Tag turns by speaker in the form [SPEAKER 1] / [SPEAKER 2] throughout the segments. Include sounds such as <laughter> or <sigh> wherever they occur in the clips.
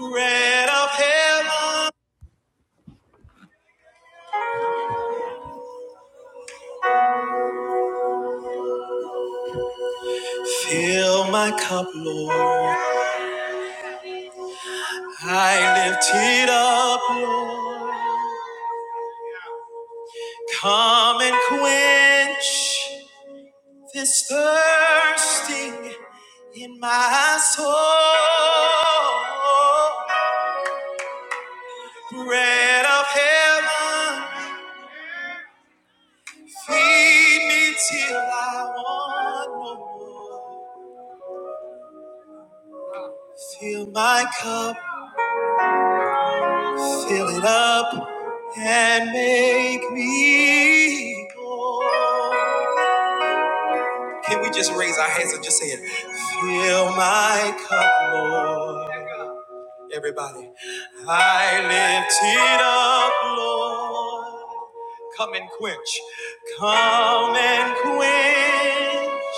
[SPEAKER 1] Bread of heaven, fill my cup, Lord. I lift it up, Lord. Come and quench this thirsting in my soul. Bread of heaven, feed me till I want no more. Fill my cup, Fill it up and make me whole. Can we just raise our hands and just say it? Fill my cup, Lord. Everybody, I lift it up, Lord. Come and quench, come and quench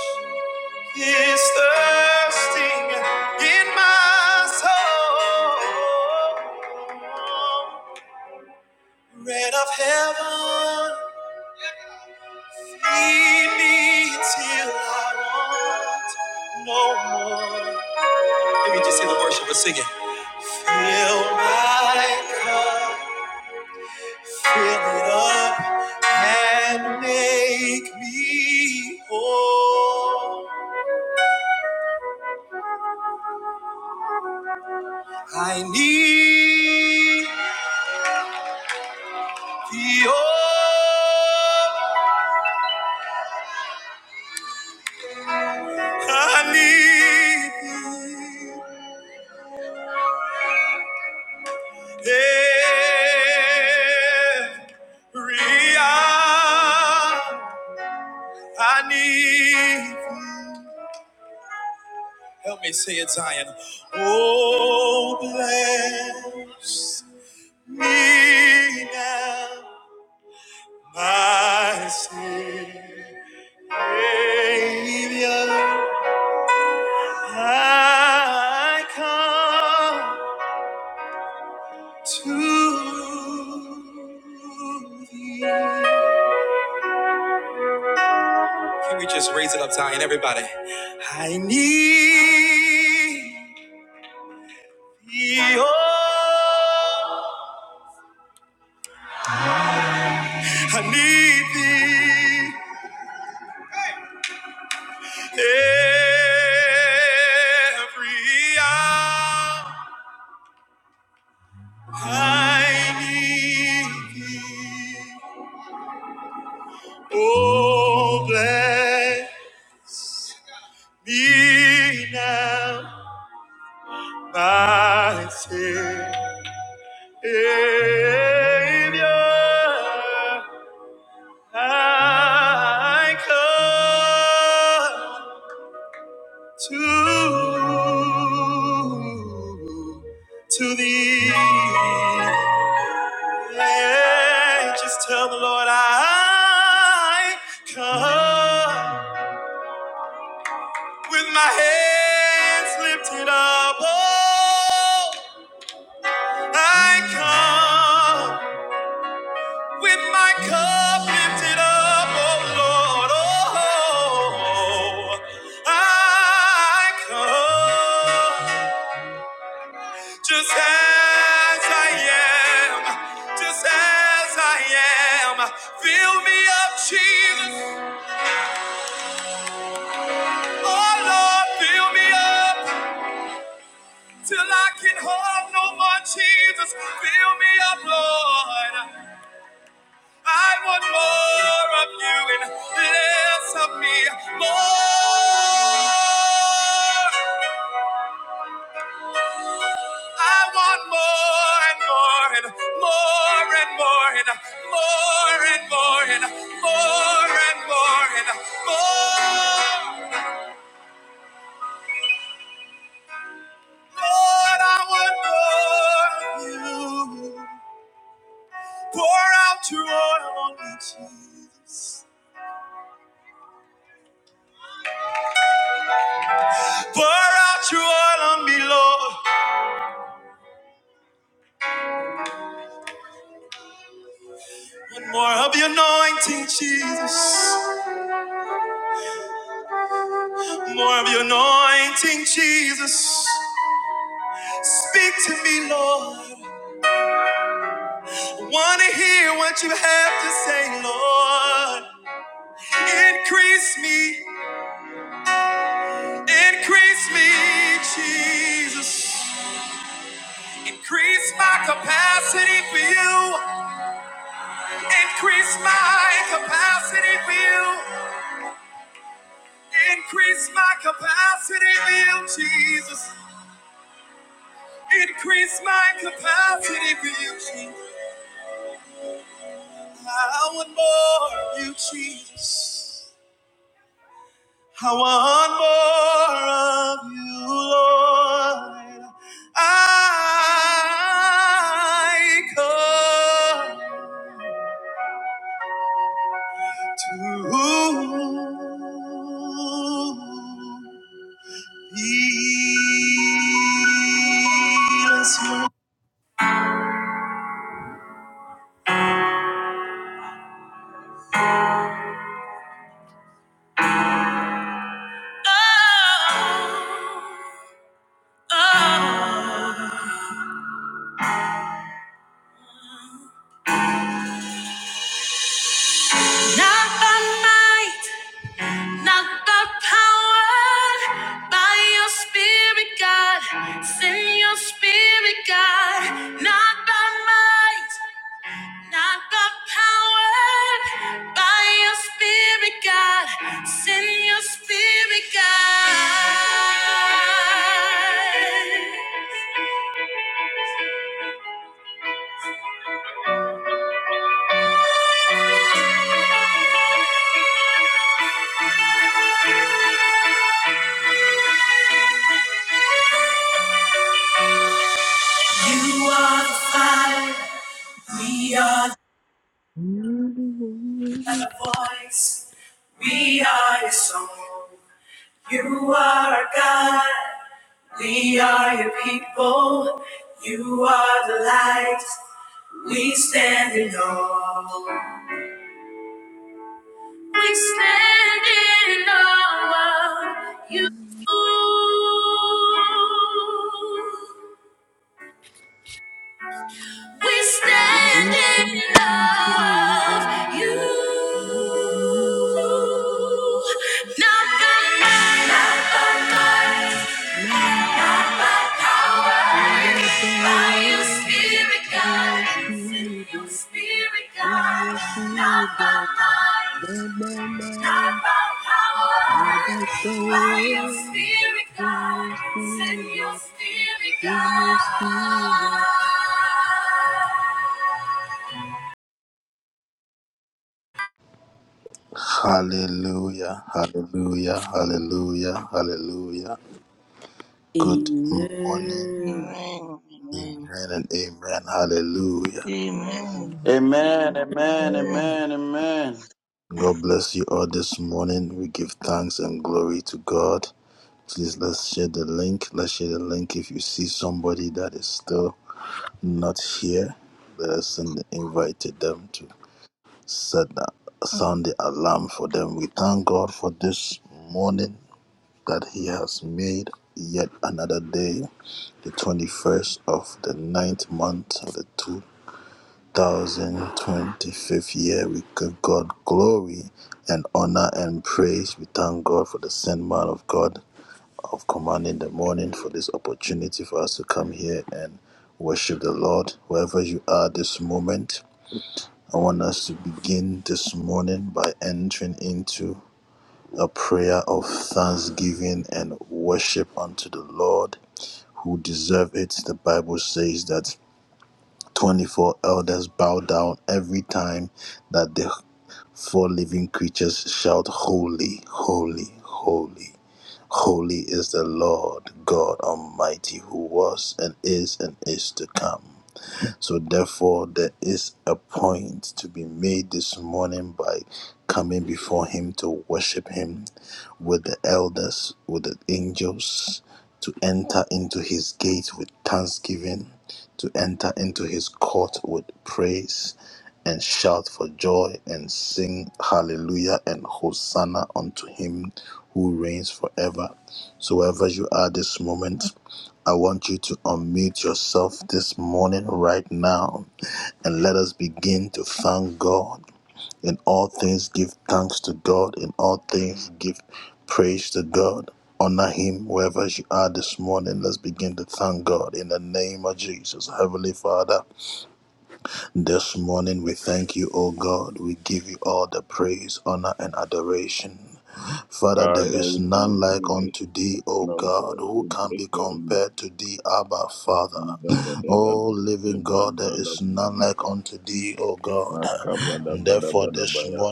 [SPEAKER 1] this thirsting in my soul. Bread of heaven, feed me till I want no more. Maybe just say the worship, but sing it. Fill my cup, fill it up, and make me whole. I need the oil. I need thee. Every hour I need. Help me say it, Zion. Oh, bless me now, my Savior. I come to thee. Can we just raise it up, Zion, everybody? I need thee, oh, I need thee every hour. I need thee, oh, bless me now, my Savior. I come to to thee. Yeah, just tell the Lord I come with my hands lifted up. Oh, I come. With my cup lifted up, oh Lord, oh, I come just as I am, just as I am. Fill me up, Jesus, oh Lord, fill me up till I can hold no more, Jesus. Fill me up, Lord. I want more of you and less of me. More. I want more and more and more and more and more and more and more and more and more. Lord, I want more of you. Pour out your oil on me, Jesus. Pour out your oil on me, Lord. More of your anointing, Jesus. More of your anointing, Jesus. Speak to me, Lord. I Want to hear what you have to say, Lord. Increase me, increase me, Jesus. Increase my capacity for you. Increase my capacity for you. Increase my capacity for you, Jesus. Increase my capacity for you, Jesus. I want more of you, Jesus. I want more of you, Lord. I come to thee. this morning. Oh, oh. Not by might, not by power, by your spirit, God. Send your spirit, God. Not by might, not by power, by your spirit, God. Send your spirit, God. You are the fire,
[SPEAKER 2] Amen.
[SPEAKER 1] the voice. We are your song. You are our God. We are your people. You are the light. We stand in awe. We stand in awe of you. We stand in awe of you.
[SPEAKER 2] Amen.
[SPEAKER 1] Not by might, not by might. Hallelujah, hallelujah, hallelujah, hallelujah. Good morning,
[SPEAKER 3] Amen. Amen. Amen.
[SPEAKER 4] Amen, amen, amen, amen.
[SPEAKER 5] Father, we thank you this now, God. We bless your holy name. And da- da- da- da- da- we say, bra- da- da- we da- ba- Makaba da ba da ba da ba ya,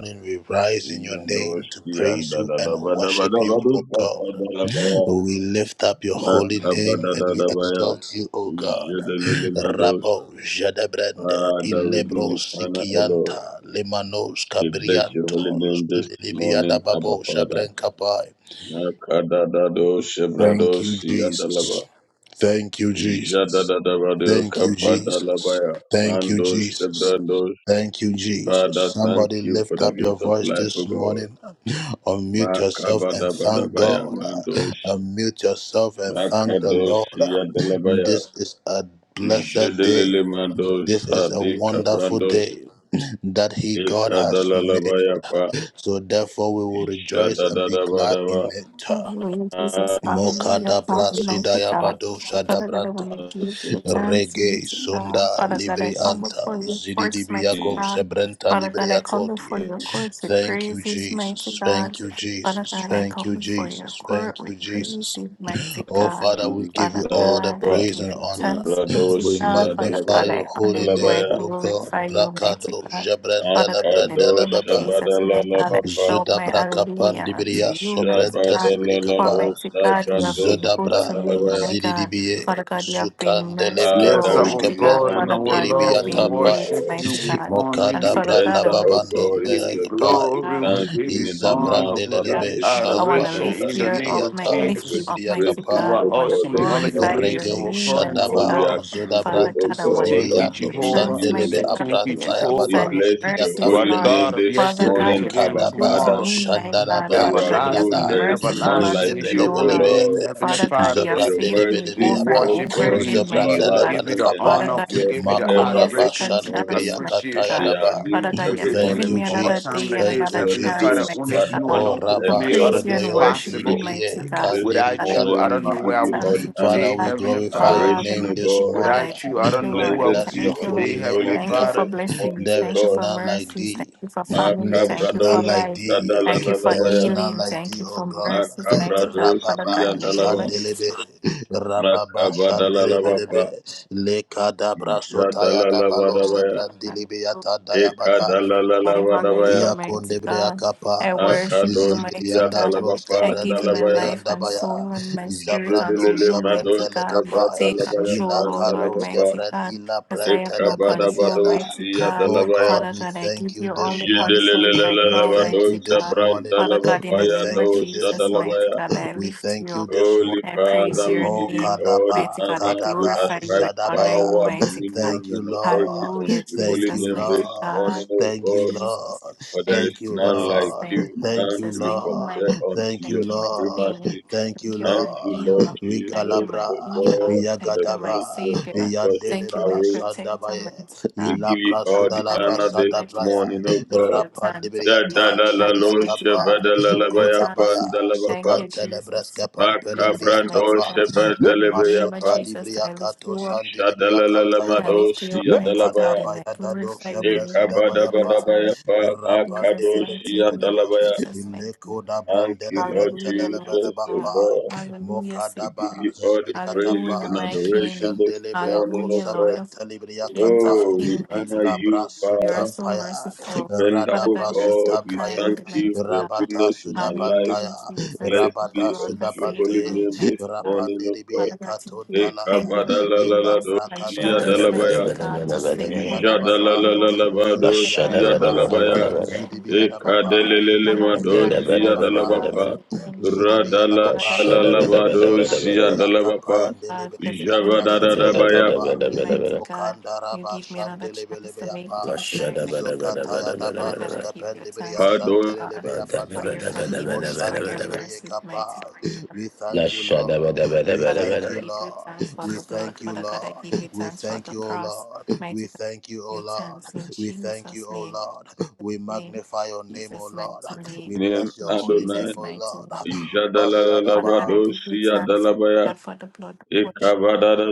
[SPEAKER 5] iya do ski and da da da ba da ba da ba do pa pa da la ba ya, makaba da da da ba ya, je de le le ma dos. Father, we give you honor, O Lord. We bless your holy name this morning, Abba Father. Makada da do shebrados, iya da la ba. Jadadadabado kapadalabaya. Mando shebrando. Father, thank you for the gift of life, O God. Makabadabadabaya. Mando sh- Makados Yadalabaya. Jadelele Mando Sadi Cabrandos Ekadalalabaya Pa. Jadadadabadaba.
[SPEAKER 6] Hallelujah,
[SPEAKER 5] Madi
[SPEAKER 6] Jesus. Hallelujah, Father, mighty God. Father God, I want to give you thanks, mighty God. Father God, I come before your courts, mighty God. Father God, I come before your courts with praises, mighty God. Father God, I come before your court with praises, mighty God. Father God,
[SPEAKER 5] Yadalabaya.
[SPEAKER 6] I give you thanks, mighty
[SPEAKER 5] Bradosi
[SPEAKER 6] God. Father God,
[SPEAKER 5] Yadalabaya.
[SPEAKER 6] I honor you, I
[SPEAKER 5] Dalabaya.
[SPEAKER 6] glorify you, mighty God. Father God, in the
[SPEAKER 5] Makado
[SPEAKER 6] name of Jesus, my God, I
[SPEAKER 5] Shabadalalabapa,
[SPEAKER 6] shout my hallelujah unto you, mighty God. For
[SPEAKER 5] Shabadalalado
[SPEAKER 6] mighty God, you have
[SPEAKER 5] Sabrando
[SPEAKER 6] been good to me,
[SPEAKER 5] Siyadalabaya.
[SPEAKER 6] my God. Father God, you have been merciful,
[SPEAKER 4] Yes,
[SPEAKER 5] Father, we give
[SPEAKER 4] our
[SPEAKER 6] mighty
[SPEAKER 5] you
[SPEAKER 6] God.
[SPEAKER 4] God and
[SPEAKER 5] honor
[SPEAKER 6] Father
[SPEAKER 4] our
[SPEAKER 5] this
[SPEAKER 6] God, you have
[SPEAKER 4] Lord, we
[SPEAKER 6] been
[SPEAKER 5] morning, O
[SPEAKER 6] great,
[SPEAKER 4] worship
[SPEAKER 5] God.
[SPEAKER 4] you,
[SPEAKER 6] mighty
[SPEAKER 4] we
[SPEAKER 6] God.
[SPEAKER 4] honor
[SPEAKER 6] And
[SPEAKER 5] We
[SPEAKER 6] Father
[SPEAKER 4] you,
[SPEAKER 6] God, I
[SPEAKER 5] enter,
[SPEAKER 6] want
[SPEAKER 5] O
[SPEAKER 6] to give you
[SPEAKER 5] God,
[SPEAKER 4] we
[SPEAKER 5] into
[SPEAKER 4] give
[SPEAKER 6] thanks,
[SPEAKER 4] you
[SPEAKER 5] your gate with
[SPEAKER 4] glory,
[SPEAKER 6] God. I
[SPEAKER 4] we
[SPEAKER 6] want
[SPEAKER 4] give
[SPEAKER 5] thanksgiving
[SPEAKER 4] you
[SPEAKER 5] in our
[SPEAKER 6] to
[SPEAKER 4] honor,
[SPEAKER 5] mouths,
[SPEAKER 4] we
[SPEAKER 5] Father,
[SPEAKER 6] God.
[SPEAKER 4] give you
[SPEAKER 5] even as
[SPEAKER 6] I
[SPEAKER 5] we
[SPEAKER 6] want to
[SPEAKER 4] adoration
[SPEAKER 5] enter
[SPEAKER 6] lift
[SPEAKER 4] in
[SPEAKER 6] you
[SPEAKER 4] the
[SPEAKER 5] into
[SPEAKER 4] name
[SPEAKER 5] your
[SPEAKER 6] up,
[SPEAKER 4] of
[SPEAKER 6] my,
[SPEAKER 5] courts
[SPEAKER 6] lift
[SPEAKER 5] with
[SPEAKER 6] you
[SPEAKER 4] Jesus.
[SPEAKER 6] up, mighty
[SPEAKER 5] praises,
[SPEAKER 4] You
[SPEAKER 6] God.
[SPEAKER 4] are
[SPEAKER 6] I
[SPEAKER 5] O
[SPEAKER 6] want to
[SPEAKER 5] God,
[SPEAKER 4] awesome in
[SPEAKER 5] this
[SPEAKER 4] all of your
[SPEAKER 6] glorify
[SPEAKER 5] morning.
[SPEAKER 6] your
[SPEAKER 4] ways, our
[SPEAKER 6] name,
[SPEAKER 4] God and
[SPEAKER 6] mighty
[SPEAKER 5] For
[SPEAKER 4] our
[SPEAKER 5] we
[SPEAKER 6] God.
[SPEAKER 5] are
[SPEAKER 4] Lord.
[SPEAKER 5] thankful,
[SPEAKER 6] Father
[SPEAKER 5] O
[SPEAKER 4] We
[SPEAKER 6] God, I
[SPEAKER 4] say
[SPEAKER 6] want to
[SPEAKER 5] God,
[SPEAKER 4] thank you,
[SPEAKER 6] give
[SPEAKER 5] unto
[SPEAKER 6] you
[SPEAKER 5] you and
[SPEAKER 4] Jehovah.
[SPEAKER 6] thanks,
[SPEAKER 5] you
[SPEAKER 4] We say
[SPEAKER 6] mighty
[SPEAKER 5] alone.
[SPEAKER 6] God,
[SPEAKER 4] thank
[SPEAKER 6] for
[SPEAKER 4] you,
[SPEAKER 6] your grace
[SPEAKER 5] We
[SPEAKER 4] Jehovah.
[SPEAKER 6] and your
[SPEAKER 5] bless your
[SPEAKER 4] You
[SPEAKER 6] mercies,
[SPEAKER 4] are
[SPEAKER 5] holy
[SPEAKER 4] the
[SPEAKER 6] Lord.
[SPEAKER 5] name
[SPEAKER 4] God of
[SPEAKER 5] this
[SPEAKER 6] Father
[SPEAKER 4] yesterday,
[SPEAKER 6] God, you
[SPEAKER 5] morning,
[SPEAKER 4] today,
[SPEAKER 6] have
[SPEAKER 4] and
[SPEAKER 5] our
[SPEAKER 6] been good to
[SPEAKER 5] Father.
[SPEAKER 4] tomorrow.
[SPEAKER 6] me, my God.
[SPEAKER 5] For you
[SPEAKER 6] Father
[SPEAKER 5] are
[SPEAKER 6] God, you have
[SPEAKER 5] good,
[SPEAKER 6] been
[SPEAKER 4] Everlasting and
[SPEAKER 5] there is
[SPEAKER 6] merciful
[SPEAKER 5] none
[SPEAKER 4] everlasting
[SPEAKER 5] like
[SPEAKER 6] unto
[SPEAKER 4] is
[SPEAKER 6] me,
[SPEAKER 4] your
[SPEAKER 6] O
[SPEAKER 5] you, O
[SPEAKER 4] holy
[SPEAKER 6] Lord.
[SPEAKER 4] name,
[SPEAKER 5] Lord.
[SPEAKER 4] Heavenly
[SPEAKER 6] Father God,
[SPEAKER 4] Father.
[SPEAKER 6] you
[SPEAKER 5] For
[SPEAKER 6] have
[SPEAKER 5] your
[SPEAKER 6] saved me
[SPEAKER 4] We
[SPEAKER 5] mercy,
[SPEAKER 6] over and
[SPEAKER 5] O
[SPEAKER 4] worship
[SPEAKER 6] over
[SPEAKER 4] you
[SPEAKER 5] God,
[SPEAKER 6] again,
[SPEAKER 5] is
[SPEAKER 6] mighty
[SPEAKER 4] indeed. We
[SPEAKER 6] God.
[SPEAKER 4] give you
[SPEAKER 5] everlasting
[SPEAKER 4] the
[SPEAKER 5] and
[SPEAKER 6] Father
[SPEAKER 4] honor.
[SPEAKER 6] God, you
[SPEAKER 4] We
[SPEAKER 5] endure
[SPEAKER 6] have
[SPEAKER 4] give you the
[SPEAKER 6] given me
[SPEAKER 5] forever
[SPEAKER 6] a
[SPEAKER 5] this
[SPEAKER 4] adoration
[SPEAKER 6] second
[SPEAKER 4] and the
[SPEAKER 6] chance,
[SPEAKER 5] morning.
[SPEAKER 6] mighty
[SPEAKER 5] They
[SPEAKER 4] appreciation.
[SPEAKER 6] God.
[SPEAKER 5] are
[SPEAKER 6] Father
[SPEAKER 5] new
[SPEAKER 6] God,
[SPEAKER 4] We
[SPEAKER 6] you
[SPEAKER 5] every
[SPEAKER 6] have
[SPEAKER 4] say thank
[SPEAKER 6] given
[SPEAKER 5] morning,
[SPEAKER 4] you
[SPEAKER 6] me
[SPEAKER 4] for a
[SPEAKER 5] Father.
[SPEAKER 6] another
[SPEAKER 4] time
[SPEAKER 6] day
[SPEAKER 4] like
[SPEAKER 6] and
[SPEAKER 4] this.
[SPEAKER 6] another
[SPEAKER 5] Your
[SPEAKER 4] Heavenly
[SPEAKER 6] chance,
[SPEAKER 4] Father,
[SPEAKER 5] truth,
[SPEAKER 6] mighty
[SPEAKER 4] only
[SPEAKER 5] Father,
[SPEAKER 4] you
[SPEAKER 6] God
[SPEAKER 4] alone could have
[SPEAKER 6] to
[SPEAKER 4] made all
[SPEAKER 5] endures
[SPEAKER 6] praise
[SPEAKER 4] of
[SPEAKER 6] you
[SPEAKER 5] to
[SPEAKER 4] this
[SPEAKER 6] and
[SPEAKER 5] all
[SPEAKER 6] worship you,
[SPEAKER 4] possible.
[SPEAKER 5] generations.
[SPEAKER 6] mighty God. Father
[SPEAKER 5] This
[SPEAKER 6] God,
[SPEAKER 4] Without
[SPEAKER 6] I
[SPEAKER 4] you, I
[SPEAKER 6] want
[SPEAKER 5] morning
[SPEAKER 6] to
[SPEAKER 4] don't
[SPEAKER 5] we
[SPEAKER 4] know
[SPEAKER 6] give you
[SPEAKER 4] where
[SPEAKER 5] give
[SPEAKER 4] I
[SPEAKER 5] you
[SPEAKER 4] would
[SPEAKER 5] all
[SPEAKER 6] thanks,
[SPEAKER 4] be
[SPEAKER 5] the
[SPEAKER 6] mighty
[SPEAKER 5] honor,
[SPEAKER 4] today,
[SPEAKER 6] God.
[SPEAKER 4] Heavenly Father.
[SPEAKER 6] Father,
[SPEAKER 5] adoration, O
[SPEAKER 6] mighty
[SPEAKER 5] God.
[SPEAKER 6] God, I
[SPEAKER 4] Without you, I
[SPEAKER 6] thank you,
[SPEAKER 4] don't know
[SPEAKER 6] Lord.
[SPEAKER 4] who I
[SPEAKER 6] I
[SPEAKER 5] Blessed
[SPEAKER 4] would
[SPEAKER 5] be
[SPEAKER 4] be
[SPEAKER 6] thank you,
[SPEAKER 5] of
[SPEAKER 6] Lord.
[SPEAKER 4] today,
[SPEAKER 5] your
[SPEAKER 4] Heavenly
[SPEAKER 5] holy
[SPEAKER 6] Thank you
[SPEAKER 5] name
[SPEAKER 6] for
[SPEAKER 4] Father.
[SPEAKER 5] this morning,
[SPEAKER 6] blessings.
[SPEAKER 5] O
[SPEAKER 6] Thank you for
[SPEAKER 5] God.
[SPEAKER 6] mercies. Thank you for family. Thank you for
[SPEAKER 5] Makabrados,
[SPEAKER 6] life. Thank you for
[SPEAKER 5] Sadalalabaya,
[SPEAKER 6] healing. Thank you for mercies, mighty God.
[SPEAKER 5] Makabrados,
[SPEAKER 6] Father God, in the name
[SPEAKER 5] Yandalaba.
[SPEAKER 6] of Jesus, Father
[SPEAKER 5] Makabadalalabapa,
[SPEAKER 6] God,
[SPEAKER 5] Jadalalavadabaya,
[SPEAKER 6] Father God. I honor you,
[SPEAKER 5] Ekadalalalavadabaya,
[SPEAKER 6] mighty God. I worship you, mighty God.
[SPEAKER 5] Akadoshiyadalabapa,
[SPEAKER 6] I give my
[SPEAKER 5] Dalabaya,
[SPEAKER 6] life and soul and my spirit unto
[SPEAKER 5] Jedelele
[SPEAKER 6] you, mighty
[SPEAKER 5] Madosh,
[SPEAKER 6] God. Take
[SPEAKER 5] Dalabaya,
[SPEAKER 6] control, O Lord,
[SPEAKER 5] Pandalabapa,
[SPEAKER 6] mighty God. Because I have no control, mighty God.
[SPEAKER 5] Ekabadabadoshiyadalabaya,
[SPEAKER 6] Father God, I give you all the control right now, mighty
[SPEAKER 5] Yedelelelelelavadosh,
[SPEAKER 6] God. Father God,
[SPEAKER 5] Brandalabapa,
[SPEAKER 6] in the name of
[SPEAKER 5] Yandosha,
[SPEAKER 6] Jesus,
[SPEAKER 5] Dalabaya,
[SPEAKER 6] mighty God, I lift you up.
[SPEAKER 5] Holy
[SPEAKER 6] I praise
[SPEAKER 5] Father, we
[SPEAKER 6] your
[SPEAKER 5] give you
[SPEAKER 6] name,
[SPEAKER 5] all the
[SPEAKER 6] mighty God. I
[SPEAKER 5] honor. We
[SPEAKER 6] glorify you. I
[SPEAKER 5] ascribe
[SPEAKER 6] honor you,
[SPEAKER 5] power,
[SPEAKER 6] mighty God.
[SPEAKER 5] dominion, and authority unto
[SPEAKER 6] Hallelujah,
[SPEAKER 5] your holy
[SPEAKER 6] Jesus,
[SPEAKER 5] name this
[SPEAKER 6] mighty God
[SPEAKER 5] morning, O
[SPEAKER 6] you,
[SPEAKER 5] God.
[SPEAKER 6] Jesus.
[SPEAKER 5] For there is
[SPEAKER 6] Thank you,
[SPEAKER 5] none like
[SPEAKER 6] Jesus.
[SPEAKER 5] you,
[SPEAKER 6] Thank you,
[SPEAKER 5] none to
[SPEAKER 6] Jesus.
[SPEAKER 5] be
[SPEAKER 6] Thank you, my
[SPEAKER 5] compared
[SPEAKER 6] God.
[SPEAKER 5] unto your
[SPEAKER 6] Thank you, my King.
[SPEAKER 5] supremacy.
[SPEAKER 6] Thank you,
[SPEAKER 5] Thank
[SPEAKER 6] my
[SPEAKER 5] you, Lord
[SPEAKER 6] healer. Thank you,
[SPEAKER 5] Jesus,
[SPEAKER 6] my
[SPEAKER 5] O
[SPEAKER 6] leader.
[SPEAKER 5] God, for the
[SPEAKER 6] Thank you, my
[SPEAKER 5] finished work on
[SPEAKER 6] savior.
[SPEAKER 5] cross of
[SPEAKER 6] Thank you, my
[SPEAKER 5] Calvary.
[SPEAKER 6] protector, my God.
[SPEAKER 5] We give you
[SPEAKER 6] Father
[SPEAKER 5] all the
[SPEAKER 6] God, in the
[SPEAKER 5] honor
[SPEAKER 6] name
[SPEAKER 5] this
[SPEAKER 6] of Jesus,
[SPEAKER 5] morning,
[SPEAKER 6] I
[SPEAKER 5] O
[SPEAKER 6] give
[SPEAKER 5] God.
[SPEAKER 6] you thanks. I
[SPEAKER 5] Ya
[SPEAKER 6] give
[SPEAKER 5] da
[SPEAKER 6] you
[SPEAKER 5] la la
[SPEAKER 6] thanks,
[SPEAKER 5] lo
[SPEAKER 6] mighty
[SPEAKER 5] sheva
[SPEAKER 6] God.
[SPEAKER 5] da la
[SPEAKER 6] I give
[SPEAKER 5] la ba
[SPEAKER 6] you
[SPEAKER 5] ya pa
[SPEAKER 6] thanks.
[SPEAKER 5] da la ba
[SPEAKER 6] Thank
[SPEAKER 5] pa.
[SPEAKER 6] you, Jesus. Thank you, Jesus,
[SPEAKER 5] Makabrando
[SPEAKER 6] mighty God.
[SPEAKER 5] sheva
[SPEAKER 6] Father
[SPEAKER 5] da
[SPEAKER 6] God,
[SPEAKER 5] la
[SPEAKER 6] in the
[SPEAKER 5] ba ya
[SPEAKER 6] name of
[SPEAKER 5] pa.
[SPEAKER 6] Jesus, I lift you up. I lift you
[SPEAKER 5] Shadalalalamadosi
[SPEAKER 6] up, mighty God,
[SPEAKER 5] andalabaya.
[SPEAKER 6] and I glorify your name. I give you thanks.
[SPEAKER 5] Ekabadabadabaya pa
[SPEAKER 6] Jesus
[SPEAKER 5] makadosi
[SPEAKER 6] mighty name,
[SPEAKER 5] andalabaya.
[SPEAKER 6] Jesus mighty name.
[SPEAKER 5] Thank you, Lord
[SPEAKER 6] Hallelujah, mighty
[SPEAKER 5] Jesus, oh
[SPEAKER 6] God.
[SPEAKER 5] God.
[SPEAKER 6] Hallelujah,
[SPEAKER 5] We give
[SPEAKER 6] Savior.
[SPEAKER 5] you all the praises
[SPEAKER 6] Hallelujah,
[SPEAKER 5] and
[SPEAKER 6] my
[SPEAKER 5] adoration
[SPEAKER 6] King.
[SPEAKER 5] this morning, oh
[SPEAKER 6] Hallelujah,
[SPEAKER 5] God.
[SPEAKER 6] Lord of Kings of
[SPEAKER 5] Oh, we
[SPEAKER 6] King, mighty
[SPEAKER 5] honor
[SPEAKER 6] God.
[SPEAKER 5] you,
[SPEAKER 6] You are
[SPEAKER 5] Father.
[SPEAKER 6] so merciful. Father
[SPEAKER 5] Dependable
[SPEAKER 6] God, you are
[SPEAKER 5] God,
[SPEAKER 6] so
[SPEAKER 5] we thank
[SPEAKER 6] kind,
[SPEAKER 5] you
[SPEAKER 6] mighty
[SPEAKER 5] for your
[SPEAKER 6] God.
[SPEAKER 5] goodness in our lives.
[SPEAKER 6] Hallelujah, Jesus.
[SPEAKER 5] Blessed
[SPEAKER 6] Thank
[SPEAKER 5] be
[SPEAKER 6] you, Lord,
[SPEAKER 5] unto
[SPEAKER 6] for
[SPEAKER 5] your holy
[SPEAKER 6] saving me,
[SPEAKER 5] name this
[SPEAKER 6] mighty God.
[SPEAKER 5] morning, O God.
[SPEAKER 6] Father God, thank you. Thank you, Lord, for giving me a second
[SPEAKER 7] Mandada
[SPEAKER 6] chance,
[SPEAKER 5] Ekabadalaladoshiyadalabaya.
[SPEAKER 6] mighty God, to sing, to worship you. A second
[SPEAKER 5] Jadalalalalabadosiya
[SPEAKER 6] chance, mighty
[SPEAKER 5] dalabaya
[SPEAKER 6] God, to give you
[SPEAKER 5] ekadelelele
[SPEAKER 6] Another chance,
[SPEAKER 5] madosiya
[SPEAKER 6] mighty God, to
[SPEAKER 5] dalabapa
[SPEAKER 6] be things right. Another chance, mighty God,
[SPEAKER 5] radalalalabadosiya dalabapa
[SPEAKER 6] mighty God, because even things are open
[SPEAKER 5] jabadadadabaya
[SPEAKER 6] to me, mighty God. You give me another chance to make things right, mighty God. Father God, I give you thanks, mighty
[SPEAKER 5] padonim
[SPEAKER 6] God, for your forgiveness, for your mercy, mighty God. Father God, I give you thanks for the blood. Father God, I give you thanks for the cross, mighty God. I give you thanks in Jesus' name, Jesus' name, Jesus' mighty name, in
[SPEAKER 5] Adonai
[SPEAKER 6] Jesus' mighty name. Father God, I give you
[SPEAKER 5] jadalalalabadosiya
[SPEAKER 6] thanks, my
[SPEAKER 5] dalabaya
[SPEAKER 6] God, for the blood of worship,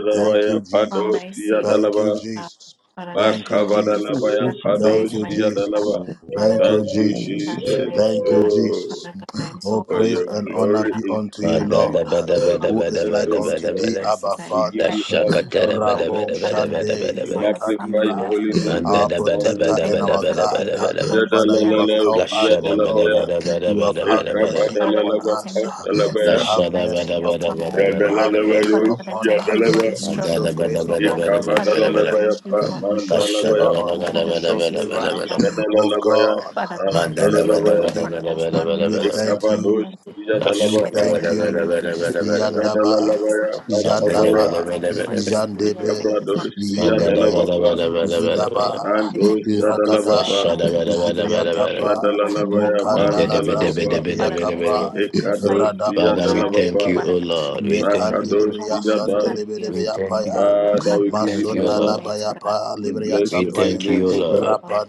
[SPEAKER 6] my God, for my
[SPEAKER 5] padosiya
[SPEAKER 6] sake, my
[SPEAKER 5] dalaba
[SPEAKER 6] God. Father God, and thank you for the
[SPEAKER 8] Who
[SPEAKER 5] makabadalabaya
[SPEAKER 8] is in
[SPEAKER 6] sacrifice,
[SPEAKER 8] the
[SPEAKER 5] padosiya
[SPEAKER 6] mighty God.
[SPEAKER 5] dalaba.
[SPEAKER 6] Father
[SPEAKER 8] water?
[SPEAKER 6] God,
[SPEAKER 5] Thank
[SPEAKER 8] I
[SPEAKER 5] you,
[SPEAKER 6] I give you
[SPEAKER 8] will
[SPEAKER 6] thanks,
[SPEAKER 8] worship
[SPEAKER 5] Jesus.
[SPEAKER 6] mighty
[SPEAKER 8] you.
[SPEAKER 6] God.
[SPEAKER 5] Oh.
[SPEAKER 6] Father God, I am so
[SPEAKER 5] For your
[SPEAKER 6] humbled, mighty
[SPEAKER 5] glory
[SPEAKER 6] God.
[SPEAKER 5] is seen
[SPEAKER 6] Father God,
[SPEAKER 5] in
[SPEAKER 6] I'm so
[SPEAKER 5] all the
[SPEAKER 6] proud of your
[SPEAKER 5] earth, O
[SPEAKER 6] grace
[SPEAKER 5] Lord.
[SPEAKER 6] and your mercies and
[SPEAKER 5] We
[SPEAKER 6] your
[SPEAKER 5] give you all
[SPEAKER 6] kindness,
[SPEAKER 5] the
[SPEAKER 6] mighty
[SPEAKER 5] honor, O
[SPEAKER 6] God.
[SPEAKER 5] Lord.
[SPEAKER 6] Father God, thank you
[SPEAKER 5] We
[SPEAKER 6] for the
[SPEAKER 5] magnify
[SPEAKER 6] family you
[SPEAKER 5] your
[SPEAKER 6] have
[SPEAKER 5] holy
[SPEAKER 6] given
[SPEAKER 5] name
[SPEAKER 6] me,
[SPEAKER 5] this
[SPEAKER 6] mighty God.
[SPEAKER 5] morning, O
[SPEAKER 6] Thank you,
[SPEAKER 5] God.
[SPEAKER 6] Lord, for the people that come into my
[SPEAKER 5] Yadalalala,
[SPEAKER 6] life, mighty God.
[SPEAKER 7] Lashada bada
[SPEAKER 6] People
[SPEAKER 5] yadalabaya,
[SPEAKER 7] bada bada
[SPEAKER 6] that
[SPEAKER 7] bada bada bada.
[SPEAKER 6] Father God, I want
[SPEAKER 5] ekabadalalaba,
[SPEAKER 6] to thank you for the
[SPEAKER 5] padalabaya,
[SPEAKER 6] message and
[SPEAKER 7] Lashada
[SPEAKER 6] life that
[SPEAKER 7] bada
[SPEAKER 6] you have
[SPEAKER 7] bada
[SPEAKER 6] taught me,
[SPEAKER 7] bada
[SPEAKER 6] mighty
[SPEAKER 7] bada
[SPEAKER 6] God.
[SPEAKER 7] bada
[SPEAKER 5] yadalalabaya,
[SPEAKER 7] bada.
[SPEAKER 6] Father God, I thank you for
[SPEAKER 5] yadalaba,
[SPEAKER 6] the
[SPEAKER 7] Mandada
[SPEAKER 6] struggles,
[SPEAKER 7] bada
[SPEAKER 6] mighty
[SPEAKER 7] bada
[SPEAKER 6] God.
[SPEAKER 7] bada bada
[SPEAKER 6] Father
[SPEAKER 7] bada
[SPEAKER 6] God, I
[SPEAKER 7] bada.
[SPEAKER 5] ekabadalalabaya,
[SPEAKER 6] thank you for the mercy.
[SPEAKER 7] Lashada
[SPEAKER 6] I
[SPEAKER 5] pamandalabaya,
[SPEAKER 7] bada
[SPEAKER 6] thank you for
[SPEAKER 7] bada
[SPEAKER 6] the
[SPEAKER 7] bada bada
[SPEAKER 6] mercies,
[SPEAKER 7] bada
[SPEAKER 6] mighty God.
[SPEAKER 7] bada.
[SPEAKER 5] yadalalabaya,
[SPEAKER 6] Father God, I
[SPEAKER 7] Mandada
[SPEAKER 6] thank you for
[SPEAKER 7] bada
[SPEAKER 6] the
[SPEAKER 5] astadalabaya,
[SPEAKER 7] bada bada
[SPEAKER 6] for those
[SPEAKER 7] bada
[SPEAKER 6] drawing me
[SPEAKER 7] bada bada.
[SPEAKER 6] closer to you,
[SPEAKER 5] ekabados,
[SPEAKER 6] mighty God.
[SPEAKER 7] Lashada
[SPEAKER 6] I
[SPEAKER 5] yadalabapa,
[SPEAKER 7] bada
[SPEAKER 6] thank you
[SPEAKER 7] bada
[SPEAKER 6] for
[SPEAKER 7] bada
[SPEAKER 6] your
[SPEAKER 7] bada
[SPEAKER 6] grace
[SPEAKER 7] bada bada.
[SPEAKER 6] and mercy, mighty
[SPEAKER 5] yadalalabaya,
[SPEAKER 6] God.
[SPEAKER 7] Mandada
[SPEAKER 6] Father
[SPEAKER 5] makabaya,
[SPEAKER 7] bada
[SPEAKER 6] God, I
[SPEAKER 7] bada
[SPEAKER 6] thank
[SPEAKER 7] bada
[SPEAKER 6] you for
[SPEAKER 7] bada.
[SPEAKER 6] this day. I thank you for this
[SPEAKER 5] Ikabradosia
[SPEAKER 6] morning.
[SPEAKER 7] Mandada
[SPEAKER 6] I thank
[SPEAKER 7] bada
[SPEAKER 6] you
[SPEAKER 5] dalabapa,
[SPEAKER 7] bada
[SPEAKER 6] for
[SPEAKER 7] bada
[SPEAKER 6] this
[SPEAKER 7] bada
[SPEAKER 6] evening.
[SPEAKER 7] bada.
[SPEAKER 6] I thank you
[SPEAKER 5] Nandosia
[SPEAKER 6] for this night,
[SPEAKER 5] dalabapa,
[SPEAKER 7] Lashada
[SPEAKER 6] mighty
[SPEAKER 7] bada
[SPEAKER 6] God.
[SPEAKER 7] bada
[SPEAKER 6] Father God,
[SPEAKER 7] bada bada. Mandada bada bada
[SPEAKER 6] I
[SPEAKER 7] bada
[SPEAKER 6] thank you for giving
[SPEAKER 5] Shadalalabaya
[SPEAKER 6] power, mighty God.
[SPEAKER 5] bandalabapa,
[SPEAKER 6] Father God, I
[SPEAKER 7] bada
[SPEAKER 6] thank
[SPEAKER 7] bada.
[SPEAKER 6] you for the fire,
[SPEAKER 5] Ekadosia
[SPEAKER 6] mighty
[SPEAKER 7] Father, we
[SPEAKER 6] God.
[SPEAKER 7] thank
[SPEAKER 5] dalabapa,
[SPEAKER 7] you,
[SPEAKER 6] Father
[SPEAKER 7] O
[SPEAKER 6] God, I
[SPEAKER 7] Lord.
[SPEAKER 6] thank you
[SPEAKER 7] We
[SPEAKER 6] for
[SPEAKER 7] thank
[SPEAKER 6] the
[SPEAKER 7] you.
[SPEAKER 6] power,
[SPEAKER 5] Makadosia
[SPEAKER 6] mighty God,
[SPEAKER 5] das.
[SPEAKER 6] that you have
[SPEAKER 7] We thank
[SPEAKER 6] given me.
[SPEAKER 7] you, O Lord.
[SPEAKER 5] Father,
[SPEAKER 6] Father
[SPEAKER 5] we
[SPEAKER 7] We
[SPEAKER 6] God,
[SPEAKER 5] give
[SPEAKER 6] I
[SPEAKER 5] you
[SPEAKER 7] thank you, O
[SPEAKER 6] thank you,
[SPEAKER 5] honor.
[SPEAKER 7] Lord.
[SPEAKER 6] mighty God. Thank
[SPEAKER 5] and bless
[SPEAKER 7] We
[SPEAKER 6] you,
[SPEAKER 5] your
[SPEAKER 6] Jesus.
[SPEAKER 5] holy
[SPEAKER 7] thank
[SPEAKER 6] I
[SPEAKER 5] name,
[SPEAKER 7] you, O
[SPEAKER 5] O
[SPEAKER 6] thank you,
[SPEAKER 5] God.
[SPEAKER 7] Lord.
[SPEAKER 6] Lord.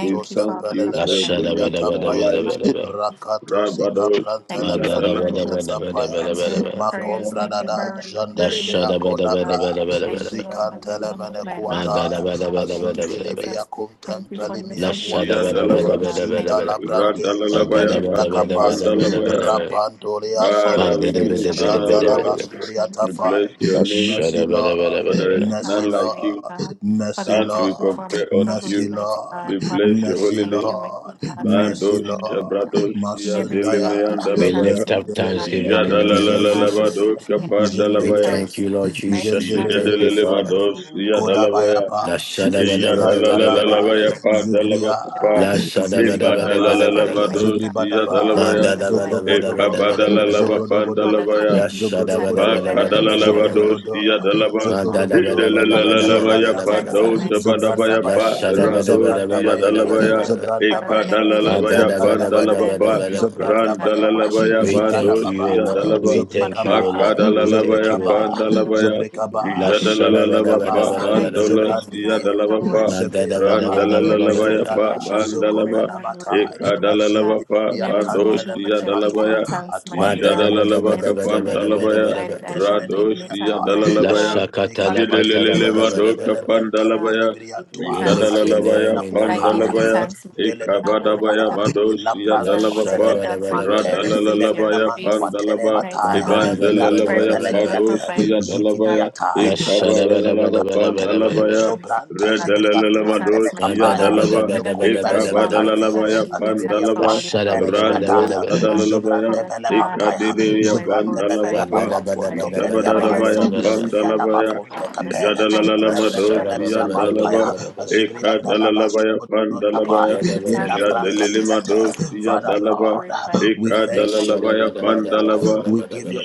[SPEAKER 5] We
[SPEAKER 6] you,
[SPEAKER 5] thank
[SPEAKER 6] Father
[SPEAKER 5] you
[SPEAKER 7] La
[SPEAKER 6] God.
[SPEAKER 5] for your
[SPEAKER 6] Thank
[SPEAKER 7] shada
[SPEAKER 6] you,
[SPEAKER 5] goodness
[SPEAKER 7] bada
[SPEAKER 5] in
[SPEAKER 7] bada
[SPEAKER 5] our
[SPEAKER 6] oh
[SPEAKER 7] bada
[SPEAKER 5] lives.
[SPEAKER 6] Father.
[SPEAKER 7] bada bada.
[SPEAKER 6] Thank you for being me. Thank
[SPEAKER 7] Ma
[SPEAKER 6] you
[SPEAKER 5] Rabadosia
[SPEAKER 7] da
[SPEAKER 6] for
[SPEAKER 7] da bada
[SPEAKER 5] dalaba,
[SPEAKER 6] miracles.
[SPEAKER 7] bada
[SPEAKER 6] Thank you
[SPEAKER 7] bada
[SPEAKER 6] for
[SPEAKER 7] bada
[SPEAKER 6] answering
[SPEAKER 7] bada
[SPEAKER 6] my
[SPEAKER 7] bada.
[SPEAKER 6] prayers. Thank you for
[SPEAKER 7] La
[SPEAKER 6] remembering me,
[SPEAKER 7] shada bada
[SPEAKER 6] mighty
[SPEAKER 7] bada
[SPEAKER 6] God.
[SPEAKER 7] bada bada
[SPEAKER 6] Thank
[SPEAKER 7] bada
[SPEAKER 6] you,
[SPEAKER 7] bada.
[SPEAKER 6] Lord, from the bottom of my
[SPEAKER 7] Ma
[SPEAKER 6] heart,
[SPEAKER 7] da da
[SPEAKER 6] mighty
[SPEAKER 7] bada
[SPEAKER 6] God.
[SPEAKER 7] bada
[SPEAKER 6] Thank you,
[SPEAKER 7] bada bada bada.
[SPEAKER 6] Jesus. Thank you for your
[SPEAKER 7] La shada
[SPEAKER 5] Sia
[SPEAKER 6] forgiveness,
[SPEAKER 7] bada
[SPEAKER 6] mighty
[SPEAKER 7] bada
[SPEAKER 5] dalaba,
[SPEAKER 7] bada
[SPEAKER 6] God.
[SPEAKER 7] bada
[SPEAKER 6] Thank you,
[SPEAKER 7] bada.
[SPEAKER 6] Lord,
[SPEAKER 7] Ma da
[SPEAKER 6] for
[SPEAKER 7] da
[SPEAKER 5] Radalalabaya,
[SPEAKER 6] your
[SPEAKER 7] bada bada
[SPEAKER 6] glorious
[SPEAKER 7] bada bada
[SPEAKER 5] Makapandalabaya.
[SPEAKER 7] bada
[SPEAKER 6] miracles,
[SPEAKER 7] bada.
[SPEAKER 6] mighty God. Thank you for
[SPEAKER 7] Ma
[SPEAKER 6] my
[SPEAKER 5] Father,
[SPEAKER 7] da
[SPEAKER 5] we
[SPEAKER 7] da
[SPEAKER 5] give you
[SPEAKER 7] bada
[SPEAKER 6] future,
[SPEAKER 7] bada
[SPEAKER 5] honor, O
[SPEAKER 6] mighty
[SPEAKER 7] bada
[SPEAKER 5] Lord.
[SPEAKER 6] God.
[SPEAKER 7] bada bada.
[SPEAKER 6] Thank you
[SPEAKER 5] We
[SPEAKER 6] for your
[SPEAKER 5] bless your
[SPEAKER 7] La
[SPEAKER 5] name.
[SPEAKER 7] shada bada bada
[SPEAKER 5] for
[SPEAKER 7] bada
[SPEAKER 5] there is
[SPEAKER 7] bada.
[SPEAKER 5] none
[SPEAKER 6] uh,
[SPEAKER 5] like
[SPEAKER 6] mighty
[SPEAKER 5] you,
[SPEAKER 6] God. Father God,
[SPEAKER 5] none to
[SPEAKER 6] thank
[SPEAKER 5] be
[SPEAKER 6] you for my
[SPEAKER 5] compared unto
[SPEAKER 6] struggles,
[SPEAKER 5] you.
[SPEAKER 6] mighty God.
[SPEAKER 5] We
[SPEAKER 6] Father
[SPEAKER 5] bless your
[SPEAKER 6] God, I
[SPEAKER 5] holy
[SPEAKER 6] thank you,
[SPEAKER 5] name.
[SPEAKER 6] mighty God, for
[SPEAKER 5] Mandos,
[SPEAKER 6] everything, mighty God.
[SPEAKER 5] Shabrados,
[SPEAKER 6] In everything I give
[SPEAKER 5] Yadelimean
[SPEAKER 6] you
[SPEAKER 7] We
[SPEAKER 5] Dalabaya,
[SPEAKER 6] thanks,
[SPEAKER 7] lift up
[SPEAKER 6] mighty God. For
[SPEAKER 7] thanksgiving in the name
[SPEAKER 6] mighty
[SPEAKER 7] of
[SPEAKER 6] God, in
[SPEAKER 5] Yadalalalabado,
[SPEAKER 7] Jesus.
[SPEAKER 6] everything I give you
[SPEAKER 7] We
[SPEAKER 5] Kapadalabaya,
[SPEAKER 7] thank
[SPEAKER 6] thanks.
[SPEAKER 7] you, Lord
[SPEAKER 6] Mighty
[SPEAKER 7] Jesus. We
[SPEAKER 6] God, in
[SPEAKER 7] thank you,
[SPEAKER 6] everything
[SPEAKER 7] Father.
[SPEAKER 6] I
[SPEAKER 5] Yadelemados,
[SPEAKER 6] give you thanks,
[SPEAKER 5] Yadalabaya,
[SPEAKER 6] mighty God.
[SPEAKER 7] La shada bada bada bada bada
[SPEAKER 6] Thanks,
[SPEAKER 7] bada
[SPEAKER 6] mighty
[SPEAKER 5] Yadalalalabaya,
[SPEAKER 7] bada.
[SPEAKER 6] God. The
[SPEAKER 5] Padalabakapa,
[SPEAKER 7] La
[SPEAKER 6] light
[SPEAKER 7] shada bada bada
[SPEAKER 6] is
[SPEAKER 7] bada bada
[SPEAKER 6] bright,
[SPEAKER 7] bada.
[SPEAKER 6] mighty
[SPEAKER 5] Ibadalalamados,
[SPEAKER 6] God. I give you
[SPEAKER 7] Ma
[SPEAKER 5] Yadalabaya,
[SPEAKER 6] thanks
[SPEAKER 7] da
[SPEAKER 6] when
[SPEAKER 7] da
[SPEAKER 6] the light
[SPEAKER 7] bada
[SPEAKER 6] is
[SPEAKER 7] bada
[SPEAKER 6] not, mighty
[SPEAKER 7] bada bada bada
[SPEAKER 6] God.
[SPEAKER 7] bada.
[SPEAKER 6] Father God,
[SPEAKER 5] Ekabadalalabapandalabaya,
[SPEAKER 6] I
[SPEAKER 7] La
[SPEAKER 6] give you
[SPEAKER 7] shada bada
[SPEAKER 6] thanks in
[SPEAKER 7] bada
[SPEAKER 6] my
[SPEAKER 7] bada bada
[SPEAKER 6] rising
[SPEAKER 7] bada
[SPEAKER 6] and I
[SPEAKER 7] bada.
[SPEAKER 6] give you
[SPEAKER 5] Makadalalabadosia
[SPEAKER 6] thanks in my
[SPEAKER 5] dalaba.
[SPEAKER 7] Ma da
[SPEAKER 6] fall.
[SPEAKER 7] da bada bada
[SPEAKER 6] Father God, I give
[SPEAKER 5] Hidelalalalabaya
[SPEAKER 6] you
[SPEAKER 5] pa
[SPEAKER 7] bada bada bada bada
[SPEAKER 6] thanks in
[SPEAKER 7] bada.
[SPEAKER 6] my
[SPEAKER 5] dosa
[SPEAKER 6] success
[SPEAKER 5] badabaya
[SPEAKER 6] and I
[SPEAKER 7] La
[SPEAKER 5] pa
[SPEAKER 6] give you
[SPEAKER 7] shada
[SPEAKER 6] thanks
[SPEAKER 7] bada
[SPEAKER 6] in my
[SPEAKER 7] bada bada
[SPEAKER 5] radosia
[SPEAKER 6] struggles,
[SPEAKER 7] bada
[SPEAKER 6] mighty
[SPEAKER 7] bada
[SPEAKER 5] dalabaya.
[SPEAKER 6] God.
[SPEAKER 7] bada bada.
[SPEAKER 6] Father God, I give
[SPEAKER 7] Ma
[SPEAKER 6] you
[SPEAKER 7] da
[SPEAKER 5] Ekadalalabaya
[SPEAKER 7] da
[SPEAKER 6] thanks,
[SPEAKER 7] bada
[SPEAKER 6] mighty God.
[SPEAKER 7] bada
[SPEAKER 5] pandalaba
[SPEAKER 6] I
[SPEAKER 7] bada bada
[SPEAKER 5] pa
[SPEAKER 6] lift you up,
[SPEAKER 7] bada bada.
[SPEAKER 6] mighty God. I worship
[SPEAKER 5] randalalabaya
[SPEAKER 6] you
[SPEAKER 7] We
[SPEAKER 6] and I honor
[SPEAKER 7] thank
[SPEAKER 6] you,
[SPEAKER 7] you, O
[SPEAKER 5] madosia
[SPEAKER 6] mighty God.
[SPEAKER 7] Lord.
[SPEAKER 5] dalaba.
[SPEAKER 7] We
[SPEAKER 6] Father
[SPEAKER 7] thank
[SPEAKER 6] God,
[SPEAKER 7] you, O
[SPEAKER 6] for the
[SPEAKER 7] Lord. We
[SPEAKER 6] rest
[SPEAKER 7] thank
[SPEAKER 6] of
[SPEAKER 5] Makadalalabaya
[SPEAKER 6] my
[SPEAKER 7] you, O
[SPEAKER 6] life, I
[SPEAKER 7] Lord.
[SPEAKER 6] shall worship
[SPEAKER 5] pandalabaya.
[SPEAKER 6] you, mighty
[SPEAKER 7] La shada bada
[SPEAKER 5] Mijadalalaba
[SPEAKER 7] bada
[SPEAKER 6] Yet
[SPEAKER 5] pa
[SPEAKER 6] step
[SPEAKER 7] bada
[SPEAKER 6] I
[SPEAKER 7] bada
[SPEAKER 6] take,
[SPEAKER 7] bada bada.
[SPEAKER 6] mighty
[SPEAKER 5] bandolasia
[SPEAKER 6] God, I
[SPEAKER 5] dalaba
[SPEAKER 6] shall
[SPEAKER 5] pa
[SPEAKER 7] Ma
[SPEAKER 6] worship
[SPEAKER 7] da
[SPEAKER 6] you.
[SPEAKER 7] da bada
[SPEAKER 6] And in
[SPEAKER 7] bada bada
[SPEAKER 6] every breath
[SPEAKER 7] bada
[SPEAKER 6] I
[SPEAKER 5] randalalalabaya
[SPEAKER 7] bada.
[SPEAKER 6] take,
[SPEAKER 5] pa
[SPEAKER 6] I shall remember
[SPEAKER 5] bandalaba.
[SPEAKER 6] you and worship you, mighty
[SPEAKER 5] Ekadalalaba
[SPEAKER 6] God.
[SPEAKER 5] pa
[SPEAKER 6] In everything I do, I
[SPEAKER 5] bandosia
[SPEAKER 6] shall give you
[SPEAKER 5] dalabaya.
[SPEAKER 6] thanks,
[SPEAKER 7] Ma
[SPEAKER 6] mighty
[SPEAKER 7] da da
[SPEAKER 6] God.
[SPEAKER 7] bada
[SPEAKER 6] In
[SPEAKER 5] Jadalalaba
[SPEAKER 7] bada bada
[SPEAKER 6] everything that
[SPEAKER 7] bada
[SPEAKER 6] you have
[SPEAKER 7] bada
[SPEAKER 5] kapandalabaya.
[SPEAKER 7] bada bada.
[SPEAKER 6] provided, I shall give you
[SPEAKER 5] Radosia
[SPEAKER 6] thanks, mighty God.
[SPEAKER 5] Dalalabaya,
[SPEAKER 7] Lashakata
[SPEAKER 6] Father
[SPEAKER 7] lakata
[SPEAKER 6] God,
[SPEAKER 7] da
[SPEAKER 6] in
[SPEAKER 7] ba
[SPEAKER 6] the name of
[SPEAKER 7] da
[SPEAKER 5] Jedeleleva
[SPEAKER 7] ba da ba
[SPEAKER 6] Jesus,
[SPEAKER 7] da
[SPEAKER 5] Doka
[SPEAKER 7] ba.
[SPEAKER 6] mighty God,
[SPEAKER 5] Pandalabaya,
[SPEAKER 6] I give you
[SPEAKER 7] We
[SPEAKER 6] thanks,
[SPEAKER 7] lift your
[SPEAKER 6] Jesus.
[SPEAKER 7] name
[SPEAKER 5] Jadalalabaya
[SPEAKER 7] in the
[SPEAKER 6] I
[SPEAKER 7] name
[SPEAKER 6] give
[SPEAKER 7] of
[SPEAKER 6] you
[SPEAKER 5] Pandalabaya,
[SPEAKER 7] Jesus.
[SPEAKER 6] thanks, mighty God, mighty
[SPEAKER 5] Ekabadabaya
[SPEAKER 6] God. I give you
[SPEAKER 5] Madosia
[SPEAKER 6] thanks,
[SPEAKER 7] Lashada
[SPEAKER 6] mighty
[SPEAKER 5] Dalabapa,
[SPEAKER 7] ba da
[SPEAKER 6] God,
[SPEAKER 7] ba
[SPEAKER 6] for
[SPEAKER 7] da
[SPEAKER 6] your
[SPEAKER 7] ba da ba
[SPEAKER 3] Amen.
[SPEAKER 7] da ba da
[SPEAKER 6] mercies,
[SPEAKER 7] ba.
[SPEAKER 6] your
[SPEAKER 5] Radalalabaya
[SPEAKER 6] grace,
[SPEAKER 5] Pandalaba,
[SPEAKER 6] mighty
[SPEAKER 7] Manda da
[SPEAKER 6] God,
[SPEAKER 7] ba da ba da
[SPEAKER 6] for
[SPEAKER 7] ba da
[SPEAKER 5] Ebandalalabaya
[SPEAKER 7] ba
[SPEAKER 6] everything
[SPEAKER 7] da
[SPEAKER 6] you
[SPEAKER 7] ba.
[SPEAKER 6] have provided,
[SPEAKER 5] Padosia
[SPEAKER 6] mighty God
[SPEAKER 5] Dalabaya,
[SPEAKER 7] Lashada ba da ba da
[SPEAKER 5] Ekabadalaba
[SPEAKER 7] ba da ba
[SPEAKER 6] all
[SPEAKER 7] da
[SPEAKER 6] your
[SPEAKER 7] ba da ba.
[SPEAKER 5] Pandalabaya,
[SPEAKER 6] provisions, mighty God. I give you thanks, mighty
[SPEAKER 7] Manda
[SPEAKER 5] Redalalabadosia
[SPEAKER 7] da
[SPEAKER 6] God.
[SPEAKER 7] ba da
[SPEAKER 5] Dalaba,
[SPEAKER 7] ba da
[SPEAKER 6] Whether
[SPEAKER 7] ba da
[SPEAKER 6] great
[SPEAKER 7] ba
[SPEAKER 6] or
[SPEAKER 7] da ba
[SPEAKER 6] small,
[SPEAKER 7] da ba.
[SPEAKER 6] mighty God, I
[SPEAKER 5] Ekabadalalabaya
[SPEAKER 6] give you thanks for
[SPEAKER 5] Pandalaba,
[SPEAKER 6] all your
[SPEAKER 7] Lashada ba da ba da
[SPEAKER 6] provisions,
[SPEAKER 7] ba
[SPEAKER 5] Rando
[SPEAKER 7] da ba
[SPEAKER 6] mighty
[SPEAKER 7] da ba.
[SPEAKER 6] God.
[SPEAKER 5] Sadalalabaya,
[SPEAKER 6] Father God, I honor you,
[SPEAKER 5] Ekadideya
[SPEAKER 6] I glorify you,
[SPEAKER 7] Manda
[SPEAKER 5] Bandalabapa,
[SPEAKER 7] da
[SPEAKER 6] mighty
[SPEAKER 7] ba da
[SPEAKER 6] God.
[SPEAKER 7] ba da ba da
[SPEAKER 6] For
[SPEAKER 7] ba da
[SPEAKER 6] you're
[SPEAKER 7] ba da
[SPEAKER 5] Jabadabaya
[SPEAKER 6] so
[SPEAKER 7] ba da ba.
[SPEAKER 6] merciful,
[SPEAKER 5] Pandalabaya
[SPEAKER 6] mighty God. You're so kind, mighty God.
[SPEAKER 7] Lashada
[SPEAKER 6] You're
[SPEAKER 7] ba
[SPEAKER 5] Jadalalamadosi
[SPEAKER 6] so
[SPEAKER 7] da
[SPEAKER 5] and
[SPEAKER 7] ba da ba
[SPEAKER 6] forgiving,
[SPEAKER 7] da
[SPEAKER 5] Dalaba
[SPEAKER 7] ba da ba da.
[SPEAKER 6] mighty God.
[SPEAKER 5] Eka Dalalabaya
[SPEAKER 6] Father God, I give
[SPEAKER 5] Pandalabaya
[SPEAKER 6] you
[SPEAKER 7] Manda da
[SPEAKER 6] thanks.
[SPEAKER 7] ba da
[SPEAKER 6] I
[SPEAKER 7] ba da ba da.
[SPEAKER 6] give you thanks.
[SPEAKER 5] Jadalilimadosi
[SPEAKER 6] I
[SPEAKER 5] Dalaba
[SPEAKER 6] glorify you,
[SPEAKER 5] Eka
[SPEAKER 7] Lashada ba
[SPEAKER 5] Dalalabaya
[SPEAKER 7] da ba
[SPEAKER 6] mighty
[SPEAKER 7] da ba
[SPEAKER 6] God.
[SPEAKER 7] da
[SPEAKER 5] Pandalaba
[SPEAKER 7] ba da ba da ba da.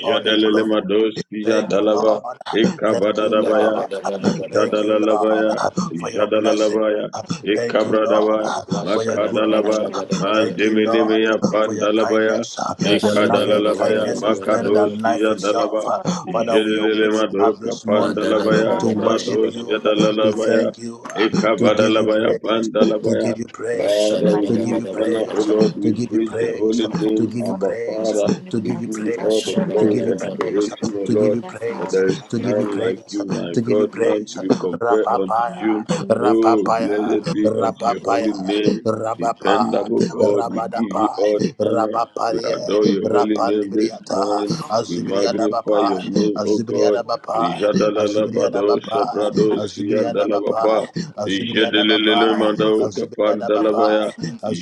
[SPEAKER 6] Thank you, Father God.
[SPEAKER 5] Dalaba Eka
[SPEAKER 7] Manda da
[SPEAKER 6] I
[SPEAKER 5] Badadabaya
[SPEAKER 7] ba da ba
[SPEAKER 6] really
[SPEAKER 7] da ba da ba da ba.
[SPEAKER 5] Jadalalabaya
[SPEAKER 6] Thank you.
[SPEAKER 5] Jadalalabaya Eka
[SPEAKER 6] Thank
[SPEAKER 5] Bradaba
[SPEAKER 6] you.
[SPEAKER 7] We give
[SPEAKER 6] Thank
[SPEAKER 5] Makadalaba
[SPEAKER 6] you.
[SPEAKER 5] Mandiminimea
[SPEAKER 6] Thank you.
[SPEAKER 5] Pandalabaya
[SPEAKER 6] Father, God, thank
[SPEAKER 5] Ikadalabaya
[SPEAKER 6] you for
[SPEAKER 5] Makadosia
[SPEAKER 6] thank
[SPEAKER 5] Dalaba
[SPEAKER 6] you for the Holy
[SPEAKER 5] Jelele
[SPEAKER 6] Spirit.
[SPEAKER 5] Madoka Pandalabaya
[SPEAKER 6] Father,
[SPEAKER 5] Radosia
[SPEAKER 6] thank
[SPEAKER 5] Dalalabaya
[SPEAKER 6] you, thank you,
[SPEAKER 5] Ikabadalabaya Pandalabaya
[SPEAKER 6] thank you.
[SPEAKER 5] Father, we
[SPEAKER 6] Mighty
[SPEAKER 5] give
[SPEAKER 6] God,
[SPEAKER 5] you
[SPEAKER 6] I
[SPEAKER 5] honor,
[SPEAKER 6] thank
[SPEAKER 5] O
[SPEAKER 6] you for
[SPEAKER 5] Lord. We
[SPEAKER 6] creation.
[SPEAKER 5] praise your holy
[SPEAKER 6] I thank
[SPEAKER 5] name,
[SPEAKER 6] you for
[SPEAKER 5] Abba Father.
[SPEAKER 6] creating me,
[SPEAKER 5] We give
[SPEAKER 6] mighty
[SPEAKER 5] you
[SPEAKER 6] God.
[SPEAKER 5] all the
[SPEAKER 6] Father,
[SPEAKER 5] glory
[SPEAKER 6] I
[SPEAKER 5] and
[SPEAKER 6] thank you for
[SPEAKER 5] adoration, O
[SPEAKER 6] giving
[SPEAKER 5] Lord.
[SPEAKER 6] me a
[SPEAKER 5] For
[SPEAKER 6] soul.
[SPEAKER 5] there is none like you, my God, none
[SPEAKER 6] Father,
[SPEAKER 5] to be compared
[SPEAKER 6] for
[SPEAKER 5] unto
[SPEAKER 6] giving me
[SPEAKER 5] you.
[SPEAKER 6] spirit.
[SPEAKER 5] Oh, blessed
[SPEAKER 6] I
[SPEAKER 5] be
[SPEAKER 6] thank you
[SPEAKER 5] unto
[SPEAKER 6] for
[SPEAKER 5] your
[SPEAKER 6] giving
[SPEAKER 5] holy
[SPEAKER 6] me a
[SPEAKER 5] name.
[SPEAKER 6] soul. Father, thank
[SPEAKER 5] Dependable
[SPEAKER 6] you for giving
[SPEAKER 5] God,
[SPEAKER 6] me a
[SPEAKER 5] we
[SPEAKER 6] heart.
[SPEAKER 5] give you all the honor we adore your holy name this
[SPEAKER 6] Thank you, God,
[SPEAKER 5] morning. We magnify your
[SPEAKER 6] for
[SPEAKER 5] name, O
[SPEAKER 6] knowing me.
[SPEAKER 5] God.
[SPEAKER 6] I thank you,
[SPEAKER 5] Jadalalabado Shebrado
[SPEAKER 6] Father, for knowing
[SPEAKER 5] Siandalabapa
[SPEAKER 6] me for born, mighty
[SPEAKER 5] Jadalalalamando
[SPEAKER 6] God. Father, I
[SPEAKER 5] Kapandalabaya
[SPEAKER 6] thank you.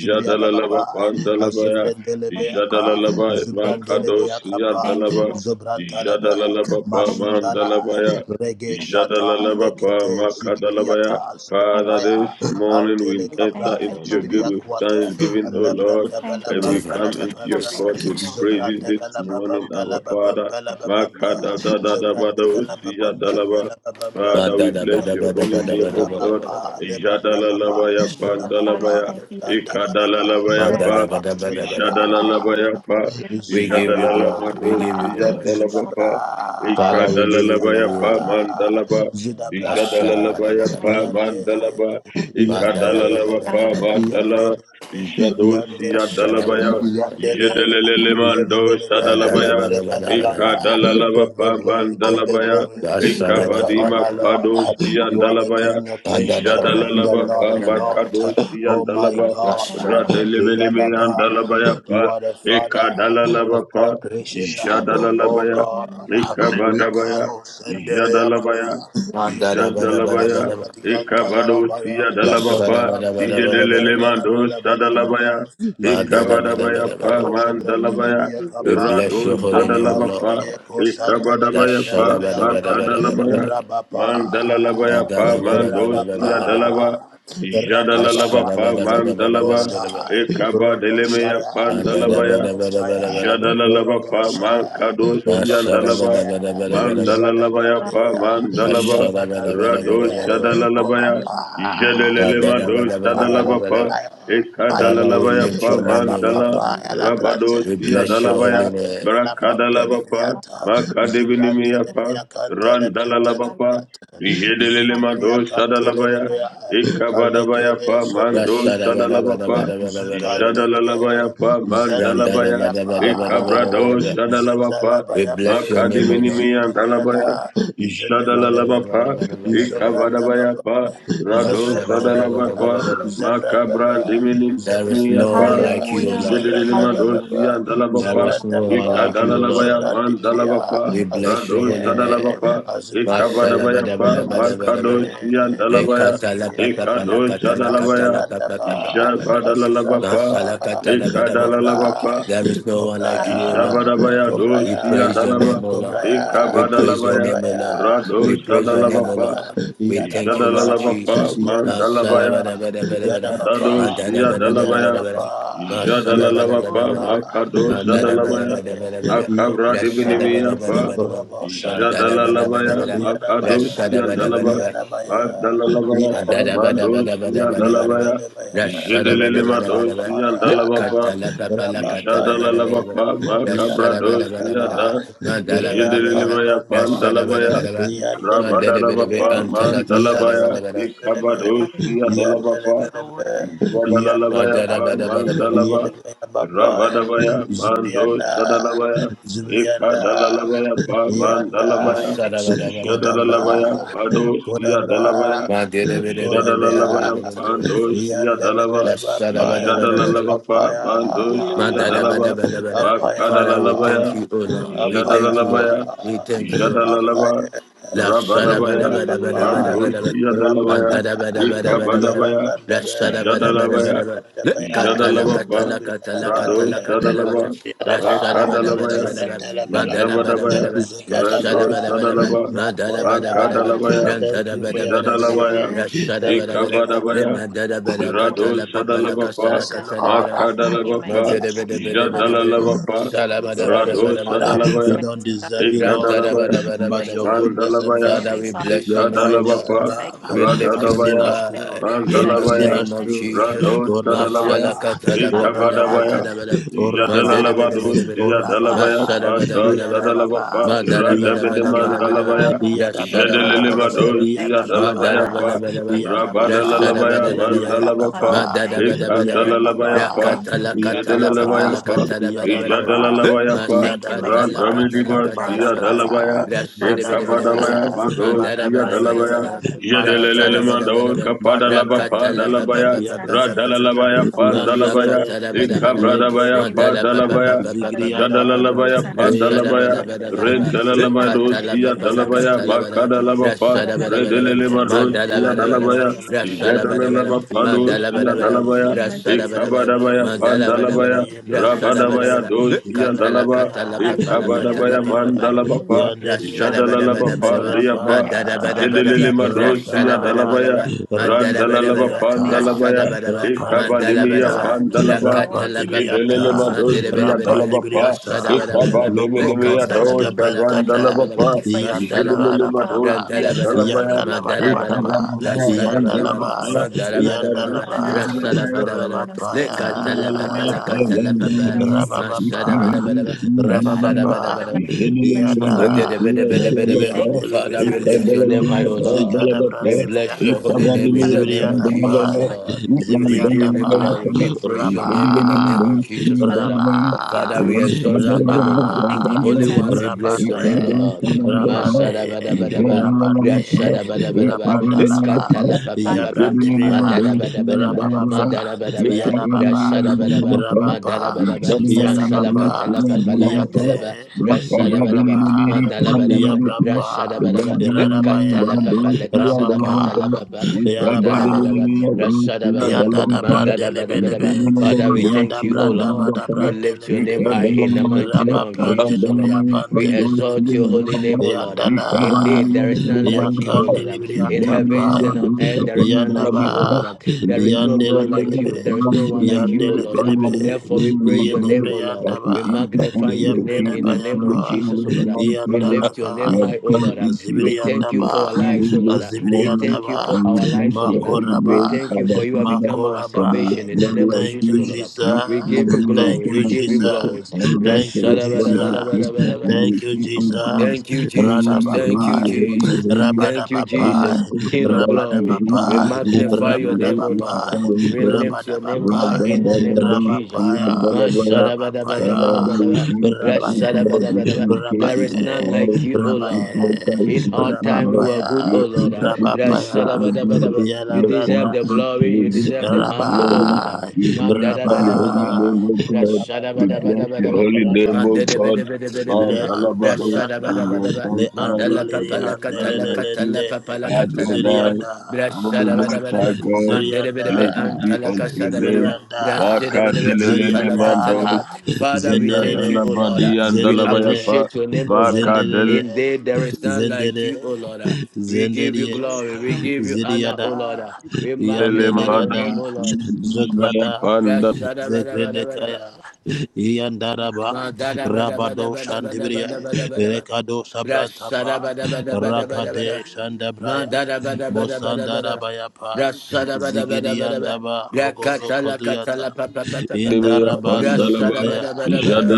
[SPEAKER 6] you,
[SPEAKER 5] Jadalalabapandalabaya
[SPEAKER 6] Jesus. Thank you, Jesus.
[SPEAKER 5] Jadalalaba
[SPEAKER 6] Thank you,
[SPEAKER 5] Makado
[SPEAKER 6] Lord. Thank you,
[SPEAKER 5] Siandalaba
[SPEAKER 6] Lord.
[SPEAKER 5] Jadalalabapa
[SPEAKER 6] Thank you, Jesus.
[SPEAKER 5] Mandalabaya
[SPEAKER 6] Thank you, Lord.
[SPEAKER 5] Jadalalabapa
[SPEAKER 6] Yeah.
[SPEAKER 5] Makadalabaya
[SPEAKER 6] Thank
[SPEAKER 5] Father,
[SPEAKER 6] you,
[SPEAKER 5] this
[SPEAKER 6] Lord.
[SPEAKER 5] morning we enter
[SPEAKER 6] Thank you,
[SPEAKER 5] into your
[SPEAKER 6] Lord.
[SPEAKER 5] gate with thanksgiving, O Lord.
[SPEAKER 6] Thank you,
[SPEAKER 5] And
[SPEAKER 6] Lord,
[SPEAKER 5] we
[SPEAKER 6] for,
[SPEAKER 5] come into
[SPEAKER 6] for
[SPEAKER 5] your court
[SPEAKER 6] breathing.
[SPEAKER 5] with
[SPEAKER 6] Thank
[SPEAKER 5] praises
[SPEAKER 6] you,
[SPEAKER 5] this
[SPEAKER 6] Lord, for
[SPEAKER 5] morning, our Father. Makadadadadabadawusiyadalaba. Father, we bless your holy name,
[SPEAKER 6] Thank you,
[SPEAKER 5] O
[SPEAKER 6] my
[SPEAKER 5] God. Jadalalabaya
[SPEAKER 6] Father God. I
[SPEAKER 5] pandalabaya.
[SPEAKER 6] Thank you for
[SPEAKER 5] Ikadalalabaya
[SPEAKER 6] Christ,
[SPEAKER 5] pa.
[SPEAKER 6] my Father God. I Thank
[SPEAKER 5] Jadalalabaya
[SPEAKER 6] you for
[SPEAKER 5] pa.
[SPEAKER 6] your my
[SPEAKER 7] you
[SPEAKER 6] prayers,
[SPEAKER 7] glory. We
[SPEAKER 6] Father
[SPEAKER 7] give
[SPEAKER 6] God.
[SPEAKER 7] you
[SPEAKER 6] I
[SPEAKER 7] glory.
[SPEAKER 6] Thank you
[SPEAKER 5] Jadalalabadosiyadalaba
[SPEAKER 6] for
[SPEAKER 5] pa.
[SPEAKER 6] that.
[SPEAKER 7] Father, we give you
[SPEAKER 5] Ikadalalabaya pa
[SPEAKER 7] glory,
[SPEAKER 5] mandalaba.
[SPEAKER 6] Father, thank
[SPEAKER 5] Jadalalabaya
[SPEAKER 6] you, my
[SPEAKER 5] pa
[SPEAKER 6] Father. God.
[SPEAKER 5] mandalaba.
[SPEAKER 6] Thank-
[SPEAKER 5] Ikadalalaba
[SPEAKER 6] Father
[SPEAKER 5] pa
[SPEAKER 6] God, I
[SPEAKER 7] Lord.
[SPEAKER 6] thank you for
[SPEAKER 5] mandala.
[SPEAKER 7] We
[SPEAKER 5] Jadosia
[SPEAKER 3] I
[SPEAKER 5] Dalabaya,
[SPEAKER 6] Father. God, Thank you.
[SPEAKER 5] Jedelelemando Sadalabaya, Eka Dalalava Paman
[SPEAKER 6] Father God, I
[SPEAKER 5] Dalabaya,
[SPEAKER 6] thank you.
[SPEAKER 5] Eka Badima Padosia
[SPEAKER 6] Father God, I
[SPEAKER 5] Dalabaya,
[SPEAKER 6] thank
[SPEAKER 5] Jadalalava Pama
[SPEAKER 6] you.
[SPEAKER 5] Kadosia
[SPEAKER 6] Father
[SPEAKER 5] Dalaba,
[SPEAKER 6] God, I thank you.
[SPEAKER 5] Radelemeleme
[SPEAKER 6] Lord.
[SPEAKER 5] and Dalabaya Pa, Eka Dalalava Pa,
[SPEAKER 6] In the name of Jesus'
[SPEAKER 5] Jadalalabaya,
[SPEAKER 6] in the name,
[SPEAKER 5] Eka Badabaya, Jadalabaya, Jadalabaya, Ekabados Fia
[SPEAKER 6] Lord, we
[SPEAKER 5] Dalabapa, Ijedelemandos
[SPEAKER 6] name and
[SPEAKER 5] Sadalabaya, Ekabadabaya Pa
[SPEAKER 6] Father, we
[SPEAKER 5] Mandalabaya,
[SPEAKER 6] rebuke it.
[SPEAKER 7] bless your
[SPEAKER 5] Rados
[SPEAKER 7] holy
[SPEAKER 6] Father, the
[SPEAKER 7] name, O
[SPEAKER 5] Sadalabapa,
[SPEAKER 7] Lord.
[SPEAKER 6] Lord,
[SPEAKER 7] That's
[SPEAKER 5] Ekabadabaya Pa Makadalabaya, Mandalabaya Pa Mandos Fia Dalaba, Jadalalaba Pa Mandalaba, Ekabadelemeya Pandalabaya, Jadalalaba Pa Makados Fia Dalaba, Mandalabaya Pa Mandalaba, Rado
[SPEAKER 7] Yashadabadabadabadabada.
[SPEAKER 5] Shadalalabaya,
[SPEAKER 6] hallelujah, hallelujah, hallelujah, hallelujah,
[SPEAKER 5] Jadelelemado Shadalabapa,
[SPEAKER 7] Badadabadabadabadabada. Father, we
[SPEAKER 5] Ekadalalabaya
[SPEAKER 7] lift
[SPEAKER 5] Pa
[SPEAKER 7] your name, O Lord.
[SPEAKER 5] Mandala,
[SPEAKER 6] hallelujah.
[SPEAKER 5] Rabado
[SPEAKER 7] We bless your holy
[SPEAKER 5] Siadalabaya,
[SPEAKER 7] name.
[SPEAKER 6] Thank you, Jesus.
[SPEAKER 5] Brakadalabapa,
[SPEAKER 6] Father, God,
[SPEAKER 5] Makadevinimiapa, Randalalabapa, Jedelelemado
[SPEAKER 6] hallelujah, Father,
[SPEAKER 5] Shadalabaya,
[SPEAKER 6] Father.
[SPEAKER 5] Ekabadabaya Pa Mando Shadalabapa,
[SPEAKER 7] Rashadabadabadabadabadabadabada.
[SPEAKER 5] Jadalalabaya Pa Mandalabaya, Ekabrado
[SPEAKER 7] Randadabadabadabadabadabada.
[SPEAKER 5] Shadalabapa,
[SPEAKER 7] We bless your name, O Lord.
[SPEAKER 5] Makadevinimiandalabaya, Jadalalabapa,
[SPEAKER 7] Randadabadabadabadabadabada.
[SPEAKER 5] Ikavadabayapa, Rado Sadalabapa,
[SPEAKER 7] Rashadabadabadabadabada.
[SPEAKER 5] Makabra
[SPEAKER 7] There is no one
[SPEAKER 5] Diminimiapa,
[SPEAKER 7] like you, O
[SPEAKER 6] Hallelujah,
[SPEAKER 7] Lord.
[SPEAKER 6] hallelujah.
[SPEAKER 5] Jidilimadosia
[SPEAKER 7] There
[SPEAKER 5] Dalabapa,
[SPEAKER 7] is no one like you, O
[SPEAKER 5] Ikadalabaya
[SPEAKER 7] Lord.
[SPEAKER 6] Father,
[SPEAKER 5] Mandalabapa,
[SPEAKER 7] We bless your
[SPEAKER 5] Rado
[SPEAKER 7] holy name.
[SPEAKER 5] Sadalabapa,
[SPEAKER 6] God,
[SPEAKER 7] Masala bada bada
[SPEAKER 5] Ikavadabayapa,
[SPEAKER 7] bada bada bada.
[SPEAKER 5] Makadosia
[SPEAKER 7] Le
[SPEAKER 5] Dalabaya,
[SPEAKER 7] katala papa pala
[SPEAKER 5] Ikado
[SPEAKER 7] katala
[SPEAKER 5] Sadalabaya,
[SPEAKER 7] katala papa papa papa papa.
[SPEAKER 5] Jabadalabapa,
[SPEAKER 7] Masala katala bada bada bada.
[SPEAKER 5] Ikadalabapa,
[SPEAKER 7] There is no one like you, O
[SPEAKER 5] Jabadabaya
[SPEAKER 7] Lord. We
[SPEAKER 5] Dosia
[SPEAKER 7] praise your
[SPEAKER 6] hallelujah,
[SPEAKER 7] name,
[SPEAKER 5] Dalaba,
[SPEAKER 7] O Lord. We praise your
[SPEAKER 5] Ikavadalabaya,
[SPEAKER 7] name, O Lord.
[SPEAKER 5] Rado
[SPEAKER 7] We praise your name,
[SPEAKER 6] Jesus,
[SPEAKER 7] O
[SPEAKER 5] Sadalabapa,
[SPEAKER 7] Lord. We thank you, Lord
[SPEAKER 5] Jadalalabapa,
[SPEAKER 7] Jesus. Masala
[SPEAKER 5] Mandalabaya,
[SPEAKER 7] bada bada bada bada.
[SPEAKER 5] Ekadado,
[SPEAKER 7] Mandada
[SPEAKER 5] Sia
[SPEAKER 7] bada bada bada
[SPEAKER 5] Dalabaya,
[SPEAKER 7] bada. Masala bada
[SPEAKER 6] Lord,
[SPEAKER 7] bada
[SPEAKER 5] Jadalalabapa,
[SPEAKER 7] bada bada.
[SPEAKER 5] Makado,
[SPEAKER 7] Ma da da
[SPEAKER 6] God,
[SPEAKER 7] ba da ba
[SPEAKER 5] Sadalabaya,
[SPEAKER 7] da
[SPEAKER 6] we thank you,
[SPEAKER 7] ba da ba da.
[SPEAKER 5] Makabra
[SPEAKER 7] Brasha da ba da ba da
[SPEAKER 5] Divinimiapa,
[SPEAKER 7] ba da ba. Ma da da ba da ba da ba
[SPEAKER 5] Jadalalabaya,
[SPEAKER 7] da.
[SPEAKER 5] Makado,
[SPEAKER 6] Father,
[SPEAKER 7] Brasha da
[SPEAKER 5] Sia
[SPEAKER 7] ba da ba da
[SPEAKER 6] we
[SPEAKER 5] Dalaba,
[SPEAKER 7] ba.
[SPEAKER 6] thank
[SPEAKER 5] Madalalabaya,
[SPEAKER 7] Ma
[SPEAKER 5] Pa
[SPEAKER 7] da da ba da ba
[SPEAKER 5] Mado,
[SPEAKER 7] da ba da
[SPEAKER 5] Sia
[SPEAKER 7] ba da ba da ba.
[SPEAKER 5] Dalabaya,
[SPEAKER 7] Brasha da
[SPEAKER 6] you.
[SPEAKER 7] ba da ba da ba
[SPEAKER 5] Jedelelemado,
[SPEAKER 7] da ba.
[SPEAKER 5] Sia
[SPEAKER 7] Le kata
[SPEAKER 5] Dalabapa,
[SPEAKER 7] la pa pa la kata da ba da ba da ba.
[SPEAKER 5] Jadalalabapa,
[SPEAKER 7] Brasha
[SPEAKER 5] Makabra,
[SPEAKER 7] da ba da ba da ba
[SPEAKER 5] Sia
[SPEAKER 7] da ba.
[SPEAKER 5] Da,
[SPEAKER 7] Ma da la ba da ba da ba.
[SPEAKER 5] Jedelelemaya,
[SPEAKER 7] Brasha da ba da
[SPEAKER 5] Pandalabaya,
[SPEAKER 7] ba da ba. Ma da da ba da ba.
[SPEAKER 6] Father,
[SPEAKER 5] Rabadalabapa,
[SPEAKER 6] we
[SPEAKER 7] Anta la ka sha da
[SPEAKER 6] thank
[SPEAKER 7] ba
[SPEAKER 5] Mandalabaya,
[SPEAKER 7] da
[SPEAKER 6] you.
[SPEAKER 7] ba da.
[SPEAKER 5] Ikabadosia
[SPEAKER 6] Hallelujah. You
[SPEAKER 5] Dalabapa,
[SPEAKER 6] are worthy, God.
[SPEAKER 7] Ma da da
[SPEAKER 6] Father,
[SPEAKER 7] ba
[SPEAKER 5] Vadalabayapa,
[SPEAKER 7] da ba da ba da.
[SPEAKER 6] that
[SPEAKER 5] Mandalaba,
[SPEAKER 6] Jesus, Father, God,
[SPEAKER 5] Rabadabaya,
[SPEAKER 6] thank
[SPEAKER 5] Mando
[SPEAKER 6] you, God. Thank
[SPEAKER 5] Sadalabaya,
[SPEAKER 6] you, Jesus.
[SPEAKER 5] Ikadalabayapa,
[SPEAKER 6] Father, God,
[SPEAKER 7] Ma
[SPEAKER 6] save
[SPEAKER 5] Mandalabaya,
[SPEAKER 6] the
[SPEAKER 7] sha da
[SPEAKER 6] rich
[SPEAKER 7] ba da ba da ba da ba da
[SPEAKER 5] Jadalabaya,
[SPEAKER 7] ba da.
[SPEAKER 6] life,
[SPEAKER 5] Pado Sia
[SPEAKER 6] God.
[SPEAKER 5] Dalabaya,
[SPEAKER 7] Ma da da ba da ba da ba da
[SPEAKER 6] Thank you,
[SPEAKER 5] Jadalabaya,
[SPEAKER 7] ba da ba da.
[SPEAKER 5] Pando
[SPEAKER 6] Jesus.
[SPEAKER 5] Sia Dalaba,
[SPEAKER 7] Father, we
[SPEAKER 5] Jadalalabapa, Mando Sia
[SPEAKER 6] Hallelujah.
[SPEAKER 5] Dalaba,
[SPEAKER 7] thank
[SPEAKER 5] Bakadalabaya,
[SPEAKER 7] you, O Lord. We
[SPEAKER 6] Hallelujah.
[SPEAKER 7] thank you, O
[SPEAKER 5] Jadalalabaya,
[SPEAKER 7] Lord. We thank you, O Lord.
[SPEAKER 5] Jadalalaba,
[SPEAKER 7] La shada bada
[SPEAKER 5] Rabadabaya,
[SPEAKER 7] bada bada
[SPEAKER 6] Hallelujah.
[SPEAKER 7] bada
[SPEAKER 5] Mandos
[SPEAKER 7] bada bada.
[SPEAKER 5] Yadalabaya,
[SPEAKER 7] Mandada bada bada bada bada bada.
[SPEAKER 5] Rikabadabaya,
[SPEAKER 7] La shada bada
[SPEAKER 6] Hallelujah.
[SPEAKER 7] bada
[SPEAKER 5] Jadalabaya,
[SPEAKER 7] bada bada. La katala
[SPEAKER 6] Hallelujah.
[SPEAKER 5] Jadalavapa,
[SPEAKER 7] katala katala
[SPEAKER 6] Father,
[SPEAKER 5] Brado
[SPEAKER 7] katala katala bada.
[SPEAKER 5] Sadalava,
[SPEAKER 7] La shada bada
[SPEAKER 6] I
[SPEAKER 7] bada
[SPEAKER 5] Makadalabaya,
[SPEAKER 6] bless
[SPEAKER 7] bada
[SPEAKER 6] your
[SPEAKER 7] bada.
[SPEAKER 6] name,
[SPEAKER 7] Mandada
[SPEAKER 6] God.
[SPEAKER 7] bada
[SPEAKER 6] Father,
[SPEAKER 7] bada
[SPEAKER 5] Jabadabaya,
[SPEAKER 7] bada.
[SPEAKER 6] God,
[SPEAKER 7] La
[SPEAKER 6] we
[SPEAKER 5] Rando
[SPEAKER 7] shada
[SPEAKER 6] thank you,
[SPEAKER 7] bada bada bada.
[SPEAKER 5] Sadalava,
[SPEAKER 6] God.
[SPEAKER 7] Mandada bada bada
[SPEAKER 6] Father
[SPEAKER 7] bada.
[SPEAKER 6] God, I
[SPEAKER 5] Makadalabaya,
[SPEAKER 6] worship
[SPEAKER 7] Brandada
[SPEAKER 6] you.
[SPEAKER 7] bada bada bada
[SPEAKER 6] I
[SPEAKER 7] bada.
[SPEAKER 5] Jadalavaya,
[SPEAKER 7] La
[SPEAKER 6] worship you,
[SPEAKER 7] shada bada
[SPEAKER 6] my
[SPEAKER 7] bada.
[SPEAKER 6] God.
[SPEAKER 7] Le
[SPEAKER 5] Rikabadabaya,
[SPEAKER 6] Father God,
[SPEAKER 7] mandada bada
[SPEAKER 6] you are
[SPEAKER 5] Rado
[SPEAKER 7] katala papala
[SPEAKER 5] Sadalavapa,
[SPEAKER 7] kasala
[SPEAKER 6] God.
[SPEAKER 7] katala bada.
[SPEAKER 6] Almighty
[SPEAKER 5] Makadalavapa,
[SPEAKER 7] Mandada
[SPEAKER 6] God.
[SPEAKER 7] bada bada bada
[SPEAKER 6] Father
[SPEAKER 7] bada.
[SPEAKER 5] Jadalavapa,
[SPEAKER 6] God,
[SPEAKER 7] Shala
[SPEAKER 6] Jesus,
[SPEAKER 7] bada bada
[SPEAKER 6] at
[SPEAKER 5] Rado
[SPEAKER 7] bada bada.
[SPEAKER 5] Sadalavaya,
[SPEAKER 6] mighty God. Jesus'
[SPEAKER 5] Ekadalabaya,
[SPEAKER 6] mighty
[SPEAKER 7] Grantadabadabadabadabada.
[SPEAKER 6] name.
[SPEAKER 5] Mandalabaya,
[SPEAKER 7] Father,
[SPEAKER 6] Heavenly
[SPEAKER 7] we
[SPEAKER 6] Father,
[SPEAKER 7] bless your
[SPEAKER 6] in the name
[SPEAKER 7] name, O
[SPEAKER 6] of
[SPEAKER 7] Lord.
[SPEAKER 5] Ekadalabapa,
[SPEAKER 6] Jesus, I give
[SPEAKER 7] We
[SPEAKER 6] you
[SPEAKER 7] lift your
[SPEAKER 6] thanks.
[SPEAKER 7] name
[SPEAKER 5] Radadabaya,
[SPEAKER 6] Heavenly
[SPEAKER 7] high in
[SPEAKER 6] Father,
[SPEAKER 7] the
[SPEAKER 6] in the
[SPEAKER 5] Mandalabaya,
[SPEAKER 6] name
[SPEAKER 7] name
[SPEAKER 6] of
[SPEAKER 7] of
[SPEAKER 6] Jesus, I
[SPEAKER 7] Jesus.
[SPEAKER 6] give you
[SPEAKER 5] Radosadalabaya,
[SPEAKER 6] thanks. Father God, in the
[SPEAKER 5] Ekabadabaya,
[SPEAKER 6] name of
[SPEAKER 7] Mashalakatalapapalakatadabada.
[SPEAKER 6] Jesus, I give you
[SPEAKER 5] Yadalabados,
[SPEAKER 6] thanks.
[SPEAKER 7] Madadabadabadabada.
[SPEAKER 6] Father
[SPEAKER 5] Yadalabaya,
[SPEAKER 6] God, heaven, in
[SPEAKER 7] Mashadabadabadabada.
[SPEAKER 6] the name of
[SPEAKER 5] Padasadalabapa,
[SPEAKER 6] Jesus, I give you
[SPEAKER 5] Radabede
[SPEAKER 6] thanks. Heavenly
[SPEAKER 7] Madadabadabadabadabada.
[SPEAKER 5] Mandalabaya,
[SPEAKER 6] Father, in the name of Jesus,
[SPEAKER 5] Yadalabados,
[SPEAKER 7] Yashadabadabadabadabada.
[SPEAKER 6] I give you
[SPEAKER 5] Yadalabaya, Pa,
[SPEAKER 6] thanks.
[SPEAKER 7] Madadabadabadabada.
[SPEAKER 6] I give you thanks, my
[SPEAKER 5] Rabadalabaya,
[SPEAKER 7] Yashadabadabadabada.
[SPEAKER 5] Mandalabapa,
[SPEAKER 6] Father. Thank you.
[SPEAKER 7] Madadabadabadabada.
[SPEAKER 6] Thank you,
[SPEAKER 5] Ekadalabaya,
[SPEAKER 6] Lord. Thank you, Holy Spirit. Thank you,
[SPEAKER 5] Pa,
[SPEAKER 6] Jesus. Thank you,
[SPEAKER 7] Rakatalakatalapapalakatadabadabada.
[SPEAKER 6] Father.
[SPEAKER 5] Ijadalalabaya fa
[SPEAKER 6] Thank you,
[SPEAKER 7] Masakata
[SPEAKER 6] mighty God,
[SPEAKER 7] lakata
[SPEAKER 6] for the
[SPEAKER 5] Randaminibas
[SPEAKER 7] lakata
[SPEAKER 5] Sia
[SPEAKER 6] cross,
[SPEAKER 7] labadaba.
[SPEAKER 6] mighty
[SPEAKER 5] Dalabaya
[SPEAKER 6] God, for the
[SPEAKER 7] Brashede bede bede bede
[SPEAKER 6] sacrifice
[SPEAKER 7] bede.
[SPEAKER 6] that
[SPEAKER 5] Ekabadabaya
[SPEAKER 6] was made on
[SPEAKER 5] Mando
[SPEAKER 7] Madara
[SPEAKER 6] the
[SPEAKER 5] Sia
[SPEAKER 7] bada
[SPEAKER 6] cross,
[SPEAKER 7] bada
[SPEAKER 6] mighty
[SPEAKER 7] bada
[SPEAKER 5] Dalabaya
[SPEAKER 7] bada.
[SPEAKER 6] God. I give you
[SPEAKER 5] Jedelele
[SPEAKER 7] Brashada
[SPEAKER 6] thanks,
[SPEAKER 7] bada
[SPEAKER 6] mighty
[SPEAKER 7] bada
[SPEAKER 5] Mando
[SPEAKER 6] God.
[SPEAKER 7] bada.
[SPEAKER 5] Kapada
[SPEAKER 6] Father,
[SPEAKER 5] Labapa
[SPEAKER 7] Brakata
[SPEAKER 6] God,
[SPEAKER 7] la
[SPEAKER 6] I
[SPEAKER 7] pa
[SPEAKER 6] give
[SPEAKER 7] pa
[SPEAKER 5] Dalabaya
[SPEAKER 6] you
[SPEAKER 7] pa pa pa
[SPEAKER 6] thanks,
[SPEAKER 7] pa pa
[SPEAKER 6] mighty
[SPEAKER 7] pa pa.
[SPEAKER 6] God,
[SPEAKER 5] Radalalabaya
[SPEAKER 6] for the grace and
[SPEAKER 5] Pandalabaya
[SPEAKER 7] Masakata la
[SPEAKER 6] mercy
[SPEAKER 7] bada
[SPEAKER 6] that
[SPEAKER 7] bada
[SPEAKER 6] set
[SPEAKER 7] bada.
[SPEAKER 6] me
[SPEAKER 5] Ikabradabaya
[SPEAKER 6] free,
[SPEAKER 7] Madala
[SPEAKER 6] mighty
[SPEAKER 7] pa pa
[SPEAKER 6] God.
[SPEAKER 7] pa
[SPEAKER 5] Pandalabaya
[SPEAKER 7] pa pa
[SPEAKER 6] Father,
[SPEAKER 7] pa
[SPEAKER 6] God,
[SPEAKER 7] pa
[SPEAKER 6] I
[SPEAKER 7] pa
[SPEAKER 6] give
[SPEAKER 7] pa
[SPEAKER 6] you
[SPEAKER 5] Jadalalabaya
[SPEAKER 6] thanks,
[SPEAKER 7] pa.
[SPEAKER 6] mighty
[SPEAKER 7] Rashada
[SPEAKER 6] God,
[SPEAKER 5] Pandalabaya
[SPEAKER 6] for
[SPEAKER 7] bada
[SPEAKER 6] the
[SPEAKER 7] bada bada
[SPEAKER 6] fire.
[SPEAKER 7] ba.
[SPEAKER 6] Father, God, I
[SPEAKER 7] Katala
[SPEAKER 5] Rendalalamanosia
[SPEAKER 6] give you
[SPEAKER 7] papa la
[SPEAKER 6] thanks for
[SPEAKER 5] Dalabaya
[SPEAKER 7] katala bada.
[SPEAKER 6] the blood.
[SPEAKER 5] Bakadalamapa
[SPEAKER 7] Rashada
[SPEAKER 6] Father, God,
[SPEAKER 7] bada
[SPEAKER 6] I
[SPEAKER 7] bada
[SPEAKER 6] give
[SPEAKER 7] ba.
[SPEAKER 6] you thanks for the
[SPEAKER 7] Mandala
[SPEAKER 5] Redelemanosia
[SPEAKER 6] power
[SPEAKER 7] bada
[SPEAKER 6] that you
[SPEAKER 7] bada
[SPEAKER 6] have
[SPEAKER 7] ba.
[SPEAKER 5] Dalabaya
[SPEAKER 6] placed
[SPEAKER 7] Rashada
[SPEAKER 6] inside me,
[SPEAKER 7] bada bada.
[SPEAKER 6] mighty God.
[SPEAKER 7] Mandala
[SPEAKER 5] Jadalalapanosia
[SPEAKER 6] Father,
[SPEAKER 7] bada
[SPEAKER 6] God,
[SPEAKER 7] bada.
[SPEAKER 6] in the
[SPEAKER 5] Dalabaya
[SPEAKER 6] name of
[SPEAKER 7] Rashada
[SPEAKER 6] Jesus,
[SPEAKER 7] bada bada.
[SPEAKER 6] in the
[SPEAKER 5] Ikabadabaya
[SPEAKER 6] name of
[SPEAKER 7] Mandala
[SPEAKER 6] Jesus,
[SPEAKER 7] bada bada.
[SPEAKER 6] I
[SPEAKER 5] Pandalabaya
[SPEAKER 6] give you
[SPEAKER 7] Rashada
[SPEAKER 6] thanks, Holy
[SPEAKER 7] bada
[SPEAKER 6] Spirit.
[SPEAKER 5] Rabadabaya
[SPEAKER 7] bada.
[SPEAKER 5] Dosia
[SPEAKER 7] Katala
[SPEAKER 5] Dalaba
[SPEAKER 7] katala papa la
[SPEAKER 6] Hallelujah.
[SPEAKER 7] katala
[SPEAKER 5] Ikabadabaya
[SPEAKER 7] papa papa.
[SPEAKER 6] Hallelujah.
[SPEAKER 5] Mandalabapa
[SPEAKER 6] Mighty God,
[SPEAKER 7] Rasada
[SPEAKER 6] I give
[SPEAKER 7] Rasada
[SPEAKER 6] you thanks.
[SPEAKER 5] Jadalalabapa
[SPEAKER 7] Rasada Rasada bada
[SPEAKER 5] Deapa
[SPEAKER 6] I give
[SPEAKER 7] madada
[SPEAKER 6] you
[SPEAKER 7] bada bada
[SPEAKER 6] thanks. I
[SPEAKER 7] bada,
[SPEAKER 6] glorify
[SPEAKER 7] rasada
[SPEAKER 5] Jedelelemadosia
[SPEAKER 7] bada bada
[SPEAKER 5] Dalabaya
[SPEAKER 7] bada madada bada. bada
[SPEAKER 6] you,
[SPEAKER 5] Randalaba
[SPEAKER 7] bada
[SPEAKER 6] mighty God.
[SPEAKER 7] rasada
[SPEAKER 5] Pandalabaya,
[SPEAKER 7] bada, bada
[SPEAKER 6] Father God,
[SPEAKER 7] madada
[SPEAKER 6] thank you
[SPEAKER 7] bada
[SPEAKER 5] Ekabanimia
[SPEAKER 6] for
[SPEAKER 7] bada
[SPEAKER 6] healing
[SPEAKER 5] Pandalaba,
[SPEAKER 7] rakata la
[SPEAKER 6] powers.
[SPEAKER 7] pa pa pa,
[SPEAKER 6] Thank you
[SPEAKER 5] Jedelema
[SPEAKER 6] for
[SPEAKER 7] madada
[SPEAKER 6] healing.
[SPEAKER 7] bada.
[SPEAKER 5] Dosia
[SPEAKER 6] me,
[SPEAKER 7] bada bada,
[SPEAKER 6] God.
[SPEAKER 5] Dalabapa,
[SPEAKER 6] Thank you
[SPEAKER 7] masada
[SPEAKER 6] for
[SPEAKER 7] bada bada
[SPEAKER 6] healing.
[SPEAKER 7] bada.
[SPEAKER 6] Thank you
[SPEAKER 5] Ekabademinemia
[SPEAKER 7] lekata
[SPEAKER 6] for
[SPEAKER 7] la pa
[SPEAKER 6] healing
[SPEAKER 5] Dosha
[SPEAKER 7] pa
[SPEAKER 6] my
[SPEAKER 7] la kata
[SPEAKER 6] body.
[SPEAKER 7] la bada
[SPEAKER 6] Thank
[SPEAKER 5] Randalabapa,
[SPEAKER 6] you
[SPEAKER 7] bada,
[SPEAKER 6] for healing
[SPEAKER 7] masada bada bada
[SPEAKER 6] my
[SPEAKER 5] Jedelema
[SPEAKER 6] mother.
[SPEAKER 7] randada
[SPEAKER 5] Dosia
[SPEAKER 6] Thank you
[SPEAKER 7] bada
[SPEAKER 6] for
[SPEAKER 7] bada.
[SPEAKER 5] Dalabaya,
[SPEAKER 6] healing
[SPEAKER 7] madada
[SPEAKER 6] my
[SPEAKER 7] bada
[SPEAKER 6] child.
[SPEAKER 7] bada,
[SPEAKER 6] Thank you
[SPEAKER 5] Ekabadamaya
[SPEAKER 6] for
[SPEAKER 7] rasada bada
[SPEAKER 6] healing
[SPEAKER 7] bada.
[SPEAKER 6] me,
[SPEAKER 5] Mandalabapa,
[SPEAKER 6] mighty
[SPEAKER 7] madada
[SPEAKER 6] God.
[SPEAKER 7] bada bada, bada
[SPEAKER 6] Father
[SPEAKER 5] Ekarasia
[SPEAKER 6] God, thank you
[SPEAKER 7] rasada
[SPEAKER 5] Dalabaya,
[SPEAKER 6] for
[SPEAKER 7] bada, bada
[SPEAKER 6] healing
[SPEAKER 7] bada. Masada
[SPEAKER 6] us,
[SPEAKER 7] Masada Rashadabadabadabadaba, bada, Rashadabadabadaba, bada Rashadabadaba, Madadabadaba, Rakatalapapapa, Madadabadabadaba, Mashadabadabadaba, Lekatalapapa, Lakatalabalaba, Mashadabadaba, Randadabadaba, Madadabadaba, bada. Madadabadabadaba,
[SPEAKER 6] mighty
[SPEAKER 5] Thank
[SPEAKER 6] God. Father God, thank you for taking away sickness
[SPEAKER 7] bada Lekatalapapa,
[SPEAKER 6] God.
[SPEAKER 7] Lakatalapapa, bada
[SPEAKER 6] Father
[SPEAKER 7] bada.
[SPEAKER 6] God, in the name of Jesus,
[SPEAKER 7] My
[SPEAKER 6] I am healed and I give you
[SPEAKER 7] Father, we
[SPEAKER 6] thanks,
[SPEAKER 7] lift your
[SPEAKER 6] mighty
[SPEAKER 7] name
[SPEAKER 6] God,
[SPEAKER 7] high, O
[SPEAKER 6] for your
[SPEAKER 7] Lord.
[SPEAKER 6] healing
[SPEAKER 7] We
[SPEAKER 6] mercies,
[SPEAKER 7] bless
[SPEAKER 6] mighty
[SPEAKER 7] your
[SPEAKER 6] God.
[SPEAKER 7] holy name in
[SPEAKER 6] Father
[SPEAKER 7] the
[SPEAKER 6] God,
[SPEAKER 7] name
[SPEAKER 6] I
[SPEAKER 7] of
[SPEAKER 6] pray to
[SPEAKER 7] Jesus,
[SPEAKER 6] you
[SPEAKER 7] O
[SPEAKER 6] for your
[SPEAKER 7] Lord.
[SPEAKER 6] healing
[SPEAKER 7] We
[SPEAKER 6] mercies,
[SPEAKER 7] give you
[SPEAKER 6] mighty God,
[SPEAKER 7] glory.
[SPEAKER 6] and you
[SPEAKER 7] We
[SPEAKER 6] have
[SPEAKER 7] praise
[SPEAKER 6] healed
[SPEAKER 7] your
[SPEAKER 6] me,
[SPEAKER 7] name in the
[SPEAKER 6] mighty God.
[SPEAKER 7] name of Jesus, O
[SPEAKER 6] Father,
[SPEAKER 7] Lord.
[SPEAKER 6] I give you
[SPEAKER 7] Father, we
[SPEAKER 6] thanks,
[SPEAKER 7] exalt
[SPEAKER 6] mighty
[SPEAKER 7] your
[SPEAKER 6] God.
[SPEAKER 7] name, O Lord.
[SPEAKER 6] I give you
[SPEAKER 7] Holy One,
[SPEAKER 6] thanks,
[SPEAKER 7] we
[SPEAKER 6] Holy
[SPEAKER 7] bless your
[SPEAKER 6] Spirit.
[SPEAKER 7] name, O Lord.
[SPEAKER 6] Cover me, O Lord,
[SPEAKER 7] Masada
[SPEAKER 6] cover
[SPEAKER 7] bada
[SPEAKER 6] me,
[SPEAKER 7] bada ba,
[SPEAKER 6] mighty God.
[SPEAKER 7] brashada
[SPEAKER 6] Fill
[SPEAKER 7] bada
[SPEAKER 6] me
[SPEAKER 7] bada
[SPEAKER 6] with the
[SPEAKER 7] ba,
[SPEAKER 6] Holy Spirit.
[SPEAKER 7] lekatala papa papa,
[SPEAKER 6] Hallelujah, Father, I
[SPEAKER 7] mandada bada
[SPEAKER 6] give you
[SPEAKER 7] bada ba,
[SPEAKER 6] thanks.
[SPEAKER 5] you.
[SPEAKER 6] I
[SPEAKER 7] mandada
[SPEAKER 6] give you thanks.
[SPEAKER 7] bada
[SPEAKER 5] Thank
[SPEAKER 7] bada, brashada bada ba,
[SPEAKER 6] In
[SPEAKER 7] mandada
[SPEAKER 6] the name
[SPEAKER 7] bada
[SPEAKER 6] of
[SPEAKER 7] ba,
[SPEAKER 6] Jesus, I
[SPEAKER 7] brashala
[SPEAKER 6] humble
[SPEAKER 7] katala
[SPEAKER 6] myself,
[SPEAKER 7] papa la
[SPEAKER 6] I
[SPEAKER 7] katala
[SPEAKER 6] give
[SPEAKER 7] ba, brashada bada ba,
[SPEAKER 6] you
[SPEAKER 7] mandala
[SPEAKER 6] thanks.
[SPEAKER 7] bada bada, brashada bada ba, lekatala papa lekasala katala papa, mandada bada ba,
[SPEAKER 6] Hallelujah.
[SPEAKER 7] brashada bada ba,
[SPEAKER 6] Hallelujah.
[SPEAKER 7] mandada bada bada ba. Father, we
[SPEAKER 6] Hallelujah.
[SPEAKER 7] thank you, O Lord. We lift your name high in the mighty name of Jesus, O Lord. We exalt your holy name, O
[SPEAKER 5] you.
[SPEAKER 7] Lord.
[SPEAKER 5] As
[SPEAKER 7] Uh,
[SPEAKER 5] We enter
[SPEAKER 7] Indeed, there is
[SPEAKER 5] into
[SPEAKER 7] none
[SPEAKER 5] your camp
[SPEAKER 7] like
[SPEAKER 5] with
[SPEAKER 7] you, O Lord. Um,
[SPEAKER 5] thanksgiving,
[SPEAKER 7] In
[SPEAKER 5] Lord,
[SPEAKER 7] heavens
[SPEAKER 5] Father,
[SPEAKER 7] and on
[SPEAKER 5] we
[SPEAKER 7] earth,
[SPEAKER 5] have
[SPEAKER 7] there is none like you, O Lord. Um, There is no God like you. There is no one like you, O Lord. Uh, Therefore, we praise your name, O Lord. We magnify your name in the name of Jesus, O Lord. Uh, We lift your name high, O
[SPEAKER 5] come
[SPEAKER 7] Lord. Uh,
[SPEAKER 5] into your
[SPEAKER 7] We
[SPEAKER 5] court
[SPEAKER 7] thank you
[SPEAKER 5] with
[SPEAKER 7] for our
[SPEAKER 5] praise
[SPEAKER 7] lives, O Lord.
[SPEAKER 5] this
[SPEAKER 7] Uh, We
[SPEAKER 5] morning,
[SPEAKER 7] thank you for
[SPEAKER 5] and we
[SPEAKER 7] our lives, O
[SPEAKER 5] bless
[SPEAKER 7] Lord.
[SPEAKER 5] your
[SPEAKER 7] Uh,
[SPEAKER 5] holy
[SPEAKER 7] We
[SPEAKER 5] name,
[SPEAKER 7] thank you
[SPEAKER 5] our
[SPEAKER 7] for you have
[SPEAKER 5] Father,
[SPEAKER 7] become our
[SPEAKER 5] for there is
[SPEAKER 7] salvation in the
[SPEAKER 5] none
[SPEAKER 7] name of
[SPEAKER 5] like
[SPEAKER 7] Jesus, O
[SPEAKER 5] you.
[SPEAKER 7] Lord. Uh,
[SPEAKER 5] Yes,
[SPEAKER 7] We
[SPEAKER 5] Lord,
[SPEAKER 7] give you
[SPEAKER 5] we
[SPEAKER 7] glory.
[SPEAKER 5] join
[SPEAKER 7] We
[SPEAKER 5] us
[SPEAKER 7] give
[SPEAKER 5] in
[SPEAKER 7] you
[SPEAKER 5] the court
[SPEAKER 7] glory.
[SPEAKER 5] loudness and the flooding of greatness, and we say, Oh God,
[SPEAKER 7] Thank you,
[SPEAKER 5] holy,
[SPEAKER 7] Jesus. Thank you,
[SPEAKER 5] holy, holy,
[SPEAKER 7] Jesus.
[SPEAKER 5] holy.
[SPEAKER 7] Thank you,
[SPEAKER 5] And my
[SPEAKER 7] Jesus.
[SPEAKER 5] God, we
[SPEAKER 7] King of
[SPEAKER 5] like you,
[SPEAKER 7] glory,
[SPEAKER 5] who
[SPEAKER 7] we
[SPEAKER 5] is Lord,
[SPEAKER 7] magnify
[SPEAKER 5] and
[SPEAKER 7] your name,
[SPEAKER 5] who
[SPEAKER 7] O
[SPEAKER 5] is to
[SPEAKER 7] Lord.
[SPEAKER 5] come, O
[SPEAKER 7] We
[SPEAKER 5] God.
[SPEAKER 7] lift your name high in the name of
[SPEAKER 5] Ra-da-da-da-da,
[SPEAKER 7] Jesus.
[SPEAKER 5] Sia-da-da-da-da. Father, we
[SPEAKER 7] Mashadabadabadabadabadaba.
[SPEAKER 5] enter, O God, into
[SPEAKER 7] Blessadabadabadaba.
[SPEAKER 5] your gate
[SPEAKER 7] There
[SPEAKER 5] with
[SPEAKER 7] is
[SPEAKER 5] a
[SPEAKER 7] none like you, O
[SPEAKER 5] triumphant, O
[SPEAKER 7] Lord.
[SPEAKER 5] God,
[SPEAKER 7] In all
[SPEAKER 5] thanksgiving, O
[SPEAKER 7] time,
[SPEAKER 5] Lord.
[SPEAKER 7] you are good,
[SPEAKER 5] We
[SPEAKER 7] O Lord.
[SPEAKER 5] enter into your God, O God,
[SPEAKER 7] Blessadabadabadaba. You
[SPEAKER 5] with a
[SPEAKER 7] deserve the
[SPEAKER 5] triumphant
[SPEAKER 7] glory, you
[SPEAKER 5] praises
[SPEAKER 7] deserve the
[SPEAKER 5] this
[SPEAKER 7] honor, O
[SPEAKER 5] morning.
[SPEAKER 7] Lord.
[SPEAKER 5] We glorify your holy
[SPEAKER 7] Madadabadabadaba.
[SPEAKER 5] name, O God. We bless your
[SPEAKER 7] Blessadabadabadabadaba.
[SPEAKER 5] holy name, O God. Lord,
[SPEAKER 7] Mandedebedebedebedebe.
[SPEAKER 5] all about those in your
[SPEAKER 7] Brashadabadabadaba.
[SPEAKER 5] sanctuary,
[SPEAKER 7] Mandala
[SPEAKER 5] for there is
[SPEAKER 7] papala
[SPEAKER 5] none
[SPEAKER 7] katala
[SPEAKER 5] like you.
[SPEAKER 7] katala papala katadabadaba.
[SPEAKER 5] Adonai, O Most High
[SPEAKER 7] Brashadabadabadaba.
[SPEAKER 5] God,
[SPEAKER 7] Mandedebedebe
[SPEAKER 5] blessed be
[SPEAKER 7] antala
[SPEAKER 5] unto your
[SPEAKER 7] kasadabadaba.
[SPEAKER 5] name. Maka
[SPEAKER 7] Brashedebedebe
[SPEAKER 5] delelele
[SPEAKER 7] antala
[SPEAKER 5] mando
[SPEAKER 7] katalaba. Father, we
[SPEAKER 5] Iya
[SPEAKER 7] thank you, O Lord.
[SPEAKER 5] dalabadi and
[SPEAKER 7] We
[SPEAKER 5] dalabayapa.
[SPEAKER 7] appreciate your name, O Lord.
[SPEAKER 5] Maka delele
[SPEAKER 7] Indeed, there is none like you, O Lord. We give you glory. We give you honor, O Lord. We magnify your name, O Lord.
[SPEAKER 3] am
[SPEAKER 5] madan.
[SPEAKER 7] Brashada baraba.
[SPEAKER 3] Thank you.
[SPEAKER 7] Ma da da ba da ba da ba da ba da ba da ba da ba da ba. Brassa da ba da ba da ba da ba da ba da. Ma da da ba da ba da ba da ba da. Brassa da ba da ba da ba da ba. Ya kata la kata la pa pa pa pa pa pa.
[SPEAKER 5] Demeya
[SPEAKER 7] Brassa
[SPEAKER 5] Pandalaba,
[SPEAKER 7] da ba da ba da ba da ba.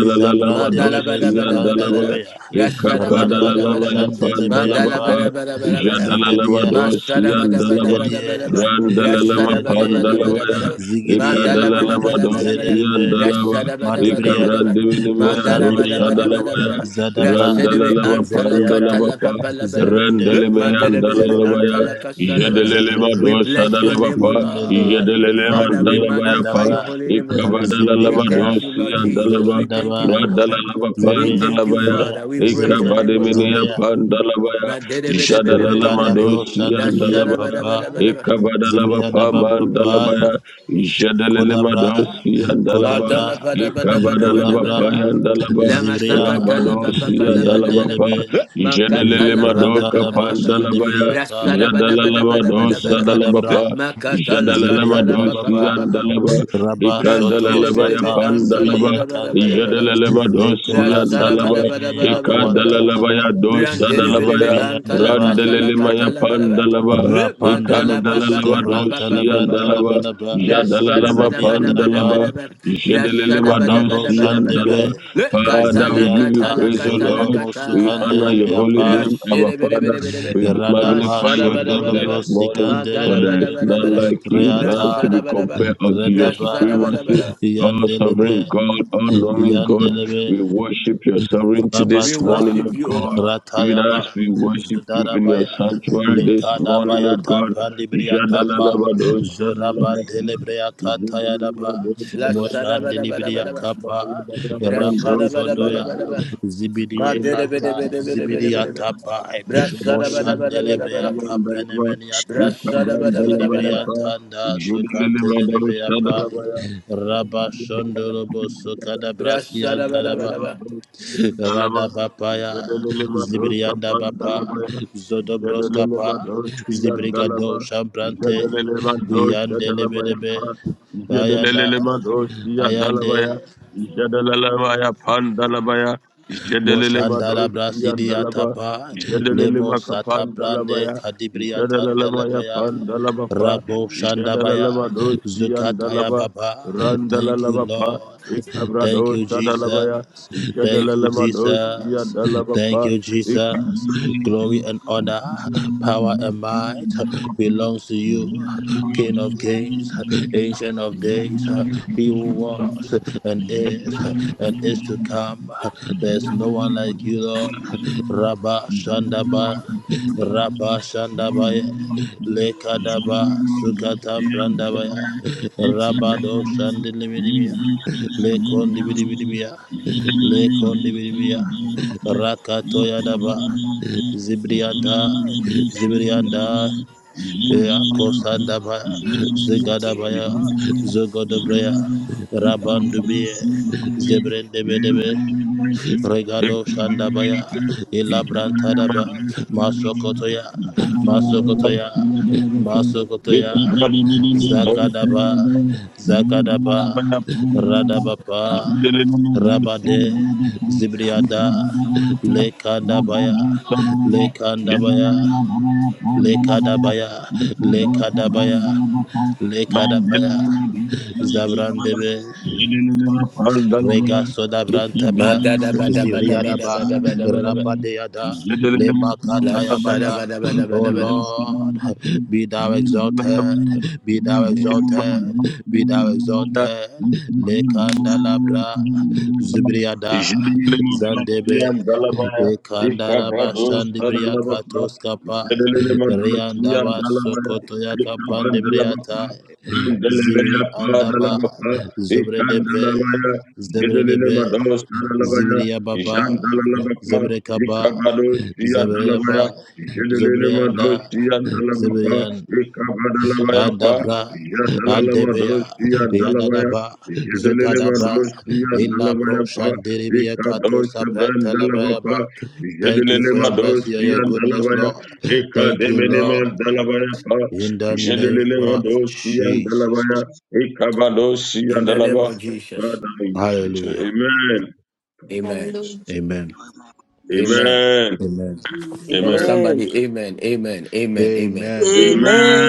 [SPEAKER 7] Ma da la ba da ba
[SPEAKER 5] Dosia
[SPEAKER 7] da ba da ba da
[SPEAKER 5] Dalaba,
[SPEAKER 7] ba. Brassa da
[SPEAKER 5] Ekapa
[SPEAKER 7] ba da ba da ba da
[SPEAKER 5] Dalalama
[SPEAKER 7] ba.
[SPEAKER 5] ya
[SPEAKER 7] Ma da
[SPEAKER 5] Pandalaba,
[SPEAKER 7] la ba
[SPEAKER 5] pa,
[SPEAKER 7] da ba da ba da ba da ba.
[SPEAKER 5] Jadalalama
[SPEAKER 7] Masada
[SPEAKER 5] Dosia
[SPEAKER 7] bada bada
[SPEAKER 5] Dalaba,
[SPEAKER 7] bada bada bada.
[SPEAKER 5] Randalalama
[SPEAKER 7] Brashada bada bada
[SPEAKER 5] Pandalaba,
[SPEAKER 7] bada
[SPEAKER 5] ya,
[SPEAKER 7] bada. bada. Mandala bada
[SPEAKER 5] Ekadalalama
[SPEAKER 7] bada bada bada.
[SPEAKER 5] Dosia Dalaba,
[SPEAKER 7] Brashada bada bada bada bada.
[SPEAKER 5] Ekabrandivinia
[SPEAKER 7] Mandara bada
[SPEAKER 5] Dosa
[SPEAKER 7] bada bada
[SPEAKER 5] Dalaba,
[SPEAKER 7] bada bada.
[SPEAKER 5] ya
[SPEAKER 7] Brashada be
[SPEAKER 5] Randalalama
[SPEAKER 7] antala
[SPEAKER 5] Pandalaba,
[SPEAKER 7] katala papala bada bada. Look,
[SPEAKER 5] Randalemea
[SPEAKER 7] mandara bada be
[SPEAKER 5] Dalalaba, ya.
[SPEAKER 7] antala kasada bada.
[SPEAKER 5] Jedeleleba
[SPEAKER 7] We
[SPEAKER 5] do
[SPEAKER 7] bless your
[SPEAKER 5] sadalaba
[SPEAKER 7] name, O
[SPEAKER 5] pa,
[SPEAKER 7] Lord.
[SPEAKER 5] jedelelema
[SPEAKER 7] Father, we
[SPEAKER 5] dalaba ya pa,
[SPEAKER 7] magnify your holy name, O Lord. We
[SPEAKER 5] ikabadalalaba do
[SPEAKER 7] thank you, Lord
[SPEAKER 5] siya
[SPEAKER 7] Jesus.
[SPEAKER 5] dalaba,
[SPEAKER 7] We thank you, O Lord.
[SPEAKER 5] radalalaba pa
[SPEAKER 7] We thank you,
[SPEAKER 5] dalaba ya,
[SPEAKER 7] Father. We praise your name, O
[SPEAKER 5] ikabademene
[SPEAKER 7] Lord.
[SPEAKER 5] ya pa dalaba ya, jadalalama do
[SPEAKER 7] Madelebelebelebelebelebe.
[SPEAKER 5] siya dalaba ya,
[SPEAKER 7] Lasharabarabarabara.
[SPEAKER 5] ikabadalaba pa ma dalaba ya, jedelelema do siya dalaba, ikabadalaba pa
[SPEAKER 7] Madalabarabarabarabarabara.
[SPEAKER 5] ya dalaba, rabado siya dalaba
[SPEAKER 7] Lamasakatalapapapalabarabarab.
[SPEAKER 5] pa,
[SPEAKER 7] Eh,
[SPEAKER 5] jedelelema do Madoka
[SPEAKER 7] Makatalapapapapapapa.
[SPEAKER 5] Pandalabaya, Jadalalamados,
[SPEAKER 7] Brasharabarabarabarabarabara. eh,
[SPEAKER 5] Sadalabapa, Jadalalamados,
[SPEAKER 7] Makatalakatalapapapapapapa.
[SPEAKER 5] Yandalaba, Ikandalalabaya
[SPEAKER 7] Brasherebelebe
[SPEAKER 5] Pandalaba,
[SPEAKER 7] antalabarabarabarabaraba.
[SPEAKER 5] Jadalalamados, Yandalaba,
[SPEAKER 7] Brashadabadabadabadabadaba.
[SPEAKER 5] Ikandalalabaya dos,
[SPEAKER 7] Branderebedebe
[SPEAKER 5] Sadalabaya,
[SPEAKER 7] antalaka salaka
[SPEAKER 5] Randalemaya
[SPEAKER 7] talabalaba.
[SPEAKER 5] Pandalaba,
[SPEAKER 7] Le madala pa pa pa pa
[SPEAKER 5] Ikandalalabados,
[SPEAKER 7] pa pa pa pa pa.
[SPEAKER 5] Yandalaba, Jadalalama Pandalaba,
[SPEAKER 7] Brashadabadabadabadabadaba.
[SPEAKER 5] Jadalalamados,
[SPEAKER 7] Brashadabadabadabadabadaba.
[SPEAKER 5] Yandalaba.
[SPEAKER 7] Le
[SPEAKER 5] Father, we
[SPEAKER 7] katala
[SPEAKER 5] give you
[SPEAKER 7] katala
[SPEAKER 5] praise, O
[SPEAKER 7] katala
[SPEAKER 5] Lord. We honor
[SPEAKER 7] kata.
[SPEAKER 5] your holy name, our
[SPEAKER 7] Brashere bede
[SPEAKER 5] Father.
[SPEAKER 7] bede bede bede.
[SPEAKER 5] We magnify
[SPEAKER 7] Mashara
[SPEAKER 5] your
[SPEAKER 7] bada
[SPEAKER 5] name
[SPEAKER 7] bada
[SPEAKER 5] this
[SPEAKER 7] bada.
[SPEAKER 5] morning, for
[SPEAKER 7] Madala
[SPEAKER 5] there is
[SPEAKER 7] Brasherebedebedebedebe.
[SPEAKER 5] none
[SPEAKER 7] Mashadabadabadaba. Madalabadabadabadaba.
[SPEAKER 5] like you, none to be
[SPEAKER 7] Brashadabadaba.
[SPEAKER 5] compared unto your supremacy.
[SPEAKER 7] Brashadabadabadaba.
[SPEAKER 5] Oh, sovereign God, oh, knowing God, we worship your sovereignty
[SPEAKER 7] We
[SPEAKER 5] this morning, oh
[SPEAKER 7] worship you, O
[SPEAKER 5] God.
[SPEAKER 7] Lord.
[SPEAKER 5] Even as we worship you in your sanctuary this morning, oh God. Jadalalabado, shadalalabado, jadalalabado,
[SPEAKER 7] Lashadabadabadabadaba.
[SPEAKER 5] Thank
[SPEAKER 7] Brashadabadabadabadaba. Maderebedebedebedebedebe.
[SPEAKER 5] you.
[SPEAKER 7] Brashadabadabadabadaba. Brashadabadabadabadaba. Brashadabadabadaba.
[SPEAKER 5] Jadalele Madosiya Dalaba, Ishad ala lima kapan dalaba ya, Ishad ala lima ya kapan dalaba fa, Ishad ala lima dos pia dalaba, randa la ba fa, ikhabra dosa dalaba ya, Ishad ala lima dos pia dalaba fa. Thank you. Thank
[SPEAKER 3] Mama,
[SPEAKER 7] Madadabadabadabadabadabadaba.
[SPEAKER 5] you. Jean
[SPEAKER 7] Lashadabadabadabadabadaba.
[SPEAKER 5] Dalalabapa, Ikabados, Sia Dalabaya, Jelelelemadosi and Dalabapa, Ekabadalabayapa, Yadalalamadosi and Dalabaya, Jedelelemadosi and Dalabayapa, Ekadosi and Dalabapa, Jedelelemadosi and Dalabaya, Ekademeneman Dalabayapa, Jedelelemadosi and Dalabaya,
[SPEAKER 9] and
[SPEAKER 5] Ekabadosi
[SPEAKER 7] In
[SPEAKER 5] and
[SPEAKER 7] the name of
[SPEAKER 5] Dalaba.
[SPEAKER 7] Jesus.
[SPEAKER 5] Father in Jesus. Amen.
[SPEAKER 9] and
[SPEAKER 5] Thank you,
[SPEAKER 7] Amen.
[SPEAKER 9] Amen.
[SPEAKER 6] Hallelujah.
[SPEAKER 5] Jesus.
[SPEAKER 3] Amen.
[SPEAKER 7] Amen.
[SPEAKER 5] Amen.
[SPEAKER 7] Oh,
[SPEAKER 5] Amen.
[SPEAKER 3] Amen.
[SPEAKER 2] Amen.
[SPEAKER 7] somebody, amen, amen, amen, amen.
[SPEAKER 5] Amen.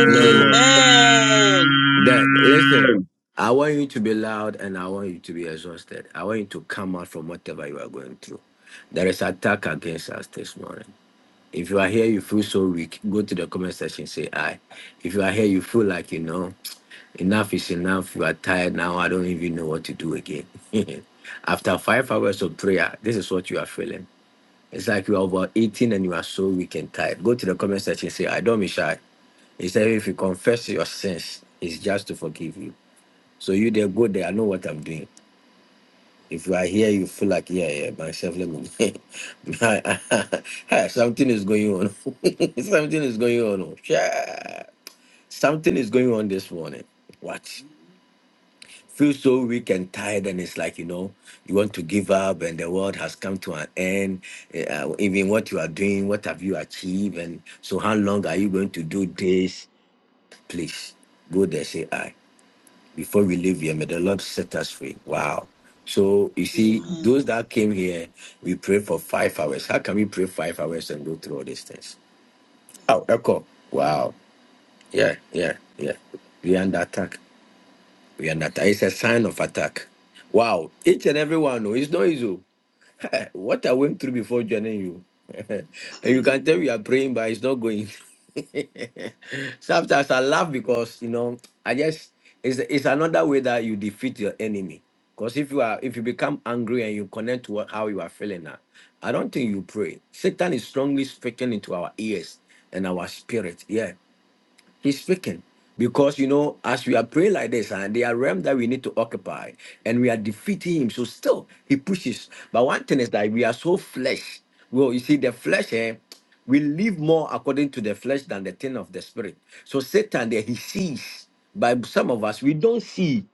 [SPEAKER 7] No, no.
[SPEAKER 3] Amen.
[SPEAKER 7] That listen, I want you to be loud and I want you to be exhausted. I want you to come out from whatever you are going through. There is attack against us this morning. If you are here, you feel so weak. Go to the comment section, say I. If you are here, you feel like you know enough is enough. You are tired now. I don't even know what to do again. <laughs> After five hours of prayer, this is what you are feeling. It's like you are about 18 and you are so weak and tired. Go to the comment section, say I. Don't be shy. He said, if you confess your sins, it's just to forgive you. So you there, go there. I know what I'm doing. If you are here, you feel like, yeah, yeah, myself, let me. <laughs> Hey, Something is going on. <laughs> Something is going on. oh, Yeah. Something is going on this morning. What? Feel so weak and tired, and it's like, you know, you want to give up, and the world has come to an end. Uh, even what you are doing, what have you achieved? And so, how long are you going to do this? Please go there, say, I. before we leave here, may the Lord set us free. Wow. So you see, those
[SPEAKER 3] Amen.
[SPEAKER 7] that came here, we pray for five hours. How can we pray five hours and go through all these things? Oh, echo. Wow. Yeah, yeah, yeah. We are under attack. We are under attack. It's a sign of attack. Wow. Each and every one. oh, It's not easy. oh. <laughs> what I went through before joining you. <laughs> and you can tell
[SPEAKER 3] <laughs>
[SPEAKER 7] we are praying, but it's not going. <laughs> Sometimes I laugh because you know I just it's it's another way that you defeat your enemy. Because if you are if you become angry and you connect to what, how you are feeling now, I don't think you pray. Satan is strongly speaking into our ears and our spirit. Yes. He's speaking. Because you know, as we are praying like this, and there are realms that we need to occupy, and we are defeating him. So still he pushes. But one thing is that we are so flesh. Well, you see, the flesh, eh, we live more according to the flesh than the thing of the spirit. So Satan there he sees. But some of us we don't see.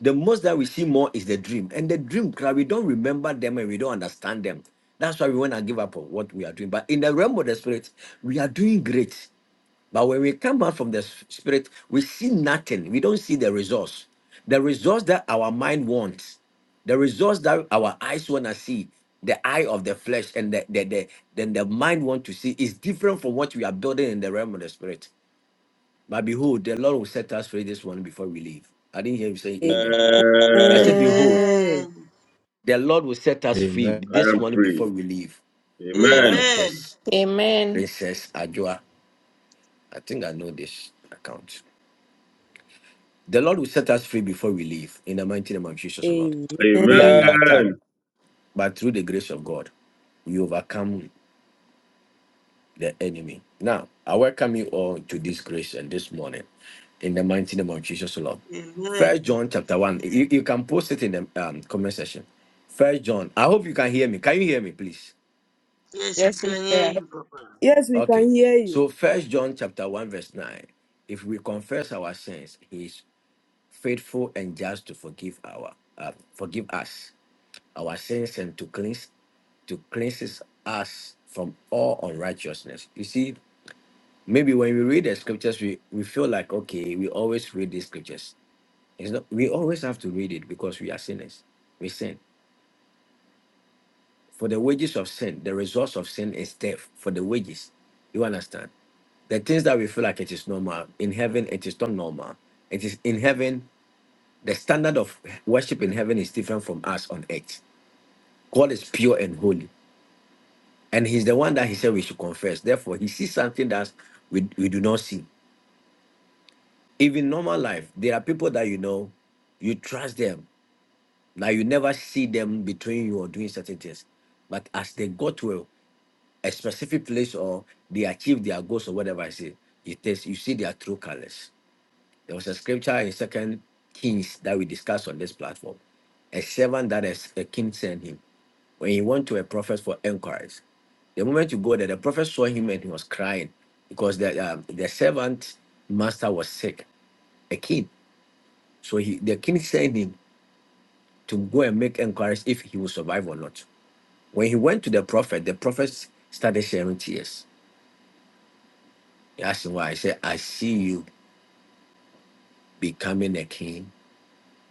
[SPEAKER 7] The most that we see more is the dream. And the dream cry, we don't remember them and we don't understand them. That's why we want to give up on what we are doing. But in the realm of the spirit, we are doing great. But when we come out from the s- spirit, we see nothing. We don't see the resource. The resource that our mind wants, the resource that our eyes want to see, the eye of the flesh and the, the, the then the mind want to see is different from what we are building in the realm of the spirit. But behold, the Lord will set us free this one before we leave. I didn't hear him say amen. I
[SPEAKER 5] Amen.
[SPEAKER 7] said, Behold,
[SPEAKER 2] Amen.
[SPEAKER 3] Amen.
[SPEAKER 7] the Lord will set us free
[SPEAKER 5] I
[SPEAKER 7] this
[SPEAKER 5] am
[SPEAKER 7] one before
[SPEAKER 5] free.
[SPEAKER 7] we leave.
[SPEAKER 5] Amen.
[SPEAKER 3] Amen.
[SPEAKER 7] Prophetess,
[SPEAKER 6] Amen.
[SPEAKER 7] Princess Ajua. I think I know this account. The Lord will set us free before we leave. In the mighty name of Jesus, O Lord. We are
[SPEAKER 2] Amen.
[SPEAKER 7] under attack,
[SPEAKER 5] Amen.
[SPEAKER 7] but through the grace of God, we overcome the enemy. Now, I welcome you all to this grace and this morning. In the mighty name of Jesus, O Lord. First
[SPEAKER 3] Amen.
[SPEAKER 7] John chapter 1. You, you can post it in the um, comment section. First John. I hope you can hear me. Can you hear me, please?
[SPEAKER 3] Yes, we
[SPEAKER 10] Yes, we
[SPEAKER 3] can hear
[SPEAKER 10] can.
[SPEAKER 3] you, Papa.
[SPEAKER 2] Yes, we
[SPEAKER 7] Okay.
[SPEAKER 2] can hear you.
[SPEAKER 7] So first John chapter 1, verse 9. If we confess our sins, he is faithful and just to forgive our uh, forgive us our sins and to cleanse to cleanses us from all unrighteousness. You see, maybe when we read the scriptures, we, we feel like okay, we always read these scriptures. It's not we always have to read it because we are sinners. We sin. For the wages of sin, the results of sin is death. For the wages. You understand? The things that we feel like it is normal, in heaven it is not normal. It is in heaven, the standard of worship in heaven is different from us on earth. God is pure and holy. And he's the one that he said we should confess. Therefore, he sees something that we, we do not see. Even normal life, there are people that you know, you trust them. Now you never see them between you or doing certain things. But as they go to a, a specific place or they achieve their goals or whatever I say, it is you see their true colors. There was a scripture in Second Kings that we discussed on this platform. A servant that is a king sent him. when he went to a prophet for inquiries. The moment you go there, the prophet saw him and he was crying because the um, the servant master was sick, a king. So he the king sent him to go and make inquiries if he will survive or not. When he went to the prophet, the prophet started sharing tears. He asked him why. He said, I see you becoming a king,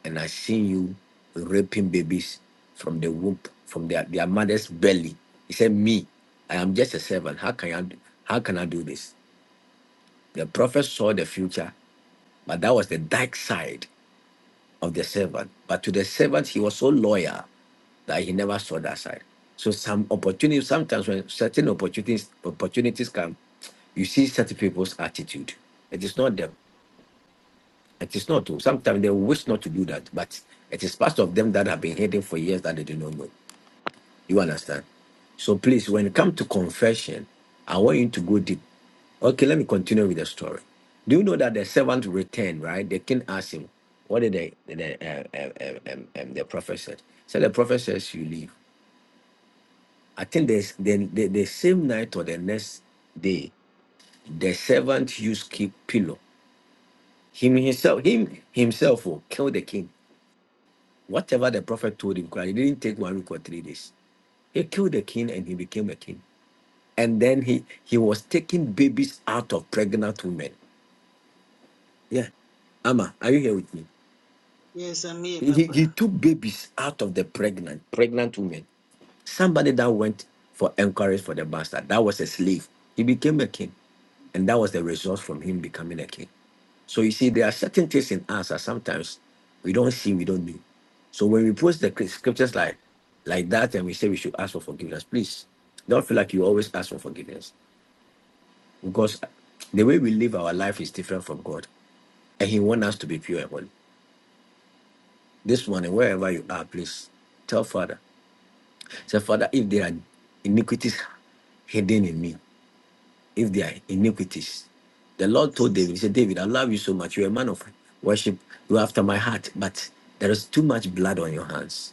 [SPEAKER 7] and I see you raping babies from the womb, from their, their mother's belly. He said, Me, I am just a servant. How can I do, how can I do this? The prophet saw the future, but that was the dark side of the servant. But to the servant, he was so loyal that he never saw that side. So some opportunities, sometimes when certain opportunities opportunities come, you see certain people's attitude. It is not them. It is not. Sometimes they wish not to do that, but it is part of them that have been hidden for years that they do not know. You understand? So please, when it comes to confession, I want you to go deep. Okay, let me continue with the story. Do you know that the servant returned, right? The king asked him, What did the, the, uh, uh, um, um, um, um, the prophet said? So the prophet says, You leave. I think there's, then the, the same night or the next day, the servant used keep pillow. Him himself, him himself will kill the king. Whatever the prophet told him, he didn't take one week or three days. He killed the king and he became a king. And then he he was taking babies out of pregnant women. Yeah. Ama, are you here with me?
[SPEAKER 3] Yes, I'm here,
[SPEAKER 7] He, he
[SPEAKER 3] Papa.
[SPEAKER 7] he took babies out of the pregnant, pregnant women. Somebody that went for encourage for the bastard, that was a slave. He became a king. And that was the result from him becoming a king. So you see, there are certain things in us that sometimes we don't see, we don't know. So when we post the cri- scriptures like like that and we say we should ask for forgiveness, please don't feel like you always ask for forgiveness. because the way we live our life is different from God, and He wants us to be pure and holy. This morning, wherever you are, please tell Father, say, Father, if there are iniquities hidden in me, if there are iniquities, the Lord told David, He said, David, I love you so much. You're a man of worship. You're after my heart, but there is too much blood on your hands.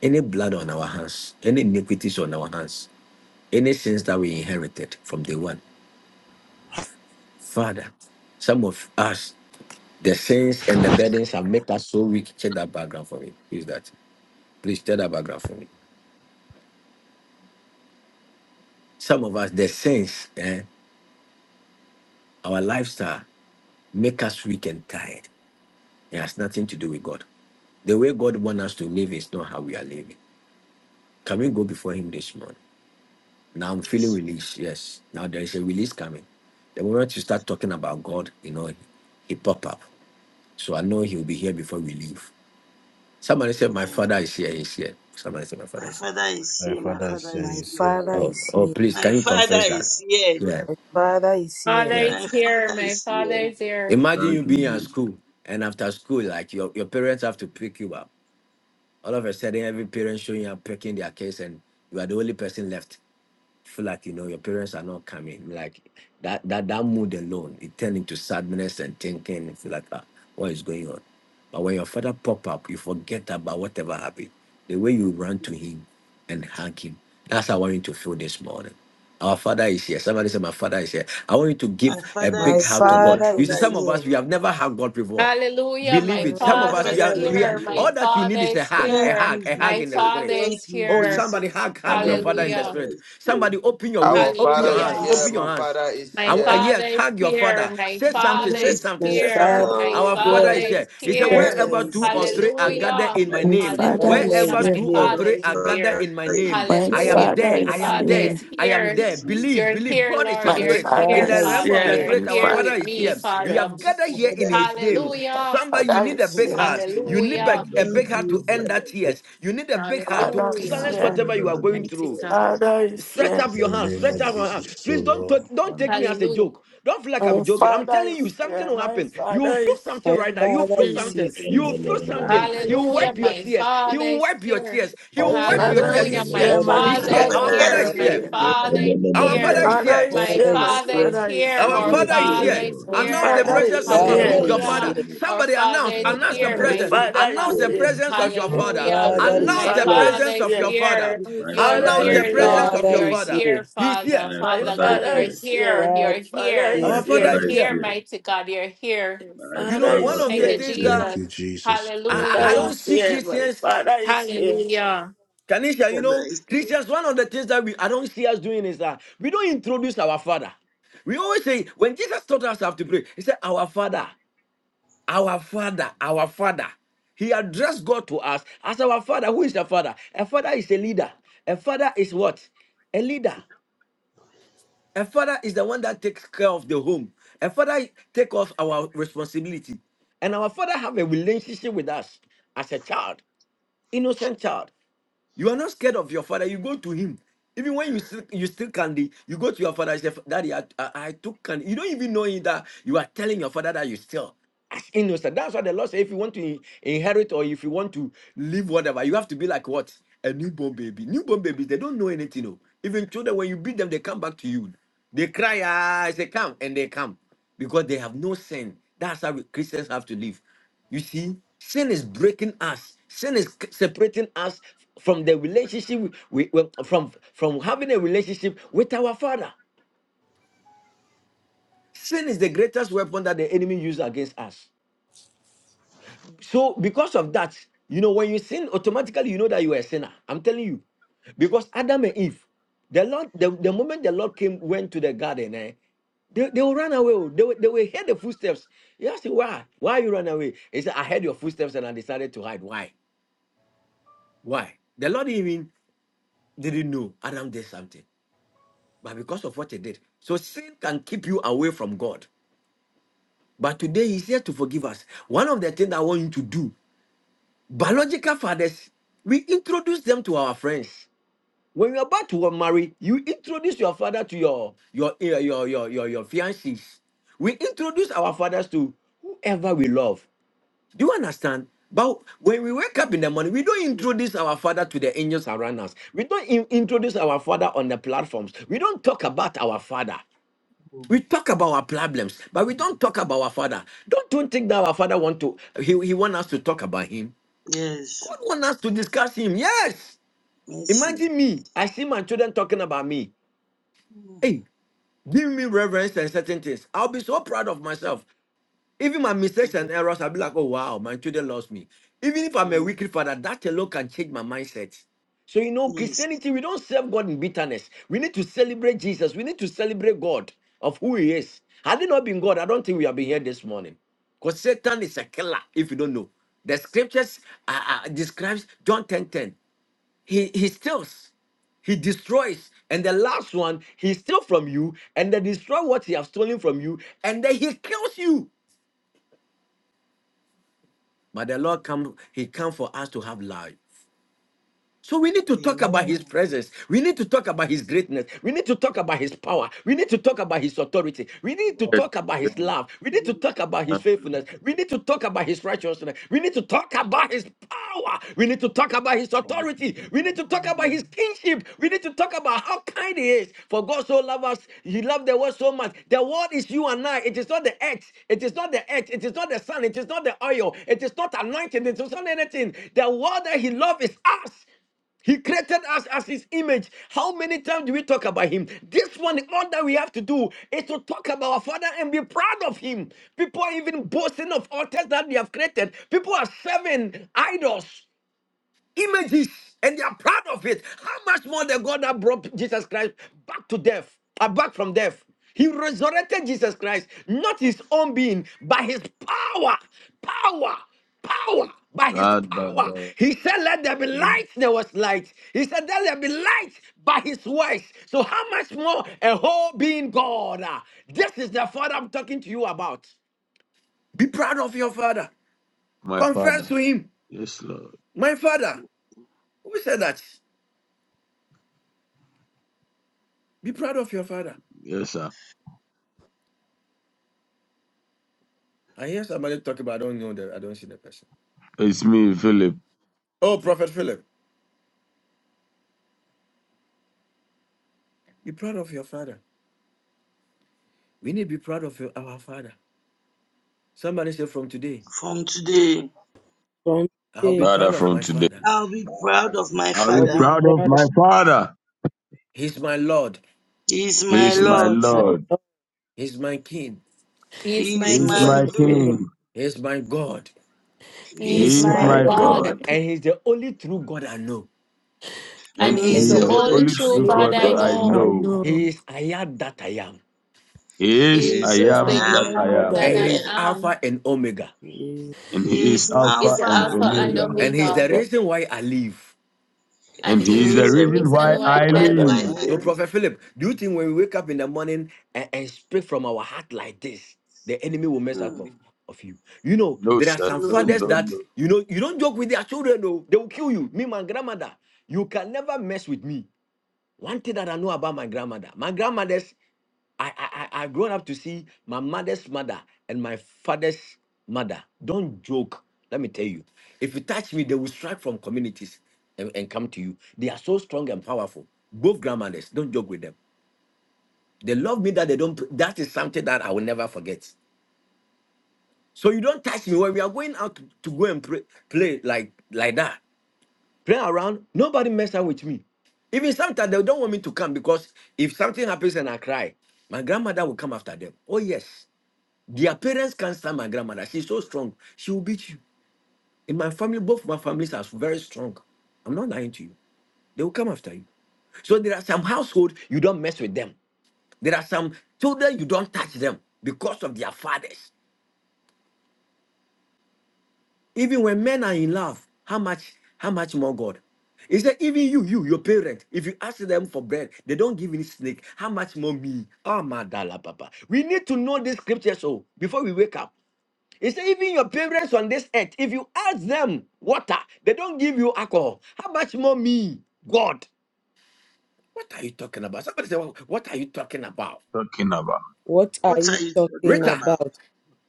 [SPEAKER 7] Any blood on our hands, any iniquities on our hands, any sins that we inherited from day one, Father, some of us The sins and the burdens have made us so weak. Check that background for me. Is that. Please check that background for me. Some of us, the sins, eh, our lifestyle make us weak and tired. It has nothing to do with God. The way God wants us to live is not how we are living. Can we go before Him this morning? Now I'm feeling
[SPEAKER 3] Yes.
[SPEAKER 7] release. Yes. Now there is a release coming. The moment you start
[SPEAKER 3] yes.
[SPEAKER 7] talking about God, you know, He pop up. So I know He'll be here before we leave. Somebody said, "My
[SPEAKER 3] Amen.
[SPEAKER 7] Father is here. He's here." Somebody said, "My Father
[SPEAKER 3] My
[SPEAKER 7] is here."
[SPEAKER 3] father is here. My father
[SPEAKER 2] My
[SPEAKER 3] is here.
[SPEAKER 2] father
[SPEAKER 7] Oh,
[SPEAKER 2] is
[SPEAKER 7] oh,
[SPEAKER 2] here.
[SPEAKER 7] please,
[SPEAKER 3] My
[SPEAKER 7] can you
[SPEAKER 3] father
[SPEAKER 7] confess that?
[SPEAKER 3] is here.
[SPEAKER 7] Yeah,
[SPEAKER 2] My father is here.
[SPEAKER 6] Father
[SPEAKER 7] yeah.
[SPEAKER 6] is
[SPEAKER 3] My
[SPEAKER 6] here.
[SPEAKER 3] father
[SPEAKER 6] My
[SPEAKER 3] is
[SPEAKER 6] Father
[SPEAKER 3] here.
[SPEAKER 6] is here.
[SPEAKER 7] Imagine you
[SPEAKER 5] Thank you,
[SPEAKER 7] being at
[SPEAKER 5] Jesus.
[SPEAKER 7] school, and after school, like your, your parents have to pick you up. All of a sudden, every parent showing up picking their kids, and you are the only person left. feel like you know your parents are not coming. Like that that that mood alone, it turned into sadness and thinking. Feel like ah, what is going on? But when your father pop up, you forget about whatever happened. The way you run to him and hug him. That's how I want you to feel this morning. Our father is here. Somebody said, My father is here. I want you to
[SPEAKER 3] My
[SPEAKER 7] give a
[SPEAKER 3] father
[SPEAKER 7] big
[SPEAKER 2] My
[SPEAKER 3] is
[SPEAKER 7] hug to
[SPEAKER 3] here.
[SPEAKER 5] Father,
[SPEAKER 3] My
[SPEAKER 7] God.
[SPEAKER 2] father
[SPEAKER 7] You
[SPEAKER 5] I
[SPEAKER 7] see,
[SPEAKER 3] father
[SPEAKER 5] pray.
[SPEAKER 2] is
[SPEAKER 7] some of
[SPEAKER 3] is
[SPEAKER 7] us
[SPEAKER 2] here.
[SPEAKER 7] we
[SPEAKER 3] here.
[SPEAKER 7] have never hugged God before.
[SPEAKER 6] Hallelujah.
[SPEAKER 7] Believe
[SPEAKER 6] My
[SPEAKER 7] it. Some of
[SPEAKER 2] Father
[SPEAKER 3] My
[SPEAKER 6] Father
[SPEAKER 7] us we
[SPEAKER 2] is
[SPEAKER 6] is
[SPEAKER 3] father
[SPEAKER 7] are
[SPEAKER 2] here.
[SPEAKER 7] we
[SPEAKER 3] is
[SPEAKER 5] Father,
[SPEAKER 7] are
[SPEAKER 5] I
[SPEAKER 6] here.
[SPEAKER 3] here.
[SPEAKER 5] say,
[SPEAKER 6] My
[SPEAKER 7] all that you
[SPEAKER 6] Father
[SPEAKER 7] need is a
[SPEAKER 6] is
[SPEAKER 7] hug, a
[SPEAKER 3] Thank
[SPEAKER 6] here.
[SPEAKER 7] hug,
[SPEAKER 3] you,
[SPEAKER 7] a hug
[SPEAKER 6] My
[SPEAKER 7] in the
[SPEAKER 3] Jesus.
[SPEAKER 6] Father
[SPEAKER 7] spirit.
[SPEAKER 3] Thank
[SPEAKER 6] is
[SPEAKER 3] you,
[SPEAKER 7] Oh,
[SPEAKER 6] here.
[SPEAKER 7] somebody
[SPEAKER 3] Jesus.
[SPEAKER 7] hug, hug your
[SPEAKER 5] Father, I
[SPEAKER 7] father
[SPEAKER 3] My
[SPEAKER 7] in
[SPEAKER 5] say,
[SPEAKER 7] the
[SPEAKER 6] Hallelujah.
[SPEAKER 3] father
[SPEAKER 7] spirit.
[SPEAKER 3] is here.
[SPEAKER 7] Somebody open your wings,
[SPEAKER 4] Our
[SPEAKER 7] open
[SPEAKER 4] Father
[SPEAKER 7] your
[SPEAKER 3] Father
[SPEAKER 4] is
[SPEAKER 7] hands,
[SPEAKER 6] Hallelujah.
[SPEAKER 4] here.
[SPEAKER 7] open
[SPEAKER 3] is
[SPEAKER 7] your
[SPEAKER 4] My
[SPEAKER 3] here.
[SPEAKER 7] hands.
[SPEAKER 4] Father is
[SPEAKER 7] I,
[SPEAKER 6] My
[SPEAKER 7] w- I-
[SPEAKER 4] here.
[SPEAKER 7] yes,
[SPEAKER 6] father's
[SPEAKER 7] hug your
[SPEAKER 6] here.
[SPEAKER 7] father.
[SPEAKER 6] My
[SPEAKER 7] Say
[SPEAKER 3] My
[SPEAKER 7] something,
[SPEAKER 3] father
[SPEAKER 7] say
[SPEAKER 6] father's
[SPEAKER 3] is
[SPEAKER 7] something,
[SPEAKER 2] My
[SPEAKER 3] here.
[SPEAKER 7] say
[SPEAKER 6] here.
[SPEAKER 7] something.
[SPEAKER 2] father
[SPEAKER 6] My
[SPEAKER 7] Our
[SPEAKER 3] Oh, my
[SPEAKER 7] father
[SPEAKER 2] yeah,
[SPEAKER 7] is
[SPEAKER 3] father
[SPEAKER 6] father's
[SPEAKER 3] is
[SPEAKER 7] here. He
[SPEAKER 5] thank
[SPEAKER 7] said,
[SPEAKER 5] you
[SPEAKER 3] here.
[SPEAKER 11] Yes,
[SPEAKER 6] here.
[SPEAKER 5] for
[SPEAKER 3] My
[SPEAKER 7] Wherever two
[SPEAKER 2] is
[SPEAKER 5] sharing
[SPEAKER 3] father
[SPEAKER 5] us
[SPEAKER 7] or
[SPEAKER 2] here.
[SPEAKER 5] from
[SPEAKER 3] is
[SPEAKER 7] three are
[SPEAKER 5] today.
[SPEAKER 3] here. My
[SPEAKER 7] gathered
[SPEAKER 6] Hallelujah.
[SPEAKER 7] in
[SPEAKER 3] father
[SPEAKER 7] my
[SPEAKER 3] is
[SPEAKER 11] my
[SPEAKER 3] here.
[SPEAKER 7] name,
[SPEAKER 11] father
[SPEAKER 2] Father
[SPEAKER 11] is
[SPEAKER 6] Hallelujah.
[SPEAKER 7] wherever
[SPEAKER 2] is
[SPEAKER 3] Thank
[SPEAKER 11] here.
[SPEAKER 6] My
[SPEAKER 7] two
[SPEAKER 3] you,
[SPEAKER 7] or
[SPEAKER 2] here.
[SPEAKER 3] Lord
[SPEAKER 7] three
[SPEAKER 6] father's
[SPEAKER 7] are
[SPEAKER 3] God.
[SPEAKER 7] gathered
[SPEAKER 6] here.
[SPEAKER 7] in my name
[SPEAKER 3] My
[SPEAKER 7] name.
[SPEAKER 11] My
[SPEAKER 7] I
[SPEAKER 3] father is
[SPEAKER 7] am
[SPEAKER 6] Hallelujah.
[SPEAKER 11] father
[SPEAKER 7] there.
[SPEAKER 3] here.
[SPEAKER 2] Father
[SPEAKER 6] My
[SPEAKER 7] I
[SPEAKER 11] is
[SPEAKER 7] am
[SPEAKER 3] Thank
[SPEAKER 2] is here.
[SPEAKER 3] you,
[SPEAKER 6] father's
[SPEAKER 7] there.
[SPEAKER 11] here.
[SPEAKER 7] I am
[SPEAKER 6] here.
[SPEAKER 3] thank
[SPEAKER 7] there.
[SPEAKER 3] you.
[SPEAKER 7] Believe,
[SPEAKER 6] You're
[SPEAKER 7] believe.
[SPEAKER 6] here,
[SPEAKER 7] God is a
[SPEAKER 6] Lord.
[SPEAKER 11] My
[SPEAKER 2] My
[SPEAKER 6] You're
[SPEAKER 7] spirit.
[SPEAKER 11] father
[SPEAKER 7] In
[SPEAKER 6] here,
[SPEAKER 2] father
[SPEAKER 7] the
[SPEAKER 11] is
[SPEAKER 2] is
[SPEAKER 7] realm
[SPEAKER 6] Father.
[SPEAKER 7] of the
[SPEAKER 11] here.
[SPEAKER 2] here.
[SPEAKER 6] You're
[SPEAKER 11] My
[SPEAKER 7] spirit, our
[SPEAKER 6] here
[SPEAKER 7] Father
[SPEAKER 6] with
[SPEAKER 11] father
[SPEAKER 7] is
[SPEAKER 5] Father,
[SPEAKER 6] me,
[SPEAKER 7] here.
[SPEAKER 11] is
[SPEAKER 7] We
[SPEAKER 11] here.
[SPEAKER 6] Father.
[SPEAKER 7] have gathered
[SPEAKER 3] My
[SPEAKER 7] here in
[SPEAKER 3] father is
[SPEAKER 7] His name.
[SPEAKER 3] here.
[SPEAKER 11] My
[SPEAKER 6] Hallelujah.
[SPEAKER 7] Somebody, you
[SPEAKER 11] father
[SPEAKER 7] need a
[SPEAKER 3] My
[SPEAKER 11] is
[SPEAKER 3] father
[SPEAKER 7] big
[SPEAKER 3] is
[SPEAKER 11] here.
[SPEAKER 7] heart.
[SPEAKER 3] here.
[SPEAKER 7] You
[SPEAKER 5] Father,
[SPEAKER 7] need a
[SPEAKER 5] da,
[SPEAKER 6] Hallelujah.
[SPEAKER 5] da,
[SPEAKER 7] a
[SPEAKER 5] da,
[SPEAKER 3] Thank
[SPEAKER 7] big
[SPEAKER 5] da,
[SPEAKER 7] heart
[SPEAKER 5] da,
[SPEAKER 3] you,
[SPEAKER 7] to end that
[SPEAKER 3] Father.
[SPEAKER 7] tears. You need a big heart to
[SPEAKER 11] Father
[SPEAKER 5] da,
[SPEAKER 11] is
[SPEAKER 6] Hallelujah.
[SPEAKER 7] silence
[SPEAKER 5] da,
[SPEAKER 11] here.
[SPEAKER 5] da,
[SPEAKER 7] whatever
[SPEAKER 5] da,
[SPEAKER 7] you are
[SPEAKER 5] da,
[SPEAKER 7] going
[SPEAKER 6] Thank you,
[SPEAKER 7] through.
[SPEAKER 3] God.
[SPEAKER 6] God.
[SPEAKER 11] Father is here.
[SPEAKER 7] Stretch up your hand. Stretch
[SPEAKER 5] da.
[SPEAKER 7] up your hand. Please don't take, don't take me as a
[SPEAKER 6] Hallelujah.
[SPEAKER 7] joke. Don't feel like
[SPEAKER 11] My
[SPEAKER 7] I'm joking. I'm
[SPEAKER 11] father
[SPEAKER 7] telling you,
[SPEAKER 11] is
[SPEAKER 7] something
[SPEAKER 11] here.
[SPEAKER 7] will
[SPEAKER 11] My
[SPEAKER 7] happen. You will
[SPEAKER 11] father
[SPEAKER 7] feel
[SPEAKER 11] is
[SPEAKER 7] something
[SPEAKER 2] My
[SPEAKER 7] right
[SPEAKER 11] here.
[SPEAKER 7] now. You will
[SPEAKER 2] father
[SPEAKER 7] feel
[SPEAKER 2] is here.
[SPEAKER 6] Mm.
[SPEAKER 7] something.
[SPEAKER 5] Yes,
[SPEAKER 7] You will feel something.
[SPEAKER 11] Father
[SPEAKER 7] He will
[SPEAKER 11] is
[SPEAKER 6] Hallelujah,
[SPEAKER 7] wipe your
[SPEAKER 11] here. My
[SPEAKER 6] my
[SPEAKER 7] tears. He
[SPEAKER 6] Father
[SPEAKER 7] will
[SPEAKER 6] is
[SPEAKER 7] wipe your
[SPEAKER 6] here.
[SPEAKER 7] tears. He will wipe your
[SPEAKER 11] father
[SPEAKER 7] tears.
[SPEAKER 6] Hallelujah,
[SPEAKER 7] He's
[SPEAKER 11] is
[SPEAKER 6] my
[SPEAKER 7] here.
[SPEAKER 11] here.
[SPEAKER 2] Father is
[SPEAKER 11] My
[SPEAKER 7] He's
[SPEAKER 6] Father
[SPEAKER 3] My
[SPEAKER 7] here.
[SPEAKER 6] is
[SPEAKER 2] here.
[SPEAKER 11] father
[SPEAKER 7] Our
[SPEAKER 2] My
[SPEAKER 7] Father
[SPEAKER 3] father is
[SPEAKER 11] is
[SPEAKER 6] here.
[SPEAKER 7] is
[SPEAKER 2] father
[SPEAKER 11] here.
[SPEAKER 2] is
[SPEAKER 3] here.
[SPEAKER 6] My
[SPEAKER 7] here.
[SPEAKER 3] My
[SPEAKER 2] here.
[SPEAKER 6] Father
[SPEAKER 3] father
[SPEAKER 6] is
[SPEAKER 3] is
[SPEAKER 7] Our
[SPEAKER 11] My
[SPEAKER 7] Father
[SPEAKER 3] here.
[SPEAKER 6] here.
[SPEAKER 7] is
[SPEAKER 3] My
[SPEAKER 2] My
[SPEAKER 11] father
[SPEAKER 7] here.
[SPEAKER 11] is
[SPEAKER 6] My
[SPEAKER 3] father
[SPEAKER 2] father
[SPEAKER 11] here.
[SPEAKER 3] is
[SPEAKER 11] My
[SPEAKER 2] is
[SPEAKER 6] Father
[SPEAKER 3] here.
[SPEAKER 6] is
[SPEAKER 2] here.
[SPEAKER 11] father is
[SPEAKER 6] here.
[SPEAKER 7] Our
[SPEAKER 11] here.
[SPEAKER 3] Thank
[SPEAKER 6] Our
[SPEAKER 7] Father
[SPEAKER 2] Here.
[SPEAKER 7] is
[SPEAKER 3] you,
[SPEAKER 6] Father
[SPEAKER 3] Lord.
[SPEAKER 7] here.
[SPEAKER 6] is
[SPEAKER 11] My
[SPEAKER 3] Thank
[SPEAKER 7] Announce the
[SPEAKER 6] here.
[SPEAKER 11] father
[SPEAKER 2] Our
[SPEAKER 3] you,
[SPEAKER 7] presence
[SPEAKER 11] is
[SPEAKER 7] of
[SPEAKER 3] thank
[SPEAKER 7] fa-
[SPEAKER 2] father
[SPEAKER 11] here.
[SPEAKER 7] your
[SPEAKER 3] you.
[SPEAKER 2] is
[SPEAKER 6] Hallelujah,
[SPEAKER 7] father.
[SPEAKER 2] here.
[SPEAKER 6] our
[SPEAKER 7] Somebody
[SPEAKER 6] Father
[SPEAKER 7] announce,
[SPEAKER 6] is
[SPEAKER 7] announce your
[SPEAKER 6] here,
[SPEAKER 11] My
[SPEAKER 7] presence.
[SPEAKER 3] Hooray.
[SPEAKER 6] mighty
[SPEAKER 11] father
[SPEAKER 7] Announce
[SPEAKER 11] is
[SPEAKER 7] the
[SPEAKER 6] God.
[SPEAKER 3] Yay.
[SPEAKER 11] here.
[SPEAKER 7] presence of your
[SPEAKER 2] My
[SPEAKER 7] father.
[SPEAKER 6] Hallelujah,
[SPEAKER 2] father
[SPEAKER 3] Hooray.
[SPEAKER 11] My
[SPEAKER 2] is
[SPEAKER 7] Announce
[SPEAKER 6] my
[SPEAKER 7] the
[SPEAKER 3] Steve.
[SPEAKER 11] father
[SPEAKER 2] here.
[SPEAKER 6] Father
[SPEAKER 7] presence
[SPEAKER 11] is
[SPEAKER 7] of
[SPEAKER 6] is
[SPEAKER 7] your
[SPEAKER 11] here.
[SPEAKER 7] father.
[SPEAKER 3] Hooray.
[SPEAKER 6] here.
[SPEAKER 11] My
[SPEAKER 6] You're
[SPEAKER 3] Steve.
[SPEAKER 11] father
[SPEAKER 7] Announce
[SPEAKER 2] My
[SPEAKER 7] the
[SPEAKER 11] is
[SPEAKER 6] here,
[SPEAKER 11] here.
[SPEAKER 7] presence of
[SPEAKER 6] Lord.
[SPEAKER 2] father
[SPEAKER 7] your
[SPEAKER 6] You're
[SPEAKER 2] is
[SPEAKER 7] father.
[SPEAKER 6] here,
[SPEAKER 2] here.
[SPEAKER 7] He's
[SPEAKER 6] Father.
[SPEAKER 7] here.
[SPEAKER 11] My
[SPEAKER 6] Father God,
[SPEAKER 11] father
[SPEAKER 6] you're
[SPEAKER 11] is here.
[SPEAKER 6] here.
[SPEAKER 11] My
[SPEAKER 2] Father
[SPEAKER 6] You're
[SPEAKER 2] is
[SPEAKER 11] father
[SPEAKER 6] here.
[SPEAKER 2] here.
[SPEAKER 11] is
[SPEAKER 7] Our Father
[SPEAKER 11] here.
[SPEAKER 6] You're
[SPEAKER 7] is here.
[SPEAKER 6] here, mighty God. You're here.
[SPEAKER 11] My
[SPEAKER 7] You
[SPEAKER 11] father
[SPEAKER 7] know, one
[SPEAKER 11] is
[SPEAKER 7] of the
[SPEAKER 6] Thank you,
[SPEAKER 11] here.
[SPEAKER 7] things that
[SPEAKER 6] Jesus.
[SPEAKER 7] I, I
[SPEAKER 11] Father
[SPEAKER 7] I
[SPEAKER 6] Hallelujah.
[SPEAKER 7] don't
[SPEAKER 11] is
[SPEAKER 7] see
[SPEAKER 11] here. My
[SPEAKER 7] Christians,
[SPEAKER 11] father is here.
[SPEAKER 6] Hallelujah.
[SPEAKER 7] Kanisha, you know,
[SPEAKER 3] Hooray.
[SPEAKER 7] Christians,
[SPEAKER 3] Steve.
[SPEAKER 7] one of the things that we I don't see us doing is that we don't introduce our Father. We always say, when Jesus taught us how to pray, he said, Our Father, our Father, our Father. He addressed God to us as our Father. Who is the Father? A Father is a leader. A Father is what? A leader. A father is the one that takes care of the home. A father take off our responsibility. And our father have a relationship with us as a child, innocent child. You are not scared of your father. You go to him. Even when you still you still candy, you go to your father and say, Daddy, I, I, I took candy. You don't even know it that you are telling your father that you still. As innocent. That's what the Lord said. If you want to in- inherit or if you want to live whatever, you have to be like what? A newborn baby. Newborn babies, they don't know anything. Oh. Even children, when you beat them, they come back to you. They cry, ah, they come, and they come because they have no sin. That's how we- Christians have to live. You see, sin is breaking us. Sin is c- separating us from the relationship we, we well, from from having a relationship with our Father. Sin is the greatest weapon that the enemy uses against us. So, because of that, you know, when you sin, automatically you know that you are a sinner. I'm telling you, because Adam and Eve, the Lord, the, the moment the Lord came, went to the garden, eh, they, they will run away. oh. They will, they will hear the footsteps. You ask him, why? Why you run away? He said, I heard your footsteps and I decided to hide. Why? Why? The Lord even didn't know Adam did something, but because of what he did. So sin can keep you away from God. But today he's here to forgive us. One of the things I want you to do, biological fathers, we introduce them to our friends. When you're about to marry, you introduce your father to your your your your your your, your fiancés. We introduce our fathers to whoever we love. Do you understand? But when we wake up in the morning, we don't introduce our father to the angels around us. We don't in- introduce our father on the platforms. We don't talk about our father.
[SPEAKER 3] Hooray.
[SPEAKER 7] We talk about our problems, but
[SPEAKER 3] Steve.
[SPEAKER 7] we don't talk about our father. Don't you think that our father want to he, he want us to talk about him?
[SPEAKER 3] Yes.
[SPEAKER 7] God want us to discuss him. Yes.
[SPEAKER 3] Mercy.
[SPEAKER 7] Imagine me. I see my children talking about me. Hey, give me reverence and certain things. I'll be so proud of myself. Even my
[SPEAKER 3] Yes.
[SPEAKER 7] mistakes and errors, I'll be like, oh wow, my children lost me. Even if I'm a
[SPEAKER 3] uh,
[SPEAKER 7] wicked father, that alone can change my mindset. So you know,
[SPEAKER 3] yes.
[SPEAKER 7] Christianity, we don't serve God in bitterness. We need to celebrate Jesus. We need to celebrate God of who He is. Had it not been God, I don't think we have been here this morning. Because Satan is a killer, if you don't know. The scriptures uh, uh, describes John 10:10. He, he steals, he destroys. And the last one, he steals from you and then destroy what he has stolen from you and then he kills you. But the Lord come, He come for us to have life. So we need to talk about his
[SPEAKER 3] Amen.
[SPEAKER 7] presence. We need to talk about his greatness. We need to talk about his power. We need to talk about his authority. We need to
[SPEAKER 5] Lord, yes,
[SPEAKER 7] talk about his
[SPEAKER 5] Lord,
[SPEAKER 7] love. We need to talk about
[SPEAKER 5] da,
[SPEAKER 7] his
[SPEAKER 5] thank
[SPEAKER 7] faithfulness. We need to talk about his righteousness. We need to talk about his power. We need to talk about his authority. We need to talk about his kingship. We need to talk about how kind he is. For God so loved us. He loved the world so much. The world is you and I. It is not the earth. It is not the earth. It is not the sun. It is not the oil. It is not anointing. It is not anything. The world that he loved is us. He created us as his image. How many times do we talk about him? This one, all that we have to do is to talk about our father and be proud of him. People are even boasting of altars that they have created. People are serving idols images and they are proud of it. How much more the God that brought Jesus Christ back to death, uh, back from death? He resurrected Jesus Christ, not his own being, by his power, power, power,
[SPEAKER 5] you.
[SPEAKER 7] by his
[SPEAKER 5] da, da,
[SPEAKER 7] power.
[SPEAKER 5] da.
[SPEAKER 7] He said, Let there be light, there was light. He said, Let there be light by his words. So, how much more a whole being God? ah? This is the Father I'm talking to you about. Be proud of your Father.
[SPEAKER 5] My father,
[SPEAKER 7] Confess to him, My Father. Who said that? Be proud of your father.
[SPEAKER 5] Yes,
[SPEAKER 7] I hear somebody talk about, I don't know that, I don't see the person.
[SPEAKER 5] it's me, Philip,
[SPEAKER 7] Oh, Prophet Philip, be proud of your father. We need to be proud of your- our father. Somebody say, from today,
[SPEAKER 3] From today,
[SPEAKER 2] From
[SPEAKER 7] I'll
[SPEAKER 2] today.
[SPEAKER 7] be
[SPEAKER 5] father
[SPEAKER 7] proud of
[SPEAKER 5] from
[SPEAKER 7] my
[SPEAKER 5] today.
[SPEAKER 7] father.
[SPEAKER 3] I'll be proud of my
[SPEAKER 5] I'll
[SPEAKER 2] I
[SPEAKER 5] be
[SPEAKER 2] will
[SPEAKER 3] father.
[SPEAKER 2] be
[SPEAKER 5] proud of
[SPEAKER 2] proud of
[SPEAKER 5] my father.
[SPEAKER 7] He's my Lord.
[SPEAKER 3] He is my
[SPEAKER 5] He's
[SPEAKER 11] He's
[SPEAKER 2] He
[SPEAKER 9] my
[SPEAKER 2] is
[SPEAKER 11] my
[SPEAKER 5] my
[SPEAKER 3] Lord.
[SPEAKER 2] my
[SPEAKER 11] God.
[SPEAKER 5] Lord.
[SPEAKER 2] Lord,
[SPEAKER 7] He's my King.
[SPEAKER 6] He is
[SPEAKER 3] He
[SPEAKER 9] he's,
[SPEAKER 6] my
[SPEAKER 3] is
[SPEAKER 5] He's
[SPEAKER 2] He
[SPEAKER 11] He's
[SPEAKER 2] is
[SPEAKER 3] my
[SPEAKER 11] my
[SPEAKER 5] my
[SPEAKER 2] my
[SPEAKER 6] King.
[SPEAKER 2] King,
[SPEAKER 5] King.
[SPEAKER 11] King.
[SPEAKER 3] King.
[SPEAKER 7] He's my God.
[SPEAKER 9] he's
[SPEAKER 6] He
[SPEAKER 2] He
[SPEAKER 3] He
[SPEAKER 6] is
[SPEAKER 9] my
[SPEAKER 11] He's
[SPEAKER 3] is
[SPEAKER 2] is
[SPEAKER 5] He
[SPEAKER 2] my
[SPEAKER 5] is
[SPEAKER 9] God.
[SPEAKER 6] my
[SPEAKER 3] my
[SPEAKER 5] my
[SPEAKER 11] my
[SPEAKER 2] God,
[SPEAKER 5] God,
[SPEAKER 7] A-
[SPEAKER 3] God.
[SPEAKER 6] God.
[SPEAKER 11] God.
[SPEAKER 7] And he's the only true God I know.
[SPEAKER 3] And
[SPEAKER 6] And
[SPEAKER 5] and
[SPEAKER 3] He
[SPEAKER 6] He
[SPEAKER 11] He's
[SPEAKER 6] is
[SPEAKER 3] is
[SPEAKER 5] He
[SPEAKER 6] the
[SPEAKER 11] the
[SPEAKER 3] the
[SPEAKER 5] is
[SPEAKER 2] and
[SPEAKER 5] the
[SPEAKER 2] the
[SPEAKER 6] only
[SPEAKER 11] only
[SPEAKER 3] only
[SPEAKER 5] only
[SPEAKER 6] true
[SPEAKER 3] true
[SPEAKER 5] true
[SPEAKER 2] reality
[SPEAKER 11] true
[SPEAKER 6] God
[SPEAKER 3] God
[SPEAKER 5] God
[SPEAKER 6] I
[SPEAKER 3] that
[SPEAKER 5] I
[SPEAKER 3] I
[SPEAKER 11] God.
[SPEAKER 6] know.
[SPEAKER 3] know.
[SPEAKER 11] I
[SPEAKER 5] know.
[SPEAKER 7] He
[SPEAKER 11] know.
[SPEAKER 7] is I am that I am.
[SPEAKER 5] He is
[SPEAKER 6] He
[SPEAKER 9] He
[SPEAKER 3] Please,
[SPEAKER 5] I
[SPEAKER 3] I
[SPEAKER 6] is
[SPEAKER 11] I
[SPEAKER 6] the
[SPEAKER 5] am
[SPEAKER 3] am
[SPEAKER 5] that
[SPEAKER 6] I
[SPEAKER 11] am
[SPEAKER 5] I
[SPEAKER 11] that
[SPEAKER 6] am
[SPEAKER 3] that
[SPEAKER 5] am,
[SPEAKER 7] And
[SPEAKER 6] that
[SPEAKER 3] I
[SPEAKER 6] I
[SPEAKER 11] I am.
[SPEAKER 7] he's
[SPEAKER 3] am.
[SPEAKER 6] am.
[SPEAKER 7] Alpha and Omega.
[SPEAKER 2] is
[SPEAKER 5] and
[SPEAKER 3] He
[SPEAKER 5] He is
[SPEAKER 3] is
[SPEAKER 6] He is
[SPEAKER 5] Alpha
[SPEAKER 6] the
[SPEAKER 3] Alpha
[SPEAKER 5] and
[SPEAKER 11] That's
[SPEAKER 2] in
[SPEAKER 6] Alpha
[SPEAKER 11] why
[SPEAKER 3] and
[SPEAKER 6] and
[SPEAKER 5] Omega,
[SPEAKER 2] Him.
[SPEAKER 7] And
[SPEAKER 11] I'm
[SPEAKER 7] he's
[SPEAKER 6] Omega.
[SPEAKER 7] the
[SPEAKER 3] Omega,
[SPEAKER 7] reason why I live.
[SPEAKER 6] And
[SPEAKER 5] and
[SPEAKER 9] and
[SPEAKER 6] He
[SPEAKER 3] and
[SPEAKER 5] He
[SPEAKER 9] he
[SPEAKER 6] is
[SPEAKER 5] is
[SPEAKER 9] is
[SPEAKER 3] He
[SPEAKER 6] the
[SPEAKER 5] the
[SPEAKER 3] is the
[SPEAKER 5] reason why
[SPEAKER 6] reason
[SPEAKER 3] reason
[SPEAKER 6] why
[SPEAKER 5] I
[SPEAKER 6] I
[SPEAKER 3] why
[SPEAKER 5] live.
[SPEAKER 6] live.
[SPEAKER 3] I
[SPEAKER 7] So,
[SPEAKER 3] am.
[SPEAKER 7] Prophet Philip, do you think when we wake up in the morning and, and speak from our heart like this, the enemy will mess up
[SPEAKER 3] Hmm,
[SPEAKER 7] of, of you? You know,
[SPEAKER 5] No,
[SPEAKER 7] there are
[SPEAKER 5] sir,
[SPEAKER 7] some
[SPEAKER 5] no,
[SPEAKER 7] fathers
[SPEAKER 3] No,
[SPEAKER 5] no,
[SPEAKER 7] that you know you don't joke with their children, no, they will kill you. Me, my grandmother, you can never mess with me. One thing that I know about my grandmother, my grandmother's, I I I I grown up to see my mother's mother and my father's mother. Don't joke. Let me tell you, if you touch me, they will strike from communities and, and come to you. They are so strong and powerful. Both grandmothers, don't joke with them. They love me that they don't. pr- That is something that I will never forget. So you don't touch me when we are going out to, to go and pray, play like like that. playing around. Nobody mess up with me. Even sometimes they don't want me to come because if something happens and I cry, my grandmother will come after them. Oh yes, their parents can't stand my grandmother. She's so strong. She will beat you. In my family, both my families are very strong. I'm not lying to you. They will come after you. So there are some households you don't mess with them. There are some children you don't touch them because of their fathers. Even when men are in love, how much, how much more God? He said, even you, you, your parent, if you ask them for bread, they don't give any snake. How much more me? Oh, my dollar, Papa. We need to know these scriptures so before we wake up. He said, even your parents on this earth, if you ask them water, they don't give you alcohol. How much more me, God? What are you talking about? Somebody said, what are you talking about?
[SPEAKER 5] talking about
[SPEAKER 2] What are
[SPEAKER 3] what are
[SPEAKER 2] you
[SPEAKER 3] you talking
[SPEAKER 2] talking
[SPEAKER 7] Rita,
[SPEAKER 3] about?
[SPEAKER 2] about?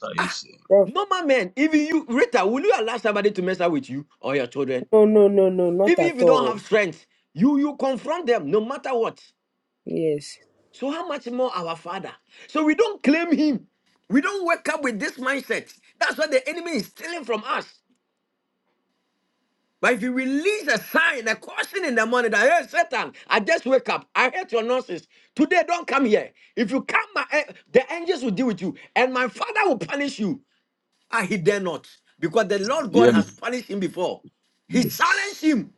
[SPEAKER 5] are you
[SPEAKER 7] ah,
[SPEAKER 5] saying?
[SPEAKER 2] Prof?
[SPEAKER 7] normal men, even you, Rita, will you allow somebody to mess up with you or your children?
[SPEAKER 2] No, no, no, no, not
[SPEAKER 7] Even if
[SPEAKER 2] at
[SPEAKER 7] you don't
[SPEAKER 2] all.
[SPEAKER 7] have strength, you you confront them no matter what.
[SPEAKER 2] Yes.
[SPEAKER 7] So how much more our Father? So we don't claim Him. We don't wake up with this mindset. That's what the enemy is stealing from us. But if you release a sign, a caution in the morning that hey Satan, I just wake up. I hate your nonsense. Today, don't come here. If you come, my, eh, the angels will deal with you, and my Father will punish you. Ah, he dare not. Because the Lord God
[SPEAKER 5] Yes,
[SPEAKER 7] has punished him before. He challenged him.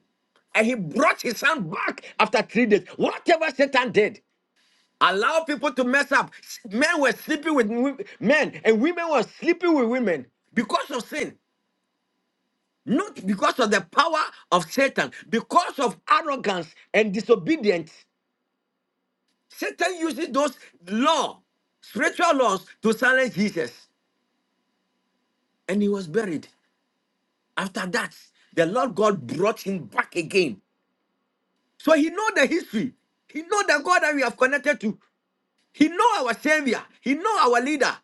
[SPEAKER 7] And he brought his son back after three days. Whatever Satan did, allow people to mess up. S- Men were sleeping with wo- men, and women were sleeping with women because of sin, not because of the power of Satan, because of arrogance and disobedience. Satan uses those law, spiritual laws, to silence Jesus, and he was buried. After that, the Lord God brought him back again. So he know the history. He know the God that we have connected to. He know our Savior. He know our leader.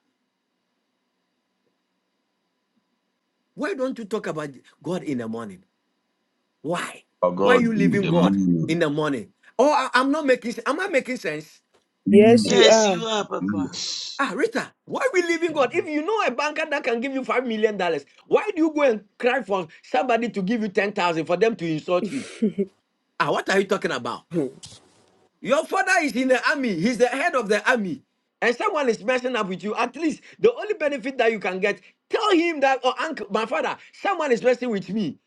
[SPEAKER 7] Why don't you talk about God in the morning? Why?
[SPEAKER 5] our
[SPEAKER 7] Why are
[SPEAKER 5] God
[SPEAKER 7] you
[SPEAKER 5] in
[SPEAKER 7] leaving
[SPEAKER 5] the
[SPEAKER 7] God in
[SPEAKER 5] morning.
[SPEAKER 7] the morning? Oh, I, am not making. se- Am I making sense?
[SPEAKER 2] Yes, you
[SPEAKER 5] Mm,
[SPEAKER 3] Yes,
[SPEAKER 2] are.
[SPEAKER 3] you are, Papa.
[SPEAKER 5] Yes,
[SPEAKER 7] Ah, Rita, why we leaving God? If you know a banker that can give you five million dollars, why do you go and cry for somebody to give you ten thousand for them to insult you?
[SPEAKER 2] <laughs>
[SPEAKER 7] Ah, what are you talking about? Your father is in the army, he's the head of the army, and someone is messing up with you. At least the only benefit that you can get, tell him that, oh, uncle, my father, someone is messing with me.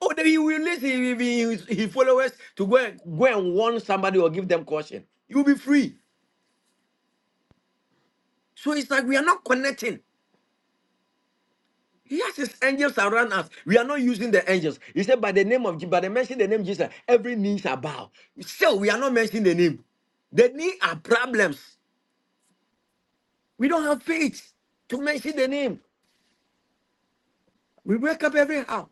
[SPEAKER 7] Oh, then he will listen, he will be his, his followers to go and, go and warn somebody or give them caution. You'll be free. So it's like we are not connecting. He has his angels around us. We are not using the angels. He said, by the name of Jesus, by the mention the name Jesus, every knee shall bow. Still, we are not mentioning the name. The knee are problems. We don't have faith to mention the name. We wake up every hour.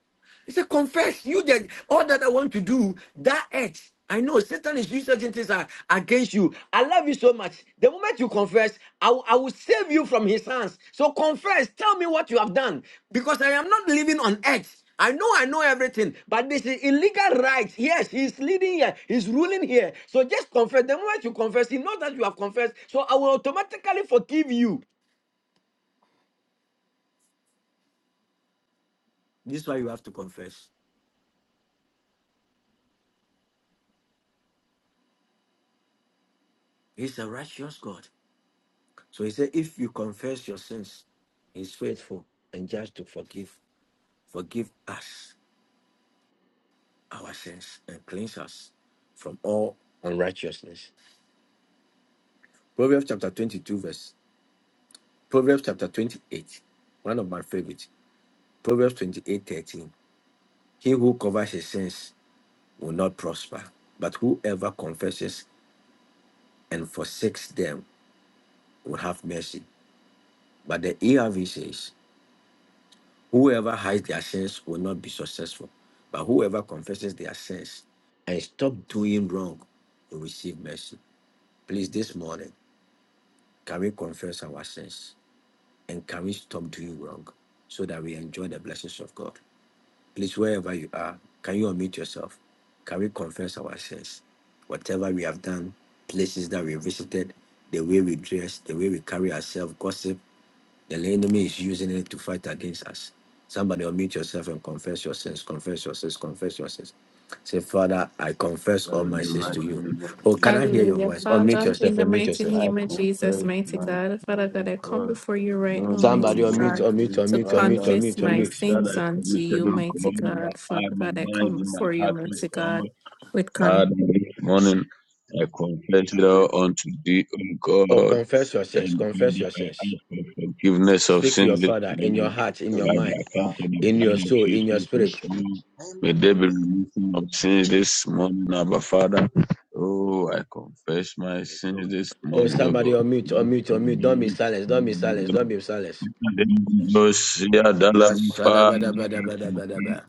[SPEAKER 7] He said, Confess you that all that I want to do, that act. I know Satan is using certain things against you. I love you so much. The moment you confess, I will I will save you from his hands. So confess, tell me what you have done. Because I am not living on earth. I know I know everything, but this is illegal rights. Yes, he's leading here, he's ruling here. So just confess. The moment you confess, he knows that you have confessed. So I will automatically forgive you. This is why you have to confess. He's a righteous God. So he said, if you confess your sins, he's faithful and just to forgive, forgive us our sins and cleanse us from all unrighteousness. Proverbs chapter 22, verse Proverbs chapter 28, one of my favorites. Proverbs 28 13. He who covers his sins will not prosper, but whoever confesses and forsakes them will have mercy. But the ERV says, Whoever hides their sins will not be successful, but whoever confesses their sins and stop doing wrong will receive mercy. Please, this morning, can we confess our sins and can we stop doing wrong so that we enjoy the blessings of God? Please, wherever you are, can you unmute yourself? Can we confess our sins? Whatever we have done, places that we visited, the way we dress, the way we carry ourselves, gossip, the enemy is using it to fight against us. Somebody unmute yourself and confess your sins. Confess your sins. Confess your sins. Say, Father, I confess
[SPEAKER 5] That
[SPEAKER 7] all
[SPEAKER 5] in
[SPEAKER 7] my
[SPEAKER 5] the
[SPEAKER 7] sins to
[SPEAKER 5] mighty
[SPEAKER 7] you.
[SPEAKER 5] name of
[SPEAKER 7] Oh, can I
[SPEAKER 5] Jesus
[SPEAKER 7] hear your
[SPEAKER 5] this
[SPEAKER 6] Hallelujah,
[SPEAKER 7] voice? Unmute
[SPEAKER 6] Father.
[SPEAKER 5] morning,
[SPEAKER 7] yourself.
[SPEAKER 6] In the
[SPEAKER 7] Unmute
[SPEAKER 6] mighty
[SPEAKER 7] yourself.
[SPEAKER 5] I
[SPEAKER 6] name of Jesus,
[SPEAKER 5] confess
[SPEAKER 6] mighty
[SPEAKER 5] my sin
[SPEAKER 6] God. Father
[SPEAKER 5] to
[SPEAKER 6] God, I come
[SPEAKER 5] God
[SPEAKER 6] before you right
[SPEAKER 5] No,
[SPEAKER 6] now,
[SPEAKER 5] no, no,
[SPEAKER 7] Somebody
[SPEAKER 6] mighty
[SPEAKER 7] unmute,
[SPEAKER 5] no,
[SPEAKER 6] God,
[SPEAKER 7] unmute,
[SPEAKER 5] says,
[SPEAKER 6] to
[SPEAKER 7] unmute, unmute,
[SPEAKER 5] Father,
[SPEAKER 6] confess
[SPEAKER 7] unmute,
[SPEAKER 6] my
[SPEAKER 5] things
[SPEAKER 7] unmute.
[SPEAKER 5] that
[SPEAKER 6] sins
[SPEAKER 5] I
[SPEAKER 6] unto
[SPEAKER 5] committed,
[SPEAKER 6] you,
[SPEAKER 5] oh
[SPEAKER 6] mighty
[SPEAKER 5] God, in my
[SPEAKER 6] God. Father
[SPEAKER 5] heart, my
[SPEAKER 6] God, I come
[SPEAKER 5] mind, in my
[SPEAKER 6] before you,
[SPEAKER 5] heart, oh
[SPEAKER 6] mighty
[SPEAKER 5] God.
[SPEAKER 6] God. with confession
[SPEAKER 5] Father, this morning
[SPEAKER 9] destroyed
[SPEAKER 5] I confess it all unto thee, oh
[SPEAKER 7] Oh,
[SPEAKER 5] God.
[SPEAKER 7] confess your sins.
[SPEAKER 5] And
[SPEAKER 7] Confess
[SPEAKER 5] Father,
[SPEAKER 7] your
[SPEAKER 5] I
[SPEAKER 7] sins.
[SPEAKER 5] ask for forgiveness of
[SPEAKER 7] Speak to your
[SPEAKER 5] sins this
[SPEAKER 7] Father in your
[SPEAKER 5] morning
[SPEAKER 7] heart, in
[SPEAKER 9] and
[SPEAKER 7] your
[SPEAKER 5] by the
[SPEAKER 9] we
[SPEAKER 7] mind,
[SPEAKER 5] account
[SPEAKER 9] are
[SPEAKER 5] of the
[SPEAKER 7] in your
[SPEAKER 5] blood of
[SPEAKER 7] soul, in your
[SPEAKER 5] Jesus, oh
[SPEAKER 7] spirit.
[SPEAKER 9] strangers.
[SPEAKER 5] God. May there be remission of sins this morning, Abba Father. Oh, I confess my sins this
[SPEAKER 7] Oh,
[SPEAKER 5] morning, oh
[SPEAKER 7] somebody unmute, unmute, unmute. Don't be silent. Don't be
[SPEAKER 5] God.
[SPEAKER 7] silent. Don't be silent.
[SPEAKER 5] Lucia
[SPEAKER 3] Yes,
[SPEAKER 7] La shada
[SPEAKER 5] Dalabapa,
[SPEAKER 7] bada bada bada bada ba.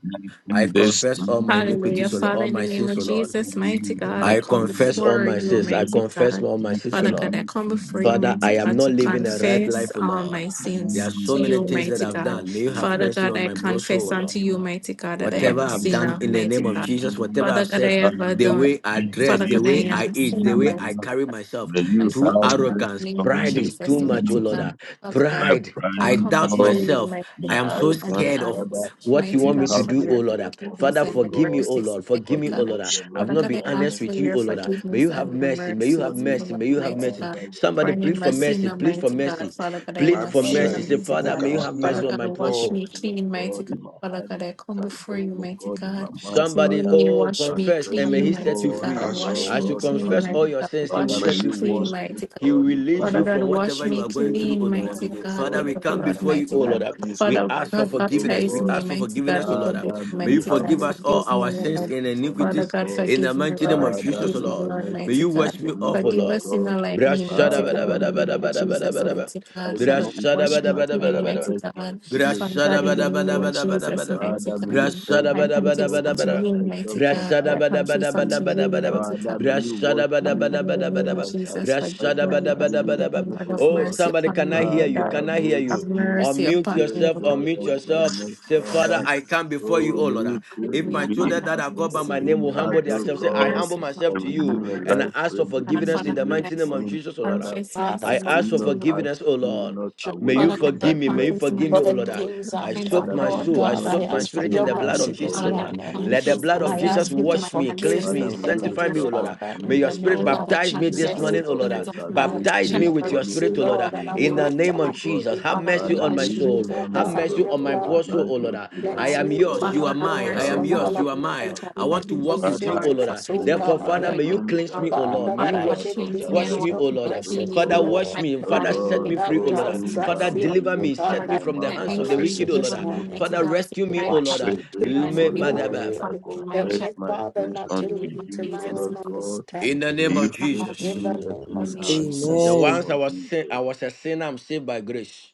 [SPEAKER 7] I
[SPEAKER 5] this
[SPEAKER 7] confess all my
[SPEAKER 6] Hallelujah.
[SPEAKER 7] iniquities, O Lord,
[SPEAKER 6] Father,
[SPEAKER 7] all
[SPEAKER 6] in the
[SPEAKER 7] my
[SPEAKER 6] name of
[SPEAKER 7] sins, O Lord.
[SPEAKER 6] Jesus, mighty God, I
[SPEAKER 7] I
[SPEAKER 6] come
[SPEAKER 7] confess all
[SPEAKER 6] before
[SPEAKER 7] my
[SPEAKER 6] you,
[SPEAKER 7] sins. I
[SPEAKER 6] mighty
[SPEAKER 7] confess
[SPEAKER 6] God.
[SPEAKER 7] all my sins, O
[SPEAKER 6] Father
[SPEAKER 7] Lord.
[SPEAKER 6] God, I come before you,
[SPEAKER 7] Father,
[SPEAKER 6] mighty
[SPEAKER 7] I am
[SPEAKER 6] God,
[SPEAKER 7] not
[SPEAKER 6] to
[SPEAKER 7] living a right
[SPEAKER 6] confess
[SPEAKER 7] life, O
[SPEAKER 6] all
[SPEAKER 7] Lord.
[SPEAKER 6] my
[SPEAKER 7] There are
[SPEAKER 6] sins
[SPEAKER 7] so
[SPEAKER 6] to
[SPEAKER 7] many
[SPEAKER 6] you,
[SPEAKER 7] things that
[SPEAKER 6] mighty
[SPEAKER 7] I've
[SPEAKER 6] God.
[SPEAKER 7] done. May you have
[SPEAKER 6] Father
[SPEAKER 7] mercy
[SPEAKER 6] God,
[SPEAKER 7] on
[SPEAKER 6] I
[SPEAKER 7] my poor soul,
[SPEAKER 6] confess
[SPEAKER 7] O Lord.
[SPEAKER 6] unto you, mighty God, that I
[SPEAKER 7] Whatever
[SPEAKER 6] am a
[SPEAKER 7] I've
[SPEAKER 3] I'm
[SPEAKER 9] It's
[SPEAKER 7] done
[SPEAKER 6] sinner,
[SPEAKER 7] in the
[SPEAKER 6] mighty
[SPEAKER 7] name of
[SPEAKER 6] God.
[SPEAKER 7] Jesus, whatever
[SPEAKER 6] Father
[SPEAKER 7] I've
[SPEAKER 6] God, I
[SPEAKER 7] said,
[SPEAKER 6] have
[SPEAKER 7] the
[SPEAKER 6] done.
[SPEAKER 7] way I dress,
[SPEAKER 6] Father
[SPEAKER 7] the
[SPEAKER 6] God, I
[SPEAKER 7] way
[SPEAKER 6] am
[SPEAKER 7] I
[SPEAKER 6] a
[SPEAKER 7] eat, the
[SPEAKER 6] sinner,
[SPEAKER 7] way
[SPEAKER 6] mighty
[SPEAKER 7] I carry myself,
[SPEAKER 5] the
[SPEAKER 6] and
[SPEAKER 5] you
[SPEAKER 7] too
[SPEAKER 6] Father
[SPEAKER 5] have
[SPEAKER 6] God, in
[SPEAKER 7] arrogance,
[SPEAKER 5] mercy
[SPEAKER 6] the name of
[SPEAKER 7] pride is too
[SPEAKER 6] Jesus,
[SPEAKER 7] much, oh
[SPEAKER 6] mighty
[SPEAKER 7] Lord.
[SPEAKER 5] commanded
[SPEAKER 6] God,
[SPEAKER 7] ah.
[SPEAKER 6] Father
[SPEAKER 5] my
[SPEAKER 6] God,
[SPEAKER 7] Pride.
[SPEAKER 5] pride,
[SPEAKER 6] I
[SPEAKER 7] I
[SPEAKER 6] come
[SPEAKER 7] doubt
[SPEAKER 5] O
[SPEAKER 6] before
[SPEAKER 5] God,
[SPEAKER 6] you,
[SPEAKER 7] myself. I
[SPEAKER 6] mighty
[SPEAKER 5] my
[SPEAKER 7] am so
[SPEAKER 6] God, and
[SPEAKER 5] arrogance,
[SPEAKER 7] scared
[SPEAKER 6] I
[SPEAKER 7] of
[SPEAKER 5] Father,
[SPEAKER 6] ask,
[SPEAKER 7] what you
[SPEAKER 5] may
[SPEAKER 6] mighty
[SPEAKER 7] want
[SPEAKER 5] you
[SPEAKER 7] me
[SPEAKER 6] God,
[SPEAKER 7] to
[SPEAKER 9] see
[SPEAKER 5] have
[SPEAKER 6] for
[SPEAKER 7] do,
[SPEAKER 9] it.
[SPEAKER 7] oh
[SPEAKER 6] your
[SPEAKER 5] mercy
[SPEAKER 7] Lord. ah.
[SPEAKER 5] upon me,
[SPEAKER 6] forgiveness
[SPEAKER 7] Father,
[SPEAKER 5] O
[SPEAKER 6] and your
[SPEAKER 7] forgive me,
[SPEAKER 5] God,
[SPEAKER 7] oh
[SPEAKER 6] mercies,
[SPEAKER 7] Lord. Forgive me,
[SPEAKER 6] mighty
[SPEAKER 7] oh
[SPEAKER 5] according
[SPEAKER 6] God.
[SPEAKER 7] Lord.
[SPEAKER 5] to
[SPEAKER 7] ah.
[SPEAKER 5] your
[SPEAKER 7] I've
[SPEAKER 6] Father
[SPEAKER 5] loving
[SPEAKER 7] not
[SPEAKER 6] God,
[SPEAKER 7] been
[SPEAKER 6] I
[SPEAKER 7] honest
[SPEAKER 6] ask
[SPEAKER 5] kindness
[SPEAKER 6] for
[SPEAKER 7] with
[SPEAKER 5] this
[SPEAKER 7] you,
[SPEAKER 6] your
[SPEAKER 7] oh Lord. ah.
[SPEAKER 5] morning,
[SPEAKER 7] May
[SPEAKER 5] O
[SPEAKER 6] forgiveness
[SPEAKER 7] you have
[SPEAKER 6] and
[SPEAKER 5] God,
[SPEAKER 6] your
[SPEAKER 7] mercy. May you have
[SPEAKER 6] mercies, O
[SPEAKER 5] according
[SPEAKER 7] mercy.
[SPEAKER 6] Lord,
[SPEAKER 7] May
[SPEAKER 5] to
[SPEAKER 7] you have
[SPEAKER 6] mighty
[SPEAKER 7] mercy.
[SPEAKER 5] Father,
[SPEAKER 6] God.
[SPEAKER 5] your
[SPEAKER 6] For
[SPEAKER 7] Somebody
[SPEAKER 6] I
[SPEAKER 5] mercy
[SPEAKER 7] plead
[SPEAKER 6] am
[SPEAKER 7] for
[SPEAKER 6] a
[SPEAKER 5] and
[SPEAKER 7] mercy.
[SPEAKER 6] sinner,
[SPEAKER 7] Plead for
[SPEAKER 5] tender
[SPEAKER 6] mighty God.
[SPEAKER 7] mercy.
[SPEAKER 6] Father God, I
[SPEAKER 7] Plead
[SPEAKER 6] am a
[SPEAKER 7] for
[SPEAKER 9] Bible
[SPEAKER 5] Father,
[SPEAKER 6] sinner,
[SPEAKER 7] mercy.
[SPEAKER 9] said,
[SPEAKER 7] Say,
[SPEAKER 5] you
[SPEAKER 6] mighty
[SPEAKER 9] Who
[SPEAKER 5] bless
[SPEAKER 7] Father,
[SPEAKER 6] God.
[SPEAKER 7] may
[SPEAKER 9] can
[SPEAKER 7] you
[SPEAKER 5] out
[SPEAKER 7] have
[SPEAKER 6] Father
[SPEAKER 7] mercy
[SPEAKER 9] stand
[SPEAKER 5] my
[SPEAKER 7] on my
[SPEAKER 6] God,
[SPEAKER 7] poor
[SPEAKER 9] for
[SPEAKER 6] wash
[SPEAKER 7] soul.
[SPEAKER 6] me
[SPEAKER 5] transgression, O
[SPEAKER 6] clean, mighty
[SPEAKER 5] God,
[SPEAKER 6] God.
[SPEAKER 5] in my
[SPEAKER 6] Father
[SPEAKER 5] hand,
[SPEAKER 6] God, I come before you,
[SPEAKER 5] transgression, O
[SPEAKER 6] mighty
[SPEAKER 5] God, in
[SPEAKER 6] God.
[SPEAKER 5] my mind,
[SPEAKER 7] Somebody,
[SPEAKER 6] Clean
[SPEAKER 5] Father,
[SPEAKER 6] me,
[SPEAKER 7] oh,
[SPEAKER 6] wash me
[SPEAKER 7] confess
[SPEAKER 5] transgression,
[SPEAKER 7] and may
[SPEAKER 5] O
[SPEAKER 6] clean,
[SPEAKER 7] He set
[SPEAKER 6] mighty
[SPEAKER 7] you
[SPEAKER 9] we
[SPEAKER 5] God, O
[SPEAKER 6] God.
[SPEAKER 7] free.
[SPEAKER 9] ask
[SPEAKER 5] Lord
[SPEAKER 6] Wash
[SPEAKER 9] for
[SPEAKER 7] As
[SPEAKER 6] me
[SPEAKER 7] you
[SPEAKER 5] God,
[SPEAKER 6] clean,
[SPEAKER 7] confess
[SPEAKER 5] around
[SPEAKER 7] all
[SPEAKER 5] me.
[SPEAKER 6] mighty
[SPEAKER 7] your
[SPEAKER 6] God.
[SPEAKER 7] sins, He will
[SPEAKER 5] Father,
[SPEAKER 6] Wash
[SPEAKER 7] set
[SPEAKER 5] may
[SPEAKER 9] mercy?
[SPEAKER 6] me
[SPEAKER 7] you
[SPEAKER 5] you
[SPEAKER 6] clean,
[SPEAKER 7] free.
[SPEAKER 5] wash
[SPEAKER 6] mighty
[SPEAKER 5] me
[SPEAKER 6] God.
[SPEAKER 7] He will
[SPEAKER 5] thoroughly,
[SPEAKER 7] release
[SPEAKER 6] Father
[SPEAKER 7] you
[SPEAKER 5] Father,
[SPEAKER 6] God,
[SPEAKER 7] from
[SPEAKER 5] from my
[SPEAKER 6] wash
[SPEAKER 7] whatever you
[SPEAKER 6] me
[SPEAKER 7] are
[SPEAKER 5] iniquity
[SPEAKER 7] going
[SPEAKER 5] this
[SPEAKER 7] through, oh
[SPEAKER 6] clean,
[SPEAKER 7] Lord.
[SPEAKER 6] mighty
[SPEAKER 5] morning, O
[SPEAKER 6] God,
[SPEAKER 7] Father,
[SPEAKER 5] God,
[SPEAKER 6] with
[SPEAKER 7] we
[SPEAKER 6] the
[SPEAKER 7] come
[SPEAKER 6] blood,
[SPEAKER 5] and
[SPEAKER 7] before you,
[SPEAKER 6] mighty
[SPEAKER 7] oh Lord.
[SPEAKER 5] cleanse
[SPEAKER 6] God.
[SPEAKER 5] me
[SPEAKER 7] We
[SPEAKER 5] from
[SPEAKER 6] Father
[SPEAKER 5] my
[SPEAKER 7] ask for
[SPEAKER 6] God,
[SPEAKER 5] sin, O
[SPEAKER 7] forgiveness.
[SPEAKER 6] baptize
[SPEAKER 7] We
[SPEAKER 5] God.
[SPEAKER 6] me,
[SPEAKER 7] ask for
[SPEAKER 6] mighty God,
[SPEAKER 7] forgiveness, oh
[SPEAKER 6] with the
[SPEAKER 7] Lord.
[SPEAKER 6] blood,
[SPEAKER 5] Father,
[SPEAKER 7] May
[SPEAKER 5] may
[SPEAKER 7] you
[SPEAKER 5] you
[SPEAKER 6] mighty
[SPEAKER 5] have
[SPEAKER 6] God.
[SPEAKER 7] forgive
[SPEAKER 5] mercy
[SPEAKER 7] us all
[SPEAKER 6] Forgive me,
[SPEAKER 7] our
[SPEAKER 5] upon me
[SPEAKER 7] sins
[SPEAKER 6] Lord.
[SPEAKER 5] this
[SPEAKER 7] and
[SPEAKER 5] morning,
[SPEAKER 6] Father
[SPEAKER 5] O
[SPEAKER 7] iniquities
[SPEAKER 6] God,
[SPEAKER 5] God.
[SPEAKER 7] in the
[SPEAKER 6] forgive me,
[SPEAKER 7] mighty name
[SPEAKER 6] Lord.
[SPEAKER 7] of
[SPEAKER 5] Father,
[SPEAKER 7] Jesus, oh
[SPEAKER 6] Forgive
[SPEAKER 5] may
[SPEAKER 6] me,
[SPEAKER 5] your
[SPEAKER 7] Lord.
[SPEAKER 6] Lord,
[SPEAKER 5] mercy
[SPEAKER 7] May
[SPEAKER 6] mighty
[SPEAKER 7] you
[SPEAKER 5] speak
[SPEAKER 7] wash
[SPEAKER 6] God.
[SPEAKER 7] me
[SPEAKER 5] for me,
[SPEAKER 7] off, oh
[SPEAKER 5] O
[SPEAKER 6] Forgive
[SPEAKER 5] Lord
[SPEAKER 6] a
[SPEAKER 7] Lord.
[SPEAKER 5] God.
[SPEAKER 6] sinner like me,
[SPEAKER 7] Brashada
[SPEAKER 6] mighty God,
[SPEAKER 7] bada
[SPEAKER 6] in
[SPEAKER 5] Father,
[SPEAKER 6] the
[SPEAKER 7] bada
[SPEAKER 5] may
[SPEAKER 7] bada
[SPEAKER 6] name of
[SPEAKER 7] bada
[SPEAKER 5] you
[SPEAKER 7] bada
[SPEAKER 6] Jesus,
[SPEAKER 7] bada.
[SPEAKER 6] mighty God.
[SPEAKER 5] justify me
[SPEAKER 6] Father
[SPEAKER 9] Not
[SPEAKER 6] God,
[SPEAKER 5] in
[SPEAKER 7] Brashada
[SPEAKER 5] sin
[SPEAKER 6] wash
[SPEAKER 7] bada
[SPEAKER 6] me
[SPEAKER 5] as
[SPEAKER 7] bada
[SPEAKER 5] I
[SPEAKER 7] bada
[SPEAKER 6] clean, mighty
[SPEAKER 7] bada.
[SPEAKER 5] confess my
[SPEAKER 6] God.
[SPEAKER 5] sin this
[SPEAKER 6] Father
[SPEAKER 7] Brashada
[SPEAKER 6] God,
[SPEAKER 5] morning,
[SPEAKER 6] in the
[SPEAKER 7] bada
[SPEAKER 5] O
[SPEAKER 7] bada
[SPEAKER 6] name
[SPEAKER 5] God.
[SPEAKER 6] of
[SPEAKER 7] bada bada
[SPEAKER 6] Jesus,
[SPEAKER 7] bada.
[SPEAKER 6] mighty
[SPEAKER 5] Father, may you
[SPEAKER 6] God.
[SPEAKER 5] praise
[SPEAKER 7] Brashada
[SPEAKER 6] I
[SPEAKER 5] me,
[SPEAKER 7] bada
[SPEAKER 5] O
[SPEAKER 7] bada
[SPEAKER 6] confess
[SPEAKER 5] God,
[SPEAKER 7] bada
[SPEAKER 5] with
[SPEAKER 6] unto
[SPEAKER 5] your
[SPEAKER 7] bada.
[SPEAKER 6] you,
[SPEAKER 5] eyes up
[SPEAKER 6] mighty
[SPEAKER 5] and
[SPEAKER 6] God.
[SPEAKER 5] I
[SPEAKER 7] Brashada
[SPEAKER 6] I
[SPEAKER 7] bada
[SPEAKER 5] shall be
[SPEAKER 7] bada
[SPEAKER 6] confess
[SPEAKER 7] bada
[SPEAKER 6] unto
[SPEAKER 5] clean.
[SPEAKER 7] bada
[SPEAKER 6] you,
[SPEAKER 7] bada.
[SPEAKER 6] mighty God.
[SPEAKER 5] Father, may you wash
[SPEAKER 7] Brashada bada
[SPEAKER 6] Father
[SPEAKER 5] me
[SPEAKER 6] God,
[SPEAKER 7] bada
[SPEAKER 6] in the
[SPEAKER 7] bada
[SPEAKER 6] name
[SPEAKER 7] bada
[SPEAKER 5] and
[SPEAKER 6] of
[SPEAKER 5] I
[SPEAKER 7] bada.
[SPEAKER 5] shall
[SPEAKER 6] Jesus, forgive
[SPEAKER 7] Brashada
[SPEAKER 6] me,
[SPEAKER 5] better
[SPEAKER 7] bada
[SPEAKER 5] than
[SPEAKER 6] Lord.
[SPEAKER 7] bada
[SPEAKER 5] living,
[SPEAKER 7] bada
[SPEAKER 6] Forgive me,
[SPEAKER 7] bada.
[SPEAKER 5] no,
[SPEAKER 6] Lord.
[SPEAKER 5] O
[SPEAKER 6] Have
[SPEAKER 7] Oh,
[SPEAKER 5] God.
[SPEAKER 6] mercy
[SPEAKER 7] somebody
[SPEAKER 6] upon
[SPEAKER 7] can
[SPEAKER 6] me,
[SPEAKER 7] I hear
[SPEAKER 6] O
[SPEAKER 7] you?
[SPEAKER 6] God.
[SPEAKER 5] Father,
[SPEAKER 7] Can I hear
[SPEAKER 5] make
[SPEAKER 6] Have
[SPEAKER 7] you?
[SPEAKER 5] me
[SPEAKER 6] mercy
[SPEAKER 5] to
[SPEAKER 7] Unmute
[SPEAKER 6] upon
[SPEAKER 5] hear
[SPEAKER 6] me, O
[SPEAKER 7] yourself.
[SPEAKER 6] God.
[SPEAKER 5] joy
[SPEAKER 7] Unmute
[SPEAKER 5] and
[SPEAKER 7] yourself.
[SPEAKER 5] gladness,
[SPEAKER 7] Say, Father,
[SPEAKER 5] Father.
[SPEAKER 9] you.
[SPEAKER 7] I come before you,
[SPEAKER 5] So
[SPEAKER 7] oh Lord.
[SPEAKER 5] many
[SPEAKER 6] Forgive
[SPEAKER 7] If
[SPEAKER 5] crazy
[SPEAKER 6] me
[SPEAKER 7] my
[SPEAKER 6] upon
[SPEAKER 7] children
[SPEAKER 5] beings
[SPEAKER 6] my
[SPEAKER 7] that are called by
[SPEAKER 5] that
[SPEAKER 6] mercy,
[SPEAKER 7] my name
[SPEAKER 5] came
[SPEAKER 7] will
[SPEAKER 5] out
[SPEAKER 7] humble
[SPEAKER 6] mercy,
[SPEAKER 5] of
[SPEAKER 7] themselves, say, I
[SPEAKER 5] God
[SPEAKER 7] humble
[SPEAKER 6] mercy, Father
[SPEAKER 7] myself
[SPEAKER 5] and
[SPEAKER 7] to
[SPEAKER 6] God.
[SPEAKER 7] you
[SPEAKER 6] Have
[SPEAKER 5] renew a
[SPEAKER 6] mercy
[SPEAKER 7] and I
[SPEAKER 5] life
[SPEAKER 6] upon
[SPEAKER 7] ask for
[SPEAKER 5] spread
[SPEAKER 6] me, God.
[SPEAKER 5] within
[SPEAKER 7] forgiveness
[SPEAKER 6] Father
[SPEAKER 7] in
[SPEAKER 5] you
[SPEAKER 7] the
[SPEAKER 5] this
[SPEAKER 6] God, I
[SPEAKER 7] mighty name of
[SPEAKER 5] morning,
[SPEAKER 7] Jesus, oh Lord.
[SPEAKER 5] Father.
[SPEAKER 6] confess my
[SPEAKER 10] Father,
[SPEAKER 7] I
[SPEAKER 10] for the
[SPEAKER 6] sins
[SPEAKER 5] May
[SPEAKER 7] ask
[SPEAKER 5] you
[SPEAKER 7] for
[SPEAKER 6] unto
[SPEAKER 5] not
[SPEAKER 6] you. O
[SPEAKER 5] cast
[SPEAKER 7] forgiveness, oh
[SPEAKER 5] me
[SPEAKER 7] Lord.
[SPEAKER 5] not
[SPEAKER 7] May
[SPEAKER 5] away
[SPEAKER 3] not sure.
[SPEAKER 7] you
[SPEAKER 6] Father God,
[SPEAKER 5] from thy
[SPEAKER 7] forgive
[SPEAKER 6] I
[SPEAKER 7] me.
[SPEAKER 6] come
[SPEAKER 10] church,
[SPEAKER 7] May you
[SPEAKER 6] confess
[SPEAKER 7] forgive
[SPEAKER 5] presence,
[SPEAKER 6] my
[SPEAKER 7] me,
[SPEAKER 10] for
[SPEAKER 7] O
[SPEAKER 5] O
[SPEAKER 10] the
[SPEAKER 7] Lord.
[SPEAKER 6] sins,
[SPEAKER 7] I
[SPEAKER 5] God.
[SPEAKER 10] things
[SPEAKER 6] the
[SPEAKER 7] I
[SPEAKER 10] I've
[SPEAKER 3] Amen.
[SPEAKER 6] sins
[SPEAKER 7] soak
[SPEAKER 6] of
[SPEAKER 5] Father,
[SPEAKER 10] done,
[SPEAKER 6] my
[SPEAKER 7] my
[SPEAKER 5] may
[SPEAKER 10] Lord
[SPEAKER 5] you
[SPEAKER 7] soul. I
[SPEAKER 10] God,
[SPEAKER 5] not
[SPEAKER 6] parents,
[SPEAKER 10] I
[SPEAKER 7] soak my
[SPEAKER 5] take
[SPEAKER 10] ask for
[SPEAKER 7] spirit in
[SPEAKER 10] your
[SPEAKER 5] your
[SPEAKER 7] the
[SPEAKER 6] God.
[SPEAKER 7] blood
[SPEAKER 5] sweet
[SPEAKER 7] of
[SPEAKER 10] mercy this
[SPEAKER 7] Jesus, O
[SPEAKER 6] Father
[SPEAKER 5] Holy
[SPEAKER 7] Lord. Ah.
[SPEAKER 6] God, I
[SPEAKER 10] morning.
[SPEAKER 5] Spirit,
[SPEAKER 7] Let the
[SPEAKER 5] O
[SPEAKER 6] confess
[SPEAKER 7] blood
[SPEAKER 10] And
[SPEAKER 6] the
[SPEAKER 7] of
[SPEAKER 5] God,
[SPEAKER 10] I
[SPEAKER 7] Jesus
[SPEAKER 10] ask
[SPEAKER 6] sins
[SPEAKER 5] from
[SPEAKER 10] you to
[SPEAKER 6] of
[SPEAKER 5] me.
[SPEAKER 6] my
[SPEAKER 7] wash me,
[SPEAKER 10] forgive
[SPEAKER 7] cleanse
[SPEAKER 6] ancestors,
[SPEAKER 7] me,
[SPEAKER 5] Father,
[SPEAKER 10] me,
[SPEAKER 5] may
[SPEAKER 6] of
[SPEAKER 5] you
[SPEAKER 6] the
[SPEAKER 7] sanctify
[SPEAKER 10] Heavenly
[SPEAKER 7] me, O
[SPEAKER 5] restore
[SPEAKER 7] Lord.
[SPEAKER 6] Almighty
[SPEAKER 7] Ah.
[SPEAKER 5] unto
[SPEAKER 10] Father,
[SPEAKER 6] God.
[SPEAKER 7] May
[SPEAKER 5] me,
[SPEAKER 10] in
[SPEAKER 7] your
[SPEAKER 10] the
[SPEAKER 5] O
[SPEAKER 7] spirit
[SPEAKER 6] Father
[SPEAKER 10] name
[SPEAKER 5] God,
[SPEAKER 6] God,
[SPEAKER 10] of
[SPEAKER 7] baptize
[SPEAKER 6] I
[SPEAKER 7] me
[SPEAKER 5] the
[SPEAKER 7] this
[SPEAKER 10] Jesus.
[SPEAKER 6] confess
[SPEAKER 5] joy
[SPEAKER 6] the
[SPEAKER 7] morning, O
[SPEAKER 5] of
[SPEAKER 7] Lord. Ah.
[SPEAKER 5] your
[SPEAKER 6] sins of
[SPEAKER 10] I am
[SPEAKER 6] my
[SPEAKER 5] salvation
[SPEAKER 7] Baptize
[SPEAKER 6] child,
[SPEAKER 7] me
[SPEAKER 5] this
[SPEAKER 10] sinning
[SPEAKER 7] with
[SPEAKER 6] God,
[SPEAKER 7] your
[SPEAKER 5] morning,
[SPEAKER 10] against you,
[SPEAKER 7] spirit,
[SPEAKER 5] even
[SPEAKER 7] O
[SPEAKER 5] as
[SPEAKER 7] Lord. Ah.
[SPEAKER 6] to
[SPEAKER 10] Lord,
[SPEAKER 5] we
[SPEAKER 10] and I
[SPEAKER 7] In
[SPEAKER 6] you,
[SPEAKER 10] pray
[SPEAKER 7] the
[SPEAKER 6] mighty
[SPEAKER 5] worship,
[SPEAKER 7] name
[SPEAKER 10] for
[SPEAKER 6] God.
[SPEAKER 5] O
[SPEAKER 7] of
[SPEAKER 5] God.
[SPEAKER 7] Jesus,
[SPEAKER 10] mercy.
[SPEAKER 7] have
[SPEAKER 6] Father
[SPEAKER 7] mercy
[SPEAKER 6] God, in
[SPEAKER 5] Father,
[SPEAKER 7] on
[SPEAKER 6] the
[SPEAKER 5] may
[SPEAKER 7] my
[SPEAKER 10] Watch
[SPEAKER 5] you
[SPEAKER 6] name of
[SPEAKER 10] me,
[SPEAKER 7] soul.
[SPEAKER 5] deliver
[SPEAKER 10] O
[SPEAKER 7] Have
[SPEAKER 5] me
[SPEAKER 6] Jesus,
[SPEAKER 10] God,
[SPEAKER 6] have
[SPEAKER 10] in
[SPEAKER 7] mercy
[SPEAKER 5] from
[SPEAKER 10] your
[SPEAKER 7] on my
[SPEAKER 6] mercy
[SPEAKER 5] all
[SPEAKER 7] poor
[SPEAKER 10] blood.
[SPEAKER 6] upon me,
[SPEAKER 7] soul,
[SPEAKER 5] blood
[SPEAKER 7] O Lord. Ah.
[SPEAKER 6] mighty
[SPEAKER 5] guiltiness,
[SPEAKER 7] I
[SPEAKER 10] Cleanse
[SPEAKER 6] God.
[SPEAKER 5] O
[SPEAKER 7] am
[SPEAKER 10] me,
[SPEAKER 5] God.
[SPEAKER 7] yours.
[SPEAKER 10] King
[SPEAKER 6] Father
[SPEAKER 7] You are
[SPEAKER 10] of
[SPEAKER 6] God, have
[SPEAKER 7] mine. I
[SPEAKER 10] glory,
[SPEAKER 6] mercy
[SPEAKER 5] Thou
[SPEAKER 7] am
[SPEAKER 10] from
[SPEAKER 7] yours.
[SPEAKER 5] God
[SPEAKER 6] upon me,
[SPEAKER 10] all
[SPEAKER 7] You
[SPEAKER 5] of
[SPEAKER 7] are
[SPEAKER 5] my
[SPEAKER 6] mighty
[SPEAKER 7] mine.
[SPEAKER 6] God.
[SPEAKER 7] I
[SPEAKER 10] unrighteousness,
[SPEAKER 7] want to
[SPEAKER 6] Forgive
[SPEAKER 5] salvation,
[SPEAKER 10] all
[SPEAKER 7] walk
[SPEAKER 6] me,
[SPEAKER 7] with you,
[SPEAKER 5] Father,
[SPEAKER 7] O
[SPEAKER 6] Lord.
[SPEAKER 7] Lord. Ah.
[SPEAKER 10] filthiness, O
[SPEAKER 6] Forgive
[SPEAKER 5] may
[SPEAKER 6] me,
[SPEAKER 7] Therefore,
[SPEAKER 5] my
[SPEAKER 6] Lord.
[SPEAKER 7] Father,
[SPEAKER 10] God.
[SPEAKER 7] may you
[SPEAKER 6] Forgive
[SPEAKER 5] tongue
[SPEAKER 6] me,
[SPEAKER 7] cleanse
[SPEAKER 6] Lord.
[SPEAKER 5] shall
[SPEAKER 7] me, O
[SPEAKER 5] sing
[SPEAKER 7] Lord.
[SPEAKER 10] Father,
[SPEAKER 7] May
[SPEAKER 10] that
[SPEAKER 6] Father
[SPEAKER 7] you
[SPEAKER 10] I
[SPEAKER 6] God,
[SPEAKER 5] aloud
[SPEAKER 10] can
[SPEAKER 7] wash.
[SPEAKER 5] of
[SPEAKER 10] be
[SPEAKER 6] cleanse
[SPEAKER 5] thy
[SPEAKER 6] me and
[SPEAKER 7] Wash
[SPEAKER 10] in
[SPEAKER 7] me,
[SPEAKER 10] your
[SPEAKER 7] O
[SPEAKER 6] wash
[SPEAKER 7] Lord.
[SPEAKER 6] me
[SPEAKER 5] righteousness, O
[SPEAKER 10] presence,
[SPEAKER 7] Father,
[SPEAKER 6] clean,
[SPEAKER 5] God.
[SPEAKER 10] Lord.
[SPEAKER 7] wash me.
[SPEAKER 6] mighty
[SPEAKER 5] O
[SPEAKER 6] God,
[SPEAKER 7] Father,
[SPEAKER 6] in the
[SPEAKER 7] set me
[SPEAKER 5] Lord,
[SPEAKER 6] name of
[SPEAKER 7] free,
[SPEAKER 10] without
[SPEAKER 7] O Lord.
[SPEAKER 6] Jesus,
[SPEAKER 10] doubts,
[SPEAKER 5] open
[SPEAKER 10] I
[SPEAKER 6] mighty
[SPEAKER 7] Father,
[SPEAKER 5] thou
[SPEAKER 10] fear,
[SPEAKER 5] my
[SPEAKER 6] God.
[SPEAKER 7] deliver
[SPEAKER 10] my
[SPEAKER 7] me.
[SPEAKER 5] lips,
[SPEAKER 10] God,
[SPEAKER 7] Set
[SPEAKER 5] and
[SPEAKER 6] Father
[SPEAKER 7] me
[SPEAKER 10] I
[SPEAKER 5] my
[SPEAKER 6] God,
[SPEAKER 7] from the
[SPEAKER 5] mouth
[SPEAKER 6] set
[SPEAKER 7] hands
[SPEAKER 10] have
[SPEAKER 6] me
[SPEAKER 7] of
[SPEAKER 5] shall
[SPEAKER 7] the
[SPEAKER 6] free,
[SPEAKER 10] mercy
[SPEAKER 7] wicked, O
[SPEAKER 5] speak
[SPEAKER 7] Lord.
[SPEAKER 10] this
[SPEAKER 6] deliver me,
[SPEAKER 5] to
[SPEAKER 10] morning.
[SPEAKER 6] mighty
[SPEAKER 7] Father,
[SPEAKER 6] God. Set
[SPEAKER 7] rescue me,
[SPEAKER 6] my
[SPEAKER 7] O Lord.
[SPEAKER 10] Wash
[SPEAKER 6] family
[SPEAKER 5] praise
[SPEAKER 10] me,
[SPEAKER 5] this
[SPEAKER 6] free
[SPEAKER 10] King of
[SPEAKER 6] and deliver
[SPEAKER 5] morning.
[SPEAKER 6] my
[SPEAKER 10] glory.
[SPEAKER 5] I
[SPEAKER 6] family, my
[SPEAKER 10] Help
[SPEAKER 5] confess
[SPEAKER 6] child,
[SPEAKER 10] me,
[SPEAKER 5] my
[SPEAKER 10] Father,
[SPEAKER 5] sins
[SPEAKER 6] in
[SPEAKER 10] not to
[SPEAKER 5] unto
[SPEAKER 6] the name of
[SPEAKER 10] lean to
[SPEAKER 5] you, O
[SPEAKER 10] my
[SPEAKER 6] Jesus,
[SPEAKER 10] own
[SPEAKER 5] Lord God.
[SPEAKER 7] In the
[SPEAKER 10] understanding.
[SPEAKER 5] May
[SPEAKER 7] name of
[SPEAKER 5] you
[SPEAKER 6] mighty
[SPEAKER 5] create
[SPEAKER 6] God.
[SPEAKER 7] Jesus.
[SPEAKER 5] in
[SPEAKER 10] In the
[SPEAKER 5] me a
[SPEAKER 10] name
[SPEAKER 6] In the
[SPEAKER 5] clean
[SPEAKER 10] of
[SPEAKER 6] name
[SPEAKER 5] heart
[SPEAKER 6] of
[SPEAKER 5] in
[SPEAKER 10] Jesus.
[SPEAKER 5] the
[SPEAKER 7] So
[SPEAKER 6] Jesus.
[SPEAKER 5] name
[SPEAKER 2] Amen.
[SPEAKER 7] once I
[SPEAKER 5] of
[SPEAKER 7] was sin- I
[SPEAKER 5] Jesus.
[SPEAKER 7] was a sinner, I'm saved by grace.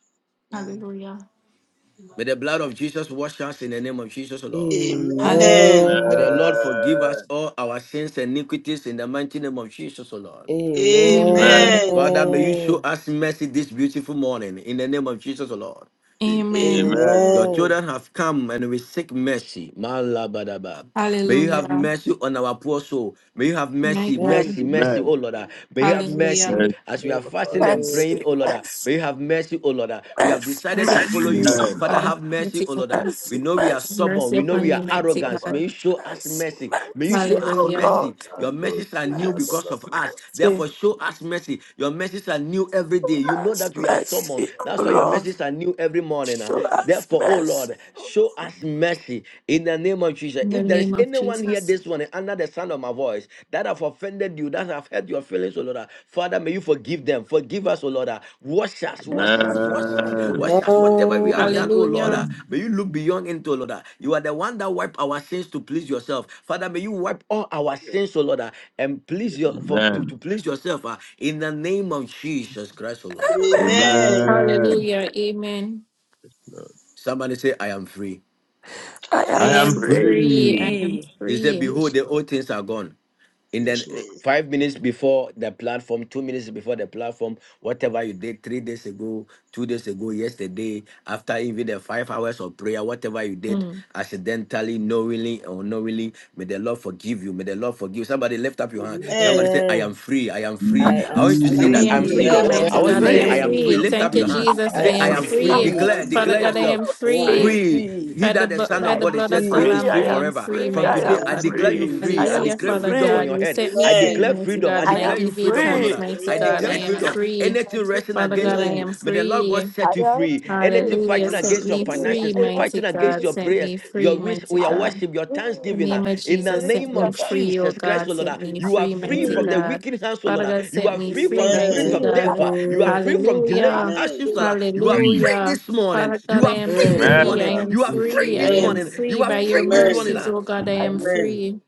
[SPEAKER 6] Hallelujah.
[SPEAKER 7] May the blood of Jesus wash us in the name of Jesus, O Lord.
[SPEAKER 6] Hallelujah.
[SPEAKER 5] Amen.
[SPEAKER 3] Amen.
[SPEAKER 7] May the
[SPEAKER 2] Amen.
[SPEAKER 7] Lord forgive us all our sins and iniquities in the mighty name of Jesus, O Lord.
[SPEAKER 5] Amen.
[SPEAKER 6] Amen.
[SPEAKER 2] Amen.
[SPEAKER 7] Father, may you show
[SPEAKER 2] Amen.
[SPEAKER 7] us mercy this beautiful morning in the name of Jesus, O Lord.
[SPEAKER 9] Amen.
[SPEAKER 6] Amen.
[SPEAKER 5] Amen.
[SPEAKER 7] Your
[SPEAKER 3] Amen.
[SPEAKER 7] children have come and we seek mercy. Malabadaba. May you
[SPEAKER 3] Yes.
[SPEAKER 7] have
[SPEAKER 6] Hallelujah.
[SPEAKER 7] mercy on our poor soul. May you have
[SPEAKER 6] My
[SPEAKER 7] mercy,
[SPEAKER 6] God.
[SPEAKER 7] mercy, mercy,
[SPEAKER 5] Amen.
[SPEAKER 7] oh Lord. ah. May you have
[SPEAKER 3] Yes.
[SPEAKER 7] mercy
[SPEAKER 6] Hallelujah.
[SPEAKER 5] Mercy,
[SPEAKER 7] as we are
[SPEAKER 5] our
[SPEAKER 7] fasting
[SPEAKER 5] Father.
[SPEAKER 7] and
[SPEAKER 2] Amen.
[SPEAKER 7] praying,
[SPEAKER 11] Mercy,
[SPEAKER 7] oh Lord. ah.
[SPEAKER 11] mercy,
[SPEAKER 7] May you have mercy, oh Lord. ah. We have
[SPEAKER 11] mercy,
[SPEAKER 7] decided to follow
[SPEAKER 11] mercy,
[SPEAKER 7] you.
[SPEAKER 11] oh
[SPEAKER 6] Mercy
[SPEAKER 5] Amen.
[SPEAKER 7] Father,
[SPEAKER 11] God.
[SPEAKER 6] God.
[SPEAKER 7] have mercy,
[SPEAKER 6] Mighty
[SPEAKER 7] oh
[SPEAKER 6] God.
[SPEAKER 7] Lord. ah.
[SPEAKER 6] Have
[SPEAKER 7] We
[SPEAKER 11] Mercy,
[SPEAKER 7] know we are
[SPEAKER 11] mercy,
[SPEAKER 7] stubborn.
[SPEAKER 6] Mercy
[SPEAKER 7] We know
[SPEAKER 5] Mercy,
[SPEAKER 6] upon
[SPEAKER 7] we
[SPEAKER 6] me,
[SPEAKER 7] are
[SPEAKER 6] mighty
[SPEAKER 5] our
[SPEAKER 7] arrogant.
[SPEAKER 5] Father.
[SPEAKER 7] May
[SPEAKER 6] God.
[SPEAKER 7] you show us
[SPEAKER 11] mercy,
[SPEAKER 7] mercy. May you
[SPEAKER 11] mercy,
[SPEAKER 7] show us
[SPEAKER 11] oh
[SPEAKER 6] Hallelujah.
[SPEAKER 11] Lord.
[SPEAKER 7] mercy. Your
[SPEAKER 5] and those
[SPEAKER 7] mercies are
[SPEAKER 5] who
[SPEAKER 7] new
[SPEAKER 5] are
[SPEAKER 11] Mercy,
[SPEAKER 3] Amen.
[SPEAKER 7] because
[SPEAKER 5] beloved.
[SPEAKER 7] of us.
[SPEAKER 11] mercy,
[SPEAKER 7] Therefore, show us mercy. Your mercies are new every day. You know
[SPEAKER 11] mercy,
[SPEAKER 7] that we are stubborn.
[SPEAKER 11] mercy, oh
[SPEAKER 7] That's why your
[SPEAKER 11] Lord.
[SPEAKER 7] mercies are new every morning. ah.
[SPEAKER 11] Show us
[SPEAKER 7] Therefore, oh
[SPEAKER 11] mercy.
[SPEAKER 7] Lord, show us mercy in the name of Jesus.
[SPEAKER 6] In the
[SPEAKER 7] If there is
[SPEAKER 6] name of
[SPEAKER 7] anyone here
[SPEAKER 6] Jesus.
[SPEAKER 7] this morning under the sound of my voice that have offended you, that have hurt your feelings, oh Lord, ah, Father, may you forgive them. Forgive us, oh Lord. ah. Wash us, wash us, wash us,
[SPEAKER 5] Amen.
[SPEAKER 7] wash us. Whatever we have done,
[SPEAKER 3] Amen.
[SPEAKER 7] oh Lord,
[SPEAKER 6] Hallelujah.
[SPEAKER 7] ah, may you look beyond into, oh Lord. ah. You are the one that wipe our sins to please yourself. Father, may you wipe all our sins, oh Lord, ah, and please
[SPEAKER 9] Yes,
[SPEAKER 7] your for,
[SPEAKER 5] Amen.
[SPEAKER 7] to, to please yourself ah, in the name of Jesus Christ, oh Lord.
[SPEAKER 11] Amen.
[SPEAKER 3] Amen.
[SPEAKER 5] Amen.
[SPEAKER 6] Hallelujah. Amen.
[SPEAKER 5] Lord.
[SPEAKER 7] Somebody say, I am free.
[SPEAKER 11] I
[SPEAKER 3] I
[SPEAKER 2] Amen.
[SPEAKER 6] I
[SPEAKER 11] am
[SPEAKER 5] I
[SPEAKER 9] ah,
[SPEAKER 3] am
[SPEAKER 5] am
[SPEAKER 6] am
[SPEAKER 11] free.
[SPEAKER 3] free.
[SPEAKER 6] free. I
[SPEAKER 5] free.
[SPEAKER 6] am
[SPEAKER 2] free.
[SPEAKER 7] He said,
[SPEAKER 6] free.
[SPEAKER 7] Behold,
[SPEAKER 5] Yes,
[SPEAKER 7] the
[SPEAKER 5] Lord.
[SPEAKER 7] old things are gone. In the
[SPEAKER 9] yes,
[SPEAKER 7] eh,
[SPEAKER 9] Lord.
[SPEAKER 3] Yes.
[SPEAKER 7] five minutes before the platform, two minutes before the platform, whatever you did three days ago, two days ago, yesterday, after even the five hours of prayer, whatever you did
[SPEAKER 6] Hmm.
[SPEAKER 7] accidentally, knowingly, or unknowingly, may the Lord forgive you. May the Lord forgive you. Somebody lift up your hand. Somebody
[SPEAKER 3] Amen.
[SPEAKER 7] say, I am
[SPEAKER 2] Amen.
[SPEAKER 7] free. I am
[SPEAKER 11] I
[SPEAKER 7] free.
[SPEAKER 2] I
[SPEAKER 11] am
[SPEAKER 7] I
[SPEAKER 2] am
[SPEAKER 7] want
[SPEAKER 3] I
[SPEAKER 7] you to
[SPEAKER 11] free.
[SPEAKER 7] say
[SPEAKER 3] am
[SPEAKER 6] I
[SPEAKER 7] that
[SPEAKER 5] Indeed,
[SPEAKER 6] am
[SPEAKER 7] I'm
[SPEAKER 3] free.
[SPEAKER 5] I
[SPEAKER 2] free.
[SPEAKER 3] I
[SPEAKER 6] free,
[SPEAKER 11] I
[SPEAKER 3] am
[SPEAKER 7] serious.
[SPEAKER 2] I
[SPEAKER 5] am
[SPEAKER 7] I
[SPEAKER 6] mighty
[SPEAKER 11] am
[SPEAKER 2] am
[SPEAKER 7] want you
[SPEAKER 6] God.
[SPEAKER 3] free.
[SPEAKER 6] I
[SPEAKER 7] to
[SPEAKER 5] free.
[SPEAKER 7] say,
[SPEAKER 6] am
[SPEAKER 3] I
[SPEAKER 7] I
[SPEAKER 11] free.
[SPEAKER 3] am
[SPEAKER 7] am
[SPEAKER 5] I
[SPEAKER 2] free.
[SPEAKER 7] free.
[SPEAKER 6] free.
[SPEAKER 5] am
[SPEAKER 3] free.
[SPEAKER 7] Lift
[SPEAKER 3] I
[SPEAKER 7] up
[SPEAKER 6] Thank you,
[SPEAKER 7] your
[SPEAKER 3] am
[SPEAKER 5] free.
[SPEAKER 3] free.
[SPEAKER 11] I
[SPEAKER 7] hands.
[SPEAKER 5] I
[SPEAKER 11] am
[SPEAKER 6] Jesus.
[SPEAKER 5] am
[SPEAKER 6] I
[SPEAKER 2] I
[SPEAKER 7] Say, I
[SPEAKER 6] am
[SPEAKER 2] am
[SPEAKER 5] free.
[SPEAKER 7] am
[SPEAKER 11] free.
[SPEAKER 7] free.
[SPEAKER 11] I
[SPEAKER 6] free.
[SPEAKER 5] Thank
[SPEAKER 11] am
[SPEAKER 3] I
[SPEAKER 2] free.
[SPEAKER 3] am
[SPEAKER 7] Declare,
[SPEAKER 5] you,
[SPEAKER 6] Father
[SPEAKER 7] declare
[SPEAKER 5] Jesus.
[SPEAKER 6] God, I
[SPEAKER 3] free.
[SPEAKER 7] yourself
[SPEAKER 6] am
[SPEAKER 2] I am
[SPEAKER 6] free.
[SPEAKER 11] free.
[SPEAKER 7] free.
[SPEAKER 2] free.
[SPEAKER 7] He
[SPEAKER 6] By the,
[SPEAKER 7] that the
[SPEAKER 9] It
[SPEAKER 6] bu-
[SPEAKER 2] I
[SPEAKER 7] Son
[SPEAKER 11] I
[SPEAKER 6] by
[SPEAKER 7] of
[SPEAKER 2] am
[SPEAKER 6] the
[SPEAKER 7] God is
[SPEAKER 6] blood
[SPEAKER 11] am
[SPEAKER 7] set
[SPEAKER 6] of the
[SPEAKER 7] free
[SPEAKER 2] free.
[SPEAKER 7] is
[SPEAKER 11] free.
[SPEAKER 6] Lamb,
[SPEAKER 11] I
[SPEAKER 7] free
[SPEAKER 6] I
[SPEAKER 11] am
[SPEAKER 6] am
[SPEAKER 7] forever.
[SPEAKER 6] free,
[SPEAKER 11] free.
[SPEAKER 7] From
[SPEAKER 11] I am free. I
[SPEAKER 3] I
[SPEAKER 2] I
[SPEAKER 6] mighty
[SPEAKER 7] today,
[SPEAKER 11] am
[SPEAKER 2] am
[SPEAKER 7] I
[SPEAKER 3] am
[SPEAKER 6] God.
[SPEAKER 7] declare
[SPEAKER 2] free
[SPEAKER 7] you
[SPEAKER 11] free.
[SPEAKER 2] in
[SPEAKER 3] free.
[SPEAKER 7] free.
[SPEAKER 11] I
[SPEAKER 7] I
[SPEAKER 2] Jesus'
[SPEAKER 6] Hallelujah,
[SPEAKER 11] am
[SPEAKER 7] declare
[SPEAKER 2] name.
[SPEAKER 6] Father
[SPEAKER 7] freedom on
[SPEAKER 6] God.
[SPEAKER 11] free.
[SPEAKER 7] your
[SPEAKER 6] You
[SPEAKER 7] head.
[SPEAKER 6] set me
[SPEAKER 7] I
[SPEAKER 6] free,
[SPEAKER 3] Amen.
[SPEAKER 7] declare
[SPEAKER 6] mighty
[SPEAKER 7] freedom.
[SPEAKER 6] God,
[SPEAKER 7] I
[SPEAKER 6] and
[SPEAKER 11] I
[SPEAKER 3] Amen.
[SPEAKER 6] I
[SPEAKER 7] declare
[SPEAKER 11] am
[SPEAKER 7] you
[SPEAKER 6] give you
[SPEAKER 7] freedom, O Lord.
[SPEAKER 6] thanks,
[SPEAKER 11] free.
[SPEAKER 6] mighty
[SPEAKER 7] I
[SPEAKER 6] God. I
[SPEAKER 7] declare
[SPEAKER 11] I
[SPEAKER 3] Amen.
[SPEAKER 6] am
[SPEAKER 7] freedom.
[SPEAKER 11] am
[SPEAKER 6] free.
[SPEAKER 7] Anything resting
[SPEAKER 6] Father God,
[SPEAKER 7] against
[SPEAKER 6] I
[SPEAKER 11] free.
[SPEAKER 7] you,
[SPEAKER 6] am
[SPEAKER 3] Amen.
[SPEAKER 7] may the Lord God
[SPEAKER 6] free.
[SPEAKER 11] I
[SPEAKER 7] set you
[SPEAKER 11] am
[SPEAKER 7] free.
[SPEAKER 11] free.
[SPEAKER 7] Anything
[SPEAKER 6] Hallelujah.
[SPEAKER 3] I
[SPEAKER 7] fighting
[SPEAKER 3] am
[SPEAKER 6] Set
[SPEAKER 7] against
[SPEAKER 11] free. I am free.
[SPEAKER 7] your
[SPEAKER 6] me free,
[SPEAKER 7] finances,
[SPEAKER 6] mighty
[SPEAKER 7] fighting against
[SPEAKER 6] God.
[SPEAKER 7] your
[SPEAKER 6] Set
[SPEAKER 7] prayers,
[SPEAKER 6] me
[SPEAKER 7] your
[SPEAKER 6] free,
[SPEAKER 7] wish,
[SPEAKER 6] mighty
[SPEAKER 11] I
[SPEAKER 7] your
[SPEAKER 11] am
[SPEAKER 6] God.
[SPEAKER 7] worship, your
[SPEAKER 11] free.
[SPEAKER 6] The
[SPEAKER 7] thanksgiving.
[SPEAKER 11] I am
[SPEAKER 7] ah,
[SPEAKER 6] name of
[SPEAKER 3] free.
[SPEAKER 7] in the
[SPEAKER 11] free. I
[SPEAKER 6] Jesus
[SPEAKER 11] am
[SPEAKER 6] set
[SPEAKER 7] name
[SPEAKER 6] me
[SPEAKER 7] of
[SPEAKER 6] free, oh
[SPEAKER 7] Jesus Christ,
[SPEAKER 6] God,
[SPEAKER 7] O Lord,
[SPEAKER 6] set
[SPEAKER 7] ah,
[SPEAKER 6] me
[SPEAKER 7] you are
[SPEAKER 6] free,
[SPEAKER 7] free
[SPEAKER 6] mighty
[SPEAKER 11] free.
[SPEAKER 7] from
[SPEAKER 5] Amen.
[SPEAKER 7] the
[SPEAKER 6] God.
[SPEAKER 7] wicked hands, O Lord.
[SPEAKER 6] Father
[SPEAKER 7] ah,
[SPEAKER 6] God,
[SPEAKER 7] you
[SPEAKER 6] set
[SPEAKER 7] are
[SPEAKER 6] me
[SPEAKER 7] free
[SPEAKER 6] free,
[SPEAKER 7] from the
[SPEAKER 11] Free. I
[SPEAKER 6] mighty
[SPEAKER 7] spirit
[SPEAKER 2] Amen.
[SPEAKER 3] Amen.
[SPEAKER 7] of
[SPEAKER 11] am free. I am
[SPEAKER 7] death.
[SPEAKER 6] God.
[SPEAKER 7] ah, you are
[SPEAKER 2] Amen.
[SPEAKER 7] free from delays,
[SPEAKER 6] Hallelujah.
[SPEAKER 7] hardships, O
[SPEAKER 3] Amen.
[SPEAKER 7] Lord. ah.
[SPEAKER 11] free.
[SPEAKER 7] You are
[SPEAKER 5] Amen.
[SPEAKER 7] free
[SPEAKER 6] Hallelujah.
[SPEAKER 7] this morning.
[SPEAKER 6] Father God,
[SPEAKER 7] You
[SPEAKER 6] I
[SPEAKER 7] are
[SPEAKER 6] am
[SPEAKER 7] free this
[SPEAKER 5] Amen.
[SPEAKER 6] free.
[SPEAKER 5] I
[SPEAKER 6] I
[SPEAKER 7] morning.
[SPEAKER 5] am
[SPEAKER 3] Amen.
[SPEAKER 6] am
[SPEAKER 7] You are
[SPEAKER 5] free.
[SPEAKER 7] free
[SPEAKER 6] free. I
[SPEAKER 7] this
[SPEAKER 6] am
[SPEAKER 2] Amen.
[SPEAKER 7] morning. You
[SPEAKER 6] free.
[SPEAKER 7] are
[SPEAKER 6] By
[SPEAKER 11] Free.
[SPEAKER 6] your
[SPEAKER 7] free this
[SPEAKER 2] Amen.
[SPEAKER 7] morning.
[SPEAKER 3] Amen.
[SPEAKER 6] mercies,
[SPEAKER 7] ah.
[SPEAKER 6] oh God, I am
[SPEAKER 3] Amen.
[SPEAKER 6] free.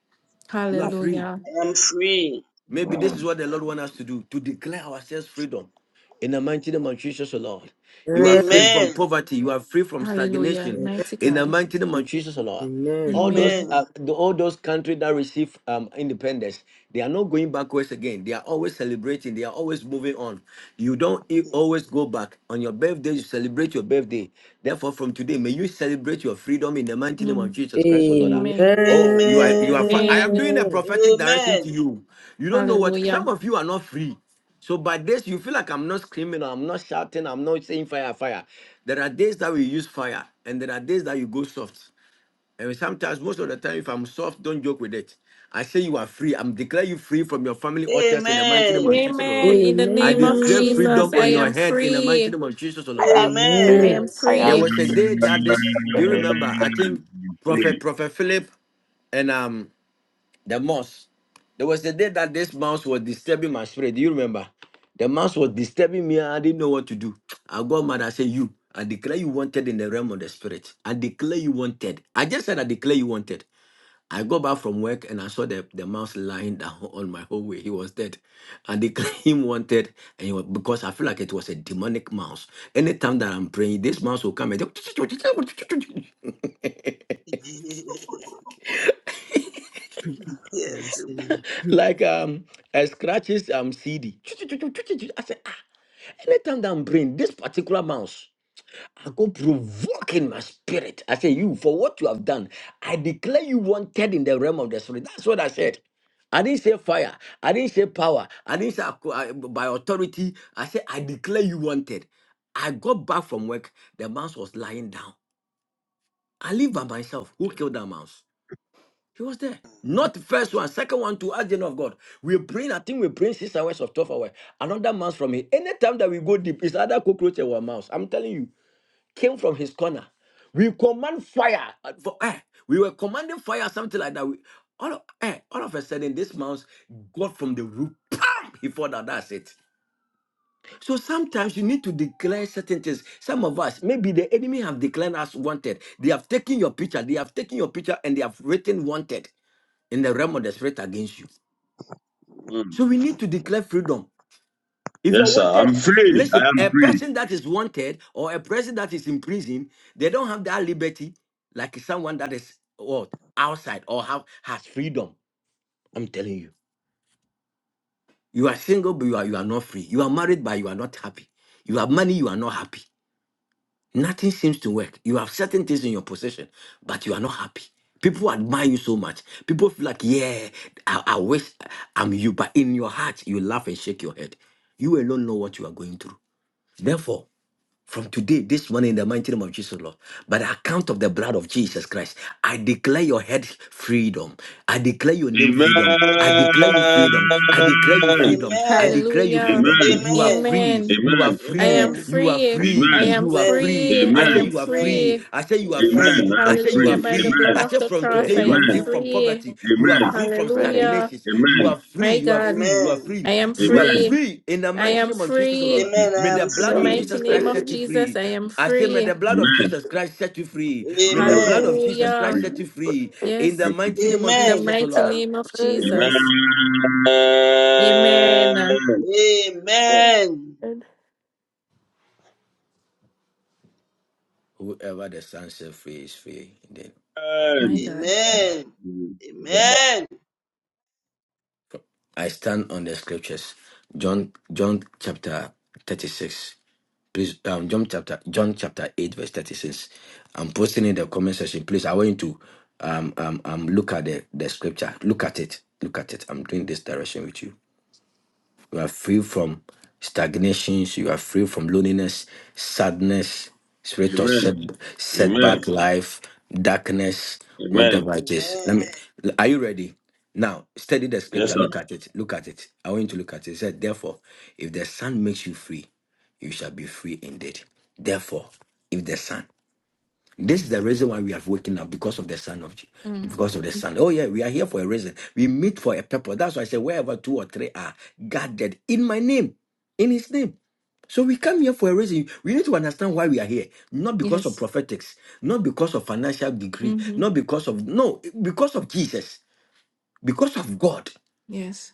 [SPEAKER 7] you are free.
[SPEAKER 6] Hallelujah.
[SPEAKER 3] I am free.
[SPEAKER 7] Maybe this is what the Lord wants us to do to declare ourselves freedom. In the mighty name of Jesus, O Lord. You are free
[SPEAKER 2] Amen.
[SPEAKER 7] from
[SPEAKER 3] Amen.
[SPEAKER 7] poverty. You are free from
[SPEAKER 6] Hallelujah.
[SPEAKER 7] stagnation.
[SPEAKER 2] Amen.
[SPEAKER 3] Yes.
[SPEAKER 6] Mighty
[SPEAKER 7] In the
[SPEAKER 6] God.
[SPEAKER 7] mighty name of Jesus, O Lord.
[SPEAKER 2] Amen. Amen. Amen.
[SPEAKER 7] All those,
[SPEAKER 6] Amen.
[SPEAKER 3] Amen.
[SPEAKER 7] uh, the- all those countries that receive um, independence, they are not going backwards again. They are always celebrating. They are always moving on. You don't e- always go back. On your birthday, you celebrate your birthday. Therefore, from today, may you celebrate your freedom in the mighty name of
[SPEAKER 6] Mm.
[SPEAKER 7] Jesus Christ, O Lord.
[SPEAKER 6] Amen.
[SPEAKER 7] Oh, you are, you
[SPEAKER 3] Amen.
[SPEAKER 7] are. Fa- I am
[SPEAKER 6] Amen.
[SPEAKER 7] doing a prophetic direction to
[SPEAKER 3] Amen.
[SPEAKER 7] you. You don't know what. Some
[SPEAKER 6] Hallelujah.
[SPEAKER 7] of you are not free. So by this, you feel like I'm not screaming, I'm not shouting, I'm not saying fire, fire. There are days that we use fire, and there are days that you go soft. And sometimes, most of the time, if I'm soft, don't joke with it. I say you are free. I'm declare you free from your family altars in the mighty name of
[SPEAKER 3] Amen.
[SPEAKER 7] Jesus, O Lord.
[SPEAKER 6] Amen. In the
[SPEAKER 7] I
[SPEAKER 6] name
[SPEAKER 3] I am
[SPEAKER 6] of
[SPEAKER 7] declare freedom
[SPEAKER 6] Jesus,
[SPEAKER 3] free.
[SPEAKER 7] on
[SPEAKER 6] I
[SPEAKER 7] your
[SPEAKER 6] am
[SPEAKER 7] head in the mighty
[SPEAKER 6] free.
[SPEAKER 7] name of Jesus, O
[SPEAKER 11] I am
[SPEAKER 7] Lord.
[SPEAKER 11] I am free. Free. I am
[SPEAKER 3] Amen.
[SPEAKER 6] I
[SPEAKER 3] I
[SPEAKER 11] free.
[SPEAKER 6] am
[SPEAKER 3] am
[SPEAKER 11] I
[SPEAKER 7] There
[SPEAKER 6] free.
[SPEAKER 11] am
[SPEAKER 3] free.
[SPEAKER 7] was a day that this. Do you
[SPEAKER 11] very
[SPEAKER 7] remember? I think
[SPEAKER 11] free.
[SPEAKER 7] Prophet Prophet Philip and um the mouse. There was a day that this mouse was disturbing my spirit. Do you remember? The mouse was disturbing me. I didn't know what to do. I got mad. I said, You, I declare you wanted in the realm of the spirit. I declare you wanted. I just said, I declare you wanted. I go back from work and I saw the, the mouse lying down <laughs> on my hallway. He was dead. I declare <laughs> him wanted and he was, because I feel like it was a demonic mouse. Anytime that I'm praying, this mouse will come and <laughs>
[SPEAKER 3] <laughs>
[SPEAKER 2] Amen.
[SPEAKER 3] yes.
[SPEAKER 2] Amen. <laughs>
[SPEAKER 7] like um a scratches um CD. I said, ah, anytime that I'm praying, this particular mouse, I go provoke in my spirit. I say, you for what you have done, I declare you wanted in the realm of the spirit. That's what I said. I didn't say fire. I didn't say power. I didn't say ac- uh, by authority. I said, I declare you wanted. I got back from work. The mouse was lying down. I live by myself. Who killed that mouse? He was there. Not the first one, second one to ask the know of God. We're I think we're six hours of 12 hours. Another mouse from him. Anytime that we go deep, it's either cockroach or mouse. I'm telling you, came from his corner. We command fire. uh, For, eh, we were commanding fire, something like that. We, all, of, eh, all of a sudden, this mouse got from the roof. Bam! He thought that that's it. So sometimes you need to declare certain things. Some of us, maybe the enemy have declared us wanted. They have taken your picture. They have taken your picture and they have written wanted in the realm of the spirit against you.
[SPEAKER 5] Mm.
[SPEAKER 7] So we need to declare freedom. If you are
[SPEAKER 5] Yes, sir.
[SPEAKER 7] wanted,
[SPEAKER 5] I'm free. I
[SPEAKER 7] listen,
[SPEAKER 5] am
[SPEAKER 7] a
[SPEAKER 5] free.
[SPEAKER 7] person that is wanted or a person that is in prison, they don't have that liberty like someone that is what outside or have has freedom. I'm telling you. You are single, but you are you are not free. You are married, but you are not happy. You have money, you are not happy. Nothing seems to work. You have certain things in your possession, but you are not happy. People admire you so much. People feel like, yeah, I, I wish I'm you. But in your heart, you laugh and shake your head. You alone know what you are going through. Therefore, from today, this morning, in the mighty name of Jesus, Lord, by the account of the blood of Jesus Christ, I declare your head freedom. I declare your name freedom. I
[SPEAKER 5] Amen.
[SPEAKER 7] declare you freedom. I declare you
[SPEAKER 5] Amen. Amen.
[SPEAKER 7] freedom. I
[SPEAKER 3] Amen.
[SPEAKER 7] declare you
[SPEAKER 6] Hallelujah.
[SPEAKER 7] freedom.
[SPEAKER 5] Amen.
[SPEAKER 7] You are
[SPEAKER 3] Amen.
[SPEAKER 7] free.
[SPEAKER 6] Amen.
[SPEAKER 7] You are
[SPEAKER 6] I
[SPEAKER 7] free.
[SPEAKER 3] Amen.
[SPEAKER 6] am
[SPEAKER 7] You are
[SPEAKER 6] free.
[SPEAKER 7] free.
[SPEAKER 6] I
[SPEAKER 5] Amen.
[SPEAKER 6] am
[SPEAKER 7] You are
[SPEAKER 3] Amen.
[SPEAKER 7] free.
[SPEAKER 6] free.
[SPEAKER 7] I
[SPEAKER 6] I
[SPEAKER 5] Amen.
[SPEAKER 7] say
[SPEAKER 6] am
[SPEAKER 7] you are
[SPEAKER 3] Amen.
[SPEAKER 7] free.
[SPEAKER 6] free.
[SPEAKER 7] I say you
[SPEAKER 11] I
[SPEAKER 5] I
[SPEAKER 7] are
[SPEAKER 11] am
[SPEAKER 7] free.
[SPEAKER 3] Amen.
[SPEAKER 5] am
[SPEAKER 7] I say you
[SPEAKER 5] free.
[SPEAKER 7] are
[SPEAKER 6] Hallelujah. By the
[SPEAKER 7] free.
[SPEAKER 3] Amen.
[SPEAKER 5] Amen.
[SPEAKER 6] blood
[SPEAKER 7] I
[SPEAKER 6] of
[SPEAKER 7] say
[SPEAKER 6] the
[SPEAKER 7] from today
[SPEAKER 6] cross,
[SPEAKER 11] free.
[SPEAKER 7] you
[SPEAKER 6] I
[SPEAKER 7] are
[SPEAKER 6] am
[SPEAKER 7] free
[SPEAKER 5] Amen.
[SPEAKER 7] from
[SPEAKER 3] Amen.
[SPEAKER 6] free.
[SPEAKER 7] poverty. You
[SPEAKER 11] I
[SPEAKER 7] are
[SPEAKER 5] Amen.
[SPEAKER 11] am
[SPEAKER 7] free from
[SPEAKER 11] free. Free.
[SPEAKER 6] Hallelujah.
[SPEAKER 7] stagnations. You
[SPEAKER 5] Amen.
[SPEAKER 7] are free.
[SPEAKER 6] My
[SPEAKER 7] You are
[SPEAKER 6] God,
[SPEAKER 7] free. You are
[SPEAKER 3] Amen.
[SPEAKER 7] free.
[SPEAKER 6] I am
[SPEAKER 7] You are
[SPEAKER 5] Amen.
[SPEAKER 6] free.
[SPEAKER 7] free in the
[SPEAKER 11] I
[SPEAKER 6] I
[SPEAKER 7] mighty
[SPEAKER 6] am
[SPEAKER 7] name of Jesus, O
[SPEAKER 6] free.
[SPEAKER 7] Lord.
[SPEAKER 3] Amen.
[SPEAKER 5] In
[SPEAKER 3] I
[SPEAKER 7] May
[SPEAKER 3] am
[SPEAKER 7] the
[SPEAKER 6] In the
[SPEAKER 5] Jesus'
[SPEAKER 7] blood of
[SPEAKER 3] free.
[SPEAKER 11] am
[SPEAKER 5] name.
[SPEAKER 6] mighty
[SPEAKER 7] Jesus
[SPEAKER 6] name
[SPEAKER 7] Christ
[SPEAKER 6] of
[SPEAKER 7] set you
[SPEAKER 11] free.
[SPEAKER 6] Jesus,
[SPEAKER 7] free.
[SPEAKER 6] I am
[SPEAKER 7] I say, may
[SPEAKER 6] free.
[SPEAKER 7] the blood of
[SPEAKER 5] Amen.
[SPEAKER 7] Jesus Christ set you free. May the
[SPEAKER 5] Oh,
[SPEAKER 7] blood of
[SPEAKER 3] Amen.
[SPEAKER 5] I'm
[SPEAKER 7] Jesus Christ
[SPEAKER 6] Hallelujah.
[SPEAKER 5] free.
[SPEAKER 7] set you free in the
[SPEAKER 6] Yes.
[SPEAKER 5] Thank you,
[SPEAKER 7] mighty name of
[SPEAKER 5] Jesus.
[SPEAKER 6] In the
[SPEAKER 3] Amen.
[SPEAKER 7] Jesus, O
[SPEAKER 11] Free. I
[SPEAKER 6] mighty
[SPEAKER 7] Lord.
[SPEAKER 11] am
[SPEAKER 6] name of
[SPEAKER 11] free.
[SPEAKER 5] Amen.
[SPEAKER 6] Jesus.
[SPEAKER 3] Amen.
[SPEAKER 6] Amen.
[SPEAKER 5] Amen.
[SPEAKER 11] And,
[SPEAKER 3] Amen.
[SPEAKER 11] and
[SPEAKER 7] Whoever the Son set free is free.
[SPEAKER 6] My God.
[SPEAKER 5] Thank
[SPEAKER 3] Amen.
[SPEAKER 5] you, Jehovah.
[SPEAKER 3] Amen.
[SPEAKER 7] I stand on the scriptures. John John chapter 36. Please um John chapter John chapter 8 verse 36. I'm posting in the comment section. Please, I want you to um um um look at the, the scripture. Look at it. Look at it. I'm doing this direction with you. You are free from stagnations. You are free from loneliness, sadness, spirit of
[SPEAKER 5] Amen.
[SPEAKER 7] set,
[SPEAKER 5] Amen.
[SPEAKER 7] setback life, darkness,
[SPEAKER 5] Amen.
[SPEAKER 7] whatever it is. Let
[SPEAKER 3] Amen.
[SPEAKER 7] me. Are you ready? Now, study the
[SPEAKER 5] Yes,
[SPEAKER 7] scripture.
[SPEAKER 3] Yeah,
[SPEAKER 5] sir.
[SPEAKER 7] Look at it. Look at it. I want you to look at it. It said, therefore, if the Son makes you free, you shall be free indeed. Therefore, if the Son, this is the reason why we are waking up because of the Son of Je-
[SPEAKER 6] Mm.
[SPEAKER 7] because of the Son. Oh yeah, we are here for a reason. We meet for a purpose. That's why I say wherever two or three are gathered in my name, in His name. So we come here for a reason. We need to understand why we are here, not because of
[SPEAKER 6] Yes.
[SPEAKER 7] prophetics, not because of financial degree,
[SPEAKER 6] hmm
[SPEAKER 7] not because of no, because of Jesus, because of God.
[SPEAKER 6] Yes.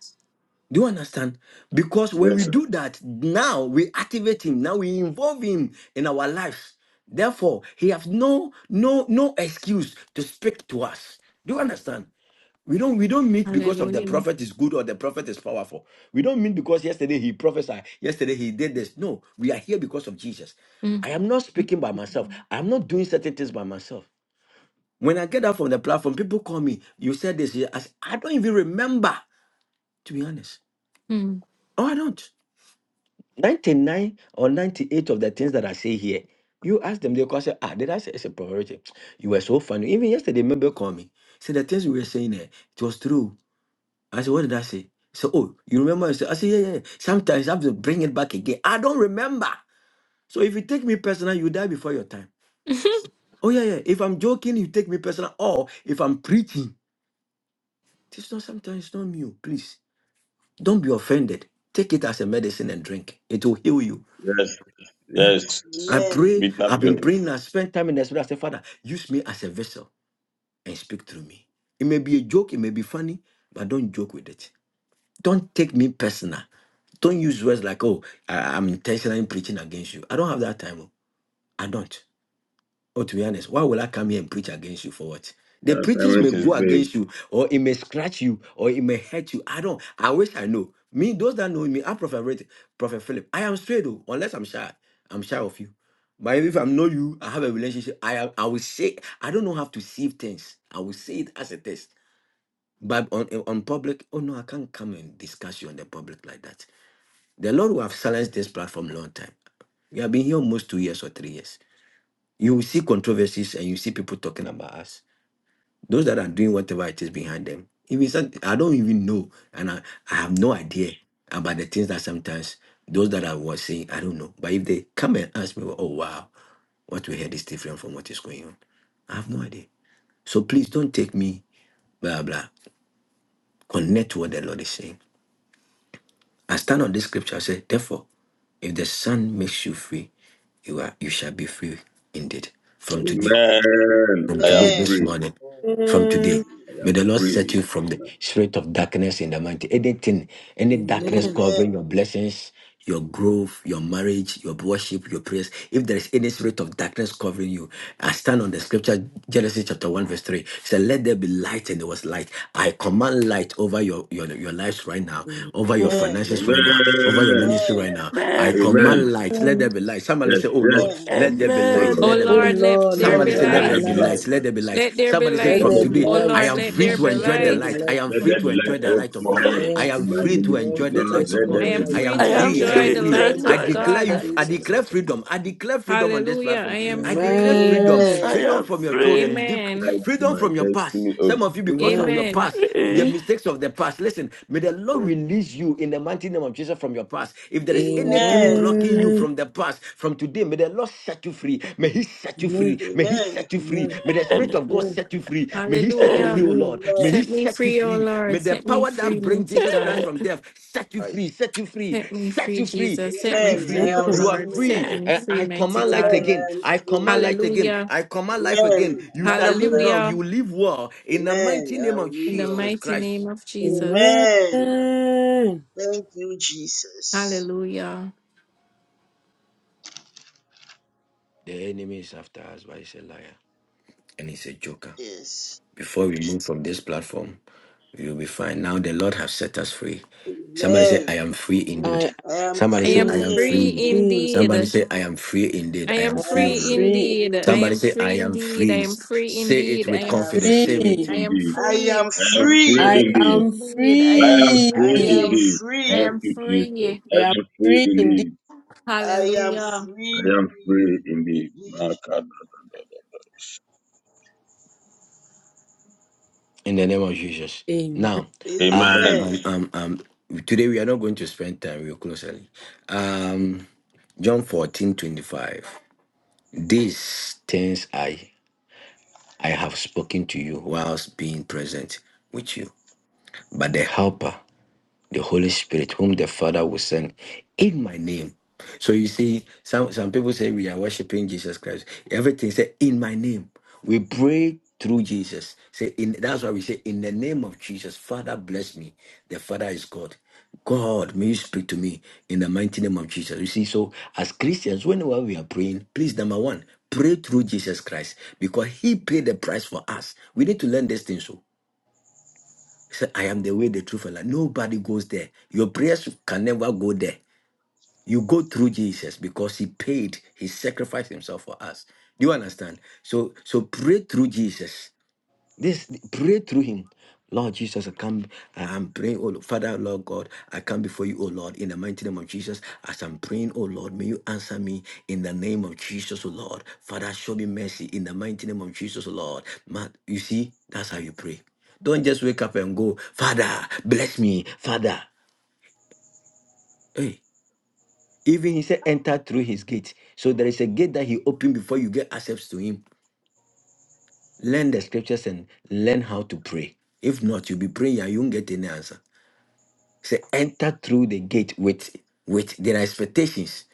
[SPEAKER 7] Do you understand? Because when we
[SPEAKER 3] yeah.
[SPEAKER 7] do that, now we activate him, now we involve him in our lives. Therefore, he has no no no excuse to speak to us. Do you understand? We don't we don't meet because of the
[SPEAKER 6] Hallelujah.
[SPEAKER 7] prophet is good or the prophet is powerful. We don't meet because yesterday he prophesied, yesterday he did this. No, we are here because of Jesus. I am not speaking by myself. I am not doing certain things by myself. When I get out from the platform, people call me. You said this. I, I don't even remember, to be honest.
[SPEAKER 6] hmm
[SPEAKER 7] Oh, I don't. 99 or 98 of the things that I say here, you ask them, they call say, ah, did I say it's a priority? <tsk> You were so funny. Even yesterday, member called me. Said the things we were saying there, it was true. I said, what did I say? So, oh, you remember? I said, I said, yeah, yeah. yeah. Sometimes I have to bring it back again. I don't remember. So if you take me personal, you die before your time. Oh, yeah, yeah. If I'm joking, you take me personal. Or if I'm preaching, it's not sometimes it's not me. oh, Please don't be offended. Take it as a medicine and drink. It will heal you.
[SPEAKER 5] Yes.
[SPEAKER 7] Yeah.
[SPEAKER 5] Yes.
[SPEAKER 7] I
[SPEAKER 3] Amen.
[SPEAKER 7] pray,
[SPEAKER 5] Bitter
[SPEAKER 7] I've
[SPEAKER 5] pill.
[SPEAKER 7] been praying, I spent time in the spirit. I said, Father, use me as a vessel and speak through me. It may be a joke, it may be funny, but don't joke with it. Don't take me personal. Don't use words like, oh, I, am intentionally preaching against you. I don't have that time. oh. I don't. Oh, to be honest, why will I come here and preach against you for what?
[SPEAKER 5] The
[SPEAKER 7] The preachings may
[SPEAKER 5] assignment is
[SPEAKER 7] go
[SPEAKER 5] big.
[SPEAKER 7] against you, or it may scratch you, or it may hurt you. I don't. I wish I know. Me, those that know me, I'm Prophet, Rit- Prophet Philip. I am straight though, unless I'm shy. I'm shy of you. But if I'm not you, I have a relationship. I am. I will say. I don't know how to see things. I will say it as a test. But on on public, oh no, I can't come and discuss you on the public like that. The Lord will have silenced this platform long time. We have been here almost two years or three years you will see controversies and you see people talking about us. Those that are doing whatever it is behind them. Even some, I don't even know, and I, I have no idea about the things that sometimes those that I was saying, I don't know. But if they come and ask me, oh wow, what we heard is different from what is going on. I have no idea. So please don't take me, blah, blah. Connect to what the Lord is saying. I stand on this scripture. I say, therefore, if the Son makes you free, you are you shall be free indeed from today.
[SPEAKER 5] Amen.
[SPEAKER 7] from
[SPEAKER 5] I
[SPEAKER 7] today,
[SPEAKER 5] am
[SPEAKER 3] Amen.
[SPEAKER 7] this
[SPEAKER 5] free.
[SPEAKER 7] morning, from today.
[SPEAKER 2] Amen.
[SPEAKER 5] I
[SPEAKER 7] May
[SPEAKER 5] am
[SPEAKER 7] the Lord set
[SPEAKER 5] free.
[SPEAKER 7] you from the spirit of darkness in the mighty. Anything, any
[SPEAKER 3] Amen.
[SPEAKER 2] Amen.
[SPEAKER 3] Amen.
[SPEAKER 7] darkness covering your blessings, your growth, your marriage, your worship, your prayers. If there is any spirit of darkness covering you, I stand on the scripture, Genesis chapter 1, verse 3. It said, Let there be light, and there was light. I command light over your, your, your lives right now,
[SPEAKER 2] Amen.
[SPEAKER 7] over your finances right now, over your
[SPEAKER 5] Amen.
[SPEAKER 7] ministry right
[SPEAKER 3] Amen.
[SPEAKER 7] now. I
[SPEAKER 11] amen.
[SPEAKER 5] Amen.
[SPEAKER 7] command light. Let
[SPEAKER 6] <laughs>
[SPEAKER 7] there be light. Somebody
[SPEAKER 5] Yes,
[SPEAKER 7] say, oh
[SPEAKER 5] yes.
[SPEAKER 7] Lord,
[SPEAKER 3] Amen.
[SPEAKER 7] let there be
[SPEAKER 5] Oh
[SPEAKER 7] light,
[SPEAKER 5] Lord.
[SPEAKER 6] Oh
[SPEAKER 7] let
[SPEAKER 11] Amen.
[SPEAKER 7] there be
[SPEAKER 2] Oh
[SPEAKER 6] Lord,
[SPEAKER 7] light.
[SPEAKER 6] let
[SPEAKER 3] Oh
[SPEAKER 2] Lord,
[SPEAKER 6] there
[SPEAKER 11] Let
[SPEAKER 3] Lord,
[SPEAKER 2] let
[SPEAKER 7] Somebody
[SPEAKER 6] be
[SPEAKER 11] me
[SPEAKER 7] say,
[SPEAKER 2] there
[SPEAKER 3] let
[SPEAKER 5] Let
[SPEAKER 7] let
[SPEAKER 2] be
[SPEAKER 3] there
[SPEAKER 7] there
[SPEAKER 6] light.
[SPEAKER 5] there
[SPEAKER 3] be
[SPEAKER 11] like.
[SPEAKER 5] be
[SPEAKER 7] be
[SPEAKER 5] light.
[SPEAKER 7] light,
[SPEAKER 3] light
[SPEAKER 2] light.
[SPEAKER 7] let there be light.
[SPEAKER 6] Let there be
[SPEAKER 7] Somebody say,
[SPEAKER 2] Let
[SPEAKER 5] Let
[SPEAKER 6] light.
[SPEAKER 7] from
[SPEAKER 5] there
[SPEAKER 2] there
[SPEAKER 5] be
[SPEAKER 2] be
[SPEAKER 7] today,
[SPEAKER 6] Oh
[SPEAKER 5] light
[SPEAKER 7] I
[SPEAKER 6] Lord,
[SPEAKER 2] light.
[SPEAKER 7] am
[SPEAKER 5] in
[SPEAKER 6] let
[SPEAKER 5] my
[SPEAKER 7] free
[SPEAKER 6] there
[SPEAKER 7] to
[SPEAKER 6] be
[SPEAKER 5] let
[SPEAKER 2] Let
[SPEAKER 7] enjoy the
[SPEAKER 11] I
[SPEAKER 2] there
[SPEAKER 6] light.
[SPEAKER 2] be
[SPEAKER 7] light. I
[SPEAKER 2] light.
[SPEAKER 7] am free
[SPEAKER 3] from
[SPEAKER 5] there
[SPEAKER 7] to
[SPEAKER 5] be light,
[SPEAKER 7] enjoy
[SPEAKER 3] today.
[SPEAKER 7] the
[SPEAKER 5] oh
[SPEAKER 11] am
[SPEAKER 7] light of God.
[SPEAKER 2] I
[SPEAKER 5] God,
[SPEAKER 11] free.
[SPEAKER 3] I
[SPEAKER 2] am
[SPEAKER 7] I am
[SPEAKER 5] in my
[SPEAKER 3] am
[SPEAKER 7] free
[SPEAKER 2] free.
[SPEAKER 7] to
[SPEAKER 2] I
[SPEAKER 5] ministry,
[SPEAKER 2] am
[SPEAKER 3] free.
[SPEAKER 7] enjoy
[SPEAKER 2] free
[SPEAKER 7] the
[SPEAKER 2] to
[SPEAKER 5] Lord.
[SPEAKER 7] light of
[SPEAKER 5] Let
[SPEAKER 2] explore
[SPEAKER 5] there
[SPEAKER 6] I
[SPEAKER 7] God.
[SPEAKER 2] the
[SPEAKER 5] be
[SPEAKER 6] am
[SPEAKER 7] I
[SPEAKER 2] light.
[SPEAKER 6] free
[SPEAKER 7] am
[SPEAKER 2] I
[SPEAKER 11] I
[SPEAKER 3] I'm
[SPEAKER 6] to
[SPEAKER 2] am
[SPEAKER 11] am
[SPEAKER 3] free
[SPEAKER 7] free,
[SPEAKER 2] free
[SPEAKER 7] I
[SPEAKER 3] to
[SPEAKER 7] am
[SPEAKER 6] enjoy
[SPEAKER 2] to
[SPEAKER 11] free
[SPEAKER 6] the
[SPEAKER 7] free.
[SPEAKER 11] to
[SPEAKER 2] enjoy
[SPEAKER 3] enjoy
[SPEAKER 6] light
[SPEAKER 3] the
[SPEAKER 7] I
[SPEAKER 2] the
[SPEAKER 6] of
[SPEAKER 11] enjoy
[SPEAKER 3] light
[SPEAKER 2] light
[SPEAKER 11] the
[SPEAKER 7] declare you,
[SPEAKER 6] God.
[SPEAKER 11] light.
[SPEAKER 2] in
[SPEAKER 7] I
[SPEAKER 2] Jesus. name.
[SPEAKER 7] declare freedom. I declare freedom on this
[SPEAKER 6] Hallelujah. I
[SPEAKER 7] platform.
[SPEAKER 6] am
[SPEAKER 7] I declare
[SPEAKER 6] free.
[SPEAKER 7] freedom,
[SPEAKER 2] Amen.
[SPEAKER 11] I
[SPEAKER 3] of
[SPEAKER 7] freedom
[SPEAKER 3] Amen.
[SPEAKER 11] am
[SPEAKER 7] from your children,
[SPEAKER 11] free.
[SPEAKER 7] dec-
[SPEAKER 6] Amen.
[SPEAKER 5] light,
[SPEAKER 7] freedom
[SPEAKER 5] the
[SPEAKER 7] from your past.
[SPEAKER 5] destiny of
[SPEAKER 7] Some of you,
[SPEAKER 11] I
[SPEAKER 7] because of
[SPEAKER 11] am
[SPEAKER 2] Amen.
[SPEAKER 7] your
[SPEAKER 6] Amen.
[SPEAKER 7] past, the
[SPEAKER 11] free.
[SPEAKER 7] mistakes of the past, listen, may the Lord
[SPEAKER 9] was
[SPEAKER 7] release you in the mighty name of Jesus from your your past. If there is anything
[SPEAKER 3] Amen.
[SPEAKER 7] blocking you
[SPEAKER 2] Amen.
[SPEAKER 7] from the past, from today, may the Lord set you free. May He set you free.
[SPEAKER 2] Amen.
[SPEAKER 7] May He
[SPEAKER 3] Amen.
[SPEAKER 7] set you free.
[SPEAKER 2] Amen. Amen.
[SPEAKER 7] May the Spirit
[SPEAKER 11] And,
[SPEAKER 7] of God set you free. May He set you
[SPEAKER 11] and,
[SPEAKER 7] free,
[SPEAKER 6] Hallelujah.
[SPEAKER 7] O
[SPEAKER 2] Amen.
[SPEAKER 7] Lord. May He
[SPEAKER 6] Set
[SPEAKER 3] Amen.
[SPEAKER 6] me
[SPEAKER 7] set you
[SPEAKER 6] free, O
[SPEAKER 7] free. May
[SPEAKER 6] Lord.
[SPEAKER 7] the
[SPEAKER 6] Set me
[SPEAKER 7] power
[SPEAKER 6] free,
[SPEAKER 7] that brings
[SPEAKER 6] mighty
[SPEAKER 7] Jesus Christ
[SPEAKER 6] God.
[SPEAKER 9] that
[SPEAKER 11] and,
[SPEAKER 7] from death set you
[SPEAKER 9] I
[SPEAKER 7] free, set you free,
[SPEAKER 6] Set me
[SPEAKER 7] set
[SPEAKER 6] free,
[SPEAKER 7] you free,
[SPEAKER 6] Jesus. Set
[SPEAKER 7] set
[SPEAKER 6] me
[SPEAKER 7] you
[SPEAKER 3] Amen.
[SPEAKER 2] Amen.
[SPEAKER 6] free,
[SPEAKER 7] free.
[SPEAKER 3] I
[SPEAKER 6] O
[SPEAKER 3] am
[SPEAKER 7] You are
[SPEAKER 6] Lord.
[SPEAKER 3] free.
[SPEAKER 6] Set
[SPEAKER 7] free.
[SPEAKER 6] me
[SPEAKER 7] And
[SPEAKER 11] and.
[SPEAKER 6] free,
[SPEAKER 7] I
[SPEAKER 6] mighty
[SPEAKER 7] command light
[SPEAKER 6] God.
[SPEAKER 3] Amen. I
[SPEAKER 7] again.
[SPEAKER 3] am
[SPEAKER 7] I command
[SPEAKER 3] free.
[SPEAKER 7] light again.
[SPEAKER 6] Hallelujah.
[SPEAKER 7] I command life again.
[SPEAKER 3] Amen.
[SPEAKER 7] You
[SPEAKER 3] I
[SPEAKER 7] shall
[SPEAKER 3] have
[SPEAKER 7] live
[SPEAKER 3] life.
[SPEAKER 7] long.
[SPEAKER 6] Hallelujah.
[SPEAKER 7] You will live well. In the
[SPEAKER 3] Amen.
[SPEAKER 7] mighty
[SPEAKER 3] I
[SPEAKER 7] name of
[SPEAKER 3] will live
[SPEAKER 6] In the
[SPEAKER 7] Jesus
[SPEAKER 3] long.
[SPEAKER 6] mighty name
[SPEAKER 7] Christ.
[SPEAKER 6] of Jesus.
[SPEAKER 2] Amen.
[SPEAKER 3] Amen. Thank you, Jesus.
[SPEAKER 6] Hallelujah.
[SPEAKER 7] The enemy is after us, but he's a liar and he's a joker.
[SPEAKER 3] Yes.
[SPEAKER 7] before we move from this platform, you'll be fine. Now the Lord has set us free. Somebody say, I
[SPEAKER 3] Amen.
[SPEAKER 7] am free indeed.
[SPEAKER 2] I am
[SPEAKER 3] I am
[SPEAKER 7] Somebody
[SPEAKER 6] I
[SPEAKER 7] say,
[SPEAKER 6] am
[SPEAKER 7] I
[SPEAKER 2] free.
[SPEAKER 7] am
[SPEAKER 3] free
[SPEAKER 6] free
[SPEAKER 7] free.
[SPEAKER 3] indeed.
[SPEAKER 2] indeed.
[SPEAKER 6] indeed.
[SPEAKER 7] Somebody say, I am free indeed.
[SPEAKER 6] I
[SPEAKER 7] I
[SPEAKER 6] am
[SPEAKER 2] I
[SPEAKER 7] am
[SPEAKER 2] am
[SPEAKER 3] I
[SPEAKER 7] free
[SPEAKER 3] am
[SPEAKER 6] free
[SPEAKER 7] indeed.
[SPEAKER 3] free
[SPEAKER 2] free.
[SPEAKER 6] indeed.
[SPEAKER 3] indeed.
[SPEAKER 6] I
[SPEAKER 2] indeed.
[SPEAKER 7] Somebody
[SPEAKER 6] am
[SPEAKER 7] say, I
[SPEAKER 6] free
[SPEAKER 7] am
[SPEAKER 6] indeed. I
[SPEAKER 7] free.
[SPEAKER 6] am free
[SPEAKER 7] Say it
[SPEAKER 6] indeed. I
[SPEAKER 7] with
[SPEAKER 3] I
[SPEAKER 6] am
[SPEAKER 3] am
[SPEAKER 7] confidence. Say
[SPEAKER 3] free.
[SPEAKER 6] free.
[SPEAKER 2] Free.
[SPEAKER 7] it
[SPEAKER 6] I am
[SPEAKER 5] indeed.
[SPEAKER 3] I am
[SPEAKER 6] free.
[SPEAKER 5] I
[SPEAKER 6] I
[SPEAKER 5] am
[SPEAKER 6] am
[SPEAKER 5] free
[SPEAKER 3] free.
[SPEAKER 2] I
[SPEAKER 6] free
[SPEAKER 5] indeed.
[SPEAKER 2] am
[SPEAKER 6] indeed. I
[SPEAKER 5] I
[SPEAKER 6] am
[SPEAKER 5] am
[SPEAKER 2] free.
[SPEAKER 3] I
[SPEAKER 5] free
[SPEAKER 2] I
[SPEAKER 3] am
[SPEAKER 6] free.
[SPEAKER 5] indeed.
[SPEAKER 6] I
[SPEAKER 5] Thank
[SPEAKER 3] free.
[SPEAKER 6] am
[SPEAKER 5] you, Jesus.
[SPEAKER 6] free.
[SPEAKER 5] I
[SPEAKER 2] am
[SPEAKER 5] am free
[SPEAKER 2] free indeed.
[SPEAKER 5] indeed.
[SPEAKER 3] I am
[SPEAKER 6] Hallelujah.
[SPEAKER 5] I
[SPEAKER 3] free.
[SPEAKER 5] am free indeed.
[SPEAKER 3] Indeed.
[SPEAKER 5] My God.
[SPEAKER 7] in the name of Jesus.
[SPEAKER 2] Amen.
[SPEAKER 7] Now, um,
[SPEAKER 5] Amen.
[SPEAKER 7] um,
[SPEAKER 3] Amen.
[SPEAKER 7] um, um, today we are not going to spend time real closely. Um, John fourteen twenty five. 25. These things I I have spoken to you whilst being present with you. But the helper, the Holy Spirit, whom the Father will send in my name. So you see, some, some people say we are worshiping Jesus Christ. Everything said in my name. We pray through Jesus. Say in that's why we say, In the name of Jesus, Father bless me. The Father is God. God, may you speak to me in the mighty name of Jesus. You see, so as Christians, whenever we are praying, please, number one, pray through Jesus Christ because He paid the price for us. We need to learn this thing so said, I am the way, the truth, and life. Nobody goes there. Your prayers can never go there. You go through Jesus because He paid, He sacrificed Himself for us. Do you understand? So, so pray through Jesus. This pray through him. Lord Jesus, I come. I am praying, oh Lord. Father, Lord God, I come before you, oh Lord, in the mighty name of Jesus. As I'm praying, oh Lord, may you answer me in the name of Jesus, oh Lord. Father, show me mercy in the mighty name of Jesus, oh Lord. Man, you see, that's how you pray. Don't just wake up and go, Father, bless me, Father. Hey, even he said, enter through his gate. So there is a gate that he opened before you get access to him. Learn the scriptures and learn how to pray. If not, you'll be praying and you won't get any answer. Say enter through the gate with with their expectations.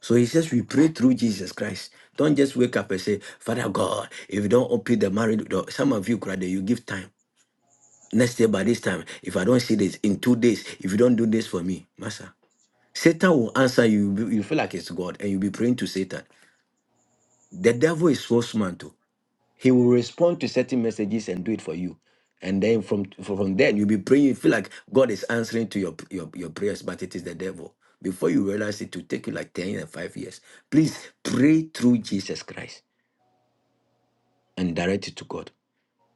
[SPEAKER 7] So he says we pray through Jesus Christ. Don't just wake up and say, Father God, if you don't open the marriage door, some of you cry that you give time. Next day by this time, if I don't see this in two days, if you don't do this for me, Master, Satan will answer you. You be- you feel like it's God, and you'll be praying to Satan. The devil is so smart. He will respond to certain messages and do it for you. And then from from from then you'll be praying. You feel like God is answering to your, your your prayers, but it is the devil. Before you realize it, it will take you like 10 and 5 years. Please pray through Jesus Christ and direct it to God.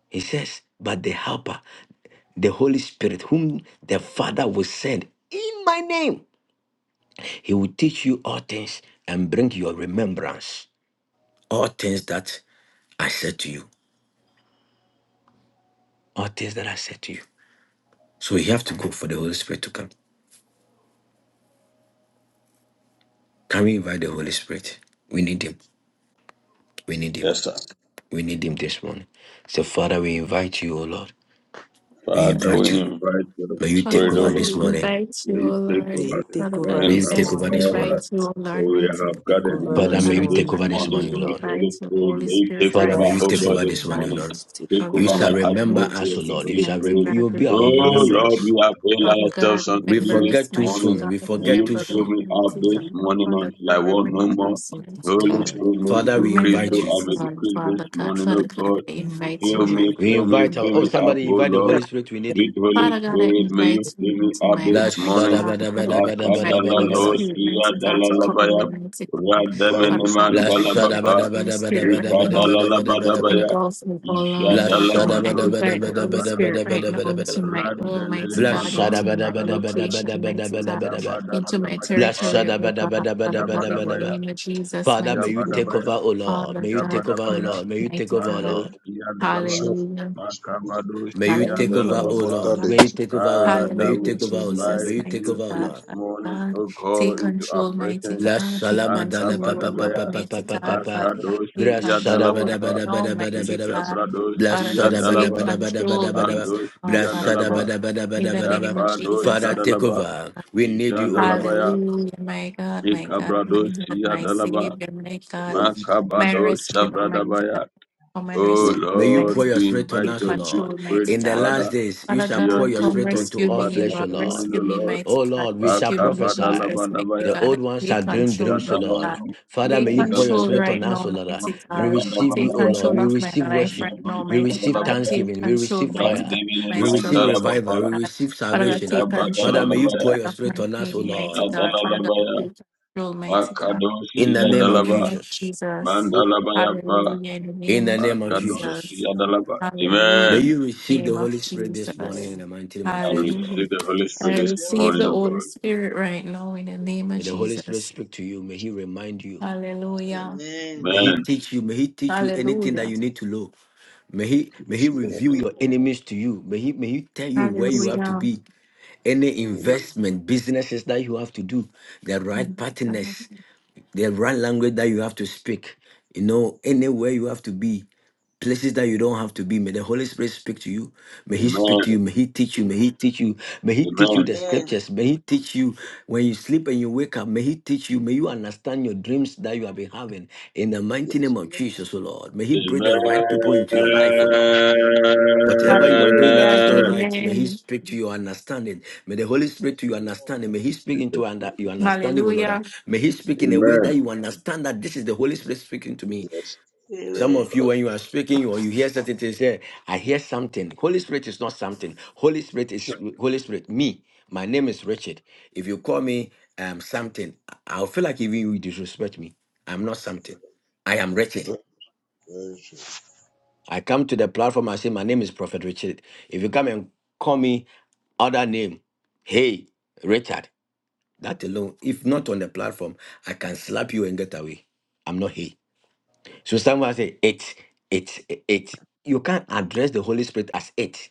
[SPEAKER 7] He says, But the helper, the Holy Spirit, whom the Father will send in my name, he will teach you all things and bring your remembrance. All things that I said to you. All things that I said to you. So you have to go for the Holy Spirit to come. Can we invite the Holy Spirit? We need him. We need him.
[SPEAKER 5] Yes, sir.
[SPEAKER 7] We need him this morning. So, Father, we invite you, O Lord. We
[SPEAKER 5] Father, we
[SPEAKER 7] invite you.
[SPEAKER 5] invite your
[SPEAKER 7] May you
[SPEAKER 6] Father
[SPEAKER 7] take
[SPEAKER 5] spirit, O
[SPEAKER 7] over
[SPEAKER 6] God, we
[SPEAKER 7] this
[SPEAKER 5] Lord God.
[SPEAKER 7] morning.
[SPEAKER 6] invite
[SPEAKER 5] May
[SPEAKER 6] you,
[SPEAKER 5] you
[SPEAKER 6] O
[SPEAKER 5] take
[SPEAKER 6] Lord.
[SPEAKER 2] They
[SPEAKER 5] over this
[SPEAKER 2] take
[SPEAKER 6] Father
[SPEAKER 2] over
[SPEAKER 6] God,
[SPEAKER 5] morning,
[SPEAKER 7] May you
[SPEAKER 6] we
[SPEAKER 2] this
[SPEAKER 7] take over
[SPEAKER 2] morning.
[SPEAKER 7] this
[SPEAKER 5] Abba Father.
[SPEAKER 7] morning.
[SPEAKER 6] invite you, O
[SPEAKER 5] For
[SPEAKER 6] Lord,
[SPEAKER 5] we
[SPEAKER 6] mighty
[SPEAKER 5] have
[SPEAKER 2] Take
[SPEAKER 6] God.
[SPEAKER 5] gathered in
[SPEAKER 2] over
[SPEAKER 5] your
[SPEAKER 7] Father, may
[SPEAKER 2] this
[SPEAKER 6] Father
[SPEAKER 5] name
[SPEAKER 7] you
[SPEAKER 5] this
[SPEAKER 7] take
[SPEAKER 2] morning.
[SPEAKER 7] over
[SPEAKER 6] God,
[SPEAKER 7] this
[SPEAKER 5] morning,
[SPEAKER 6] we
[SPEAKER 7] morning, O
[SPEAKER 5] sweet
[SPEAKER 7] Lord.
[SPEAKER 5] Holy
[SPEAKER 6] invite your
[SPEAKER 5] Spirit.
[SPEAKER 6] Holy
[SPEAKER 5] May you
[SPEAKER 6] Spirit
[SPEAKER 5] take
[SPEAKER 7] Father,
[SPEAKER 6] right
[SPEAKER 2] Why
[SPEAKER 5] over,
[SPEAKER 7] may
[SPEAKER 2] do
[SPEAKER 6] now,
[SPEAKER 7] you
[SPEAKER 5] oh
[SPEAKER 7] take
[SPEAKER 2] you
[SPEAKER 5] God,
[SPEAKER 6] mighty
[SPEAKER 7] over
[SPEAKER 5] this
[SPEAKER 7] this
[SPEAKER 2] remember
[SPEAKER 6] God.
[SPEAKER 7] morning, O
[SPEAKER 5] morning.
[SPEAKER 7] Lord.
[SPEAKER 2] to
[SPEAKER 5] Take
[SPEAKER 6] Father
[SPEAKER 7] You
[SPEAKER 5] over
[SPEAKER 6] God,
[SPEAKER 7] shall
[SPEAKER 5] my
[SPEAKER 6] in the name
[SPEAKER 7] remember
[SPEAKER 6] of
[SPEAKER 7] us,
[SPEAKER 5] atmosphere,
[SPEAKER 7] O
[SPEAKER 5] sweet
[SPEAKER 7] Lord.
[SPEAKER 6] Jesus,
[SPEAKER 7] You
[SPEAKER 5] Holy
[SPEAKER 7] shall
[SPEAKER 6] mighty
[SPEAKER 7] rem-
[SPEAKER 5] Spirit.
[SPEAKER 7] you
[SPEAKER 6] God,
[SPEAKER 7] will be our
[SPEAKER 5] Oh
[SPEAKER 6] remember us,
[SPEAKER 5] Lord,
[SPEAKER 7] remembrance.
[SPEAKER 5] we avail
[SPEAKER 2] follow
[SPEAKER 6] Father
[SPEAKER 2] the
[SPEAKER 5] ourselves
[SPEAKER 6] God,
[SPEAKER 5] unto
[SPEAKER 7] We
[SPEAKER 2] Father
[SPEAKER 5] thee
[SPEAKER 6] remember
[SPEAKER 5] this
[SPEAKER 7] forget
[SPEAKER 6] us,
[SPEAKER 7] too
[SPEAKER 6] mighty
[SPEAKER 5] morning.
[SPEAKER 7] soon.
[SPEAKER 6] God,
[SPEAKER 7] We
[SPEAKER 2] in
[SPEAKER 5] May
[SPEAKER 2] the
[SPEAKER 7] forget
[SPEAKER 5] you
[SPEAKER 7] too
[SPEAKER 6] remember
[SPEAKER 5] fill
[SPEAKER 6] us,
[SPEAKER 7] soon.
[SPEAKER 5] me up
[SPEAKER 6] mighty
[SPEAKER 5] this
[SPEAKER 6] God,
[SPEAKER 2] afternoon
[SPEAKER 5] morning
[SPEAKER 6] Father
[SPEAKER 5] until I
[SPEAKER 6] God,
[SPEAKER 5] want no
[SPEAKER 6] remember
[SPEAKER 5] more.
[SPEAKER 6] us, mighty
[SPEAKER 2] more
[SPEAKER 9] it
[SPEAKER 5] Holy
[SPEAKER 2] than
[SPEAKER 6] God,
[SPEAKER 9] was
[SPEAKER 5] Spirit, may
[SPEAKER 7] Father,
[SPEAKER 2] tomorrow?
[SPEAKER 5] you
[SPEAKER 7] we
[SPEAKER 5] increase so
[SPEAKER 7] invite
[SPEAKER 6] remember
[SPEAKER 7] you.
[SPEAKER 5] I
[SPEAKER 6] us,
[SPEAKER 5] may
[SPEAKER 6] Lord,
[SPEAKER 5] decrease this
[SPEAKER 6] Father God,
[SPEAKER 5] morning,
[SPEAKER 6] Father God,
[SPEAKER 5] oh God.
[SPEAKER 6] I
[SPEAKER 2] You
[SPEAKER 6] invite you
[SPEAKER 2] go
[SPEAKER 5] Fill
[SPEAKER 6] right
[SPEAKER 5] me,
[SPEAKER 2] ahead.
[SPEAKER 6] now
[SPEAKER 7] We
[SPEAKER 5] fill me,
[SPEAKER 6] to
[SPEAKER 7] invite our
[SPEAKER 5] fill
[SPEAKER 6] my
[SPEAKER 7] oh
[SPEAKER 5] me
[SPEAKER 6] heart,
[SPEAKER 5] up,
[SPEAKER 7] somebody
[SPEAKER 5] oh
[SPEAKER 7] invite
[SPEAKER 6] mighty
[SPEAKER 7] the Holy
[SPEAKER 5] Lord.
[SPEAKER 6] God.
[SPEAKER 7] Spirit. We need him.
[SPEAKER 5] Sweet Holy
[SPEAKER 6] Father God, I
[SPEAKER 5] Spirit, may you
[SPEAKER 6] invite
[SPEAKER 5] fill
[SPEAKER 6] you
[SPEAKER 5] me
[SPEAKER 6] into
[SPEAKER 5] up
[SPEAKER 6] my
[SPEAKER 7] La
[SPEAKER 5] this
[SPEAKER 6] heart, mighty
[SPEAKER 5] morning.
[SPEAKER 7] shada
[SPEAKER 6] God.
[SPEAKER 7] bada
[SPEAKER 6] Father
[SPEAKER 7] bada
[SPEAKER 6] God, I
[SPEAKER 7] bada
[SPEAKER 6] invite
[SPEAKER 7] bada
[SPEAKER 5] Makadala
[SPEAKER 7] bada
[SPEAKER 6] Holy
[SPEAKER 7] bada.
[SPEAKER 6] Spirit,
[SPEAKER 5] laosia
[SPEAKER 6] mighty God,
[SPEAKER 5] dala
[SPEAKER 6] to cover
[SPEAKER 5] labaya.
[SPEAKER 6] me, mighty God.
[SPEAKER 9] about
[SPEAKER 2] Amen.
[SPEAKER 5] Rademene
[SPEAKER 6] Father God,
[SPEAKER 7] La
[SPEAKER 6] I
[SPEAKER 7] shada
[SPEAKER 6] invite
[SPEAKER 7] bada
[SPEAKER 6] Holy
[SPEAKER 7] bada bada
[SPEAKER 6] Spirit right
[SPEAKER 7] bada
[SPEAKER 6] now
[SPEAKER 7] bada bada bada
[SPEAKER 6] to
[SPEAKER 7] bada
[SPEAKER 5] labadabaya.
[SPEAKER 7] bada.
[SPEAKER 6] engulf me, O Lord,
[SPEAKER 7] La
[SPEAKER 6] Father
[SPEAKER 5] Ijadala
[SPEAKER 7] shada
[SPEAKER 6] God. I
[SPEAKER 7] bada bada
[SPEAKER 6] invite the
[SPEAKER 5] madosia
[SPEAKER 7] bada
[SPEAKER 6] Holy
[SPEAKER 7] bada bada
[SPEAKER 6] Spirit
[SPEAKER 5] badabapa.
[SPEAKER 6] right now
[SPEAKER 7] bada bada
[SPEAKER 6] into
[SPEAKER 7] bada.
[SPEAKER 6] my home,
[SPEAKER 5] Randelele
[SPEAKER 6] mighty
[SPEAKER 7] La
[SPEAKER 6] God,
[SPEAKER 7] shada
[SPEAKER 6] into
[SPEAKER 7] bada
[SPEAKER 5] madosia
[SPEAKER 6] my
[SPEAKER 7] bada bada bada
[SPEAKER 5] dalabaya.
[SPEAKER 6] location,
[SPEAKER 7] bada
[SPEAKER 6] mighty
[SPEAKER 7] bada
[SPEAKER 6] God,
[SPEAKER 7] bada bada.
[SPEAKER 5] Ikabadala
[SPEAKER 6] into my
[SPEAKER 7] La
[SPEAKER 6] territory,
[SPEAKER 7] shada
[SPEAKER 6] O
[SPEAKER 7] bada
[SPEAKER 6] God,
[SPEAKER 7] bada bada
[SPEAKER 6] Father God,
[SPEAKER 7] bada
[SPEAKER 6] in the
[SPEAKER 7] bada
[SPEAKER 5] Ijabadabaya.
[SPEAKER 7] bada.
[SPEAKER 6] name of Jesus,
[SPEAKER 7] Father, may
[SPEAKER 6] mighty
[SPEAKER 7] you
[SPEAKER 9] the
[SPEAKER 7] take
[SPEAKER 6] God,
[SPEAKER 7] over,
[SPEAKER 5] Ijabadabaya.
[SPEAKER 7] O
[SPEAKER 3] immediately
[SPEAKER 7] Lord.
[SPEAKER 6] Father
[SPEAKER 7] May you
[SPEAKER 6] God,
[SPEAKER 7] take over, O
[SPEAKER 6] come,
[SPEAKER 5] Ijabadabaya.
[SPEAKER 7] Lord. May you take
[SPEAKER 6] mighty
[SPEAKER 7] over, O
[SPEAKER 6] God.
[SPEAKER 7] Lord.
[SPEAKER 5] Mandosia dalaba.
[SPEAKER 9] foundation
[SPEAKER 6] Hallelujah.
[SPEAKER 9] with
[SPEAKER 7] May you
[SPEAKER 5] Makabadosia
[SPEAKER 7] take
[SPEAKER 9] the
[SPEAKER 6] Hallelujah,
[SPEAKER 7] over, O
[SPEAKER 3] that
[SPEAKER 6] mighty
[SPEAKER 5] dalabapa.
[SPEAKER 9] comforter
[SPEAKER 7] Lord.
[SPEAKER 9] the
[SPEAKER 6] God.
[SPEAKER 7] May you take over, O Lord. May
[SPEAKER 5] Father,
[SPEAKER 7] you
[SPEAKER 6] Hallelujah,
[SPEAKER 5] we
[SPEAKER 7] take over, O Lord. May
[SPEAKER 6] Jesus,
[SPEAKER 5] invite
[SPEAKER 7] you take
[SPEAKER 5] you
[SPEAKER 6] mighty
[SPEAKER 7] over, O
[SPEAKER 6] God,
[SPEAKER 5] this
[SPEAKER 7] Lord.
[SPEAKER 6] Father
[SPEAKER 5] morning,
[SPEAKER 6] God.
[SPEAKER 5] O
[SPEAKER 6] Take
[SPEAKER 5] God, into our
[SPEAKER 6] control, mighty
[SPEAKER 5] presence.
[SPEAKER 7] La
[SPEAKER 6] God. Take
[SPEAKER 7] salama da
[SPEAKER 9] We
[SPEAKER 7] la
[SPEAKER 6] control,
[SPEAKER 3] can
[SPEAKER 7] pa pa
[SPEAKER 6] Lord,
[SPEAKER 7] pa
[SPEAKER 6] Lord,
[SPEAKER 7] pa
[SPEAKER 5] Makabadabaya,
[SPEAKER 7] pa pa
[SPEAKER 6] mighty
[SPEAKER 7] pa pa
[SPEAKER 6] God,
[SPEAKER 7] pa.
[SPEAKER 6] Father God.
[SPEAKER 5] Makados
[SPEAKER 6] Take
[SPEAKER 7] Bra
[SPEAKER 5] Tia
[SPEAKER 7] bada,
[SPEAKER 6] control right
[SPEAKER 5] Dalabapa,
[SPEAKER 7] bada, da
[SPEAKER 6] now,
[SPEAKER 7] bada, bada,
[SPEAKER 6] mighty
[SPEAKER 7] bada.
[SPEAKER 6] God.
[SPEAKER 5] Ishabrados
[SPEAKER 7] da
[SPEAKER 6] Father
[SPEAKER 5] Tia
[SPEAKER 6] God,
[SPEAKER 7] ba da
[SPEAKER 6] take
[SPEAKER 7] ba
[SPEAKER 5] Dalaba,
[SPEAKER 7] da bada, bada,
[SPEAKER 6] control,
[SPEAKER 7] bada. ba da ba da ba da ba da
[SPEAKER 6] mighty
[SPEAKER 5] Bandos
[SPEAKER 6] God,
[SPEAKER 5] Tia
[SPEAKER 6] Father God.
[SPEAKER 5] Dalaba,
[SPEAKER 6] In the name
[SPEAKER 7] ba.
[SPEAKER 6] of
[SPEAKER 5] Apados
[SPEAKER 6] Jesus,
[SPEAKER 7] Father, take
[SPEAKER 6] mighty
[SPEAKER 5] Tadalaba,
[SPEAKER 7] over.
[SPEAKER 6] God.
[SPEAKER 7] We need you, O Lord.
[SPEAKER 5] Ishandalabaya,
[SPEAKER 6] Hallelujah, my God, my God, my
[SPEAKER 5] Mikabrados
[SPEAKER 6] God,
[SPEAKER 5] Tia
[SPEAKER 6] my Savior,
[SPEAKER 5] Dalaba,
[SPEAKER 6] my God, my
[SPEAKER 5] Makabados
[SPEAKER 6] rescuer, my God.
[SPEAKER 5] Shabradabaya.
[SPEAKER 6] Come and
[SPEAKER 5] Oh
[SPEAKER 6] rescue,
[SPEAKER 7] May you
[SPEAKER 5] Lord,
[SPEAKER 7] pour
[SPEAKER 6] mighty
[SPEAKER 7] your
[SPEAKER 5] we
[SPEAKER 7] spirit
[SPEAKER 6] God.
[SPEAKER 7] on
[SPEAKER 5] invite
[SPEAKER 6] Take
[SPEAKER 7] us, O
[SPEAKER 5] your sweet
[SPEAKER 7] Lord.
[SPEAKER 6] control,
[SPEAKER 5] spirit,
[SPEAKER 6] mighty
[SPEAKER 7] In the
[SPEAKER 6] God.
[SPEAKER 7] last
[SPEAKER 5] Father.
[SPEAKER 7] days, you
[SPEAKER 6] Father
[SPEAKER 5] May
[SPEAKER 7] shall
[SPEAKER 5] your
[SPEAKER 7] pour
[SPEAKER 6] God,
[SPEAKER 7] your
[SPEAKER 5] spirit
[SPEAKER 6] come
[SPEAKER 7] spirit
[SPEAKER 5] take
[SPEAKER 7] onto
[SPEAKER 6] rescue
[SPEAKER 7] all
[SPEAKER 5] over
[SPEAKER 6] me,
[SPEAKER 5] this
[SPEAKER 7] flesh, O
[SPEAKER 6] Lord.
[SPEAKER 7] Lord.
[SPEAKER 5] morning, O
[SPEAKER 6] Rescue me,
[SPEAKER 5] Lord.
[SPEAKER 6] mighty
[SPEAKER 7] O
[SPEAKER 6] God.
[SPEAKER 7] Lord, we shall
[SPEAKER 6] Rescue me,
[SPEAKER 7] prophesy.
[SPEAKER 6] Jesus, mighty
[SPEAKER 7] The
[SPEAKER 5] Makabadalabadabaya,
[SPEAKER 6] God. And
[SPEAKER 7] old ones shall
[SPEAKER 6] take
[SPEAKER 7] dream
[SPEAKER 6] control,
[SPEAKER 7] dreams, O
[SPEAKER 6] my God.
[SPEAKER 7] Lord.
[SPEAKER 5] Ishadalaba,
[SPEAKER 7] Father, may
[SPEAKER 6] Take
[SPEAKER 7] you
[SPEAKER 9] morning.
[SPEAKER 7] pour your
[SPEAKER 6] control
[SPEAKER 5] Dalabaya,
[SPEAKER 7] spirit on
[SPEAKER 6] right
[SPEAKER 7] us, O
[SPEAKER 6] now,
[SPEAKER 7] Lord.
[SPEAKER 6] mighty
[SPEAKER 7] We
[SPEAKER 5] Isha
[SPEAKER 6] God.
[SPEAKER 7] receive you,
[SPEAKER 6] Take
[SPEAKER 7] O Lord.
[SPEAKER 5] Dalabaya,
[SPEAKER 6] control
[SPEAKER 7] We
[SPEAKER 6] of my
[SPEAKER 7] receive
[SPEAKER 6] life
[SPEAKER 7] worship.
[SPEAKER 5] Amen.
[SPEAKER 6] right now,
[SPEAKER 7] We
[SPEAKER 5] I receive
[SPEAKER 6] mighty
[SPEAKER 7] receive
[SPEAKER 6] God. Take
[SPEAKER 7] thanksgiving. We
[SPEAKER 6] control,
[SPEAKER 7] receive
[SPEAKER 6] mighty God,
[SPEAKER 7] fire.
[SPEAKER 6] of my
[SPEAKER 7] We receive
[SPEAKER 6] struggles, mighty
[SPEAKER 7] revival. We
[SPEAKER 6] God.
[SPEAKER 7] receive
[SPEAKER 6] Father God,
[SPEAKER 7] salvation.
[SPEAKER 6] take
[SPEAKER 7] Father,
[SPEAKER 6] control,
[SPEAKER 7] may you
[SPEAKER 6] mighty
[SPEAKER 7] pour
[SPEAKER 6] God,
[SPEAKER 7] your
[SPEAKER 6] of
[SPEAKER 7] spirit
[SPEAKER 6] my
[SPEAKER 7] on us, O
[SPEAKER 6] pain, mighty
[SPEAKER 7] Lord.
[SPEAKER 6] God. Father God, take control, mighty God.
[SPEAKER 7] In the
[SPEAKER 6] In the
[SPEAKER 7] name of
[SPEAKER 6] name of
[SPEAKER 7] Jesus.
[SPEAKER 6] Jesus. Hallelujah. In the
[SPEAKER 7] In
[SPEAKER 6] name
[SPEAKER 7] the
[SPEAKER 6] of
[SPEAKER 7] name of
[SPEAKER 6] Jesus.
[SPEAKER 7] Jesus.
[SPEAKER 3] see.
[SPEAKER 6] Hallelujah.
[SPEAKER 7] May
[SPEAKER 6] In
[SPEAKER 7] you
[SPEAKER 6] the
[SPEAKER 7] receive the
[SPEAKER 6] Name
[SPEAKER 7] Holy
[SPEAKER 6] of
[SPEAKER 7] Spirit this morning
[SPEAKER 6] Jesus.
[SPEAKER 7] in
[SPEAKER 3] Amen.
[SPEAKER 7] the mighty name of Jesus, O Lord.
[SPEAKER 6] Hallelujah.
[SPEAKER 5] the
[SPEAKER 3] I
[SPEAKER 5] Holy Spirit
[SPEAKER 6] I
[SPEAKER 5] this
[SPEAKER 3] receive the Holy
[SPEAKER 6] receive
[SPEAKER 5] morning,
[SPEAKER 6] the
[SPEAKER 5] O
[SPEAKER 6] Holy
[SPEAKER 5] God.
[SPEAKER 3] Spirit.
[SPEAKER 6] Spirit right now in the name
[SPEAKER 3] Amen.
[SPEAKER 6] of
[SPEAKER 7] May the Holy Spirit
[SPEAKER 6] Jesus.
[SPEAKER 7] speak to you. May He remind you.
[SPEAKER 6] Hallelujah.
[SPEAKER 7] May
[SPEAKER 3] Amen.
[SPEAKER 7] He
[SPEAKER 5] Amen. In
[SPEAKER 7] teach you. May He teach you anything that
[SPEAKER 6] Hallelujah.
[SPEAKER 7] you need to know. May He may He
[SPEAKER 5] Jesus'
[SPEAKER 7] reveal
[SPEAKER 5] name.
[SPEAKER 7] your
[SPEAKER 3] Amen.
[SPEAKER 7] enemies to you. May He may He tell you where you
[SPEAKER 3] Yes.
[SPEAKER 7] have to
[SPEAKER 6] Hallelujah.
[SPEAKER 7] be. Any
[SPEAKER 3] Amen.
[SPEAKER 7] investment, businesses that you have to do, the right partners the right language that you have to speak. You know, anywhere you have to be, places that you don't have to be. May the Holy Spirit speak to you. May He speak
[SPEAKER 5] Amen.
[SPEAKER 7] to you. May He teach you. May He teach you. May He teach you
[SPEAKER 5] Amen.
[SPEAKER 7] the
[SPEAKER 3] Amen.
[SPEAKER 7] scriptures. May He teach you when you sleep and you wake up. May He teach you. May you understand your dreams that you have been having. In the mighty
[SPEAKER 9] Yes,
[SPEAKER 7] name of
[SPEAKER 3] Amen.
[SPEAKER 7] Jesus, O Lord. May He bring the
[SPEAKER 5] Amen.
[SPEAKER 7] right people into
[SPEAKER 3] Amen.
[SPEAKER 7] your life, O Lord. Whatever you are doing that
[SPEAKER 6] Hallelujah.
[SPEAKER 7] is not right, may He
[SPEAKER 6] Amen.
[SPEAKER 7] speak to your understanding. May the Holy
[SPEAKER 9] yes,
[SPEAKER 7] Spirit to your understanding.
[SPEAKER 3] Amen.
[SPEAKER 7] May He speak
[SPEAKER 5] In
[SPEAKER 7] into
[SPEAKER 5] Jesus'
[SPEAKER 7] under,
[SPEAKER 5] name.
[SPEAKER 7] your understanding, O Lord.
[SPEAKER 6] Hallelujah.
[SPEAKER 7] May He speak in a way
[SPEAKER 5] Amen.
[SPEAKER 7] that you understand that this is the Holy Spirit speaking to me.
[SPEAKER 9] yes.
[SPEAKER 7] Some
[SPEAKER 3] Amen.
[SPEAKER 7] of you, when you are speaking or you hear certain things, say, I hear something. Holy Spirit is not something. Holy Spirit is
[SPEAKER 9] Sure.
[SPEAKER 7] Holy Spirit. Me, my name is Richard. If you call me um, something, I'll feel like even you disrespect me. I'm not something. I am Richard. I come to the platform, I say, My name is Prophet Richard. If you come and call me other name, hey, Richard, that alone, if not on the platform, I can slap you and get away. I'm not hey. So someone say, It, it, it. You can't address the Holy Spirit as it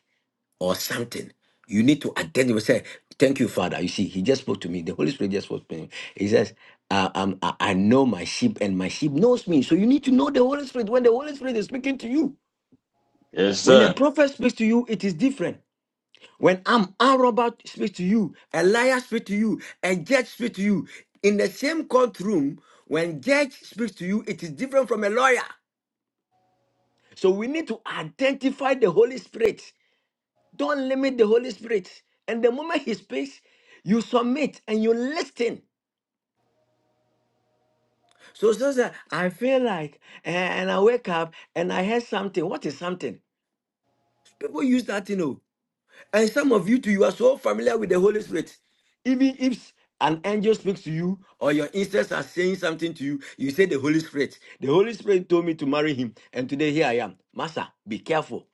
[SPEAKER 7] or something. You need to identify, say, Thank you, Father. You see, He just spoke to me. The Holy Spirit just spoke to me. He says, uh, um, I I know my sheep and my sheep knows me. So you need to know the Holy Spirit when the Holy Spirit is speaking to you. When a prophet speaks to you, it is different. When I'm a robot speaks to you, a liar speaks to you, a judge speaks to you. In the same courtroom, when judge speaks to you, it is different from a lawyer. So we need to identify the Holy Spirit. Don't limit the Holy Spirit. And the moment he speaks, you submit and you listen. So, so, so I feel like, eh, and I wake up and I hear something. What is something? People use that, you know. And some of you too, you are so familiar with the Holy Spirit. Even if an angel speaks to you or your instincts are saying something to you, you say the Holy Spirit. The Holy Spirit told me to marry him, and today here I am. Master, be careful.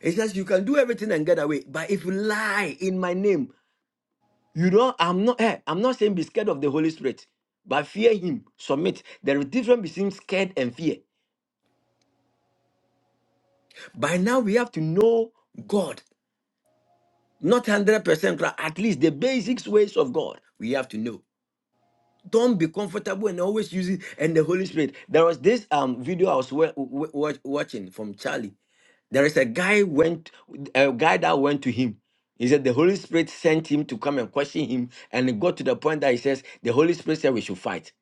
[SPEAKER 7] It says you can do everything and get away, but if you lie in my name, you don't. I'm not. eh, I'm not saying be scared of the Holy Spirit, but fear him. Submit. There is difference between scared and fear. By now we have to know God, not one hundred percent, at least the basics ways of God. We have to know. don't be comfortable and always use it. and the holy spirit there was this um video i was wa- wa- wa- watching from charlie there is a guy went a guy that went to him he said the holy spirit sent him to come and question him and it got to the point that he says the holy spirit said we should fight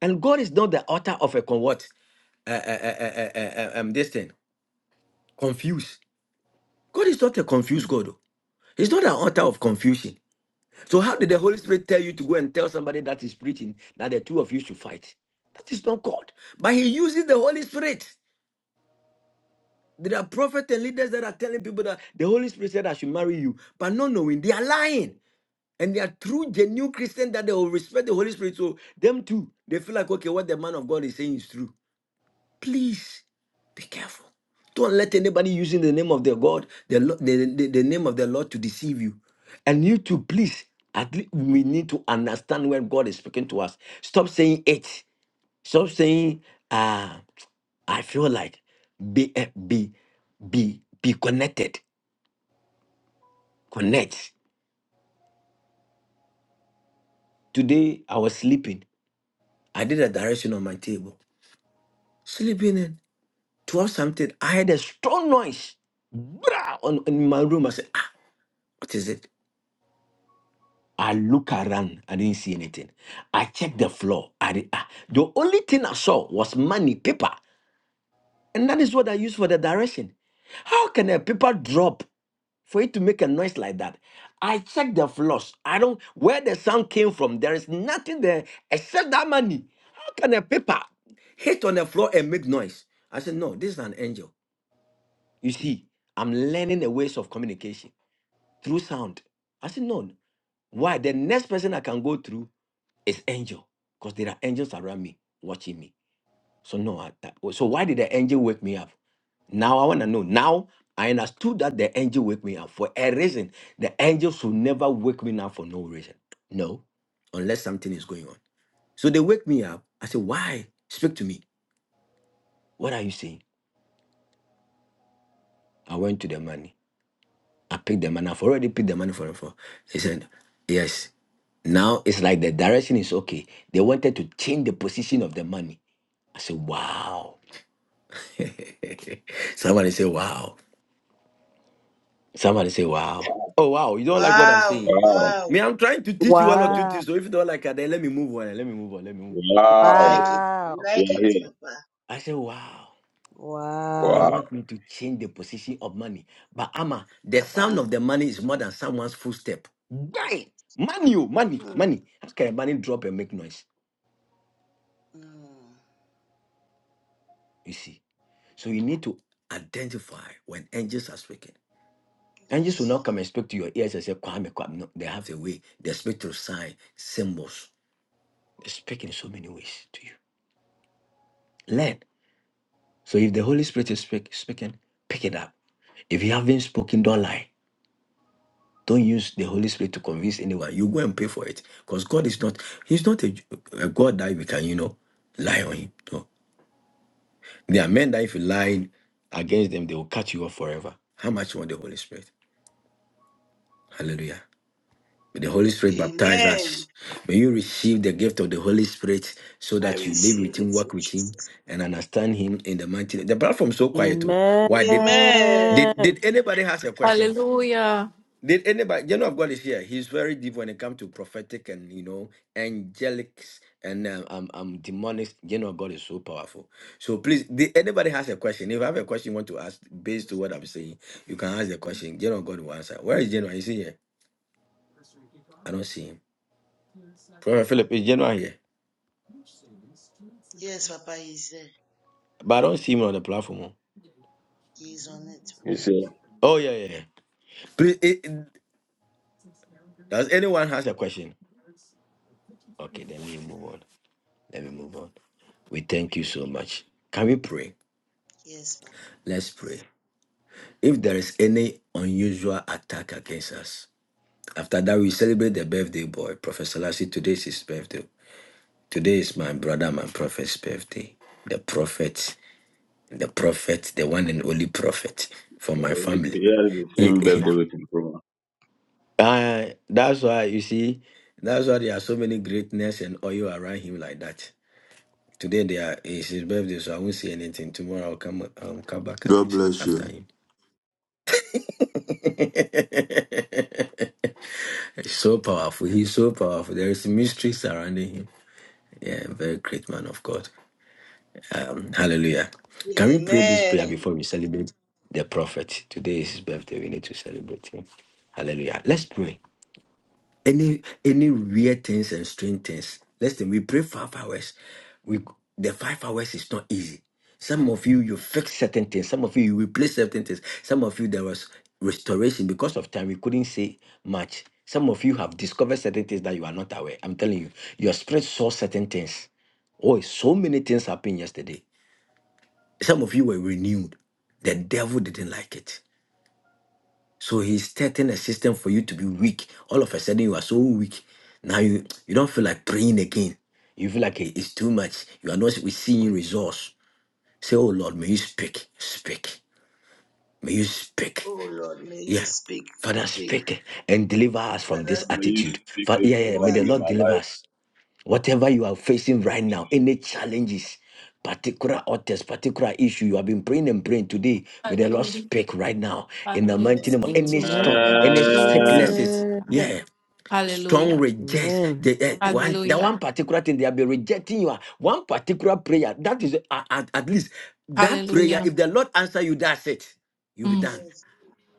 [SPEAKER 7] and god is not the author of a con what uh, uh, uh, uh, uh, uh, um, this thing confused god is not a confused god oh. he's not an author of confusion So how did the Holy Spirit tell you to go and tell somebody that is preaching that the two of you should fight? That is not God. But he uses the Holy Spirit. There are prophets and leaders that are telling people that the Holy Spirit said I should marry you, but not knowing they are lying. And they are true, genuine Christians that they will respect the Holy Spirit. So them too, they feel like okay, what the man of God is saying is true. Please be careful. Don't let anybody using the name of the God, the, Lo- the, the, the name of the Lord to deceive you. And you too, please, at least we need to understand when God is speaking to us. Stop saying it. Stop saying, uh, I feel like be eh, be be be connected. Connect. Today I was sleeping. I did a direction on my table. Sleeping and towards something, I heard a strong noise. Brah, on in my room. I said, ah, what is it? I look around. I didn't see anything. I checked the floor. I did, ah, the only thing I saw was money, paper, and that is what I use for the direction. How can a paper drop for it to make a noise like that? I checked the floors. I don't where the sound came from. There is nothing there except that money. How can a paper hit on the floor and make noise? I said, no, this is an angel. You see, I'm learning the ways of communication through sound. I said, no. Why? The next person I can go through It's angel because there are angels around me watching me. So no, I, that, so why did the angel wake me up? Now I want to know. Now I understood that the angel wake me up for a reason. The angel should never wake me up for no reason. No, unless something is going on. So they wake me up. I said, why? Speak to me. What are you saying? I went to the money. I picked the money. I've already picked the money for him. For he said, yes. Now it's like the direction is okay. They wanted to change the position of the money. I said, wow. <laughs> Somebody say, wow. Somebody say, wow. Oh, wow. You don't like what I'm
[SPEAKER 3] Wow,
[SPEAKER 7] saying?
[SPEAKER 5] Wow.
[SPEAKER 3] wow.
[SPEAKER 7] Me, I'm trying to teach you one or
[SPEAKER 5] Yeah.
[SPEAKER 7] two
[SPEAKER 2] Wow.
[SPEAKER 7] things. So if you don't like it, then let me move on. Let me move on. Let me move
[SPEAKER 3] We like
[SPEAKER 5] Wow.
[SPEAKER 3] it. We
[SPEAKER 2] Wow.
[SPEAKER 5] We
[SPEAKER 3] like
[SPEAKER 5] are
[SPEAKER 3] it,
[SPEAKER 5] here.
[SPEAKER 3] Papa.
[SPEAKER 7] on. I say, wow. They
[SPEAKER 2] Wow.
[SPEAKER 5] Wow.
[SPEAKER 7] want me to change the position of money. But Ama, the sound
[SPEAKER 3] Papa.
[SPEAKER 7] of the money is more than someone's footstep. Die! Money, oh, money,
[SPEAKER 3] Mm.
[SPEAKER 7] money. How can a money drop and make noise?
[SPEAKER 3] Mm.
[SPEAKER 7] You see? So you need to identify when angels are speaking. Angels will
[SPEAKER 3] Yes.
[SPEAKER 7] not come and speak to your ears and say, Kwame, Kwame. No, they have a way. They speak through sign, symbols. They speak in so many ways to you. Learn. So if the Holy Spirit is speak, speaking, pick it up. If you haven't spoken, don't lie. Don't use the Holy Spirit to convince anyone. You go and pay for it. Because God is not, He's not a, a God that we can, you know, lie on Him. No. There are men that if you lie against them, they will cut you off forever. How much you want the Holy Spirit? Hallelujah. May the Holy Spirit baptize
[SPEAKER 3] Amen.
[SPEAKER 7] us. May you receive the gift of the Holy Spirit so
[SPEAKER 3] I
[SPEAKER 7] that you live
[SPEAKER 3] receive
[SPEAKER 7] with
[SPEAKER 3] it
[SPEAKER 7] Him, walk
[SPEAKER 3] in
[SPEAKER 7] with Him,
[SPEAKER 3] Jesus.
[SPEAKER 7] and understand Him in the mighty name. The platform so quiet. Oh.
[SPEAKER 2] Amen.
[SPEAKER 7] Why did, did
[SPEAKER 3] Amen.
[SPEAKER 7] did anybody has a question?
[SPEAKER 6] Hallelujah.
[SPEAKER 7] Did anybody? You know, of God is here. He's very deep when it comes to prophetic and you know angelics and um, um, um demonic. You know, God is so powerful. So please, did anybody has a question? If you have a question you want to ask based to what I'm saying, you can ask the question. You know, God will answer. Where is General? Is he here? I don't see him. Prophet Philip is genuine here,
[SPEAKER 3] Yes, Papa, he's there.
[SPEAKER 7] but I don't see him on the platform. oh.
[SPEAKER 3] He's on it.
[SPEAKER 5] You see,
[SPEAKER 7] Oh yeah, yeah. yeah. Please, eh, eh, does anyone has a question? Okay, then let me move on. Let me move on. We thank you so much. Can we pray?
[SPEAKER 3] Yes,
[SPEAKER 7] Let's pray. If there is any unusual attack against us, after that we celebrate the birthday boy, Prophet Selassie. Today is his birthday. Today is my brother, my prophet's birthday. The prophet, the prophet, the one and only prophet for my
[SPEAKER 5] uh,
[SPEAKER 7] family.
[SPEAKER 5] here is the same
[SPEAKER 7] <laughs>
[SPEAKER 5] birthday with improvement.
[SPEAKER 7] Uh, that's why you see, that's why there are so many greatness and oil around him like that. Today they are it's his birthday, so I won't see anything. Tomorrow I'll come um, come back at
[SPEAKER 12] God
[SPEAKER 7] it
[SPEAKER 12] bless
[SPEAKER 7] after
[SPEAKER 12] you.
[SPEAKER 7] him. <laughs> He's so powerful. He's so powerful. There is mystery surrounding him. Yeah, very great man of God. Um, hallelujah. Can we pray this prayer before
[SPEAKER 3] Amen.
[SPEAKER 7] we celebrate the prophet? Today is his birthday. We need to celebrate him. Hallelujah. Let's pray. any any weird things and strange things. Listen, we pray five hours. We the five hours is not easy. Some of you you fix certain things. Some of you you replace certain things. Some of you there was restoration because of time. We couldn't say much. Some of you have discovered certain things that you are not aware. I'm telling you, your spirit saw certain things. Oh, so many things happened yesterday. Some of you were renewed. The devil didn't like it. So he's setting a system for you to be weak. All of a sudden, you are so weak. Now you you don't feel like praying again. You feel like it- it's too much. You are not seeing results. Say, oh Lord, may you speak, speak, may you speak.
[SPEAKER 3] Oh Lord, may
[SPEAKER 7] Yeah.
[SPEAKER 3] you speak,
[SPEAKER 7] Father,
[SPEAKER 3] speak,
[SPEAKER 7] speak and deliver us from
[SPEAKER 3] Father,
[SPEAKER 7] this
[SPEAKER 5] God may
[SPEAKER 3] speak,
[SPEAKER 5] you
[SPEAKER 7] attitude.
[SPEAKER 5] speak
[SPEAKER 7] Fa-
[SPEAKER 5] this
[SPEAKER 3] and
[SPEAKER 7] yeah, yeah,
[SPEAKER 3] deliver
[SPEAKER 7] may the
[SPEAKER 5] morning
[SPEAKER 3] us
[SPEAKER 5] in
[SPEAKER 7] Lord
[SPEAKER 3] from
[SPEAKER 5] my
[SPEAKER 7] deliver
[SPEAKER 3] it.
[SPEAKER 5] life.
[SPEAKER 7] us. Whatever you are facing right now, any challenges, particular authors, particular issue, you have been praying and praying today. May the Lord
[SPEAKER 6] Hallelujah.
[SPEAKER 7] speak right now in the
[SPEAKER 6] Hallelujah.
[SPEAKER 7] mighty name
[SPEAKER 3] Amen.
[SPEAKER 7] of
[SPEAKER 6] Speak
[SPEAKER 7] any
[SPEAKER 6] to me
[SPEAKER 2] Amen.
[SPEAKER 7] strong,
[SPEAKER 6] right now,
[SPEAKER 7] any
[SPEAKER 6] Jesus.
[SPEAKER 5] Amen.
[SPEAKER 7] sicknesses. Yeah.
[SPEAKER 2] Amen.
[SPEAKER 7] Strong
[SPEAKER 6] Hallelujah.
[SPEAKER 7] rejects the eh, one that one
[SPEAKER 6] Hallelujah.
[SPEAKER 7] particular thing they have been rejecting you. ah, One particular prayer that is ah, at, at least that prayer.
[SPEAKER 6] Hallelujah.
[SPEAKER 7] If the Lord answer you, that's it. You'll be
[SPEAKER 6] Mm.
[SPEAKER 7] done.
[SPEAKER 3] Yes.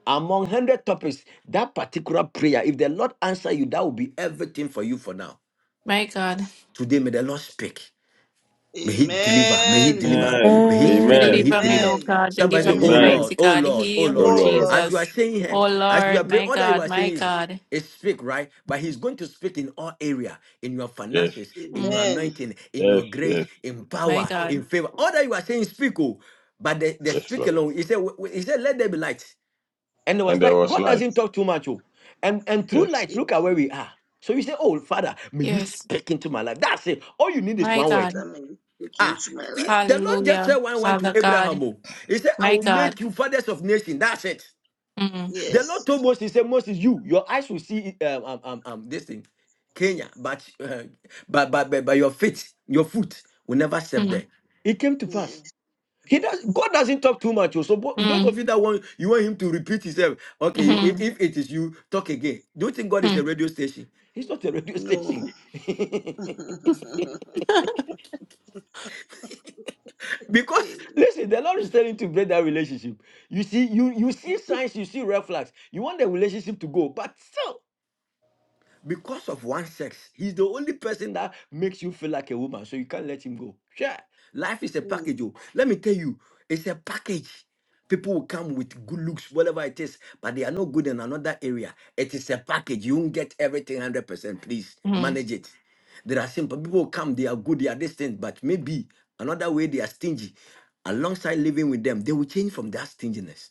[SPEAKER 7] Among hundred topics, that particular prayer. If the Lord answer you, that will be everything for you for now.
[SPEAKER 6] My God.
[SPEAKER 7] Today, may the Lord speak. May he deliver. May he
[SPEAKER 3] Amen.
[SPEAKER 7] deliver.
[SPEAKER 5] Amen.
[SPEAKER 7] May he
[SPEAKER 2] Amen.
[SPEAKER 7] strike.
[SPEAKER 5] Amen.
[SPEAKER 7] May he
[SPEAKER 6] Deliver me,
[SPEAKER 7] deliver.
[SPEAKER 6] oh
[SPEAKER 3] Amen.
[SPEAKER 6] God,
[SPEAKER 7] Somebody
[SPEAKER 6] deliver
[SPEAKER 7] say,
[SPEAKER 6] me,
[SPEAKER 7] Oh
[SPEAKER 3] Amen.
[SPEAKER 2] Amen.
[SPEAKER 5] Amen.
[SPEAKER 7] Lord,
[SPEAKER 6] mighty
[SPEAKER 7] oh
[SPEAKER 6] God.
[SPEAKER 7] Lord, oh
[SPEAKER 6] Heal
[SPEAKER 5] Oh
[SPEAKER 6] me,
[SPEAKER 7] Lord.
[SPEAKER 3] Oh
[SPEAKER 5] Lord.
[SPEAKER 7] As you
[SPEAKER 3] Lord.
[SPEAKER 7] are
[SPEAKER 6] Jesus.
[SPEAKER 7] saying here,
[SPEAKER 6] Oh
[SPEAKER 7] as you are
[SPEAKER 6] Lord,
[SPEAKER 7] praying,
[SPEAKER 6] my
[SPEAKER 7] all that you
[SPEAKER 6] God,
[SPEAKER 7] are
[SPEAKER 6] my
[SPEAKER 7] saying is,
[SPEAKER 6] God.
[SPEAKER 7] is speak, right? But he's going to speak in all area, in your
[SPEAKER 5] Yes.
[SPEAKER 7] finances, in your
[SPEAKER 6] Mm,
[SPEAKER 3] Amen.
[SPEAKER 7] anointing, in
[SPEAKER 5] Yes.
[SPEAKER 7] your grace,
[SPEAKER 5] Yes.
[SPEAKER 7] in
[SPEAKER 6] my
[SPEAKER 7] power,
[SPEAKER 5] Yes.
[SPEAKER 6] God.
[SPEAKER 7] in favor. All that you are saying, speak. Oh. But they they
[SPEAKER 5] Yes,
[SPEAKER 7] speak
[SPEAKER 5] Lord.
[SPEAKER 7] alone, he said, w- w- he said, let there be light. And there was
[SPEAKER 5] And there
[SPEAKER 7] light.
[SPEAKER 5] was
[SPEAKER 7] God
[SPEAKER 5] light.
[SPEAKER 7] doesn't talk too much. Oh. And and through
[SPEAKER 5] Yes.
[SPEAKER 7] light,
[SPEAKER 3] Yes,
[SPEAKER 7] look at where we are. So you say, Oh, Father, may you
[SPEAKER 6] Yes,
[SPEAKER 7] speak into my life. That's it. All you need is
[SPEAKER 6] my
[SPEAKER 7] one word.
[SPEAKER 3] Father,
[SPEAKER 6] God.
[SPEAKER 3] may you speak
[SPEAKER 7] Ah,
[SPEAKER 3] into my
[SPEAKER 7] he-
[SPEAKER 3] life.
[SPEAKER 7] the Lord just said
[SPEAKER 6] Hallelujah,
[SPEAKER 7] one I went to
[SPEAKER 6] Father
[SPEAKER 7] Abraham,
[SPEAKER 6] God,
[SPEAKER 7] oh, he said, I
[SPEAKER 6] my
[SPEAKER 7] will
[SPEAKER 6] God.
[SPEAKER 7] make you fathers of nations." That's it.
[SPEAKER 6] Mm,
[SPEAKER 7] The Lord
[SPEAKER 3] Yes.
[SPEAKER 7] told Moses, he said, Moses, you, your eyes will see um, um, um, um, this thing, Kenya, but, uh, but, but, but, but your feet, your foot will never step
[SPEAKER 6] mm,
[SPEAKER 7] there. It came to
[SPEAKER 3] Yes.
[SPEAKER 7] pass. He does, God doesn't talk too much. oh, So bo- those of
[SPEAKER 6] mm,
[SPEAKER 7] you that want you want him to repeat himself, okay,
[SPEAKER 2] Mm.
[SPEAKER 7] if,
[SPEAKER 6] mm,
[SPEAKER 7] if it is you, talk again. Do you think God is a
[SPEAKER 6] mm,
[SPEAKER 7] radio station? He's not a radio
[SPEAKER 3] No.
[SPEAKER 7] station. <laughs>
[SPEAKER 3] <laughs>
[SPEAKER 7] because
[SPEAKER 3] Eh,
[SPEAKER 7] listen, the Lord is telling you to break that relationship. You see, you you see signs, you see red flags. You want the relationship to go, but still because of one sex. He's the only person that makes you feel like a woman, so you can't let him go. Sure. Life is a
[SPEAKER 3] mm,
[SPEAKER 7] package. Oh. Let me tell you, it's a package. People will come with good looks, whatever it is, but they are not good in another area. It is a package. You won't get everything 100%. Please
[SPEAKER 6] mm.
[SPEAKER 7] manage it. There are simple people who come, they are good, they are distant, but maybe another way they are stingy. Alongside living with them, they will change from that stinginess.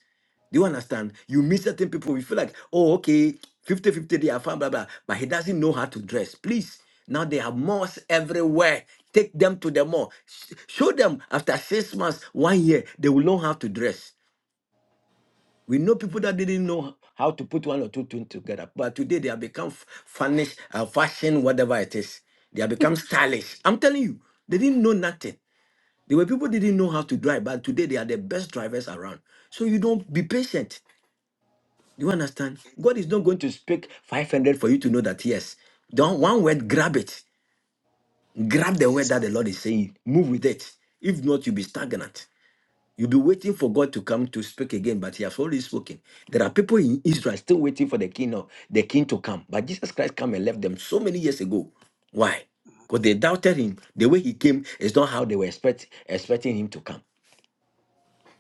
[SPEAKER 7] Do you understand? You meet certain people, you feel
[SPEAKER 3] mm.
[SPEAKER 7] like, oh, okay, fifty-fifty, they are fine, blah, blah. But he doesn't know how to dress. Please, now they have malls everywhere. Take them to the mall. Sh- Show them after six months, one year, they will know how to dress. We know people that didn't know how to put one or two things together, but today they have become f- furnished, uh, fashion, whatever it is. They have become stylish. I'm telling you, they didn't know nothing. There were people didn't know how to drive, but today they are the best drivers around. So you don't be patient. Do You understand? God is not going to speak 500 for you to know that, yes, don't one word, grab it. Grab the word
[SPEAKER 3] yes,
[SPEAKER 7] that
[SPEAKER 3] Papa.
[SPEAKER 7] the Lord is saying. Move with it. If not, you'll be stagnant. You'll be waiting for God to come to speak again, but He has already spoken. There are people in Israel still waiting for the king of the king to come. But Jesus Christ came and left them so many years ago. Why? Because they doubted him. The way he came is not how they were expect, expecting him to come.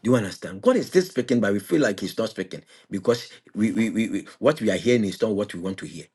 [SPEAKER 7] Do you understand? God is still speaking, but we feel
[SPEAKER 3] Yes,
[SPEAKER 7] like
[SPEAKER 3] Papa.
[SPEAKER 7] He's not speaking because we, we, we, we what we are hearing is not what we want to hear.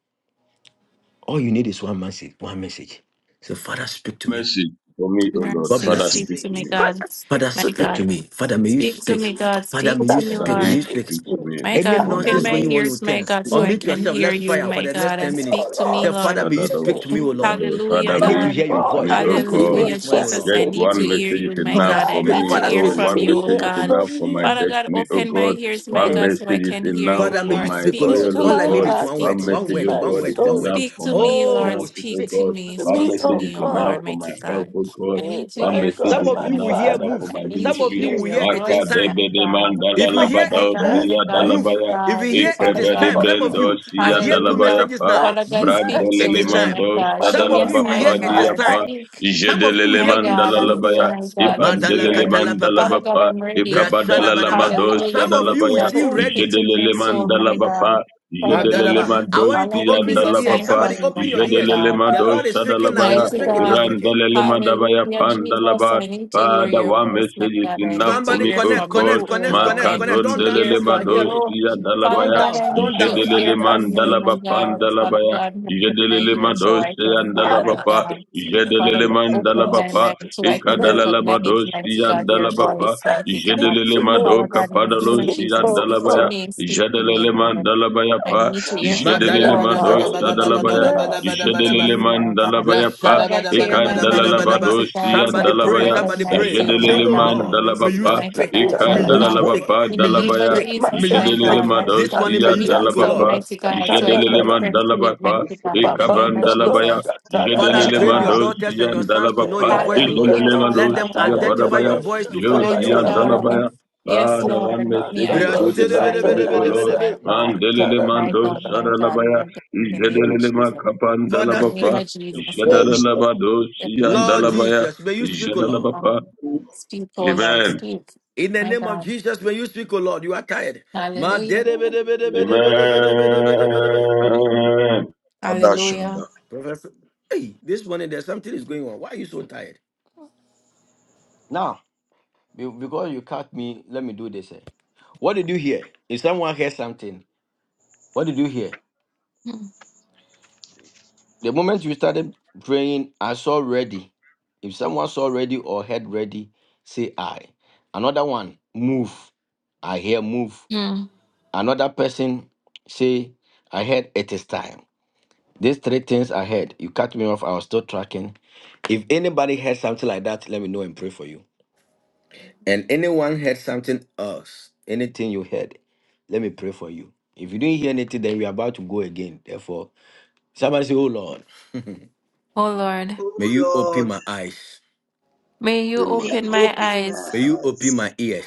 [SPEAKER 7] All you need is one message. One message. So, Father, speak to me.
[SPEAKER 5] Mercy for me, oh Lord.
[SPEAKER 7] God
[SPEAKER 6] Mercy,
[SPEAKER 3] Father,
[SPEAKER 5] Father,
[SPEAKER 7] bless you.
[SPEAKER 6] speak
[SPEAKER 5] speak
[SPEAKER 6] to
[SPEAKER 3] speak.
[SPEAKER 5] to
[SPEAKER 6] me,
[SPEAKER 5] me.
[SPEAKER 11] But
[SPEAKER 6] God,
[SPEAKER 11] I speak
[SPEAKER 7] Father,
[SPEAKER 6] my
[SPEAKER 11] to
[SPEAKER 7] speak
[SPEAKER 11] the
[SPEAKER 7] to
[SPEAKER 6] God.
[SPEAKER 7] me. Father, may
[SPEAKER 3] Yes,
[SPEAKER 7] you
[SPEAKER 6] Speak
[SPEAKER 3] speak.
[SPEAKER 6] to
[SPEAKER 7] speak.
[SPEAKER 6] me, God,
[SPEAKER 7] Father,
[SPEAKER 6] speak
[SPEAKER 7] may you
[SPEAKER 6] to
[SPEAKER 11] Father,
[SPEAKER 6] me,
[SPEAKER 5] Father,
[SPEAKER 11] may
[SPEAKER 5] may
[SPEAKER 11] you
[SPEAKER 7] speak. May
[SPEAKER 5] you
[SPEAKER 7] you
[SPEAKER 6] Lord.
[SPEAKER 11] speak
[SPEAKER 7] speak.
[SPEAKER 5] speak
[SPEAKER 11] to me.
[SPEAKER 5] to me
[SPEAKER 6] My
[SPEAKER 5] this
[SPEAKER 7] Any
[SPEAKER 6] God,
[SPEAKER 3] Father,
[SPEAKER 11] Father,
[SPEAKER 5] morning,
[SPEAKER 3] may
[SPEAKER 6] open
[SPEAKER 3] you
[SPEAKER 7] nonsense
[SPEAKER 5] oh
[SPEAKER 11] may
[SPEAKER 6] my
[SPEAKER 11] you
[SPEAKER 7] going
[SPEAKER 3] speak.
[SPEAKER 5] God.
[SPEAKER 7] on
[SPEAKER 6] ears,
[SPEAKER 7] with
[SPEAKER 11] speak
[SPEAKER 6] my
[SPEAKER 3] Father,
[SPEAKER 7] 10,
[SPEAKER 6] God,
[SPEAKER 11] to
[SPEAKER 3] speak.
[SPEAKER 6] so
[SPEAKER 11] me.
[SPEAKER 6] I
[SPEAKER 3] to
[SPEAKER 7] unmute
[SPEAKER 6] can
[SPEAKER 7] yourself.
[SPEAKER 3] me.
[SPEAKER 6] hear
[SPEAKER 7] Let's
[SPEAKER 6] you,
[SPEAKER 7] fire for
[SPEAKER 6] my
[SPEAKER 7] the next
[SPEAKER 6] God, and
[SPEAKER 7] 10 minutes.
[SPEAKER 6] speak
[SPEAKER 11] Oh
[SPEAKER 6] to me,
[SPEAKER 7] Say,
[SPEAKER 11] Lord,
[SPEAKER 6] Lord.
[SPEAKER 11] speak
[SPEAKER 7] Father, may you
[SPEAKER 11] to
[SPEAKER 7] speak to me,
[SPEAKER 11] me.
[SPEAKER 7] O Lord.
[SPEAKER 3] And
[SPEAKER 6] Hallelujah,
[SPEAKER 7] I
[SPEAKER 5] Father, may
[SPEAKER 7] need
[SPEAKER 11] My
[SPEAKER 7] to
[SPEAKER 5] you
[SPEAKER 7] hear
[SPEAKER 6] God.
[SPEAKER 7] your
[SPEAKER 5] speak to
[SPEAKER 11] Lord,
[SPEAKER 7] voice.
[SPEAKER 5] me,
[SPEAKER 11] I
[SPEAKER 7] May you
[SPEAKER 5] oh
[SPEAKER 11] want to
[SPEAKER 7] speak to me
[SPEAKER 5] God.
[SPEAKER 11] hear
[SPEAKER 6] Hallelujah,
[SPEAKER 7] this morning,
[SPEAKER 3] that
[SPEAKER 7] O
[SPEAKER 11] from
[SPEAKER 6] Jesus.
[SPEAKER 7] Lord.
[SPEAKER 3] speaks
[SPEAKER 6] I
[SPEAKER 5] Just
[SPEAKER 3] to
[SPEAKER 11] you.
[SPEAKER 6] need
[SPEAKER 5] one
[SPEAKER 6] to
[SPEAKER 3] me.
[SPEAKER 6] hear
[SPEAKER 5] message
[SPEAKER 6] you,
[SPEAKER 5] is
[SPEAKER 6] my
[SPEAKER 5] enough
[SPEAKER 7] Father,
[SPEAKER 6] God. I
[SPEAKER 5] for
[SPEAKER 11] Father,
[SPEAKER 7] speak.
[SPEAKER 5] me.
[SPEAKER 6] need to
[SPEAKER 11] I
[SPEAKER 7] Father,
[SPEAKER 6] hear
[SPEAKER 5] Oh,
[SPEAKER 7] speak.
[SPEAKER 11] want
[SPEAKER 6] from
[SPEAKER 5] one
[SPEAKER 6] you,
[SPEAKER 5] message
[SPEAKER 11] to
[SPEAKER 6] oh
[SPEAKER 11] hear
[SPEAKER 5] is
[SPEAKER 6] God.
[SPEAKER 5] enough
[SPEAKER 11] from
[SPEAKER 5] for my
[SPEAKER 11] you.
[SPEAKER 6] Father God,
[SPEAKER 5] destiny, oh
[SPEAKER 6] open my
[SPEAKER 5] God.
[SPEAKER 6] ears,
[SPEAKER 11] Speak to
[SPEAKER 6] my
[SPEAKER 5] One
[SPEAKER 11] me.
[SPEAKER 6] God, so I
[SPEAKER 5] message is
[SPEAKER 6] can hear
[SPEAKER 5] enough
[SPEAKER 6] you,
[SPEAKER 7] Father, may
[SPEAKER 5] for
[SPEAKER 7] you
[SPEAKER 6] Lord.
[SPEAKER 5] my
[SPEAKER 7] speak, O
[SPEAKER 6] Speak
[SPEAKER 11] Speak
[SPEAKER 6] to
[SPEAKER 5] oil,
[SPEAKER 7] Lord.
[SPEAKER 11] to
[SPEAKER 5] oh
[SPEAKER 7] All
[SPEAKER 6] me,
[SPEAKER 7] I
[SPEAKER 11] my
[SPEAKER 7] need
[SPEAKER 5] God.
[SPEAKER 6] Lord.
[SPEAKER 7] is
[SPEAKER 11] heart.
[SPEAKER 7] one
[SPEAKER 6] Speak
[SPEAKER 7] word,
[SPEAKER 5] One
[SPEAKER 11] Speak
[SPEAKER 6] to
[SPEAKER 7] one
[SPEAKER 11] to
[SPEAKER 5] message,
[SPEAKER 7] word,
[SPEAKER 5] oh
[SPEAKER 6] me.
[SPEAKER 11] my
[SPEAKER 7] one
[SPEAKER 5] God,
[SPEAKER 7] word,
[SPEAKER 5] is
[SPEAKER 7] one
[SPEAKER 11] soul.
[SPEAKER 7] word.
[SPEAKER 5] enough
[SPEAKER 6] Speak
[SPEAKER 5] for
[SPEAKER 6] to
[SPEAKER 5] my
[SPEAKER 6] me, Lord.
[SPEAKER 7] Oh,
[SPEAKER 5] finances, oh
[SPEAKER 6] Speak to
[SPEAKER 7] speak.
[SPEAKER 5] God.
[SPEAKER 6] me.
[SPEAKER 11] To
[SPEAKER 5] One
[SPEAKER 6] Speak
[SPEAKER 11] me,
[SPEAKER 6] to
[SPEAKER 5] message
[SPEAKER 11] oh
[SPEAKER 5] is
[SPEAKER 6] me, oh
[SPEAKER 5] enough
[SPEAKER 6] Lord,
[SPEAKER 11] God.
[SPEAKER 5] for my
[SPEAKER 6] mighty
[SPEAKER 5] health,
[SPEAKER 6] God.
[SPEAKER 5] oh God.
[SPEAKER 6] I
[SPEAKER 11] me,
[SPEAKER 6] need to
[SPEAKER 5] One
[SPEAKER 11] my
[SPEAKER 6] hear
[SPEAKER 5] message
[SPEAKER 7] Some
[SPEAKER 6] from
[SPEAKER 11] God,
[SPEAKER 5] is
[SPEAKER 6] you,
[SPEAKER 7] of
[SPEAKER 11] my
[SPEAKER 7] you
[SPEAKER 6] mighty
[SPEAKER 7] will
[SPEAKER 5] enough,
[SPEAKER 7] hear
[SPEAKER 5] Father,
[SPEAKER 11] Father,
[SPEAKER 5] for
[SPEAKER 7] move.
[SPEAKER 5] my
[SPEAKER 6] God.
[SPEAKER 11] speak
[SPEAKER 6] I need
[SPEAKER 7] Some
[SPEAKER 6] to
[SPEAKER 7] of
[SPEAKER 11] to
[SPEAKER 5] ministry.
[SPEAKER 7] you
[SPEAKER 11] me.
[SPEAKER 6] hear
[SPEAKER 7] will
[SPEAKER 6] your
[SPEAKER 7] hear it is
[SPEAKER 5] Maka
[SPEAKER 6] voice, my
[SPEAKER 7] time.
[SPEAKER 5] debe de
[SPEAKER 6] God.
[SPEAKER 5] mandala
[SPEAKER 7] If you
[SPEAKER 11] My
[SPEAKER 7] hear
[SPEAKER 6] My
[SPEAKER 7] it
[SPEAKER 5] labada
[SPEAKER 6] God,
[SPEAKER 11] strength,
[SPEAKER 6] my
[SPEAKER 7] move,
[SPEAKER 5] osia
[SPEAKER 6] God,
[SPEAKER 11] my
[SPEAKER 6] my
[SPEAKER 7] move.
[SPEAKER 5] dalabaya.
[SPEAKER 11] strength
[SPEAKER 7] If
[SPEAKER 6] God.
[SPEAKER 7] you
[SPEAKER 11] is
[SPEAKER 6] And
[SPEAKER 7] hear
[SPEAKER 11] in
[SPEAKER 7] it
[SPEAKER 6] Father
[SPEAKER 11] you,
[SPEAKER 7] is
[SPEAKER 5] Ikebe de
[SPEAKER 7] time,
[SPEAKER 6] God.
[SPEAKER 11] oh
[SPEAKER 7] some of
[SPEAKER 5] brendo
[SPEAKER 7] you,
[SPEAKER 11] God.
[SPEAKER 7] I
[SPEAKER 5] osia
[SPEAKER 7] hear two
[SPEAKER 5] dalabaya
[SPEAKER 6] Hallelujah.
[SPEAKER 7] messages
[SPEAKER 5] pa.
[SPEAKER 11] My
[SPEAKER 7] now.
[SPEAKER 6] Father God,
[SPEAKER 7] Move.
[SPEAKER 6] speak
[SPEAKER 11] strength
[SPEAKER 7] It
[SPEAKER 6] to
[SPEAKER 5] Brandele
[SPEAKER 11] is
[SPEAKER 7] is
[SPEAKER 6] me,
[SPEAKER 11] in
[SPEAKER 6] my
[SPEAKER 7] time.
[SPEAKER 5] mando
[SPEAKER 11] you,
[SPEAKER 6] God.
[SPEAKER 11] my
[SPEAKER 5] osia
[SPEAKER 6] Show
[SPEAKER 7] Some
[SPEAKER 6] me
[SPEAKER 7] of
[SPEAKER 6] a
[SPEAKER 11] God,
[SPEAKER 7] you will
[SPEAKER 11] my
[SPEAKER 7] hear
[SPEAKER 6] sign,
[SPEAKER 5] dalabapa
[SPEAKER 7] it is
[SPEAKER 5] diya
[SPEAKER 6] Lord.
[SPEAKER 11] Father.
[SPEAKER 5] pa.
[SPEAKER 7] time.
[SPEAKER 6] Speak.
[SPEAKER 7] Some of you will
[SPEAKER 5] Jedelele
[SPEAKER 7] hear
[SPEAKER 6] My
[SPEAKER 7] move.
[SPEAKER 6] God,
[SPEAKER 5] mandala
[SPEAKER 6] I'm here,
[SPEAKER 5] labaya
[SPEAKER 11] Jesus,
[SPEAKER 6] my
[SPEAKER 11] speak
[SPEAKER 6] God, I'm
[SPEAKER 11] to
[SPEAKER 7] Madala
[SPEAKER 11] me.
[SPEAKER 5] ipandelele
[SPEAKER 6] here.
[SPEAKER 7] katala
[SPEAKER 5] mandala
[SPEAKER 7] papa.
[SPEAKER 6] Father God,
[SPEAKER 5] bapa
[SPEAKER 6] I'm ready.
[SPEAKER 7] Brasada
[SPEAKER 5] ikabadalala
[SPEAKER 11] Oh
[SPEAKER 7] badaba.
[SPEAKER 11] God,
[SPEAKER 6] Hallelujah,
[SPEAKER 5] lamadosa
[SPEAKER 7] Some of
[SPEAKER 11] speak
[SPEAKER 7] you
[SPEAKER 6] mighty
[SPEAKER 7] will
[SPEAKER 11] to
[SPEAKER 5] dalabaya,
[SPEAKER 11] me.
[SPEAKER 6] God.
[SPEAKER 7] see
[SPEAKER 6] Speak
[SPEAKER 7] ready.
[SPEAKER 6] into my
[SPEAKER 5] jedelele
[SPEAKER 6] soul,
[SPEAKER 5] mandala
[SPEAKER 6] my God.
[SPEAKER 5] bapa
[SPEAKER 6] Father
[SPEAKER 5] jedelele
[SPEAKER 7] Madadaba.
[SPEAKER 6] God,
[SPEAKER 7] I want you
[SPEAKER 6] all I
[SPEAKER 7] to
[SPEAKER 5] madosi
[SPEAKER 6] need
[SPEAKER 7] open
[SPEAKER 6] is
[SPEAKER 7] your
[SPEAKER 6] a
[SPEAKER 7] ears.
[SPEAKER 6] sign
[SPEAKER 5] andalabapa,
[SPEAKER 7] Somebody
[SPEAKER 6] from you,
[SPEAKER 7] open your
[SPEAKER 6] my
[SPEAKER 7] ears.
[SPEAKER 6] God.
[SPEAKER 5] jedelele
[SPEAKER 7] The Lord
[SPEAKER 11] God,
[SPEAKER 7] is
[SPEAKER 5] madosa
[SPEAKER 7] speaking
[SPEAKER 11] speak
[SPEAKER 7] now.
[SPEAKER 11] to
[SPEAKER 5] dalabaya,
[SPEAKER 7] He's
[SPEAKER 11] me.
[SPEAKER 6] Mighty
[SPEAKER 7] speaking. He's
[SPEAKER 6] God,
[SPEAKER 7] speaking.
[SPEAKER 5] irandalele mandabaya
[SPEAKER 6] hallelujah, Jesus. I
[SPEAKER 5] pandalaba,
[SPEAKER 6] need to hear
[SPEAKER 5] Father,
[SPEAKER 6] your
[SPEAKER 5] one
[SPEAKER 6] voice, my
[SPEAKER 5] message is
[SPEAKER 6] God. I
[SPEAKER 5] enough
[SPEAKER 6] need to
[SPEAKER 5] for
[SPEAKER 7] Somebody
[SPEAKER 5] me,
[SPEAKER 6] hear
[SPEAKER 5] oh
[SPEAKER 7] connect,
[SPEAKER 6] from
[SPEAKER 5] God.
[SPEAKER 7] connect,
[SPEAKER 6] you, oh
[SPEAKER 7] connect,
[SPEAKER 6] Lord.
[SPEAKER 7] connect,
[SPEAKER 6] I
[SPEAKER 7] connect.
[SPEAKER 6] need to
[SPEAKER 7] Don't doubt
[SPEAKER 6] hear
[SPEAKER 5] Makadondelele
[SPEAKER 7] what you are
[SPEAKER 6] from
[SPEAKER 7] hearing.
[SPEAKER 6] you,
[SPEAKER 5] madosia
[SPEAKER 6] Father
[SPEAKER 7] Don't
[SPEAKER 5] dalabaya,
[SPEAKER 6] God.
[SPEAKER 7] doubt.
[SPEAKER 6] I
[SPEAKER 11] God,
[SPEAKER 7] Don't
[SPEAKER 6] need
[SPEAKER 11] my
[SPEAKER 6] to
[SPEAKER 7] doubt.
[SPEAKER 5] jedelele
[SPEAKER 6] hear
[SPEAKER 11] Father,
[SPEAKER 6] from you,
[SPEAKER 11] speak
[SPEAKER 6] my
[SPEAKER 5] mandalaba
[SPEAKER 11] to me.
[SPEAKER 6] God. Father
[SPEAKER 5] pandalabaya,
[SPEAKER 6] God, open my
[SPEAKER 5] jedelele
[SPEAKER 6] ear so I can
[SPEAKER 5] madosia
[SPEAKER 6] hear, my
[SPEAKER 11] Father,
[SPEAKER 5] dalabapa,
[SPEAKER 11] speak
[SPEAKER 6] God.
[SPEAKER 11] to me.
[SPEAKER 6] Father
[SPEAKER 5] jedelele
[SPEAKER 6] God, open
[SPEAKER 11] Lord,
[SPEAKER 6] my
[SPEAKER 5] mandalabapa,
[SPEAKER 6] mind
[SPEAKER 11] speak
[SPEAKER 6] so I
[SPEAKER 11] to
[SPEAKER 6] can
[SPEAKER 11] me.
[SPEAKER 5] ikadalala
[SPEAKER 6] recognize, mighty
[SPEAKER 5] madosia
[SPEAKER 6] God, your
[SPEAKER 5] dalabapa,
[SPEAKER 6] voice,
[SPEAKER 11] Jesus,
[SPEAKER 6] mighty
[SPEAKER 11] speak
[SPEAKER 6] God.
[SPEAKER 5] jedelele
[SPEAKER 11] to me.
[SPEAKER 6] Father
[SPEAKER 5] madoka
[SPEAKER 6] God, in the name
[SPEAKER 11] Speak to
[SPEAKER 6] of
[SPEAKER 11] me,
[SPEAKER 5] padalosia
[SPEAKER 6] Jesus,
[SPEAKER 11] oh
[SPEAKER 6] speak to
[SPEAKER 11] God.
[SPEAKER 5] dalabaya,
[SPEAKER 6] me, speak to me,
[SPEAKER 5] jedelele
[SPEAKER 6] Lord.
[SPEAKER 5] mandalabaya
[SPEAKER 6] I
[SPEAKER 5] pa,
[SPEAKER 6] need to
[SPEAKER 11] Come
[SPEAKER 6] hear
[SPEAKER 11] on,
[SPEAKER 6] from you,
[SPEAKER 5] jedelele
[SPEAKER 11] tonight,
[SPEAKER 6] O Lord.
[SPEAKER 11] so
[SPEAKER 5] madosia
[SPEAKER 6] Speak
[SPEAKER 11] my
[SPEAKER 6] to me,
[SPEAKER 5] dalabaya,
[SPEAKER 6] Lord.
[SPEAKER 11] grace.
[SPEAKER 6] Speak to
[SPEAKER 7] Madadabadabadabadabadabadabadabadabadaba.
[SPEAKER 5] jedelele
[SPEAKER 6] me, my God.
[SPEAKER 5] mandalabaya
[SPEAKER 7] Bless
[SPEAKER 5] pa,
[SPEAKER 6] Father God, clear my
[SPEAKER 5] ikadalala
[SPEAKER 6] mind,
[SPEAKER 7] Shadabadabadabadabadabadaba.
[SPEAKER 6] mighty God,
[SPEAKER 5] madosia
[SPEAKER 6] so
[SPEAKER 7] Somebody
[SPEAKER 6] I can
[SPEAKER 11] I
[SPEAKER 7] pray.
[SPEAKER 5] dalabaya,
[SPEAKER 11] was
[SPEAKER 7] Somebody
[SPEAKER 11] shut
[SPEAKER 6] recognize
[SPEAKER 7] pray.
[SPEAKER 11] up
[SPEAKER 6] you,
[SPEAKER 11] by
[SPEAKER 7] Say,
[SPEAKER 5] Jedelele
[SPEAKER 6] my
[SPEAKER 7] Oh
[SPEAKER 6] God,
[SPEAKER 11] a
[SPEAKER 5] man
[SPEAKER 7] Lord,
[SPEAKER 6] when you
[SPEAKER 7] may
[SPEAKER 6] speak,
[SPEAKER 7] you
[SPEAKER 5] dalabapa,
[SPEAKER 6] mighty
[SPEAKER 11] dobroskata,
[SPEAKER 7] speak.
[SPEAKER 6] God,
[SPEAKER 11] da
[SPEAKER 5] Eka
[SPEAKER 7] May
[SPEAKER 11] da
[SPEAKER 6] Father
[SPEAKER 11] da
[SPEAKER 7] you
[SPEAKER 11] da.
[SPEAKER 6] God.
[SPEAKER 7] speak.
[SPEAKER 5] dalalabapa
[SPEAKER 6] In
[SPEAKER 7] May
[SPEAKER 6] the
[SPEAKER 7] you
[SPEAKER 6] name of
[SPEAKER 5] dalabaya,
[SPEAKER 11] Let
[SPEAKER 7] speak.
[SPEAKER 11] my
[SPEAKER 7] May
[SPEAKER 6] Jesus,
[SPEAKER 7] you
[SPEAKER 6] my
[SPEAKER 5] Jedelele
[SPEAKER 6] God,
[SPEAKER 7] speak.
[SPEAKER 6] mighty
[SPEAKER 7] This
[SPEAKER 6] God,
[SPEAKER 7] morning,
[SPEAKER 6] give
[SPEAKER 7] may
[SPEAKER 11] dobroskata,
[SPEAKER 5] madosia
[SPEAKER 7] you
[SPEAKER 6] me
[SPEAKER 11] ya
[SPEAKER 7] speak, oh
[SPEAKER 6] wisdom,
[SPEAKER 7] Lord.
[SPEAKER 5] dalabapa,
[SPEAKER 6] mighty God,
[SPEAKER 11] dobroskata,
[SPEAKER 6] so I
[SPEAKER 11] ya
[SPEAKER 6] can
[SPEAKER 5] Jedelele
[SPEAKER 11] da da.
[SPEAKER 5] man
[SPEAKER 6] differentiate,
[SPEAKER 5] dalabapa,
[SPEAKER 6] mighty God, in the
[SPEAKER 5] Eka
[SPEAKER 11] Papa
[SPEAKER 6] name of
[SPEAKER 5] brandalabaya,
[SPEAKER 6] Jesus,
[SPEAKER 11] dobroskata, da da
[SPEAKER 7] Father,
[SPEAKER 11] da
[SPEAKER 5] Jedelele
[SPEAKER 6] mighty
[SPEAKER 11] da
[SPEAKER 7] train
[SPEAKER 11] da
[SPEAKER 7] your
[SPEAKER 11] da.
[SPEAKER 6] God.
[SPEAKER 7] daughters and
[SPEAKER 5] madosia
[SPEAKER 7] your sons to know
[SPEAKER 11] Let
[SPEAKER 5] dalabapa,
[SPEAKER 7] your
[SPEAKER 11] my
[SPEAKER 7] voice, O Lord.
[SPEAKER 6] Hallelujah,
[SPEAKER 5] Jedelele
[SPEAKER 6] Father
[SPEAKER 7] Let them
[SPEAKER 11] dobroskata,
[SPEAKER 5] madosia
[SPEAKER 11] ya
[SPEAKER 6] God,
[SPEAKER 7] identify your
[SPEAKER 5] badabaya,
[SPEAKER 7] voice to
[SPEAKER 11] dobroskata,
[SPEAKER 7] follow
[SPEAKER 11] ba
[SPEAKER 7] you,
[SPEAKER 6] mighty
[SPEAKER 11] ya
[SPEAKER 7] O
[SPEAKER 5] Josia
[SPEAKER 11] da ba
[SPEAKER 7] Lord.
[SPEAKER 11] da ba.
[SPEAKER 6] God.
[SPEAKER 5] dalabaya.
[SPEAKER 6] Yes,
[SPEAKER 5] Father,
[SPEAKER 6] Lord,
[SPEAKER 5] one
[SPEAKER 6] let
[SPEAKER 11] Na
[SPEAKER 6] me
[SPEAKER 5] message is good enough
[SPEAKER 6] identify
[SPEAKER 11] dobroskata,
[SPEAKER 5] for
[SPEAKER 6] your
[SPEAKER 5] me,
[SPEAKER 11] ya
[SPEAKER 5] O
[SPEAKER 11] da
[SPEAKER 6] voice,
[SPEAKER 5] Lord.
[SPEAKER 11] ba da
[SPEAKER 7] brasherebe
[SPEAKER 6] my
[SPEAKER 11] ba,
[SPEAKER 6] God.
[SPEAKER 11] ya
[SPEAKER 5] Man
[SPEAKER 11] da
[SPEAKER 5] delele
[SPEAKER 11] da da
[SPEAKER 6] My
[SPEAKER 11] da
[SPEAKER 5] mando
[SPEAKER 11] da
[SPEAKER 6] God,
[SPEAKER 11] da.
[SPEAKER 6] my God, my
[SPEAKER 5] saralabaya,
[SPEAKER 6] God, in the name
[SPEAKER 9] Sure.
[SPEAKER 6] of
[SPEAKER 5] Jedelele
[SPEAKER 6] Jesus.
[SPEAKER 5] makapan
[SPEAKER 6] In
[SPEAKER 7] Father,
[SPEAKER 6] the name
[SPEAKER 7] speak.
[SPEAKER 5] dalabapa,
[SPEAKER 6] of
[SPEAKER 9] The
[SPEAKER 6] Jesus, my
[SPEAKER 9] voice
[SPEAKER 5] Jedelele
[SPEAKER 6] God,
[SPEAKER 9] of
[SPEAKER 6] in the name of
[SPEAKER 5] madosia
[SPEAKER 7] Lord
[SPEAKER 6] Jesus.
[SPEAKER 5] dalabaya,
[SPEAKER 7] Jesus, may you speak, O Lord.
[SPEAKER 5] Jedelele
[SPEAKER 6] God.
[SPEAKER 9] Christian
[SPEAKER 6] Speak, oh Lord,
[SPEAKER 9] Supreme
[SPEAKER 5] Amen.
[SPEAKER 6] speak.
[SPEAKER 7] In the
[SPEAKER 6] My
[SPEAKER 7] name of
[SPEAKER 6] God.
[SPEAKER 7] Jesus, may you speak, O Lord. You are tired. Ma
[SPEAKER 6] Hallelujah.
[SPEAKER 7] derebe
[SPEAKER 11] Come
[SPEAKER 5] Amen.
[SPEAKER 11] on, shut da da da da da da da.
[SPEAKER 9] Father
[SPEAKER 6] Hallelujah.
[SPEAKER 9] Shanda.
[SPEAKER 7] Professor, hey, this morning there's something is going on. Why are you so tired? Now, be- because you cut me, let me do this. eh. What did you hear? If someone hears something, what did you hear?
[SPEAKER 6] Hmm.
[SPEAKER 7] The moment you started praying, I saw ready. If someone saw ready or heard ready, say I. Another one, move. I hear move.
[SPEAKER 6] Hmm.
[SPEAKER 7] Another person say, I heard it is time. These three things I heard. You cut me off. I was still tracking. If anybody heard something like that, let me know and pray for you. And anyone heard something else, anything you heard, let me pray for you. If you didn't hear anything, then we're about to go again. Therefore, somebody say, Oh Lord,
[SPEAKER 6] Oh Lord,
[SPEAKER 3] Oh
[SPEAKER 7] may you open
[SPEAKER 3] Lord,
[SPEAKER 7] my eyes.
[SPEAKER 6] may you
[SPEAKER 9] Open my
[SPEAKER 3] may you
[SPEAKER 6] open my
[SPEAKER 3] open my
[SPEAKER 6] eyes.
[SPEAKER 7] May you open
[SPEAKER 3] eyes.
[SPEAKER 7] my ears.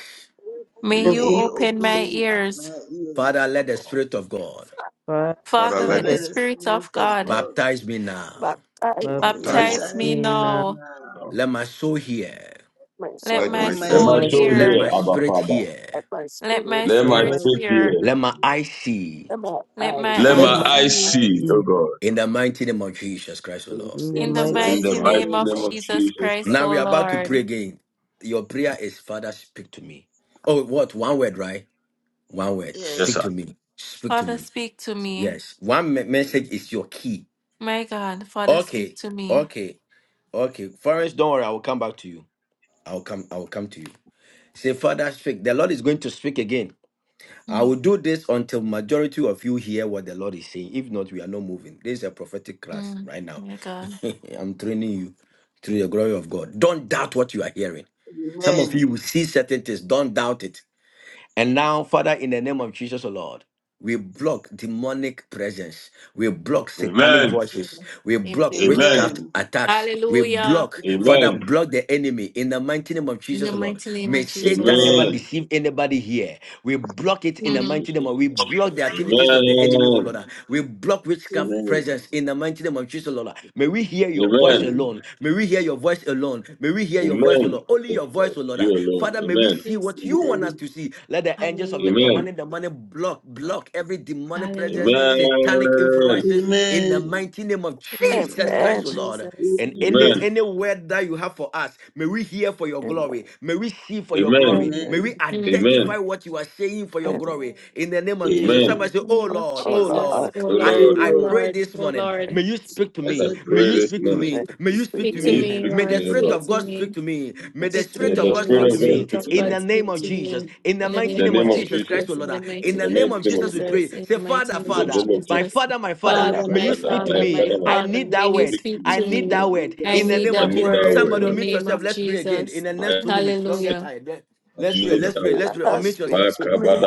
[SPEAKER 9] may
[SPEAKER 6] May
[SPEAKER 9] you
[SPEAKER 3] May
[SPEAKER 6] you
[SPEAKER 9] open
[SPEAKER 2] Open
[SPEAKER 3] you
[SPEAKER 6] open my
[SPEAKER 3] open my
[SPEAKER 6] ears.
[SPEAKER 3] ears.
[SPEAKER 7] Father, let the Spirit of God
[SPEAKER 2] Father,
[SPEAKER 9] Father,
[SPEAKER 6] Father,
[SPEAKER 11] Oh,
[SPEAKER 3] Father,
[SPEAKER 9] let
[SPEAKER 6] let the
[SPEAKER 2] the
[SPEAKER 3] let the
[SPEAKER 2] spirit
[SPEAKER 6] Spirit
[SPEAKER 3] Spirit
[SPEAKER 6] of
[SPEAKER 3] of
[SPEAKER 6] God
[SPEAKER 3] God
[SPEAKER 7] baptize me now.
[SPEAKER 11] my eyes, need
[SPEAKER 2] baptize
[SPEAKER 9] baptize
[SPEAKER 11] God.
[SPEAKER 9] me,
[SPEAKER 6] baptize
[SPEAKER 3] baptize
[SPEAKER 6] me
[SPEAKER 2] me
[SPEAKER 3] me
[SPEAKER 2] now.
[SPEAKER 6] now.
[SPEAKER 3] now.
[SPEAKER 7] Let my soul hear.
[SPEAKER 11] My
[SPEAKER 6] Let
[SPEAKER 9] let
[SPEAKER 3] Let
[SPEAKER 6] my
[SPEAKER 11] soul,
[SPEAKER 9] my
[SPEAKER 3] my
[SPEAKER 5] Let
[SPEAKER 2] Let
[SPEAKER 5] my
[SPEAKER 6] soul
[SPEAKER 2] my soul
[SPEAKER 5] soul
[SPEAKER 2] be
[SPEAKER 3] soul
[SPEAKER 7] Let
[SPEAKER 6] hear.
[SPEAKER 7] my
[SPEAKER 5] hear, Abba
[SPEAKER 3] hear.
[SPEAKER 7] spirit
[SPEAKER 5] Father.
[SPEAKER 7] hear.
[SPEAKER 11] and my
[SPEAKER 6] Let
[SPEAKER 11] spirit,
[SPEAKER 6] my
[SPEAKER 5] Let
[SPEAKER 3] Let
[SPEAKER 5] my
[SPEAKER 11] Lord.
[SPEAKER 2] generous.
[SPEAKER 6] spirit
[SPEAKER 3] my
[SPEAKER 5] spirit
[SPEAKER 6] hear.
[SPEAKER 5] hear.
[SPEAKER 3] spirit
[SPEAKER 7] Let my
[SPEAKER 3] hear.
[SPEAKER 7] eyes see.
[SPEAKER 11] And my
[SPEAKER 6] Let
[SPEAKER 11] eyes
[SPEAKER 6] my
[SPEAKER 9] let
[SPEAKER 5] Let my
[SPEAKER 3] Let
[SPEAKER 2] Let my
[SPEAKER 6] eyes
[SPEAKER 11] see.
[SPEAKER 3] my
[SPEAKER 5] eyes
[SPEAKER 6] see.
[SPEAKER 3] eyes
[SPEAKER 5] see, oh
[SPEAKER 2] mm,
[SPEAKER 3] see
[SPEAKER 5] God.
[SPEAKER 7] In the mighty name of Jesus Christ, O
[SPEAKER 11] In
[SPEAKER 7] Lord.
[SPEAKER 2] in the
[SPEAKER 6] In
[SPEAKER 3] in
[SPEAKER 6] the
[SPEAKER 3] the
[SPEAKER 2] mighty
[SPEAKER 5] In
[SPEAKER 3] mighty
[SPEAKER 11] Jesus'
[SPEAKER 5] the
[SPEAKER 6] mighty
[SPEAKER 11] name.
[SPEAKER 5] mighty
[SPEAKER 6] name
[SPEAKER 3] name
[SPEAKER 6] of
[SPEAKER 5] name
[SPEAKER 3] of
[SPEAKER 5] of
[SPEAKER 6] Jesus
[SPEAKER 5] Jesus
[SPEAKER 3] Jesus
[SPEAKER 6] Christ,
[SPEAKER 7] Now
[SPEAKER 5] Christ.
[SPEAKER 3] Christ.
[SPEAKER 6] O
[SPEAKER 7] we are about to pray
[SPEAKER 6] Lord.
[SPEAKER 7] again. Your prayer is, Father, speak to me. Oh, what? One word, right? One word.
[SPEAKER 5] Yes,
[SPEAKER 3] Yes.
[SPEAKER 7] Speak
[SPEAKER 5] sir.
[SPEAKER 7] to me. Speak to
[SPEAKER 6] Father,
[SPEAKER 7] me.
[SPEAKER 6] speak to me.
[SPEAKER 7] Yes. One me-
[SPEAKER 3] Father.
[SPEAKER 7] message is your key.
[SPEAKER 6] My God, Father, speak
[SPEAKER 7] Okay.
[SPEAKER 6] to me.
[SPEAKER 7] Okay. Okay. Forrest, don't worry. I will come back to you. I will come. I will come to you. Say, Father, speak. The Lord is going to speak again. I
[SPEAKER 6] Mm,
[SPEAKER 7] will do this until majority of you hear what the Lord is saying. If not, we are not moving. This is a prophetic class
[SPEAKER 6] mm,
[SPEAKER 7] right now.
[SPEAKER 6] my God.
[SPEAKER 7] <laughs> I'm training you through the glory of God. Don't doubt what you are hearing. Some of
[SPEAKER 3] Amen.
[SPEAKER 7] you will see certain things. Don't doubt it. And now, Father, in the name of Jesus, O Lord, we block demonic presence. We block satanic
[SPEAKER 5] Amen.
[SPEAKER 7] voices. We block
[SPEAKER 6] Amen.
[SPEAKER 5] Amen.
[SPEAKER 7] witchcraft
[SPEAKER 3] Amen.
[SPEAKER 7] attacks. We
[SPEAKER 6] Hallelujah.
[SPEAKER 7] block, Father,
[SPEAKER 5] Amen.
[SPEAKER 3] Amen.
[SPEAKER 7] block the enemy in the mighty name of
[SPEAKER 6] In the
[SPEAKER 7] Jesus,
[SPEAKER 5] Yes.
[SPEAKER 7] Lord.
[SPEAKER 6] mighty name
[SPEAKER 7] May
[SPEAKER 6] of Jesus.
[SPEAKER 7] Satan never
[SPEAKER 3] Amen.
[SPEAKER 5] Amen.
[SPEAKER 7] deceive anybody here. We block it in
[SPEAKER 5] In
[SPEAKER 7] the
[SPEAKER 6] Mm.
[SPEAKER 7] mighty name of
[SPEAKER 5] Jesus'
[SPEAKER 7] we
[SPEAKER 5] name.
[SPEAKER 7] block the activities of the enemy, O Lord.
[SPEAKER 5] Amen.
[SPEAKER 7] We block witchcraft
[SPEAKER 3] Amen.
[SPEAKER 7] presence in the mighty name of Jesus, Lord. May we hear your voice
[SPEAKER 5] Amen.
[SPEAKER 3] Amen.
[SPEAKER 7] alone. May we hear your voice alone on. May we hear your voice, O
[SPEAKER 5] Amen.
[SPEAKER 7] Lord. Only
[SPEAKER 5] Yes,
[SPEAKER 7] your voice,
[SPEAKER 5] Lord.
[SPEAKER 7] O Lord.
[SPEAKER 5] You
[SPEAKER 7] ah.
[SPEAKER 5] alone.
[SPEAKER 7] Father, may we
[SPEAKER 5] Amen.
[SPEAKER 7] see
[SPEAKER 6] Jesus.
[SPEAKER 7] what you want
[SPEAKER 3] Amen.
[SPEAKER 7] us to see. Let the angels of the
[SPEAKER 6] Hallelujah.
[SPEAKER 5] Amen.
[SPEAKER 7] commanding the money block,
[SPEAKER 9] my
[SPEAKER 7] block
[SPEAKER 9] with
[SPEAKER 7] every demonic presence,
[SPEAKER 6] Hallelujah.
[SPEAKER 7] satanic
[SPEAKER 5] Amen.
[SPEAKER 7] influences in the
[SPEAKER 3] Amen.
[SPEAKER 7] mighty name of
[SPEAKER 6] In the mighty
[SPEAKER 9] the
[SPEAKER 7] Jesus
[SPEAKER 6] name of
[SPEAKER 7] Christ,
[SPEAKER 11] Amen.
[SPEAKER 7] O Lord.
[SPEAKER 6] Jesus.
[SPEAKER 7] And any
[SPEAKER 3] Amen.
[SPEAKER 5] Amen.
[SPEAKER 7] any word that you have for us, may we hear for your
[SPEAKER 11] Amen.
[SPEAKER 7] glory. May we see for your
[SPEAKER 5] Amen.
[SPEAKER 7] glory. May we
[SPEAKER 3] Amen.
[SPEAKER 11] Amen.
[SPEAKER 6] Mm. In
[SPEAKER 7] identify
[SPEAKER 5] Amen.
[SPEAKER 7] what you are saying for your
[SPEAKER 11] Amen.
[SPEAKER 7] glory. In the name of Jesus.
[SPEAKER 5] Amen.
[SPEAKER 7] Somebody
[SPEAKER 3] Amen.
[SPEAKER 7] say,
[SPEAKER 6] the
[SPEAKER 7] Oh
[SPEAKER 6] name of
[SPEAKER 7] Lord,
[SPEAKER 11] Oh,
[SPEAKER 7] oh
[SPEAKER 6] Jesus.
[SPEAKER 7] Lord.
[SPEAKER 11] Lord.
[SPEAKER 6] Oh
[SPEAKER 5] O
[SPEAKER 7] As
[SPEAKER 6] Lord.
[SPEAKER 3] Oh
[SPEAKER 5] Lord,
[SPEAKER 6] Oh
[SPEAKER 7] I
[SPEAKER 3] Lord,
[SPEAKER 7] pray pray
[SPEAKER 6] Lord.
[SPEAKER 7] this
[SPEAKER 6] Oh
[SPEAKER 7] morning.
[SPEAKER 6] Lord.
[SPEAKER 7] May you
[SPEAKER 11] Praise,
[SPEAKER 7] speak to
[SPEAKER 5] as
[SPEAKER 3] as
[SPEAKER 5] I
[SPEAKER 7] me.
[SPEAKER 3] I
[SPEAKER 9] great
[SPEAKER 7] May
[SPEAKER 3] pray
[SPEAKER 5] pray
[SPEAKER 7] you
[SPEAKER 5] this
[SPEAKER 3] this
[SPEAKER 7] speak to
[SPEAKER 5] morning,
[SPEAKER 7] me.
[SPEAKER 11] praise,
[SPEAKER 3] morning,
[SPEAKER 7] May
[SPEAKER 3] this
[SPEAKER 7] you
[SPEAKER 11] Speak
[SPEAKER 7] speak to
[SPEAKER 6] Speak
[SPEAKER 11] to
[SPEAKER 5] may
[SPEAKER 6] to
[SPEAKER 5] you
[SPEAKER 7] me.
[SPEAKER 3] morning,
[SPEAKER 11] me.
[SPEAKER 6] me,
[SPEAKER 5] speak
[SPEAKER 7] May
[SPEAKER 3] this
[SPEAKER 5] to
[SPEAKER 7] the
[SPEAKER 6] Lord.
[SPEAKER 5] me, O
[SPEAKER 7] Spirit
[SPEAKER 5] Lord.
[SPEAKER 6] Speak
[SPEAKER 3] morning,
[SPEAKER 7] of
[SPEAKER 6] to
[SPEAKER 7] God
[SPEAKER 6] me.
[SPEAKER 7] speak to me. May
[SPEAKER 11] The
[SPEAKER 7] the
[SPEAKER 6] Speak to
[SPEAKER 9] victory
[SPEAKER 5] May
[SPEAKER 7] Spirit
[SPEAKER 11] Spirit
[SPEAKER 7] of
[SPEAKER 5] the
[SPEAKER 6] me,
[SPEAKER 7] God
[SPEAKER 11] of
[SPEAKER 6] may the
[SPEAKER 7] speak
[SPEAKER 5] Spirit
[SPEAKER 11] God,
[SPEAKER 7] to
[SPEAKER 5] of
[SPEAKER 3] pray
[SPEAKER 5] God
[SPEAKER 3] for
[SPEAKER 7] me.
[SPEAKER 11] speak
[SPEAKER 6] Spirit
[SPEAKER 5] speak
[SPEAKER 11] to
[SPEAKER 6] of
[SPEAKER 5] to
[SPEAKER 3] God.
[SPEAKER 7] In
[SPEAKER 11] me.
[SPEAKER 5] me
[SPEAKER 7] the
[SPEAKER 6] God
[SPEAKER 7] name
[SPEAKER 6] speak
[SPEAKER 7] of
[SPEAKER 6] to
[SPEAKER 7] Jesus.
[SPEAKER 6] me.
[SPEAKER 7] In the
[SPEAKER 6] In the
[SPEAKER 5] in
[SPEAKER 7] mighty
[SPEAKER 5] the
[SPEAKER 6] name
[SPEAKER 7] name
[SPEAKER 6] of
[SPEAKER 7] of
[SPEAKER 5] name of
[SPEAKER 11] Amen.
[SPEAKER 7] Jesus
[SPEAKER 5] Jesus,
[SPEAKER 7] Christ, O
[SPEAKER 6] Jesus, in
[SPEAKER 7] Lord.
[SPEAKER 6] the
[SPEAKER 7] In
[SPEAKER 5] in
[SPEAKER 6] mighty
[SPEAKER 7] the
[SPEAKER 5] the
[SPEAKER 6] name
[SPEAKER 7] name
[SPEAKER 5] mighty
[SPEAKER 6] of
[SPEAKER 7] of
[SPEAKER 5] name of
[SPEAKER 7] Jesus,
[SPEAKER 11] Amen.
[SPEAKER 7] we
[SPEAKER 5] Jesus,
[SPEAKER 7] pray.
[SPEAKER 6] Jesus, in the
[SPEAKER 7] Say, Father,
[SPEAKER 6] mighty
[SPEAKER 5] in the
[SPEAKER 6] name of
[SPEAKER 7] Father,
[SPEAKER 5] name of
[SPEAKER 7] my
[SPEAKER 6] Jesus.
[SPEAKER 5] Jesus.
[SPEAKER 7] Father, my Father,
[SPEAKER 3] Father,
[SPEAKER 11] Father,
[SPEAKER 6] Father,
[SPEAKER 11] my
[SPEAKER 7] may
[SPEAKER 6] my
[SPEAKER 7] you
[SPEAKER 3] Father,
[SPEAKER 5] Father,
[SPEAKER 3] my
[SPEAKER 7] speak to
[SPEAKER 5] my
[SPEAKER 11] Father,
[SPEAKER 3] Father,
[SPEAKER 6] Father,
[SPEAKER 7] me.
[SPEAKER 3] my
[SPEAKER 6] my
[SPEAKER 5] Father, my
[SPEAKER 3] Father.
[SPEAKER 7] I
[SPEAKER 6] Father,
[SPEAKER 5] Father,
[SPEAKER 7] need
[SPEAKER 3] Amen. Amen.
[SPEAKER 6] may
[SPEAKER 7] that
[SPEAKER 6] you
[SPEAKER 7] word.
[SPEAKER 5] speak to
[SPEAKER 6] speak
[SPEAKER 7] I
[SPEAKER 5] me.
[SPEAKER 6] to
[SPEAKER 7] need that
[SPEAKER 6] me.
[SPEAKER 11] speak
[SPEAKER 7] word.
[SPEAKER 6] I
[SPEAKER 7] In the
[SPEAKER 6] need
[SPEAKER 7] name of
[SPEAKER 5] I
[SPEAKER 6] that
[SPEAKER 5] need
[SPEAKER 7] Jesus.
[SPEAKER 5] that
[SPEAKER 6] word
[SPEAKER 11] speak
[SPEAKER 5] word,
[SPEAKER 6] in
[SPEAKER 7] Somebody
[SPEAKER 5] O
[SPEAKER 6] the
[SPEAKER 7] unmute
[SPEAKER 6] name
[SPEAKER 7] yourself.
[SPEAKER 6] of
[SPEAKER 7] Let's pray again. In
[SPEAKER 6] Jesus.
[SPEAKER 7] the
[SPEAKER 11] to
[SPEAKER 5] God.
[SPEAKER 7] next two
[SPEAKER 11] me.
[SPEAKER 7] minutes. Don't get
[SPEAKER 6] Hallelujah.
[SPEAKER 7] tired. Let-
[SPEAKER 9] of
[SPEAKER 5] I
[SPEAKER 7] Let's pray.
[SPEAKER 5] need
[SPEAKER 9] Sada
[SPEAKER 7] Let's
[SPEAKER 5] that
[SPEAKER 7] pray. Let's
[SPEAKER 5] word.
[SPEAKER 7] pray.
[SPEAKER 11] Father,
[SPEAKER 7] Unmute
[SPEAKER 11] speak
[SPEAKER 7] yourself.
[SPEAKER 11] to me.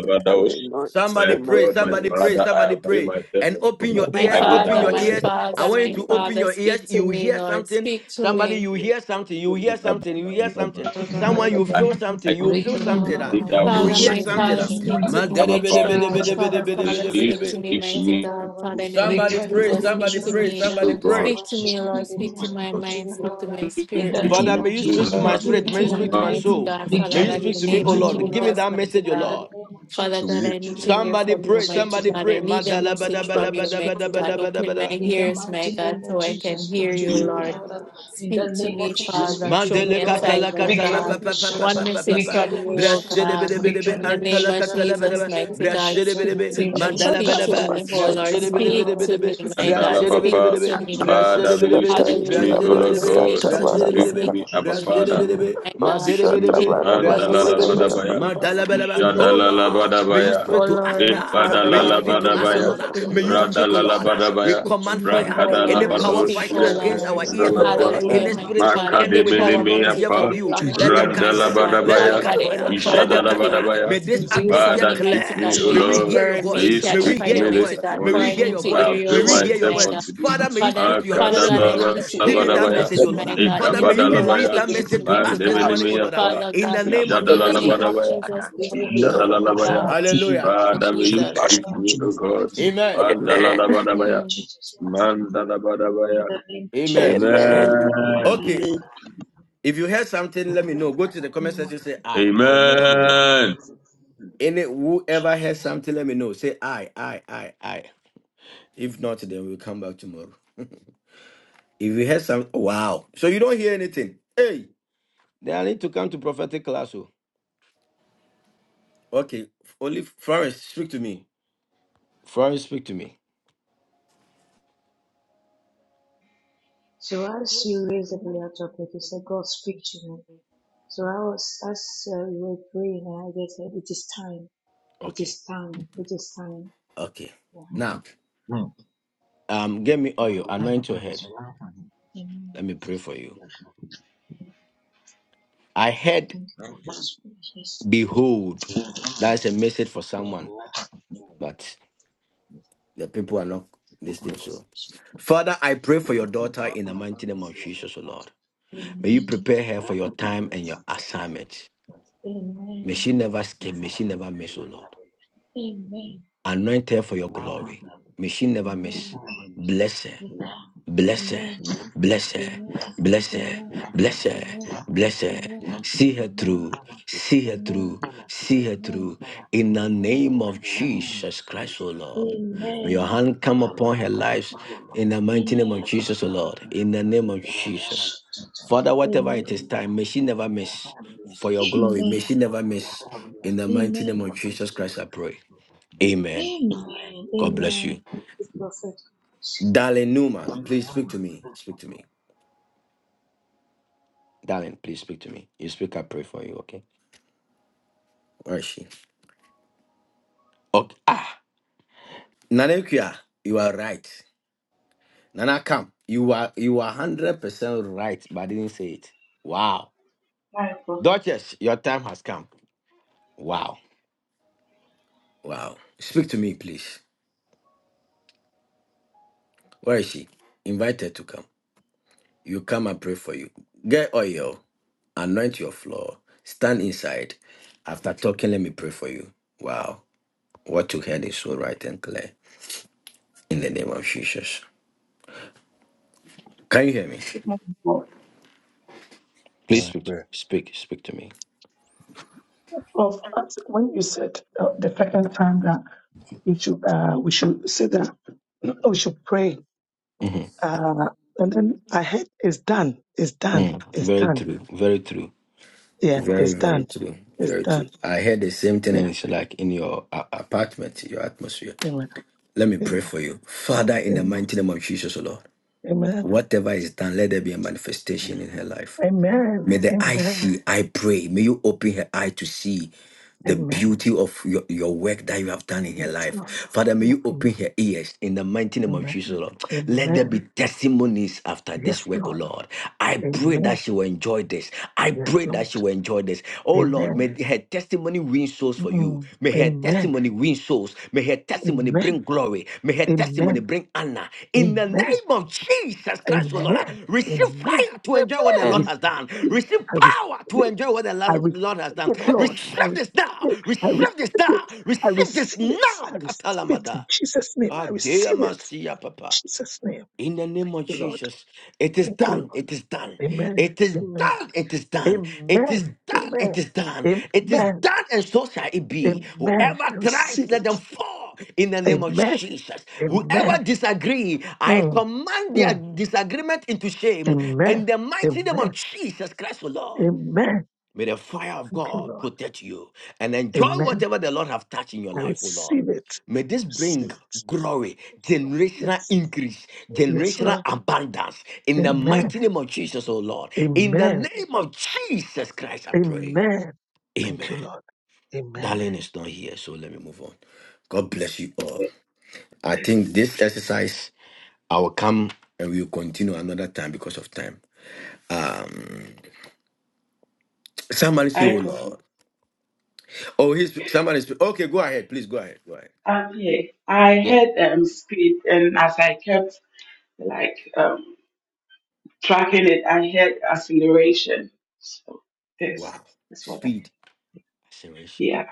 [SPEAKER 11] Take away noise
[SPEAKER 5] My
[SPEAKER 7] Somebody
[SPEAKER 11] from my
[SPEAKER 7] pray,
[SPEAKER 5] God, my
[SPEAKER 7] somebody
[SPEAKER 11] ears.
[SPEAKER 7] pray,
[SPEAKER 5] Father, I
[SPEAKER 7] somebody
[SPEAKER 5] pray
[SPEAKER 7] pray.
[SPEAKER 5] myself
[SPEAKER 7] And
[SPEAKER 5] unto
[SPEAKER 7] open
[SPEAKER 5] you,
[SPEAKER 7] your
[SPEAKER 5] for
[SPEAKER 6] My
[SPEAKER 5] I
[SPEAKER 7] ears,
[SPEAKER 5] need
[SPEAKER 7] open
[SPEAKER 5] that
[SPEAKER 6] Father,
[SPEAKER 7] your
[SPEAKER 5] word.
[SPEAKER 6] my
[SPEAKER 7] ears. I
[SPEAKER 6] Father,
[SPEAKER 7] want you
[SPEAKER 6] my
[SPEAKER 7] to open
[SPEAKER 6] Father,
[SPEAKER 7] your ears.
[SPEAKER 6] speak to
[SPEAKER 7] You
[SPEAKER 6] me,
[SPEAKER 7] hear
[SPEAKER 6] Lord.
[SPEAKER 7] something.
[SPEAKER 6] Speak to
[SPEAKER 7] Somebody,
[SPEAKER 6] me.
[SPEAKER 7] you hear something. You hear something. You hear something. Someone,
[SPEAKER 13] Amen.
[SPEAKER 7] you
[SPEAKER 5] I,
[SPEAKER 7] feel something.
[SPEAKER 5] I
[SPEAKER 7] You feel something. ah.
[SPEAKER 5] need that
[SPEAKER 7] You
[SPEAKER 6] Father,
[SPEAKER 5] word.
[SPEAKER 7] hear
[SPEAKER 6] my
[SPEAKER 7] something.
[SPEAKER 6] Father,
[SPEAKER 7] ah.
[SPEAKER 6] speak to
[SPEAKER 7] Ma-
[SPEAKER 6] me,
[SPEAKER 7] de- de-
[SPEAKER 5] Abba,
[SPEAKER 7] be-
[SPEAKER 6] mighty
[SPEAKER 7] de-
[SPEAKER 5] Father,
[SPEAKER 7] be-
[SPEAKER 9] Speak
[SPEAKER 7] de- be-
[SPEAKER 6] God.
[SPEAKER 7] de-
[SPEAKER 9] to
[SPEAKER 7] be- de-
[SPEAKER 6] Father,
[SPEAKER 7] be- de- be-
[SPEAKER 5] may
[SPEAKER 6] Father,
[SPEAKER 7] de- be-
[SPEAKER 5] you
[SPEAKER 7] de-
[SPEAKER 6] speak
[SPEAKER 7] be.
[SPEAKER 6] to me,
[SPEAKER 5] speak to
[SPEAKER 9] us.
[SPEAKER 6] mighty
[SPEAKER 5] me,
[SPEAKER 6] God. Father, in the name
[SPEAKER 7] Somebody
[SPEAKER 6] of
[SPEAKER 7] pray,
[SPEAKER 9] What
[SPEAKER 6] Jesus, speak
[SPEAKER 7] somebody
[SPEAKER 6] to
[SPEAKER 9] is
[SPEAKER 7] pray,
[SPEAKER 6] me.
[SPEAKER 5] O
[SPEAKER 7] somebody
[SPEAKER 5] God.
[SPEAKER 7] pray.
[SPEAKER 6] Speak
[SPEAKER 9] speak
[SPEAKER 6] to
[SPEAKER 9] is
[SPEAKER 6] me, Lord. Speak to my mind. Speak to my
[SPEAKER 5] me,
[SPEAKER 6] spirit, mighty
[SPEAKER 9] to
[SPEAKER 7] Father,
[SPEAKER 6] God.
[SPEAKER 7] may you speak to my
[SPEAKER 5] Lord.
[SPEAKER 6] Speak
[SPEAKER 7] spirit. May
[SPEAKER 6] to
[SPEAKER 7] you
[SPEAKER 6] me,
[SPEAKER 7] speak to my
[SPEAKER 6] mighty
[SPEAKER 7] soul.
[SPEAKER 6] God, Father
[SPEAKER 7] May you
[SPEAKER 6] God, in the
[SPEAKER 7] speak to me,
[SPEAKER 6] name
[SPEAKER 7] O
[SPEAKER 6] of
[SPEAKER 7] Lord. Give me
[SPEAKER 6] Jesus,
[SPEAKER 7] that
[SPEAKER 6] mighty
[SPEAKER 7] message, O
[SPEAKER 6] God.
[SPEAKER 7] Lord.
[SPEAKER 6] Father
[SPEAKER 9] to
[SPEAKER 6] God,
[SPEAKER 9] me?
[SPEAKER 6] I need to hear
[SPEAKER 7] Somebody
[SPEAKER 6] from you,
[SPEAKER 7] pray,
[SPEAKER 6] mighty
[SPEAKER 7] somebody
[SPEAKER 6] God. I
[SPEAKER 7] pray.
[SPEAKER 6] need a
[SPEAKER 7] Madala bada
[SPEAKER 6] message
[SPEAKER 7] bada
[SPEAKER 6] from you,
[SPEAKER 7] bada
[SPEAKER 6] mighty
[SPEAKER 7] bada bada
[SPEAKER 6] God.
[SPEAKER 7] bada
[SPEAKER 6] Open my
[SPEAKER 7] bada.
[SPEAKER 6] ears, my God, so I can hear you, Lord. Speak to me, Father. Show me
[SPEAKER 7] Madele
[SPEAKER 6] a
[SPEAKER 7] kasala
[SPEAKER 6] sign, oh
[SPEAKER 7] katala pa
[SPEAKER 6] God.
[SPEAKER 7] pa pa pa
[SPEAKER 6] One
[SPEAKER 7] pa pa pa
[SPEAKER 6] message
[SPEAKER 7] pa
[SPEAKER 6] from you, oh
[SPEAKER 7] brashe de be de
[SPEAKER 6] God.
[SPEAKER 7] be de be
[SPEAKER 6] In the name
[SPEAKER 7] antala
[SPEAKER 6] of
[SPEAKER 7] katala ba da
[SPEAKER 6] Jesus,
[SPEAKER 7] ba
[SPEAKER 6] mighty
[SPEAKER 7] brashe
[SPEAKER 6] God,
[SPEAKER 7] de be de
[SPEAKER 6] speak
[SPEAKER 7] be
[SPEAKER 6] to me,
[SPEAKER 7] madala ba
[SPEAKER 6] speak
[SPEAKER 7] da
[SPEAKER 6] to
[SPEAKER 7] ba
[SPEAKER 6] me, oh
[SPEAKER 7] brashe
[SPEAKER 6] Lord,
[SPEAKER 7] de be de be
[SPEAKER 6] speak
[SPEAKER 7] de be de
[SPEAKER 6] to me,
[SPEAKER 7] be
[SPEAKER 6] my
[SPEAKER 5] And
[SPEAKER 6] God,
[SPEAKER 7] brashe de
[SPEAKER 5] Alaba,
[SPEAKER 7] be de be
[SPEAKER 6] speak
[SPEAKER 7] de
[SPEAKER 5] Fa-
[SPEAKER 7] be
[SPEAKER 6] to me.
[SPEAKER 7] brashe de
[SPEAKER 5] Father,
[SPEAKER 7] be
[SPEAKER 5] will
[SPEAKER 7] de
[SPEAKER 5] you
[SPEAKER 7] be
[SPEAKER 5] speak to me,
[SPEAKER 6] Hallelujah,
[SPEAKER 7] brashe
[SPEAKER 5] O
[SPEAKER 7] de be
[SPEAKER 5] Lord
[SPEAKER 7] de
[SPEAKER 6] Jesus,
[SPEAKER 7] be
[SPEAKER 5] God.
[SPEAKER 6] speak to
[SPEAKER 7] brashe de
[SPEAKER 6] me,
[SPEAKER 7] be de
[SPEAKER 5] Speak to
[SPEAKER 6] speak
[SPEAKER 7] be
[SPEAKER 5] me,
[SPEAKER 6] to
[SPEAKER 5] Abba
[SPEAKER 7] brashe
[SPEAKER 6] me.
[SPEAKER 7] de be
[SPEAKER 5] Father.
[SPEAKER 7] de be
[SPEAKER 6] My God,
[SPEAKER 5] Speak
[SPEAKER 7] madele
[SPEAKER 5] to
[SPEAKER 11] Shut
[SPEAKER 7] be de
[SPEAKER 11] Amen.
[SPEAKER 5] me,
[SPEAKER 7] be
[SPEAKER 6] speak to
[SPEAKER 5] man.
[SPEAKER 6] me,
[SPEAKER 7] brashe de be
[SPEAKER 6] speak
[SPEAKER 7] de be
[SPEAKER 6] to
[SPEAKER 5] Dalalabadabaya.
[SPEAKER 6] me,
[SPEAKER 7] madala ba
[SPEAKER 6] speak
[SPEAKER 7] da ba
[SPEAKER 6] to me.
[SPEAKER 7] oh Lord may you
[SPEAKER 5] Jadalalabadabaya.
[SPEAKER 6] Oh
[SPEAKER 7] speak to
[SPEAKER 9] Don't
[SPEAKER 7] us
[SPEAKER 6] Lord,
[SPEAKER 7] now
[SPEAKER 6] Father
[SPEAKER 7] may you
[SPEAKER 6] God,
[SPEAKER 7] speak
[SPEAKER 6] may
[SPEAKER 7] to
[SPEAKER 6] you
[SPEAKER 7] us oh
[SPEAKER 5] Epadalalalabadabaya.
[SPEAKER 6] speak
[SPEAKER 7] Lord
[SPEAKER 6] to
[SPEAKER 7] may you
[SPEAKER 6] me.
[SPEAKER 7] speak Oh Lord, ah,
[SPEAKER 9] listen.
[SPEAKER 7] we
[SPEAKER 5] Radalalabadabaya.
[SPEAKER 7] command
[SPEAKER 6] Speak,
[SPEAKER 7] fire.
[SPEAKER 6] oh
[SPEAKER 7] Any
[SPEAKER 6] Lord,
[SPEAKER 7] power
[SPEAKER 6] speak,
[SPEAKER 7] fighting
[SPEAKER 6] oh
[SPEAKER 7] against our
[SPEAKER 6] Lord.
[SPEAKER 7] ears, O
[SPEAKER 9] Speak
[SPEAKER 7] Lord, ah,
[SPEAKER 5] Brakadalabadosia.
[SPEAKER 6] Hallelujah,
[SPEAKER 7] any
[SPEAKER 6] mighty
[SPEAKER 7] spirit
[SPEAKER 6] God. Any
[SPEAKER 7] contending with us
[SPEAKER 6] power,
[SPEAKER 7] not to
[SPEAKER 6] mighty
[SPEAKER 7] hear from
[SPEAKER 5] Makademenemeapa,
[SPEAKER 6] God,
[SPEAKER 7] you,
[SPEAKER 9] to
[SPEAKER 6] blocking
[SPEAKER 9] hear
[SPEAKER 7] let them
[SPEAKER 6] you,
[SPEAKER 9] your
[SPEAKER 7] catch
[SPEAKER 9] voice.
[SPEAKER 6] mighty
[SPEAKER 7] fire.
[SPEAKER 6] God.
[SPEAKER 7] Let them
[SPEAKER 6] Father
[SPEAKER 5] Randalabadabaya,
[SPEAKER 7] catch
[SPEAKER 6] God,
[SPEAKER 7] fire.
[SPEAKER 6] any power
[SPEAKER 7] Let them catch
[SPEAKER 6] blocking
[SPEAKER 7] fire. May
[SPEAKER 5] Ijadalabadabaya.
[SPEAKER 9] It
[SPEAKER 7] this
[SPEAKER 9] is-
[SPEAKER 6] you from
[SPEAKER 7] atmosphere
[SPEAKER 6] me,
[SPEAKER 5] Father, speak
[SPEAKER 6] mighty
[SPEAKER 5] to
[SPEAKER 7] clear.
[SPEAKER 5] me,
[SPEAKER 6] God,
[SPEAKER 5] O
[SPEAKER 6] may
[SPEAKER 7] May
[SPEAKER 9] Speak
[SPEAKER 7] we
[SPEAKER 9] to
[SPEAKER 6] it
[SPEAKER 9] me.
[SPEAKER 5] Lord.
[SPEAKER 7] hear your
[SPEAKER 9] that
[SPEAKER 6] burn,
[SPEAKER 5] May
[SPEAKER 7] voice.
[SPEAKER 6] may
[SPEAKER 9] me.
[SPEAKER 5] you
[SPEAKER 6] it
[SPEAKER 7] May
[SPEAKER 6] catch
[SPEAKER 9] that
[SPEAKER 7] we
[SPEAKER 5] speak
[SPEAKER 7] hear
[SPEAKER 5] to
[SPEAKER 6] fire,
[SPEAKER 5] me
[SPEAKER 7] your
[SPEAKER 5] this
[SPEAKER 6] mighty
[SPEAKER 7] voice.
[SPEAKER 6] God.
[SPEAKER 7] May
[SPEAKER 6] For
[SPEAKER 7] we
[SPEAKER 5] morning,
[SPEAKER 6] I
[SPEAKER 7] hear
[SPEAKER 6] need
[SPEAKER 7] your
[SPEAKER 6] to
[SPEAKER 5] for I
[SPEAKER 9] me.
[SPEAKER 7] voice.
[SPEAKER 6] hear your
[SPEAKER 7] May
[SPEAKER 5] avail
[SPEAKER 7] we
[SPEAKER 9] This
[SPEAKER 6] voice,
[SPEAKER 7] hear
[SPEAKER 9] one
[SPEAKER 7] your
[SPEAKER 5] myself
[SPEAKER 6] my
[SPEAKER 7] voice.
[SPEAKER 6] God.
[SPEAKER 9] speak
[SPEAKER 5] unto
[SPEAKER 9] to
[SPEAKER 5] thee.
[SPEAKER 7] Father, may you
[SPEAKER 6] Father,
[SPEAKER 7] speak to your
[SPEAKER 6] Father
[SPEAKER 7] children,
[SPEAKER 9] me.
[SPEAKER 7] O
[SPEAKER 6] God, I
[SPEAKER 7] Lord. ah.
[SPEAKER 6] need to
[SPEAKER 7] Give me
[SPEAKER 6] hear your
[SPEAKER 7] that
[SPEAKER 9] He
[SPEAKER 5] Makadalabadabaya,
[SPEAKER 7] message,
[SPEAKER 9] said,
[SPEAKER 6] voice,
[SPEAKER 7] O Lord.
[SPEAKER 9] We
[SPEAKER 6] my
[SPEAKER 7] ah.
[SPEAKER 9] will
[SPEAKER 6] God.
[SPEAKER 7] Father,
[SPEAKER 9] hear
[SPEAKER 7] may you
[SPEAKER 6] Anything
[SPEAKER 9] a
[SPEAKER 7] release
[SPEAKER 5] Ekabadalabaya,
[SPEAKER 7] that
[SPEAKER 6] blocking
[SPEAKER 9] voice
[SPEAKER 6] it,
[SPEAKER 7] message
[SPEAKER 9] behind
[SPEAKER 7] to
[SPEAKER 6] mighty
[SPEAKER 7] us this
[SPEAKER 6] God.
[SPEAKER 7] morning,
[SPEAKER 9] us
[SPEAKER 7] O Lord. ah,
[SPEAKER 5] Mandemenemeapa,
[SPEAKER 9] that
[SPEAKER 6] Father
[SPEAKER 7] In the
[SPEAKER 6] God,
[SPEAKER 9] this
[SPEAKER 7] name
[SPEAKER 9] is
[SPEAKER 7] of
[SPEAKER 9] the
[SPEAKER 6] in the
[SPEAKER 9] way.
[SPEAKER 6] name
[SPEAKER 7] Jesus.
[SPEAKER 6] of
[SPEAKER 5] Ijadalalabadabaya,
[SPEAKER 6] Jesus, remove it,
[SPEAKER 9] Lord,
[SPEAKER 6] mighty
[SPEAKER 5] Ijadalalabaya.
[SPEAKER 9] speak
[SPEAKER 6] God.
[SPEAKER 9] to
[SPEAKER 6] In the
[SPEAKER 9] me.
[SPEAKER 7] Hallelujah.
[SPEAKER 6] name of
[SPEAKER 5] Father, may you
[SPEAKER 6] Jesus.
[SPEAKER 9] Jehovah,
[SPEAKER 5] speak
[SPEAKER 9] speak
[SPEAKER 5] to me,
[SPEAKER 9] to
[SPEAKER 5] O
[SPEAKER 9] me.
[SPEAKER 5] God.
[SPEAKER 7] Amen.
[SPEAKER 11] Amen.
[SPEAKER 5] Mandalabadabaya,
[SPEAKER 6] Mm.
[SPEAKER 5] Mandalabadabaya.
[SPEAKER 7] Amen.
[SPEAKER 11] Amen.
[SPEAKER 5] Amen.
[SPEAKER 7] Okay, If you heard something, let me know. Go to the comment section, say I. I will mention your name.
[SPEAKER 5] Amen.
[SPEAKER 7] Any whoever heard something, let me know. Say I, I, I, I. If not, then we'll come back tomorrow. <laughs> if you heard some, wow. So you don't hear anything. Hey, then I need to come to prophetic class. oh. Okay, only Florence, speak to me. Florence, speak to me. Okay, okay. Now, um, get me oil, anoint your head. Let me pray for you. I heard, behold, that's a message for someone. but. The people are not listening. So, Father, I pray for your daughter in the mighty name of Jesus, O Lord. May you prepare her for your time and your assignment. May she never skip. May she never miss, O Lord. Anoint her for your glory. May she never miss. Bless her. Bless her, bless her, bless her, bless her, bless her. See her through, see her through, see her through. In the name of Jesus Christ, O Lord. May your hand come upon her lives in the mighty name of Jesus, O Lord. In the name of Jesus. Father, whatever it is time, may she never miss. For your glory, may she never miss. In the mighty name of Jesus Christ, I pray. Amen. God bless you. Darling Newman, please speak to me. Speak to me. Darling, please speak to me. You speak, I pray for you, okay? Where is she? Okay. Ah, Nanekia, you are right. Nana, come. You are you are hundred percent right, but I didn't say it. Wow,
[SPEAKER 14] Hi, Prophet.
[SPEAKER 7] Duchess, your time has come. Wow, wow. Speak to me, please. Where is she? Invite her to come. You come and pray for you. Get oil, anoint your floor. Stand inside. After talking, let me pray for you. Wow, what you heard is so right and clear. In the name of Jesus. Can you hear me?
[SPEAKER 15] Good morning, Paul.
[SPEAKER 7] Please speak, to- speak, speak to me.
[SPEAKER 15] Prof, as- when you said uh, the second time that we should uh, we should say that oh, we should pray,
[SPEAKER 7] Mhm.
[SPEAKER 15] uh, and then I heard it's done, it's done,
[SPEAKER 7] Mm.
[SPEAKER 15] it's
[SPEAKER 7] Very
[SPEAKER 15] done.
[SPEAKER 7] true. Very true.
[SPEAKER 15] Yeah,
[SPEAKER 7] Very,
[SPEAKER 15] it's
[SPEAKER 7] very
[SPEAKER 15] done,
[SPEAKER 7] true.
[SPEAKER 15] it's
[SPEAKER 7] Very true.
[SPEAKER 15] done.
[SPEAKER 7] I heard the same thing,
[SPEAKER 15] Yeah,
[SPEAKER 7] and it's like in your a- apartment, your atmosphere.
[SPEAKER 15] amen,
[SPEAKER 7] Let me pray
[SPEAKER 15] amen,
[SPEAKER 7] for you, Father, in the
[SPEAKER 15] amen,
[SPEAKER 7] mighty name of Jesus, O Lord.
[SPEAKER 15] amen,
[SPEAKER 7] Whatever is done, let there be a manifestation in her life.
[SPEAKER 15] amen,
[SPEAKER 7] May the eye
[SPEAKER 15] amen.
[SPEAKER 7] see, I pray. May you open her eye to see the
[SPEAKER 15] amen.
[SPEAKER 7] beauty of your, your work that you have done in her
[SPEAKER 15] Yes,
[SPEAKER 7] life.
[SPEAKER 15] Lord.
[SPEAKER 7] Father, may
[SPEAKER 15] Yes,
[SPEAKER 7] you
[SPEAKER 15] Lord.
[SPEAKER 7] open her ears in the mighty name of Jesus, O
[SPEAKER 15] Amen,
[SPEAKER 7] Lord. Let there be
[SPEAKER 15] amen.
[SPEAKER 7] testimonies after this
[SPEAKER 15] Yes,
[SPEAKER 7] work, O
[SPEAKER 15] Lord.
[SPEAKER 7] Lord. I pray that
[SPEAKER 15] Amen.
[SPEAKER 7] she will enjoy this. I
[SPEAKER 15] Yes,
[SPEAKER 7] pray that she
[SPEAKER 15] Lord.
[SPEAKER 7] will enjoy this. Oh Lord,
[SPEAKER 15] Amen.
[SPEAKER 7] may her testimony win souls for you.
[SPEAKER 15] Mm,
[SPEAKER 7] May her
[SPEAKER 15] Amen.
[SPEAKER 7] testimony win souls. May her testimony
[SPEAKER 15] Amen.
[SPEAKER 7] bring glory. May her testimony
[SPEAKER 15] Amen.
[SPEAKER 7] bring honor. In the
[SPEAKER 15] Amen.
[SPEAKER 7] name of Jesus Christ, O Lord,
[SPEAKER 15] Amen.
[SPEAKER 7] receive
[SPEAKER 15] Amen.
[SPEAKER 7] fire to enjoy what the
[SPEAKER 15] I
[SPEAKER 7] Lord
[SPEAKER 11] Amen.
[SPEAKER 15] receive.
[SPEAKER 7] has done.
[SPEAKER 15] it.
[SPEAKER 7] Receive
[SPEAKER 15] I receive.
[SPEAKER 7] power to
[SPEAKER 15] it.
[SPEAKER 7] enjoy what the
[SPEAKER 15] I
[SPEAKER 7] Lo-
[SPEAKER 15] receive
[SPEAKER 7] Lord has done.
[SPEAKER 15] it,
[SPEAKER 11] Amen.
[SPEAKER 15] Lord.
[SPEAKER 7] Receive
[SPEAKER 15] I receive
[SPEAKER 7] this now.
[SPEAKER 15] it. I receive
[SPEAKER 7] Receive this
[SPEAKER 15] it.
[SPEAKER 7] now.
[SPEAKER 15] I
[SPEAKER 7] Receive this
[SPEAKER 15] receive it.
[SPEAKER 7] now.
[SPEAKER 15] I receive it
[SPEAKER 7] Katalamada.
[SPEAKER 15] in Jesus' name. I
[SPEAKER 7] Adea
[SPEAKER 15] receive it.
[SPEAKER 7] Masia,
[SPEAKER 15] In
[SPEAKER 7] Papa.
[SPEAKER 15] Jesus' name.
[SPEAKER 7] In the name
[SPEAKER 15] Thank
[SPEAKER 7] of
[SPEAKER 15] you, Lord.
[SPEAKER 7] Jesus, it is
[SPEAKER 15] Thank you,
[SPEAKER 7] done.
[SPEAKER 15] Lord.
[SPEAKER 7] It is done.
[SPEAKER 15] Amen.
[SPEAKER 7] It is
[SPEAKER 15] Amen.
[SPEAKER 7] done. It is done. It is
[SPEAKER 15] Amen.
[SPEAKER 7] done. It
[SPEAKER 15] Amen.
[SPEAKER 7] is done. It is
[SPEAKER 15] Amen.
[SPEAKER 7] done, and so shall it be.
[SPEAKER 15] Amen.
[SPEAKER 7] Whoever
[SPEAKER 15] I
[SPEAKER 7] tries,
[SPEAKER 15] receive
[SPEAKER 7] let
[SPEAKER 15] it.
[SPEAKER 7] them fall. In the name of
[SPEAKER 15] Amen.
[SPEAKER 7] Jesus,
[SPEAKER 15] Amen.
[SPEAKER 7] whoever disagree, I
[SPEAKER 15] Mm,
[SPEAKER 7] command their
[SPEAKER 15] mm.
[SPEAKER 7] disagreement into shame.
[SPEAKER 15] Amen.
[SPEAKER 7] In the mighty name of
[SPEAKER 15] Amen.
[SPEAKER 7] Jesus Christ, O Lord.
[SPEAKER 15] Amen.
[SPEAKER 7] May the fire of
[SPEAKER 15] Thank you,
[SPEAKER 7] God
[SPEAKER 15] Lord.
[SPEAKER 7] protect you and enjoy
[SPEAKER 15] Amen.
[SPEAKER 7] whatever the Lord have touched in your
[SPEAKER 15] I
[SPEAKER 7] life, O Lord.
[SPEAKER 15] receive it.
[SPEAKER 7] May this
[SPEAKER 15] Receive
[SPEAKER 7] bring
[SPEAKER 15] it.
[SPEAKER 7] glory,
[SPEAKER 15] Yes, Lord.
[SPEAKER 7] generational
[SPEAKER 15] Yes,
[SPEAKER 7] increase,
[SPEAKER 15] Yes,
[SPEAKER 7] generational
[SPEAKER 15] Lord.
[SPEAKER 7] abundance in the
[SPEAKER 15] Amen.
[SPEAKER 7] mighty name of Jesus, O Lord. In the
[SPEAKER 15] Amen.
[SPEAKER 7] name of Jesus Christ, I pray.
[SPEAKER 15] Amen. Thank
[SPEAKER 7] Amen.
[SPEAKER 15] you, Lord. Amen.
[SPEAKER 7] Darling is not here, so let me move on. God bless you all. I think
[SPEAKER 14] Blessings.
[SPEAKER 7] this exercise, I will come and we will continue another time because of time. Um, somebody say, Oh
[SPEAKER 14] Hi,
[SPEAKER 7] Lord.
[SPEAKER 14] Prophet.
[SPEAKER 7] Oh, he's somebody's okay. Go ahead, please. Go ahead. Go ahead.
[SPEAKER 14] Um, yeah, I
[SPEAKER 7] Yeah.
[SPEAKER 14] heard um speed, and as I kept like um tracking it, I heard acceleration. So this
[SPEAKER 7] Wow,
[SPEAKER 14] is what I
[SPEAKER 7] speed. Acceleration.
[SPEAKER 14] yeah.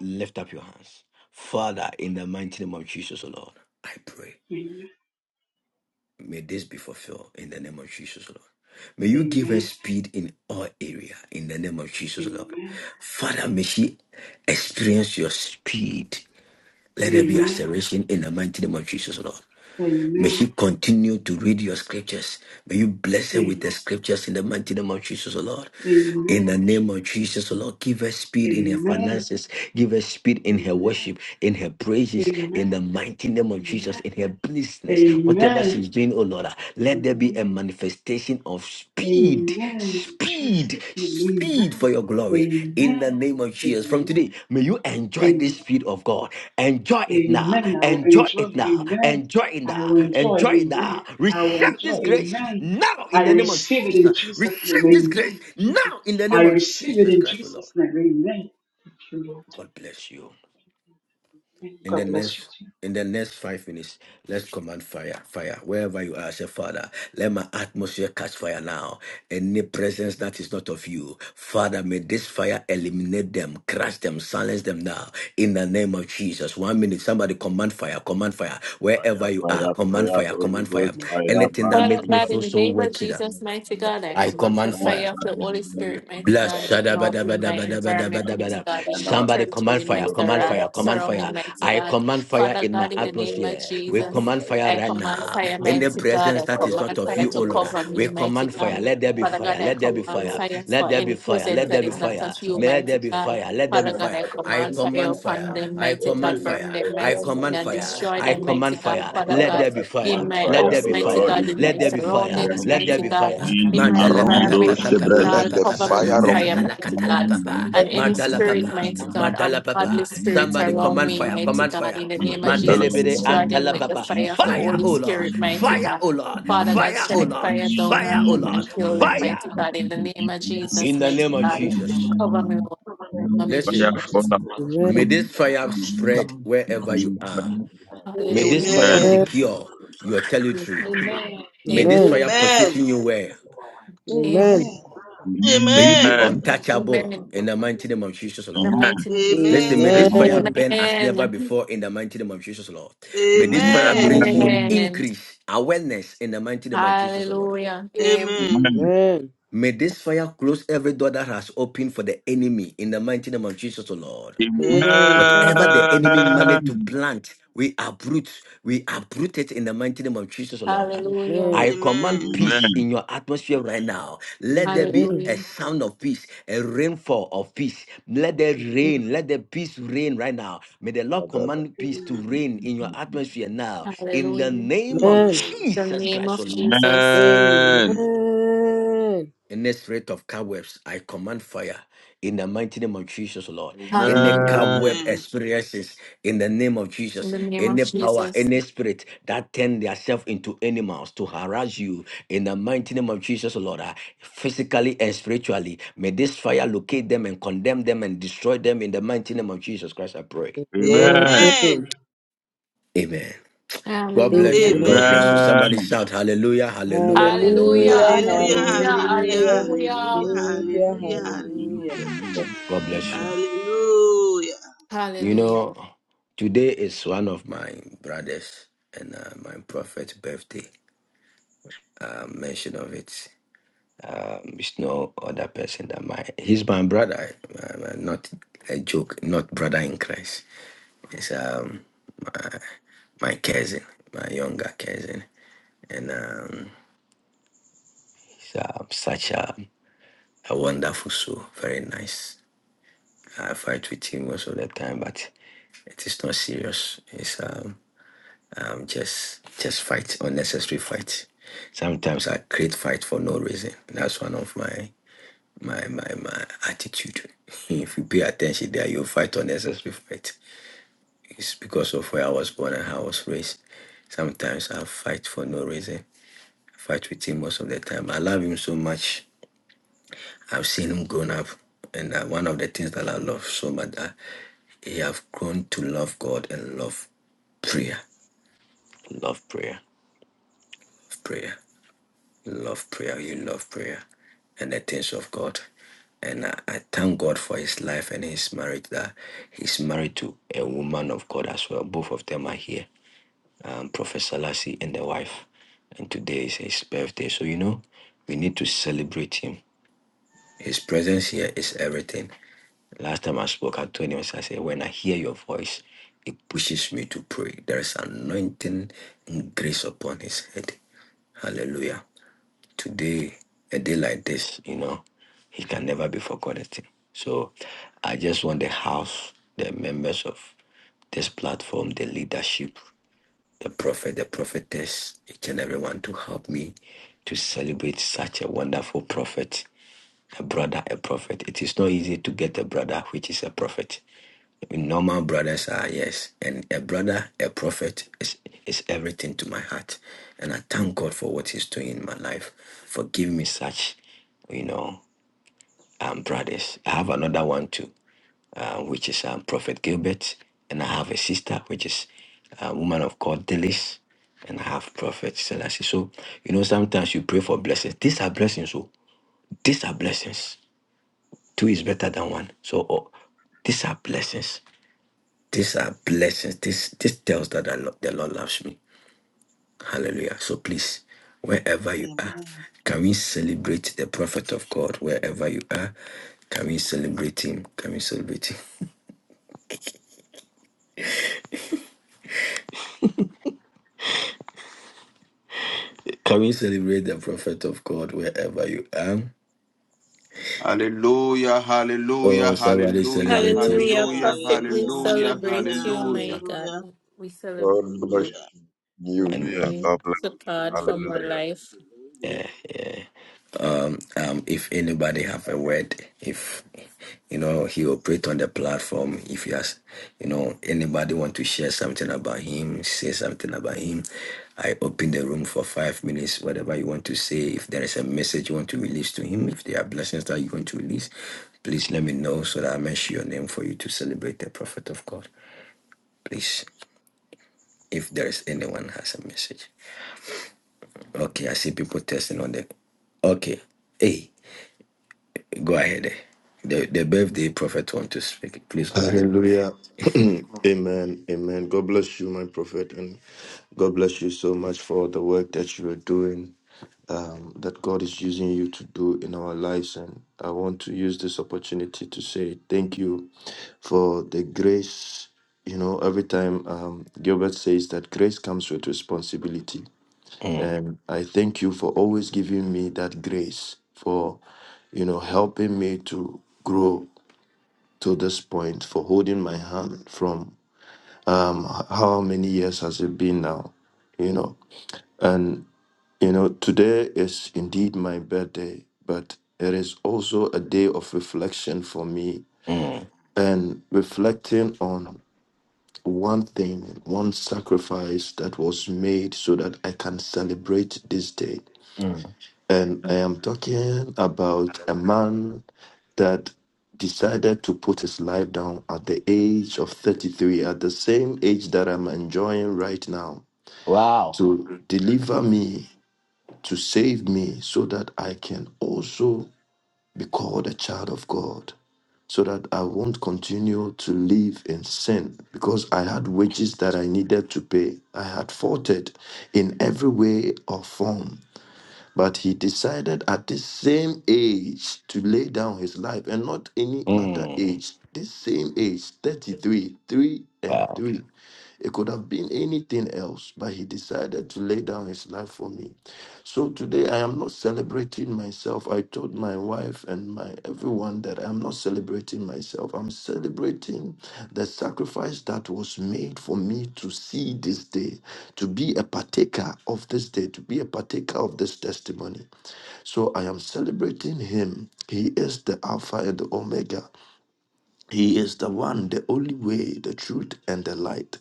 [SPEAKER 7] Lift up your hands. Father, in the mighty name of Jesus, O Lord. I pray.
[SPEAKER 14] Amen.
[SPEAKER 7] May this be fulfilled in the name of Jesus, Lord. May you give her
[SPEAKER 14] Amen.
[SPEAKER 7] speed in all area in the name of Jesus, Lord.
[SPEAKER 14] Amen.
[SPEAKER 7] Father, may she experience your speed. Let there be
[SPEAKER 14] Amen.
[SPEAKER 7] acceleration in the mighty name of Jesus, Lord. May she
[SPEAKER 14] Amen.
[SPEAKER 7] continue to read your scriptures. May you bless her with the
[SPEAKER 14] Amen.
[SPEAKER 7] scriptures in the mighty name of Jesus, O Lord. In
[SPEAKER 14] Amen.
[SPEAKER 7] the name of Jesus, O Lord, give her speed in her
[SPEAKER 14] Amen.
[SPEAKER 7] finances. Give her speed in her
[SPEAKER 14] Amen.
[SPEAKER 7] worship, in her praises, in the
[SPEAKER 14] Amen.
[SPEAKER 7] mighty name of Jesus,
[SPEAKER 14] Amen.
[SPEAKER 7] in her business. Whatever
[SPEAKER 14] Amen.
[SPEAKER 7] she's doing, O Lord, ah, let there be a
[SPEAKER 14] Amen.
[SPEAKER 7] manifestation of speed,
[SPEAKER 14] Amen. In
[SPEAKER 7] speed,
[SPEAKER 14] Jesus' name.
[SPEAKER 7] speed for
[SPEAKER 14] Amen.
[SPEAKER 7] your glory in the
[SPEAKER 14] Amen.
[SPEAKER 7] name of Jesus. From
[SPEAKER 14] Amen.
[SPEAKER 7] today, may you enjoy
[SPEAKER 14] Amen.
[SPEAKER 7] this speed of God. Enjoy it now.
[SPEAKER 14] Amen. I will
[SPEAKER 7] Enjoy
[SPEAKER 14] enjoy.
[SPEAKER 7] it now.
[SPEAKER 14] Amen.
[SPEAKER 7] Enjoy it
[SPEAKER 14] I
[SPEAKER 7] now.
[SPEAKER 14] will enjoy.
[SPEAKER 7] Enjoy it
[SPEAKER 14] Amen.
[SPEAKER 7] now.
[SPEAKER 14] I will
[SPEAKER 7] Receive this
[SPEAKER 14] enjoy.
[SPEAKER 7] grace
[SPEAKER 14] Amen.
[SPEAKER 7] now in
[SPEAKER 14] I
[SPEAKER 7] the name of
[SPEAKER 14] receive it in
[SPEAKER 7] Jesus.
[SPEAKER 14] Jesus'
[SPEAKER 7] Receive
[SPEAKER 14] name.
[SPEAKER 7] this grace
[SPEAKER 14] Amen. Jesus.
[SPEAKER 7] now in the
[SPEAKER 14] I
[SPEAKER 7] name of
[SPEAKER 14] receive it
[SPEAKER 7] Jesus
[SPEAKER 14] in
[SPEAKER 7] Christ, O Lord.
[SPEAKER 14] Jesus' name. Amen. Thank you, Lord.
[SPEAKER 7] God bless you
[SPEAKER 14] Amen.
[SPEAKER 7] in
[SPEAKER 14] God
[SPEAKER 7] the
[SPEAKER 14] bless you
[SPEAKER 7] next
[SPEAKER 14] too.
[SPEAKER 7] in the next five minutes, let's command fire, fire. Wherever you are, say, Father, let my atmosphere catch fire now. Any presence that is not of you, Father, may this fire eliminate them, crush them, silence them now. In the name of Jesus. One minute, somebody command fire, command fire.
[SPEAKER 5] Fire,
[SPEAKER 7] Wherever you are,
[SPEAKER 5] fire,
[SPEAKER 7] command
[SPEAKER 5] fire,
[SPEAKER 7] fire,
[SPEAKER 5] Holy
[SPEAKER 7] command fire.
[SPEAKER 5] Ghost, fire,
[SPEAKER 7] Anything that
[SPEAKER 5] man,
[SPEAKER 6] Father
[SPEAKER 5] man,
[SPEAKER 7] makes me
[SPEAKER 6] God,
[SPEAKER 5] man,
[SPEAKER 6] in
[SPEAKER 7] feel
[SPEAKER 6] the
[SPEAKER 5] man,
[SPEAKER 7] so
[SPEAKER 6] name of
[SPEAKER 7] wicked,
[SPEAKER 6] Jesus, mighty
[SPEAKER 5] man, man, man,
[SPEAKER 6] God, I
[SPEAKER 7] I
[SPEAKER 6] command the
[SPEAKER 7] command fire.
[SPEAKER 6] fire of the Holy
[SPEAKER 5] man,
[SPEAKER 6] Spirit, mighty
[SPEAKER 7] Bless.
[SPEAKER 6] God,
[SPEAKER 2] God.
[SPEAKER 6] now in my
[SPEAKER 5] man, man, man,
[SPEAKER 6] environment, mighty
[SPEAKER 5] and to the earth, and
[SPEAKER 7] shadabadabadabadabadabada.
[SPEAKER 5] to the
[SPEAKER 6] God, in my
[SPEAKER 5] land.
[SPEAKER 7] Somebody command
[SPEAKER 6] territory, in
[SPEAKER 5] May
[SPEAKER 6] my
[SPEAKER 7] fire,
[SPEAKER 5] your
[SPEAKER 7] command
[SPEAKER 5] fire
[SPEAKER 6] surround,
[SPEAKER 7] fire, command
[SPEAKER 5] and
[SPEAKER 6] surrounding,
[SPEAKER 7] fire.
[SPEAKER 5] all be
[SPEAKER 6] mighty
[SPEAKER 7] I
[SPEAKER 6] God.
[SPEAKER 5] like
[SPEAKER 7] command
[SPEAKER 5] that.
[SPEAKER 7] fire
[SPEAKER 6] Father
[SPEAKER 7] in my
[SPEAKER 6] God, in the
[SPEAKER 5] Oh
[SPEAKER 6] name
[SPEAKER 5] Lord,
[SPEAKER 6] of
[SPEAKER 7] atmosphere.
[SPEAKER 5] I
[SPEAKER 7] We
[SPEAKER 5] command
[SPEAKER 6] Jesus,
[SPEAKER 7] command
[SPEAKER 5] fire
[SPEAKER 7] fire
[SPEAKER 6] I
[SPEAKER 7] right
[SPEAKER 5] into my
[SPEAKER 6] command
[SPEAKER 7] now.
[SPEAKER 6] fire,
[SPEAKER 7] In the
[SPEAKER 5] atmosphere.
[SPEAKER 6] mighty God,
[SPEAKER 7] presence
[SPEAKER 6] I
[SPEAKER 7] that is
[SPEAKER 5] Fire,
[SPEAKER 7] not
[SPEAKER 6] command
[SPEAKER 7] of
[SPEAKER 5] fire,
[SPEAKER 6] fire
[SPEAKER 7] you, O
[SPEAKER 6] to
[SPEAKER 2] Amen.
[SPEAKER 7] Lord,
[SPEAKER 5] fire
[SPEAKER 6] cover
[SPEAKER 5] into
[SPEAKER 7] we
[SPEAKER 6] me,
[SPEAKER 5] my
[SPEAKER 6] mighty
[SPEAKER 7] command
[SPEAKER 5] atmosphere
[SPEAKER 7] fire.
[SPEAKER 6] God.
[SPEAKER 7] Let
[SPEAKER 5] right
[SPEAKER 7] there be
[SPEAKER 5] now.
[SPEAKER 6] Father
[SPEAKER 7] fire.
[SPEAKER 6] God, I
[SPEAKER 7] Let there be
[SPEAKER 5] Oh
[SPEAKER 6] command
[SPEAKER 7] fire.
[SPEAKER 5] Lord,
[SPEAKER 6] fire
[SPEAKER 7] Let
[SPEAKER 6] for
[SPEAKER 5] may
[SPEAKER 7] there be
[SPEAKER 6] any
[SPEAKER 5] your
[SPEAKER 7] fire.
[SPEAKER 5] fire
[SPEAKER 6] presence
[SPEAKER 7] Let there
[SPEAKER 6] that
[SPEAKER 7] be
[SPEAKER 5] touch
[SPEAKER 6] is not
[SPEAKER 5] into
[SPEAKER 7] fire.
[SPEAKER 6] of
[SPEAKER 5] my
[SPEAKER 6] you,
[SPEAKER 7] May Let there
[SPEAKER 6] mighty
[SPEAKER 7] be
[SPEAKER 5] atmosphere.
[SPEAKER 6] God.
[SPEAKER 7] fire. Let there be
[SPEAKER 6] Father
[SPEAKER 5] Fire,
[SPEAKER 6] God,
[SPEAKER 7] fire.
[SPEAKER 6] I
[SPEAKER 5] fire,
[SPEAKER 7] I
[SPEAKER 6] command
[SPEAKER 5] fire,
[SPEAKER 6] fire
[SPEAKER 7] command
[SPEAKER 5] fire.
[SPEAKER 6] upon
[SPEAKER 7] fire.
[SPEAKER 6] them,
[SPEAKER 7] I
[SPEAKER 5] Let
[SPEAKER 6] mighty
[SPEAKER 7] command
[SPEAKER 5] there
[SPEAKER 6] God,
[SPEAKER 5] be
[SPEAKER 6] burn
[SPEAKER 7] fire.
[SPEAKER 6] them,
[SPEAKER 5] fire
[SPEAKER 7] I
[SPEAKER 5] right
[SPEAKER 6] mighty God,
[SPEAKER 5] now
[SPEAKER 7] command
[SPEAKER 5] in
[SPEAKER 6] and
[SPEAKER 7] fire.
[SPEAKER 5] my
[SPEAKER 6] destroy
[SPEAKER 7] I
[SPEAKER 5] atmosphere.
[SPEAKER 6] them,
[SPEAKER 7] command
[SPEAKER 6] mighty God.
[SPEAKER 7] fire.
[SPEAKER 6] Father
[SPEAKER 7] Let
[SPEAKER 5] Father,
[SPEAKER 6] God,
[SPEAKER 7] there be
[SPEAKER 5] I
[SPEAKER 7] fire.
[SPEAKER 5] command
[SPEAKER 6] in my
[SPEAKER 7] Let
[SPEAKER 5] fire,
[SPEAKER 7] there
[SPEAKER 6] house,
[SPEAKER 5] O
[SPEAKER 7] be
[SPEAKER 6] mighty
[SPEAKER 5] Lord,
[SPEAKER 7] fire.
[SPEAKER 6] God,
[SPEAKER 5] into
[SPEAKER 6] in
[SPEAKER 5] my
[SPEAKER 7] Let
[SPEAKER 6] my
[SPEAKER 7] there be
[SPEAKER 5] atmosphere
[SPEAKER 7] fire.
[SPEAKER 5] right
[SPEAKER 6] surroundings,
[SPEAKER 7] Let
[SPEAKER 5] now.
[SPEAKER 7] there
[SPEAKER 6] mighty
[SPEAKER 7] be
[SPEAKER 6] God,
[SPEAKER 7] fire.
[SPEAKER 5] In the
[SPEAKER 6] in my
[SPEAKER 5] name
[SPEAKER 7] Madala
[SPEAKER 9] Around
[SPEAKER 5] of
[SPEAKER 7] papa
[SPEAKER 9] me,
[SPEAKER 6] environment,
[SPEAKER 5] those
[SPEAKER 7] papa
[SPEAKER 5] that
[SPEAKER 6] mighty
[SPEAKER 7] papa
[SPEAKER 5] brought
[SPEAKER 9] let
[SPEAKER 5] me.
[SPEAKER 6] God,
[SPEAKER 7] papa
[SPEAKER 9] the
[SPEAKER 6] cover
[SPEAKER 7] papa.
[SPEAKER 6] me with
[SPEAKER 5] Now
[SPEAKER 9] fire of,
[SPEAKER 5] let
[SPEAKER 6] fire,
[SPEAKER 5] me
[SPEAKER 7] Brasala
[SPEAKER 5] see,
[SPEAKER 6] mighty
[SPEAKER 5] let
[SPEAKER 7] katala
[SPEAKER 6] God,
[SPEAKER 7] papa.
[SPEAKER 5] me
[SPEAKER 6] and
[SPEAKER 5] see
[SPEAKER 6] any
[SPEAKER 5] the
[SPEAKER 7] Madala
[SPEAKER 6] spirit,
[SPEAKER 5] atmosphere.
[SPEAKER 7] papa.
[SPEAKER 6] mighty God,
[SPEAKER 7] Madala
[SPEAKER 5] Let me
[SPEAKER 6] ungodly
[SPEAKER 7] papa.
[SPEAKER 5] see the
[SPEAKER 6] spirit
[SPEAKER 7] Somebody
[SPEAKER 9] of,
[SPEAKER 6] around
[SPEAKER 7] command
[SPEAKER 6] me,
[SPEAKER 7] fire.
[SPEAKER 6] mighty
[SPEAKER 5] atmosphere.
[SPEAKER 7] Command
[SPEAKER 6] God,
[SPEAKER 7] fire.
[SPEAKER 6] in the
[SPEAKER 5] Yes,
[SPEAKER 6] name
[SPEAKER 5] I
[SPEAKER 6] of
[SPEAKER 5] don't
[SPEAKER 6] Jesus,
[SPEAKER 9] of
[SPEAKER 7] Madelebere
[SPEAKER 9] God
[SPEAKER 6] destroy
[SPEAKER 5] know.
[SPEAKER 6] them
[SPEAKER 7] antala
[SPEAKER 6] with the
[SPEAKER 7] papa.
[SPEAKER 5] Yes,
[SPEAKER 6] fire of
[SPEAKER 5] I
[SPEAKER 9] bless
[SPEAKER 6] the
[SPEAKER 5] don't
[SPEAKER 7] Fire,
[SPEAKER 6] Holy
[SPEAKER 5] know.
[SPEAKER 7] O
[SPEAKER 5] Yes,
[SPEAKER 7] Lord.
[SPEAKER 6] Spirit, mighty
[SPEAKER 7] Fire,
[SPEAKER 6] God.
[SPEAKER 7] O Lord.
[SPEAKER 6] Father God,
[SPEAKER 7] Fire, O
[SPEAKER 6] strike
[SPEAKER 5] yes,
[SPEAKER 7] Lord.
[SPEAKER 6] fire
[SPEAKER 5] yes,
[SPEAKER 6] down
[SPEAKER 7] Fire,
[SPEAKER 6] on
[SPEAKER 7] O
[SPEAKER 5] yes,
[SPEAKER 6] them
[SPEAKER 7] Lord.
[SPEAKER 6] and
[SPEAKER 5] yes,
[SPEAKER 6] kill them,
[SPEAKER 5] yes,
[SPEAKER 7] Fire.
[SPEAKER 6] mighty
[SPEAKER 5] I
[SPEAKER 6] God, in
[SPEAKER 5] see
[SPEAKER 6] the
[SPEAKER 5] the
[SPEAKER 6] name of
[SPEAKER 9] this
[SPEAKER 5] atmosphere.
[SPEAKER 7] In
[SPEAKER 6] Jesus,
[SPEAKER 7] the
[SPEAKER 6] mighty
[SPEAKER 7] name of
[SPEAKER 5] Yes,
[SPEAKER 6] God.
[SPEAKER 5] I
[SPEAKER 9] book.
[SPEAKER 7] Jesus.
[SPEAKER 5] don't
[SPEAKER 6] Cover me,
[SPEAKER 5] know.
[SPEAKER 6] Lord, cover
[SPEAKER 5] Yes,
[SPEAKER 6] me,
[SPEAKER 7] Listen,
[SPEAKER 5] Fire fall.
[SPEAKER 6] Jesus.
[SPEAKER 7] may
[SPEAKER 2] Amen.
[SPEAKER 7] this fire spread wherever you are. May this
[SPEAKER 6] Hallelujah.
[SPEAKER 7] fire
[SPEAKER 5] Amen.
[SPEAKER 7] secure your territory. May this
[SPEAKER 6] Amen.
[SPEAKER 7] fire
[SPEAKER 3] Amen.
[SPEAKER 7] position you well.
[SPEAKER 6] Amen.
[SPEAKER 2] Amen. Amen.
[SPEAKER 7] May you be
[SPEAKER 5] Amen.
[SPEAKER 6] Amen.
[SPEAKER 7] untouchable
[SPEAKER 6] In
[SPEAKER 7] in the mighty name of Jesus,
[SPEAKER 6] The
[SPEAKER 7] Lord.
[SPEAKER 5] Amen.
[SPEAKER 6] mighty name.
[SPEAKER 7] Listen, may this
[SPEAKER 3] Amen.
[SPEAKER 5] Amen.
[SPEAKER 7] fire
[SPEAKER 2] Amen.
[SPEAKER 7] burn as never
[SPEAKER 6] Amen.
[SPEAKER 7] before in the mighty name of Jesus, Lord. May this fire
[SPEAKER 5] Amen.
[SPEAKER 3] Amen.
[SPEAKER 7] bring
[SPEAKER 2] Amen.
[SPEAKER 7] you
[SPEAKER 6] Amen.
[SPEAKER 7] increase, awareness in the mighty name of Jesus, Lord.
[SPEAKER 6] Hallelujah.
[SPEAKER 5] Amen.
[SPEAKER 3] Amen.
[SPEAKER 2] Amen.
[SPEAKER 7] May this fire close every door that has opened for the enemy in the mighty name of Jesus, Lord.
[SPEAKER 5] Amen.
[SPEAKER 2] Amen.
[SPEAKER 3] Amen.
[SPEAKER 7] Whatever
[SPEAKER 6] Amen.
[SPEAKER 7] the enemy
[SPEAKER 5] Amen.
[SPEAKER 7] managed to plant, we uproot. We uproot it in the mighty name of Jesus, Lord.
[SPEAKER 6] Hallelujah.
[SPEAKER 7] I command
[SPEAKER 3] Amen.
[SPEAKER 7] peace in your atmosphere right now. Let there be
[SPEAKER 2] Amen.
[SPEAKER 7] a
[SPEAKER 6] Hallelujah.
[SPEAKER 7] sound
[SPEAKER 3] Amen.
[SPEAKER 7] of peace, a rainfall of peace. Let there rain. Let the peace rain right now. May the Lord
[SPEAKER 9] God
[SPEAKER 7] command peace to rain in your atmosphere now. In
[SPEAKER 6] Hallelujah.
[SPEAKER 7] the
[SPEAKER 6] In
[SPEAKER 7] name of
[SPEAKER 3] Amen.
[SPEAKER 6] the
[SPEAKER 7] Jesus
[SPEAKER 6] name
[SPEAKER 7] Christ, O
[SPEAKER 6] of
[SPEAKER 7] Lord.
[SPEAKER 6] Jesus.
[SPEAKER 2] Amen.
[SPEAKER 3] Amen.
[SPEAKER 2] Amen.
[SPEAKER 7] Any spirit of cobwebs, I command fire in the mighty name of Jesus, Lord. Any
[SPEAKER 6] Hallelujah.
[SPEAKER 5] Amen.
[SPEAKER 7] cobweb
[SPEAKER 3] Amen.
[SPEAKER 7] experiences in the name of
[SPEAKER 6] In
[SPEAKER 7] Jesus.
[SPEAKER 6] the name of
[SPEAKER 7] Any power,
[SPEAKER 6] Jesus.
[SPEAKER 7] any spirit that turn themselves into animals to harass you in the mighty name of Jesus, Lord. ah, Physically and spiritually, may this fire locate them and condemn them and destroy them in the mighty name of Jesus Christ. I pray.
[SPEAKER 5] Amen.
[SPEAKER 3] Amen.
[SPEAKER 2] Amen.
[SPEAKER 7] Amen. God bless
[SPEAKER 5] Amen.
[SPEAKER 6] Hallelujah.
[SPEAKER 7] you.
[SPEAKER 2] Amen.
[SPEAKER 7] God
[SPEAKER 3] Amen.
[SPEAKER 7] bless you.
[SPEAKER 6] Amen.
[SPEAKER 7] Somebody
[SPEAKER 5] Amen.
[SPEAKER 7] shout hallelujah, hallelujah,
[SPEAKER 6] Hallelujah.
[SPEAKER 7] hallelujah,
[SPEAKER 2] Hallelujah,
[SPEAKER 3] Hallelujah.
[SPEAKER 7] hallelujah.
[SPEAKER 6] Hallelujah.
[SPEAKER 3] Hallelujah.
[SPEAKER 2] hallelujah,
[SPEAKER 3] Hallelujah.
[SPEAKER 6] Hallelujah.
[SPEAKER 2] hallelujah,
[SPEAKER 3] Hallelujah.
[SPEAKER 2] hallelujah.
[SPEAKER 7] God bless you.
[SPEAKER 3] Hallelujah. Hallelujah.
[SPEAKER 7] You
[SPEAKER 6] Hallelujah.
[SPEAKER 7] know, today is one of my brothers and uh, my prophet's birthday. Uh, mention of it. Um, it's no other person than my. He's my brother. um, Uh, not a joke. Not brother in Christ. It's um my, my cousin, my younger cousin, and um, he's um, such a, a wonderful soul. Very nice. I fight with him most of the time, but it is not serious. It's um. um, just just fight unnecessary fight. Sometimes I create fight for no reason. That's one of my my my my attitude. <laughs> if you pay attention there, you fight unnecessary fight. It's because of where I was born and how I was raised. Sometimes I fight for no reason. fight with him most of the time. I love him so much. I've seen him grown up. And uh, one of the things that I love so much that he have grown to love God and love prayer. Love prayer. Love prayer love prayer. You love prayer and the things of God. And I, I thank God for his life and his marriage. That he's married to a woman of God as well. Both of them are here, um, Professor Lassie and the wife. And today is his birthday. So, you know, we need to celebrate him. His presence here is everything. Last time I spoke, I told him, I said, when I hear your voice, it pushes me to pray. There is anointing and grace upon his head. Hallelujah today, a day like this, you know, he can never be forgotten. So I just want the house, the members of this platform, the leadership, the prophet, the prophetess, each and everyone to help me to celebrate such a wonderful prophet, a brother, a prophet. It is not easy to get a brother which is a prophet. Normal brothers are yes, and a brother, a prophet is is everything to my heart, and I thank God for what He's doing in my life. Forgive me such, you know, um, brothers. I have another one too, uh, which is um, Prophet Gilbert, and I have a sister which is a woman of God, Delis, and I have Prophet Selassie. So you know, sometimes you pray for blessings. These are blessings. So these are blessings. Two is better than one. So oh, these are blessings. These are blessings. This this tells that I lo- the Lord loves me. Hallelujah. So please, wherever you are,
[SPEAKER 3] Amen.
[SPEAKER 7] can we celebrate the prophet of God? Wherever you are, can we celebrate him? Can we celebrate him? <laughs> Can we celebrate the prophet of God wherever you are?
[SPEAKER 4] Hallelujah, hallelujah,
[SPEAKER 7] Oh, somebody
[SPEAKER 4] hallelujah,
[SPEAKER 7] celebrate
[SPEAKER 6] Hallelujah.
[SPEAKER 3] Hallelujah.
[SPEAKER 4] hallelujah,
[SPEAKER 6] Prophet, we
[SPEAKER 3] Hallelujah.
[SPEAKER 4] hallelujah,
[SPEAKER 6] celebrate
[SPEAKER 3] Hallelujah.
[SPEAKER 6] you, my
[SPEAKER 4] hallelujah.
[SPEAKER 6] God. We celebrate you.
[SPEAKER 9] bless
[SPEAKER 3] Hallelujah.
[SPEAKER 6] We
[SPEAKER 9] you.
[SPEAKER 7] him.
[SPEAKER 16] Hallelujah.
[SPEAKER 6] pray
[SPEAKER 9] you.
[SPEAKER 16] God bless.
[SPEAKER 6] to God for
[SPEAKER 3] Hallelujah.
[SPEAKER 6] more
[SPEAKER 16] Hallelujah.
[SPEAKER 6] life.
[SPEAKER 7] um, um, if anybody have a word, if you know he operate on the platform, if he has, you know, anybody want to share something about him, say something about him, I open the room for five minutes. Whatever you want to say, if there is a message you want to release to him, if there are blessings that you want to release, please let me know so that I mention your name for you to celebrate the prophet of God. Please, if there is anyone has a message, okay, I see people testing on the, okay, hey. Go ahead. eh. The the birthday prophet want to speak. Please go ahead.
[SPEAKER 12] Hallelujah. <clears throat> Amen. Amen. God bless you, my prophet, and God bless you so much for the work that you are doing, um, that God is using you to do in our lives. And I want to use this opportunity to say thank you for the grace. You know, every time um, Gilbert says that grace comes with responsibility.
[SPEAKER 7] Mm,
[SPEAKER 12] And I thank you for always giving me that grace, for, you know, helping me to grow to this point for holding my hand from how many years has it been now you know and you know today is indeed my birthday but it is also a day of reflection for me
[SPEAKER 7] mm,
[SPEAKER 12] and reflecting on one thing one sacrifice that was made so that i can celebrate this day
[SPEAKER 7] mm.
[SPEAKER 12] And I am talking about a man that decided to put his life down at the age of 33, at the same age that I'm enjoying right now,
[SPEAKER 7] Wow.
[SPEAKER 12] to deliver me, to save me, so that I can also be called a child of God, so that I won't continue to live in sin, because I had wages that I needed to pay. I had fought it in every way or form but he decided at this same age to lay down his life and not any other
[SPEAKER 7] Mm,
[SPEAKER 12] age. This same age, 33, 3 and
[SPEAKER 7] wow.
[SPEAKER 12] 3. It could have been anything else, but he decided to lay down his life for me. So today I am not celebrating myself. I told my wife and my everyone that I'm not celebrating myself. I'm celebrating the sacrifice that was made for me to see this day, to be a partaker of this day, to be a partaker of this testimony. So I am celebrating him. He is the Alpha and the Omega. He is the one, the only way, the truth, and the light.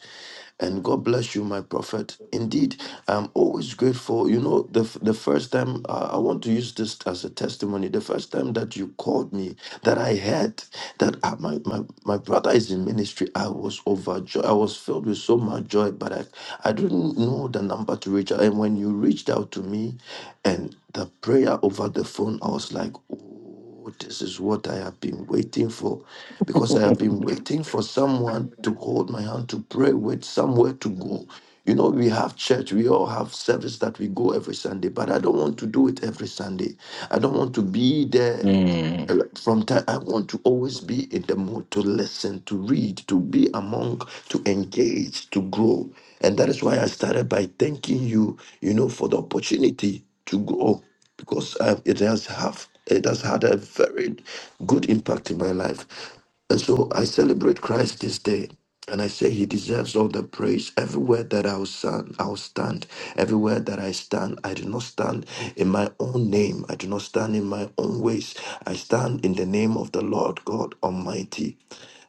[SPEAKER 12] And God bless you, my prophet. Indeed, I'm always grateful. You know, the, the first time, uh, I want to use this as a testimony. The first time that you called me, that I heard that uh, my, my, my brother is in ministry, I was overjoyed. I was filled with so much joy, but I, I didn't know the number to reach out. And when you reached out to me and the prayer over the phone, I was like, oh. Oh, this is what I have been waiting for because I have
[SPEAKER 7] <laughs>
[SPEAKER 12] been waiting for someone to hold my hand to pray with, somewhere to go. You know, we have church, we all have service that we go every Sunday, but I don't want to do it every Sunday. I don't want to be there
[SPEAKER 7] Mm.
[SPEAKER 12] from time, I want to always be in the mood to listen, to read, to be among, to engage, to grow. And that is why I started by thanking you, you know, for the opportunity to grow because um, it has have it has had a very good impact in my life. And so I celebrate Christ this day. And I say he deserves all the praise. Everywhere that I will stand, I will stand. Everywhere that I stand, I do not stand in my own name. I do not stand in my own ways. I stand in the name of the Lord God Almighty,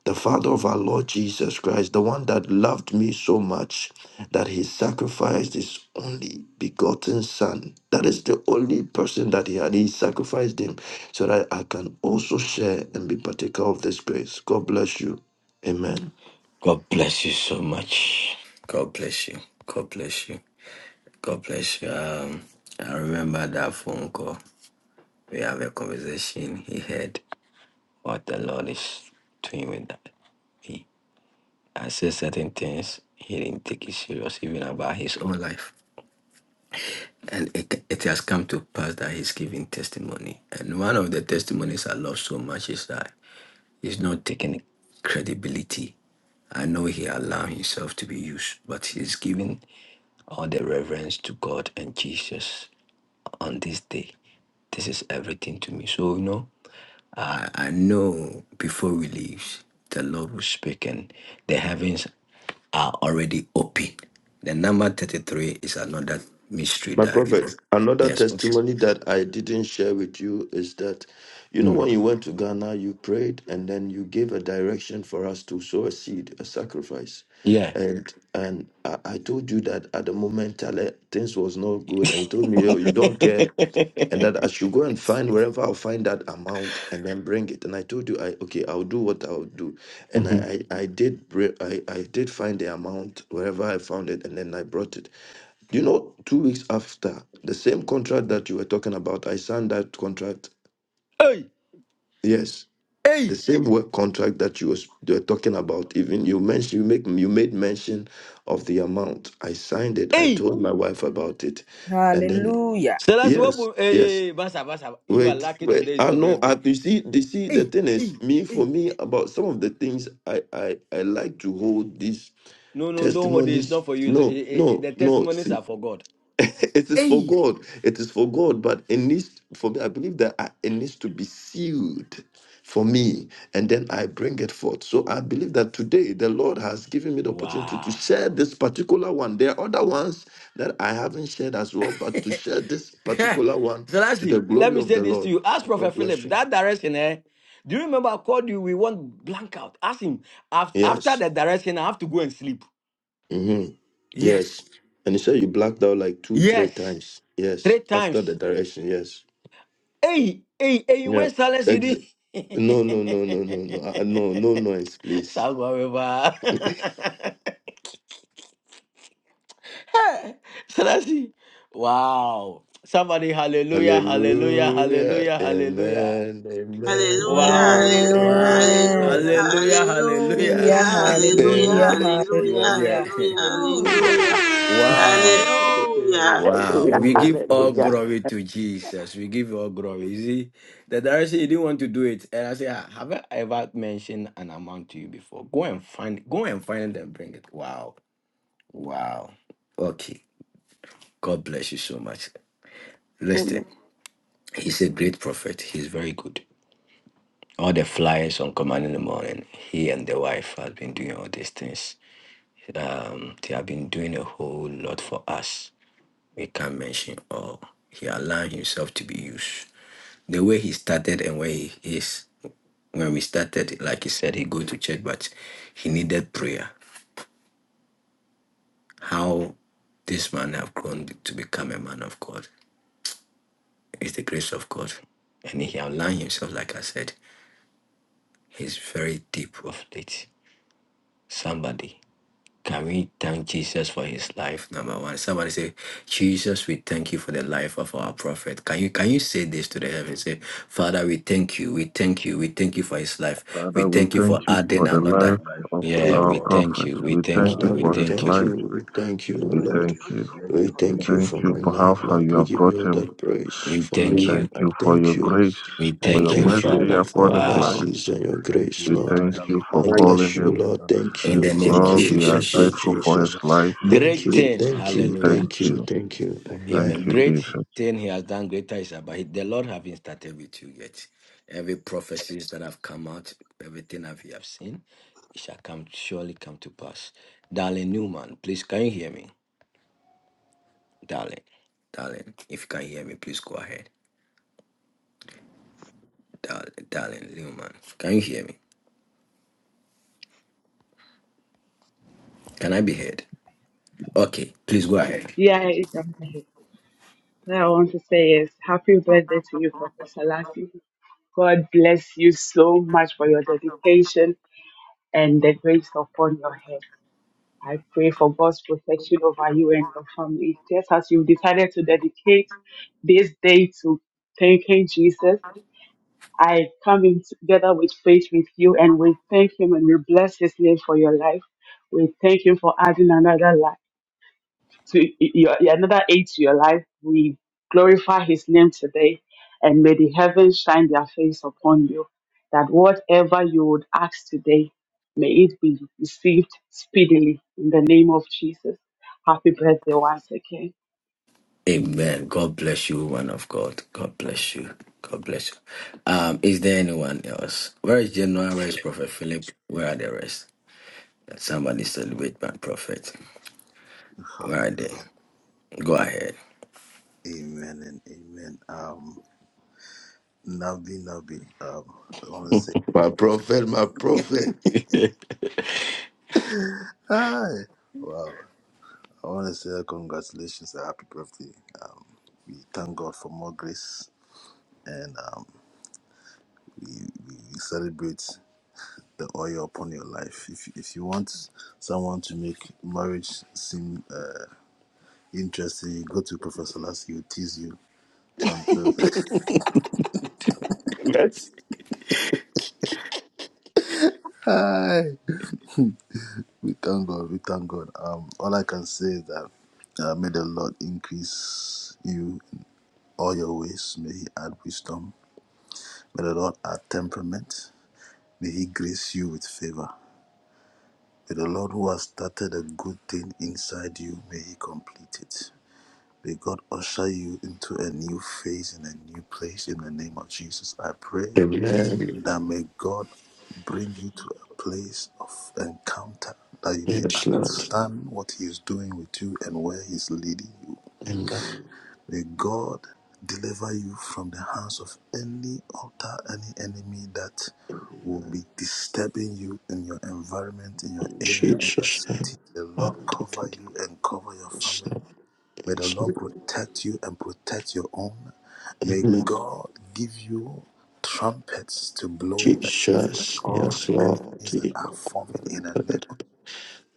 [SPEAKER 12] the Father of our Lord Jesus Christ, the one that loved me so much that he sacrificed his only begotten Son. That is the only person that he had. He sacrificed him so that I can also share and be partaker of this grace. God bless you. Amen.
[SPEAKER 7] God bless you so much. God bless you. God bless you. God bless you. Um, I remember that phone call. We have a conversation. He heard what the Lord is doing with that. He, I said certain things. He didn't take it serious, even about his own life. And it, it has come to pass that he's giving testimony. And one of the testimonies I love so much is that he's not taking credibility. I know he allowed himself to be used, but he's giving all the reverence to God and Jesus on this day. This is everything to me. So, you know, I, I know before we leave, the Lord will speak and the heavens are already open. The number 33 is another mystery
[SPEAKER 12] My
[SPEAKER 7] that, you
[SPEAKER 12] prophet,
[SPEAKER 7] know,
[SPEAKER 12] another
[SPEAKER 7] yes,
[SPEAKER 12] testimony that I didn't share with you is that, you know,
[SPEAKER 7] Mm.
[SPEAKER 12] when you went to Ghana, you prayed and then you gave a direction for us to sow a seed, a sacrifice.
[SPEAKER 7] Yeah.
[SPEAKER 12] And and I, I told you that at the moment Tale, things was not good. And you told
[SPEAKER 7] <laughs>
[SPEAKER 12] me, oh, you don't care. And that I should go and find wherever I'll find that amount and then bring it. And I told you, I okay, I'll do what I'll do. And
[SPEAKER 7] Mhm.
[SPEAKER 12] I I, I did bri- I, I did find the amount wherever I found it and then I brought it. You know, two weeks after, the same contract that you were talking about, I signed that contract.
[SPEAKER 7] Hey,
[SPEAKER 12] Yes, the
[SPEAKER 7] hey,
[SPEAKER 12] same work contract that you was you were talking about. Even you mentioned you make you made mention of the amount. I signed it. I
[SPEAKER 7] hey.
[SPEAKER 12] told my wife about it, and then
[SPEAKER 2] Hallelujah.
[SPEAKER 7] So that's what.
[SPEAKER 12] yes,
[SPEAKER 7] Hey,
[SPEAKER 12] yes.
[SPEAKER 7] hey, hey, Basa, Basa. You are
[SPEAKER 12] Wait,
[SPEAKER 7] lucky
[SPEAKER 12] wait.
[SPEAKER 7] today is
[SPEAKER 12] I
[SPEAKER 7] your
[SPEAKER 12] know.
[SPEAKER 7] birthday.
[SPEAKER 12] I you see. You see. The
[SPEAKER 7] Hey,
[SPEAKER 12] thing
[SPEAKER 7] hey,
[SPEAKER 12] is, me for
[SPEAKER 7] hey.
[SPEAKER 12] me about some of the things I I I like to hold these
[SPEAKER 7] No, no, don't hold it. It's
[SPEAKER 12] testimonies.
[SPEAKER 7] not for you. It's-
[SPEAKER 12] No,
[SPEAKER 7] eh, eh, eh,
[SPEAKER 12] no,
[SPEAKER 7] the
[SPEAKER 12] no.
[SPEAKER 7] testimonies are for God.
[SPEAKER 12] <laughs> it is for
[SPEAKER 7] Hey.
[SPEAKER 12] God. It is for God. But it needs for me. I believe that I, it needs to be sealed for me, and then I bring it forth. So I believe that today the Lord has given me the opportunity to
[SPEAKER 7] Wow.
[SPEAKER 12] share this particular one. There are other ones that I haven't shared as well,
[SPEAKER 7] <laughs>
[SPEAKER 12] but to
[SPEAKER 7] so
[SPEAKER 12] share this particular one
[SPEAKER 7] that's
[SPEAKER 12] to the
[SPEAKER 7] it. Let
[SPEAKER 12] glory
[SPEAKER 7] me
[SPEAKER 12] of
[SPEAKER 7] say
[SPEAKER 12] the
[SPEAKER 7] this to
[SPEAKER 12] Lord.
[SPEAKER 7] you. Ask Prophet
[SPEAKER 12] God bless
[SPEAKER 7] Philip
[SPEAKER 12] you.
[SPEAKER 7] that direction, eh? Do you remember I called you? We want blank out. Ask him af- after
[SPEAKER 12] Yes.
[SPEAKER 7] the direction. I have to go and sleep.
[SPEAKER 12] Mm-hmm. Yes.
[SPEAKER 7] Yes.
[SPEAKER 12] And he said you blacked out like two, three
[SPEAKER 7] Yes.
[SPEAKER 12] times. Yes.
[SPEAKER 7] Three
[SPEAKER 12] After
[SPEAKER 7] times.
[SPEAKER 12] the direction. Yes.
[SPEAKER 7] Hey, hey, hey, you
[SPEAKER 12] Yeah.
[SPEAKER 7] went silence, you did.
[SPEAKER 12] No, no, no, no, no, no, uh, no,
[SPEAKER 7] <laughs>
[SPEAKER 12] no noise, please.
[SPEAKER 7] Sagwa Baba. <laughs> Hey, Selassie. Wow. Somebody, hallelujah, hallelujah,
[SPEAKER 12] Hallelujah.
[SPEAKER 7] hallelujah, hallelujah.
[SPEAKER 12] Amen. Amen.
[SPEAKER 3] Hallelujah,
[SPEAKER 7] Wow,
[SPEAKER 12] Amen.
[SPEAKER 3] hallelujah,
[SPEAKER 7] wow.
[SPEAKER 12] Amen.
[SPEAKER 2] Amen.
[SPEAKER 3] hallelujah,
[SPEAKER 12] Amen.
[SPEAKER 7] Hallelujah, hallelujah.
[SPEAKER 12] <laughs>
[SPEAKER 3] hallelujah, hallelujah,
[SPEAKER 2] Hallelujah, hallelujah,
[SPEAKER 12] Amen.
[SPEAKER 7] You are
[SPEAKER 2] hallelujah,
[SPEAKER 7] there.
[SPEAKER 3] hallelujah,
[SPEAKER 7] <laughs>
[SPEAKER 2] hallelujah.
[SPEAKER 3] hallelujah,
[SPEAKER 7] Wow.
[SPEAKER 3] Hallelujah.
[SPEAKER 7] Wow,
[SPEAKER 11] Hallelujah.
[SPEAKER 7] we
[SPEAKER 12] Amen.
[SPEAKER 7] give all
[SPEAKER 11] Hallelujah.
[SPEAKER 12] Amen.
[SPEAKER 7] glory to Jesus. We give all glory. You see, the director said he didn't want to do it, and I said, "Ah, "Have I ever mentioned an amount to you before? Go and find, go and find it and bring it." Wow, wow. Okay, God bless you so much. Listen,
[SPEAKER 11] Amen.
[SPEAKER 7] he's a great prophet. He's very good. All the flyers on command in the morning. He and the wife has been doing all these things. Um, they have been doing a whole lot for us. We can't mention all. He allowed himself to be used. the way he started and where he is when we started like he said he go to church but he needed prayer how this man have grown to become a man of god is the grace of god and he aligned himself like i said he's very deep of late somebody Can we thank Jesus for his life? Number one. Somebody say, Jesus, we thank you for the life of our prophet. Can you can you say this to the heaven? Say, Father, we thank you. We thank you. We thank you for his life. We
[SPEAKER 5] I
[SPEAKER 16] Father, we
[SPEAKER 5] will
[SPEAKER 7] thank you
[SPEAKER 5] thank
[SPEAKER 16] thank
[SPEAKER 7] for
[SPEAKER 16] you
[SPEAKER 7] adding
[SPEAKER 16] for
[SPEAKER 5] you
[SPEAKER 16] the
[SPEAKER 5] for the
[SPEAKER 7] another.
[SPEAKER 16] life
[SPEAKER 5] life
[SPEAKER 16] of
[SPEAKER 5] of
[SPEAKER 7] Yeah,
[SPEAKER 9] Thank
[SPEAKER 5] our
[SPEAKER 16] our
[SPEAKER 7] we
[SPEAKER 9] you
[SPEAKER 5] prophet,
[SPEAKER 7] thank
[SPEAKER 16] prophet.
[SPEAKER 7] you. We
[SPEAKER 16] We
[SPEAKER 7] thank
[SPEAKER 16] thank
[SPEAKER 5] Nebuchadnezzar.
[SPEAKER 7] you.
[SPEAKER 16] you
[SPEAKER 12] Father,
[SPEAKER 7] We
[SPEAKER 12] we
[SPEAKER 16] for his
[SPEAKER 7] thank
[SPEAKER 5] Lord,
[SPEAKER 12] thank
[SPEAKER 7] you.
[SPEAKER 5] we
[SPEAKER 16] life.
[SPEAKER 12] you.
[SPEAKER 5] thank you.
[SPEAKER 12] We thank
[SPEAKER 9] for
[SPEAKER 12] you,
[SPEAKER 9] the
[SPEAKER 12] O
[SPEAKER 16] We
[SPEAKER 3] Oh,
[SPEAKER 9] life
[SPEAKER 12] Lord.
[SPEAKER 3] God,
[SPEAKER 16] thank
[SPEAKER 5] We
[SPEAKER 16] you.
[SPEAKER 5] bless
[SPEAKER 3] hallelujah.
[SPEAKER 9] and
[SPEAKER 12] We
[SPEAKER 9] the
[SPEAKER 5] your
[SPEAKER 16] We
[SPEAKER 5] holy
[SPEAKER 12] thank you
[SPEAKER 16] thank
[SPEAKER 5] name,
[SPEAKER 9] prophet.
[SPEAKER 12] for
[SPEAKER 16] you
[SPEAKER 5] O
[SPEAKER 12] my
[SPEAKER 16] for
[SPEAKER 5] God,
[SPEAKER 16] how
[SPEAKER 5] for
[SPEAKER 12] life,
[SPEAKER 5] his
[SPEAKER 16] far
[SPEAKER 12] Lord.
[SPEAKER 16] you
[SPEAKER 12] We
[SPEAKER 16] have
[SPEAKER 5] life.
[SPEAKER 12] give
[SPEAKER 16] brought
[SPEAKER 12] you all
[SPEAKER 16] him.
[SPEAKER 12] that praise
[SPEAKER 7] We
[SPEAKER 5] We
[SPEAKER 12] for
[SPEAKER 16] We
[SPEAKER 12] my
[SPEAKER 5] honor.
[SPEAKER 7] thank
[SPEAKER 12] life.
[SPEAKER 7] you.
[SPEAKER 16] thank
[SPEAKER 12] I
[SPEAKER 16] you for
[SPEAKER 5] Ask
[SPEAKER 12] thank
[SPEAKER 16] your
[SPEAKER 5] our
[SPEAKER 12] you.
[SPEAKER 16] grace,
[SPEAKER 5] Father,
[SPEAKER 7] We
[SPEAKER 5] Lord,
[SPEAKER 12] I
[SPEAKER 16] for
[SPEAKER 5] to
[SPEAKER 7] thank
[SPEAKER 16] your
[SPEAKER 7] you,
[SPEAKER 12] thank
[SPEAKER 5] bless
[SPEAKER 12] you
[SPEAKER 16] mercy
[SPEAKER 7] Father.
[SPEAKER 12] Lord, for
[SPEAKER 16] upon
[SPEAKER 12] your
[SPEAKER 5] you.
[SPEAKER 16] his life.
[SPEAKER 7] Wow.
[SPEAKER 12] mercies and your grace,
[SPEAKER 16] We
[SPEAKER 12] Lord.
[SPEAKER 16] thank
[SPEAKER 5] Father,
[SPEAKER 16] you
[SPEAKER 5] we
[SPEAKER 16] for
[SPEAKER 12] I
[SPEAKER 5] thank
[SPEAKER 9] honor you.
[SPEAKER 5] you
[SPEAKER 16] calling
[SPEAKER 12] bless you,
[SPEAKER 16] him.
[SPEAKER 12] Lord.
[SPEAKER 5] for the
[SPEAKER 12] Thank
[SPEAKER 7] In
[SPEAKER 5] life
[SPEAKER 7] the
[SPEAKER 12] you,
[SPEAKER 5] of
[SPEAKER 7] name
[SPEAKER 5] our
[SPEAKER 7] of
[SPEAKER 12] thank
[SPEAKER 16] Lord,
[SPEAKER 12] you,
[SPEAKER 16] we
[SPEAKER 9] Honor
[SPEAKER 5] prophet
[SPEAKER 16] are
[SPEAKER 12] thank
[SPEAKER 5] this
[SPEAKER 12] you,
[SPEAKER 7] Jesus.
[SPEAKER 16] grateful
[SPEAKER 5] morning.
[SPEAKER 16] for his
[SPEAKER 12] Jesus.
[SPEAKER 16] life.
[SPEAKER 12] Thank
[SPEAKER 7] Great
[SPEAKER 5] We
[SPEAKER 3] Thank
[SPEAKER 5] Give
[SPEAKER 3] you
[SPEAKER 12] you,
[SPEAKER 5] you
[SPEAKER 7] thing.
[SPEAKER 12] thank
[SPEAKER 5] honor,
[SPEAKER 3] for
[SPEAKER 16] We
[SPEAKER 12] you,
[SPEAKER 3] the
[SPEAKER 7] Hallelujah.
[SPEAKER 16] thank
[SPEAKER 3] faith
[SPEAKER 12] thank you,
[SPEAKER 16] you.
[SPEAKER 12] thank you.
[SPEAKER 16] Thank
[SPEAKER 7] Amen.
[SPEAKER 12] Amen.
[SPEAKER 16] you,
[SPEAKER 9] you.
[SPEAKER 7] Great
[SPEAKER 16] Jesus.
[SPEAKER 7] thing he has done, greater is about it. The Lord haven't started with you yet. Every prophecies that have come out, everything that we have seen, it shall come surely come to pass. Darling Newman, please can you hear me? Darling, darling, if you can hear me, please go ahead. Darling, darling Newman, can you hear me? Can I be heard? Okay, please go ahead.
[SPEAKER 14] Yeah, it- what I want to say is happy birthday to you, Professor Lassie. God bless you so much for your dedication and the grace upon your head. I pray for God's protection over you and your family. Just as you've decided to dedicate this day to thanking Jesus, I come in together with faith with you and we thank Him and we bless His name for your life. We thank Him for adding another life to your y- another eight to your life. We glorify His name today, and may the heavens shine their face upon you. That whatever you would ask today, may it be received speedily in the name of Jesus. Happy birthday once again.
[SPEAKER 7] Amen. God bless you, woman of God. God bless you. God bless you. Um, is there anyone else? Where is General? Where is Prophet Philip? Where are the rest? Somebody celebrate my prophet. Right there. Go ahead.
[SPEAKER 12] My prophet, my prophet. Yes. Amen. Yes, Lord. Amen. In Jesus' name. Oh, thank you, Jesus, Lord. Yes, Lord. Amen. Jesus. Yes, Lord.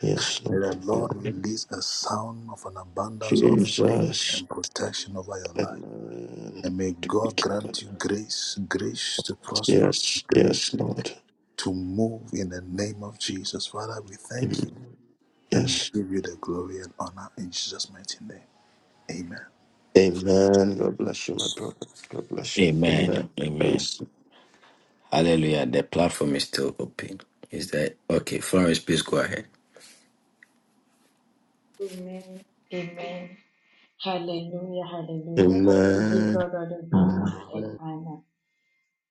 [SPEAKER 12] Yes, Lord. Jesus. Amen. To be cured. Yes, yes, Lord. Amen. Yes. Amen. God bless you, my brother. God bless you.
[SPEAKER 7] Amen.
[SPEAKER 12] Amen.
[SPEAKER 7] Amen.
[SPEAKER 12] Thanks.
[SPEAKER 7] Hallelujah. The platform. is still open. Is that okay? Florence, please go ahead.
[SPEAKER 13] Amen. Hallelujah. Hallelujah. We give
[SPEAKER 12] Amen.
[SPEAKER 13] God all the glory for the time.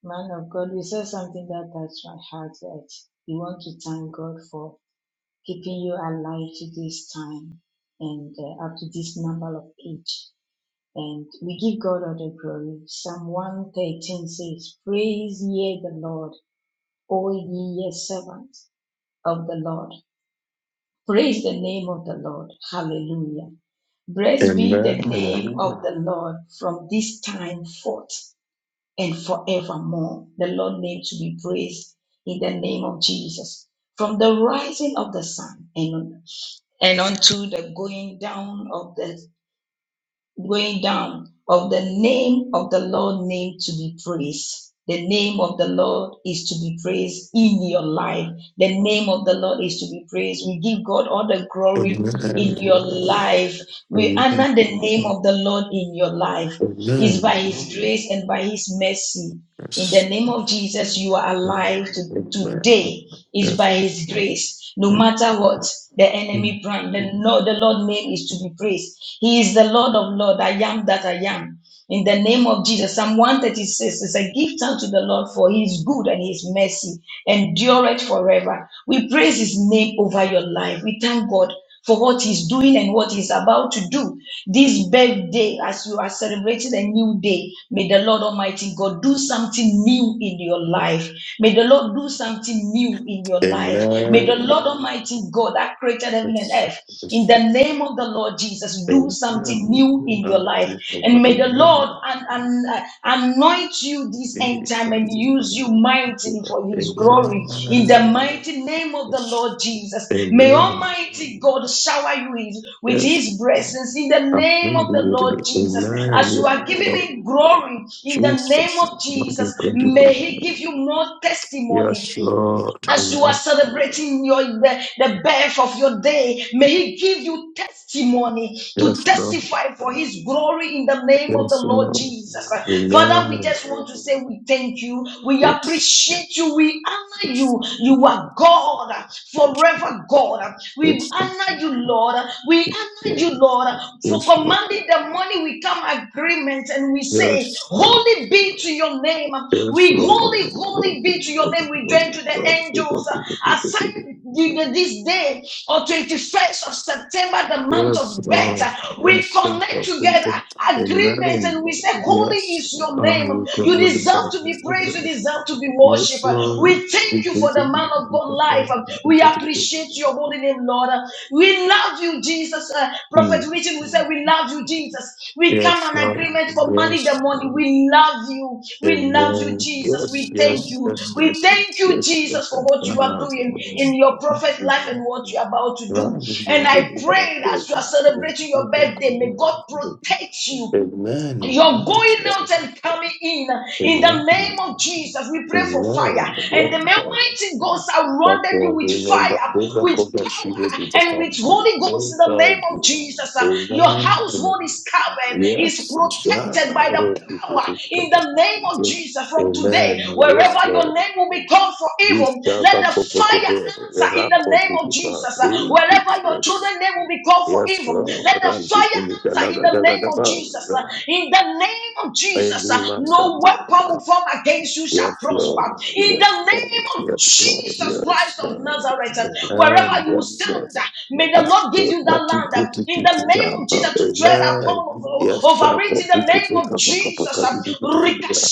[SPEAKER 13] Man of Jesus, in that time, give you alive this time. And this not it. And we give God.
[SPEAKER 12] Amen. Amen.
[SPEAKER 13] the going down of the name of the Lord name to be praised. The name of the Lord is to be praised in your life. The name of the Lord is to be praised. We give God all the glory in
[SPEAKER 12] Amen.
[SPEAKER 13] your life. We
[SPEAKER 12] Amen.
[SPEAKER 13] honor the name of the Lord in your life. It's
[SPEAKER 12] Amen.
[SPEAKER 13] by His grace and by His mercy. In the
[SPEAKER 12] Yes.
[SPEAKER 13] name of Jesus, you are alive to,
[SPEAKER 12] Amen.
[SPEAKER 13] today is
[SPEAKER 12] Yes.
[SPEAKER 13] by his grace. No matter what the
[SPEAKER 12] Amen.
[SPEAKER 13] enemy plan, the Lord, the Lord name is to be praised. He is the Lord of Lord. I am that I am. In the name of Jesus, Psalm 136 is a gift unto the Lord for his good and his mercy endureth forever. We praise his name over your life. We thank God for what he's doing and what he's about to do. This birthday, as you are celebrating a new day, may the Lord Almighty God do something new in your life. May the Lord do something new in your life. May
[SPEAKER 12] Amen.
[SPEAKER 13] the Lord Almighty God that created heaven and
[SPEAKER 12] Yes.
[SPEAKER 13] earth, in
[SPEAKER 12] Yes.
[SPEAKER 13] the name of the Lord Jesus, do something
[SPEAKER 12] Amen.
[SPEAKER 13] new in your
[SPEAKER 12] Ah,
[SPEAKER 13] life.
[SPEAKER 12] Jesus,
[SPEAKER 13] And may the
[SPEAKER 12] Amen.
[SPEAKER 13] Lord Lord and, and uh, anoint you this end
[SPEAKER 12] Jesus.
[SPEAKER 13] time and use you mightily for his glory.
[SPEAKER 12] Amen. Amen.
[SPEAKER 13] In the mighty name of the
[SPEAKER 12] Yes.
[SPEAKER 13] Lord Jesus, may
[SPEAKER 12] Amen.
[SPEAKER 13] Almighty God shower you with
[SPEAKER 12] Yes.
[SPEAKER 13] his blessings in the name of the
[SPEAKER 12] Hallelujah.
[SPEAKER 13] Lord Jesus. As you
[SPEAKER 12] Amen.
[SPEAKER 13] are giving
[SPEAKER 12] Lord
[SPEAKER 13] him glory in the name
[SPEAKER 12] Jesus.
[SPEAKER 13] of
[SPEAKER 12] Lord, we
[SPEAKER 13] Jesus,
[SPEAKER 12] thank you. can
[SPEAKER 13] may
[SPEAKER 12] do it.
[SPEAKER 13] he give you more testimony
[SPEAKER 12] Yes, Lord.
[SPEAKER 13] as you are
[SPEAKER 12] Amen.
[SPEAKER 13] celebrating your the, the birth of your day, may he give you testimony to
[SPEAKER 12] Yes, Lord.
[SPEAKER 13] testify for his glory in the name of the
[SPEAKER 12] Yes,
[SPEAKER 13] Lord
[SPEAKER 12] Lord.
[SPEAKER 13] Jesus. Father, we
[SPEAKER 12] Amen.
[SPEAKER 13] just want to say we thank you, we
[SPEAKER 12] Yes.
[SPEAKER 13] appreciate you, we honor
[SPEAKER 12] Yes.
[SPEAKER 13] you. You are God,
[SPEAKER 12] Yes.
[SPEAKER 13] forever God. We
[SPEAKER 12] Yes, Lord.
[SPEAKER 13] honor you, Lord. We honor you, Lord, for
[SPEAKER 12] Yes, Lord. Yes, Lord.
[SPEAKER 13] commanding the money. we we come agreement and we
[SPEAKER 12] Yes, Lord.
[SPEAKER 13] say,
[SPEAKER 12] Yes,
[SPEAKER 13] Holy be to your name. We holy, holy be to your name. We
[SPEAKER 12] Lord.
[SPEAKER 13] join to the
[SPEAKER 12] Yes,
[SPEAKER 13] angels uh,
[SPEAKER 12] Lord. Yes, Lord.
[SPEAKER 13] assigned this day or 21st of September, the month
[SPEAKER 12] Yes,
[SPEAKER 13] of
[SPEAKER 12] uh,
[SPEAKER 13] better. We
[SPEAKER 12] yes, uh,
[SPEAKER 13] connect together agreements
[SPEAKER 12] amen.
[SPEAKER 13] and we say, Holy
[SPEAKER 12] Yes,
[SPEAKER 13] is your
[SPEAKER 12] uh,
[SPEAKER 13] name.
[SPEAKER 12] you could
[SPEAKER 13] You
[SPEAKER 12] really
[SPEAKER 13] deserve
[SPEAKER 12] find
[SPEAKER 13] to be praised, you
[SPEAKER 12] it.
[SPEAKER 13] deserve to be
[SPEAKER 12] Yes,
[SPEAKER 13] worshipped.
[SPEAKER 12] Lord,
[SPEAKER 13] We
[SPEAKER 12] we
[SPEAKER 13] thank you
[SPEAKER 12] pray
[SPEAKER 13] for
[SPEAKER 12] to
[SPEAKER 13] the
[SPEAKER 12] you
[SPEAKER 13] man of God
[SPEAKER 12] could
[SPEAKER 13] life.
[SPEAKER 12] really
[SPEAKER 13] We
[SPEAKER 12] find it.
[SPEAKER 13] appreciate your holy name, Lord. We love you, Jesus. Uh, Prophet
[SPEAKER 12] Hmm.
[SPEAKER 13] Richard, we say we love you, Jesus. We
[SPEAKER 12] Yes,
[SPEAKER 13] come in
[SPEAKER 12] Lord,
[SPEAKER 13] agreement for money the
[SPEAKER 12] yes,
[SPEAKER 13] money. We love you. We love you,
[SPEAKER 12] amen.
[SPEAKER 13] Jesus.
[SPEAKER 12] Yes,
[SPEAKER 13] We thank
[SPEAKER 12] yes,
[SPEAKER 13] you.
[SPEAKER 12] yes,
[SPEAKER 13] We
[SPEAKER 12] yes,
[SPEAKER 13] thank you,
[SPEAKER 12] yes, yes.
[SPEAKER 13] Jesus, for what you are
[SPEAKER 12] Uh,
[SPEAKER 13] doing in
[SPEAKER 12] yes.
[SPEAKER 13] your prophet life and what you are about to do.
[SPEAKER 12] Lord, we pray
[SPEAKER 13] And
[SPEAKER 12] for you,
[SPEAKER 13] I
[SPEAKER 12] we pray
[SPEAKER 13] pray as you are
[SPEAKER 12] for
[SPEAKER 13] celebrating your
[SPEAKER 12] you.
[SPEAKER 13] birthday, may God protect you.
[SPEAKER 12] Amen.
[SPEAKER 13] You're going out and coming in. In the
[SPEAKER 12] Amen.
[SPEAKER 13] name of Jesus, we pray for fire. And the
[SPEAKER 12] Amen.
[SPEAKER 13] Almighty God
[SPEAKER 12] That
[SPEAKER 13] surrounded you
[SPEAKER 12] the
[SPEAKER 13] with
[SPEAKER 12] number
[SPEAKER 13] fire,
[SPEAKER 12] over
[SPEAKER 13] with
[SPEAKER 12] covered she will
[SPEAKER 13] power,
[SPEAKER 12] be
[SPEAKER 13] and with Holy Ghost in the name of Jesus. Uh, Your household is covered, is
[SPEAKER 12] Yes,
[SPEAKER 13] protected by the power in the name of Jesus. From today,
[SPEAKER 12] Amen. Yes, Lord. Yes,
[SPEAKER 13] wherever your
[SPEAKER 12] Lord.
[SPEAKER 13] name will be called for
[SPEAKER 12] This
[SPEAKER 13] evil,
[SPEAKER 12] Baba
[SPEAKER 13] let the
[SPEAKER 12] Coco
[SPEAKER 13] fire
[SPEAKER 12] Cover, the
[SPEAKER 13] answer in the
[SPEAKER 12] Rakon
[SPEAKER 13] name of
[SPEAKER 12] Pitipa,
[SPEAKER 13] Jesus. Uh,
[SPEAKER 12] eight
[SPEAKER 13] Wherever your
[SPEAKER 12] express.
[SPEAKER 13] children's name will be called for
[SPEAKER 12] Yes,
[SPEAKER 13] evil, let
[SPEAKER 12] Lord.
[SPEAKER 13] the
[SPEAKER 12] Rambi
[SPEAKER 13] fire
[SPEAKER 12] kumita
[SPEAKER 13] answer in
[SPEAKER 12] naga
[SPEAKER 13] the
[SPEAKER 12] daga
[SPEAKER 13] name of Jesus.
[SPEAKER 12] daga.
[SPEAKER 13] Uh, In the name of Jesus, uh,
[SPEAKER 12] Aini masa.
[SPEAKER 13] no weapon formed against you shall
[SPEAKER 12] Yes,
[SPEAKER 13] prosper.
[SPEAKER 12] Lord.
[SPEAKER 13] In the
[SPEAKER 12] Yes,
[SPEAKER 13] name
[SPEAKER 12] Lord.
[SPEAKER 13] of
[SPEAKER 12] Yes, Lord.
[SPEAKER 13] Jesus
[SPEAKER 12] Yes,
[SPEAKER 13] Christ of
[SPEAKER 12] Lord.
[SPEAKER 13] Nazareth, uh,
[SPEAKER 12] Amen.
[SPEAKER 13] wherever you
[SPEAKER 12] Yes, Lord.
[SPEAKER 13] stand, uh, may the Lord give
[SPEAKER 12] Master
[SPEAKER 13] you that land. uh, In the name of
[SPEAKER 12] Patikutikitamba,
[SPEAKER 13] Jesus, to tread upon
[SPEAKER 12] Amen.
[SPEAKER 13] over
[SPEAKER 12] Yes, Shaka
[SPEAKER 13] it. In the name of
[SPEAKER 12] Pukuka
[SPEAKER 13] Jesus,
[SPEAKER 12] Pakapaka
[SPEAKER 13] uh,
[SPEAKER 12] Dibitivia.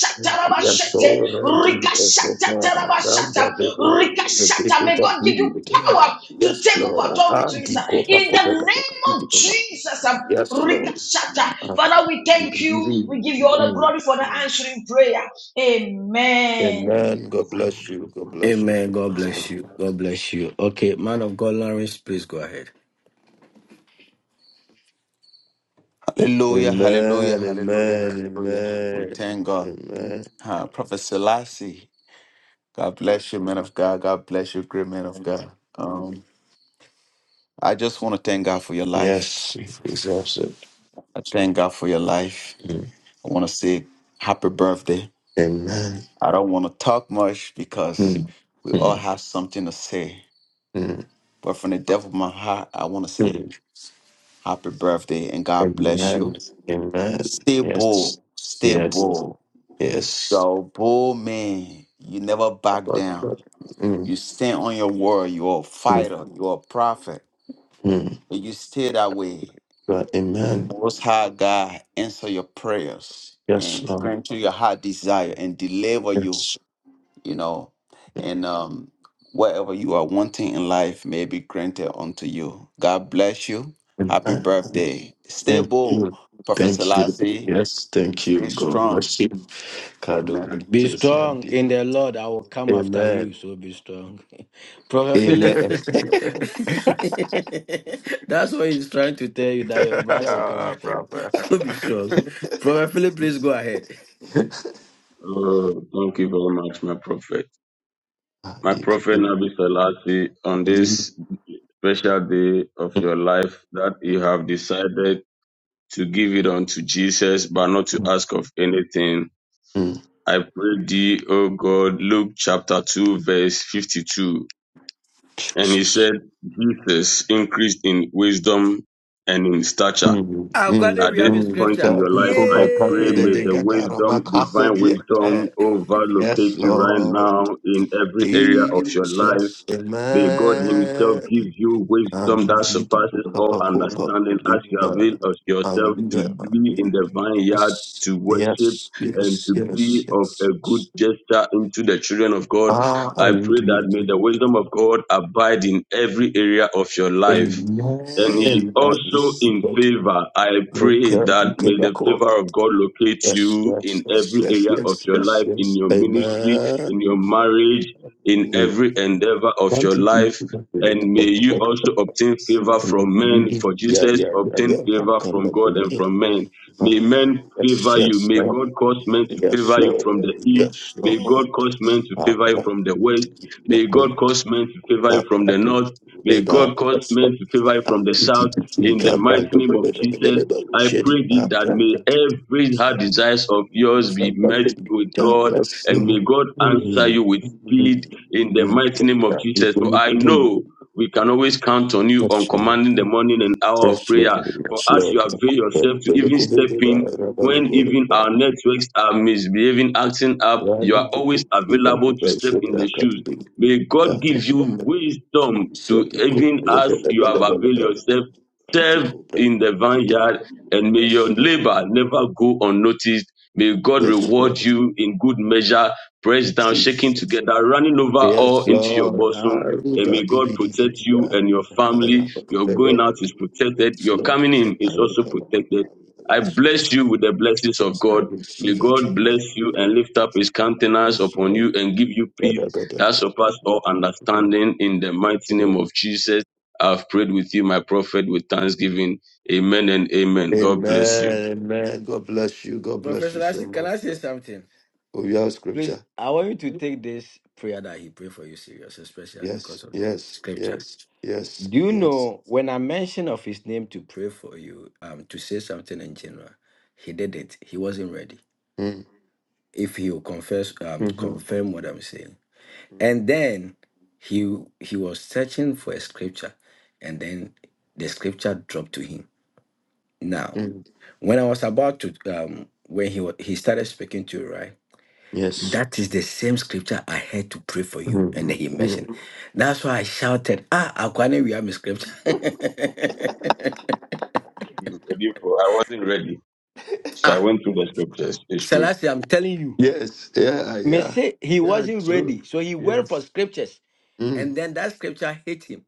[SPEAKER 12] Yes, Dikopa, Ramda
[SPEAKER 13] rikashatatarabashata,
[SPEAKER 12] Bebo,
[SPEAKER 13] rikashata.
[SPEAKER 12] Rebeko
[SPEAKER 13] may God give you
[SPEAKER 12] Papi.
[SPEAKER 13] power to
[SPEAKER 12] Yes,
[SPEAKER 13] take over
[SPEAKER 12] Lord.
[SPEAKER 13] authorities.
[SPEAKER 12] Adi
[SPEAKER 13] uh,
[SPEAKER 12] Kopa
[SPEAKER 13] In the name of
[SPEAKER 12] Kopeka
[SPEAKER 13] Jesus, uh,
[SPEAKER 12] Yes, Lord.
[SPEAKER 13] Rikashata.
[SPEAKER 12] And
[SPEAKER 13] Father, we
[SPEAKER 12] will keep
[SPEAKER 13] thank you. We
[SPEAKER 12] believing.
[SPEAKER 13] give you all the
[SPEAKER 12] Mm.
[SPEAKER 13] glory for the answering prayer. Amen.
[SPEAKER 12] Amen. God bless you. God bless you.
[SPEAKER 7] Amen. God bless you. God bless you. Okay. Man of God, Lawrence, please go ahead.
[SPEAKER 4] Hallelujah, hallelujah,
[SPEAKER 12] Amen.
[SPEAKER 4] hallelujah,
[SPEAKER 12] Amen.
[SPEAKER 4] hallelujah. We
[SPEAKER 12] Amen.
[SPEAKER 4] thank God.
[SPEAKER 12] Amen.
[SPEAKER 4] Uh, Prophet Selassie, God bless you, man of God. God bless you, great man of God. Um, I just want to thank God for your life.
[SPEAKER 12] Yes, he's awesome.
[SPEAKER 4] I thank God for your life. I want to say happy birthday.
[SPEAKER 12] Amen.
[SPEAKER 4] I don't want to talk much because
[SPEAKER 12] Mm,
[SPEAKER 4] we all
[SPEAKER 12] mm,
[SPEAKER 4] have something to say.
[SPEAKER 12] mm,
[SPEAKER 4] But from the depth of my heart, I want to say
[SPEAKER 12] mm.
[SPEAKER 4] happy birthday and God bless you.
[SPEAKER 12] Amen. Amen.
[SPEAKER 4] Stay bold,
[SPEAKER 12] Yes.
[SPEAKER 4] stay
[SPEAKER 12] Yes.
[SPEAKER 4] bold.
[SPEAKER 12] Yes.
[SPEAKER 4] You're a bold man. You never back
[SPEAKER 12] About the
[SPEAKER 4] down.
[SPEAKER 12] Lord. Mm,
[SPEAKER 4] You stand on your word. You're a
[SPEAKER 12] mm,
[SPEAKER 4] fighter. You're a prophet.
[SPEAKER 12] mm.
[SPEAKER 4] And you stay that way.
[SPEAKER 12] But
[SPEAKER 4] May the
[SPEAKER 12] amen.
[SPEAKER 4] Most High God answer your prayers
[SPEAKER 12] Yes,
[SPEAKER 4] and
[SPEAKER 12] Lord.
[SPEAKER 4] grant you your heart desire and deliver you,
[SPEAKER 12] Yes.
[SPEAKER 4] you know, and
[SPEAKER 12] Mm,
[SPEAKER 4] um, whatever you are wanting in life may be granted unto you. God bless you. Happy
[SPEAKER 12] Amen.
[SPEAKER 4] birthday. Stay
[SPEAKER 12] Thank
[SPEAKER 4] bold,
[SPEAKER 12] you.
[SPEAKER 4] Prophet
[SPEAKER 12] Thank you.
[SPEAKER 4] Selassie.
[SPEAKER 12] Yes. Thank you.
[SPEAKER 4] Stay
[SPEAKER 12] God
[SPEAKER 4] strong.
[SPEAKER 12] bless you. God don't
[SPEAKER 4] Amen. <laughs>
[SPEAKER 7] Be
[SPEAKER 12] you
[SPEAKER 7] strong in the Lord. I will come after you.
[SPEAKER 12] Amen.
[SPEAKER 7] So be strong. <laughs> Prophet
[SPEAKER 4] <laughs>
[SPEAKER 7] Philip,
[SPEAKER 12] Amen.
[SPEAKER 7] <laughs> that's what he's trying to tell you that your brother will come after you. <laughs> So be strong.
[SPEAKER 4] Prophet.
[SPEAKER 7] Prophet Philip, please go ahead. <laughs>
[SPEAKER 5] O Lord. Oh, thank you very much, my prophet.
[SPEAKER 12] Ah,
[SPEAKER 5] My
[SPEAKER 12] they could
[SPEAKER 5] prophet
[SPEAKER 12] be-
[SPEAKER 5] Nabi Salati, on this
[SPEAKER 12] Mm,
[SPEAKER 5] special day of your
[SPEAKER 12] mm,
[SPEAKER 5] life that you
[SPEAKER 12] mm,
[SPEAKER 5] have decided to give it unto Jesus, but not to ask of anything.
[SPEAKER 12] mm.
[SPEAKER 5] I pray thee, O God, Luke chapter 2, verse 52. And he
[SPEAKER 12] Jesus.
[SPEAKER 5] said, Jesus increased in wisdom and in stature
[SPEAKER 12] Mm,
[SPEAKER 7] According
[SPEAKER 12] mm,
[SPEAKER 5] At
[SPEAKER 7] We
[SPEAKER 5] this
[SPEAKER 7] have in
[SPEAKER 12] mm.
[SPEAKER 5] point
[SPEAKER 7] scripture.
[SPEAKER 5] in your
[SPEAKER 12] God, you
[SPEAKER 5] life,
[SPEAKER 12] go
[SPEAKER 5] I
[SPEAKER 12] back and
[SPEAKER 5] pray
[SPEAKER 12] be the
[SPEAKER 5] may
[SPEAKER 12] big
[SPEAKER 5] the
[SPEAKER 7] Yay!
[SPEAKER 12] God, I don't
[SPEAKER 5] wisdom,
[SPEAKER 12] back off
[SPEAKER 5] divine wisdom,
[SPEAKER 12] Yes,
[SPEAKER 5] overlocate you right
[SPEAKER 12] Lord
[SPEAKER 5] now in every area of your life.
[SPEAKER 12] Jesus,
[SPEAKER 5] May God Himself
[SPEAKER 12] Amen.
[SPEAKER 5] give you
[SPEAKER 12] And
[SPEAKER 5] wisdom
[SPEAKER 12] the
[SPEAKER 5] that
[SPEAKER 12] video
[SPEAKER 5] surpasses all
[SPEAKER 12] Kabakoba,
[SPEAKER 5] understanding as you avail of yourself
[SPEAKER 12] and
[SPEAKER 5] to
[SPEAKER 12] yeah,
[SPEAKER 5] be
[SPEAKER 12] yeah,
[SPEAKER 5] in the vineyard,
[SPEAKER 12] yes,
[SPEAKER 5] to worship,
[SPEAKER 12] yes,
[SPEAKER 5] and
[SPEAKER 12] yes,
[SPEAKER 5] to
[SPEAKER 12] yes, yes.
[SPEAKER 5] be of a good
[SPEAKER 12] yes.
[SPEAKER 5] gesture into the children of God.
[SPEAKER 12] Ah, are
[SPEAKER 5] I
[SPEAKER 12] you
[SPEAKER 5] pray that
[SPEAKER 12] doing
[SPEAKER 5] may the wisdom of God abide in every area of your
[SPEAKER 12] it?
[SPEAKER 5] life and he
[SPEAKER 12] Amen. That
[SPEAKER 5] also
[SPEAKER 12] is
[SPEAKER 5] in
[SPEAKER 12] what
[SPEAKER 5] favor. I
[SPEAKER 12] Okay,
[SPEAKER 5] pray that
[SPEAKER 12] okay,
[SPEAKER 5] may the
[SPEAKER 12] back off.
[SPEAKER 5] favor of God locate
[SPEAKER 12] Yes,
[SPEAKER 5] you
[SPEAKER 12] yes,
[SPEAKER 5] in
[SPEAKER 12] yes,
[SPEAKER 5] every
[SPEAKER 12] yes,
[SPEAKER 5] area of
[SPEAKER 12] yes,
[SPEAKER 5] your
[SPEAKER 12] yes,
[SPEAKER 5] life, in
[SPEAKER 12] yes.
[SPEAKER 5] your ministry, in
[SPEAKER 12] Amen.
[SPEAKER 5] your marriage, in
[SPEAKER 12] Mm.
[SPEAKER 5] every endeavor of
[SPEAKER 12] One,
[SPEAKER 5] your
[SPEAKER 12] two, three,
[SPEAKER 5] life.
[SPEAKER 12] four,
[SPEAKER 5] And may you also
[SPEAKER 12] five,
[SPEAKER 5] obtain
[SPEAKER 12] six,
[SPEAKER 5] favor
[SPEAKER 12] seven,
[SPEAKER 5] from men,
[SPEAKER 12] eight, nine, ten, eleven, twelve, thirteen.
[SPEAKER 5] for
[SPEAKER 12] Yeah,
[SPEAKER 5] Jesus
[SPEAKER 12] yeah, yeah,
[SPEAKER 5] obtain
[SPEAKER 12] yeah. Come,
[SPEAKER 5] favor
[SPEAKER 12] come,
[SPEAKER 5] from
[SPEAKER 12] come,
[SPEAKER 5] God
[SPEAKER 12] come,
[SPEAKER 5] and
[SPEAKER 12] yeah.
[SPEAKER 5] from men. May
[SPEAKER 12] Ah,
[SPEAKER 5] men
[SPEAKER 12] Yes,
[SPEAKER 5] favor you.
[SPEAKER 12] yes,
[SPEAKER 5] May God
[SPEAKER 12] Lord.
[SPEAKER 5] cause men to
[SPEAKER 12] Yes,
[SPEAKER 5] favor you from the
[SPEAKER 12] Lord.
[SPEAKER 5] east.
[SPEAKER 12] Yes,
[SPEAKER 5] May God
[SPEAKER 12] Lord.
[SPEAKER 5] cause men to
[SPEAKER 12] Ah,
[SPEAKER 5] favor you
[SPEAKER 12] right.
[SPEAKER 5] from the west.
[SPEAKER 12] Now,
[SPEAKER 5] May
[SPEAKER 12] come
[SPEAKER 5] God
[SPEAKER 12] on,
[SPEAKER 5] cause
[SPEAKER 12] come
[SPEAKER 5] men to favor you from
[SPEAKER 12] back,
[SPEAKER 5] the north. May
[SPEAKER 12] ah,
[SPEAKER 5] God cause
[SPEAKER 12] Yes,
[SPEAKER 5] men
[SPEAKER 12] Lord.
[SPEAKER 5] to favor you
[SPEAKER 12] Ah,
[SPEAKER 5] from the
[SPEAKER 12] it,
[SPEAKER 5] south
[SPEAKER 12] it, it, it,
[SPEAKER 5] in the
[SPEAKER 12] come
[SPEAKER 5] mighty
[SPEAKER 12] do,
[SPEAKER 5] name
[SPEAKER 12] do,
[SPEAKER 5] of
[SPEAKER 12] do, do, do,
[SPEAKER 5] Jesus.
[SPEAKER 12] do, do,
[SPEAKER 5] I
[SPEAKER 12] shed
[SPEAKER 5] pray thee
[SPEAKER 12] Ah,
[SPEAKER 5] that
[SPEAKER 12] right,
[SPEAKER 5] may
[SPEAKER 12] right.
[SPEAKER 5] every heart desires of yours be
[SPEAKER 12] Come back,
[SPEAKER 5] met
[SPEAKER 12] back in.
[SPEAKER 5] with
[SPEAKER 12] Yeah,
[SPEAKER 5] God
[SPEAKER 12] Yes,
[SPEAKER 5] and may
[SPEAKER 12] Lord.
[SPEAKER 5] God answer
[SPEAKER 12] Mm,
[SPEAKER 5] you with
[SPEAKER 12] mm,
[SPEAKER 5] speed
[SPEAKER 12] mm.
[SPEAKER 5] in the mighty name of
[SPEAKER 12] Yeah, we
[SPEAKER 5] Jesus. For
[SPEAKER 12] believe
[SPEAKER 5] I
[SPEAKER 12] in you.
[SPEAKER 5] know we can always count on you on
[SPEAKER 12] Yes,
[SPEAKER 5] commanding the
[SPEAKER 12] Lord.
[SPEAKER 5] morning and hour of
[SPEAKER 12] Yes, Lord.
[SPEAKER 5] prayer. For
[SPEAKER 12] Yes,
[SPEAKER 5] as you
[SPEAKER 12] Lord.
[SPEAKER 5] avail
[SPEAKER 12] Yes,
[SPEAKER 5] yourself to even step in when even our networks are misbehaving, acting up, you are always available to step in the shoes May God give you wisdom to even as you have availed yourself, serve in the vineyard, and may your
[SPEAKER 12] Lord.
[SPEAKER 5] labor never go unnoticed. May God
[SPEAKER 12] Yes,
[SPEAKER 5] reward
[SPEAKER 12] Lord.
[SPEAKER 5] you in good measure, pressed down, shaking
[SPEAKER 12] Jesus.
[SPEAKER 5] together, running over all
[SPEAKER 12] Yes,
[SPEAKER 5] into your
[SPEAKER 12] Lord. Yes, Lord. Yes,
[SPEAKER 5] bosom. And may God protect you and your family. Your going out is protected. Your
[SPEAKER 12] Lord.
[SPEAKER 5] coming in is also protected. I bless you with the blessings of
[SPEAKER 12] I
[SPEAKER 5] God. May
[SPEAKER 12] receive it.
[SPEAKER 5] God bless you and lift up his countenance
[SPEAKER 12] Yes,
[SPEAKER 5] upon
[SPEAKER 12] Lord.
[SPEAKER 5] you and give you peace
[SPEAKER 12] Amen.
[SPEAKER 5] that surpass all understanding in the mighty name of Jesus. I've prayed with you, my prophet, with thanksgiving. Amen and amen. God bless you.
[SPEAKER 12] Amen. God bless you. God bless
[SPEAKER 7] Professor
[SPEAKER 12] you so
[SPEAKER 7] Lassie, can
[SPEAKER 12] much.
[SPEAKER 7] I
[SPEAKER 12] yeah.
[SPEAKER 7] say something?
[SPEAKER 12] Oh, you have
[SPEAKER 7] Please,
[SPEAKER 12] scripture.
[SPEAKER 7] I want you to take this prayer that he prayed for you serious, especially because
[SPEAKER 12] Yes.
[SPEAKER 7] of the
[SPEAKER 12] Yes.
[SPEAKER 7] scripture.
[SPEAKER 12] Yes. Yes.
[SPEAKER 7] Do you
[SPEAKER 12] Yes.
[SPEAKER 7] know when I mentioned of his name to pray for you, um, to say something in general, he didn't. He wasn't ready.
[SPEAKER 12] Mm.
[SPEAKER 7] If he will confess, um,
[SPEAKER 12] Mm-hmm.
[SPEAKER 7] confirm what I'm saying,
[SPEAKER 12] Mm.
[SPEAKER 7] and then he he was searching for a scripture, and then the scripture dropped to him. Now
[SPEAKER 12] Mm.
[SPEAKER 7] When I was about to, um, when he wa- he started speaking to you, right?
[SPEAKER 12] Yes.
[SPEAKER 7] That is the same scripture I had to pray for you,
[SPEAKER 12] Mm.
[SPEAKER 7] and then he
[SPEAKER 12] Mm.
[SPEAKER 7] mentioned. That's why I shouted, "Ah, Akwane, we have a scripture." <laughs>
[SPEAKER 5] You ready for- I wasn't ready, so I
[SPEAKER 7] ah,
[SPEAKER 5] went through the scriptures. It's true.
[SPEAKER 7] Selassie, I'm telling you,
[SPEAKER 12] Yes. Yeah.
[SPEAKER 7] me
[SPEAKER 12] Yeah.
[SPEAKER 7] say he
[SPEAKER 12] Yeah.
[SPEAKER 7] wasn't
[SPEAKER 12] True.
[SPEAKER 7] ready, so he went for
[SPEAKER 12] Yes.
[SPEAKER 7] scriptures, and
[SPEAKER 12] Mm.
[SPEAKER 7] then that scripture hit him.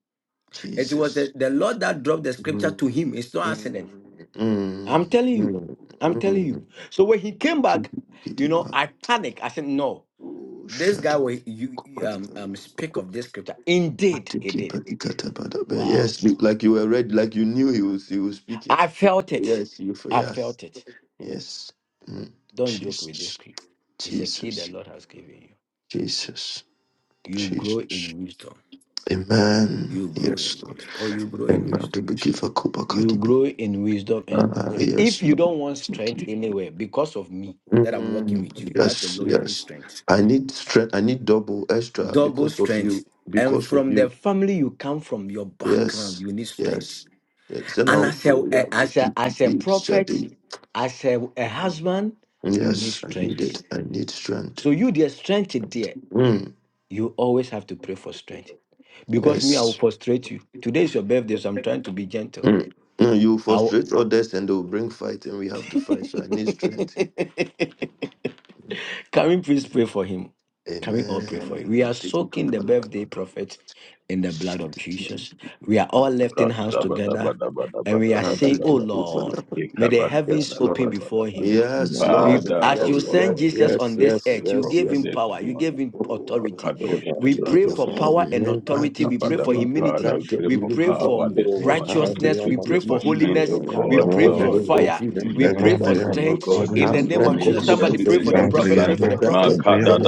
[SPEAKER 7] It was
[SPEAKER 12] Jesus.
[SPEAKER 7] the, the Lord that dropped the scripture
[SPEAKER 12] Mm.
[SPEAKER 7] to him. It's no accident.
[SPEAKER 12] Mm. Mm.
[SPEAKER 7] I'm telling you,
[SPEAKER 12] Mm.
[SPEAKER 7] I'm telling you.
[SPEAKER 12] Mm.
[SPEAKER 7] So when he came back, you
[SPEAKER 12] Kitty
[SPEAKER 7] know,
[SPEAKER 12] bar.
[SPEAKER 7] I panicked. I said, "No."
[SPEAKER 12] Oh,
[SPEAKER 7] This
[SPEAKER 12] Shut
[SPEAKER 7] guy will you you, um
[SPEAKER 12] it.
[SPEAKER 7] um speak of this scripture. Indeed, he
[SPEAKER 12] Tiki
[SPEAKER 7] did.
[SPEAKER 12] paki kata bada
[SPEAKER 7] Wow.
[SPEAKER 12] Yes, speak like you were ready, like you knew he would, he would speak
[SPEAKER 7] I
[SPEAKER 12] it.
[SPEAKER 7] felt it.
[SPEAKER 12] Yes, you for
[SPEAKER 7] I
[SPEAKER 12] yes.
[SPEAKER 7] felt it.
[SPEAKER 12] Yes. Mm.
[SPEAKER 7] Don't joke with this
[SPEAKER 12] Jesus.
[SPEAKER 7] key. It's a key the
[SPEAKER 12] Jesus.
[SPEAKER 7] Lord has given you.
[SPEAKER 12] Jesus.
[SPEAKER 7] You grow
[SPEAKER 12] Jesus.
[SPEAKER 7] in wisdom.
[SPEAKER 12] Amen.
[SPEAKER 7] You grow in
[SPEAKER 12] Yes, Lord.
[SPEAKER 7] wisdom. Oh, you grow in
[SPEAKER 12] Amen.
[SPEAKER 7] wisdom.
[SPEAKER 12] To be given
[SPEAKER 7] You
[SPEAKER 12] kubakadi.
[SPEAKER 7] grow in wisdom. And
[SPEAKER 12] Ah,
[SPEAKER 7] if
[SPEAKER 12] yes,
[SPEAKER 7] you
[SPEAKER 12] Lord.
[SPEAKER 7] don't want
[SPEAKER 12] Thank
[SPEAKER 7] strength
[SPEAKER 12] you.
[SPEAKER 7] anywhere because of me that I'm working with
[SPEAKER 12] Mm,
[SPEAKER 7] you, that
[SPEAKER 12] yes,
[SPEAKER 7] alone you need
[SPEAKER 12] yes.
[SPEAKER 7] strength.
[SPEAKER 12] I need strength. I need double extra
[SPEAKER 7] Double
[SPEAKER 12] because of
[SPEAKER 7] strength.
[SPEAKER 12] you.
[SPEAKER 7] And
[SPEAKER 12] Because of
[SPEAKER 7] from the
[SPEAKER 12] you.
[SPEAKER 7] family you come from, your background,
[SPEAKER 12] Yes,
[SPEAKER 7] you need strength
[SPEAKER 12] yes. Yes. Then
[SPEAKER 7] And
[SPEAKER 12] I'll
[SPEAKER 7] as a,
[SPEAKER 12] oh,
[SPEAKER 7] eh,
[SPEAKER 12] yeah, to
[SPEAKER 7] as a,
[SPEAKER 12] keep
[SPEAKER 7] as a
[SPEAKER 12] things.
[SPEAKER 7] prophet, as a, a
[SPEAKER 12] Mm.
[SPEAKER 7] husband, you need
[SPEAKER 12] Yes, I need
[SPEAKER 7] strength.
[SPEAKER 12] it. I need strength.
[SPEAKER 7] So you, the strength is there.
[SPEAKER 12] Mm.
[SPEAKER 7] You always have to pray for strength. Because me, I will
[SPEAKER 12] Yes.
[SPEAKER 7] frustrate you. Today is your birthday, so I'm trying to be gentle.
[SPEAKER 12] Mm. No, you
[SPEAKER 7] I will...
[SPEAKER 12] frustrate others and they will bring fight, and we have to fight. So I need strength.
[SPEAKER 7] <laughs> Can we please pray for him? Can we all pray for him?
[SPEAKER 12] Amen.
[SPEAKER 7] We are soaking the birthday prophet in the blood of Jesus. We are all lifting hands together and we are saying, Oh Lord, may the heavens
[SPEAKER 12] Yes,
[SPEAKER 7] open
[SPEAKER 12] Lord.
[SPEAKER 7] before him.
[SPEAKER 12] Yes,
[SPEAKER 16] Amen.
[SPEAKER 7] We,
[SPEAKER 12] Lord.
[SPEAKER 5] Father,
[SPEAKER 7] as
[SPEAKER 5] oh
[SPEAKER 7] you
[SPEAKER 12] Yes,
[SPEAKER 7] sent
[SPEAKER 12] yes,
[SPEAKER 5] Lord,
[SPEAKER 7] Jesus
[SPEAKER 5] we
[SPEAKER 12] yes,
[SPEAKER 7] on
[SPEAKER 5] pray
[SPEAKER 7] this
[SPEAKER 5] for
[SPEAKER 12] yes,
[SPEAKER 5] your
[SPEAKER 7] earth, you
[SPEAKER 12] yes,
[SPEAKER 7] gave
[SPEAKER 5] prophet
[SPEAKER 12] yes,
[SPEAKER 7] him
[SPEAKER 5] this
[SPEAKER 7] power, you gave
[SPEAKER 5] morning.
[SPEAKER 7] him
[SPEAKER 12] Oh
[SPEAKER 7] authority.
[SPEAKER 12] Lord,
[SPEAKER 7] We pray
[SPEAKER 5] Makadosh,
[SPEAKER 7] for power and authority. We pray for
[SPEAKER 5] Makabadaba.
[SPEAKER 7] humility
[SPEAKER 5] Father, we pray
[SPEAKER 7] we
[SPEAKER 5] for
[SPEAKER 7] pray
[SPEAKER 5] power
[SPEAKER 7] for
[SPEAKER 5] this morning.
[SPEAKER 16] Sunday,
[SPEAKER 7] righteousness. We
[SPEAKER 16] I'm
[SPEAKER 5] We
[SPEAKER 16] a-
[SPEAKER 5] pray
[SPEAKER 7] pray for
[SPEAKER 5] for strength,
[SPEAKER 7] holiness.
[SPEAKER 5] O
[SPEAKER 7] We
[SPEAKER 5] God,
[SPEAKER 7] pray
[SPEAKER 16] Robert,
[SPEAKER 7] for
[SPEAKER 5] Lord.
[SPEAKER 7] fire.
[SPEAKER 5] May
[SPEAKER 16] okay,
[SPEAKER 5] you
[SPEAKER 7] We pray
[SPEAKER 16] Lemon,
[SPEAKER 7] for
[SPEAKER 5] strengthen him,
[SPEAKER 16] I'm
[SPEAKER 5] O
[SPEAKER 7] strength
[SPEAKER 5] God,
[SPEAKER 7] in
[SPEAKER 5] this
[SPEAKER 16] a-
[SPEAKER 7] the name of
[SPEAKER 5] morning
[SPEAKER 7] Jesus.
[SPEAKER 5] in
[SPEAKER 7] Somebody
[SPEAKER 5] every
[SPEAKER 7] pray for
[SPEAKER 5] area
[SPEAKER 7] the
[SPEAKER 5] of his
[SPEAKER 7] prophet. Pray
[SPEAKER 5] life.
[SPEAKER 7] for the
[SPEAKER 16] Andriama,
[SPEAKER 7] prophet.
[SPEAKER 16] Andriama,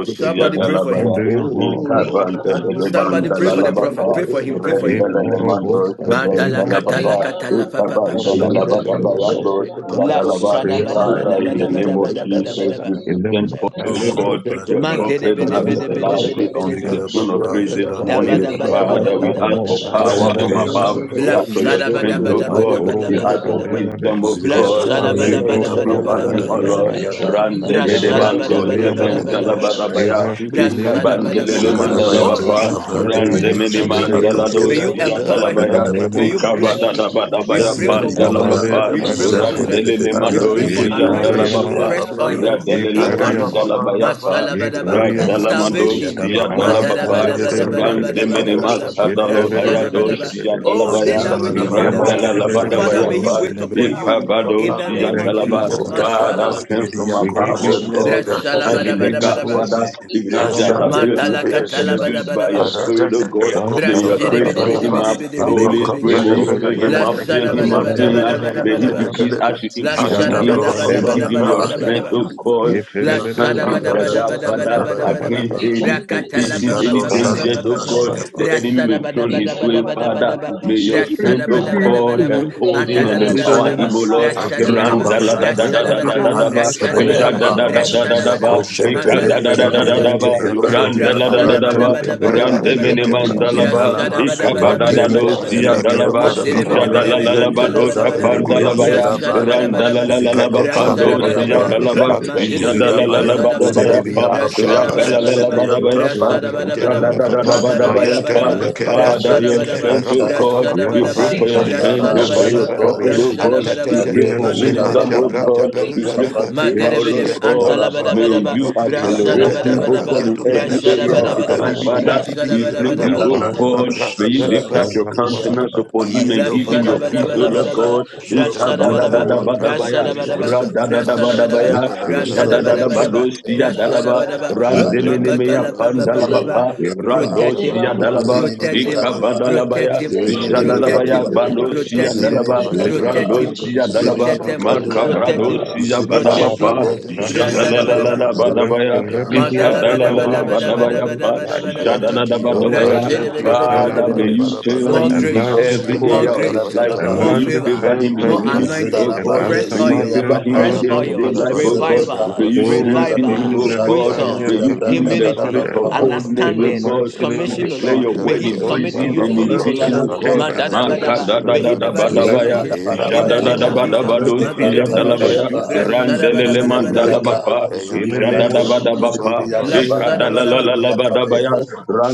[SPEAKER 7] Somebody pray
[SPEAKER 16] Rosh,
[SPEAKER 7] for him.
[SPEAKER 16] Andriama,
[SPEAKER 5] Ikabante de de
[SPEAKER 12] Danina
[SPEAKER 7] Somebody
[SPEAKER 5] banda
[SPEAKER 7] pray
[SPEAKER 5] la
[SPEAKER 7] for
[SPEAKER 5] la
[SPEAKER 7] the
[SPEAKER 12] Mashabra,
[SPEAKER 5] baka,
[SPEAKER 7] prophet. Pray for him.
[SPEAKER 12] Bele
[SPEAKER 7] Pray for
[SPEAKER 12] Bela
[SPEAKER 16] E
[SPEAKER 5] renda
[SPEAKER 7] him.
[SPEAKER 5] la
[SPEAKER 12] Bela
[SPEAKER 5] le
[SPEAKER 12] Gada
[SPEAKER 16] Parobo,
[SPEAKER 12] Bala
[SPEAKER 5] mando, se
[SPEAKER 12] Bala
[SPEAKER 16] Shante,
[SPEAKER 12] Bala
[SPEAKER 5] brenda
[SPEAKER 7] Madala
[SPEAKER 5] la
[SPEAKER 12] Gada
[SPEAKER 7] katala
[SPEAKER 12] Bala
[SPEAKER 16] Makala,
[SPEAKER 5] baka,
[SPEAKER 7] katala
[SPEAKER 12] Bala
[SPEAKER 7] pa pa pa
[SPEAKER 16] a
[SPEAKER 5] ikabanda
[SPEAKER 7] pa
[SPEAKER 5] la
[SPEAKER 7] pa
[SPEAKER 5] la
[SPEAKER 7] pa pa
[SPEAKER 5] baba
[SPEAKER 7] pa.
[SPEAKER 16] blessing
[SPEAKER 12] Andra
[SPEAKER 16] of
[SPEAKER 5] bayando, ya la ba.
[SPEAKER 7] Blashada bada
[SPEAKER 16] business
[SPEAKER 5] Father,
[SPEAKER 7] bada
[SPEAKER 5] in
[SPEAKER 7] bada
[SPEAKER 5] the name
[SPEAKER 16] and
[SPEAKER 7] bada
[SPEAKER 5] of
[SPEAKER 7] bada bada
[SPEAKER 5] Jesus,
[SPEAKER 7] bada ba. da ba da ba da ba da ba.
[SPEAKER 5] we
[SPEAKER 16] in the
[SPEAKER 5] present for
[SPEAKER 7] Well.
[SPEAKER 16] mighty
[SPEAKER 5] oh
[SPEAKER 16] name
[SPEAKER 5] God,
[SPEAKER 16] of
[SPEAKER 5] your
[SPEAKER 7] Ma
[SPEAKER 16] Jesus.
[SPEAKER 7] de de
[SPEAKER 5] prophet
[SPEAKER 7] be de be
[SPEAKER 5] Nabi
[SPEAKER 16] None
[SPEAKER 7] de be
[SPEAKER 16] of
[SPEAKER 7] de
[SPEAKER 16] us
[SPEAKER 7] be de
[SPEAKER 5] Selassie
[SPEAKER 7] be de
[SPEAKER 5] unto
[SPEAKER 7] be.
[SPEAKER 5] the throne of grace this
[SPEAKER 7] Da ba
[SPEAKER 5] morning.
[SPEAKER 16] get
[SPEAKER 7] da ba
[SPEAKER 16] out
[SPEAKER 7] da ba
[SPEAKER 16] of
[SPEAKER 7] da
[SPEAKER 5] Father,
[SPEAKER 7] ba
[SPEAKER 5] we
[SPEAKER 7] da
[SPEAKER 5] ask
[SPEAKER 7] ba
[SPEAKER 16] Paramo,
[SPEAKER 7] da
[SPEAKER 5] for
[SPEAKER 7] ba da ba.
[SPEAKER 16] Sunday,
[SPEAKER 7] da
[SPEAKER 5] power
[SPEAKER 7] ba.
[SPEAKER 5] from
[SPEAKER 16] Monday,
[SPEAKER 5] above.
[SPEAKER 16] Monday,
[SPEAKER 5] We ask for your strength, O
[SPEAKER 16] Nita
[SPEAKER 5] God. We
[SPEAKER 16] Koro,
[SPEAKER 5] ask for
[SPEAKER 16] Sunday,
[SPEAKER 7] Blashadabadabadabadabadabadabadaba.
[SPEAKER 16] Monday,
[SPEAKER 5] wisdom, O God. May
[SPEAKER 16] Ale
[SPEAKER 5] you
[SPEAKER 16] Borobo,
[SPEAKER 5] favor him, oh
[SPEAKER 16] Sandiama,
[SPEAKER 7] Blashadabadabadabadabadabadabadabadaba.
[SPEAKER 5] Lord. Debede
[SPEAKER 16] Ebras,
[SPEAKER 5] bando
[SPEAKER 16] Sandiama,
[SPEAKER 5] sevenda la
[SPEAKER 7] Brashadabadabadabadabadabadabadaba.
[SPEAKER 5] barabaya
[SPEAKER 16] Evas, Sandiama,
[SPEAKER 5] ikabandelele
[SPEAKER 7] Brashadabadabadaba.
[SPEAKER 5] mandala
[SPEAKER 16] Rabbi,
[SPEAKER 7] Oh
[SPEAKER 5] bapa
[SPEAKER 16] Sandak,
[SPEAKER 7] Lord, may
[SPEAKER 5] rande
[SPEAKER 7] you
[SPEAKER 16] Sandiama,
[SPEAKER 5] meni
[SPEAKER 7] strengthen him.
[SPEAKER 16] Sunday,
[SPEAKER 5] mandala
[SPEAKER 7] May
[SPEAKER 12] Yandura
[SPEAKER 7] you
[SPEAKER 5] dosi
[SPEAKER 12] da
[SPEAKER 5] ya
[SPEAKER 7] empower
[SPEAKER 12] da
[SPEAKER 16] in the
[SPEAKER 5] dalabaya
[SPEAKER 7] him.
[SPEAKER 16] name
[SPEAKER 7] May
[SPEAKER 16] of
[SPEAKER 7] you
[SPEAKER 12] abakota
[SPEAKER 16] Jesus.
[SPEAKER 7] bless
[SPEAKER 5] ikavada da
[SPEAKER 7] him. We
[SPEAKER 5] badabaya
[SPEAKER 7] pray
[SPEAKER 12] ashandele
[SPEAKER 7] for
[SPEAKER 5] pandala
[SPEAKER 12] kabaya
[SPEAKER 7] wisdom.
[SPEAKER 16] Amale
[SPEAKER 5] bapa
[SPEAKER 12] gada
[SPEAKER 7] We
[SPEAKER 12] bala
[SPEAKER 7] pray for
[SPEAKER 12] bala
[SPEAKER 16] Pariyama,
[SPEAKER 7] strength.
[SPEAKER 5] randelele
[SPEAKER 7] We pray
[SPEAKER 12] aradi
[SPEAKER 7] for
[SPEAKER 16] E
[SPEAKER 5] madosi
[SPEAKER 12] kibi
[SPEAKER 5] ya
[SPEAKER 7] anointing,
[SPEAKER 12] brando
[SPEAKER 16] Pariyama,
[SPEAKER 5] dalabapa
[SPEAKER 12] bele
[SPEAKER 7] fresh
[SPEAKER 12] bele bele
[SPEAKER 7] oil,
[SPEAKER 16] E
[SPEAKER 5] radelele
[SPEAKER 12] ara pa
[SPEAKER 16] Pariyama,
[SPEAKER 12] pa
[SPEAKER 7] increase.
[SPEAKER 5] mandala
[SPEAKER 12] pa pa
[SPEAKER 5] bayapa
[SPEAKER 16] E
[SPEAKER 7] Masalabadaba.
[SPEAKER 12] pa
[SPEAKER 16] Pariyama,
[SPEAKER 5] radala
[SPEAKER 12] shantu
[SPEAKER 5] madosi
[SPEAKER 7] Salvation.
[SPEAKER 16] E
[SPEAKER 5] ya
[SPEAKER 12] kabaya
[SPEAKER 16] Pama
[SPEAKER 12] gada
[SPEAKER 5] dalabapa
[SPEAKER 12] bala bala ba
[SPEAKER 16] Sanebedebedebede,
[SPEAKER 5] rande meni
[SPEAKER 12] abrata
[SPEAKER 7] Madadabadabadabadabadabadaba.
[SPEAKER 16] E
[SPEAKER 12] pa pa
[SPEAKER 5] makadalo baya
[SPEAKER 12] pa
[SPEAKER 7] Brashadabadaba.
[SPEAKER 5] dosi ya
[SPEAKER 16] Sebedebedebedebede,
[SPEAKER 7] Oh,
[SPEAKER 12] I
[SPEAKER 7] they
[SPEAKER 5] dalabaya
[SPEAKER 12] see
[SPEAKER 7] that
[SPEAKER 12] us
[SPEAKER 7] wait
[SPEAKER 12] in
[SPEAKER 16] E
[SPEAKER 12] the
[SPEAKER 7] upon the
[SPEAKER 12] proper
[SPEAKER 16] Kema
[SPEAKER 5] radala
[SPEAKER 7] Lord.
[SPEAKER 5] labada
[SPEAKER 7] Father, may he
[SPEAKER 5] bayapa
[SPEAKER 7] wait
[SPEAKER 16] Sebedebedebedebede.
[SPEAKER 7] upon
[SPEAKER 12] but
[SPEAKER 7] you
[SPEAKER 12] the
[SPEAKER 7] in
[SPEAKER 12] proper
[SPEAKER 7] the
[SPEAKER 16] We
[SPEAKER 5] Ikabadoshi
[SPEAKER 12] bra
[SPEAKER 7] name
[SPEAKER 12] to
[SPEAKER 7] of
[SPEAKER 16] thank
[SPEAKER 12] be
[SPEAKER 16] you,
[SPEAKER 5] Andalaba.
[SPEAKER 12] the
[SPEAKER 7] Jesus.
[SPEAKER 16] Lord.
[SPEAKER 12] fire attack.
[SPEAKER 5] Father,
[SPEAKER 7] Masalaba.
[SPEAKER 5] strength from
[SPEAKER 16] We
[SPEAKER 12] We have
[SPEAKER 5] above,
[SPEAKER 16] give you
[SPEAKER 12] to
[SPEAKER 5] oh
[SPEAKER 16] glory.
[SPEAKER 5] God, to stand
[SPEAKER 12] consider
[SPEAKER 16] We
[SPEAKER 5] in the
[SPEAKER 16] give you
[SPEAKER 5] gap,
[SPEAKER 7] Brashalabadabadabadaba.
[SPEAKER 16] glory.
[SPEAKER 5] Father, even as
[SPEAKER 12] I
[SPEAKER 5] he has
[SPEAKER 12] shall
[SPEAKER 16] Adamana,
[SPEAKER 12] tell
[SPEAKER 5] availed
[SPEAKER 12] it to be
[SPEAKER 5] himself
[SPEAKER 12] the
[SPEAKER 5] to be
[SPEAKER 12] enemy.
[SPEAKER 5] used by
[SPEAKER 7] Madalakatalabadabadaba.
[SPEAKER 12] I
[SPEAKER 5] your
[SPEAKER 12] have
[SPEAKER 5] spirit,
[SPEAKER 12] just
[SPEAKER 5] oh
[SPEAKER 12] a
[SPEAKER 5] God, may
[SPEAKER 16] Mashama,
[SPEAKER 5] your spirit fill him
[SPEAKER 16] Adamana,
[SPEAKER 12] bella
[SPEAKER 5] up.
[SPEAKER 12] I'm not
[SPEAKER 5] Holy
[SPEAKER 7] Brashidibidibidibidibidibidibidi.
[SPEAKER 16] E
[SPEAKER 5] Spirit, may you fill
[SPEAKER 16] Porobere,
[SPEAKER 5] him up,
[SPEAKER 12] compatible.
[SPEAKER 5] fill him
[SPEAKER 12] If
[SPEAKER 5] up,
[SPEAKER 12] I'm
[SPEAKER 16] Ima,
[SPEAKER 5] fill
[SPEAKER 12] telling
[SPEAKER 5] him up.
[SPEAKER 16] Adamana,
[SPEAKER 5] May
[SPEAKER 12] you
[SPEAKER 5] he
[SPEAKER 12] to
[SPEAKER 7] Blashadabadabadabadabadabadaba.
[SPEAKER 12] be
[SPEAKER 16] Adamana,
[SPEAKER 5] decrease as
[SPEAKER 12] the
[SPEAKER 5] you increase
[SPEAKER 12] I'm to
[SPEAKER 5] in
[SPEAKER 16] Kama
[SPEAKER 5] him
[SPEAKER 12] get up a
[SPEAKER 5] and give him
[SPEAKER 12] lot
[SPEAKER 5] your
[SPEAKER 16] Sanebedebedebede,
[SPEAKER 5] strength,
[SPEAKER 7] Blashadabadabadabadabadabadabadaba.
[SPEAKER 5] oh God,
[SPEAKER 16] E
[SPEAKER 5] to stand
[SPEAKER 7] Blashada
[SPEAKER 5] in
[SPEAKER 7] bada
[SPEAKER 5] the
[SPEAKER 16] Perebedebedebede,
[SPEAKER 7] bada
[SPEAKER 5] gap,
[SPEAKER 7] bada bada
[SPEAKER 5] Father,
[SPEAKER 16] E
[SPEAKER 7] bada bada
[SPEAKER 16] Kama
[SPEAKER 7] ba.
[SPEAKER 5] against
[SPEAKER 12] I
[SPEAKER 5] any
[SPEAKER 12] don't
[SPEAKER 7] Brakata
[SPEAKER 12] I
[SPEAKER 7] la pa
[SPEAKER 5] temptations,
[SPEAKER 12] shan't
[SPEAKER 7] pa
[SPEAKER 12] want
[SPEAKER 5] any
[SPEAKER 7] pa pa pa
[SPEAKER 5] dangers,
[SPEAKER 7] pa
[SPEAKER 5] oh
[SPEAKER 7] pa pa.
[SPEAKER 5] God,
[SPEAKER 16] Sanebedebedebede.
[SPEAKER 12] to
[SPEAKER 5] the enemy may
[SPEAKER 7] Brashada bada
[SPEAKER 5] throw
[SPEAKER 7] bada
[SPEAKER 5] his
[SPEAKER 7] bada
[SPEAKER 5] way,
[SPEAKER 7] bada
[SPEAKER 5] Father. Father.
[SPEAKER 7] bada ba.
[SPEAKER 5] May your
[SPEAKER 16] Blessed
[SPEAKER 5] strength,
[SPEAKER 7] Brashada
[SPEAKER 5] O
[SPEAKER 7] bada bada
[SPEAKER 5] God,
[SPEAKER 7] bada ba.
[SPEAKER 5] embolden
[SPEAKER 7] Mandala
[SPEAKER 5] and
[SPEAKER 16] be
[SPEAKER 7] bada
[SPEAKER 16] the
[SPEAKER 5] empower
[SPEAKER 7] bada
[SPEAKER 16] womb
[SPEAKER 7] ba.
[SPEAKER 5] him, O Lord.
[SPEAKER 16] that
[SPEAKER 7] Brashada
[SPEAKER 16] gave birth
[SPEAKER 7] bada ba.
[SPEAKER 16] to
[SPEAKER 12] Abdikura
[SPEAKER 5] Randala
[SPEAKER 16] him.
[SPEAKER 5] da da da
[SPEAKER 7] Brashada
[SPEAKER 5] da
[SPEAKER 16] Blessed be
[SPEAKER 7] bada
[SPEAKER 5] da
[SPEAKER 16] the
[SPEAKER 7] ba.
[SPEAKER 5] da da
[SPEAKER 16] womb
[SPEAKER 5] ba,
[SPEAKER 16] that
[SPEAKER 7] Brashada
[SPEAKER 16] carried
[SPEAKER 7] bada ba.
[SPEAKER 16] him
[SPEAKER 5] jada
[SPEAKER 16] for
[SPEAKER 5] da
[SPEAKER 16] nine
[SPEAKER 5] da da
[SPEAKER 16] months.
[SPEAKER 5] da
[SPEAKER 7] Brashada
[SPEAKER 5] da
[SPEAKER 7] bada
[SPEAKER 5] ba,
[SPEAKER 7] ba.
[SPEAKER 12] Ashanta de
[SPEAKER 5] ikada
[SPEAKER 7] Mandala
[SPEAKER 5] da
[SPEAKER 16] Blessed
[SPEAKER 12] Beke
[SPEAKER 7] bada
[SPEAKER 5] da
[SPEAKER 16] is
[SPEAKER 5] da
[SPEAKER 7] bada
[SPEAKER 16] the
[SPEAKER 5] da
[SPEAKER 7] ba.
[SPEAKER 5] da
[SPEAKER 12] Pabrata
[SPEAKER 5] ba,
[SPEAKER 16] womb that
[SPEAKER 12] Peloka,
[SPEAKER 16] carried him,
[SPEAKER 5] randala da da
[SPEAKER 16] that
[SPEAKER 7] Brashada
[SPEAKER 5] da ba,
[SPEAKER 7] bada
[SPEAKER 12] ayantele
[SPEAKER 16] carried him,
[SPEAKER 7] bada
[SPEAKER 16] that
[SPEAKER 7] bada
[SPEAKER 12] Kabaya,
[SPEAKER 7] bada
[SPEAKER 5] rande
[SPEAKER 16] carried
[SPEAKER 7] bada
[SPEAKER 16] him
[SPEAKER 5] mene
[SPEAKER 7] bada
[SPEAKER 16] for nine
[SPEAKER 12] Yetebeko
[SPEAKER 5] mandala
[SPEAKER 16] months.
[SPEAKER 5] ba,
[SPEAKER 12] Bibi,
[SPEAKER 7] Brashada bada
[SPEAKER 16] In
[SPEAKER 5] ikaba
[SPEAKER 16] the
[SPEAKER 7] bada
[SPEAKER 5] da
[SPEAKER 3] Thank you
[SPEAKER 5] da
[SPEAKER 7] bada
[SPEAKER 16] name
[SPEAKER 3] for
[SPEAKER 16] of
[SPEAKER 3] your
[SPEAKER 5] do
[SPEAKER 7] bada
[SPEAKER 12] Antidida,
[SPEAKER 7] bada
[SPEAKER 3] faith.
[SPEAKER 5] siya
[SPEAKER 7] bada
[SPEAKER 16] Jesus,
[SPEAKER 5] da la
[SPEAKER 16] in
[SPEAKER 5] ba,
[SPEAKER 12] Radebako the
[SPEAKER 7] Mantere
[SPEAKER 16] the
[SPEAKER 7] bede
[SPEAKER 12] Kaba,
[SPEAKER 5] jada
[SPEAKER 16] name
[SPEAKER 7] bede
[SPEAKER 5] la
[SPEAKER 16] of
[SPEAKER 7] be
[SPEAKER 5] la la
[SPEAKER 16] Jesus,
[SPEAKER 5] ba
[SPEAKER 7] antala
[SPEAKER 16] in
[SPEAKER 3] Above all,
[SPEAKER 12] Yetida
[SPEAKER 5] do
[SPEAKER 12] to
[SPEAKER 7] bada bada
[SPEAKER 16] the
[SPEAKER 3] thank
[SPEAKER 7] bada
[SPEAKER 5] kapanda
[SPEAKER 12] Veboka
[SPEAKER 5] la
[SPEAKER 16] name
[SPEAKER 12] Pai
[SPEAKER 5] ba
[SPEAKER 16] of
[SPEAKER 12] de
[SPEAKER 5] ya,
[SPEAKER 12] Bibi
[SPEAKER 7] Brashada bada
[SPEAKER 12] Ataba,
[SPEAKER 7] bada
[SPEAKER 5] randala la
[SPEAKER 7] bada
[SPEAKER 5] la la ba
[SPEAKER 12] Yetekaba
[SPEAKER 5] pando
[SPEAKER 7] Brashada
[SPEAKER 12] Baba,
[SPEAKER 7] bada
[SPEAKER 5] siya da
[SPEAKER 7] bada
[SPEAKER 5] la
[SPEAKER 7] Le!
[SPEAKER 5] ba,
[SPEAKER 7] Mantere
[SPEAKER 12] Abdeluni
[SPEAKER 5] jada
[SPEAKER 7] bede
[SPEAKER 5] la
[SPEAKER 7] be
[SPEAKER 12] Miki
[SPEAKER 5] la la ba
[SPEAKER 7] antala
[SPEAKER 5] da
[SPEAKER 16] in
[SPEAKER 12] Babrata,
[SPEAKER 5] ba
[SPEAKER 7] bada bada
[SPEAKER 5] ya pa,
[SPEAKER 7] Brashada
[SPEAKER 12] Ashanta
[SPEAKER 5] rada
[SPEAKER 7] bada
[SPEAKER 5] la la
[SPEAKER 7] bada
[SPEAKER 12] Bella
[SPEAKER 5] la
[SPEAKER 7] bada
[SPEAKER 5] ba
[SPEAKER 12] Bella
[SPEAKER 5] da
[SPEAKER 3] you for the
[SPEAKER 5] ba ya
[SPEAKER 12] Branta,
[SPEAKER 5] pa,
[SPEAKER 7] Brashada
[SPEAKER 12] Abrata
[SPEAKER 16] the
[SPEAKER 7] bada
[SPEAKER 3] kindness
[SPEAKER 7] bada
[SPEAKER 12] to
[SPEAKER 3] and
[SPEAKER 5] jada
[SPEAKER 7] bada
[SPEAKER 5] da da da
[SPEAKER 12] Bekaba,
[SPEAKER 5] ba da
[SPEAKER 7] Madara
[SPEAKER 5] ba
[SPEAKER 7] bada
[SPEAKER 5] ya
[SPEAKER 7] bada
[SPEAKER 5] pa,
[SPEAKER 7] bada
[SPEAKER 12] Ayantana Kaba
[SPEAKER 5] Father,
[SPEAKER 7] Brashada
[SPEAKER 12] Branta,
[SPEAKER 5] your
[SPEAKER 7] bada bada
[SPEAKER 3] the
[SPEAKER 5] strength,
[SPEAKER 3] Lord
[SPEAKER 5] oh
[SPEAKER 12] Arabaka
[SPEAKER 3] Jesus
[SPEAKER 5] God.
[SPEAKER 3] Christ.
[SPEAKER 12] Paka
[SPEAKER 7] Brashada
[SPEAKER 5] We
[SPEAKER 7] bada
[SPEAKER 5] pray
[SPEAKER 12] Paka,
[SPEAKER 7] bada
[SPEAKER 5] for
[SPEAKER 3] We
[SPEAKER 5] your
[SPEAKER 3] pray
[SPEAKER 5] strength
[SPEAKER 3] for
[SPEAKER 7] Brashada
[SPEAKER 3] the
[SPEAKER 12] Ayakonda
[SPEAKER 5] over
[SPEAKER 7] bada
[SPEAKER 16] name
[SPEAKER 3] Lord Jesus
[SPEAKER 12] Bella
[SPEAKER 5] your
[SPEAKER 7] bada
[SPEAKER 3] Christ.
[SPEAKER 12] Bella,
[SPEAKER 16] of
[SPEAKER 5] prophet, oh
[SPEAKER 7] Brashada
[SPEAKER 5] God.
[SPEAKER 7] bada
[SPEAKER 5] We
[SPEAKER 7] bada
[SPEAKER 5] pray
[SPEAKER 12] Antete
[SPEAKER 5] for wisdom,
[SPEAKER 7] Mantere
[SPEAKER 12] Ansha
[SPEAKER 5] oh
[SPEAKER 3] Lord, help us
[SPEAKER 12] branta
[SPEAKER 5] God.
[SPEAKER 12] bele
[SPEAKER 5] We pray
[SPEAKER 12] bele
[SPEAKER 5] for
[SPEAKER 12] be.
[SPEAKER 7] Ma
[SPEAKER 5] favor, oh
[SPEAKER 7] dede
[SPEAKER 5] Lord
[SPEAKER 7] bede
[SPEAKER 3] to
[SPEAKER 7] be
[SPEAKER 12] Anshia
[SPEAKER 3] get
[SPEAKER 12] da
[SPEAKER 3] up and
[SPEAKER 5] God.
[SPEAKER 3] go
[SPEAKER 12] bala
[SPEAKER 7] antala bada
[SPEAKER 3] down.
[SPEAKER 12] bala
[SPEAKER 5] May
[SPEAKER 7] bada
[SPEAKER 12] bala
[SPEAKER 7] ba
[SPEAKER 5] you
[SPEAKER 12] ba. Anta
[SPEAKER 7] brashada
[SPEAKER 5] accelerate
[SPEAKER 12] te
[SPEAKER 7] bada
[SPEAKER 16] Jesus,
[SPEAKER 12] te
[SPEAKER 5] him,
[SPEAKER 3] Lord,
[SPEAKER 5] oh
[SPEAKER 7] bada ba
[SPEAKER 5] God,
[SPEAKER 12] branta
[SPEAKER 5] in
[SPEAKER 12] do bele
[SPEAKER 5] every
[SPEAKER 12] be.
[SPEAKER 7] brashada
[SPEAKER 3] give
[SPEAKER 5] area
[SPEAKER 3] us
[SPEAKER 5] of
[SPEAKER 7] bada
[SPEAKER 16] Yeah,
[SPEAKER 5] his
[SPEAKER 7] bada
[SPEAKER 16] para
[SPEAKER 7] ba
[SPEAKER 12] Amberi
[SPEAKER 5] life,
[SPEAKER 16] para
[SPEAKER 12] bidi
[SPEAKER 3] this
[SPEAKER 5] Father.
[SPEAKER 16] para.
[SPEAKER 12] gidi
[SPEAKER 3] day.
[SPEAKER 7] brashada
[SPEAKER 5] We
[SPEAKER 12] bi.
[SPEAKER 7] bada
[SPEAKER 3] We
[SPEAKER 5] pray
[SPEAKER 7] bada
[SPEAKER 3] will
[SPEAKER 16] Yeah,
[SPEAKER 5] thee,
[SPEAKER 3] go
[SPEAKER 7] ba
[SPEAKER 3] in
[SPEAKER 12] Rabababa.
[SPEAKER 5] oh
[SPEAKER 3] the
[SPEAKER 16] para para
[SPEAKER 5] God.
[SPEAKER 16] para.
[SPEAKER 5] May
[SPEAKER 12] Ambranta
[SPEAKER 3] mercy of this grace. We will go and see
[SPEAKER 5] you
[SPEAKER 3] that
[SPEAKER 12] bele
[SPEAKER 5] lift
[SPEAKER 12] ba.
[SPEAKER 16] Yeah,
[SPEAKER 5] up
[SPEAKER 3] it is
[SPEAKER 5] your
[SPEAKER 16] man man
[SPEAKER 3] power. of
[SPEAKER 5] countenance
[SPEAKER 16] para.
[SPEAKER 3] the
[SPEAKER 5] upon
[SPEAKER 3] Lord. And We
[SPEAKER 5] him and
[SPEAKER 16] It
[SPEAKER 5] give him
[SPEAKER 3] will
[SPEAKER 16] para
[SPEAKER 7] brashada
[SPEAKER 5] your
[SPEAKER 7] bada
[SPEAKER 5] peace,
[SPEAKER 16] para
[SPEAKER 5] oh
[SPEAKER 7] bada
[SPEAKER 5] Lord
[SPEAKER 12] Yadobakopelebelebe,
[SPEAKER 7] bada
[SPEAKER 16] para.
[SPEAKER 7] ba
[SPEAKER 5] God.
[SPEAKER 7] brashada
[SPEAKER 16] It
[SPEAKER 7] bada ba
[SPEAKER 16] for.
[SPEAKER 3] see
[SPEAKER 12] Shandalekababababra,
[SPEAKER 3] the
[SPEAKER 5] Ikabadadadabadabaya,
[SPEAKER 7] brashada
[SPEAKER 16] It
[SPEAKER 3] power
[SPEAKER 7] bada ba
[SPEAKER 12] Dibidikasa,
[SPEAKER 7] brashada bada ba
[SPEAKER 5] radadadabadabaya,
[SPEAKER 3] of the Lord.
[SPEAKER 7] brandada bada
[SPEAKER 16] for.
[SPEAKER 7] bada ba
[SPEAKER 3] Wherever he
[SPEAKER 12] Adadadabelebelebelebelebelebelebelebe,
[SPEAKER 7] brashada
[SPEAKER 3] goes,
[SPEAKER 5] jadadadabadosiyadalaba,
[SPEAKER 3] I
[SPEAKER 7] bada
[SPEAKER 3] will
[SPEAKER 7] ba
[SPEAKER 3] be with
[SPEAKER 16] I'm a
[SPEAKER 7] Look,
[SPEAKER 3] you. Wherever he
[SPEAKER 16] member.
[SPEAKER 5] randemenemeya
[SPEAKER 7] makatala
[SPEAKER 3] goes, I
[SPEAKER 7] pa pa
[SPEAKER 3] will be
[SPEAKER 7] pa
[SPEAKER 3] with
[SPEAKER 7] pa pa
[SPEAKER 5] pandalabapa,
[SPEAKER 12] Ashandalelebelebelebelebelebe,
[SPEAKER 16] Yeah, man.
[SPEAKER 3] you.
[SPEAKER 7] protect him
[SPEAKER 5] randosiyadalaba,
[SPEAKER 7] protect him
[SPEAKER 12] Aradabelebelebelebelebe,
[SPEAKER 7] protect
[SPEAKER 5] Ikabadalabaya,
[SPEAKER 7] him
[SPEAKER 3] Let's go to the Lord.
[SPEAKER 7] protect
[SPEAKER 12] Ayardabelebelebelebe,
[SPEAKER 5] Jadalabaya,
[SPEAKER 7] him
[SPEAKER 5] Bandosia,
[SPEAKER 7] protect him
[SPEAKER 5] Dalaba,
[SPEAKER 16] Yes, yes,
[SPEAKER 7] protect him
[SPEAKER 12] Ashandelekabayakadabalaba,
[SPEAKER 5] Randosia,
[SPEAKER 16] yes.
[SPEAKER 7] protect
[SPEAKER 5] Dalaba,
[SPEAKER 7] him
[SPEAKER 16] I'm
[SPEAKER 7] protect
[SPEAKER 16] on a.
[SPEAKER 7] him
[SPEAKER 5] Makabradosia,
[SPEAKER 12] Ashandelekadabelebelebelebe,
[SPEAKER 16] Ah,
[SPEAKER 7] protect
[SPEAKER 16] the
[SPEAKER 7] him
[SPEAKER 5] Badabapa,
[SPEAKER 16] most candy up.
[SPEAKER 7] brashada bada
[SPEAKER 5] Jadalalala,
[SPEAKER 12] Ayandelekabayakadabalaba,
[SPEAKER 16] Let
[SPEAKER 5] Badabaya,
[SPEAKER 3] Thank
[SPEAKER 16] let there be a
[SPEAKER 7] Madala bada
[SPEAKER 5] Ikadalalala,
[SPEAKER 7] bada
[SPEAKER 16] turnaround
[SPEAKER 7] bada
[SPEAKER 16] now
[SPEAKER 7] bada
[SPEAKER 5] Badabaya,
[SPEAKER 16] in this
[SPEAKER 7] bada
[SPEAKER 5] Pa,
[SPEAKER 12] Ayandadabelebelebelebelebe,
[SPEAKER 7] bada
[SPEAKER 16] life.
[SPEAKER 7] bada
[SPEAKER 16] uh.
[SPEAKER 7] bada bada.
[SPEAKER 5] Jadalala,
[SPEAKER 16] Oh,
[SPEAKER 12] Ayadidibabra,
[SPEAKER 16] let
[SPEAKER 5] Badabaya.
[SPEAKER 16] there
[SPEAKER 7] Brashede
[SPEAKER 16] be a
[SPEAKER 7] bede bede bede
[SPEAKER 5] Father, may
[SPEAKER 7] bede
[SPEAKER 16] turnaround,
[SPEAKER 7] bede.
[SPEAKER 5] you favor
[SPEAKER 12] Dididibabalabalabalabalaba,
[SPEAKER 7] More
[SPEAKER 5] him
[SPEAKER 16] and
[SPEAKER 5] in
[SPEAKER 16] not
[SPEAKER 7] grace,
[SPEAKER 16] just
[SPEAKER 5] every
[SPEAKER 12] Ashia
[SPEAKER 7] more
[SPEAKER 5] area
[SPEAKER 12] Dala
[SPEAKER 5] of his
[SPEAKER 7] grace,
[SPEAKER 12] Kapaya
[SPEAKER 5] life.
[SPEAKER 16] and
[SPEAKER 5] May
[SPEAKER 7] more
[SPEAKER 12] Kadabala
[SPEAKER 16] not
[SPEAKER 5] you
[SPEAKER 16] just
[SPEAKER 12] Kadaba,
[SPEAKER 5] favor
[SPEAKER 7] favor,
[SPEAKER 5] him in the
[SPEAKER 7] more
[SPEAKER 16] territory.
[SPEAKER 12] Abadi
[SPEAKER 5] ministry,
[SPEAKER 12] Bidi
[SPEAKER 5] oh
[SPEAKER 7] anointing,
[SPEAKER 16] and
[SPEAKER 12] Bidi
[SPEAKER 5] God.
[SPEAKER 16] up
[SPEAKER 12] Bidi
[SPEAKER 7] fresh
[SPEAKER 5] May
[SPEAKER 12] Bidi
[SPEAKER 16] some
[SPEAKER 5] you
[SPEAKER 7] oil,
[SPEAKER 5] favor
[SPEAKER 12] Bidi,
[SPEAKER 16] mountains
[SPEAKER 5] him
[SPEAKER 16] I
[SPEAKER 5] in
[SPEAKER 16] will
[SPEAKER 7] fresh
[SPEAKER 16] do
[SPEAKER 12] Arabala
[SPEAKER 5] day-to-day
[SPEAKER 7] oil,
[SPEAKER 12] Bala
[SPEAKER 5] life,
[SPEAKER 16] Jerusalem.
[SPEAKER 12] Bala
[SPEAKER 5] oh
[SPEAKER 12] Bala
[SPEAKER 5] God.
[SPEAKER 12] Bala Bala
[SPEAKER 16] The
[SPEAKER 5] May
[SPEAKER 7] revival,
[SPEAKER 5] you
[SPEAKER 12] Bala
[SPEAKER 16] soul let
[SPEAKER 12] Bala
[SPEAKER 5] strengthen
[SPEAKER 12] Bala
[SPEAKER 16] be
[SPEAKER 5] him,
[SPEAKER 7] revival,
[SPEAKER 5] oh
[SPEAKER 16] him
[SPEAKER 12] Bala,
[SPEAKER 16] and his
[SPEAKER 5] God.
[SPEAKER 16] family
[SPEAKER 5] May
[SPEAKER 16] and
[SPEAKER 7] wisdom,
[SPEAKER 12] Ayatala
[SPEAKER 5] you
[SPEAKER 16] his
[SPEAKER 5] give
[SPEAKER 12] Bala
[SPEAKER 16] be
[SPEAKER 5] him the
[SPEAKER 12] Bala Bala
[SPEAKER 5] spirit
[SPEAKER 7] humility,
[SPEAKER 16] surrounded.
[SPEAKER 5] of
[SPEAKER 12] Bala Bala Bala
[SPEAKER 5] boldness,
[SPEAKER 16] In
[SPEAKER 5] oh
[SPEAKER 16] the
[SPEAKER 12] Bala
[SPEAKER 7] understanding,
[SPEAKER 5] God
[SPEAKER 12] Bala
[SPEAKER 16] mighty
[SPEAKER 12] Bala,
[SPEAKER 16] name
[SPEAKER 5] to
[SPEAKER 16] of
[SPEAKER 7] submission, O
[SPEAKER 5] declare
[SPEAKER 7] Lord.
[SPEAKER 16] Jesus,
[SPEAKER 5] your
[SPEAKER 7] May
[SPEAKER 12] Ashandala
[SPEAKER 5] word
[SPEAKER 7] He
[SPEAKER 5] in
[SPEAKER 16] oh
[SPEAKER 7] submit to
[SPEAKER 12] Keriya
[SPEAKER 5] season
[SPEAKER 7] you
[SPEAKER 16] Father,
[SPEAKER 5] and
[SPEAKER 7] fully,
[SPEAKER 5] in
[SPEAKER 16] bless
[SPEAKER 7] O
[SPEAKER 12] Baba,
[SPEAKER 7] Lord.
[SPEAKER 5] vision,
[SPEAKER 16] and
[SPEAKER 5] O God.
[SPEAKER 16] favor.
[SPEAKER 12] Ayandala
[SPEAKER 7] Madada
[SPEAKER 16] Oh,
[SPEAKER 12] Keri
[SPEAKER 7] badaba.
[SPEAKER 12] Bala
[SPEAKER 7] May
[SPEAKER 12] Bala
[SPEAKER 7] He
[SPEAKER 12] Bala
[SPEAKER 7] never
[SPEAKER 12] Bala,
[SPEAKER 7] miss
[SPEAKER 16] let
[SPEAKER 5] Makadadadadabadabaya,
[SPEAKER 16] me
[SPEAKER 7] blessings
[SPEAKER 16] come.
[SPEAKER 7] in
[SPEAKER 12] Ayandala
[SPEAKER 7] the
[SPEAKER 16] Lord.
[SPEAKER 7] name of
[SPEAKER 12] Kapaya
[SPEAKER 7] Jesus.
[SPEAKER 12] Bala
[SPEAKER 16] Let it
[SPEAKER 12] Bala
[SPEAKER 16] be
[SPEAKER 12] Bala
[SPEAKER 7] Madede
[SPEAKER 16] a
[SPEAKER 12] Bala,
[SPEAKER 7] bede
[SPEAKER 16] new
[SPEAKER 7] bede
[SPEAKER 16] day.
[SPEAKER 7] bede.
[SPEAKER 5] jadadadabadabadosiyadalabaya,
[SPEAKER 16] Do a
[SPEAKER 12] Ayandala
[SPEAKER 16] new
[SPEAKER 7] Brashada
[SPEAKER 12] Bala
[SPEAKER 16] thing
[SPEAKER 7] bada
[SPEAKER 16] in
[SPEAKER 12] Bala
[SPEAKER 16] this
[SPEAKER 7] bada
[SPEAKER 12] Bala
[SPEAKER 7] bada
[SPEAKER 16] life.
[SPEAKER 7] bada.
[SPEAKER 12] Bala Bala,
[SPEAKER 5] randelelemandelabapa,
[SPEAKER 16] In the
[SPEAKER 12] Ayandala
[SPEAKER 16] name of
[SPEAKER 12] Bala
[SPEAKER 16] Jesus,
[SPEAKER 12] Bala
[SPEAKER 5] jadadabadabapa,
[SPEAKER 12] Bala
[SPEAKER 16] my
[SPEAKER 12] Bala,
[SPEAKER 16] dear
[SPEAKER 7] Blashada
[SPEAKER 12] Shandala
[SPEAKER 7] badaba.
[SPEAKER 12] Bala
[SPEAKER 16] Father,
[SPEAKER 12] Bala Bala
[SPEAKER 5] ekadalalalabadabaya,
[SPEAKER 12] Bala,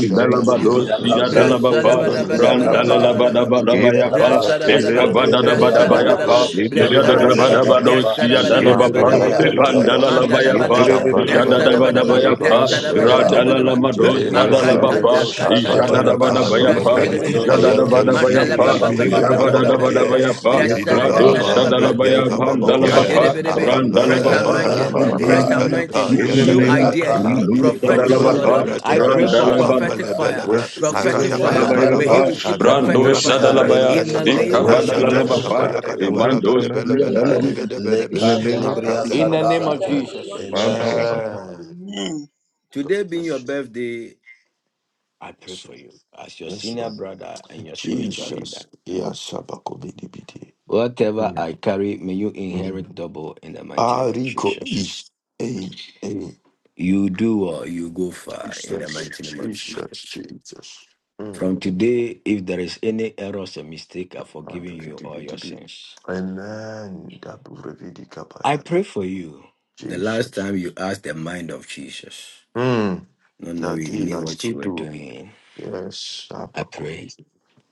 [SPEAKER 16] we thank you.
[SPEAKER 12] Bala Bala Bala.
[SPEAKER 16] Do
[SPEAKER 12] Ayantala
[SPEAKER 16] for us, Father.
[SPEAKER 7] Brashadabadabadabadabadabadaba.
[SPEAKER 16] Give us.
[SPEAKER 5] randalabadabadabayapa,
[SPEAKER 16] Father,
[SPEAKER 7] Brashadabadaba.
[SPEAKER 16] my dear,
[SPEAKER 7] Brashadabadaba.
[SPEAKER 5] ekabadadabadabayapa,
[SPEAKER 16] very, very, very, very, very,
[SPEAKER 7] Brashadabadaba.
[SPEAKER 16] very,
[SPEAKER 3] you.
[SPEAKER 16] very,
[SPEAKER 5] jadadabadabadosiyadalabapa,
[SPEAKER 16] very,
[SPEAKER 7] Brashadabadabadabadabadaba.
[SPEAKER 16] very,
[SPEAKER 3] Amen. Amen. Amen.
[SPEAKER 16] very. Ye
[SPEAKER 5] epandalalabayapa,
[SPEAKER 16] tere
[SPEAKER 7] Mandadabadaba.
[SPEAKER 16] tere tere.
[SPEAKER 7] Brashadabadaba.
[SPEAKER 16] Ye
[SPEAKER 5] jadadabadabayapa,
[SPEAKER 16] kama kama na
[SPEAKER 5] Radala
[SPEAKER 16] mana.
[SPEAKER 7] Brashadabadabadabadaba. Le
[SPEAKER 5] Radalalamado
[SPEAKER 16] Ye thara
[SPEAKER 7] makata
[SPEAKER 5] Sadalabapa,
[SPEAKER 7] la
[SPEAKER 16] thara
[SPEAKER 7] kata la
[SPEAKER 16] thara.
[SPEAKER 7] papa.
[SPEAKER 16] Ye
[SPEAKER 5] Jadadabadabayapa,
[SPEAKER 16] thara na
[SPEAKER 7] Brashadabadabadaba.
[SPEAKER 16] na. na na.
[SPEAKER 7] Mandala
[SPEAKER 5] Jadadabadabayapa,
[SPEAKER 7] papa
[SPEAKER 16] Ande
[SPEAKER 7] papa
[SPEAKER 16] tere
[SPEAKER 7] papa
[SPEAKER 16] tere
[SPEAKER 7] papa
[SPEAKER 16] tere.
[SPEAKER 7] papa.
[SPEAKER 5] Jabadadabadabayapa,
[SPEAKER 16] Ye toro
[SPEAKER 7] Brashala
[SPEAKER 5] Rado
[SPEAKER 16] bo
[SPEAKER 7] kata la papa.
[SPEAKER 16] shandiyama.
[SPEAKER 5] Sadalabaya
[SPEAKER 16] Yama.
[SPEAKER 5] Bandalabapa,
[SPEAKER 7] Maderebe, Fresh
[SPEAKER 16] Yes
[SPEAKER 5] Randalabapa,
[SPEAKER 16] kama
[SPEAKER 7] anointing,
[SPEAKER 16] na mana
[SPEAKER 7] fresh
[SPEAKER 16] mana.
[SPEAKER 5] Randalabaya,
[SPEAKER 12] ka
[SPEAKER 7] anointing,
[SPEAKER 16] In
[SPEAKER 12] yetebele
[SPEAKER 16] the
[SPEAKER 7] new
[SPEAKER 16] name
[SPEAKER 5] Ismadalaba,
[SPEAKER 16] of
[SPEAKER 7] ideas,
[SPEAKER 5] Rado
[SPEAKER 16] Jesus, my
[SPEAKER 7] prophetic, oh
[SPEAKER 16] tere
[SPEAKER 7] Lord.
[SPEAKER 12] Ambidibidibaba
[SPEAKER 7] ah,
[SPEAKER 5] Sadalabapa,
[SPEAKER 16] tere.
[SPEAKER 7] I
[SPEAKER 12] bradebe,
[SPEAKER 7] pray for
[SPEAKER 16] Ah,
[SPEAKER 5] Randalabadabayapa,
[SPEAKER 7] prophetic fire,
[SPEAKER 16] rest,
[SPEAKER 12] akampelebelebe,
[SPEAKER 16] give
[SPEAKER 7] prophetic
[SPEAKER 16] him rest,
[SPEAKER 7] fire.
[SPEAKER 16] give
[SPEAKER 7] May
[SPEAKER 16] him
[SPEAKER 7] he
[SPEAKER 12] aradabalabalaba,
[SPEAKER 16] rest.
[SPEAKER 7] receive
[SPEAKER 16] Rest on
[SPEAKER 7] prophetic
[SPEAKER 5] Brando
[SPEAKER 12] arabababa,
[SPEAKER 16] every
[SPEAKER 7] fire
[SPEAKER 16] side.
[SPEAKER 5] Sadalabaya,
[SPEAKER 7] in the
[SPEAKER 12] ratikataba,
[SPEAKER 7] name of
[SPEAKER 16] Rest on every
[SPEAKER 7] Jesus.
[SPEAKER 5] Ikabadalalabapa,
[SPEAKER 16] side. Rest
[SPEAKER 5] Imando
[SPEAKER 16] on every side.
[SPEAKER 5] Sadalabapa.
[SPEAKER 12] ashatenakabayagadabalagadebelebelebelegadebelebe,
[SPEAKER 16] In the name of
[SPEAKER 7] In the
[SPEAKER 16] Jesus,
[SPEAKER 7] name of
[SPEAKER 12] ambradebelebelebe.
[SPEAKER 7] Jesus.
[SPEAKER 16] my
[SPEAKER 3] Amen.
[SPEAKER 16] God,
[SPEAKER 12] Amen. God
[SPEAKER 7] Today being your
[SPEAKER 12] bless you.
[SPEAKER 7] birthday, I pray
[SPEAKER 12] Yes,
[SPEAKER 7] for
[SPEAKER 12] Lord.
[SPEAKER 7] you as your
[SPEAKER 12] Yes,
[SPEAKER 7] senior
[SPEAKER 12] Lord.
[SPEAKER 7] brother and your spiritual leader.
[SPEAKER 12] Jesus. Yes, Abakobidibidi.
[SPEAKER 7] Whatever
[SPEAKER 12] Mm.
[SPEAKER 7] I carry, may you
[SPEAKER 12] Mm.
[SPEAKER 7] inherit double in the mighty name of
[SPEAKER 12] Arigo
[SPEAKER 7] Jesus.
[SPEAKER 12] is a, a
[SPEAKER 7] You do or you go far in the
[SPEAKER 12] Jesus,
[SPEAKER 7] mighty name of
[SPEAKER 12] Jesus,
[SPEAKER 7] Jesus.
[SPEAKER 12] Jesus. Mm.
[SPEAKER 7] From today, if there is any errors or mistake, I've forgiven you all your
[SPEAKER 12] Amen.
[SPEAKER 7] sins.
[SPEAKER 12] Amen. Daburevidi
[SPEAKER 7] I
[SPEAKER 12] kabayada.
[SPEAKER 7] pray for you. The last
[SPEAKER 12] Jesus.
[SPEAKER 7] time you asked the mind of Jesus,
[SPEAKER 12] Mm.
[SPEAKER 7] not knowing you
[SPEAKER 12] Daddy,
[SPEAKER 7] knew
[SPEAKER 12] I
[SPEAKER 7] what
[SPEAKER 12] still
[SPEAKER 7] you were
[SPEAKER 12] do.
[SPEAKER 7] doing,
[SPEAKER 12] Yes.
[SPEAKER 7] I pray.
[SPEAKER 12] Abakuvi.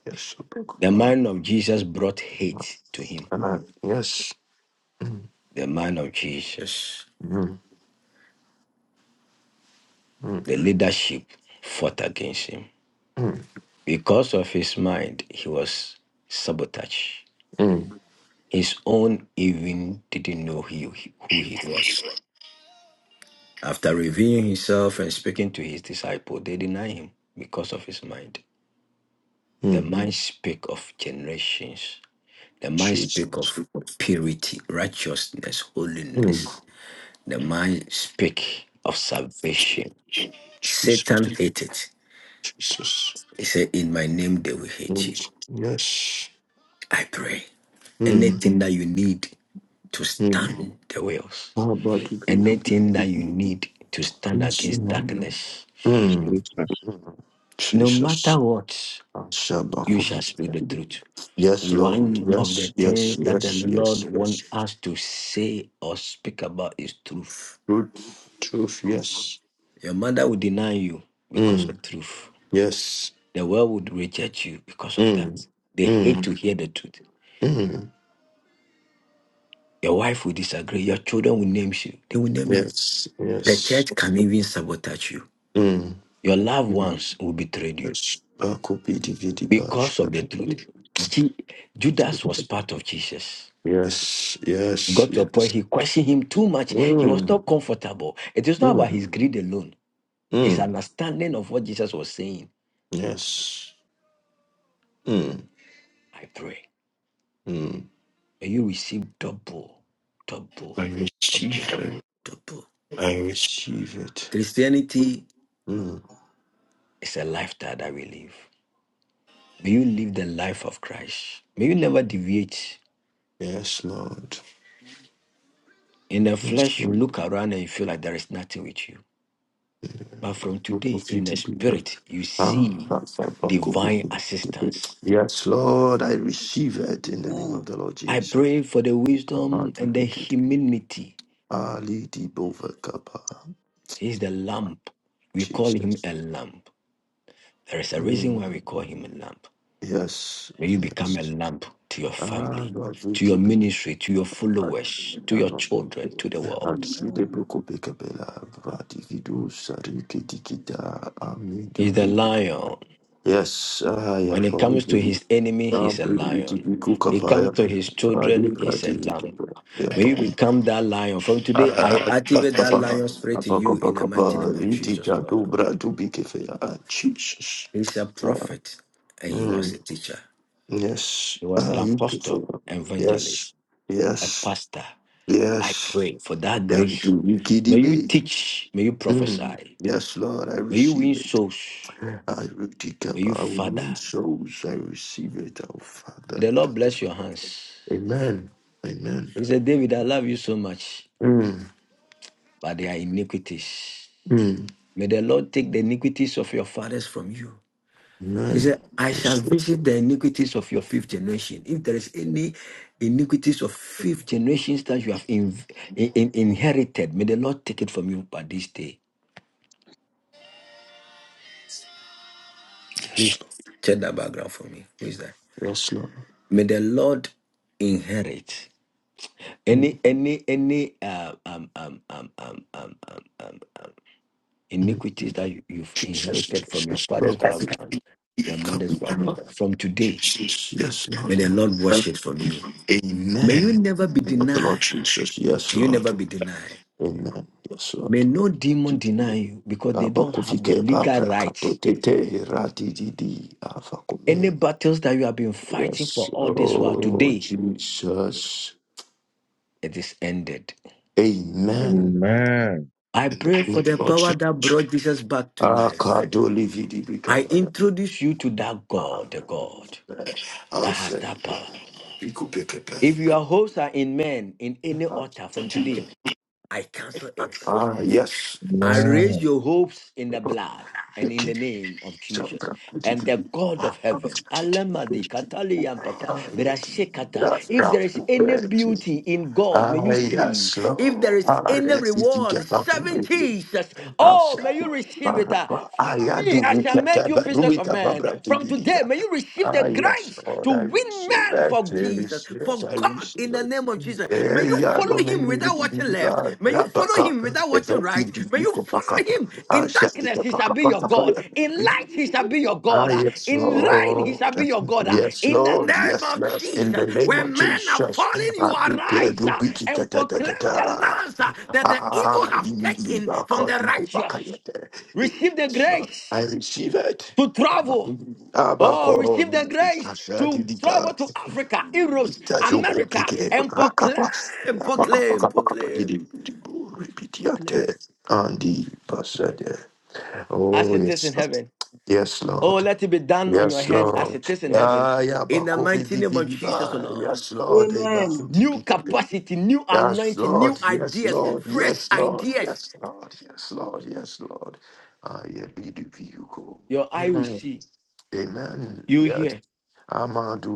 [SPEAKER 12] Yes.
[SPEAKER 7] The
[SPEAKER 12] Abakupa.
[SPEAKER 7] mind of Jesus brought hate to him.
[SPEAKER 12] Ah, Yes.
[SPEAKER 7] The mind of Jesus,
[SPEAKER 12] Mm.
[SPEAKER 7] the leadership fought against him.
[SPEAKER 12] Mm.
[SPEAKER 7] Because of his mind, he was sabotaged.
[SPEAKER 12] Mm.
[SPEAKER 7] His own even didn't know he, who he was. After revealing himself and speaking to his disciples, they deny him because of his mind. The
[SPEAKER 12] Mm.
[SPEAKER 7] mind speak of generations. The mind
[SPEAKER 12] Jesus.
[SPEAKER 7] speak of purity, righteousness,
[SPEAKER 12] Mm.
[SPEAKER 7] holiness. The mind speak of salvation. Satan
[SPEAKER 12] Jesus.
[SPEAKER 7] hate it.
[SPEAKER 12] Jesus.
[SPEAKER 7] He said, In my name they will hate you.
[SPEAKER 12] Mm. Yes.
[SPEAKER 7] I pray.
[SPEAKER 12] Mm.
[SPEAKER 7] Anything that you need to
[SPEAKER 12] Mm.
[SPEAKER 7] stand the wheels.
[SPEAKER 12] Abakuvi.
[SPEAKER 7] Anything that you need to stand against
[SPEAKER 12] Mm.
[SPEAKER 7] darkness.
[SPEAKER 16] Jesus.
[SPEAKER 12] Mm.
[SPEAKER 7] No
[SPEAKER 12] Jesus.
[SPEAKER 7] matter what. you shall
[SPEAKER 12] Shabakovidi.
[SPEAKER 7] speak the truth.
[SPEAKER 12] Yes, Lord.
[SPEAKER 7] One of
[SPEAKER 12] Yes,
[SPEAKER 7] the
[SPEAKER 12] yes,
[SPEAKER 7] things that the
[SPEAKER 12] yes,
[SPEAKER 7] Lord
[SPEAKER 12] yes, yes.
[SPEAKER 7] wants us to say or speak about is truth.
[SPEAKER 12] Truth, truth, yes.
[SPEAKER 7] Your mother will deny you because
[SPEAKER 12] Mm,
[SPEAKER 7] of truth.
[SPEAKER 12] yes.
[SPEAKER 7] The world would reject you because of
[SPEAKER 12] Mm,
[SPEAKER 7] that. They hate
[SPEAKER 12] mm,
[SPEAKER 7] to hear the truth.
[SPEAKER 12] mm.
[SPEAKER 7] Your wife will disagree. Your children will name you. They will name you.
[SPEAKER 12] Yes,
[SPEAKER 7] The
[SPEAKER 12] yes.
[SPEAKER 7] church can even sabotage you.
[SPEAKER 12] Mm,
[SPEAKER 7] Your loved
[SPEAKER 12] mm.
[SPEAKER 7] ones will betray you
[SPEAKER 12] Yes. Akopidividi-bash.
[SPEAKER 7] because of the truth. Je- Judas was part of Jesus.
[SPEAKER 12] Yes, yes,
[SPEAKER 7] got to a point
[SPEAKER 12] yes.
[SPEAKER 7] he questioned him too much. He was
[SPEAKER 12] Mm,
[SPEAKER 7] not comfortable. It is not about
[SPEAKER 12] mm,
[SPEAKER 7] his greed alone, his
[SPEAKER 12] mm.
[SPEAKER 7] understanding of what Jesus was saying.
[SPEAKER 12] Yes. Mm,
[SPEAKER 7] I pray.
[SPEAKER 12] mm.
[SPEAKER 7] May you receive double, double,
[SPEAKER 12] I receive
[SPEAKER 7] double,
[SPEAKER 12] it.
[SPEAKER 7] double.
[SPEAKER 12] I receive it.
[SPEAKER 7] Christianity
[SPEAKER 12] Mm.
[SPEAKER 7] is a lifestyle that we live. May you live the life of Christ. May you never deviate.
[SPEAKER 12] Yes, Lord.
[SPEAKER 7] In the
[SPEAKER 12] Yes,
[SPEAKER 7] flesh, you look around and you feel like there is nothing with you. But from today, in the
[SPEAKER 12] Lord.
[SPEAKER 7] spirit, you
[SPEAKER 12] Ah,
[SPEAKER 7] see divine assistance
[SPEAKER 12] Yes, Lord, I receive it in the name of the Lord
[SPEAKER 7] I
[SPEAKER 12] Jesus.
[SPEAKER 7] pray for the wisdom and the humility.
[SPEAKER 12] Ali di Bova Kappa.
[SPEAKER 7] He's the lamp. We call him
[SPEAKER 12] Jesus.
[SPEAKER 7] a lamp. There is a reason
[SPEAKER 12] Mm.
[SPEAKER 7] why we call him a lamp.
[SPEAKER 12] Yes,
[SPEAKER 7] May you become a
[SPEAKER 12] yes.
[SPEAKER 7] lamp to your
[SPEAKER 12] Ah,
[SPEAKER 7] family,
[SPEAKER 12] Lord, we
[SPEAKER 7] to your
[SPEAKER 12] keep it.
[SPEAKER 7] ministry, to your followers, to your children, to the
[SPEAKER 12] And
[SPEAKER 7] world.
[SPEAKER 12] she the book of Radividu, Sariki Dikita, Amidu
[SPEAKER 7] He's the
[SPEAKER 12] Vidu.
[SPEAKER 7] lion.
[SPEAKER 12] Yes, I
[SPEAKER 7] When it comes to
[SPEAKER 12] am
[SPEAKER 7] his enemy, he's a lion. He comes to his children, he's a lamb. May you become that lion. From today, I activate that lion spirit in you in the mighty name of Jesus, Lord.
[SPEAKER 12] Jesus.
[SPEAKER 7] He's a prophet and he was
[SPEAKER 12] Mm.
[SPEAKER 7] a teacher.
[SPEAKER 12] Yes.
[SPEAKER 7] He was an
[SPEAKER 12] Ah, you do for
[SPEAKER 7] apostle,
[SPEAKER 12] that. Yes.
[SPEAKER 7] evangelist, a
[SPEAKER 12] Yes.
[SPEAKER 7] pastor. I
[SPEAKER 12] Yes.
[SPEAKER 7] pray for that
[SPEAKER 12] And
[SPEAKER 7] grace.
[SPEAKER 12] do we kid
[SPEAKER 7] May you
[SPEAKER 12] it?
[SPEAKER 7] teach, may you
[SPEAKER 12] Mm.
[SPEAKER 7] prophesy,
[SPEAKER 12] Yes, Lord, I
[SPEAKER 7] may you win
[SPEAKER 12] receive it.
[SPEAKER 7] souls,
[SPEAKER 12] I will take
[SPEAKER 7] may
[SPEAKER 12] up.
[SPEAKER 7] you
[SPEAKER 12] I will
[SPEAKER 7] father.
[SPEAKER 12] win souls. I receive it, oh Father.
[SPEAKER 7] May the Lord bless your hands.
[SPEAKER 12] Amen. Amen.
[SPEAKER 7] He said, David, I love you so much,
[SPEAKER 12] Mm.
[SPEAKER 7] but they are iniquities.
[SPEAKER 12] Mm.
[SPEAKER 7] May the Lord take the iniquities of your fathers from you. He
[SPEAKER 12] Amen.
[SPEAKER 7] said, I shall
[SPEAKER 12] Yes, Lord.
[SPEAKER 7] visit the iniquities of your fifth generation. If there is any iniquities of fifth generations that you have in, in- in- inherited, may the Lord take it from you by this day.
[SPEAKER 12] Yes,
[SPEAKER 7] Please check that background for me. Who is that?
[SPEAKER 12] Lord. Yes, Lord.
[SPEAKER 7] May the Lord inherit
[SPEAKER 12] Mm,
[SPEAKER 7] any any any uh, um, um, um, um, um, um, um,
[SPEAKER 12] mm.
[SPEAKER 7] iniquities that you, you've
[SPEAKER 12] Jesus,
[SPEAKER 7] inherited from your
[SPEAKER 12] Jesus,
[SPEAKER 7] father's
[SPEAKER 12] Lord. I
[SPEAKER 7] background, your
[SPEAKER 12] Come,
[SPEAKER 7] mother's
[SPEAKER 12] come,
[SPEAKER 7] background.
[SPEAKER 12] Lord.
[SPEAKER 7] From today,
[SPEAKER 12] Jesus, yes,
[SPEAKER 7] may
[SPEAKER 12] Lord.
[SPEAKER 7] the Lord wash it from you. May you
[SPEAKER 12] Amen.
[SPEAKER 7] never be
[SPEAKER 12] Of the
[SPEAKER 7] denied.
[SPEAKER 12] Lord Jesus, yes,
[SPEAKER 7] You
[SPEAKER 12] Lord.
[SPEAKER 7] never be denied.
[SPEAKER 12] Amen. Yes,
[SPEAKER 7] May
[SPEAKER 12] Lord.
[SPEAKER 7] no demon deny you because they don't have the
[SPEAKER 12] Abakufike
[SPEAKER 7] legal
[SPEAKER 12] papra
[SPEAKER 7] right.
[SPEAKER 12] kato tete rati didi
[SPEAKER 7] Any
[SPEAKER 12] afakume.
[SPEAKER 7] battles that you have been fighting for
[SPEAKER 12] Yes,
[SPEAKER 7] all this while,
[SPEAKER 12] Lord
[SPEAKER 7] today
[SPEAKER 12] Jesus.
[SPEAKER 7] it is ended.
[SPEAKER 12] Amen.
[SPEAKER 16] Amen.
[SPEAKER 7] I pray for the
[SPEAKER 12] Lord
[SPEAKER 7] power
[SPEAKER 12] Jesus.
[SPEAKER 7] that brought Jesus back to life.
[SPEAKER 12] Akadoli vidi
[SPEAKER 7] I
[SPEAKER 12] bikaya.
[SPEAKER 7] introduce you to that God, the God that has that
[SPEAKER 12] Answer.
[SPEAKER 7] power.
[SPEAKER 12] Ah, yes. Yes.
[SPEAKER 7] If your hopes are in men, in any altar from today, I cancel it.
[SPEAKER 12] Ah, yes. Ah, yes,
[SPEAKER 7] I
[SPEAKER 12] Lord. Ah,
[SPEAKER 16] Amen.
[SPEAKER 7] raise your hopes in the blood and in the name of Jesus and the God of heaven. Alamadi katali yampapa,
[SPEAKER 12] yes.
[SPEAKER 7] berashekata. If there is any beauty in God, may
[SPEAKER 12] Ah,
[SPEAKER 7] you see.
[SPEAKER 12] yes.
[SPEAKER 7] If there is any reward, seven Jesus, oh, may you receive it. Ah, Follow me, I shall make you
[SPEAKER 12] Ah,
[SPEAKER 7] fishers of men. From today,
[SPEAKER 12] yes.
[SPEAKER 7] may you receive the
[SPEAKER 12] Ah, yes,
[SPEAKER 7] grace to
[SPEAKER 12] Lord, I
[SPEAKER 7] win
[SPEAKER 12] receive
[SPEAKER 7] men for
[SPEAKER 12] it. I
[SPEAKER 7] Jesus,
[SPEAKER 12] receive it.
[SPEAKER 7] for
[SPEAKER 12] I
[SPEAKER 7] God
[SPEAKER 12] receive
[SPEAKER 7] in the
[SPEAKER 12] it.
[SPEAKER 7] name of Jesus. May you
[SPEAKER 12] Eya
[SPEAKER 7] follow him
[SPEAKER 12] domini
[SPEAKER 7] without
[SPEAKER 12] bidi
[SPEAKER 7] watching
[SPEAKER 12] bidi
[SPEAKER 7] left.
[SPEAKER 12] la
[SPEAKER 7] May you follow
[SPEAKER 12] rabaka.
[SPEAKER 7] him without
[SPEAKER 12] Efe
[SPEAKER 7] watching right.
[SPEAKER 12] bidi
[SPEAKER 7] May you
[SPEAKER 12] biko
[SPEAKER 7] follow
[SPEAKER 12] pakapa.
[SPEAKER 7] him. In
[SPEAKER 12] Asha
[SPEAKER 7] darkness,
[SPEAKER 12] tika
[SPEAKER 7] he shall be
[SPEAKER 12] pakapa
[SPEAKER 7] your God.
[SPEAKER 12] tapaya.
[SPEAKER 7] In light, he shall be your
[SPEAKER 12] Ah,
[SPEAKER 7] God. Ah,
[SPEAKER 12] yes,
[SPEAKER 7] In rain, he shall
[SPEAKER 12] Lord.
[SPEAKER 7] be your God. Ah,
[SPEAKER 12] Yes,
[SPEAKER 7] In the
[SPEAKER 12] Lord.
[SPEAKER 7] name
[SPEAKER 12] Yes,
[SPEAKER 7] of
[SPEAKER 12] yes. In the
[SPEAKER 7] Jesus,
[SPEAKER 12] name of
[SPEAKER 7] when men are
[SPEAKER 12] Jesus,
[SPEAKER 7] falling, you
[SPEAKER 12] I declare
[SPEAKER 7] arise
[SPEAKER 12] to
[SPEAKER 7] ah,
[SPEAKER 12] be da
[SPEAKER 7] and
[SPEAKER 12] da da da
[SPEAKER 7] proclaim the
[SPEAKER 12] da.
[SPEAKER 7] lands ah, that the evil
[SPEAKER 12] Ah,
[SPEAKER 7] have taken
[SPEAKER 12] Iba
[SPEAKER 7] from the
[SPEAKER 12] Kodugo
[SPEAKER 7] righteous.
[SPEAKER 12] Bakayete.
[SPEAKER 7] Receive the
[SPEAKER 12] Yes, Lord. I
[SPEAKER 7] grace
[SPEAKER 12] receive it.
[SPEAKER 7] to travel. Oh,
[SPEAKER 12] Abako,
[SPEAKER 7] receive the grace to travel
[SPEAKER 12] Itashadidika,
[SPEAKER 7] to Africa, Europe,
[SPEAKER 12] Itajugo
[SPEAKER 7] America,
[SPEAKER 12] Pike,
[SPEAKER 7] and proclaim,
[SPEAKER 12] Rakapa,
[SPEAKER 7] proclaim,
[SPEAKER 12] Rapakapakapakapa, Didi,
[SPEAKER 7] proclaim,
[SPEAKER 12] Dibu,
[SPEAKER 7] proclaim.
[SPEAKER 12] Repitiate, Andi Pasade.
[SPEAKER 7] As
[SPEAKER 12] Oh,
[SPEAKER 7] it is in
[SPEAKER 12] yes, Lord.
[SPEAKER 7] heaven.
[SPEAKER 12] Yes,
[SPEAKER 7] Oh,
[SPEAKER 12] Lord.
[SPEAKER 7] let it be done on your
[SPEAKER 12] Yes,
[SPEAKER 7] head as
[SPEAKER 12] Lord.
[SPEAKER 7] it is in heaven.
[SPEAKER 12] Ah, yeah,
[SPEAKER 7] In the
[SPEAKER 12] Bakovi
[SPEAKER 7] mighty name of Jesus, O
[SPEAKER 12] Dividiba.
[SPEAKER 7] Lord.
[SPEAKER 12] Yes, Lord. Ebasuti
[SPEAKER 7] New
[SPEAKER 12] Bikabe.
[SPEAKER 7] capacity, new
[SPEAKER 12] Yes,
[SPEAKER 7] anointing,
[SPEAKER 12] Lord.
[SPEAKER 7] new
[SPEAKER 12] Yes,
[SPEAKER 7] ideas,
[SPEAKER 12] Lord.
[SPEAKER 7] fresh
[SPEAKER 12] Yes, Lord.
[SPEAKER 7] ideas.
[SPEAKER 12] Yes, Lord. Yes, Lord. Yes, Lord. Ah, yeah, Biduviko.
[SPEAKER 7] Your eye will see,
[SPEAKER 12] Amen.
[SPEAKER 7] you will
[SPEAKER 12] Yes,
[SPEAKER 7] hear,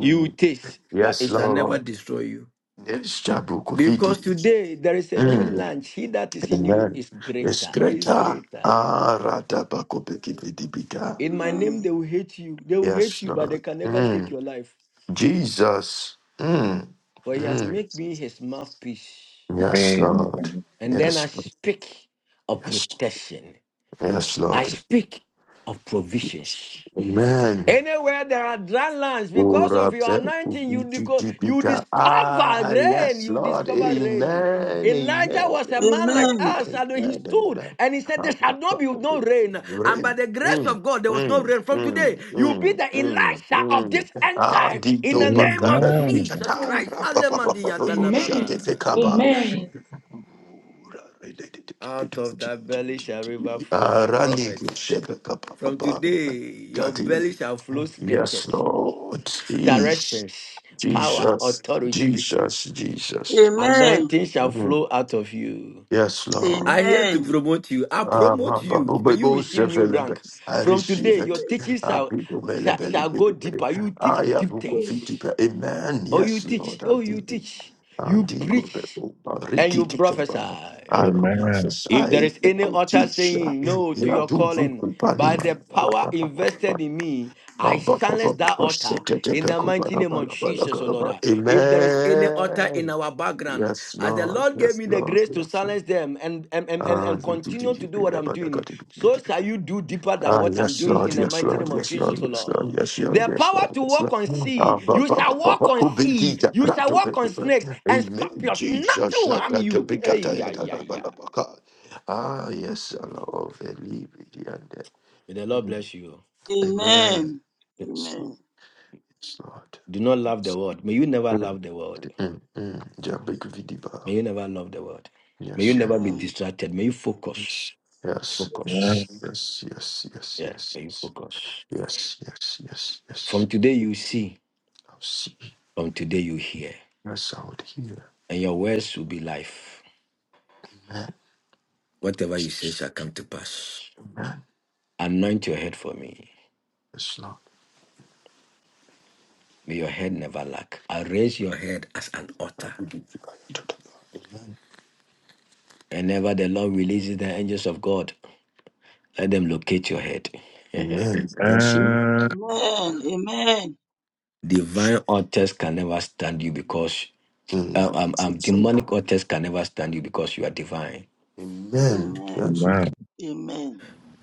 [SPEAKER 7] you will taste, but it
[SPEAKER 12] Yes,
[SPEAKER 7] shall never
[SPEAKER 12] Lord.
[SPEAKER 7] destroy you.
[SPEAKER 12] Yes, Jabukofidi.
[SPEAKER 7] Because today there is a new
[SPEAKER 12] Mm.
[SPEAKER 7] lunch. He that is in you
[SPEAKER 12] Amen.
[SPEAKER 7] is
[SPEAKER 12] Yes,
[SPEAKER 7] greater, is
[SPEAKER 12] Greta.
[SPEAKER 7] greater.
[SPEAKER 12] Ah, Radabakobekibidibika.
[SPEAKER 7] In my name, they will hate you. They will hate
[SPEAKER 12] Yes,
[SPEAKER 7] you, but they
[SPEAKER 12] Lord.
[SPEAKER 7] can never take
[SPEAKER 12] Mm.
[SPEAKER 7] your life.
[SPEAKER 12] Jesus. Mm.
[SPEAKER 7] For he has
[SPEAKER 12] Mm.
[SPEAKER 7] made me his mouthpiece.
[SPEAKER 12] Yes,
[SPEAKER 16] Amen.
[SPEAKER 12] Lord.
[SPEAKER 16] Amen.
[SPEAKER 7] And then I
[SPEAKER 12] Yes, Lord.
[SPEAKER 7] speak of
[SPEAKER 12] Yes,
[SPEAKER 7] protection.
[SPEAKER 12] yes,
[SPEAKER 7] I
[SPEAKER 12] Lord.
[SPEAKER 7] speak of provisions.
[SPEAKER 12] Amen.
[SPEAKER 7] Anywhere there are dry lands, because
[SPEAKER 12] Ora
[SPEAKER 7] of your
[SPEAKER 12] be-
[SPEAKER 7] anointing, you
[SPEAKER 12] ubi- di-
[SPEAKER 7] because
[SPEAKER 12] di- di-
[SPEAKER 7] you
[SPEAKER 12] ga.
[SPEAKER 7] discover
[SPEAKER 12] Ah,
[SPEAKER 7] rain.
[SPEAKER 12] yes,
[SPEAKER 7] You
[SPEAKER 12] Lord.
[SPEAKER 7] discover rain.
[SPEAKER 12] Amen.
[SPEAKER 7] Elijah
[SPEAKER 12] Amen.
[SPEAKER 7] was a man
[SPEAKER 12] Amen.
[SPEAKER 7] like us, and
[SPEAKER 12] Amen.
[SPEAKER 7] he stood
[SPEAKER 12] Amen.
[SPEAKER 7] and he said,
[SPEAKER 12] Ah,
[SPEAKER 7] There
[SPEAKER 12] ah,
[SPEAKER 7] shall
[SPEAKER 12] ah,
[SPEAKER 7] not be
[SPEAKER 12] ah.
[SPEAKER 7] no rain. And by
[SPEAKER 12] Re-
[SPEAKER 7] the grace
[SPEAKER 12] Mm,
[SPEAKER 7] of God, there was no
[SPEAKER 12] mm,
[SPEAKER 7] rain. From
[SPEAKER 12] mm,
[SPEAKER 7] today, you be
[SPEAKER 12] mm,
[SPEAKER 7] the
[SPEAKER 12] mm,
[SPEAKER 7] Elijah of
[SPEAKER 12] mm.
[SPEAKER 7] this end
[SPEAKER 12] Ah,
[SPEAKER 7] time
[SPEAKER 12] di
[SPEAKER 7] in
[SPEAKER 12] do
[SPEAKER 7] the
[SPEAKER 12] ba
[SPEAKER 7] name
[SPEAKER 12] ga
[SPEAKER 7] of
[SPEAKER 12] da lu bi cha
[SPEAKER 16] Amen.
[SPEAKER 7] Jesus
[SPEAKER 12] cha.
[SPEAKER 7] Christ.
[SPEAKER 12] Ra pa pa pa pa pa po. Sha te
[SPEAKER 7] Alemaadiyatalababa.
[SPEAKER 12] fe ka ba.
[SPEAKER 7] Out of that belly shall river flow, my prophets. From today, your belly shall flow
[SPEAKER 12] Yes,
[SPEAKER 7] scriptures.
[SPEAKER 12] Lord. Jeez.
[SPEAKER 7] directions, power,
[SPEAKER 12] Jesus.
[SPEAKER 7] authority.
[SPEAKER 12] Jesus.
[SPEAKER 3] Amen. Amen. Amen.
[SPEAKER 12] Jesus.
[SPEAKER 7] Anointing shall
[SPEAKER 12] Mm.
[SPEAKER 7] flow out of you.
[SPEAKER 12] Yes, Lord.
[SPEAKER 7] I here to
[SPEAKER 3] Amen.
[SPEAKER 7] promote you. I
[SPEAKER 12] Ah, ma,
[SPEAKER 7] promote
[SPEAKER 12] ba,
[SPEAKER 7] you.
[SPEAKER 12] bo,
[SPEAKER 7] May
[SPEAKER 12] bo,
[SPEAKER 7] you
[SPEAKER 12] bo,
[SPEAKER 7] receive
[SPEAKER 12] se, fe,
[SPEAKER 7] new
[SPEAKER 12] le, be.
[SPEAKER 7] rank.
[SPEAKER 12] I
[SPEAKER 7] From
[SPEAKER 12] receive
[SPEAKER 7] today, your
[SPEAKER 12] it.
[SPEAKER 3] Yes.
[SPEAKER 7] teaching
[SPEAKER 12] Ah,
[SPEAKER 7] shall,
[SPEAKER 12] be, do, be, le,
[SPEAKER 7] shall,
[SPEAKER 12] be, le,
[SPEAKER 7] shall
[SPEAKER 12] be,
[SPEAKER 7] go
[SPEAKER 12] le, be, le.
[SPEAKER 7] deeper. You
[SPEAKER 12] Ah,
[SPEAKER 7] teach
[SPEAKER 12] ya,
[SPEAKER 7] deep
[SPEAKER 12] bu, ku,
[SPEAKER 7] things.
[SPEAKER 12] fi,
[SPEAKER 3] yes.
[SPEAKER 12] di, be. Amen.
[SPEAKER 7] Oh, you
[SPEAKER 12] Yes,
[SPEAKER 7] teach.
[SPEAKER 12] Lord.
[SPEAKER 7] Oh, you teach.
[SPEAKER 12] And
[SPEAKER 7] You
[SPEAKER 12] the good
[SPEAKER 7] preach
[SPEAKER 12] people, uh,
[SPEAKER 7] and you
[SPEAKER 12] Rikiti Kabala,
[SPEAKER 7] prophesy.
[SPEAKER 12] I will
[SPEAKER 16] Amen.
[SPEAKER 12] prophesy
[SPEAKER 7] If there is
[SPEAKER 12] and
[SPEAKER 7] any
[SPEAKER 12] I will
[SPEAKER 7] author
[SPEAKER 12] teach. uh,
[SPEAKER 7] saying no to
[SPEAKER 12] Yeah,
[SPEAKER 7] your
[SPEAKER 12] do good
[SPEAKER 7] calling,
[SPEAKER 12] company,
[SPEAKER 7] by the
[SPEAKER 12] my bala,
[SPEAKER 7] power
[SPEAKER 12] bala, bala,
[SPEAKER 7] invested
[SPEAKER 12] bala.
[SPEAKER 7] in me,
[SPEAKER 12] My
[SPEAKER 7] I
[SPEAKER 12] ba- ba-
[SPEAKER 7] silence
[SPEAKER 12] ba- ba-
[SPEAKER 7] that
[SPEAKER 12] ba-
[SPEAKER 7] author
[SPEAKER 12] sekete
[SPEAKER 7] in the
[SPEAKER 12] peko,
[SPEAKER 7] mighty
[SPEAKER 12] bala,
[SPEAKER 7] name of
[SPEAKER 12] bala, bala,
[SPEAKER 7] Jesus, O
[SPEAKER 12] bala,
[SPEAKER 7] Lord.
[SPEAKER 12] bala.
[SPEAKER 7] If there is any author in
[SPEAKER 12] Amen.
[SPEAKER 7] our background,
[SPEAKER 12] Yes,
[SPEAKER 7] as the
[SPEAKER 12] Lord.
[SPEAKER 7] Lord gave
[SPEAKER 12] Yes,
[SPEAKER 7] me the
[SPEAKER 12] Lord.
[SPEAKER 7] grace to
[SPEAKER 12] Yes, Lord.
[SPEAKER 7] silence them and, and, and, and
[SPEAKER 12] Ah,
[SPEAKER 7] and
[SPEAKER 12] di- di- di-
[SPEAKER 7] continue to
[SPEAKER 12] di-
[SPEAKER 7] do
[SPEAKER 12] di-
[SPEAKER 7] what
[SPEAKER 12] di- di- di- di-
[SPEAKER 7] I'm doing,
[SPEAKER 12] di- di- di-
[SPEAKER 7] so
[SPEAKER 12] di- di- di-
[SPEAKER 7] shall you do deeper than
[SPEAKER 12] Ah,
[SPEAKER 7] what I'm
[SPEAKER 12] yes,
[SPEAKER 7] doing in
[SPEAKER 12] Lord,
[SPEAKER 7] the
[SPEAKER 12] yes,
[SPEAKER 7] mighty name
[SPEAKER 12] Lord,
[SPEAKER 7] of
[SPEAKER 12] yes,
[SPEAKER 7] Jesus,
[SPEAKER 12] Lord,
[SPEAKER 7] O
[SPEAKER 12] yes,
[SPEAKER 7] Lord.
[SPEAKER 12] Lord, yes, Lord,
[SPEAKER 7] The
[SPEAKER 12] yes,
[SPEAKER 7] power
[SPEAKER 12] Lord,
[SPEAKER 7] to
[SPEAKER 12] yes,
[SPEAKER 7] walk on
[SPEAKER 12] Lord.
[SPEAKER 7] sea,
[SPEAKER 12] Ah, ba,
[SPEAKER 7] you
[SPEAKER 12] ba, ba,
[SPEAKER 7] shall
[SPEAKER 12] ba,
[SPEAKER 7] walk
[SPEAKER 12] ba,
[SPEAKER 7] on
[SPEAKER 12] ku, bi, di,
[SPEAKER 7] sea,
[SPEAKER 12] ja,
[SPEAKER 7] you
[SPEAKER 12] pra,
[SPEAKER 7] shall
[SPEAKER 12] to,
[SPEAKER 7] walk
[SPEAKER 12] bi,
[SPEAKER 7] on
[SPEAKER 12] ku, ba.
[SPEAKER 7] snakes and
[SPEAKER 12] Amen.
[SPEAKER 7] scorpions,
[SPEAKER 12] Jesus,
[SPEAKER 7] nothing will
[SPEAKER 12] sha,
[SPEAKER 7] harm
[SPEAKER 12] ta, to,
[SPEAKER 7] you.
[SPEAKER 12] bi, ka, ta,
[SPEAKER 7] Ay,
[SPEAKER 12] ya,
[SPEAKER 7] ay,
[SPEAKER 12] da, da,
[SPEAKER 7] ay,
[SPEAKER 12] ba,
[SPEAKER 7] ay.
[SPEAKER 12] la, ba, ka. Ah, yes, Lord, veli, bi, di, an, de.
[SPEAKER 7] May the Lord
[SPEAKER 12] Mm,
[SPEAKER 7] bless you.
[SPEAKER 12] Amen.
[SPEAKER 3] Amen.
[SPEAKER 12] Yes, Lord.
[SPEAKER 3] Amen.
[SPEAKER 12] Yes, Lord.
[SPEAKER 7] Do not love the world. May you never
[SPEAKER 12] Mm,
[SPEAKER 7] love the world.
[SPEAKER 12] mm, mm. Ja, bi, ku, vi, di, ba.
[SPEAKER 7] May you never love the world. May you
[SPEAKER 12] Yes,
[SPEAKER 7] never
[SPEAKER 12] Lord.
[SPEAKER 7] be
[SPEAKER 3] Amen.
[SPEAKER 7] distracted. May you focus.
[SPEAKER 12] Yes. Yes,
[SPEAKER 7] Focus.
[SPEAKER 12] yes, yes, yes, yes, yes,
[SPEAKER 7] Yeah,
[SPEAKER 12] yes,
[SPEAKER 7] may you focus.
[SPEAKER 12] yes, yes, yes,
[SPEAKER 7] From
[SPEAKER 12] yes.
[SPEAKER 7] today you see,
[SPEAKER 12] I'll see.
[SPEAKER 7] from today you hear,
[SPEAKER 12] Yes, I would hear.
[SPEAKER 7] and your words will be life.
[SPEAKER 12] Amen.
[SPEAKER 7] Whatever you say shall come to pass.
[SPEAKER 12] Amen.
[SPEAKER 7] Anoint your head for me.
[SPEAKER 12] Yes, Lord.
[SPEAKER 7] May your head never lack. I raise your head as an
[SPEAKER 12] I
[SPEAKER 7] altar.
[SPEAKER 12] give you the glory. Amen.
[SPEAKER 7] Whenever the Lord releases the angels of God, let them locate your head. <laughs>
[SPEAKER 12] Amen. Yes, yeah.
[SPEAKER 16] Amen.
[SPEAKER 3] Amen. Amen.
[SPEAKER 7] Divine authors can never stand you because
[SPEAKER 12] Mm.
[SPEAKER 7] um, um,
[SPEAKER 12] So,
[SPEAKER 7] um,
[SPEAKER 12] so.
[SPEAKER 7] demonic authors can never stand you because you are divine.
[SPEAKER 12] Amen.
[SPEAKER 3] Amen. Amen.
[SPEAKER 12] Yes, okay.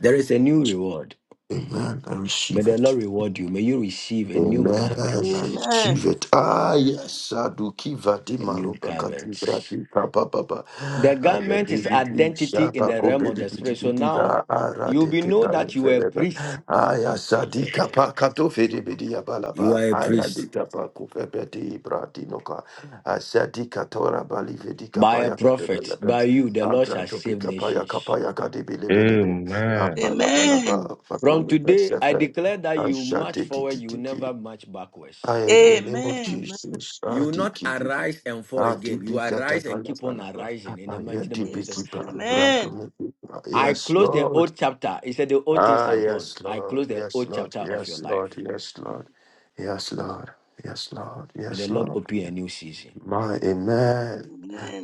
[SPEAKER 7] There is a new reward.
[SPEAKER 12] Amen. I
[SPEAKER 7] May
[SPEAKER 12] receive
[SPEAKER 7] the
[SPEAKER 12] it.
[SPEAKER 7] Lord reward you. May you receive a new
[SPEAKER 12] Amen.
[SPEAKER 7] garment.
[SPEAKER 12] I
[SPEAKER 3] Amen.
[SPEAKER 12] achieve it. Ah, yes. Aduki
[SPEAKER 7] A
[SPEAKER 12] vadima
[SPEAKER 7] new
[SPEAKER 12] robaka
[SPEAKER 7] garment.
[SPEAKER 12] dibrati kapapapa.
[SPEAKER 7] The garment is
[SPEAKER 12] Ayadibidi
[SPEAKER 7] identity in the
[SPEAKER 12] shabako
[SPEAKER 7] realm of the spirit. So now
[SPEAKER 12] bedibidibida
[SPEAKER 7] you'll
[SPEAKER 12] arade
[SPEAKER 7] be know that
[SPEAKER 12] kebayo
[SPEAKER 7] you are a
[SPEAKER 12] feleba.
[SPEAKER 7] priest. <laughs>
[SPEAKER 12] abala ba. fedibidi
[SPEAKER 7] you
[SPEAKER 12] abalaba.
[SPEAKER 7] are a priest.
[SPEAKER 12] Ayadita pako febedi brati noka. Asadi katora bali vedi
[SPEAKER 7] By a
[SPEAKER 12] kapaya
[SPEAKER 7] prophet,
[SPEAKER 12] kadebelebe.
[SPEAKER 7] by you, the Lord shall
[SPEAKER 12] Abrato
[SPEAKER 7] save
[SPEAKER 12] pikapaya
[SPEAKER 7] nations.
[SPEAKER 12] kapaya kadibilebelebe.
[SPEAKER 16] Amen.
[SPEAKER 3] Amen.
[SPEAKER 12] Abalabalaba.
[SPEAKER 7] From
[SPEAKER 12] Fakomi
[SPEAKER 7] today, I
[SPEAKER 12] pesefe.
[SPEAKER 7] declare that you march forward, you will
[SPEAKER 12] Ashadididididi.
[SPEAKER 7] never march
[SPEAKER 12] I,
[SPEAKER 7] backwards.
[SPEAKER 12] in the name of
[SPEAKER 3] Amen.
[SPEAKER 2] My
[SPEAKER 12] Jesus,
[SPEAKER 7] You will not
[SPEAKER 12] Adiki,
[SPEAKER 7] arise and fall again. You
[SPEAKER 12] Adiki,
[SPEAKER 7] arise and keep on
[SPEAKER 12] Katapalapalapa,
[SPEAKER 7] arising in the mighty name of Jesus.
[SPEAKER 12] Ayadibiki,
[SPEAKER 3] Yes. Amen.
[SPEAKER 12] Brado,
[SPEAKER 7] I
[SPEAKER 12] yes,
[SPEAKER 7] close the
[SPEAKER 12] Lord,
[SPEAKER 7] old chapter. He said, The old things
[SPEAKER 12] ah,
[SPEAKER 7] are gone.
[SPEAKER 12] yes,
[SPEAKER 7] I
[SPEAKER 12] Lord,
[SPEAKER 7] close the
[SPEAKER 12] yes,
[SPEAKER 7] old
[SPEAKER 12] Lord,
[SPEAKER 7] chapter of your
[SPEAKER 12] yes, Lord,
[SPEAKER 7] life.
[SPEAKER 12] yes, Lord, yes, Lord, yes, Lord,
[SPEAKER 7] May the
[SPEAKER 12] yes,
[SPEAKER 7] Lord
[SPEAKER 12] Lord.
[SPEAKER 7] open a new season,
[SPEAKER 12] My amen.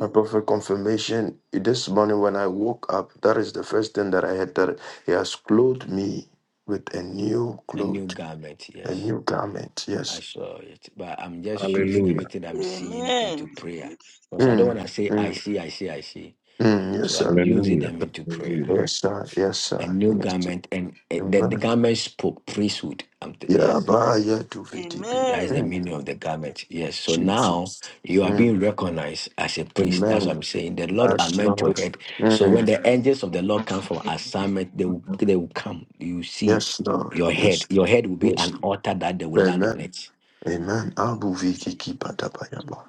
[SPEAKER 12] My prophet confirmation this morning when I woke up, that is the first thing that I had that he has clothed me with a new
[SPEAKER 7] a new
[SPEAKER 12] cloth,
[SPEAKER 7] garment.
[SPEAKER 12] a
[SPEAKER 7] Yes,
[SPEAKER 12] new garment.
[SPEAKER 7] I
[SPEAKER 12] Yes.
[SPEAKER 7] saw it. But I'm just using
[SPEAKER 16] Hallelujah.
[SPEAKER 7] everything I'm seeing into
[SPEAKER 3] Amen.
[SPEAKER 7] prayer.
[SPEAKER 3] Thank you.
[SPEAKER 7] Because I don't want
[SPEAKER 12] Mm,
[SPEAKER 7] to say,
[SPEAKER 12] mm.
[SPEAKER 7] I see, I see, I see.
[SPEAKER 12] Mm, yes,
[SPEAKER 7] So I'm
[SPEAKER 12] sir.
[SPEAKER 7] using
[SPEAKER 16] Hallelujah.
[SPEAKER 7] them into prayer.
[SPEAKER 16] Hallelujah.
[SPEAKER 12] Yes, sir. Yes,
[SPEAKER 7] A
[SPEAKER 12] sir.
[SPEAKER 7] new
[SPEAKER 12] Yes, sir.
[SPEAKER 7] garment. And eh, the, the
[SPEAKER 12] Amen.
[SPEAKER 7] garment spoke priesthood. I'm t-
[SPEAKER 12] Yeah,
[SPEAKER 7] yes.
[SPEAKER 12] by yeah, to VTB.
[SPEAKER 7] That is
[SPEAKER 3] Amen.
[SPEAKER 7] the
[SPEAKER 12] Mm,
[SPEAKER 7] meaning of the garment. Yes. So now
[SPEAKER 12] Jesus.
[SPEAKER 7] you are
[SPEAKER 12] Mm,
[SPEAKER 7] being recognized as a priest. That's what
[SPEAKER 12] amen.
[SPEAKER 7] I'm saying. The Lord
[SPEAKER 16] Hallelujah.
[SPEAKER 12] Yes,
[SPEAKER 7] anoint your
[SPEAKER 12] Lord.
[SPEAKER 7] head. So when
[SPEAKER 12] Mm,
[SPEAKER 7] the angels of the Lord come from assignment, they will they will come. You see
[SPEAKER 12] yes, Lord.
[SPEAKER 7] your head.
[SPEAKER 12] Yes.
[SPEAKER 7] Your head will be
[SPEAKER 12] Yes.
[SPEAKER 7] an altar that they will land on
[SPEAKER 12] Amen.
[SPEAKER 7] it.
[SPEAKER 12] Amen.
[SPEAKER 3] Thank
[SPEAKER 12] Abu
[SPEAKER 3] you,
[SPEAKER 12] viti
[SPEAKER 3] Jesus.
[SPEAKER 12] Patabayaba.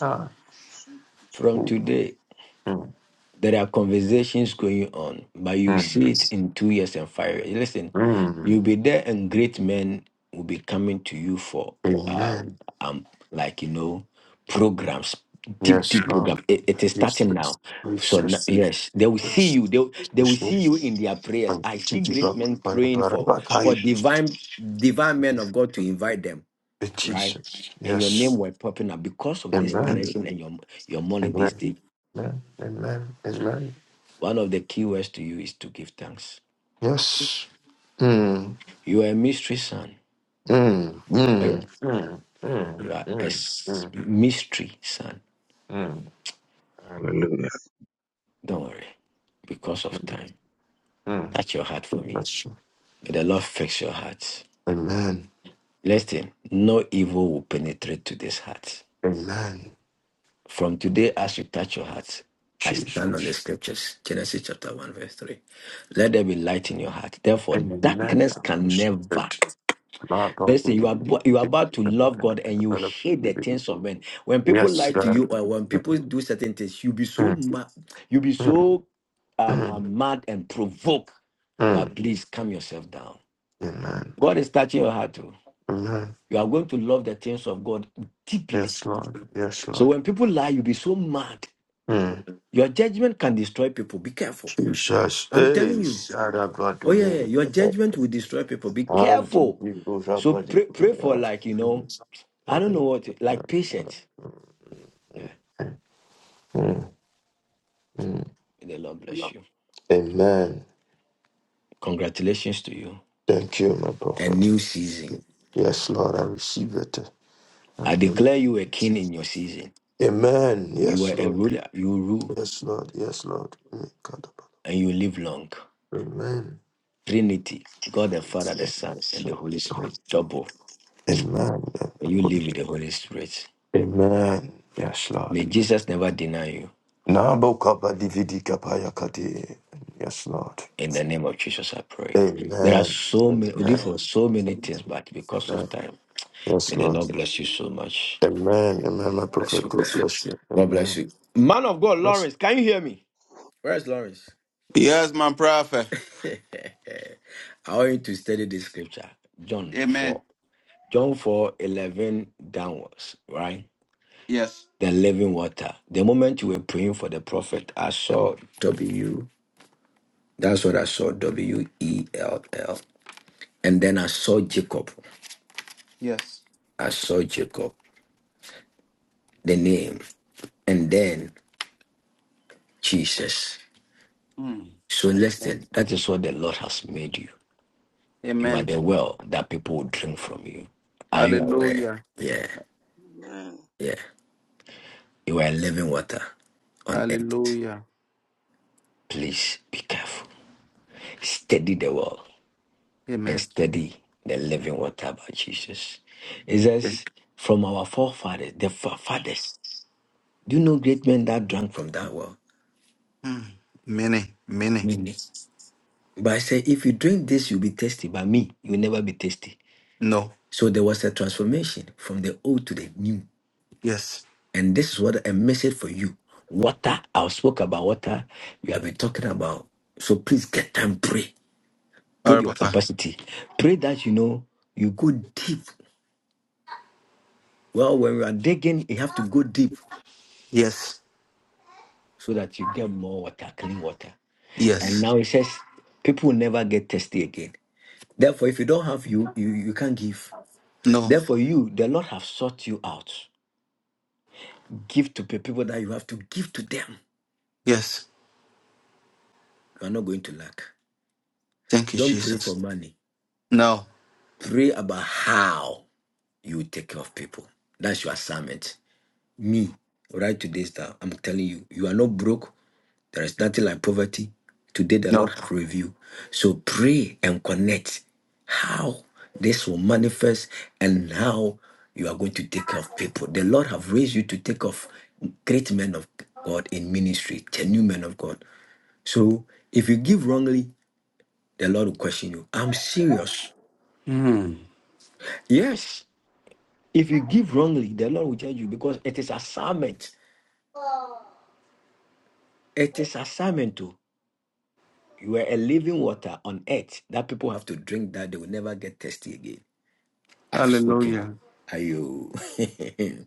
[SPEAKER 12] Ah.
[SPEAKER 3] Thank you, Jesus.
[SPEAKER 7] From
[SPEAKER 12] Mm,
[SPEAKER 7] today,
[SPEAKER 12] mm,
[SPEAKER 7] There are conversations going on, but you
[SPEAKER 12] mm.
[SPEAKER 7] see it in two years and five years. Listen,
[SPEAKER 12] mm.
[SPEAKER 7] you'll be there, and great men will be coming to you for um,
[SPEAKER 12] Amen.
[SPEAKER 7] um, like you know, programs, deep,
[SPEAKER 12] Yes,
[SPEAKER 7] deep
[SPEAKER 12] Lord.
[SPEAKER 7] program. It, it is
[SPEAKER 12] Jesus.
[SPEAKER 7] starting
[SPEAKER 12] Jesus.
[SPEAKER 7] now. So n-
[SPEAKER 12] Jesus.
[SPEAKER 7] yes, they will see
[SPEAKER 12] Jesus.
[SPEAKER 7] you.
[SPEAKER 3] Thank
[SPEAKER 7] They will-
[SPEAKER 3] you, Jesus. Amen.
[SPEAKER 7] they will
[SPEAKER 3] Amen.
[SPEAKER 7] see you
[SPEAKER 12] Jesus.
[SPEAKER 7] in their prayers. I see great men praying for for
[SPEAKER 12] Jesus. Jesus.
[SPEAKER 7] divine divine men of God to invite them, right?
[SPEAKER 12] Jesus.
[SPEAKER 7] And your
[SPEAKER 12] Yes.
[SPEAKER 7] name were popping up because of this
[SPEAKER 12] Amen.
[SPEAKER 7] direction and your your money
[SPEAKER 12] Amen.
[SPEAKER 7] this day.
[SPEAKER 12] Amen. Amen. Amen.
[SPEAKER 7] One of the key words to you is to give thanks.
[SPEAKER 12] Yes. Mm.
[SPEAKER 7] You are a mystery son.
[SPEAKER 12] Mm.
[SPEAKER 7] Oh, yeah.
[SPEAKER 12] Mm. Mm. Mm.
[SPEAKER 7] You are a
[SPEAKER 12] Mm. Mm.
[SPEAKER 7] s- mystery son.
[SPEAKER 12] Mm.
[SPEAKER 16] Hallelujah.
[SPEAKER 3] Yes.
[SPEAKER 7] Don't worry. Because of time.
[SPEAKER 12] Mm.
[SPEAKER 7] Touch your heart for me.
[SPEAKER 12] Bless you.
[SPEAKER 7] May the Lord fix your heart.
[SPEAKER 12] Amen.
[SPEAKER 7] Listen, no evil will penetrate to this heart.
[SPEAKER 12] Amen.
[SPEAKER 7] From today, as you touch your heart, I
[SPEAKER 12] Jesus.
[SPEAKER 7] stand on the scriptures. Genesis chapter 1, verse 3. Let there be light in your heart. Therefore,
[SPEAKER 12] Amen.
[SPEAKER 7] darkness
[SPEAKER 12] I'm
[SPEAKER 7] can
[SPEAKER 12] Stupid.
[SPEAKER 7] never
[SPEAKER 12] My dog will
[SPEAKER 7] Listen, you
[SPEAKER 12] be
[SPEAKER 7] are bo- you are
[SPEAKER 12] give
[SPEAKER 7] about to
[SPEAKER 12] the
[SPEAKER 7] love
[SPEAKER 12] whatever
[SPEAKER 7] God and you hate
[SPEAKER 12] will
[SPEAKER 7] the
[SPEAKER 12] be
[SPEAKER 7] things of
[SPEAKER 12] beautiful.
[SPEAKER 7] men. When people
[SPEAKER 12] Yes,
[SPEAKER 7] lie to
[SPEAKER 12] Lord.
[SPEAKER 7] you or when people do certain things, you'll be so
[SPEAKER 12] Mm.
[SPEAKER 7] mad, you'll be
[SPEAKER 12] Mm.
[SPEAKER 7] so um,
[SPEAKER 12] Mm.
[SPEAKER 7] um, mad and provoked. But
[SPEAKER 12] Mm.
[SPEAKER 7] please calm yourself down.
[SPEAKER 12] Amen.
[SPEAKER 7] God is touching your heart too.
[SPEAKER 12] Amen.
[SPEAKER 7] You are going to love the things of God deeply.
[SPEAKER 12] Yes, Lord. Yes,
[SPEAKER 7] So
[SPEAKER 12] Lord.
[SPEAKER 7] when people lie, you'll be so mad.
[SPEAKER 12] Mm.
[SPEAKER 7] Your judgment can destroy people. Be careful.
[SPEAKER 12] Jesus.
[SPEAKER 7] I'm telling
[SPEAKER 12] Hey,
[SPEAKER 7] you.
[SPEAKER 12] shout out
[SPEAKER 7] Oh,
[SPEAKER 12] to
[SPEAKER 7] yeah, yeah. Your
[SPEAKER 12] me.
[SPEAKER 7] judgment will destroy people. Be
[SPEAKER 12] And you
[SPEAKER 7] careful.
[SPEAKER 12] give those up,
[SPEAKER 7] So
[SPEAKER 12] but you
[SPEAKER 7] pray,
[SPEAKER 12] give
[SPEAKER 7] pray
[SPEAKER 12] it
[SPEAKER 7] for
[SPEAKER 12] up.
[SPEAKER 7] like, you know.
[SPEAKER 12] Mm.
[SPEAKER 7] I don't know
[SPEAKER 12] Right.
[SPEAKER 7] what, like patience. Yeah.
[SPEAKER 12] Mm,
[SPEAKER 7] May the Lord bless
[SPEAKER 12] mm.
[SPEAKER 7] you.
[SPEAKER 12] Amen.
[SPEAKER 7] Congratulations to you.
[SPEAKER 12] Thank you, my
[SPEAKER 7] A
[SPEAKER 12] prophet.
[SPEAKER 7] new season.
[SPEAKER 12] Yes, Lord, I receive it.
[SPEAKER 7] I
[SPEAKER 12] Amen.
[SPEAKER 7] declare you a king in your season.
[SPEAKER 12] Amen.
[SPEAKER 7] You
[SPEAKER 12] Yes,
[SPEAKER 7] are a
[SPEAKER 12] Lord.
[SPEAKER 7] ruler. You rule
[SPEAKER 12] Yes, Lord. Yes, Lord. Mm, God.
[SPEAKER 7] and you live long.
[SPEAKER 12] Amen.
[SPEAKER 7] Trinity, God the Father, the Son, and the Holy Spirit. Double. When you live
[SPEAKER 12] Amen.
[SPEAKER 7] with the Holy Spirit,
[SPEAKER 12] Amen. Yes, Lord.
[SPEAKER 7] may Jesus never deny you.
[SPEAKER 12] Nabo kapa dividi kapaya kati. Yes, Lord.
[SPEAKER 7] In the name of Jesus, I pray. There are
[SPEAKER 12] Amen.
[SPEAKER 7] so many, we did
[SPEAKER 3] Amen.
[SPEAKER 7] for so many things,
[SPEAKER 12] Amen.
[SPEAKER 7] but because of time,
[SPEAKER 12] Yes,
[SPEAKER 7] may the
[SPEAKER 12] Lord.
[SPEAKER 7] Lord bless you so
[SPEAKER 3] Amen.
[SPEAKER 7] much.
[SPEAKER 12] Amen. Amen. My
[SPEAKER 7] God bless
[SPEAKER 3] Amen.
[SPEAKER 12] prophet,
[SPEAKER 7] you.
[SPEAKER 12] God bless you.
[SPEAKER 7] God bless
[SPEAKER 12] Amen.
[SPEAKER 7] you. Man of God,
[SPEAKER 12] Bless
[SPEAKER 7] Lawrence, can you hear me? Where's Lawrence?
[SPEAKER 4] Yes, my prophet.
[SPEAKER 7] <laughs> I want you to study this scripture. John 4.
[SPEAKER 4] Amen.
[SPEAKER 7] John 4 11 downwards, right?
[SPEAKER 4] Yes.
[SPEAKER 7] The living water. The moment you were praying for the prophet, I saw W. That's what I saw, W E L L. And then I saw Jacob.
[SPEAKER 4] Yes.
[SPEAKER 7] I saw Jacob, the name. And then Jesus.
[SPEAKER 4] Mm.
[SPEAKER 7] So
[SPEAKER 4] Amen.
[SPEAKER 7] listen, that is what the Lord has made you. You are
[SPEAKER 4] Amen.
[SPEAKER 7] the well that people will drink from you. Are you aware?
[SPEAKER 4] Hallelujah.
[SPEAKER 7] Yeah,
[SPEAKER 3] Amen.
[SPEAKER 7] yeah. You are living water on earth.
[SPEAKER 4] Hallelujah.
[SPEAKER 7] Please be careful. Steady the wall and
[SPEAKER 4] Amen.
[SPEAKER 7] steady the living water about Jesus. It
[SPEAKER 4] Amen.
[SPEAKER 7] says, from our forefathers, the fa- fathers. Do you know great men that drank from that well?
[SPEAKER 4] Mm. Many, many.
[SPEAKER 7] Many. But I say, if you drink this, you'll be tasty. But me, you'll never be tasty.
[SPEAKER 4] No.
[SPEAKER 7] So there was a transformation from the old to the new.
[SPEAKER 4] Yes.
[SPEAKER 7] And this is what a message for you. Water, I spoke about water. We have been talking about. So please get time, pray.
[SPEAKER 4] All
[SPEAKER 7] build
[SPEAKER 4] right,
[SPEAKER 7] your
[SPEAKER 4] Papa.
[SPEAKER 7] capacity. Pray that you know you go deep. Well, when we are digging, you have to go deep
[SPEAKER 4] Yes.
[SPEAKER 7] so that you get more water, clean water. And
[SPEAKER 4] Yes.
[SPEAKER 7] now it says people will never get thirsty again. Therefore, if you don't have you, you you can't give.
[SPEAKER 4] No.
[SPEAKER 7] Therefore, you the Lord have sought you out. Give to pe- people that you have to give to them.
[SPEAKER 4] Yes.
[SPEAKER 7] You are not going to lack.
[SPEAKER 4] Thank you,
[SPEAKER 7] Don't pray for
[SPEAKER 4] Jesus.
[SPEAKER 7] money.
[SPEAKER 4] No.
[SPEAKER 7] Pray about how you take care of people. That's your assignment. me right today. down. I'm telling you, you are not broke. There is nothing like poverty. Today the Lord
[SPEAKER 4] No.
[SPEAKER 7] has revealed. So pray and connect how this will manifest and how you are going to take care of people. The Lord have raised you to take off great men of God in ministry, genuine men of God. So if you give wrongly, the Lord will question you. I'm serious.
[SPEAKER 4] Mm.
[SPEAKER 7] Yes. If you give wrongly, the Lord will judge you because it is assignment. It is assignment too. You are a living water on earth that people have to drink that they will never get thirsty again. I've spoken.
[SPEAKER 4] Hallelujah.
[SPEAKER 7] Are you? <laughs>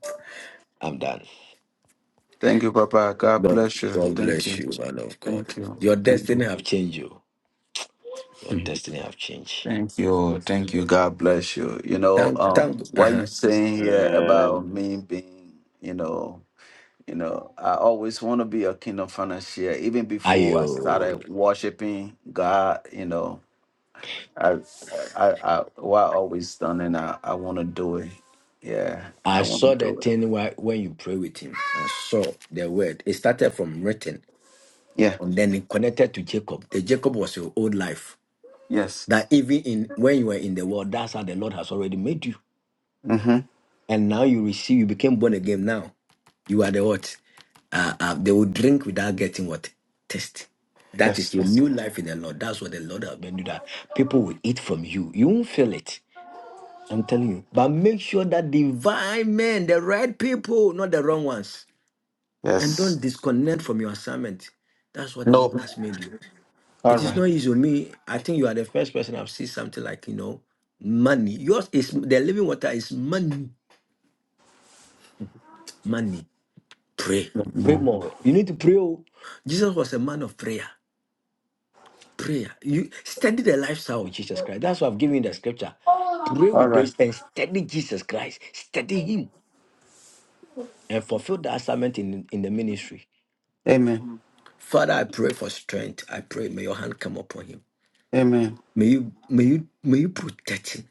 [SPEAKER 7] I'm done.
[SPEAKER 4] Thank you, Papa. God
[SPEAKER 7] God,
[SPEAKER 4] bless you.
[SPEAKER 7] God
[SPEAKER 4] Thank
[SPEAKER 7] bless
[SPEAKER 4] you.
[SPEAKER 7] you, man of God.
[SPEAKER 4] Thank you.
[SPEAKER 7] Your
[SPEAKER 4] Thank you.
[SPEAKER 7] destiny have changed you. Your destiny have changed.
[SPEAKER 4] Thank you. Thank you. God bless you. You know,
[SPEAKER 7] Thank,
[SPEAKER 4] um,
[SPEAKER 7] thank. Uh
[SPEAKER 4] what
[SPEAKER 7] huh.
[SPEAKER 4] you're saying here about me being, you know, you know, I always want to be a kingdom financier. Even
[SPEAKER 7] Are
[SPEAKER 4] before I
[SPEAKER 7] you?
[SPEAKER 4] started worshiping God, you know, I, I, I, what I always done, and I, I want to do it. Yeah, I
[SPEAKER 7] I
[SPEAKER 4] want to
[SPEAKER 7] saw the
[SPEAKER 4] do it.
[SPEAKER 7] thing where, when you pray with him. I saw the word. It started from written
[SPEAKER 4] Yeah.
[SPEAKER 7] and then it connected to Jacob. The Jacob was your old life.
[SPEAKER 4] Yes.
[SPEAKER 7] That even in when you were in the world, that's how the Lord has already made you.
[SPEAKER 4] Mm-hmm.
[SPEAKER 7] and now you receive, you became born again. Now you are the what? Uh, uh, they will drink without getting what? Test. That is
[SPEAKER 4] Yes.
[SPEAKER 7] your
[SPEAKER 4] Yes.
[SPEAKER 7] new life in the Lord. That's what the Lord has been doing. That people will eat from you. You won't feel it. I'm telling you. But make sure that divine men, the right people, not the wrong ones, and
[SPEAKER 4] Yes.
[SPEAKER 7] don't disconnect from your assignment. That's what the
[SPEAKER 4] No.
[SPEAKER 7] Lord has made you.
[SPEAKER 4] All
[SPEAKER 7] It is
[SPEAKER 4] right.
[SPEAKER 7] not easy. Me, I think you are the first person I've seen something like you know, money. Yours is the living water is money, money. Pray. Pray
[SPEAKER 4] Amen.
[SPEAKER 7] more. You need to pray. oh. Jesus was a man of prayer. Prayer. You study the lifestyle Oh, of Jesus Christ. That's why I've given you the scripture. Pray
[SPEAKER 4] All
[SPEAKER 7] with
[SPEAKER 4] right.
[SPEAKER 7] this and study Jesus Christ. Study Him and fulfill the assignment in, in the ministry.
[SPEAKER 4] Amen.
[SPEAKER 7] Father, I pray for strength. I pray may your hand come upon him.
[SPEAKER 4] Amen.
[SPEAKER 7] May you may you may you protect him.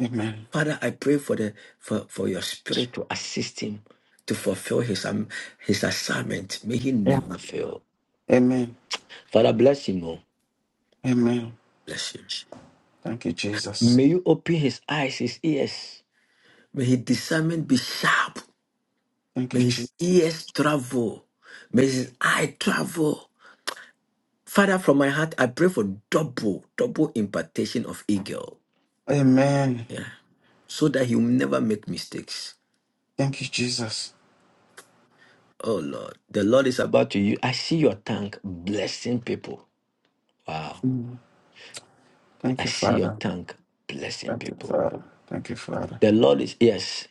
[SPEAKER 4] Amen.
[SPEAKER 7] Father, I pray for the for, for your spirit to assist him to fulfill his um, his assignment. May he never fail.
[SPEAKER 4] Amen.
[SPEAKER 7] Father, bless Him. Oh.
[SPEAKER 4] Amen.
[SPEAKER 7] Bless you.
[SPEAKER 4] Thank you, Jesus.
[SPEAKER 7] May you open his eyes, his ears. May his discernment be sharp.
[SPEAKER 4] Thank
[SPEAKER 7] May
[SPEAKER 4] you, Jesus.
[SPEAKER 7] his ears travel. May his eye travel. Father, from my heart, I pray for double, double impartation of eagle.
[SPEAKER 4] Amen.
[SPEAKER 7] Yeah. So that he will never make mistakes.
[SPEAKER 4] Thank you, Jesus.
[SPEAKER 7] Oh Lord. The Lord is about to you. I see your tongue blessing people. Wow.
[SPEAKER 4] Mm. Thank
[SPEAKER 7] I
[SPEAKER 4] you,
[SPEAKER 7] see your
[SPEAKER 4] Father.
[SPEAKER 7] tongue blessing
[SPEAKER 4] Thank you,
[SPEAKER 7] people.
[SPEAKER 4] Father. Thank you, Father.
[SPEAKER 7] The Lord is yes,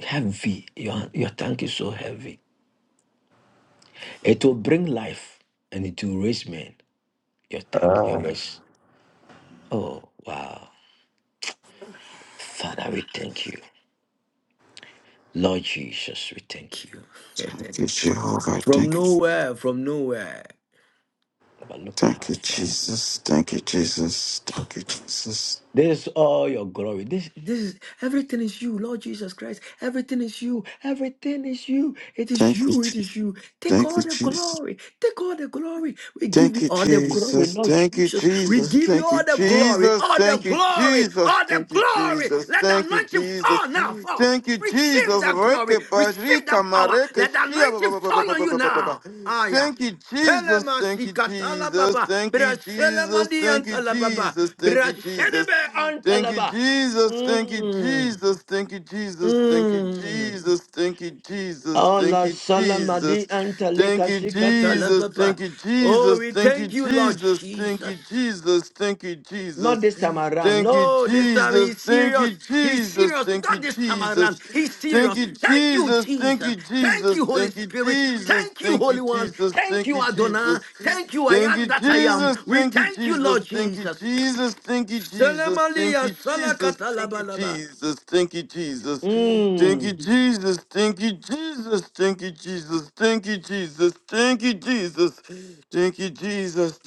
[SPEAKER 7] heavy. Your your tongue is so heavy. It will bring life and it will raise men. your tag, your
[SPEAKER 4] Ah,
[SPEAKER 7] mercy. Oh, wow. Father, we thank you. Lord Jesus, we thank you. <laughs>
[SPEAKER 4] thank you, Jehovah.
[SPEAKER 7] From
[SPEAKER 4] Thank you.
[SPEAKER 7] nowhere, from nowhere. But look at how
[SPEAKER 4] Thank you,
[SPEAKER 7] far.
[SPEAKER 4] Jesus. Thank you, Jesus. Thank you, Jesus.
[SPEAKER 7] This is all your glory. This this is everything is you, Lord Jesus Christ. Everything is you. Everything is you. It is
[SPEAKER 4] Thank you,
[SPEAKER 7] you. It
[SPEAKER 4] Jesus.
[SPEAKER 7] is you. Take
[SPEAKER 4] Thank you,
[SPEAKER 7] all the
[SPEAKER 4] Jesus.
[SPEAKER 7] glory. Take all the glory. We give
[SPEAKER 4] Thank
[SPEAKER 7] you
[SPEAKER 4] you,
[SPEAKER 7] all the glory,
[SPEAKER 4] Jesus.
[SPEAKER 7] Lord
[SPEAKER 4] Thank you,
[SPEAKER 7] Jesus. We
[SPEAKER 4] Jesus.
[SPEAKER 7] give you
[SPEAKER 4] Thank you,
[SPEAKER 7] all the glory.
[SPEAKER 4] Jesus.
[SPEAKER 7] All the
[SPEAKER 4] Thank you,
[SPEAKER 7] glory.
[SPEAKER 4] Jesus.
[SPEAKER 7] All the
[SPEAKER 4] Thank you,
[SPEAKER 7] glory.
[SPEAKER 4] Jesus.
[SPEAKER 7] Let the
[SPEAKER 4] Thank you,
[SPEAKER 7] anointing
[SPEAKER 4] Jesus.
[SPEAKER 7] fall now. Fall.
[SPEAKER 4] Thank you,
[SPEAKER 7] Receive
[SPEAKER 4] Jesus.
[SPEAKER 7] that
[SPEAKER 4] Reke
[SPEAKER 7] glory. Receive
[SPEAKER 4] bajrika
[SPEAKER 7] that power.
[SPEAKER 4] mareke
[SPEAKER 7] Let the
[SPEAKER 4] shia ba-
[SPEAKER 7] anointing
[SPEAKER 4] ba- ba- ba-
[SPEAKER 7] fall
[SPEAKER 4] ba-
[SPEAKER 7] on
[SPEAKER 4] ba-
[SPEAKER 7] you
[SPEAKER 4] ba- ba- ba- ba.
[SPEAKER 7] now. Ah yeah.
[SPEAKER 4] Thank you, Jesus.
[SPEAKER 7] Pelema
[SPEAKER 4] Thank you,
[SPEAKER 7] sikatala
[SPEAKER 4] Jesus.
[SPEAKER 7] baba,
[SPEAKER 4] Thank you,
[SPEAKER 7] brashele
[SPEAKER 4] Jesus.
[SPEAKER 7] mani
[SPEAKER 4] Thank you,
[SPEAKER 7] antala baba,
[SPEAKER 4] Jesus. Thank you, Jesus.
[SPEAKER 7] brashelebe
[SPEAKER 4] Thank
[SPEAKER 7] antala
[SPEAKER 4] you,
[SPEAKER 7] ba.
[SPEAKER 4] Jesus. Thank you,
[SPEAKER 7] Mm,
[SPEAKER 4] Jesus. Thank you, Jesus. Thank you,
[SPEAKER 7] mm.
[SPEAKER 4] Jesus. Thank you, Jesus. Thank
[SPEAKER 7] Allah
[SPEAKER 4] you,
[SPEAKER 7] salamadi
[SPEAKER 4] Jesus. Thank
[SPEAKER 7] antaleka
[SPEAKER 4] you,
[SPEAKER 7] sikatala
[SPEAKER 4] Jesus.
[SPEAKER 7] baba.
[SPEAKER 4] Thank you,
[SPEAKER 7] Oh,
[SPEAKER 4] Jesus.
[SPEAKER 7] we
[SPEAKER 4] Thank you,
[SPEAKER 7] thank you, Lord
[SPEAKER 4] Jesus. Thank you,
[SPEAKER 7] Jesus.
[SPEAKER 4] Jesus. Thank you, Jesus.
[SPEAKER 7] Not this time around.
[SPEAKER 4] Thank you,
[SPEAKER 7] No, this time
[SPEAKER 4] Jesus.
[SPEAKER 7] he's
[SPEAKER 4] Thank you,
[SPEAKER 7] serious. He's
[SPEAKER 4] Jesus.
[SPEAKER 7] serious.
[SPEAKER 4] Thank you,
[SPEAKER 7] Not this time around.
[SPEAKER 4] Jesus.
[SPEAKER 7] He's serious.
[SPEAKER 4] Thank you,
[SPEAKER 7] Thank you,
[SPEAKER 4] Jesus. Thank
[SPEAKER 7] Jesus.
[SPEAKER 4] you,
[SPEAKER 7] Thank
[SPEAKER 4] Jesus.
[SPEAKER 7] you, Holy
[SPEAKER 4] Thank you,
[SPEAKER 7] Spirit.
[SPEAKER 4] Jesus.
[SPEAKER 7] Thank you,
[SPEAKER 4] Thank you,
[SPEAKER 7] Holy One.
[SPEAKER 4] Jesus.
[SPEAKER 7] Thank
[SPEAKER 4] Thank
[SPEAKER 7] you,
[SPEAKER 4] you,
[SPEAKER 7] Adonai.
[SPEAKER 4] Jesus.
[SPEAKER 7] Thank you, I am that I am. We thank you, Lord Jesus. Salam aliyah, salakatalabalaba. Mm,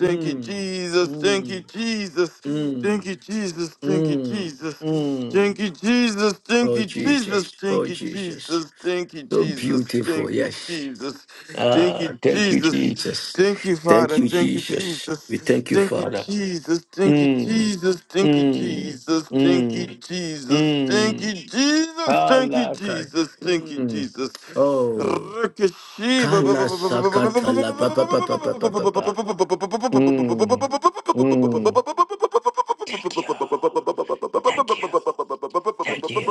[SPEAKER 7] mm, mm, mm, mm, mm. Oh, Jesus. Oh, Jesus.
[SPEAKER 4] Jesus, thank you,
[SPEAKER 7] So
[SPEAKER 4] Jesus,
[SPEAKER 7] beautiful.
[SPEAKER 4] thank you,
[SPEAKER 7] Yes.
[SPEAKER 4] Jesus, thank
[SPEAKER 7] Ah,
[SPEAKER 4] you,
[SPEAKER 7] thank you,
[SPEAKER 4] Jesus,
[SPEAKER 7] Jesus.
[SPEAKER 4] thank you, Father,
[SPEAKER 7] Thank you,
[SPEAKER 4] thank you,
[SPEAKER 7] Jesus.
[SPEAKER 4] Jesus,
[SPEAKER 7] We thank you,
[SPEAKER 4] thank you,
[SPEAKER 7] Father.
[SPEAKER 4] Jesus, thank you,
[SPEAKER 7] Mm,
[SPEAKER 4] Jesus, thank you,
[SPEAKER 7] mm,
[SPEAKER 4] Jesus, thank you,
[SPEAKER 7] mm,
[SPEAKER 4] Jesus, thank you,
[SPEAKER 7] mm.
[SPEAKER 4] Jesus, thank you,
[SPEAKER 7] Kalaka.
[SPEAKER 4] Jesus, thank you,
[SPEAKER 7] Mm.
[SPEAKER 4] Jesus.
[SPEAKER 7] Oh,
[SPEAKER 4] Rakashiba.
[SPEAKER 7] kala sakatala. Pa pa pa pa pa pa pa pa. Mm, mm. Thank you. Thank you. Thank you.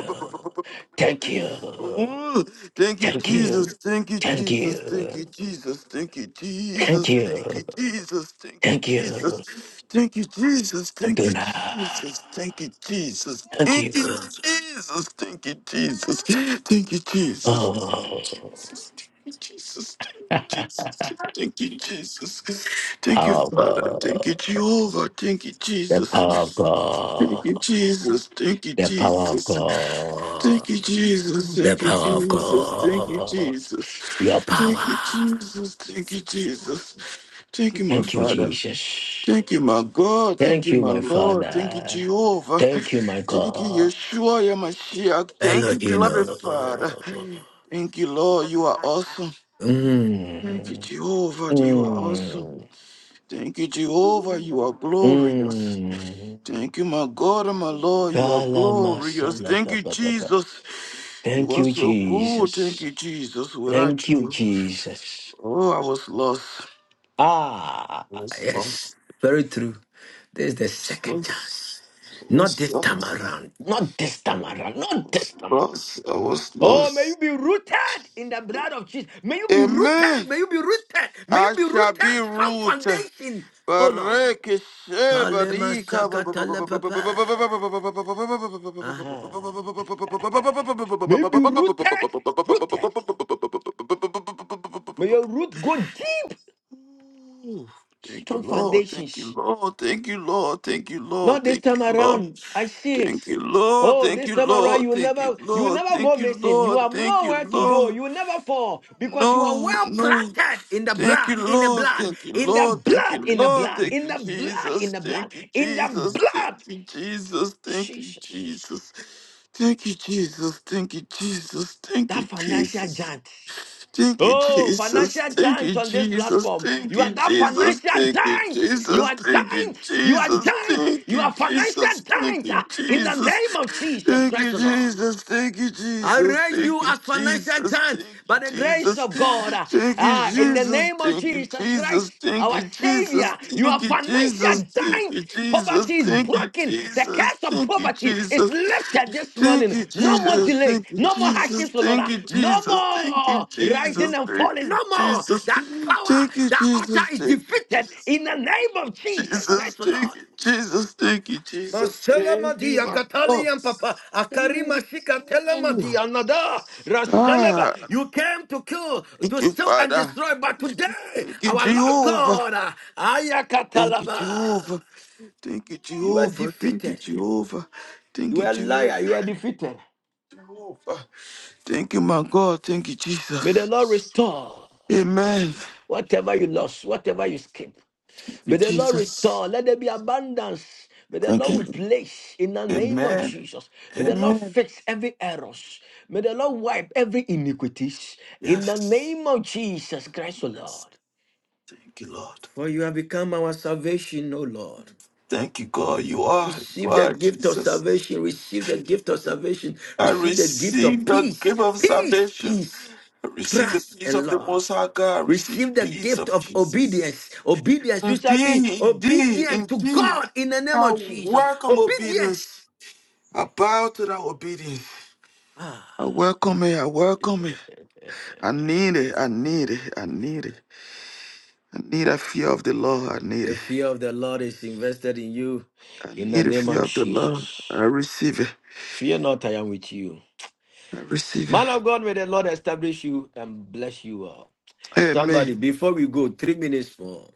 [SPEAKER 7] Thank you.
[SPEAKER 4] Ooh, thank you,
[SPEAKER 7] Thank you.
[SPEAKER 4] Jesus. Thank you,
[SPEAKER 7] Thank you.
[SPEAKER 4] Jesus. Thank you, Jesus. Thank you,
[SPEAKER 7] Thank
[SPEAKER 4] Jesus.
[SPEAKER 7] you.
[SPEAKER 4] Thank you, Jesus. Thank you,
[SPEAKER 7] Thank you.
[SPEAKER 4] Jesus. Thank you, Jesus. Thank you,
[SPEAKER 7] Adonai.
[SPEAKER 4] Jesus. Thank you, Jesus.
[SPEAKER 7] Thank
[SPEAKER 4] Thank you,
[SPEAKER 7] you.
[SPEAKER 4] Jesus. Thank you, Jesus. Thank you,
[SPEAKER 7] <laughs>
[SPEAKER 4] Jesus.
[SPEAKER 7] Oh,
[SPEAKER 4] Jesus. Thank you, Jesus. Thank you, Jesus. Thank you, Jesus. Thank
[SPEAKER 7] power
[SPEAKER 4] you,
[SPEAKER 7] of
[SPEAKER 4] Father. Thank
[SPEAKER 7] God.
[SPEAKER 4] you, Jehovah. Thank you,
[SPEAKER 7] The
[SPEAKER 4] Jesus.
[SPEAKER 7] power of
[SPEAKER 4] Thank you,
[SPEAKER 7] God.
[SPEAKER 4] Jesus. Thank you,
[SPEAKER 7] The power of
[SPEAKER 4] Jesus.
[SPEAKER 7] God.
[SPEAKER 4] Thank you, Jesus.
[SPEAKER 7] The
[SPEAKER 4] Thank you,
[SPEAKER 7] power of
[SPEAKER 4] Jesus. Thank you,
[SPEAKER 7] God.
[SPEAKER 4] Jesus.
[SPEAKER 7] Your
[SPEAKER 4] Thank you,
[SPEAKER 7] power.
[SPEAKER 4] Jesus. Thank you, Jesus. Thank you, my
[SPEAKER 7] Thank you,
[SPEAKER 4] Father.
[SPEAKER 7] Jesus.
[SPEAKER 4] Thank you, my God. Thank
[SPEAKER 7] Thank
[SPEAKER 4] you,
[SPEAKER 7] you,
[SPEAKER 4] my
[SPEAKER 7] my
[SPEAKER 4] Lord. Thank you,
[SPEAKER 7] Father.
[SPEAKER 4] Jehovah.
[SPEAKER 7] Thank you, my
[SPEAKER 4] Thank you,
[SPEAKER 7] God.
[SPEAKER 4] Yeshua, your Mashiach. Thank you, beloved Father.
[SPEAKER 7] Elohino.
[SPEAKER 4] Thank you, Lord. You are awesome. Thank you,
[SPEAKER 7] Mm.
[SPEAKER 4] Jehovah. You are awesome.
[SPEAKER 7] Mm.
[SPEAKER 4] Thank you, Jehovah. You are glorious.
[SPEAKER 7] Mm.
[SPEAKER 4] Thank you, my God and my Lord. You are glorious.
[SPEAKER 7] Kalamasala.
[SPEAKER 4] Thank you, Jesus. You
[SPEAKER 7] Thank
[SPEAKER 4] are
[SPEAKER 7] you,
[SPEAKER 4] so good. Thank you,
[SPEAKER 7] Jesus.
[SPEAKER 4] Jesus. Without
[SPEAKER 7] Thank you,
[SPEAKER 4] you,
[SPEAKER 7] Jesus.
[SPEAKER 4] oh, I was lost.
[SPEAKER 7] Ah,
[SPEAKER 4] I was
[SPEAKER 7] yes,
[SPEAKER 4] lost.
[SPEAKER 7] very true. There's the
[SPEAKER 4] I was
[SPEAKER 7] second
[SPEAKER 4] lost.
[SPEAKER 7] chance.
[SPEAKER 4] I
[SPEAKER 7] Not
[SPEAKER 4] was
[SPEAKER 7] this time
[SPEAKER 4] lost.
[SPEAKER 7] around. Not this time around.
[SPEAKER 4] I
[SPEAKER 7] Not this
[SPEAKER 4] was
[SPEAKER 7] time around.
[SPEAKER 4] lost. I was
[SPEAKER 7] Oh, may you
[SPEAKER 4] lost.
[SPEAKER 7] be rooted in the blood of Jesus. May you be rooted.
[SPEAKER 4] Amen.
[SPEAKER 7] May you be rooted. May you
[SPEAKER 4] I
[SPEAKER 7] be
[SPEAKER 4] shall be
[SPEAKER 7] rooted. Some
[SPEAKER 4] rooted.
[SPEAKER 7] foundation. Oh, Lord.
[SPEAKER 4] Bareke
[SPEAKER 7] Kalema
[SPEAKER 4] shebarika.
[SPEAKER 7] shakatala papa. uh May you be rooted. Rooted. May your root go deep.
[SPEAKER 4] Ooh, Thank you,
[SPEAKER 7] Strong
[SPEAKER 4] Lord. Thank you,
[SPEAKER 7] foundations.
[SPEAKER 4] Lord. Thank you, Lord. Thank you, Lord.
[SPEAKER 7] Not this
[SPEAKER 4] Thank you,
[SPEAKER 7] time
[SPEAKER 4] Lord.
[SPEAKER 7] around. I see it.
[SPEAKER 4] Thank you, Lord.
[SPEAKER 7] Oh,
[SPEAKER 4] Thank
[SPEAKER 7] this
[SPEAKER 4] you,
[SPEAKER 7] time around, you
[SPEAKER 4] Lord.
[SPEAKER 7] will
[SPEAKER 4] Thank you,
[SPEAKER 7] never, you will
[SPEAKER 4] Lord.
[SPEAKER 7] never go
[SPEAKER 4] Thank you,
[SPEAKER 7] missing. You
[SPEAKER 4] Lord.
[SPEAKER 7] have
[SPEAKER 4] Thank you,
[SPEAKER 7] nowhere to go.
[SPEAKER 4] Lord.
[SPEAKER 7] You will never fall because you are
[SPEAKER 4] No,
[SPEAKER 7] well
[SPEAKER 4] no.
[SPEAKER 7] planted in the
[SPEAKER 4] Thank
[SPEAKER 7] blood,
[SPEAKER 4] you,
[SPEAKER 7] in the
[SPEAKER 4] Lord.
[SPEAKER 7] blood,
[SPEAKER 4] Thank you,
[SPEAKER 7] in the
[SPEAKER 4] Lord. Thank
[SPEAKER 7] blood,
[SPEAKER 4] you,
[SPEAKER 7] in the
[SPEAKER 4] Lord.
[SPEAKER 7] blood,
[SPEAKER 4] Thank
[SPEAKER 7] in
[SPEAKER 4] you,
[SPEAKER 7] the blood, in
[SPEAKER 4] Jesus.
[SPEAKER 7] the blood,
[SPEAKER 4] Thank you,
[SPEAKER 7] in the
[SPEAKER 4] Jesus.
[SPEAKER 7] blood.
[SPEAKER 4] Thank you, Jesus. Thank you,
[SPEAKER 7] Jesus,
[SPEAKER 4] Jesus. Thank you, Jesus. Thank you, Jesus. Thank
[SPEAKER 7] that
[SPEAKER 4] you,
[SPEAKER 7] financial
[SPEAKER 4] Jesus.
[SPEAKER 7] giant.
[SPEAKER 4] Thank you,
[SPEAKER 7] Oh,
[SPEAKER 4] Jesus.
[SPEAKER 7] financial
[SPEAKER 4] Thank you,
[SPEAKER 7] giant on this
[SPEAKER 4] Jesus.
[SPEAKER 7] platform.
[SPEAKER 4] Thank
[SPEAKER 7] You are
[SPEAKER 4] you,
[SPEAKER 7] that
[SPEAKER 4] Jesus.
[SPEAKER 7] financial
[SPEAKER 4] Thank you,
[SPEAKER 7] giant. You
[SPEAKER 4] Jesus.
[SPEAKER 7] are
[SPEAKER 4] Thank you,
[SPEAKER 7] giant. You are
[SPEAKER 4] Jesus.
[SPEAKER 7] giant.
[SPEAKER 4] Thank
[SPEAKER 7] You are
[SPEAKER 4] you,
[SPEAKER 7] financial
[SPEAKER 4] Jesus. Thank
[SPEAKER 7] giant
[SPEAKER 4] you,
[SPEAKER 7] ah, in the
[SPEAKER 4] Jesus.
[SPEAKER 7] name of Jesus
[SPEAKER 4] Thank
[SPEAKER 7] Christ,
[SPEAKER 4] you,
[SPEAKER 7] the Lord.
[SPEAKER 4] Jesus. Thank you,
[SPEAKER 7] I
[SPEAKER 4] Jesus.
[SPEAKER 7] raise
[SPEAKER 4] Thank
[SPEAKER 7] you
[SPEAKER 4] you,
[SPEAKER 7] as financial
[SPEAKER 4] Jesus. Thank
[SPEAKER 7] giants by
[SPEAKER 4] you,
[SPEAKER 7] the grace
[SPEAKER 4] Jesus.
[SPEAKER 7] of God. Ah,
[SPEAKER 4] Thank you,
[SPEAKER 7] ah, in the
[SPEAKER 4] Jesus.
[SPEAKER 7] name of
[SPEAKER 4] Thank you,
[SPEAKER 7] Jesus Christ,
[SPEAKER 4] Jesus. Thank
[SPEAKER 7] our
[SPEAKER 4] you,
[SPEAKER 7] Savior,
[SPEAKER 4] Jesus.
[SPEAKER 7] you
[SPEAKER 4] Thank
[SPEAKER 7] are
[SPEAKER 4] you,
[SPEAKER 7] financial
[SPEAKER 4] Jesus. Thank you,
[SPEAKER 7] giants.
[SPEAKER 4] Jesus.
[SPEAKER 7] Poverty is
[SPEAKER 4] Thank you,
[SPEAKER 7] broken. The
[SPEAKER 4] Jesus.
[SPEAKER 7] curse of
[SPEAKER 4] Thank you,
[SPEAKER 7] poverty is
[SPEAKER 4] Jesus.
[SPEAKER 7] lifted this
[SPEAKER 4] Thank
[SPEAKER 7] morning.
[SPEAKER 4] you,
[SPEAKER 7] No more
[SPEAKER 4] Jesus.
[SPEAKER 7] delays.
[SPEAKER 4] Thank you,
[SPEAKER 7] No more
[SPEAKER 4] Jesus.
[SPEAKER 7] hardships, O Lord.
[SPEAKER 4] Thank
[SPEAKER 7] Ah,
[SPEAKER 4] you,
[SPEAKER 7] No
[SPEAKER 4] Jesus. Thank you,
[SPEAKER 7] more rising
[SPEAKER 4] Jesus.
[SPEAKER 7] and
[SPEAKER 4] Thank
[SPEAKER 7] falling.
[SPEAKER 4] you,
[SPEAKER 7] No more.
[SPEAKER 4] Jesus.
[SPEAKER 7] That power,
[SPEAKER 4] Thank you,
[SPEAKER 7] that altar
[SPEAKER 4] Jesus.
[SPEAKER 7] is
[SPEAKER 4] Thank you,
[SPEAKER 7] defeated
[SPEAKER 4] Jesus.
[SPEAKER 7] in the name of Jesus
[SPEAKER 4] Jesus,
[SPEAKER 7] Christ, O
[SPEAKER 4] thank
[SPEAKER 7] Lord.
[SPEAKER 4] you, Jesus, thank you, Jesus,
[SPEAKER 7] Masela
[SPEAKER 4] thank you,
[SPEAKER 7] madia
[SPEAKER 4] my God.
[SPEAKER 7] katali and papa akarima shika tele madia nada raseleba.
[SPEAKER 4] Ah,
[SPEAKER 7] You came to kill,
[SPEAKER 4] thank
[SPEAKER 7] to
[SPEAKER 4] you,
[SPEAKER 7] steal and
[SPEAKER 4] Father.
[SPEAKER 7] destroy, but today
[SPEAKER 4] Thank you,
[SPEAKER 7] our Lord
[SPEAKER 4] Jehovah.
[SPEAKER 7] God ah, aya
[SPEAKER 4] Thank you,
[SPEAKER 7] katalaba.
[SPEAKER 4] Jehovah. Thank you,
[SPEAKER 7] You are
[SPEAKER 4] Jehovah. Thank you,
[SPEAKER 7] defeated.
[SPEAKER 4] Jehovah. Thank
[SPEAKER 7] You
[SPEAKER 4] you,
[SPEAKER 7] are a
[SPEAKER 4] Jehovah.
[SPEAKER 7] liar. You are defeated.
[SPEAKER 4] Jehovah. Thank you, my God. Thank you,
[SPEAKER 7] May the
[SPEAKER 4] Jesus.
[SPEAKER 7] Lord restore
[SPEAKER 4] Amen.
[SPEAKER 7] whatever you lost, whatever you skipped.
[SPEAKER 4] Thank you,
[SPEAKER 7] May the Lord
[SPEAKER 4] Jesus.
[SPEAKER 7] restore. Let there be abundance. May the
[SPEAKER 4] Thank
[SPEAKER 7] Lord
[SPEAKER 4] you.
[SPEAKER 7] replace in the name of
[SPEAKER 4] Amen.
[SPEAKER 7] Jesus. May the Lord
[SPEAKER 4] Amen.
[SPEAKER 7] fix every error. May the Lord wipe every iniquities in the
[SPEAKER 4] Yes.
[SPEAKER 7] name of Jesus Christ, O
[SPEAKER 4] Yes.
[SPEAKER 7] Lord.
[SPEAKER 4] Thank you, Lord.
[SPEAKER 7] For you have become our salvation, O Lord.
[SPEAKER 4] Thank you, God. You are, you
[SPEAKER 7] Receive the
[SPEAKER 4] are
[SPEAKER 7] gift of
[SPEAKER 4] Jesus.
[SPEAKER 7] salvation. Receive the gift of salvation.
[SPEAKER 4] I
[SPEAKER 7] Receive the gift of
[SPEAKER 4] receive the
[SPEAKER 7] peace,
[SPEAKER 4] gift of
[SPEAKER 7] peace,
[SPEAKER 4] salvation.
[SPEAKER 7] peace,
[SPEAKER 4] I receive the
[SPEAKER 7] trust,
[SPEAKER 4] peace
[SPEAKER 7] and
[SPEAKER 4] of the
[SPEAKER 7] love.
[SPEAKER 4] Most High God. I receive
[SPEAKER 7] Receive the
[SPEAKER 4] peace
[SPEAKER 7] gift
[SPEAKER 4] of
[SPEAKER 7] of obedience.
[SPEAKER 4] Jesus.
[SPEAKER 7] Obedience. You shall be
[SPEAKER 4] Indeed, indeed,
[SPEAKER 7] obedient to
[SPEAKER 4] indeed.
[SPEAKER 7] God in the name
[SPEAKER 4] I
[SPEAKER 7] of Jesus.
[SPEAKER 4] welcome
[SPEAKER 7] Obedience.
[SPEAKER 4] obedience. I bow to that obedience.
[SPEAKER 7] Ah,
[SPEAKER 4] I welcome it. I welcome it. I need it. I need it. I need it. I need that fear of the Lord. I need it.
[SPEAKER 7] the fear of the Lord is invested in you
[SPEAKER 4] I
[SPEAKER 7] in the
[SPEAKER 4] need the
[SPEAKER 7] name of
[SPEAKER 4] fear of the Lord.
[SPEAKER 7] Jesus.
[SPEAKER 4] I receive it.
[SPEAKER 7] Fear not, I am with you.
[SPEAKER 4] I receive it.
[SPEAKER 7] Man of God, may the Lord establish you and bless you all. Somebody,
[SPEAKER 4] Amen.
[SPEAKER 7] before we go, three minutes more.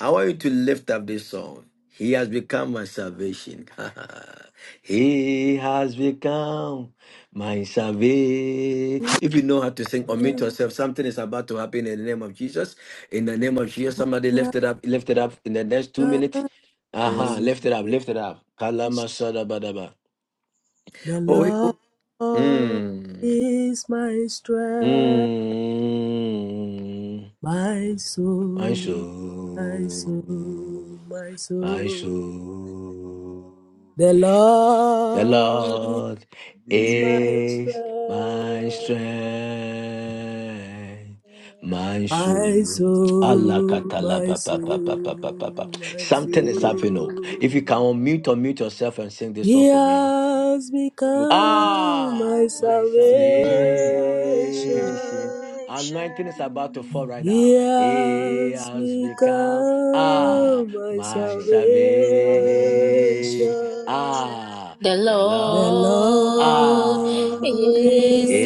[SPEAKER 7] I want you to lift up this song. He has become my salvation. <laughs> he has become my salvation. If you know how to sing, omit yourself. Something is about to happen in the name of Jesus. In the name of
[SPEAKER 9] Thank
[SPEAKER 7] Jesus, somebody lift it up, lift it up in the next two minutes.
[SPEAKER 2] God, my
[SPEAKER 7] Uh-huh. Lift it up,
[SPEAKER 2] salvation.
[SPEAKER 7] lift it up. Kalamasada
[SPEAKER 2] The
[SPEAKER 7] Oh, he- oh.
[SPEAKER 2] Lord
[SPEAKER 7] Mm.
[SPEAKER 2] is my strength,
[SPEAKER 7] Mm.
[SPEAKER 2] my
[SPEAKER 7] My
[SPEAKER 2] soul, my soul,
[SPEAKER 7] soul,
[SPEAKER 2] my
[SPEAKER 7] my
[SPEAKER 2] soul.
[SPEAKER 7] soul,
[SPEAKER 2] The
[SPEAKER 7] the
[SPEAKER 2] Lord
[SPEAKER 7] Lord
[SPEAKER 2] my strength.
[SPEAKER 7] is my strength, my
[SPEAKER 2] My
[SPEAKER 7] soul. Allah
[SPEAKER 2] soul,
[SPEAKER 7] katala
[SPEAKER 2] my
[SPEAKER 7] pa pa pa pa pa
[SPEAKER 2] soul,
[SPEAKER 7] pa pa pa.
[SPEAKER 2] my
[SPEAKER 7] Something is
[SPEAKER 9] you.
[SPEAKER 7] happening. oh.
[SPEAKER 2] soul.
[SPEAKER 7] If you can unmute, unmute yourself and sing this song
[SPEAKER 2] He
[SPEAKER 7] for me.
[SPEAKER 2] has
[SPEAKER 9] Thank you.
[SPEAKER 3] Yes, we
[SPEAKER 2] become
[SPEAKER 7] Ah,
[SPEAKER 2] my
[SPEAKER 3] can.
[SPEAKER 9] Amen.
[SPEAKER 7] my
[SPEAKER 3] My salvation
[SPEAKER 7] salvation.
[SPEAKER 2] salvation.
[SPEAKER 7] Anointing is about to fall right
[SPEAKER 2] He
[SPEAKER 7] now.
[SPEAKER 3] is
[SPEAKER 7] He
[SPEAKER 2] has
[SPEAKER 7] has become,
[SPEAKER 9] It
[SPEAKER 7] ah,
[SPEAKER 3] done.
[SPEAKER 2] become my
[SPEAKER 7] my
[SPEAKER 9] shall
[SPEAKER 3] my
[SPEAKER 2] salvation.
[SPEAKER 7] salvation. Ah,
[SPEAKER 17] The
[SPEAKER 7] the
[SPEAKER 3] salvation,
[SPEAKER 2] The
[SPEAKER 7] Lord.
[SPEAKER 3] Lord
[SPEAKER 17] Lord
[SPEAKER 7] Ah,
[SPEAKER 17] is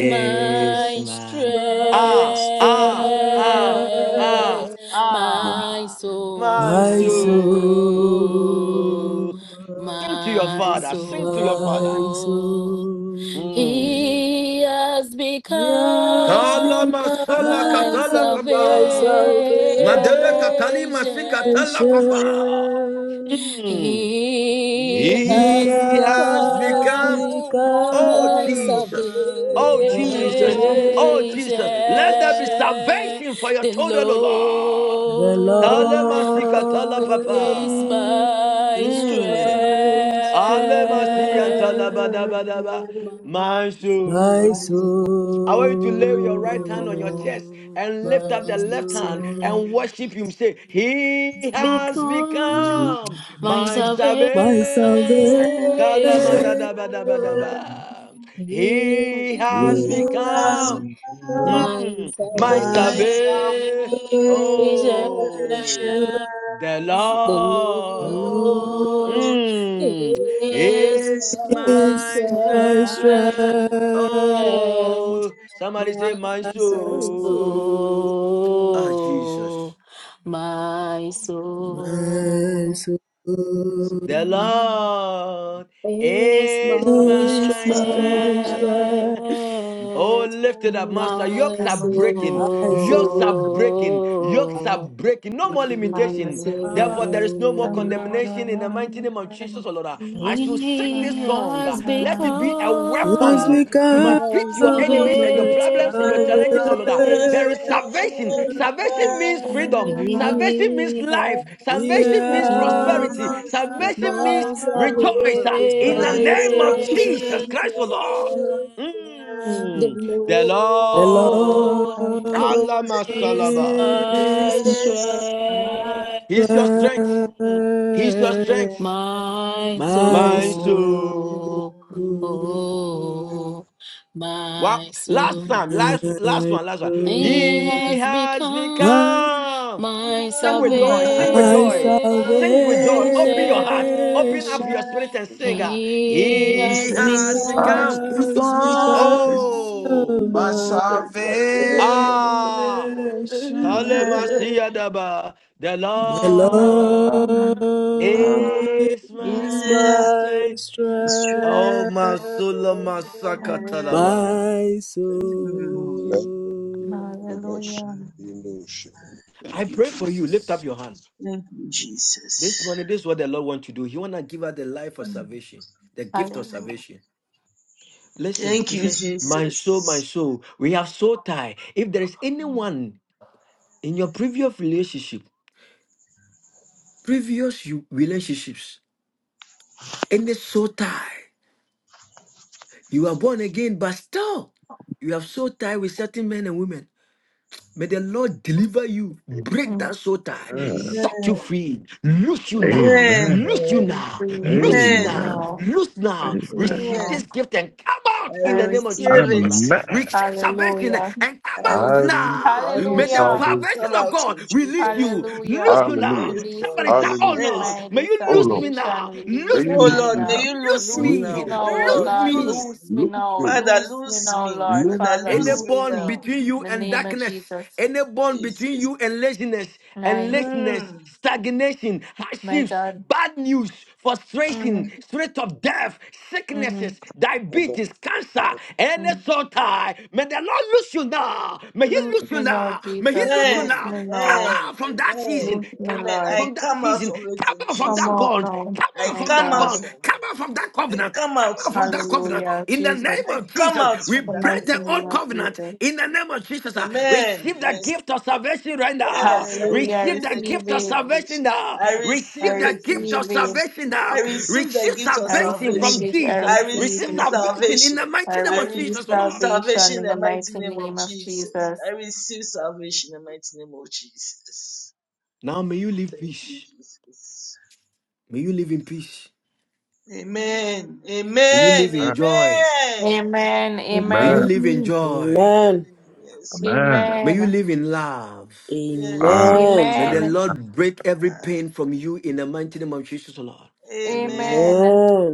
[SPEAKER 2] Lord
[SPEAKER 17] my
[SPEAKER 3] is
[SPEAKER 7] my,
[SPEAKER 3] my
[SPEAKER 2] my
[SPEAKER 7] ah,
[SPEAKER 2] strength,
[SPEAKER 7] ah,
[SPEAKER 3] strength.
[SPEAKER 7] ah, ah,
[SPEAKER 17] strength, my
[SPEAKER 7] ah, my
[SPEAKER 2] my
[SPEAKER 3] When
[SPEAKER 17] soul,
[SPEAKER 7] soul.
[SPEAKER 2] soul,
[SPEAKER 7] Sing to your
[SPEAKER 17] my
[SPEAKER 7] father, sing to your
[SPEAKER 2] my
[SPEAKER 7] father.
[SPEAKER 17] soul.
[SPEAKER 2] soul.
[SPEAKER 7] Mm.
[SPEAKER 17] He has
[SPEAKER 3] I
[SPEAKER 2] Yes,
[SPEAKER 7] Kala
[SPEAKER 17] become
[SPEAKER 7] masala
[SPEAKER 17] my
[SPEAKER 3] found
[SPEAKER 7] katala
[SPEAKER 2] become
[SPEAKER 17] salvation.
[SPEAKER 2] my
[SPEAKER 7] papa.
[SPEAKER 3] my
[SPEAKER 7] Madele
[SPEAKER 2] salvation.
[SPEAKER 7] katali masikatala
[SPEAKER 3] salvation,
[SPEAKER 7] papa. Mm.
[SPEAKER 17] He
[SPEAKER 3] He
[SPEAKER 2] He
[SPEAKER 17] has
[SPEAKER 7] He has
[SPEAKER 2] has
[SPEAKER 3] has
[SPEAKER 7] become,
[SPEAKER 17] become
[SPEAKER 7] oh
[SPEAKER 3] come
[SPEAKER 17] my
[SPEAKER 2] become
[SPEAKER 7] Jesus,
[SPEAKER 2] my
[SPEAKER 3] I He
[SPEAKER 7] oh Jesus, oh Jesus. Let there be
[SPEAKER 2] salvation.
[SPEAKER 17] salvation.
[SPEAKER 7] salvation for your
[SPEAKER 17] The
[SPEAKER 7] children, O Lord.
[SPEAKER 2] The
[SPEAKER 7] Tale
[SPEAKER 17] Lord
[SPEAKER 7] masikatala
[SPEAKER 2] Lord
[SPEAKER 17] is
[SPEAKER 7] papa.
[SPEAKER 2] is
[SPEAKER 17] my
[SPEAKER 2] my
[SPEAKER 7] Mm.
[SPEAKER 2] strength,
[SPEAKER 17] strength.
[SPEAKER 7] Alemasiyantalabadabadaba.
[SPEAKER 17] My
[SPEAKER 7] My
[SPEAKER 2] my
[SPEAKER 17] soul,
[SPEAKER 7] soul. I want you to lay your right hand on your
[SPEAKER 17] oh,
[SPEAKER 7] chest
[SPEAKER 2] soul,
[SPEAKER 7] and lift up the
[SPEAKER 2] my
[SPEAKER 17] my
[SPEAKER 7] left hand
[SPEAKER 17] soul,
[SPEAKER 7] and
[SPEAKER 2] soul,
[SPEAKER 7] worship Him. Say, He has
[SPEAKER 17] become
[SPEAKER 7] become
[SPEAKER 17] my
[SPEAKER 7] my
[SPEAKER 17] salvation.
[SPEAKER 2] my salvation.
[SPEAKER 7] Savior. Kalamadadabadabadaba.
[SPEAKER 17] He
[SPEAKER 7] He
[SPEAKER 17] has
[SPEAKER 7] has
[SPEAKER 2] He
[SPEAKER 3] has
[SPEAKER 2] I
[SPEAKER 17] become
[SPEAKER 7] become
[SPEAKER 2] come,
[SPEAKER 3] become
[SPEAKER 17] my
[SPEAKER 7] mm, my
[SPEAKER 3] my
[SPEAKER 11] Amen.
[SPEAKER 17] salvation.
[SPEAKER 7] Savior. Oh, the
[SPEAKER 3] salvation.
[SPEAKER 17] The
[SPEAKER 2] The
[SPEAKER 7] Lord.
[SPEAKER 2] Lord
[SPEAKER 3] Lord
[SPEAKER 17] Lord
[SPEAKER 7] Mm,
[SPEAKER 17] is
[SPEAKER 3] is
[SPEAKER 7] is
[SPEAKER 17] my
[SPEAKER 2] is
[SPEAKER 7] my
[SPEAKER 17] strength.
[SPEAKER 2] my
[SPEAKER 3] my
[SPEAKER 7] son.
[SPEAKER 3] strength.
[SPEAKER 2] strength.
[SPEAKER 7] Oh, somebody
[SPEAKER 17] My
[SPEAKER 7] say, My
[SPEAKER 2] My soul,
[SPEAKER 7] soul. Ah,
[SPEAKER 17] soul,
[SPEAKER 7] Jesus.
[SPEAKER 17] my
[SPEAKER 2] my
[SPEAKER 17] soul
[SPEAKER 2] soul
[SPEAKER 7] The Lord
[SPEAKER 17] is
[SPEAKER 7] is
[SPEAKER 17] my
[SPEAKER 2] is
[SPEAKER 7] my
[SPEAKER 3] Is my
[SPEAKER 2] my
[SPEAKER 7] son.
[SPEAKER 2] strength.
[SPEAKER 7] Oh,
[SPEAKER 17] strength,
[SPEAKER 7] lift it up, Master.
[SPEAKER 3] strength.
[SPEAKER 7] Yokes
[SPEAKER 17] my
[SPEAKER 7] are breaking.
[SPEAKER 2] My
[SPEAKER 7] Yokes are
[SPEAKER 2] soul,
[SPEAKER 7] breaking.
[SPEAKER 2] my
[SPEAKER 7] Yokes are
[SPEAKER 17] soul,
[SPEAKER 7] breaking. No more
[SPEAKER 17] my
[SPEAKER 7] limitation.
[SPEAKER 6] Hallelujah.
[SPEAKER 7] Therefore, there is no more
[SPEAKER 17] soul.
[SPEAKER 2] soul,
[SPEAKER 6] Hallelujah.
[SPEAKER 7] condemnation in the mighty name of Jesus, O Lord. I shall sing this
[SPEAKER 17] He
[SPEAKER 7] song. uh,
[SPEAKER 17] has
[SPEAKER 7] Let it be a
[SPEAKER 2] was
[SPEAKER 17] become
[SPEAKER 7] weapon to
[SPEAKER 3] Yes,
[SPEAKER 2] become
[SPEAKER 17] my
[SPEAKER 7] defeat your enemies
[SPEAKER 3] my
[SPEAKER 7] and your
[SPEAKER 2] my
[SPEAKER 7] problems and your challenges, O Lord. There
[SPEAKER 2] salvation.
[SPEAKER 7] is salvation.
[SPEAKER 3] salvation
[SPEAKER 17] salvation.
[SPEAKER 7] Salvation means freedom. Salvation means
[SPEAKER 17] He
[SPEAKER 7] life.
[SPEAKER 17] has
[SPEAKER 7] Salvation means
[SPEAKER 2] Yes,
[SPEAKER 7] prosperity.
[SPEAKER 17] become
[SPEAKER 3] has
[SPEAKER 2] become
[SPEAKER 7] Salvation
[SPEAKER 3] become
[SPEAKER 17] my
[SPEAKER 7] means
[SPEAKER 17] salvation.
[SPEAKER 7] rejoice uh,
[SPEAKER 2] my
[SPEAKER 7] in the
[SPEAKER 3] my
[SPEAKER 7] name of Jesus
[SPEAKER 2] salvation.
[SPEAKER 3] salvation.
[SPEAKER 7] Christ, O Lord.
[SPEAKER 17] The
[SPEAKER 7] Mm, the
[SPEAKER 2] The
[SPEAKER 7] Lord,
[SPEAKER 2] Lord
[SPEAKER 17] Lord
[SPEAKER 7] Allah
[SPEAKER 3] Lord
[SPEAKER 17] is
[SPEAKER 7] Masalaba,
[SPEAKER 17] my
[SPEAKER 2] is.
[SPEAKER 3] is my
[SPEAKER 17] strength,
[SPEAKER 7] He's your
[SPEAKER 2] Bless
[SPEAKER 3] strength,
[SPEAKER 7] strength. He's your strength,
[SPEAKER 17] my
[SPEAKER 2] my
[SPEAKER 7] my
[SPEAKER 2] soul,
[SPEAKER 7] soul.
[SPEAKER 17] soul,
[SPEAKER 2] my
[SPEAKER 17] oh,
[SPEAKER 7] Wow.
[SPEAKER 17] my soul.
[SPEAKER 7] Last time, last, last one, last one.
[SPEAKER 17] He
[SPEAKER 2] soul,
[SPEAKER 7] He
[SPEAKER 17] has
[SPEAKER 7] has
[SPEAKER 17] become
[SPEAKER 2] and
[SPEAKER 7] become.
[SPEAKER 17] my
[SPEAKER 7] Sing with
[SPEAKER 3] and
[SPEAKER 7] joy, sing with
[SPEAKER 3] my
[SPEAKER 2] my
[SPEAKER 7] joy, sing with joy.
[SPEAKER 3] salvation.
[SPEAKER 7] Open your heart, open up
[SPEAKER 2] salvation.
[SPEAKER 17] salvation.
[SPEAKER 7] your spirit and sing. ah,
[SPEAKER 6] Hallelujah.
[SPEAKER 17] He
[SPEAKER 7] He
[SPEAKER 17] has
[SPEAKER 7] has
[SPEAKER 3] Jesus.
[SPEAKER 2] He
[SPEAKER 4] I
[SPEAKER 17] become
[SPEAKER 7] become.
[SPEAKER 4] speak
[SPEAKER 2] has
[SPEAKER 3] Thank
[SPEAKER 2] become
[SPEAKER 4] on
[SPEAKER 7] Oh,
[SPEAKER 4] my
[SPEAKER 2] my salvation.
[SPEAKER 7] ah.
[SPEAKER 4] salvation.
[SPEAKER 7] Kalemasiadaba. The
[SPEAKER 2] The
[SPEAKER 7] Lord
[SPEAKER 2] Lord
[SPEAKER 7] is
[SPEAKER 2] is
[SPEAKER 7] my
[SPEAKER 2] my
[SPEAKER 7] strength. Oh,
[SPEAKER 2] strength,
[SPEAKER 7] Masula Masakatalaba.
[SPEAKER 2] my soul.
[SPEAKER 7] I
[SPEAKER 4] Thank you,
[SPEAKER 7] pray for you. Lift up
[SPEAKER 4] Jesus.
[SPEAKER 7] your hand.
[SPEAKER 3] you,
[SPEAKER 7] This
[SPEAKER 3] Jesus.
[SPEAKER 7] morning, this is what the Lord wants to do. He want to give us the life of salvation, the gift of
[SPEAKER 6] Hallelujah.
[SPEAKER 7] salvation. Listen,
[SPEAKER 3] Thank
[SPEAKER 7] he
[SPEAKER 3] you,
[SPEAKER 7] said, My soul, my
[SPEAKER 3] Jesus.
[SPEAKER 7] soul, we are so tied. If there is anyone in your previous relationship, previous you- relationships, any so tie. You are born again, but still you have soul tie with certain men and women. May the Lord deliver you, break
[SPEAKER 6] Mm.
[SPEAKER 7] that soul tie,
[SPEAKER 16] Ah,
[SPEAKER 7] set you
[SPEAKER 3] Amen.
[SPEAKER 7] free, loose you
[SPEAKER 6] Right.
[SPEAKER 7] now,
[SPEAKER 3] Amen.
[SPEAKER 16] Amen.
[SPEAKER 7] loose you now, loose
[SPEAKER 6] Release
[SPEAKER 7] you
[SPEAKER 6] me
[SPEAKER 3] Amen.
[SPEAKER 7] now,
[SPEAKER 16] Amen.
[SPEAKER 6] now.
[SPEAKER 7] loose now.
[SPEAKER 6] Release me
[SPEAKER 16] Amen.
[SPEAKER 7] Receive this
[SPEAKER 6] now.
[SPEAKER 3] Amen.
[SPEAKER 7] gift and come
[SPEAKER 3] I
[SPEAKER 7] out in
[SPEAKER 6] I
[SPEAKER 7] the name of
[SPEAKER 6] receive.
[SPEAKER 7] Jesus,
[SPEAKER 3] receive
[SPEAKER 7] O
[SPEAKER 6] it.
[SPEAKER 7] Lord.
[SPEAKER 3] it.
[SPEAKER 16] Amen.
[SPEAKER 7] Receive salvation
[SPEAKER 6] Hallelujah.
[SPEAKER 7] and come
[SPEAKER 3] I
[SPEAKER 7] out
[SPEAKER 16] I
[SPEAKER 3] receive
[SPEAKER 7] now.
[SPEAKER 16] receive
[SPEAKER 7] May
[SPEAKER 3] salvation
[SPEAKER 7] the
[SPEAKER 6] Hallelujah.
[SPEAKER 3] and
[SPEAKER 16] salvation.
[SPEAKER 3] I
[SPEAKER 7] salvation
[SPEAKER 3] come
[SPEAKER 7] of
[SPEAKER 3] out
[SPEAKER 7] God
[SPEAKER 3] in
[SPEAKER 7] release
[SPEAKER 3] Jesus.
[SPEAKER 7] you,
[SPEAKER 6] Hallelujah.
[SPEAKER 7] loose you now.
[SPEAKER 16] Hallelujah.
[SPEAKER 3] Yes,
[SPEAKER 6] Release
[SPEAKER 3] Lord.
[SPEAKER 7] Somebody
[SPEAKER 6] me.
[SPEAKER 7] shout, Oh
[SPEAKER 16] Hallelujah.
[SPEAKER 3] Yes.
[SPEAKER 7] Lord,
[SPEAKER 6] My
[SPEAKER 7] may
[SPEAKER 6] dear
[SPEAKER 7] you
[SPEAKER 16] Oh
[SPEAKER 7] loose
[SPEAKER 16] Lord,
[SPEAKER 7] me
[SPEAKER 6] salvation,
[SPEAKER 7] now,
[SPEAKER 6] release
[SPEAKER 16] may
[SPEAKER 7] loose
[SPEAKER 16] you
[SPEAKER 6] me,
[SPEAKER 3] Oh
[SPEAKER 16] loose
[SPEAKER 6] my
[SPEAKER 3] Lord,
[SPEAKER 7] me,
[SPEAKER 16] me
[SPEAKER 3] may
[SPEAKER 16] now.
[SPEAKER 6] God.
[SPEAKER 3] you
[SPEAKER 7] loose
[SPEAKER 3] loose me
[SPEAKER 6] Loose
[SPEAKER 16] Loose
[SPEAKER 3] now.
[SPEAKER 6] me
[SPEAKER 7] me,
[SPEAKER 16] me.
[SPEAKER 6] now,
[SPEAKER 3] Oh
[SPEAKER 6] oh
[SPEAKER 3] Lord,
[SPEAKER 7] loose
[SPEAKER 16] Loose
[SPEAKER 6] God.
[SPEAKER 16] me.
[SPEAKER 7] me.
[SPEAKER 3] loose
[SPEAKER 6] Loose
[SPEAKER 3] me.
[SPEAKER 6] me
[SPEAKER 16] Loose
[SPEAKER 6] now.
[SPEAKER 16] me.
[SPEAKER 3] Father,
[SPEAKER 6] Loose me
[SPEAKER 3] loose
[SPEAKER 6] now,
[SPEAKER 3] me.
[SPEAKER 6] Lord.
[SPEAKER 16] Loose
[SPEAKER 3] Father,
[SPEAKER 6] Father,
[SPEAKER 7] Any
[SPEAKER 3] loose
[SPEAKER 16] me.
[SPEAKER 6] loose
[SPEAKER 3] me
[SPEAKER 7] bond
[SPEAKER 6] me.
[SPEAKER 3] now.
[SPEAKER 7] between
[SPEAKER 6] In
[SPEAKER 7] you
[SPEAKER 6] the
[SPEAKER 7] and
[SPEAKER 6] name of
[SPEAKER 7] darkness,
[SPEAKER 6] Jesus.
[SPEAKER 7] any bond between
[SPEAKER 3] Jesus.
[SPEAKER 7] you and laziness, and
[SPEAKER 6] My,
[SPEAKER 7] laziness,
[SPEAKER 3] Mm.
[SPEAKER 7] stagnation,
[SPEAKER 6] my
[SPEAKER 7] hardships,
[SPEAKER 6] God.
[SPEAKER 7] bad news, frustration,
[SPEAKER 6] Mm,
[SPEAKER 7] spirit of death,
[SPEAKER 6] mm,
[SPEAKER 7] sicknesses, diabetes, cancer, any
[SPEAKER 6] mm.
[SPEAKER 7] soul tie, may the Lord loose you now. May He
[SPEAKER 6] Loose
[SPEAKER 7] loose you
[SPEAKER 6] me now,
[SPEAKER 7] now. May He
[SPEAKER 6] Jesus.
[SPEAKER 7] loose you
[SPEAKER 3] Amen.
[SPEAKER 6] Loose
[SPEAKER 7] now.
[SPEAKER 6] me
[SPEAKER 7] Come
[SPEAKER 6] now.
[SPEAKER 3] Amen.
[SPEAKER 7] out from that
[SPEAKER 3] Amen.
[SPEAKER 7] season.
[SPEAKER 6] Loose me,
[SPEAKER 7] Come
[SPEAKER 3] Amen.
[SPEAKER 7] out
[SPEAKER 3] I
[SPEAKER 6] Lord.
[SPEAKER 7] from that
[SPEAKER 3] come out of
[SPEAKER 7] season.
[SPEAKER 3] it
[SPEAKER 7] Come
[SPEAKER 3] in
[SPEAKER 7] out from
[SPEAKER 6] Come
[SPEAKER 7] that
[SPEAKER 3] Jesus.
[SPEAKER 6] out
[SPEAKER 7] bond.
[SPEAKER 6] now,
[SPEAKER 7] Come
[SPEAKER 3] I
[SPEAKER 7] out
[SPEAKER 6] my
[SPEAKER 7] from
[SPEAKER 3] come
[SPEAKER 7] that
[SPEAKER 3] out
[SPEAKER 7] bond.
[SPEAKER 6] God.
[SPEAKER 3] from
[SPEAKER 7] Come out
[SPEAKER 3] it.
[SPEAKER 7] from that
[SPEAKER 3] I
[SPEAKER 7] covenant.
[SPEAKER 3] come
[SPEAKER 7] Come
[SPEAKER 3] out
[SPEAKER 7] out
[SPEAKER 3] in
[SPEAKER 7] from that
[SPEAKER 3] Jesus.
[SPEAKER 7] covenant.
[SPEAKER 6] Hallelujah.
[SPEAKER 7] In the
[SPEAKER 6] Jesus.
[SPEAKER 7] name
[SPEAKER 3] I
[SPEAKER 7] of
[SPEAKER 3] come
[SPEAKER 7] Jesus,
[SPEAKER 3] out
[SPEAKER 7] we
[SPEAKER 3] from
[SPEAKER 6] The
[SPEAKER 3] that
[SPEAKER 7] break
[SPEAKER 6] mighty
[SPEAKER 7] the
[SPEAKER 6] name
[SPEAKER 7] old
[SPEAKER 3] community.
[SPEAKER 6] of
[SPEAKER 7] covenant.
[SPEAKER 6] Jesus.
[SPEAKER 7] In the name of Jesus, ah,
[SPEAKER 3] Amen. Yes.
[SPEAKER 7] receive the gift of salvation right now.
[SPEAKER 3] Yes, I
[SPEAKER 6] Hallelujah. I
[SPEAKER 7] Receive
[SPEAKER 3] receive
[SPEAKER 7] the
[SPEAKER 3] the gift
[SPEAKER 6] Receive
[SPEAKER 7] gift
[SPEAKER 3] of
[SPEAKER 7] of
[SPEAKER 6] it.
[SPEAKER 7] salvation
[SPEAKER 3] salvation.
[SPEAKER 7] now.
[SPEAKER 3] I
[SPEAKER 6] I
[SPEAKER 3] receive
[SPEAKER 7] Receive the
[SPEAKER 3] it in
[SPEAKER 7] gift of
[SPEAKER 6] receive it.
[SPEAKER 3] Jesus' name.
[SPEAKER 7] salvation now.
[SPEAKER 3] I receive the
[SPEAKER 7] Receive
[SPEAKER 3] gift of
[SPEAKER 6] I
[SPEAKER 7] salvation
[SPEAKER 6] receive
[SPEAKER 3] salvation.
[SPEAKER 7] from
[SPEAKER 6] it. I
[SPEAKER 7] Jesus.
[SPEAKER 3] I
[SPEAKER 6] receive
[SPEAKER 7] Receive
[SPEAKER 3] receive
[SPEAKER 6] it.
[SPEAKER 7] salvation in
[SPEAKER 3] salvation.
[SPEAKER 7] the
[SPEAKER 6] I
[SPEAKER 7] mighty name
[SPEAKER 3] I
[SPEAKER 7] of
[SPEAKER 6] receive
[SPEAKER 7] Jesus, oh
[SPEAKER 3] receive
[SPEAKER 7] Lord.
[SPEAKER 3] salvation
[SPEAKER 6] salvation
[SPEAKER 3] in
[SPEAKER 6] in
[SPEAKER 3] the
[SPEAKER 6] the
[SPEAKER 3] mighty
[SPEAKER 6] mighty
[SPEAKER 3] name of
[SPEAKER 6] name of
[SPEAKER 3] Jesus. I
[SPEAKER 6] Jesus.
[SPEAKER 3] receive salvation in the mighty name of Jesus.
[SPEAKER 7] Now may you live
[SPEAKER 3] Thank you,
[SPEAKER 7] peace.
[SPEAKER 3] Jesus.
[SPEAKER 7] May you live in peace.
[SPEAKER 3] Amen.
[SPEAKER 7] May you live
[SPEAKER 3] Amen.
[SPEAKER 7] in
[SPEAKER 16] Amen.
[SPEAKER 7] joy.
[SPEAKER 3] Amen.
[SPEAKER 6] Amen.
[SPEAKER 7] May
[SPEAKER 3] Ah,
[SPEAKER 7] you
[SPEAKER 16] Amen.
[SPEAKER 6] Amen.
[SPEAKER 7] live in
[SPEAKER 2] Amen.
[SPEAKER 7] joy.
[SPEAKER 2] Amen.
[SPEAKER 3] Amen. Yes,
[SPEAKER 16] Amen.
[SPEAKER 3] Lord.
[SPEAKER 7] May you
[SPEAKER 6] Amen.
[SPEAKER 7] live in love.
[SPEAKER 3] Yes,
[SPEAKER 16] Ah,
[SPEAKER 3] Lord.
[SPEAKER 2] Amen.
[SPEAKER 7] May the
[SPEAKER 16] man.
[SPEAKER 6] Amen.
[SPEAKER 7] Lord break every
[SPEAKER 3] Ah,
[SPEAKER 7] pain from you in the mighty name of Jesus, O Lord.
[SPEAKER 6] Amen.
[SPEAKER 3] Amen.
[SPEAKER 2] Amen.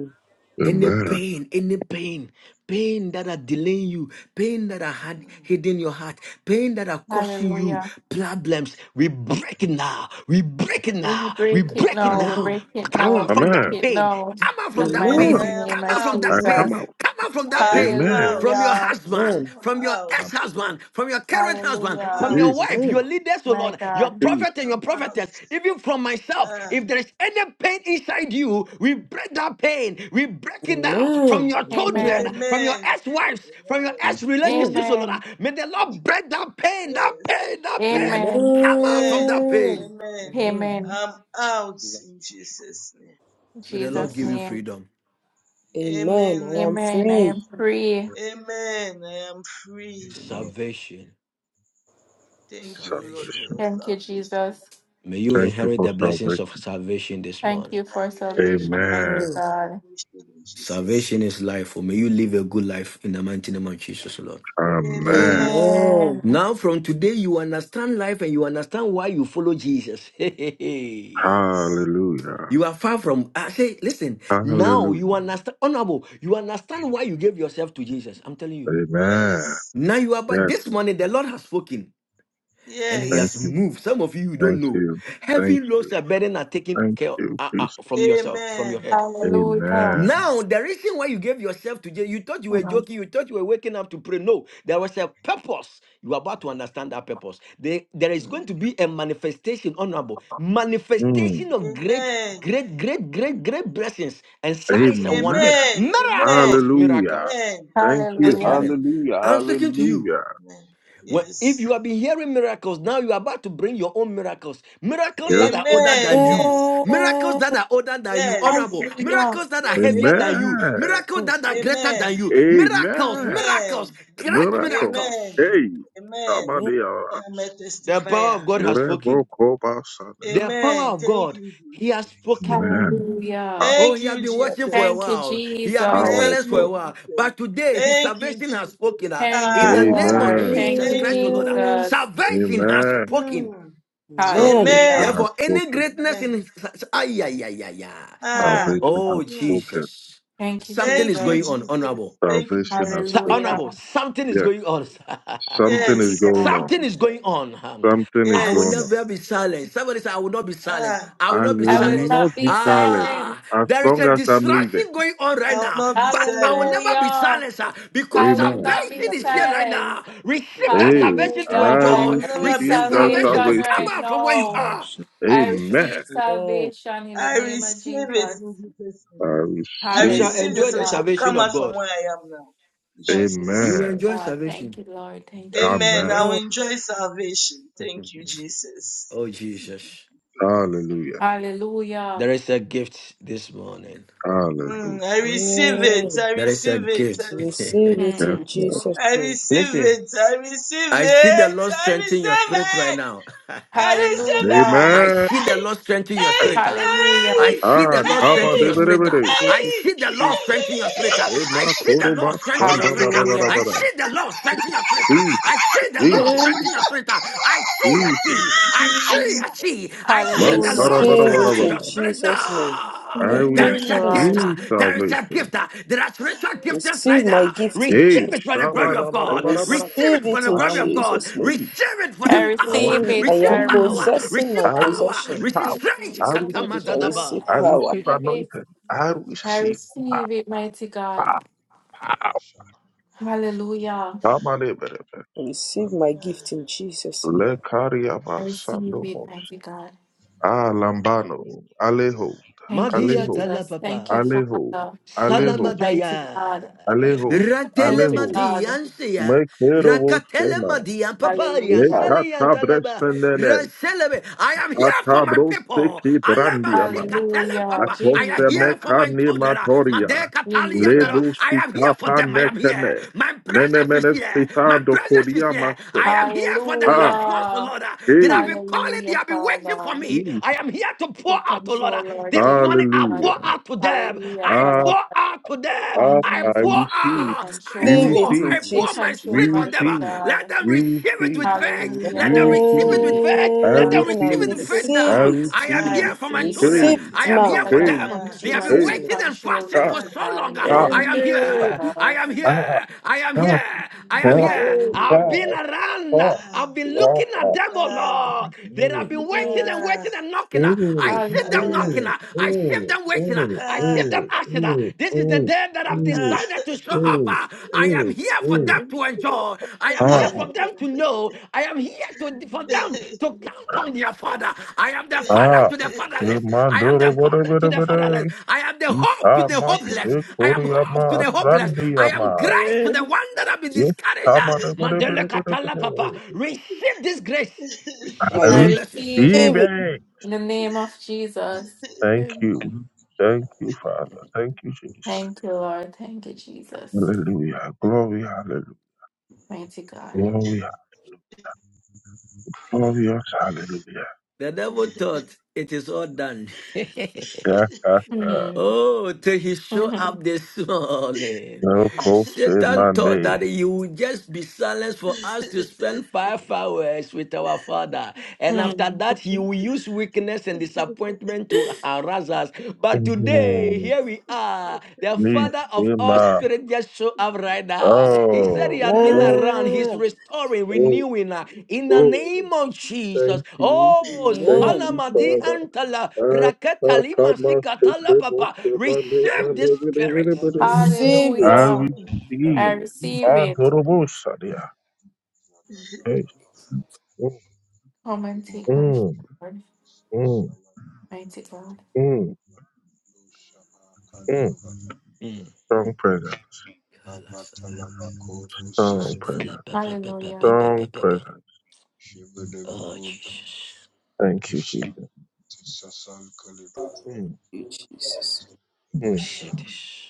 [SPEAKER 7] Any
[SPEAKER 16] Amen.
[SPEAKER 7] pain, any pain, pain that are delaying you, pain that are had
[SPEAKER 3] Mm, mm.
[SPEAKER 7] hidden your heart, pain that are causing you
[SPEAKER 6] Hallelujah.
[SPEAKER 7] problems, we break it now. We break it
[SPEAKER 6] We
[SPEAKER 7] now. We
[SPEAKER 6] break
[SPEAKER 3] Amen.
[SPEAKER 6] it
[SPEAKER 7] break it
[SPEAKER 6] now.
[SPEAKER 16] Amen.
[SPEAKER 3] I
[SPEAKER 6] We
[SPEAKER 2] Amen.
[SPEAKER 3] am
[SPEAKER 7] now.
[SPEAKER 6] break it
[SPEAKER 7] Come
[SPEAKER 6] now.
[SPEAKER 7] out from
[SPEAKER 6] Break
[SPEAKER 16] Amen.
[SPEAKER 7] that
[SPEAKER 3] free.
[SPEAKER 6] it
[SPEAKER 7] pain.
[SPEAKER 6] now.
[SPEAKER 7] Come out
[SPEAKER 6] In the
[SPEAKER 7] from
[SPEAKER 2] Amen.
[SPEAKER 16] I
[SPEAKER 2] Amen.
[SPEAKER 7] that
[SPEAKER 16] come
[SPEAKER 3] Amen.
[SPEAKER 7] pain.
[SPEAKER 3] I
[SPEAKER 6] mighty
[SPEAKER 16] out.
[SPEAKER 3] am
[SPEAKER 6] name
[SPEAKER 7] Come
[SPEAKER 6] of
[SPEAKER 7] out from
[SPEAKER 3] out.
[SPEAKER 16] I
[SPEAKER 7] that
[SPEAKER 16] come
[SPEAKER 7] pain.
[SPEAKER 6] Jesus.
[SPEAKER 16] out.
[SPEAKER 7] Come out from
[SPEAKER 3] I
[SPEAKER 7] that
[SPEAKER 3] am
[SPEAKER 7] pain
[SPEAKER 16] Amen.
[SPEAKER 3] out.
[SPEAKER 7] from your
[SPEAKER 6] Hallelujah.
[SPEAKER 7] husband,
[SPEAKER 3] I am
[SPEAKER 7] from your
[SPEAKER 3] out.
[SPEAKER 7] ex husband, from your current
[SPEAKER 3] I'm
[SPEAKER 7] husband,
[SPEAKER 6] Hallelujah.
[SPEAKER 7] from
[SPEAKER 3] out.
[SPEAKER 7] your
[SPEAKER 16] Jesus,
[SPEAKER 7] wife,
[SPEAKER 2] Amen.
[SPEAKER 7] your leaders, oh
[SPEAKER 6] My
[SPEAKER 7] Lord, your
[SPEAKER 6] God.
[SPEAKER 16] Jesus.
[SPEAKER 7] prophet and your
[SPEAKER 3] I'm out.
[SPEAKER 7] prophetess, even from myself.
[SPEAKER 3] Ah.
[SPEAKER 7] If there is any pain inside you, we break that pain. We break
[SPEAKER 2] Amen. Amen.
[SPEAKER 7] it down from your
[SPEAKER 2] Amen.
[SPEAKER 7] children,
[SPEAKER 6] Amen.
[SPEAKER 7] from your
[SPEAKER 3] Amen.
[SPEAKER 7] ex wives, from your
[SPEAKER 9] be
[SPEAKER 7] ex
[SPEAKER 3] Amen.
[SPEAKER 9] established.
[SPEAKER 3] Yes.
[SPEAKER 7] relationships, oh Lord.
[SPEAKER 6] Amen.
[SPEAKER 7] May the Lord break that pain, that
[SPEAKER 3] yes.
[SPEAKER 7] pain, that
[SPEAKER 2] Amen.
[SPEAKER 7] pain.
[SPEAKER 6] Amen.
[SPEAKER 7] Come out from
[SPEAKER 3] Amen.
[SPEAKER 7] that
[SPEAKER 2] Amen.
[SPEAKER 7] pain.
[SPEAKER 3] Amen.
[SPEAKER 6] Amen.
[SPEAKER 3] I'm out in Jesus' name.
[SPEAKER 6] In
[SPEAKER 7] May the Lord
[SPEAKER 6] Jesus'
[SPEAKER 9] Thank
[SPEAKER 7] give
[SPEAKER 9] you,
[SPEAKER 7] you
[SPEAKER 3] Out.
[SPEAKER 6] name.
[SPEAKER 7] freedom,
[SPEAKER 2] Amen. Amen.
[SPEAKER 3] Amen.
[SPEAKER 2] I
[SPEAKER 3] I
[SPEAKER 2] am
[SPEAKER 6] Amen. I
[SPEAKER 3] receive
[SPEAKER 2] free.
[SPEAKER 6] am free.
[SPEAKER 9] Lord.
[SPEAKER 3] it. Amen. I am
[SPEAKER 9] Thank
[SPEAKER 3] free.
[SPEAKER 9] you,
[SPEAKER 2] Amen.
[SPEAKER 9] Lord.
[SPEAKER 7] salvation,
[SPEAKER 3] Thank you, Lord, for
[SPEAKER 7] salvation.
[SPEAKER 16] Salvation.
[SPEAKER 3] your
[SPEAKER 6] Thank you,
[SPEAKER 3] salvation.
[SPEAKER 6] Jesus.
[SPEAKER 7] May you
[SPEAKER 16] Thank you
[SPEAKER 7] inherit
[SPEAKER 16] for
[SPEAKER 7] the blessings of
[SPEAKER 16] salvation.
[SPEAKER 7] salvation this
[SPEAKER 6] Thank
[SPEAKER 7] morning.
[SPEAKER 6] you
[SPEAKER 3] I
[SPEAKER 6] for
[SPEAKER 3] inherit the
[SPEAKER 6] salvation,
[SPEAKER 3] blessings
[SPEAKER 16] Amen.
[SPEAKER 6] mighty
[SPEAKER 2] Amen.
[SPEAKER 3] of
[SPEAKER 6] God.
[SPEAKER 3] salvation in Jesus'
[SPEAKER 7] Salvation is life. Oh, may you live a good life in the mighty name of Jesus, O Lord.
[SPEAKER 3] name.
[SPEAKER 16] Amen.
[SPEAKER 3] Amen.
[SPEAKER 6] Amen.
[SPEAKER 2] Amen.
[SPEAKER 7] Now, from today, you understand life and you understand why you follow Jesus. <laughs> you
[SPEAKER 3] Yes.
[SPEAKER 16] Hallelujah.
[SPEAKER 7] are far from. I say, listen. Now you
[SPEAKER 16] Hallelujah.
[SPEAKER 7] understand, honorable. You understand why you gave yourself to Jesus. I'm telling you.
[SPEAKER 16] Amen.
[SPEAKER 3] Yes.
[SPEAKER 7] Now you are. But
[SPEAKER 16] Yes.
[SPEAKER 7] this morning, the Lord has spoken and He
[SPEAKER 16] Thank
[SPEAKER 7] has
[SPEAKER 3] Yes.
[SPEAKER 16] you.
[SPEAKER 7] moved. Some of you, you don't
[SPEAKER 16] Thank
[SPEAKER 7] know.
[SPEAKER 16] you.
[SPEAKER 7] Heavy
[SPEAKER 16] Thank
[SPEAKER 3] Mm.
[SPEAKER 7] loads
[SPEAKER 16] you.
[SPEAKER 7] are burden are taken
[SPEAKER 16] Thank
[SPEAKER 7] care
[SPEAKER 16] you.
[SPEAKER 7] uh, uh,
[SPEAKER 16] Jesus.
[SPEAKER 7] from yourself, from your
[SPEAKER 3] Amen.
[SPEAKER 7] head.
[SPEAKER 6] Hallelujah.
[SPEAKER 16] Amen.
[SPEAKER 7] Now, the reason why you gave yourself to Jesus, you thought you were
[SPEAKER 6] Mhm.
[SPEAKER 7] joking, you thought you were waking up to pray. No, there was a purpose. You are about to understand that purpose. There, there is going
[SPEAKER 3] Mm.
[SPEAKER 7] to be a manifestation, honorable
[SPEAKER 16] Mm.
[SPEAKER 7] manifestation of great,
[SPEAKER 3] Amen.
[SPEAKER 7] great, great, great, great blessings and signs and
[SPEAKER 16] Amen.
[SPEAKER 7] wonders,
[SPEAKER 3] Amen.
[SPEAKER 7] miracles,
[SPEAKER 3] Amen.
[SPEAKER 16] Hallelujah.
[SPEAKER 7] miracles.
[SPEAKER 3] Amen.
[SPEAKER 16] Thank you.
[SPEAKER 7] This
[SPEAKER 6] Hallelujah.
[SPEAKER 7] morning,
[SPEAKER 3] Amen.
[SPEAKER 16] Hallelujah.
[SPEAKER 7] I'm speaking to you.
[SPEAKER 16] Hallelujah.
[SPEAKER 3] Amen.
[SPEAKER 7] Well, if you
[SPEAKER 3] Yes.
[SPEAKER 7] have been hearing miracles, now you are about to bring your own miracles. Miracles that are
[SPEAKER 16] Yes.
[SPEAKER 7] older
[SPEAKER 3] Amen.
[SPEAKER 7] than you.
[SPEAKER 3] Yes.
[SPEAKER 7] Miracles
[SPEAKER 2] Amen.
[SPEAKER 7] that are older than you, honorable.
[SPEAKER 3] Yes. Yes,
[SPEAKER 6] Hallelujah.
[SPEAKER 7] Miracles that are
[SPEAKER 3] God.
[SPEAKER 7] heavier than
[SPEAKER 3] Amen.
[SPEAKER 7] you.
[SPEAKER 16] Amen.
[SPEAKER 7] Miracles that are greater than
[SPEAKER 3] Amen.
[SPEAKER 7] you. Miracles,
[SPEAKER 16] Amen.
[SPEAKER 7] miracles,
[SPEAKER 3] Amen.
[SPEAKER 7] great
[SPEAKER 16] Miracle.
[SPEAKER 7] miracles.
[SPEAKER 3] Amen.
[SPEAKER 16] Hey.
[SPEAKER 3] Amen.
[SPEAKER 16] Somebody
[SPEAKER 3] I'm a
[SPEAKER 16] else.
[SPEAKER 7] The power
[SPEAKER 3] testifier.
[SPEAKER 7] of God has spoken.
[SPEAKER 16] Yerebokobasania.
[SPEAKER 7] The power
[SPEAKER 3] Amen.
[SPEAKER 7] of
[SPEAKER 3] Thank
[SPEAKER 7] God,
[SPEAKER 3] you. Je-
[SPEAKER 7] He has spoken.
[SPEAKER 16] Amen.
[SPEAKER 6] Hallelujah.
[SPEAKER 16] Power
[SPEAKER 7] Oh,
[SPEAKER 3] Thank
[SPEAKER 7] he has
[SPEAKER 3] you,
[SPEAKER 7] been watching for a
[SPEAKER 6] Thank
[SPEAKER 3] Jesus.
[SPEAKER 6] you,
[SPEAKER 7] while. He has been
[SPEAKER 16] power of
[SPEAKER 6] Jesus.
[SPEAKER 3] Thank
[SPEAKER 7] silenced for
[SPEAKER 3] you,
[SPEAKER 7] a
[SPEAKER 16] God.
[SPEAKER 7] while.
[SPEAKER 3] Jesus.
[SPEAKER 7] But today, his
[SPEAKER 3] Thank you,
[SPEAKER 7] salvation has spoken.
[SPEAKER 3] Jesus.
[SPEAKER 7] ah.
[SPEAKER 6] Thank
[SPEAKER 7] In
[SPEAKER 6] you,
[SPEAKER 3] Ah,
[SPEAKER 7] the name of
[SPEAKER 6] Lord.
[SPEAKER 16] Amen.
[SPEAKER 6] Thank
[SPEAKER 7] Jesus
[SPEAKER 6] you,
[SPEAKER 3] thank
[SPEAKER 7] Christ,
[SPEAKER 3] you,
[SPEAKER 7] O Lord, ah,
[SPEAKER 3] Jesus.
[SPEAKER 2] Amen.
[SPEAKER 6] Jesus.
[SPEAKER 7] salvation has
[SPEAKER 16] Amen.
[SPEAKER 7] spoken.
[SPEAKER 3] Mm.
[SPEAKER 2] I
[SPEAKER 16] Salvation
[SPEAKER 6] Hallelujah.
[SPEAKER 3] Amen.
[SPEAKER 16] has
[SPEAKER 7] Therefore, any
[SPEAKER 16] spoken.
[SPEAKER 7] greatness
[SPEAKER 3] Amen.
[SPEAKER 7] in ay, ay, ay, ay, ay.
[SPEAKER 3] Ah,
[SPEAKER 16] Salvation
[SPEAKER 6] Hallelujah.
[SPEAKER 7] oh
[SPEAKER 16] has
[SPEAKER 3] mm.
[SPEAKER 16] spoken.
[SPEAKER 7] Jesus,
[SPEAKER 6] Thank you,
[SPEAKER 7] something is
[SPEAKER 3] thank you,
[SPEAKER 6] Jesus.
[SPEAKER 7] going on, honorable.
[SPEAKER 3] Jesus. Thank you,
[SPEAKER 16] Salvation
[SPEAKER 3] Jesus.
[SPEAKER 16] has
[SPEAKER 7] Sir,
[SPEAKER 16] spoken.
[SPEAKER 6] Hallelujah.
[SPEAKER 3] Yes.
[SPEAKER 7] honorable, something is
[SPEAKER 16] Yes.
[SPEAKER 7] going on. Sir. <laughs>
[SPEAKER 16] Something is
[SPEAKER 6] Mighty
[SPEAKER 3] Yes.
[SPEAKER 16] going on.
[SPEAKER 7] something
[SPEAKER 6] God.
[SPEAKER 7] is going
[SPEAKER 3] Yes.
[SPEAKER 7] on. Um,
[SPEAKER 16] Something is
[SPEAKER 7] I will
[SPEAKER 16] going on.
[SPEAKER 3] Yes.
[SPEAKER 7] never be
[SPEAKER 3] yes.
[SPEAKER 7] silent. Somebody said, I will not be silent.
[SPEAKER 3] Ah,
[SPEAKER 7] I will
[SPEAKER 16] I
[SPEAKER 7] not be
[SPEAKER 16] will
[SPEAKER 6] I
[SPEAKER 3] I will
[SPEAKER 6] will
[SPEAKER 3] not
[SPEAKER 7] silent.
[SPEAKER 3] be
[SPEAKER 16] not
[SPEAKER 6] not
[SPEAKER 16] be
[SPEAKER 6] be
[SPEAKER 3] silent.
[SPEAKER 16] silent
[SPEAKER 6] silent.
[SPEAKER 7] Ah,
[SPEAKER 16] as
[SPEAKER 7] there is
[SPEAKER 16] long
[SPEAKER 7] a
[SPEAKER 16] as I'm living.
[SPEAKER 7] distraction going on
[SPEAKER 3] I
[SPEAKER 7] right
[SPEAKER 3] will
[SPEAKER 7] now,
[SPEAKER 3] not be
[SPEAKER 7] but I will never
[SPEAKER 3] silenced.
[SPEAKER 7] be
[SPEAKER 6] Hallelujah.
[SPEAKER 7] silent sir, because
[SPEAKER 6] I will
[SPEAKER 16] Amen.
[SPEAKER 2] will
[SPEAKER 6] not
[SPEAKER 7] salvation
[SPEAKER 6] be
[SPEAKER 2] not
[SPEAKER 7] is here
[SPEAKER 2] silence
[SPEAKER 7] right
[SPEAKER 6] silent.
[SPEAKER 7] now. Receive
[SPEAKER 2] him.
[SPEAKER 7] that
[SPEAKER 16] Hey,
[SPEAKER 7] salvation to
[SPEAKER 6] Hallelujah.
[SPEAKER 3] I
[SPEAKER 16] I
[SPEAKER 6] I
[SPEAKER 3] will
[SPEAKER 7] enjoy,
[SPEAKER 2] I
[SPEAKER 6] receive
[SPEAKER 3] never be
[SPEAKER 7] receive
[SPEAKER 16] receive that
[SPEAKER 7] salvation
[SPEAKER 3] silent.
[SPEAKER 2] receive
[SPEAKER 7] to
[SPEAKER 6] salvation
[SPEAKER 7] come
[SPEAKER 16] salvation.
[SPEAKER 6] right
[SPEAKER 7] out from where you
[SPEAKER 6] now.
[SPEAKER 7] are.
[SPEAKER 18] Amen.
[SPEAKER 6] I
[SPEAKER 16] Amen.
[SPEAKER 6] receive
[SPEAKER 7] Jesus.
[SPEAKER 2] it.
[SPEAKER 6] salvation in the
[SPEAKER 3] I
[SPEAKER 6] name of
[SPEAKER 3] receive it
[SPEAKER 6] Jesus.
[SPEAKER 3] in Jesus'
[SPEAKER 16] I
[SPEAKER 3] name. I
[SPEAKER 7] You shall
[SPEAKER 16] receive.
[SPEAKER 3] receive the
[SPEAKER 7] enjoy the
[SPEAKER 3] salvation
[SPEAKER 6] Hallelujah.
[SPEAKER 3] to
[SPEAKER 7] salvation
[SPEAKER 3] come
[SPEAKER 7] of
[SPEAKER 3] out from
[SPEAKER 7] God.
[SPEAKER 3] where I am now. In
[SPEAKER 6] Salvation
[SPEAKER 7] You
[SPEAKER 3] Jesus.
[SPEAKER 7] will
[SPEAKER 16] Amen.
[SPEAKER 6] of
[SPEAKER 7] enjoy
[SPEAKER 6] God.
[SPEAKER 7] salvation.
[SPEAKER 6] Thank you, Lord. Thank you,
[SPEAKER 3] Amen.
[SPEAKER 16] Amen.
[SPEAKER 3] I
[SPEAKER 6] Jesus.
[SPEAKER 2] Amen.
[SPEAKER 3] will enjoy salvation. Thank you, Jesus.
[SPEAKER 7] Oh,
[SPEAKER 3] Thank you,
[SPEAKER 7] Jesus.
[SPEAKER 3] Jesus.
[SPEAKER 16] Hallelujah.
[SPEAKER 6] Hallelujah.
[SPEAKER 7] There is a gift this morning.
[SPEAKER 3] Mm,
[SPEAKER 16] Hallelujah.
[SPEAKER 3] I receive it.
[SPEAKER 2] Amen.
[SPEAKER 3] I
[SPEAKER 7] There is a
[SPEAKER 3] receive it. I
[SPEAKER 7] gift. <laughs>
[SPEAKER 3] receive
[SPEAKER 2] Receive
[SPEAKER 3] it.
[SPEAKER 2] it
[SPEAKER 16] Yes,
[SPEAKER 6] Hmm.
[SPEAKER 2] in
[SPEAKER 16] Lord.
[SPEAKER 2] Jesus'
[SPEAKER 3] I
[SPEAKER 2] name.
[SPEAKER 3] receive
[SPEAKER 7] Listen,
[SPEAKER 3] it. I receive
[SPEAKER 7] I see the
[SPEAKER 3] it.
[SPEAKER 7] Lord
[SPEAKER 3] I
[SPEAKER 7] strengthen your
[SPEAKER 3] receive
[SPEAKER 7] spirit right
[SPEAKER 3] it.
[SPEAKER 7] now. <laughs>
[SPEAKER 3] I receive
[SPEAKER 6] Hallelujah.
[SPEAKER 3] it.
[SPEAKER 7] I
[SPEAKER 16] Amen.
[SPEAKER 7] see the
[SPEAKER 3] Hey,
[SPEAKER 7] Lord strengthen your spirit.
[SPEAKER 3] hey,
[SPEAKER 7] <laughs> ah. I
[SPEAKER 6] Hallelujah.
[SPEAKER 3] hey,
[SPEAKER 7] see the
[SPEAKER 16] Ah,
[SPEAKER 7] Lord
[SPEAKER 16] come on,
[SPEAKER 7] strengthen your
[SPEAKER 3] hey,
[SPEAKER 6] Hmm.
[SPEAKER 7] spirit. <laughs> ah.
[SPEAKER 3] hey,
[SPEAKER 16] dividends.
[SPEAKER 7] I
[SPEAKER 3] hey.
[SPEAKER 7] see the Lord strengthen your spirit. <laughs> ah. I
[SPEAKER 16] Amen.
[SPEAKER 7] see the Lord
[SPEAKER 16] Koroma,
[SPEAKER 7] strengthen your
[SPEAKER 16] Santa,
[SPEAKER 7] spirit. <laughs>
[SPEAKER 16] bara,
[SPEAKER 7] ah.
[SPEAKER 16] bara,
[SPEAKER 6] Hallelujah.
[SPEAKER 7] I
[SPEAKER 16] bara.
[SPEAKER 7] see the Lord strengthen your spirit. <laughs> ah.
[SPEAKER 16] Jesus,
[SPEAKER 7] I see the Lord
[SPEAKER 16] Jesus,
[SPEAKER 7] strengthen your spirit. <laughs> ah. I see, I
[SPEAKER 16] Jesus.
[SPEAKER 7] see, I see, I see, I
[SPEAKER 16] Ma,
[SPEAKER 7] see the
[SPEAKER 6] Hallelujah,
[SPEAKER 16] kara,
[SPEAKER 7] Lord
[SPEAKER 16] bara,
[SPEAKER 2] Receive
[SPEAKER 6] Jesus.
[SPEAKER 7] Quench
[SPEAKER 16] bara,
[SPEAKER 2] it in
[SPEAKER 7] your
[SPEAKER 16] bara.
[SPEAKER 7] spirit
[SPEAKER 2] Jesus' name.
[SPEAKER 7] now.
[SPEAKER 16] I
[SPEAKER 2] Thank you,
[SPEAKER 7] There is
[SPEAKER 6] Thank you,
[SPEAKER 7] a gift.
[SPEAKER 6] Lord.
[SPEAKER 2] Jesus.
[SPEAKER 7] uh,
[SPEAKER 16] receive
[SPEAKER 7] There is a
[SPEAKER 16] salvation.
[SPEAKER 7] gift. uh, There are spiritual giftings right
[SPEAKER 2] Receive my
[SPEAKER 7] now.
[SPEAKER 2] gift in
[SPEAKER 16] Hey,
[SPEAKER 7] Receive
[SPEAKER 2] Jesus'
[SPEAKER 7] it for the
[SPEAKER 2] name.
[SPEAKER 16] shama,
[SPEAKER 7] glory of
[SPEAKER 16] da,
[SPEAKER 2] I
[SPEAKER 16] bara,
[SPEAKER 7] God.
[SPEAKER 16] bara, bara.
[SPEAKER 7] Receive
[SPEAKER 2] receive
[SPEAKER 7] it for
[SPEAKER 2] it
[SPEAKER 7] the
[SPEAKER 2] in
[SPEAKER 16] I
[SPEAKER 7] glory of God.
[SPEAKER 2] Jesus' name.
[SPEAKER 16] receive.
[SPEAKER 7] Receive it for
[SPEAKER 6] I
[SPEAKER 7] the
[SPEAKER 16] I
[SPEAKER 7] power.
[SPEAKER 6] receive
[SPEAKER 2] I
[SPEAKER 6] it.
[SPEAKER 7] Receive
[SPEAKER 2] am
[SPEAKER 6] I
[SPEAKER 16] receive
[SPEAKER 7] power.
[SPEAKER 6] receive
[SPEAKER 2] possessing
[SPEAKER 6] it.
[SPEAKER 2] my
[SPEAKER 16] I
[SPEAKER 7] Receive
[SPEAKER 6] I
[SPEAKER 7] power.
[SPEAKER 16] receive
[SPEAKER 2] possession.
[SPEAKER 6] receive
[SPEAKER 7] Receive
[SPEAKER 16] power.
[SPEAKER 6] it in
[SPEAKER 16] I
[SPEAKER 7] strength.
[SPEAKER 6] the name of
[SPEAKER 2] Receive
[SPEAKER 16] receive
[SPEAKER 2] it. I
[SPEAKER 16] that.
[SPEAKER 6] Jesus.
[SPEAKER 7] Katamadadaba.
[SPEAKER 2] receive
[SPEAKER 6] I
[SPEAKER 16] I
[SPEAKER 2] power.
[SPEAKER 16] receive
[SPEAKER 6] receive
[SPEAKER 2] I
[SPEAKER 6] it.
[SPEAKER 16] anointing. I
[SPEAKER 6] I
[SPEAKER 16] receive
[SPEAKER 6] receive it, mighty God.
[SPEAKER 16] power.
[SPEAKER 9] Lashat, Lavashat,
[SPEAKER 6] Hallelujah.
[SPEAKER 16] Amanebere.
[SPEAKER 2] receive
[SPEAKER 9] Man,
[SPEAKER 2] my gift in Jesus' name.
[SPEAKER 16] Le
[SPEAKER 6] I
[SPEAKER 16] cariava
[SPEAKER 6] receive it,
[SPEAKER 16] sandomos.
[SPEAKER 6] mighty God.
[SPEAKER 16] Ah, lambano. Alejo.
[SPEAKER 6] Thank you,
[SPEAKER 7] Madia
[SPEAKER 16] Alejo.
[SPEAKER 6] Jesus. Thank you,
[SPEAKER 7] talapapa.
[SPEAKER 16] Alejo.
[SPEAKER 6] Father. Thank
[SPEAKER 16] Alejo.
[SPEAKER 6] you, mighty
[SPEAKER 7] Salamadaya.
[SPEAKER 6] God.
[SPEAKER 16] Alejo.
[SPEAKER 2] New
[SPEAKER 6] Thank you,
[SPEAKER 16] Alejo.
[SPEAKER 7] Rantelemadi
[SPEAKER 6] God.
[SPEAKER 7] ansia.
[SPEAKER 16] Me quero tema.
[SPEAKER 7] Rakatelemadi ampaparia.
[SPEAKER 16] Le
[SPEAKER 6] Hallelujah.
[SPEAKER 2] Power.
[SPEAKER 16] catabres
[SPEAKER 7] Saliantalaba.
[SPEAKER 16] penene.
[SPEAKER 7] Ranseleme. I am here for my
[SPEAKER 16] Atabro
[SPEAKER 7] people.
[SPEAKER 16] teki
[SPEAKER 7] Alema
[SPEAKER 16] brandia
[SPEAKER 7] sikatele
[SPEAKER 6] Hallelujah.
[SPEAKER 7] papa. I am
[SPEAKER 16] Akoste
[SPEAKER 7] here for my
[SPEAKER 6] Jesus.
[SPEAKER 16] mekani
[SPEAKER 7] children.
[SPEAKER 16] matoria.
[SPEAKER 7] Made
[SPEAKER 6] Jesus.
[SPEAKER 7] kataliandara.
[SPEAKER 16] Lebus
[SPEAKER 7] I am here for
[SPEAKER 16] pitapa
[SPEAKER 7] them. I am here.
[SPEAKER 16] nekene.
[SPEAKER 7] My
[SPEAKER 16] Mene
[SPEAKER 7] presence is
[SPEAKER 16] mene
[SPEAKER 7] here. My
[SPEAKER 16] stipando
[SPEAKER 7] presence is
[SPEAKER 16] kodia
[SPEAKER 7] here. I am
[SPEAKER 16] masteta.
[SPEAKER 7] here for the
[SPEAKER 16] Ah,
[SPEAKER 7] lost ones, O
[SPEAKER 6] Hallelujah.
[SPEAKER 7] Lord. They have
[SPEAKER 16] hey,
[SPEAKER 7] been calling. They
[SPEAKER 6] Hallelujah,
[SPEAKER 7] have been waiting for
[SPEAKER 6] Father.
[SPEAKER 7] me.
[SPEAKER 16] mm,
[SPEAKER 7] I am here to pour
[SPEAKER 6] Take
[SPEAKER 7] out, O Lord.
[SPEAKER 6] control, Lord.
[SPEAKER 7] This
[SPEAKER 6] Take over,
[SPEAKER 7] morning I
[SPEAKER 6] God.
[SPEAKER 7] pour
[SPEAKER 16] hallelujah.
[SPEAKER 7] out to them.
[SPEAKER 6] Hallelujah,
[SPEAKER 7] I I
[SPEAKER 6] Father
[SPEAKER 16] Ah,
[SPEAKER 7] pour
[SPEAKER 6] God.
[SPEAKER 7] out to them.
[SPEAKER 16] ah,
[SPEAKER 6] Come,
[SPEAKER 7] I
[SPEAKER 6] Jesus,
[SPEAKER 16] I
[SPEAKER 6] and
[SPEAKER 7] pour
[SPEAKER 16] receive.
[SPEAKER 6] take
[SPEAKER 7] out. I
[SPEAKER 16] We
[SPEAKER 2] Receive
[SPEAKER 6] control.
[SPEAKER 7] pour.
[SPEAKER 2] it
[SPEAKER 16] receive.
[SPEAKER 2] in
[SPEAKER 7] I
[SPEAKER 6] Take
[SPEAKER 7] pour
[SPEAKER 2] Jesus'
[SPEAKER 7] my
[SPEAKER 16] We
[SPEAKER 6] control,
[SPEAKER 7] spirit on them.
[SPEAKER 6] mighty
[SPEAKER 7] ah.
[SPEAKER 16] receive.
[SPEAKER 7] Let
[SPEAKER 6] God.
[SPEAKER 7] them
[SPEAKER 16] We
[SPEAKER 7] receive it with
[SPEAKER 16] receive.
[SPEAKER 7] faith.
[SPEAKER 2] name.
[SPEAKER 6] Hallelujah.
[SPEAKER 16] We
[SPEAKER 7] Let
[SPEAKER 6] And I
[SPEAKER 7] them receive it
[SPEAKER 6] receive
[SPEAKER 7] with
[SPEAKER 16] receive.
[SPEAKER 6] it,
[SPEAKER 7] faith.
[SPEAKER 16] I
[SPEAKER 6] mighty
[SPEAKER 3] Yeah,
[SPEAKER 7] Let
[SPEAKER 6] God.
[SPEAKER 7] them
[SPEAKER 2] Amen. I
[SPEAKER 7] receive it with
[SPEAKER 16] receive.
[SPEAKER 7] faith
[SPEAKER 16] I
[SPEAKER 2] receive
[SPEAKER 7] now.
[SPEAKER 2] it.
[SPEAKER 3] yeah,
[SPEAKER 7] I am
[SPEAKER 6] I
[SPEAKER 3] yeah,
[SPEAKER 16] receive.
[SPEAKER 7] here for my
[SPEAKER 6] receive it,
[SPEAKER 7] children.
[SPEAKER 16] Hey,
[SPEAKER 2] Receive
[SPEAKER 6] mighty
[SPEAKER 2] it
[SPEAKER 7] I am
[SPEAKER 6] God.
[SPEAKER 7] here
[SPEAKER 2] now.
[SPEAKER 6] Father
[SPEAKER 7] for
[SPEAKER 6] God,
[SPEAKER 16] hey,
[SPEAKER 7] them.
[SPEAKER 6] come
[SPEAKER 7] They
[SPEAKER 6] through
[SPEAKER 7] have
[SPEAKER 6] and
[SPEAKER 7] been
[SPEAKER 16] hey.
[SPEAKER 2] Jesus
[SPEAKER 6] take
[SPEAKER 2] name.
[SPEAKER 7] waiting and
[SPEAKER 6] control,
[SPEAKER 7] fasting
[SPEAKER 16] Ah,
[SPEAKER 7] for
[SPEAKER 3] yeah,
[SPEAKER 6] mighty
[SPEAKER 7] so
[SPEAKER 6] God.
[SPEAKER 7] long.
[SPEAKER 6] In the
[SPEAKER 7] ah.
[SPEAKER 16] ah,
[SPEAKER 6] name
[SPEAKER 7] I
[SPEAKER 6] of
[SPEAKER 7] am
[SPEAKER 11] Amen.
[SPEAKER 7] here. I
[SPEAKER 6] Jesus.
[SPEAKER 7] am
[SPEAKER 16] ah,
[SPEAKER 7] here. I am
[SPEAKER 16] ah,
[SPEAKER 7] here. I am
[SPEAKER 2] Come on.
[SPEAKER 7] here. I've
[SPEAKER 6] Hallelujah.
[SPEAKER 7] been
[SPEAKER 16] ah,
[SPEAKER 7] around. ah.
[SPEAKER 16] ah,
[SPEAKER 7] I've been
[SPEAKER 16] ah,
[SPEAKER 7] looking at
[SPEAKER 16] ah.
[SPEAKER 7] them, oh Lord. They have
[SPEAKER 16] Mm,
[SPEAKER 7] been waiting
[SPEAKER 11] Amen.
[SPEAKER 7] and waiting and knocking.
[SPEAKER 16] mm,
[SPEAKER 7] ah. I
[SPEAKER 16] mm,
[SPEAKER 7] see them
[SPEAKER 6] Hallelujah.
[SPEAKER 7] knocking
[SPEAKER 3] yeah,
[SPEAKER 16] mm,
[SPEAKER 7] lacking. uh, I shift
[SPEAKER 16] mm,
[SPEAKER 7] them waiting. uh,
[SPEAKER 16] mm,
[SPEAKER 3] yeah,
[SPEAKER 7] I
[SPEAKER 3] yeah,
[SPEAKER 7] shift them
[SPEAKER 16] mm,
[SPEAKER 7] action. uh.
[SPEAKER 16] mm,
[SPEAKER 7] This is the day that I've
[SPEAKER 3] yeah,
[SPEAKER 16] mm,
[SPEAKER 7] decided to show up.
[SPEAKER 16] mm,
[SPEAKER 7] uh. I am
[SPEAKER 16] mm,
[SPEAKER 7] here for
[SPEAKER 16] mm.
[SPEAKER 7] them
[SPEAKER 11] Amen.
[SPEAKER 7] to enjoy. I am
[SPEAKER 16] Ah,
[SPEAKER 3] yeah.
[SPEAKER 7] here for them
[SPEAKER 6] Hallelujah.
[SPEAKER 7] to know. I am here to for them to count on their father. I am the father
[SPEAKER 16] ah,
[SPEAKER 7] to the fatherless.
[SPEAKER 16] shit, my
[SPEAKER 7] I am
[SPEAKER 16] doodle,
[SPEAKER 7] the
[SPEAKER 16] whatever,
[SPEAKER 7] father to the fatherless.
[SPEAKER 16] whatever.
[SPEAKER 7] I am the
[SPEAKER 16] Eat,
[SPEAKER 7] hope to
[SPEAKER 16] ah,
[SPEAKER 7] the
[SPEAKER 16] my
[SPEAKER 7] hopeless.
[SPEAKER 6] Mm.
[SPEAKER 16] shit,
[SPEAKER 7] I am
[SPEAKER 16] Cody, ah,
[SPEAKER 7] hope to
[SPEAKER 16] my
[SPEAKER 7] the hopeless.
[SPEAKER 16] Randy,
[SPEAKER 7] I
[SPEAKER 16] ah,
[SPEAKER 7] am
[SPEAKER 16] my.
[SPEAKER 7] grace to the one that have been
[SPEAKER 16] Yes,
[SPEAKER 7] discouraged.
[SPEAKER 16] ah,
[SPEAKER 7] uh.
[SPEAKER 16] my, whatever,
[SPEAKER 7] Mandela
[SPEAKER 16] whatever,
[SPEAKER 7] Katala Papa,
[SPEAKER 16] whatever.
[SPEAKER 7] receive this grace.
[SPEAKER 2] I
[SPEAKER 16] I
[SPEAKER 7] Receive
[SPEAKER 9] Ibrat,
[SPEAKER 6] I
[SPEAKER 7] these
[SPEAKER 2] receive
[SPEAKER 7] blessings.
[SPEAKER 6] receive
[SPEAKER 16] receive
[SPEAKER 6] it
[SPEAKER 2] it.
[SPEAKER 16] it.
[SPEAKER 6] in the name of Jesus.
[SPEAKER 16] Thank you.
[SPEAKER 9] Ibla,
[SPEAKER 16] Thank you, Father. Thank you, Jesus.
[SPEAKER 6] Thank you, Lord. Thank you, Jesus.
[SPEAKER 16] Hallelujah. Glory, hallelujah.
[SPEAKER 6] Mighty God.
[SPEAKER 16] Glory, glorious, hallelujah.
[SPEAKER 7] The devil thought it is all done. <laughs>
[SPEAKER 16] Coco
[SPEAKER 6] Mhm.
[SPEAKER 7] oh, till he showed
[SPEAKER 6] Mhm.
[SPEAKER 7] up this <laughs> morning.
[SPEAKER 16] say
[SPEAKER 7] Satan
[SPEAKER 16] my
[SPEAKER 7] thought
[SPEAKER 16] name.
[SPEAKER 7] that you would just be silenced for us to spend five hours with our father. And after that, he
[SPEAKER 6] Mhm.
[SPEAKER 7] will use weakness and disappointment to harass us. But
[SPEAKER 16] Mm
[SPEAKER 7] today,
[SPEAKER 16] Mhm.
[SPEAKER 7] here we are. The
[SPEAKER 16] Me
[SPEAKER 7] father of
[SPEAKER 16] say
[SPEAKER 7] all
[SPEAKER 16] my
[SPEAKER 7] spirit just show up right now. He said he
[SPEAKER 16] oh
[SPEAKER 7] had been
[SPEAKER 16] oh
[SPEAKER 7] around. He's
[SPEAKER 2] Amen.
[SPEAKER 7] restoring,
[SPEAKER 16] oh
[SPEAKER 7] renewing uh, in the
[SPEAKER 16] oh.
[SPEAKER 7] name of Jesus.
[SPEAKER 16] Thank you,
[SPEAKER 7] Oh,
[SPEAKER 16] thank
[SPEAKER 2] Amen.
[SPEAKER 16] you,
[SPEAKER 6] Amen.
[SPEAKER 7] Salamadi
[SPEAKER 16] Father.
[SPEAKER 7] Antala,
[SPEAKER 16] Ah, ah,
[SPEAKER 7] Brakatali
[SPEAKER 16] come on, say
[SPEAKER 7] Masikatala
[SPEAKER 16] it, mo-
[SPEAKER 7] Papa.
[SPEAKER 16] say my name, my
[SPEAKER 7] Receive this
[SPEAKER 16] name, my name, my
[SPEAKER 7] spirit.
[SPEAKER 16] name,
[SPEAKER 2] I
[SPEAKER 16] my name.
[SPEAKER 2] receive it.
[SPEAKER 16] I
[SPEAKER 6] Hallelujah. I
[SPEAKER 16] receive
[SPEAKER 6] receive
[SPEAKER 16] my
[SPEAKER 6] it.
[SPEAKER 16] adorable Sadia. Hey,
[SPEAKER 9] Zadatava,
[SPEAKER 16] mm,
[SPEAKER 6] Come and
[SPEAKER 9] Limon,
[SPEAKER 6] take control,
[SPEAKER 16] mm,
[SPEAKER 6] Lord.
[SPEAKER 16] mm,
[SPEAKER 9] Salat,
[SPEAKER 6] Mighty
[SPEAKER 9] Lavat,
[SPEAKER 6] God.
[SPEAKER 16] mm,
[SPEAKER 9] Lushava,
[SPEAKER 16] mm.
[SPEAKER 9] Kadiovata,
[SPEAKER 7] Mm.
[SPEAKER 16] Strong presence,
[SPEAKER 7] Kalasa,
[SPEAKER 9] Lavata, Lavako,
[SPEAKER 16] strong
[SPEAKER 9] Lusisila,
[SPEAKER 7] Mandala,
[SPEAKER 16] presence,
[SPEAKER 7] pa, pa, pa, pa, pa,
[SPEAKER 6] Hallelujah.
[SPEAKER 7] pa, pa,
[SPEAKER 16] strong
[SPEAKER 7] pa, pa.
[SPEAKER 16] presence.
[SPEAKER 7] Oh,
[SPEAKER 9] Shivadevrogoda,
[SPEAKER 7] Jesus.
[SPEAKER 16] Thank you,
[SPEAKER 9] Usim,
[SPEAKER 16] Jesus.
[SPEAKER 9] Tisasal Kaliba,
[SPEAKER 16] Mm,
[SPEAKER 2] You Jesus.
[SPEAKER 7] Receive
[SPEAKER 9] Lushat,
[SPEAKER 7] this.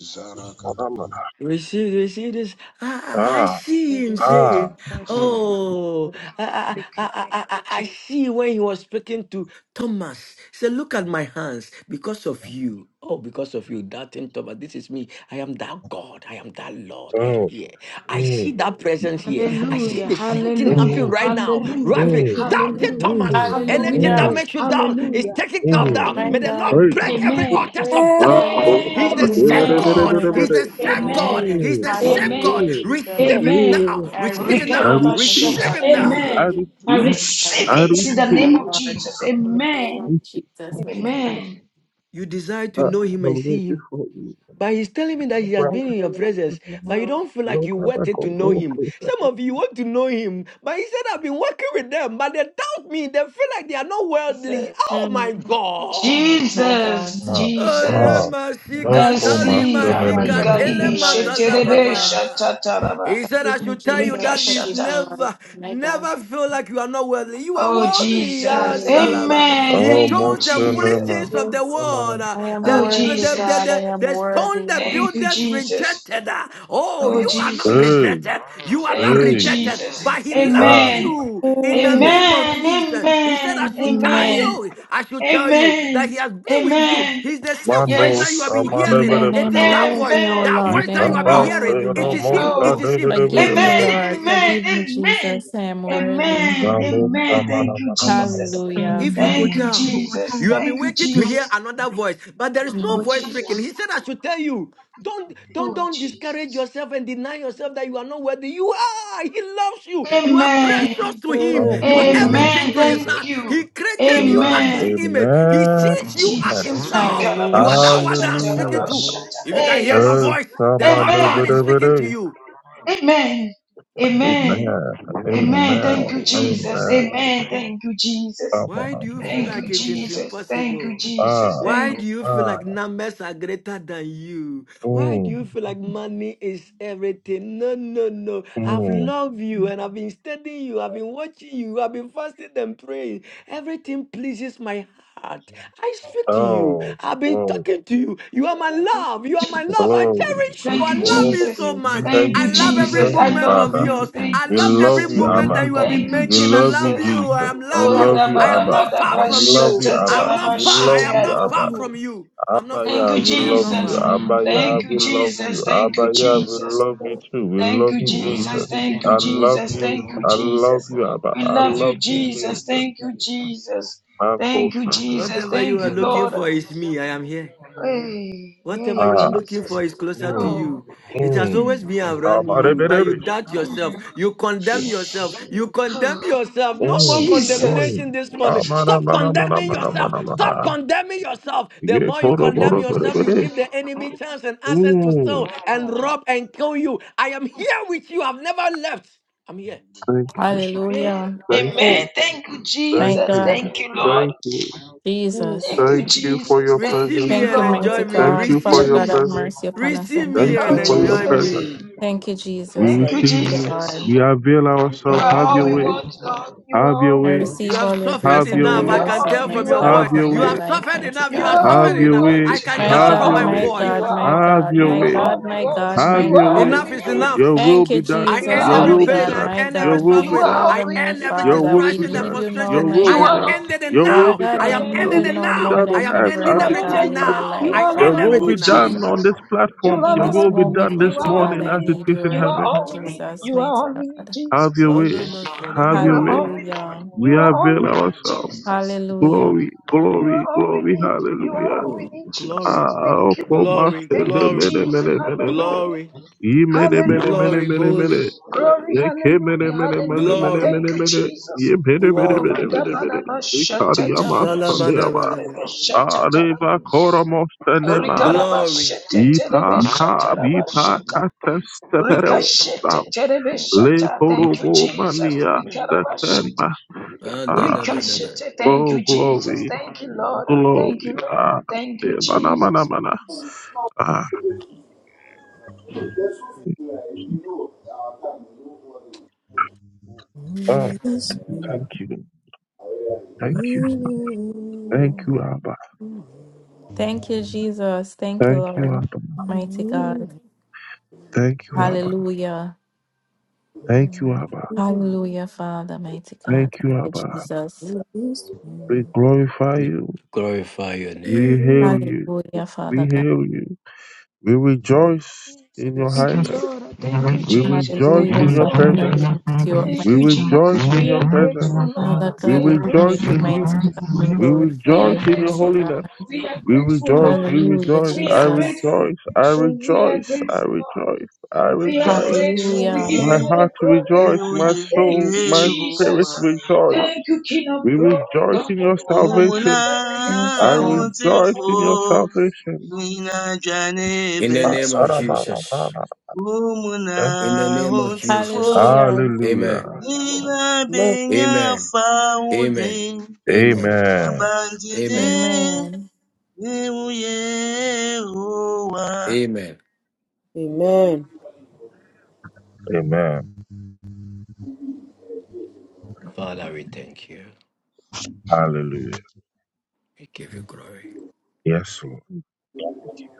[SPEAKER 9] Zara
[SPEAKER 16] mm.
[SPEAKER 9] Kadadana,
[SPEAKER 7] Receive, receive this. I, I, I
[SPEAKER 16] Ah,
[SPEAKER 7] see him
[SPEAKER 16] ah,
[SPEAKER 7] saying, Oh, I, I, I, I, I I see when he was speaking to Thomas. He said, Look at my hands because of you. Oh, because of you, that thing, Thomas. This is me. I am that God. I am that Lord. I am
[SPEAKER 16] oh,
[SPEAKER 7] here. I see
[SPEAKER 16] mm,
[SPEAKER 7] that presence here. I see
[SPEAKER 13] Hallelujah. Hallelujah.
[SPEAKER 7] the same thing happening
[SPEAKER 16] mm,
[SPEAKER 7] right now. Rapid.
[SPEAKER 16] mm,
[SPEAKER 7] doubting. Thomas,
[SPEAKER 16] mm,
[SPEAKER 7] anything that
[SPEAKER 6] Hallelujah.
[SPEAKER 2] Amen.
[SPEAKER 16] mm,
[SPEAKER 7] makes you doubt is taken care of
[SPEAKER 16] mm.
[SPEAKER 7] now.
[SPEAKER 6] My
[SPEAKER 7] May
[SPEAKER 13] Hallelujah.
[SPEAKER 7] the Lord
[SPEAKER 6] God.
[SPEAKER 16] Hey,
[SPEAKER 7] break every
[SPEAKER 13] Amen.
[SPEAKER 7] utterance
[SPEAKER 6] Praise
[SPEAKER 7] of
[SPEAKER 6] you,
[SPEAKER 16] my
[SPEAKER 7] doubt.
[SPEAKER 6] mighty
[SPEAKER 16] coach,
[SPEAKER 7] He's
[SPEAKER 6] God.
[SPEAKER 16] I
[SPEAKER 7] the
[SPEAKER 6] This
[SPEAKER 16] give
[SPEAKER 7] same
[SPEAKER 16] it,
[SPEAKER 6] all
[SPEAKER 16] give it,
[SPEAKER 13] Amen.
[SPEAKER 16] give
[SPEAKER 7] God.
[SPEAKER 16] it,
[SPEAKER 6] altars,
[SPEAKER 7] He's
[SPEAKER 16] give
[SPEAKER 18] Amen.
[SPEAKER 16] it.
[SPEAKER 7] the
[SPEAKER 6] mighty
[SPEAKER 7] same
[SPEAKER 6] God.
[SPEAKER 7] God.
[SPEAKER 13] Amen.
[SPEAKER 7] He's the
[SPEAKER 16] Mm,
[SPEAKER 7] same
[SPEAKER 13] Amen.
[SPEAKER 7] God.
[SPEAKER 6] Hallelujah,
[SPEAKER 16] mm,
[SPEAKER 6] Jesus.
[SPEAKER 7] Receive him
[SPEAKER 13] Amen.
[SPEAKER 7] now.
[SPEAKER 16] mm.
[SPEAKER 6] I
[SPEAKER 7] Receive him
[SPEAKER 16] I
[SPEAKER 6] receive
[SPEAKER 7] now.
[SPEAKER 6] it, mighty
[SPEAKER 16] receive,
[SPEAKER 7] Receive
[SPEAKER 13] Rikarabashata.
[SPEAKER 6] God. I
[SPEAKER 7] him now.
[SPEAKER 16] I
[SPEAKER 13] Amen.
[SPEAKER 6] receive it,
[SPEAKER 13] I
[SPEAKER 16] receive,
[SPEAKER 6] Jesus. I
[SPEAKER 13] receive
[SPEAKER 16] I
[SPEAKER 13] it in
[SPEAKER 6] receive
[SPEAKER 13] the
[SPEAKER 6] it,
[SPEAKER 13] name
[SPEAKER 16] receive.
[SPEAKER 6] oh
[SPEAKER 13] of
[SPEAKER 6] Lord.
[SPEAKER 13] Jesus.
[SPEAKER 6] In the name
[SPEAKER 13] Amen.
[SPEAKER 6] of Jesus, mighty
[SPEAKER 13] Amen.
[SPEAKER 7] You desire
[SPEAKER 16] I,
[SPEAKER 7] to know him
[SPEAKER 16] I
[SPEAKER 7] and
[SPEAKER 16] live
[SPEAKER 7] see him.
[SPEAKER 16] before you.
[SPEAKER 7] But he's telling me
[SPEAKER 16] I
[SPEAKER 7] that he has
[SPEAKER 16] bow
[SPEAKER 7] been in your
[SPEAKER 6] Hallelujah.
[SPEAKER 16] before
[SPEAKER 7] presence, but you
[SPEAKER 16] you.
[SPEAKER 6] So,
[SPEAKER 7] don't feel like
[SPEAKER 16] No,
[SPEAKER 7] you
[SPEAKER 16] I back
[SPEAKER 7] wanted to
[SPEAKER 16] on the
[SPEAKER 7] know him. Some
[SPEAKER 16] cross.
[SPEAKER 7] of you want to know him, but he said, I've been working with them, but they doubt me. They feel like they are not worldly. Oh my
[SPEAKER 6] mm, my
[SPEAKER 7] God.
[SPEAKER 13] Jesus,
[SPEAKER 6] God,
[SPEAKER 16] Ah,
[SPEAKER 7] Ore
[SPEAKER 16] ah,
[SPEAKER 13] Jesus,
[SPEAKER 16] I'll
[SPEAKER 7] masika
[SPEAKER 16] call my
[SPEAKER 7] tali
[SPEAKER 13] mercy,
[SPEAKER 16] son,
[SPEAKER 6] my
[SPEAKER 16] minute,
[SPEAKER 6] God,
[SPEAKER 7] masika
[SPEAKER 16] minute,
[SPEAKER 6] forgive me,
[SPEAKER 7] tele
[SPEAKER 13] Adikaribi
[SPEAKER 16] minute.
[SPEAKER 6] Lord,
[SPEAKER 7] madala
[SPEAKER 6] Father
[SPEAKER 13] Sheterebe
[SPEAKER 6] God.
[SPEAKER 7] papa.
[SPEAKER 13] Shatataraba,
[SPEAKER 7] He said, I
[SPEAKER 6] Forgive me,
[SPEAKER 7] should tell you
[SPEAKER 6] Jesus,
[SPEAKER 7] that this
[SPEAKER 6] forgive me,
[SPEAKER 13] Rikashata.
[SPEAKER 6] Lord,
[SPEAKER 7] never,
[SPEAKER 6] my God.
[SPEAKER 7] never feel like you are not worthy. You are
[SPEAKER 13] Oh,
[SPEAKER 7] worthy, ah,
[SPEAKER 13] Jesus.
[SPEAKER 6] Hallelujah.
[SPEAKER 7] Salama.
[SPEAKER 13] Amen.
[SPEAKER 7] He
[SPEAKER 13] Thank you,
[SPEAKER 7] chose
[SPEAKER 16] Almost
[SPEAKER 7] the
[SPEAKER 16] in
[SPEAKER 7] foolish
[SPEAKER 16] a
[SPEAKER 13] Jesus.
[SPEAKER 7] things of the
[SPEAKER 6] Yes,
[SPEAKER 16] man.
[SPEAKER 7] world, ah,
[SPEAKER 6] I am
[SPEAKER 13] Oh,
[SPEAKER 7] the,
[SPEAKER 6] worthy,
[SPEAKER 7] the, the,
[SPEAKER 6] God,
[SPEAKER 13] Jesus.
[SPEAKER 7] the,
[SPEAKER 6] I am
[SPEAKER 7] the stone
[SPEAKER 6] worthy.
[SPEAKER 7] the
[SPEAKER 13] Thank you,
[SPEAKER 7] builders rejected
[SPEAKER 13] Jesus.
[SPEAKER 7] rejected. Oh,
[SPEAKER 13] Oh,
[SPEAKER 7] you are not
[SPEAKER 6] Hallelujah.
[SPEAKER 13] Jesus.
[SPEAKER 16] Hey,
[SPEAKER 7] rejected. You are not
[SPEAKER 13] Thank you,
[SPEAKER 16] hey,
[SPEAKER 7] rejected,
[SPEAKER 13] Jesus.
[SPEAKER 7] but he loved
[SPEAKER 16] ah,
[SPEAKER 13] Amen.
[SPEAKER 7] you in the
[SPEAKER 2] Amen.
[SPEAKER 7] name of
[SPEAKER 13] Amen.
[SPEAKER 7] Jesus. He said, I
[SPEAKER 13] Amen.
[SPEAKER 7] should tell
[SPEAKER 6] Amen.
[SPEAKER 13] Amen.
[SPEAKER 7] you, I should tell you that he
[SPEAKER 13] Amen.
[SPEAKER 7] has been with you.
[SPEAKER 13] Amen.
[SPEAKER 7] He's the
[SPEAKER 2] Amen.
[SPEAKER 7] same voice
[SPEAKER 16] mando,
[SPEAKER 7] that you
[SPEAKER 13] Yes.
[SPEAKER 7] have been
[SPEAKER 16] amada,
[SPEAKER 7] hearing.
[SPEAKER 16] bada,
[SPEAKER 6] Amen. I
[SPEAKER 7] It
[SPEAKER 6] am
[SPEAKER 16] bada,
[SPEAKER 7] is that voice,
[SPEAKER 6] worthy, O
[SPEAKER 13] Amen.
[SPEAKER 7] that voice
[SPEAKER 6] Lord, I
[SPEAKER 16] ika,
[SPEAKER 7] that you
[SPEAKER 6] am
[SPEAKER 7] have been
[SPEAKER 13] Oh.
[SPEAKER 16] basta,
[SPEAKER 7] hearing.
[SPEAKER 6] worthy,
[SPEAKER 16] yada,
[SPEAKER 7] It
[SPEAKER 6] my
[SPEAKER 7] is him.
[SPEAKER 16] mosta,
[SPEAKER 6] God.
[SPEAKER 7] It
[SPEAKER 13] Oh,
[SPEAKER 16] da,
[SPEAKER 7] is him.
[SPEAKER 16] bada, bada,
[SPEAKER 6] Forgive
[SPEAKER 7] It
[SPEAKER 6] me,
[SPEAKER 7] is
[SPEAKER 13] amen,
[SPEAKER 16] bada,
[SPEAKER 7] him.
[SPEAKER 6] Lord,
[SPEAKER 7] It is him.
[SPEAKER 13] amen,
[SPEAKER 6] forgive me,
[SPEAKER 13] amen,
[SPEAKER 6] Jesus, I am worthy.
[SPEAKER 16] na,
[SPEAKER 13] amen,
[SPEAKER 16] mosta,
[SPEAKER 13] amen.
[SPEAKER 16] mana,
[SPEAKER 13] Thank you,
[SPEAKER 16] mana, mana,
[SPEAKER 13] Jesus.
[SPEAKER 16] mana, mana, mana,
[SPEAKER 6] Hallelujah.
[SPEAKER 7] If you could
[SPEAKER 13] Thank you,
[SPEAKER 7] tell,
[SPEAKER 13] Jesus.
[SPEAKER 7] you have been
[SPEAKER 13] Thank you,
[SPEAKER 7] waiting to hear
[SPEAKER 13] Jesus.
[SPEAKER 7] another voice, but there is no
[SPEAKER 6] Mm.
[SPEAKER 13] Oh,
[SPEAKER 7] voice speaking.
[SPEAKER 13] Jesus.
[SPEAKER 7] He said, I should tell you, don't don't
[SPEAKER 13] Oh,
[SPEAKER 7] don't discourage
[SPEAKER 13] Jesus.
[SPEAKER 7] yourself and deny yourself that you are not worthy. You are, he loves you. You are precious
[SPEAKER 13] Amen,
[SPEAKER 7] to him.
[SPEAKER 2] Come
[SPEAKER 7] You are everything
[SPEAKER 13] amen.
[SPEAKER 16] mana,
[SPEAKER 7] to his
[SPEAKER 16] bada,
[SPEAKER 13] Thank
[SPEAKER 7] heart. He
[SPEAKER 13] you.
[SPEAKER 7] created you
[SPEAKER 16] salam,
[SPEAKER 7] as his
[SPEAKER 13] Amen.
[SPEAKER 7] image. He
[SPEAKER 16] amen,
[SPEAKER 7] sees you as
[SPEAKER 13] Jesus. We
[SPEAKER 7] himself.
[SPEAKER 13] can have a
[SPEAKER 7] You are
[SPEAKER 6] Hallelujah.
[SPEAKER 7] that
[SPEAKER 13] shut,
[SPEAKER 7] one that
[SPEAKER 13] shut, shut,
[SPEAKER 7] I'm
[SPEAKER 13] have
[SPEAKER 7] speaking
[SPEAKER 16] hallelujah,
[SPEAKER 13] a
[SPEAKER 7] to.
[SPEAKER 13] shut.
[SPEAKER 7] If you can
[SPEAKER 13] Hey,
[SPEAKER 7] hear
[SPEAKER 13] yes.
[SPEAKER 7] my
[SPEAKER 13] it's-
[SPEAKER 16] eh,
[SPEAKER 7] voice, the Lord
[SPEAKER 16] samada,
[SPEAKER 7] God is
[SPEAKER 13] Amen.
[SPEAKER 16] bada, bada,
[SPEAKER 7] speaking to you.
[SPEAKER 13] Amen.
[SPEAKER 16] amen,
[SPEAKER 13] Amen.
[SPEAKER 16] amen,
[SPEAKER 13] Amen. Thank you,
[SPEAKER 16] amen,
[SPEAKER 13] Jesus. Amen. Thank you, Jesus.
[SPEAKER 16] ah,
[SPEAKER 7] Why
[SPEAKER 16] mana,
[SPEAKER 7] do you feel
[SPEAKER 13] Thank
[SPEAKER 7] like
[SPEAKER 13] you,
[SPEAKER 7] it is
[SPEAKER 13] Jesus. Thank you,
[SPEAKER 7] impossible?
[SPEAKER 13] Jesus.
[SPEAKER 16] ah,
[SPEAKER 7] Why
[SPEAKER 13] Thank
[SPEAKER 7] do
[SPEAKER 13] you,
[SPEAKER 7] you feel
[SPEAKER 16] ah,
[SPEAKER 7] like numbers are greater than you? Why do
[SPEAKER 16] mm,
[SPEAKER 7] you feel like money is everything? No, no, no. I've
[SPEAKER 16] mm,
[SPEAKER 7] loved you and I've been studying you. I've been watching you. I've been fasting and praying. Everything pleases my heart. I speak to you. I've been
[SPEAKER 16] oh,
[SPEAKER 7] talking to you. You are my love. You are my
[SPEAKER 13] Jesus.
[SPEAKER 7] love. I
[SPEAKER 16] Glory,
[SPEAKER 7] cherish you.
[SPEAKER 13] Thank
[SPEAKER 7] I
[SPEAKER 13] you,
[SPEAKER 7] love
[SPEAKER 16] glory.
[SPEAKER 7] you
[SPEAKER 13] Jesus.
[SPEAKER 7] so
[SPEAKER 16] We
[SPEAKER 7] much.
[SPEAKER 13] Thank
[SPEAKER 16] thank
[SPEAKER 7] I
[SPEAKER 13] you,
[SPEAKER 16] you.
[SPEAKER 7] love
[SPEAKER 16] We
[SPEAKER 7] every
[SPEAKER 13] Jesus.
[SPEAKER 16] thank
[SPEAKER 13] I
[SPEAKER 16] you,
[SPEAKER 7] moment
[SPEAKER 13] love
[SPEAKER 7] of
[SPEAKER 16] Father.
[SPEAKER 13] you.
[SPEAKER 7] yours.
[SPEAKER 13] Thank
[SPEAKER 7] I
[SPEAKER 13] you,
[SPEAKER 16] We
[SPEAKER 7] love every
[SPEAKER 16] love
[SPEAKER 13] Jesus.
[SPEAKER 16] you,
[SPEAKER 7] moment that
[SPEAKER 16] Abba.
[SPEAKER 7] you have been
[SPEAKER 13] Thank you,
[SPEAKER 16] We
[SPEAKER 7] making. I
[SPEAKER 16] love you,
[SPEAKER 7] love
[SPEAKER 13] Jesus.
[SPEAKER 7] you. I
[SPEAKER 16] Jesus.
[SPEAKER 7] am
[SPEAKER 16] We
[SPEAKER 7] love
[SPEAKER 13] Oh,
[SPEAKER 7] you.
[SPEAKER 16] love you,
[SPEAKER 7] I am
[SPEAKER 16] Abba.
[SPEAKER 7] not far
[SPEAKER 16] We
[SPEAKER 7] from
[SPEAKER 16] love
[SPEAKER 7] you.
[SPEAKER 16] you, Abba.
[SPEAKER 7] I'm not
[SPEAKER 16] We
[SPEAKER 7] far.
[SPEAKER 13] adabadabadabashatatalabashi.
[SPEAKER 7] I
[SPEAKER 16] love
[SPEAKER 7] am
[SPEAKER 13] I
[SPEAKER 16] you,
[SPEAKER 7] not
[SPEAKER 13] love
[SPEAKER 16] Abba.
[SPEAKER 7] far from
[SPEAKER 13] you.
[SPEAKER 7] you. I'm not
[SPEAKER 16] Abba,
[SPEAKER 13] Thank
[SPEAKER 7] far.
[SPEAKER 16] yeah,
[SPEAKER 13] you,
[SPEAKER 16] we
[SPEAKER 7] I am
[SPEAKER 16] love
[SPEAKER 7] not
[SPEAKER 13] Jesus.
[SPEAKER 16] you.
[SPEAKER 7] far.
[SPEAKER 16] Abba, yeah,
[SPEAKER 13] Thank you,
[SPEAKER 16] we love
[SPEAKER 13] Jesus.
[SPEAKER 16] you.
[SPEAKER 13] Thank you,
[SPEAKER 16] Abba, yeah, we
[SPEAKER 13] Jesus.
[SPEAKER 16] love you too. We
[SPEAKER 13] Thank
[SPEAKER 16] love
[SPEAKER 13] you,
[SPEAKER 16] you,
[SPEAKER 13] Jesus.
[SPEAKER 16] Jesus.
[SPEAKER 13] Thank you,
[SPEAKER 16] I love
[SPEAKER 13] Jesus.
[SPEAKER 16] you.
[SPEAKER 13] Thank you,
[SPEAKER 16] I love
[SPEAKER 13] Jesus.
[SPEAKER 16] you, Abba.
[SPEAKER 13] We
[SPEAKER 16] I
[SPEAKER 13] love you,
[SPEAKER 16] love you,
[SPEAKER 13] Jesus.
[SPEAKER 16] Jesus.
[SPEAKER 13] Thank you, Jesus.
[SPEAKER 16] My
[SPEAKER 13] Thank
[SPEAKER 16] coast,
[SPEAKER 13] you, Jesus.
[SPEAKER 7] Whatever you
[SPEAKER 13] Thank
[SPEAKER 7] are
[SPEAKER 13] you,
[SPEAKER 16] Mm.
[SPEAKER 7] looking
[SPEAKER 13] Lord.
[SPEAKER 7] for is me. I am here. Whatever you are
[SPEAKER 16] Ah.
[SPEAKER 7] looking for is closer to
[SPEAKER 16] Mm.
[SPEAKER 7] you. It has
[SPEAKER 16] Mm.
[SPEAKER 7] always been around you, but you
[SPEAKER 16] Abba,
[SPEAKER 7] doubt yourself. You condemn yourself. You condemn yourself. No more
[SPEAKER 16] Mm,
[SPEAKER 13] Jesus.
[SPEAKER 16] mm.
[SPEAKER 7] condemnation this morning.
[SPEAKER 16] Ah, mana,
[SPEAKER 7] Stop
[SPEAKER 16] mana, mana,
[SPEAKER 7] condemning
[SPEAKER 16] mana,
[SPEAKER 7] yourself.
[SPEAKER 16] mana,
[SPEAKER 7] Stop
[SPEAKER 16] mana.
[SPEAKER 7] condemning yourself. The
[SPEAKER 16] Yeah,
[SPEAKER 7] more you
[SPEAKER 16] kodo,
[SPEAKER 7] condemn
[SPEAKER 16] bodo, bodo,
[SPEAKER 7] yourself, you
[SPEAKER 16] bodo.
[SPEAKER 7] give the enemy chance and access to steal
[SPEAKER 16] Mm.
[SPEAKER 7] and rob and kill you. I am here with you. I've never left. I'm here.
[SPEAKER 16] Thank you,
[SPEAKER 6] Hallelujah.
[SPEAKER 16] thank
[SPEAKER 2] on, Jesus.
[SPEAKER 13] Amen.
[SPEAKER 16] you,
[SPEAKER 13] Thank you,
[SPEAKER 6] My
[SPEAKER 16] thank
[SPEAKER 13] Jesus.
[SPEAKER 16] you,
[SPEAKER 6] God,
[SPEAKER 13] Thank you, Lord.
[SPEAKER 16] thank you,
[SPEAKER 2] Holy
[SPEAKER 6] Jesus.
[SPEAKER 13] Thank you,
[SPEAKER 16] thank you for
[SPEAKER 13] Jesus.
[SPEAKER 16] your
[SPEAKER 7] Receive
[SPEAKER 13] Thank
[SPEAKER 16] presence.
[SPEAKER 13] you,
[SPEAKER 7] me
[SPEAKER 6] Thank
[SPEAKER 7] and
[SPEAKER 6] you, mighty
[SPEAKER 7] enjoy
[SPEAKER 13] Lord.
[SPEAKER 7] me.
[SPEAKER 16] Thank
[SPEAKER 13] Thank
[SPEAKER 6] God,
[SPEAKER 16] you
[SPEAKER 13] you,
[SPEAKER 6] Father
[SPEAKER 16] for
[SPEAKER 7] Receive
[SPEAKER 16] your
[SPEAKER 6] God,
[SPEAKER 7] me.
[SPEAKER 6] have
[SPEAKER 13] Jesus.
[SPEAKER 16] presence.
[SPEAKER 6] mercy upon us
[SPEAKER 7] Receive
[SPEAKER 6] and
[SPEAKER 7] me
[SPEAKER 16] Thank
[SPEAKER 6] thank you,
[SPEAKER 7] and
[SPEAKER 16] you
[SPEAKER 13] Oh,
[SPEAKER 16] for your
[SPEAKER 6] Lord.
[SPEAKER 7] enjoy
[SPEAKER 13] Jesus.
[SPEAKER 16] presence.
[SPEAKER 7] me.
[SPEAKER 6] Thank you,
[SPEAKER 16] We
[SPEAKER 6] Jesus. I
[SPEAKER 13] Thank you,
[SPEAKER 2] Spirit,
[SPEAKER 16] receive
[SPEAKER 6] thank you,
[SPEAKER 16] you.
[SPEAKER 13] Jesus.
[SPEAKER 6] Lord.
[SPEAKER 16] We avail
[SPEAKER 13] You
[SPEAKER 16] ourselves.
[SPEAKER 13] are
[SPEAKER 6] Father
[SPEAKER 16] Have
[SPEAKER 13] all
[SPEAKER 16] your
[SPEAKER 13] we
[SPEAKER 16] way.
[SPEAKER 6] God,
[SPEAKER 13] want, Lord. You are
[SPEAKER 16] Have your
[SPEAKER 13] all
[SPEAKER 6] I
[SPEAKER 13] we
[SPEAKER 16] way.
[SPEAKER 13] want.
[SPEAKER 7] You
[SPEAKER 6] receive
[SPEAKER 7] have
[SPEAKER 6] all your
[SPEAKER 7] suffered
[SPEAKER 16] Have
[SPEAKER 6] grace
[SPEAKER 16] your
[SPEAKER 6] and your
[SPEAKER 7] enough.
[SPEAKER 13] You
[SPEAKER 7] I
[SPEAKER 16] way.
[SPEAKER 13] are
[SPEAKER 7] can
[SPEAKER 6] mercies,
[SPEAKER 13] all.
[SPEAKER 7] tell
[SPEAKER 13] You
[SPEAKER 7] from
[SPEAKER 6] mighty
[SPEAKER 7] your
[SPEAKER 13] are
[SPEAKER 6] God,
[SPEAKER 16] Have
[SPEAKER 7] voice.
[SPEAKER 13] all.
[SPEAKER 16] your
[SPEAKER 6] upon
[SPEAKER 7] You
[SPEAKER 6] my
[SPEAKER 16] way.
[SPEAKER 7] have
[SPEAKER 6] life,
[SPEAKER 7] suffered
[SPEAKER 6] mighty
[SPEAKER 7] enough. You
[SPEAKER 13] You
[SPEAKER 7] have
[SPEAKER 13] are
[SPEAKER 6] God.
[SPEAKER 13] all
[SPEAKER 16] Have
[SPEAKER 7] suffered
[SPEAKER 13] we
[SPEAKER 16] your
[SPEAKER 7] enough. I
[SPEAKER 16] way.
[SPEAKER 13] want.
[SPEAKER 7] can
[SPEAKER 13] You
[SPEAKER 6] My
[SPEAKER 7] tell
[SPEAKER 13] are
[SPEAKER 16] Have
[SPEAKER 7] from
[SPEAKER 6] God,
[SPEAKER 16] your
[SPEAKER 7] my
[SPEAKER 13] all.
[SPEAKER 16] way.
[SPEAKER 6] my
[SPEAKER 13] You
[SPEAKER 6] God,
[SPEAKER 7] voice.
[SPEAKER 13] are
[SPEAKER 6] my
[SPEAKER 13] all.
[SPEAKER 16] Have
[SPEAKER 6] God,
[SPEAKER 13] You
[SPEAKER 16] your
[SPEAKER 6] my
[SPEAKER 13] are
[SPEAKER 16] way.
[SPEAKER 13] all
[SPEAKER 6] God,
[SPEAKER 13] we
[SPEAKER 6] my
[SPEAKER 13] want.
[SPEAKER 6] God,
[SPEAKER 16] Have
[SPEAKER 6] my
[SPEAKER 13] You
[SPEAKER 16] your
[SPEAKER 13] are all
[SPEAKER 16] way.
[SPEAKER 6] God.
[SPEAKER 7] Enough
[SPEAKER 13] we
[SPEAKER 7] is
[SPEAKER 13] need.
[SPEAKER 7] enough.
[SPEAKER 16] Your will
[SPEAKER 6] Thank
[SPEAKER 16] be
[SPEAKER 6] you,
[SPEAKER 16] done.
[SPEAKER 7] I
[SPEAKER 13] You
[SPEAKER 6] Jesus,
[SPEAKER 7] end
[SPEAKER 16] Your
[SPEAKER 13] are
[SPEAKER 7] every
[SPEAKER 13] all
[SPEAKER 6] my
[SPEAKER 13] we
[SPEAKER 16] will
[SPEAKER 13] need.
[SPEAKER 16] be
[SPEAKER 7] pain.
[SPEAKER 6] God,
[SPEAKER 7] I
[SPEAKER 16] done.
[SPEAKER 6] my
[SPEAKER 7] end
[SPEAKER 16] Your
[SPEAKER 7] every
[SPEAKER 6] God,
[SPEAKER 16] will
[SPEAKER 6] my
[SPEAKER 13] You
[SPEAKER 16] be
[SPEAKER 7] suffering.
[SPEAKER 13] are
[SPEAKER 16] done.
[SPEAKER 13] all
[SPEAKER 7] I
[SPEAKER 6] Father,
[SPEAKER 13] we.
[SPEAKER 6] my
[SPEAKER 7] end every
[SPEAKER 16] Your
[SPEAKER 6] Father.
[SPEAKER 16] will
[SPEAKER 6] We
[SPEAKER 16] be
[SPEAKER 7] distraction and
[SPEAKER 6] need
[SPEAKER 16] done.
[SPEAKER 6] you now,
[SPEAKER 7] frustration.
[SPEAKER 16] Your
[SPEAKER 6] my
[SPEAKER 16] will
[SPEAKER 7] I
[SPEAKER 16] be
[SPEAKER 7] am
[SPEAKER 6] God.
[SPEAKER 16] done.
[SPEAKER 7] ending it
[SPEAKER 16] Your will
[SPEAKER 6] Father
[SPEAKER 7] now.
[SPEAKER 16] be
[SPEAKER 6] God,
[SPEAKER 7] I
[SPEAKER 16] done.
[SPEAKER 6] I
[SPEAKER 7] am
[SPEAKER 16] Your
[SPEAKER 6] need you
[SPEAKER 7] ending
[SPEAKER 16] will
[SPEAKER 7] it
[SPEAKER 6] now
[SPEAKER 16] be
[SPEAKER 7] now.
[SPEAKER 6] more
[SPEAKER 16] done
[SPEAKER 7] I
[SPEAKER 16] on
[SPEAKER 6] than
[SPEAKER 7] am
[SPEAKER 16] earth
[SPEAKER 6] ever,
[SPEAKER 7] ending
[SPEAKER 16] as
[SPEAKER 6] my
[SPEAKER 16] it is
[SPEAKER 6] God,
[SPEAKER 7] everything
[SPEAKER 16] in
[SPEAKER 6] in my
[SPEAKER 16] heaven.
[SPEAKER 7] now. I
[SPEAKER 6] life
[SPEAKER 16] Your
[SPEAKER 7] end
[SPEAKER 6] right
[SPEAKER 16] will
[SPEAKER 6] now,
[SPEAKER 16] be
[SPEAKER 7] everything now.
[SPEAKER 6] Jesus.
[SPEAKER 16] done on this
[SPEAKER 13] You
[SPEAKER 16] platform.
[SPEAKER 13] are
[SPEAKER 6] In
[SPEAKER 13] all
[SPEAKER 16] Your
[SPEAKER 13] we
[SPEAKER 6] this
[SPEAKER 16] will be done
[SPEAKER 6] moment,
[SPEAKER 13] need.
[SPEAKER 16] this
[SPEAKER 13] You are
[SPEAKER 6] mighty
[SPEAKER 13] all
[SPEAKER 6] God,
[SPEAKER 16] morning
[SPEAKER 13] we
[SPEAKER 6] I
[SPEAKER 16] as
[SPEAKER 13] need.
[SPEAKER 16] it
[SPEAKER 6] need you
[SPEAKER 16] is in
[SPEAKER 13] You
[SPEAKER 6] right
[SPEAKER 13] are
[SPEAKER 16] heaven.
[SPEAKER 6] now,
[SPEAKER 13] all.
[SPEAKER 6] Jesus,
[SPEAKER 13] You are
[SPEAKER 6] mighty
[SPEAKER 13] all. We,
[SPEAKER 6] God.
[SPEAKER 16] Have your
[SPEAKER 7] Glory,
[SPEAKER 16] way. Have
[SPEAKER 13] You
[SPEAKER 16] your
[SPEAKER 13] are
[SPEAKER 16] way.
[SPEAKER 13] all we need.
[SPEAKER 6] Hallelujah.
[SPEAKER 16] We
[SPEAKER 13] You are all
[SPEAKER 16] avail
[SPEAKER 13] we need,
[SPEAKER 16] ourselves.
[SPEAKER 13] Jesus.
[SPEAKER 6] Hallelujah.
[SPEAKER 16] Glory,
[SPEAKER 13] You are
[SPEAKER 16] glory,
[SPEAKER 13] all we
[SPEAKER 16] glory.
[SPEAKER 13] need. You are
[SPEAKER 16] Hallelujah.
[SPEAKER 13] all
[SPEAKER 2] Holy
[SPEAKER 13] we
[SPEAKER 2] Spirit,
[SPEAKER 13] need,
[SPEAKER 7] glory,
[SPEAKER 13] Jesus.
[SPEAKER 16] Ah,
[SPEAKER 13] Thank
[SPEAKER 16] oh,
[SPEAKER 13] you,
[SPEAKER 16] come,
[SPEAKER 13] Lord.
[SPEAKER 16] Master.
[SPEAKER 13] Thank you,
[SPEAKER 16] Mene,
[SPEAKER 7] glory,
[SPEAKER 16] mene,
[SPEAKER 13] Jesus.
[SPEAKER 16] mene, mene.
[SPEAKER 13] Hallelujah.
[SPEAKER 7] glory,
[SPEAKER 16] Ye, mene, mene,
[SPEAKER 13] Hallelujah.
[SPEAKER 16] mene,
[SPEAKER 7] glory,
[SPEAKER 16] mene, mene.
[SPEAKER 7] holy,
[SPEAKER 13] Glory,
[SPEAKER 16] Neke mene
[SPEAKER 13] hallelujah.
[SPEAKER 16] mene mene
[SPEAKER 13] Hallelujah.
[SPEAKER 16] mene
[SPEAKER 7] glory,
[SPEAKER 13] Thank
[SPEAKER 16] mene
[SPEAKER 13] you,
[SPEAKER 16] mene.
[SPEAKER 13] Jesus.
[SPEAKER 16] Ye mene mene
[SPEAKER 13] Oh,
[SPEAKER 7] glory.
[SPEAKER 13] my
[SPEAKER 16] mene
[SPEAKER 13] God,
[SPEAKER 16] mene
[SPEAKER 13] my God,
[SPEAKER 16] mene.
[SPEAKER 13] my shut, shut,
[SPEAKER 16] Ikari
[SPEAKER 13] shut,
[SPEAKER 16] ama
[SPEAKER 13] up,
[SPEAKER 7] Shalom.
[SPEAKER 13] shut,
[SPEAKER 16] sande
[SPEAKER 13] shut,
[SPEAKER 16] ama.
[SPEAKER 13] shut, up, shut, shut, shut, up.
[SPEAKER 16] Areva koramos tenema.
[SPEAKER 13] Rikaraba,
[SPEAKER 7] Glory.
[SPEAKER 13] shut, shut, shut, up,
[SPEAKER 16] Ipa
[SPEAKER 13] shut,
[SPEAKER 16] ka
[SPEAKER 13] shut, up,
[SPEAKER 16] bipa
[SPEAKER 13] shut, shut.
[SPEAKER 16] ka teste perewosta.
[SPEAKER 13] Ricochet,
[SPEAKER 16] Le
[SPEAKER 13] Terebeshata. Thank you,
[SPEAKER 16] porobo
[SPEAKER 13] Jesus.
[SPEAKER 16] mania
[SPEAKER 13] Rikarabasha.
[SPEAKER 16] stekema.
[SPEAKER 7] Ah, da,
[SPEAKER 16] Ah,
[SPEAKER 7] da, ba,
[SPEAKER 2] Jesus.
[SPEAKER 7] da, ba.
[SPEAKER 13] Ricochet. Thank
[SPEAKER 16] oh
[SPEAKER 13] you, Jesus.
[SPEAKER 16] glory,
[SPEAKER 13] Thank you, Lord. Thank you,
[SPEAKER 16] glory.
[SPEAKER 13] Lord.
[SPEAKER 16] Ah,
[SPEAKER 13] Thank
[SPEAKER 16] se
[SPEAKER 13] you,
[SPEAKER 16] mana mana
[SPEAKER 13] Jesus.
[SPEAKER 16] mana. Ah,
[SPEAKER 9] U, U, U,
[SPEAKER 16] oh,
[SPEAKER 2] Amen.
[SPEAKER 16] thank you, thank you, thank you, Abba,
[SPEAKER 6] Thank you, Jesus. Thank you,
[SPEAKER 16] thank you,
[SPEAKER 6] Lord,
[SPEAKER 16] Abba,
[SPEAKER 6] mighty God.
[SPEAKER 2] Amen.
[SPEAKER 16] thank you, Abba,
[SPEAKER 6] Hallelujah.
[SPEAKER 16] thank you,
[SPEAKER 2] Amen.
[SPEAKER 16] Abba.
[SPEAKER 2] Amen. Amen.
[SPEAKER 6] Hallelujah, Father, mighty
[SPEAKER 16] Thank
[SPEAKER 6] God. Thank
[SPEAKER 16] you,
[SPEAKER 6] you,
[SPEAKER 16] Abba.
[SPEAKER 6] Jesus.
[SPEAKER 16] We glorify
[SPEAKER 7] We
[SPEAKER 16] you.
[SPEAKER 7] glorify your
[SPEAKER 16] We
[SPEAKER 7] name.
[SPEAKER 16] hail you.
[SPEAKER 6] Hallelujah,
[SPEAKER 16] We
[SPEAKER 6] Father God.
[SPEAKER 16] hail you. We rejoice in your highness. We rejoice
[SPEAKER 6] Hallelujah,
[SPEAKER 16] in your
[SPEAKER 6] Father. We
[SPEAKER 16] presence.
[SPEAKER 6] lift you up,
[SPEAKER 16] We
[SPEAKER 6] mighty
[SPEAKER 16] rejoice
[SPEAKER 6] God.
[SPEAKER 16] in your presence.
[SPEAKER 6] Father
[SPEAKER 16] We
[SPEAKER 6] God,
[SPEAKER 13] We are
[SPEAKER 6] we
[SPEAKER 13] grateful.
[SPEAKER 6] honor
[SPEAKER 16] rejoice
[SPEAKER 6] you,
[SPEAKER 16] in
[SPEAKER 6] mighty
[SPEAKER 16] you.
[SPEAKER 6] God. We
[SPEAKER 16] We
[SPEAKER 6] glorify you,
[SPEAKER 16] rejoice in your
[SPEAKER 6] mighty God.
[SPEAKER 16] holiness.
[SPEAKER 13] We are
[SPEAKER 16] We
[SPEAKER 13] grateful,
[SPEAKER 16] rejoice, we
[SPEAKER 13] Lord.
[SPEAKER 6] Hallelujah,
[SPEAKER 16] rejoice,
[SPEAKER 13] We
[SPEAKER 16] I
[SPEAKER 13] are
[SPEAKER 6] Jesus.
[SPEAKER 13] grateful.
[SPEAKER 16] rejoice, I
[SPEAKER 13] grateful. We are
[SPEAKER 16] rejoice, I
[SPEAKER 13] grateful, Lord.
[SPEAKER 16] rejoice, I rejoice.
[SPEAKER 3] Andine,
[SPEAKER 6] Hallelujah,
[SPEAKER 16] My heart rejoice,
[SPEAKER 3] New
[SPEAKER 16] my soul, my spirit
[SPEAKER 3] Yehuwa,
[SPEAKER 16] rejoice. We rejoice in your salvation.
[SPEAKER 3] Umuna
[SPEAKER 16] I
[SPEAKER 6] mighty God.
[SPEAKER 16] rejoiced in your
[SPEAKER 3] Hontefo,
[SPEAKER 16] salvation.
[SPEAKER 9] Zib,
[SPEAKER 3] Nina Jane
[SPEAKER 7] In the name of
[SPEAKER 3] Betwa,
[SPEAKER 7] Jesus.
[SPEAKER 16] Ba-da-ba-ba-ba-ba.
[SPEAKER 3] Umuna
[SPEAKER 7] In the name of Jesus.
[SPEAKER 3] Hontefo,
[SPEAKER 6] Hallelujah.
[SPEAKER 7] Amen.
[SPEAKER 16] Hallelujah.
[SPEAKER 3] Nina Benya
[SPEAKER 7] Amen. Amen.
[SPEAKER 3] Faude,
[SPEAKER 7] Amen.
[SPEAKER 16] Amen.
[SPEAKER 3] Abandide
[SPEAKER 7] Amen.
[SPEAKER 6] Amen.
[SPEAKER 3] iwu Yehowa.
[SPEAKER 7] Amen.
[SPEAKER 16] Amen.
[SPEAKER 7] Father, we thank you.
[SPEAKER 16] Hallelujah.
[SPEAKER 7] We give you glory.
[SPEAKER 16] Yes, Lord. Thank you.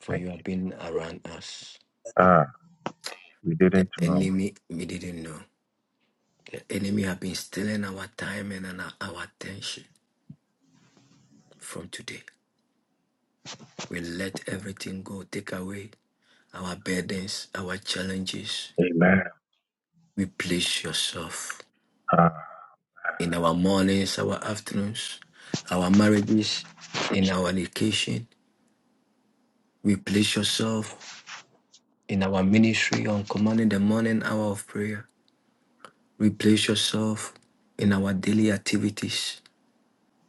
[SPEAKER 7] For
[SPEAKER 16] Thank
[SPEAKER 7] you have
[SPEAKER 16] you.
[SPEAKER 7] been around us.
[SPEAKER 16] Ah, we
[SPEAKER 7] But the
[SPEAKER 16] didn't know.
[SPEAKER 7] enemy, we didn't know. The enemy have been stealing our time and our our attention from today. We let everything go. Take away our burdens, our challenges,
[SPEAKER 16] Amen.
[SPEAKER 7] We place yourself
[SPEAKER 16] Ah,
[SPEAKER 7] in our mornings, our afternoons, our marriages, in our education. We place yourself in our ministry on commanding the morning hour of prayer. We place yourself in our daily activities.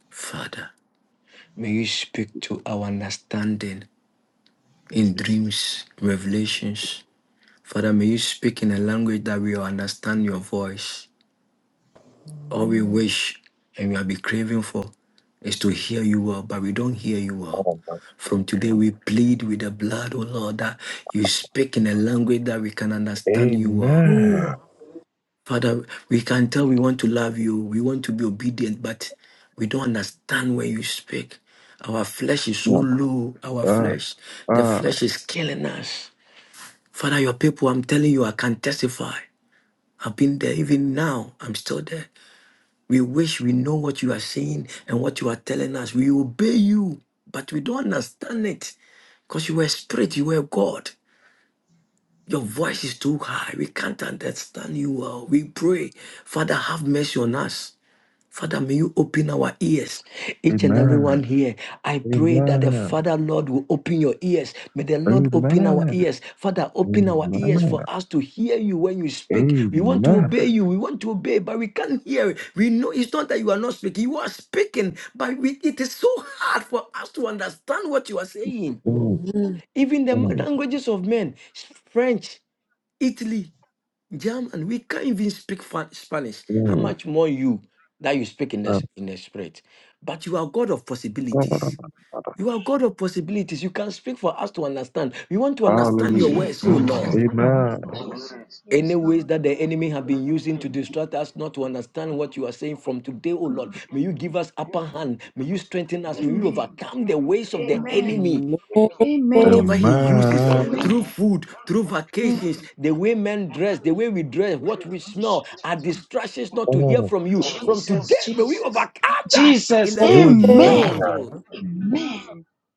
[SPEAKER 7] Father, may you speak to our understanding in dreams, revelations. Father, may you speak in a language that we will understand your voice. all we wish and we have been craving for is to hear you well, but we don't hear you well.
[SPEAKER 16] oh, my
[SPEAKER 7] From
[SPEAKER 16] God.
[SPEAKER 7] today, we plead with the blood, oh Lord, that you speak in a language that we can understand you well.
[SPEAKER 16] Amen.
[SPEAKER 7] Father, we can tell we want to love you, we want to be obedient, but we don't understand when you speak. Our flesh is so
[SPEAKER 16] Yes,
[SPEAKER 7] low. Our
[SPEAKER 16] Ah,
[SPEAKER 7] flesh, the
[SPEAKER 16] ah,
[SPEAKER 7] flesh is killing us. Father, your people, I'm telling you, I can testify. I've been there even now. I'm still there. We wish we know what you are saying and what you are telling us. We obey you, but we don't understand it because you were spirit, you were God. Your voice is too high. We can't understand you well. We pray, Father, have mercy on us. Father, may you open our ears, each and
[SPEAKER 16] amen.
[SPEAKER 7] everyone here. I pray that the
[SPEAKER 16] Amen.
[SPEAKER 7] Father, Lord, will open your ears. May the Lord open our
[SPEAKER 16] Amen.
[SPEAKER 7] ears. Father, open our
[SPEAKER 16] Amen.
[SPEAKER 7] ears for us to hear you when you speak. We want to
[SPEAKER 16] Amen.
[SPEAKER 7] obey you. We want to obey, but we can't hear it. We know it's not that you are not speaking. You are speaking, but we, it is so hard for us to understand what you are saying.
[SPEAKER 16] Mm,
[SPEAKER 7] Even the
[SPEAKER 16] mm,
[SPEAKER 7] languages of men, French, Italy, German, we can't even speak Fa- Spanish. How
[SPEAKER 16] mm.
[SPEAKER 7] much more you that you speak in the,
[SPEAKER 16] Ah,
[SPEAKER 7] s- in the spirit? But you are God of
[SPEAKER 16] ba ba da
[SPEAKER 7] possibilities.
[SPEAKER 16] ba
[SPEAKER 7] You are God of possibilities. You can speak for us to understand. We want to understand your
[SPEAKER 16] Hallelujah.
[SPEAKER 7] words, oh Lord.
[SPEAKER 16] Amen.
[SPEAKER 7] Any ways that the enemy have been using to distract us not to understand what you are saying from today, oh Lord, may you give us upper hand. May you strengthen us. May you overcome the ways of the enemy Whatever he uses
[SPEAKER 16] Amen.
[SPEAKER 7] through food, through vacations, the way men dress, the way we dress, what we smell are distractions not to hear
[SPEAKER 16] Amen.
[SPEAKER 7] from you. From today, may we overcome that in the name of Jesus Christ.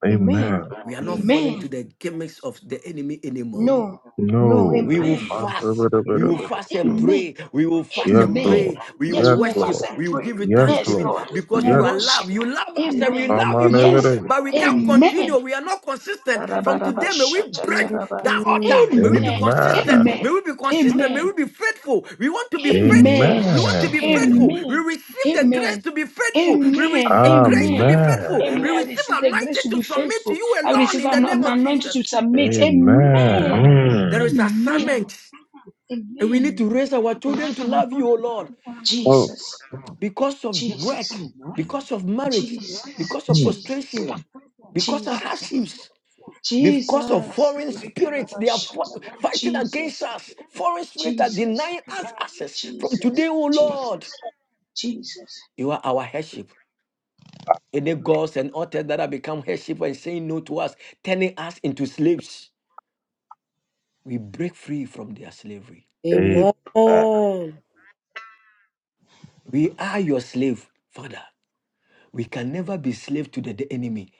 [SPEAKER 16] Amen.
[SPEAKER 7] We are not falling to the gimmicks of the enemy anymore.
[SPEAKER 16] No.
[SPEAKER 7] We will fast. We will
[SPEAKER 13] Amen.
[SPEAKER 7] fast and
[SPEAKER 13] Amen.
[SPEAKER 7] pray. We will fast
[SPEAKER 16] Yes,
[SPEAKER 7] and
[SPEAKER 13] Amen.
[SPEAKER 7] pray.
[SPEAKER 16] Lord.
[SPEAKER 7] We
[SPEAKER 13] Yes,
[SPEAKER 7] will
[SPEAKER 16] Yes,
[SPEAKER 13] we will
[SPEAKER 7] worship.
[SPEAKER 13] fast
[SPEAKER 16] Lord.
[SPEAKER 13] and
[SPEAKER 7] We will
[SPEAKER 13] pray.
[SPEAKER 7] give you
[SPEAKER 16] Yes,
[SPEAKER 13] Yes,
[SPEAKER 7] thanksgiving
[SPEAKER 16] Lord.
[SPEAKER 13] Lord. We
[SPEAKER 7] because
[SPEAKER 13] will
[SPEAKER 7] you
[SPEAKER 16] Yes,
[SPEAKER 7] are
[SPEAKER 13] worship.
[SPEAKER 7] love. You love us and we
[SPEAKER 13] Amen.
[SPEAKER 7] love you
[SPEAKER 16] Amen.
[SPEAKER 7] too.
[SPEAKER 13] Yes.
[SPEAKER 7] But we can't continue.
[SPEAKER 13] Amen.
[SPEAKER 7] We are not consistent. From today, may we break that altar. May we be
[SPEAKER 13] Amen.
[SPEAKER 7] consistent.
[SPEAKER 16] Amen.
[SPEAKER 7] May
[SPEAKER 13] Amen.
[SPEAKER 7] we be consistent. May
[SPEAKER 13] Amen.
[SPEAKER 7] we be faithful. We want to be faithful.
[SPEAKER 13] Amen.
[SPEAKER 7] We want to
[SPEAKER 16] Amen.
[SPEAKER 7] be
[SPEAKER 13] Amen.
[SPEAKER 7] faithful. We
[SPEAKER 13] Amen.
[SPEAKER 7] receive the grace
[SPEAKER 13] Amen.
[SPEAKER 7] to be faithful. We
[SPEAKER 13] Amen.
[SPEAKER 7] receive grace to be
[SPEAKER 13] Amen.
[SPEAKER 16] Amen.
[SPEAKER 7] faithful. We
[SPEAKER 13] I
[SPEAKER 7] receive
[SPEAKER 13] receive the grace
[SPEAKER 7] anointing
[SPEAKER 13] to
[SPEAKER 7] to
[SPEAKER 13] be
[SPEAKER 7] submit to
[SPEAKER 13] faithful.
[SPEAKER 7] you
[SPEAKER 13] I
[SPEAKER 7] alone
[SPEAKER 13] receive
[SPEAKER 7] in the
[SPEAKER 13] an
[SPEAKER 7] name
[SPEAKER 13] an
[SPEAKER 7] of
[SPEAKER 13] anointing to
[SPEAKER 7] Jesus.
[SPEAKER 13] submit. Amen.
[SPEAKER 16] Amen.
[SPEAKER 13] Amen.
[SPEAKER 7] There is
[SPEAKER 13] Amen.
[SPEAKER 7] assignment. And we need
[SPEAKER 13] Amen.
[SPEAKER 7] to raise our children to love you, O Lord,
[SPEAKER 16] Oh,
[SPEAKER 13] Jesus.
[SPEAKER 7] because of
[SPEAKER 13] Jesus.
[SPEAKER 7] work, because of marriage,
[SPEAKER 13] Jesus.
[SPEAKER 7] because of
[SPEAKER 16] hmm.
[SPEAKER 13] Jesus.
[SPEAKER 7] frustration, because of
[SPEAKER 13] Jesus.
[SPEAKER 7] hardships,
[SPEAKER 13] Jesus.
[SPEAKER 7] because of
[SPEAKER 13] Jesus.
[SPEAKER 7] foreign spirits. They are fo- fighting against us. Foreign spirits are
[SPEAKER 13] Jesus.
[SPEAKER 7] denying us access. From today,
[SPEAKER 13] Jesus.
[SPEAKER 7] O Lord,
[SPEAKER 13] Jesus. Jesus.
[SPEAKER 7] you are our headship. Any gods and authors that have become headship and saying no to us, turning us into slaves, we break free from their slavery.
[SPEAKER 16] Amen.
[SPEAKER 7] We are your slave, Father. We can never be slave to the the enemy.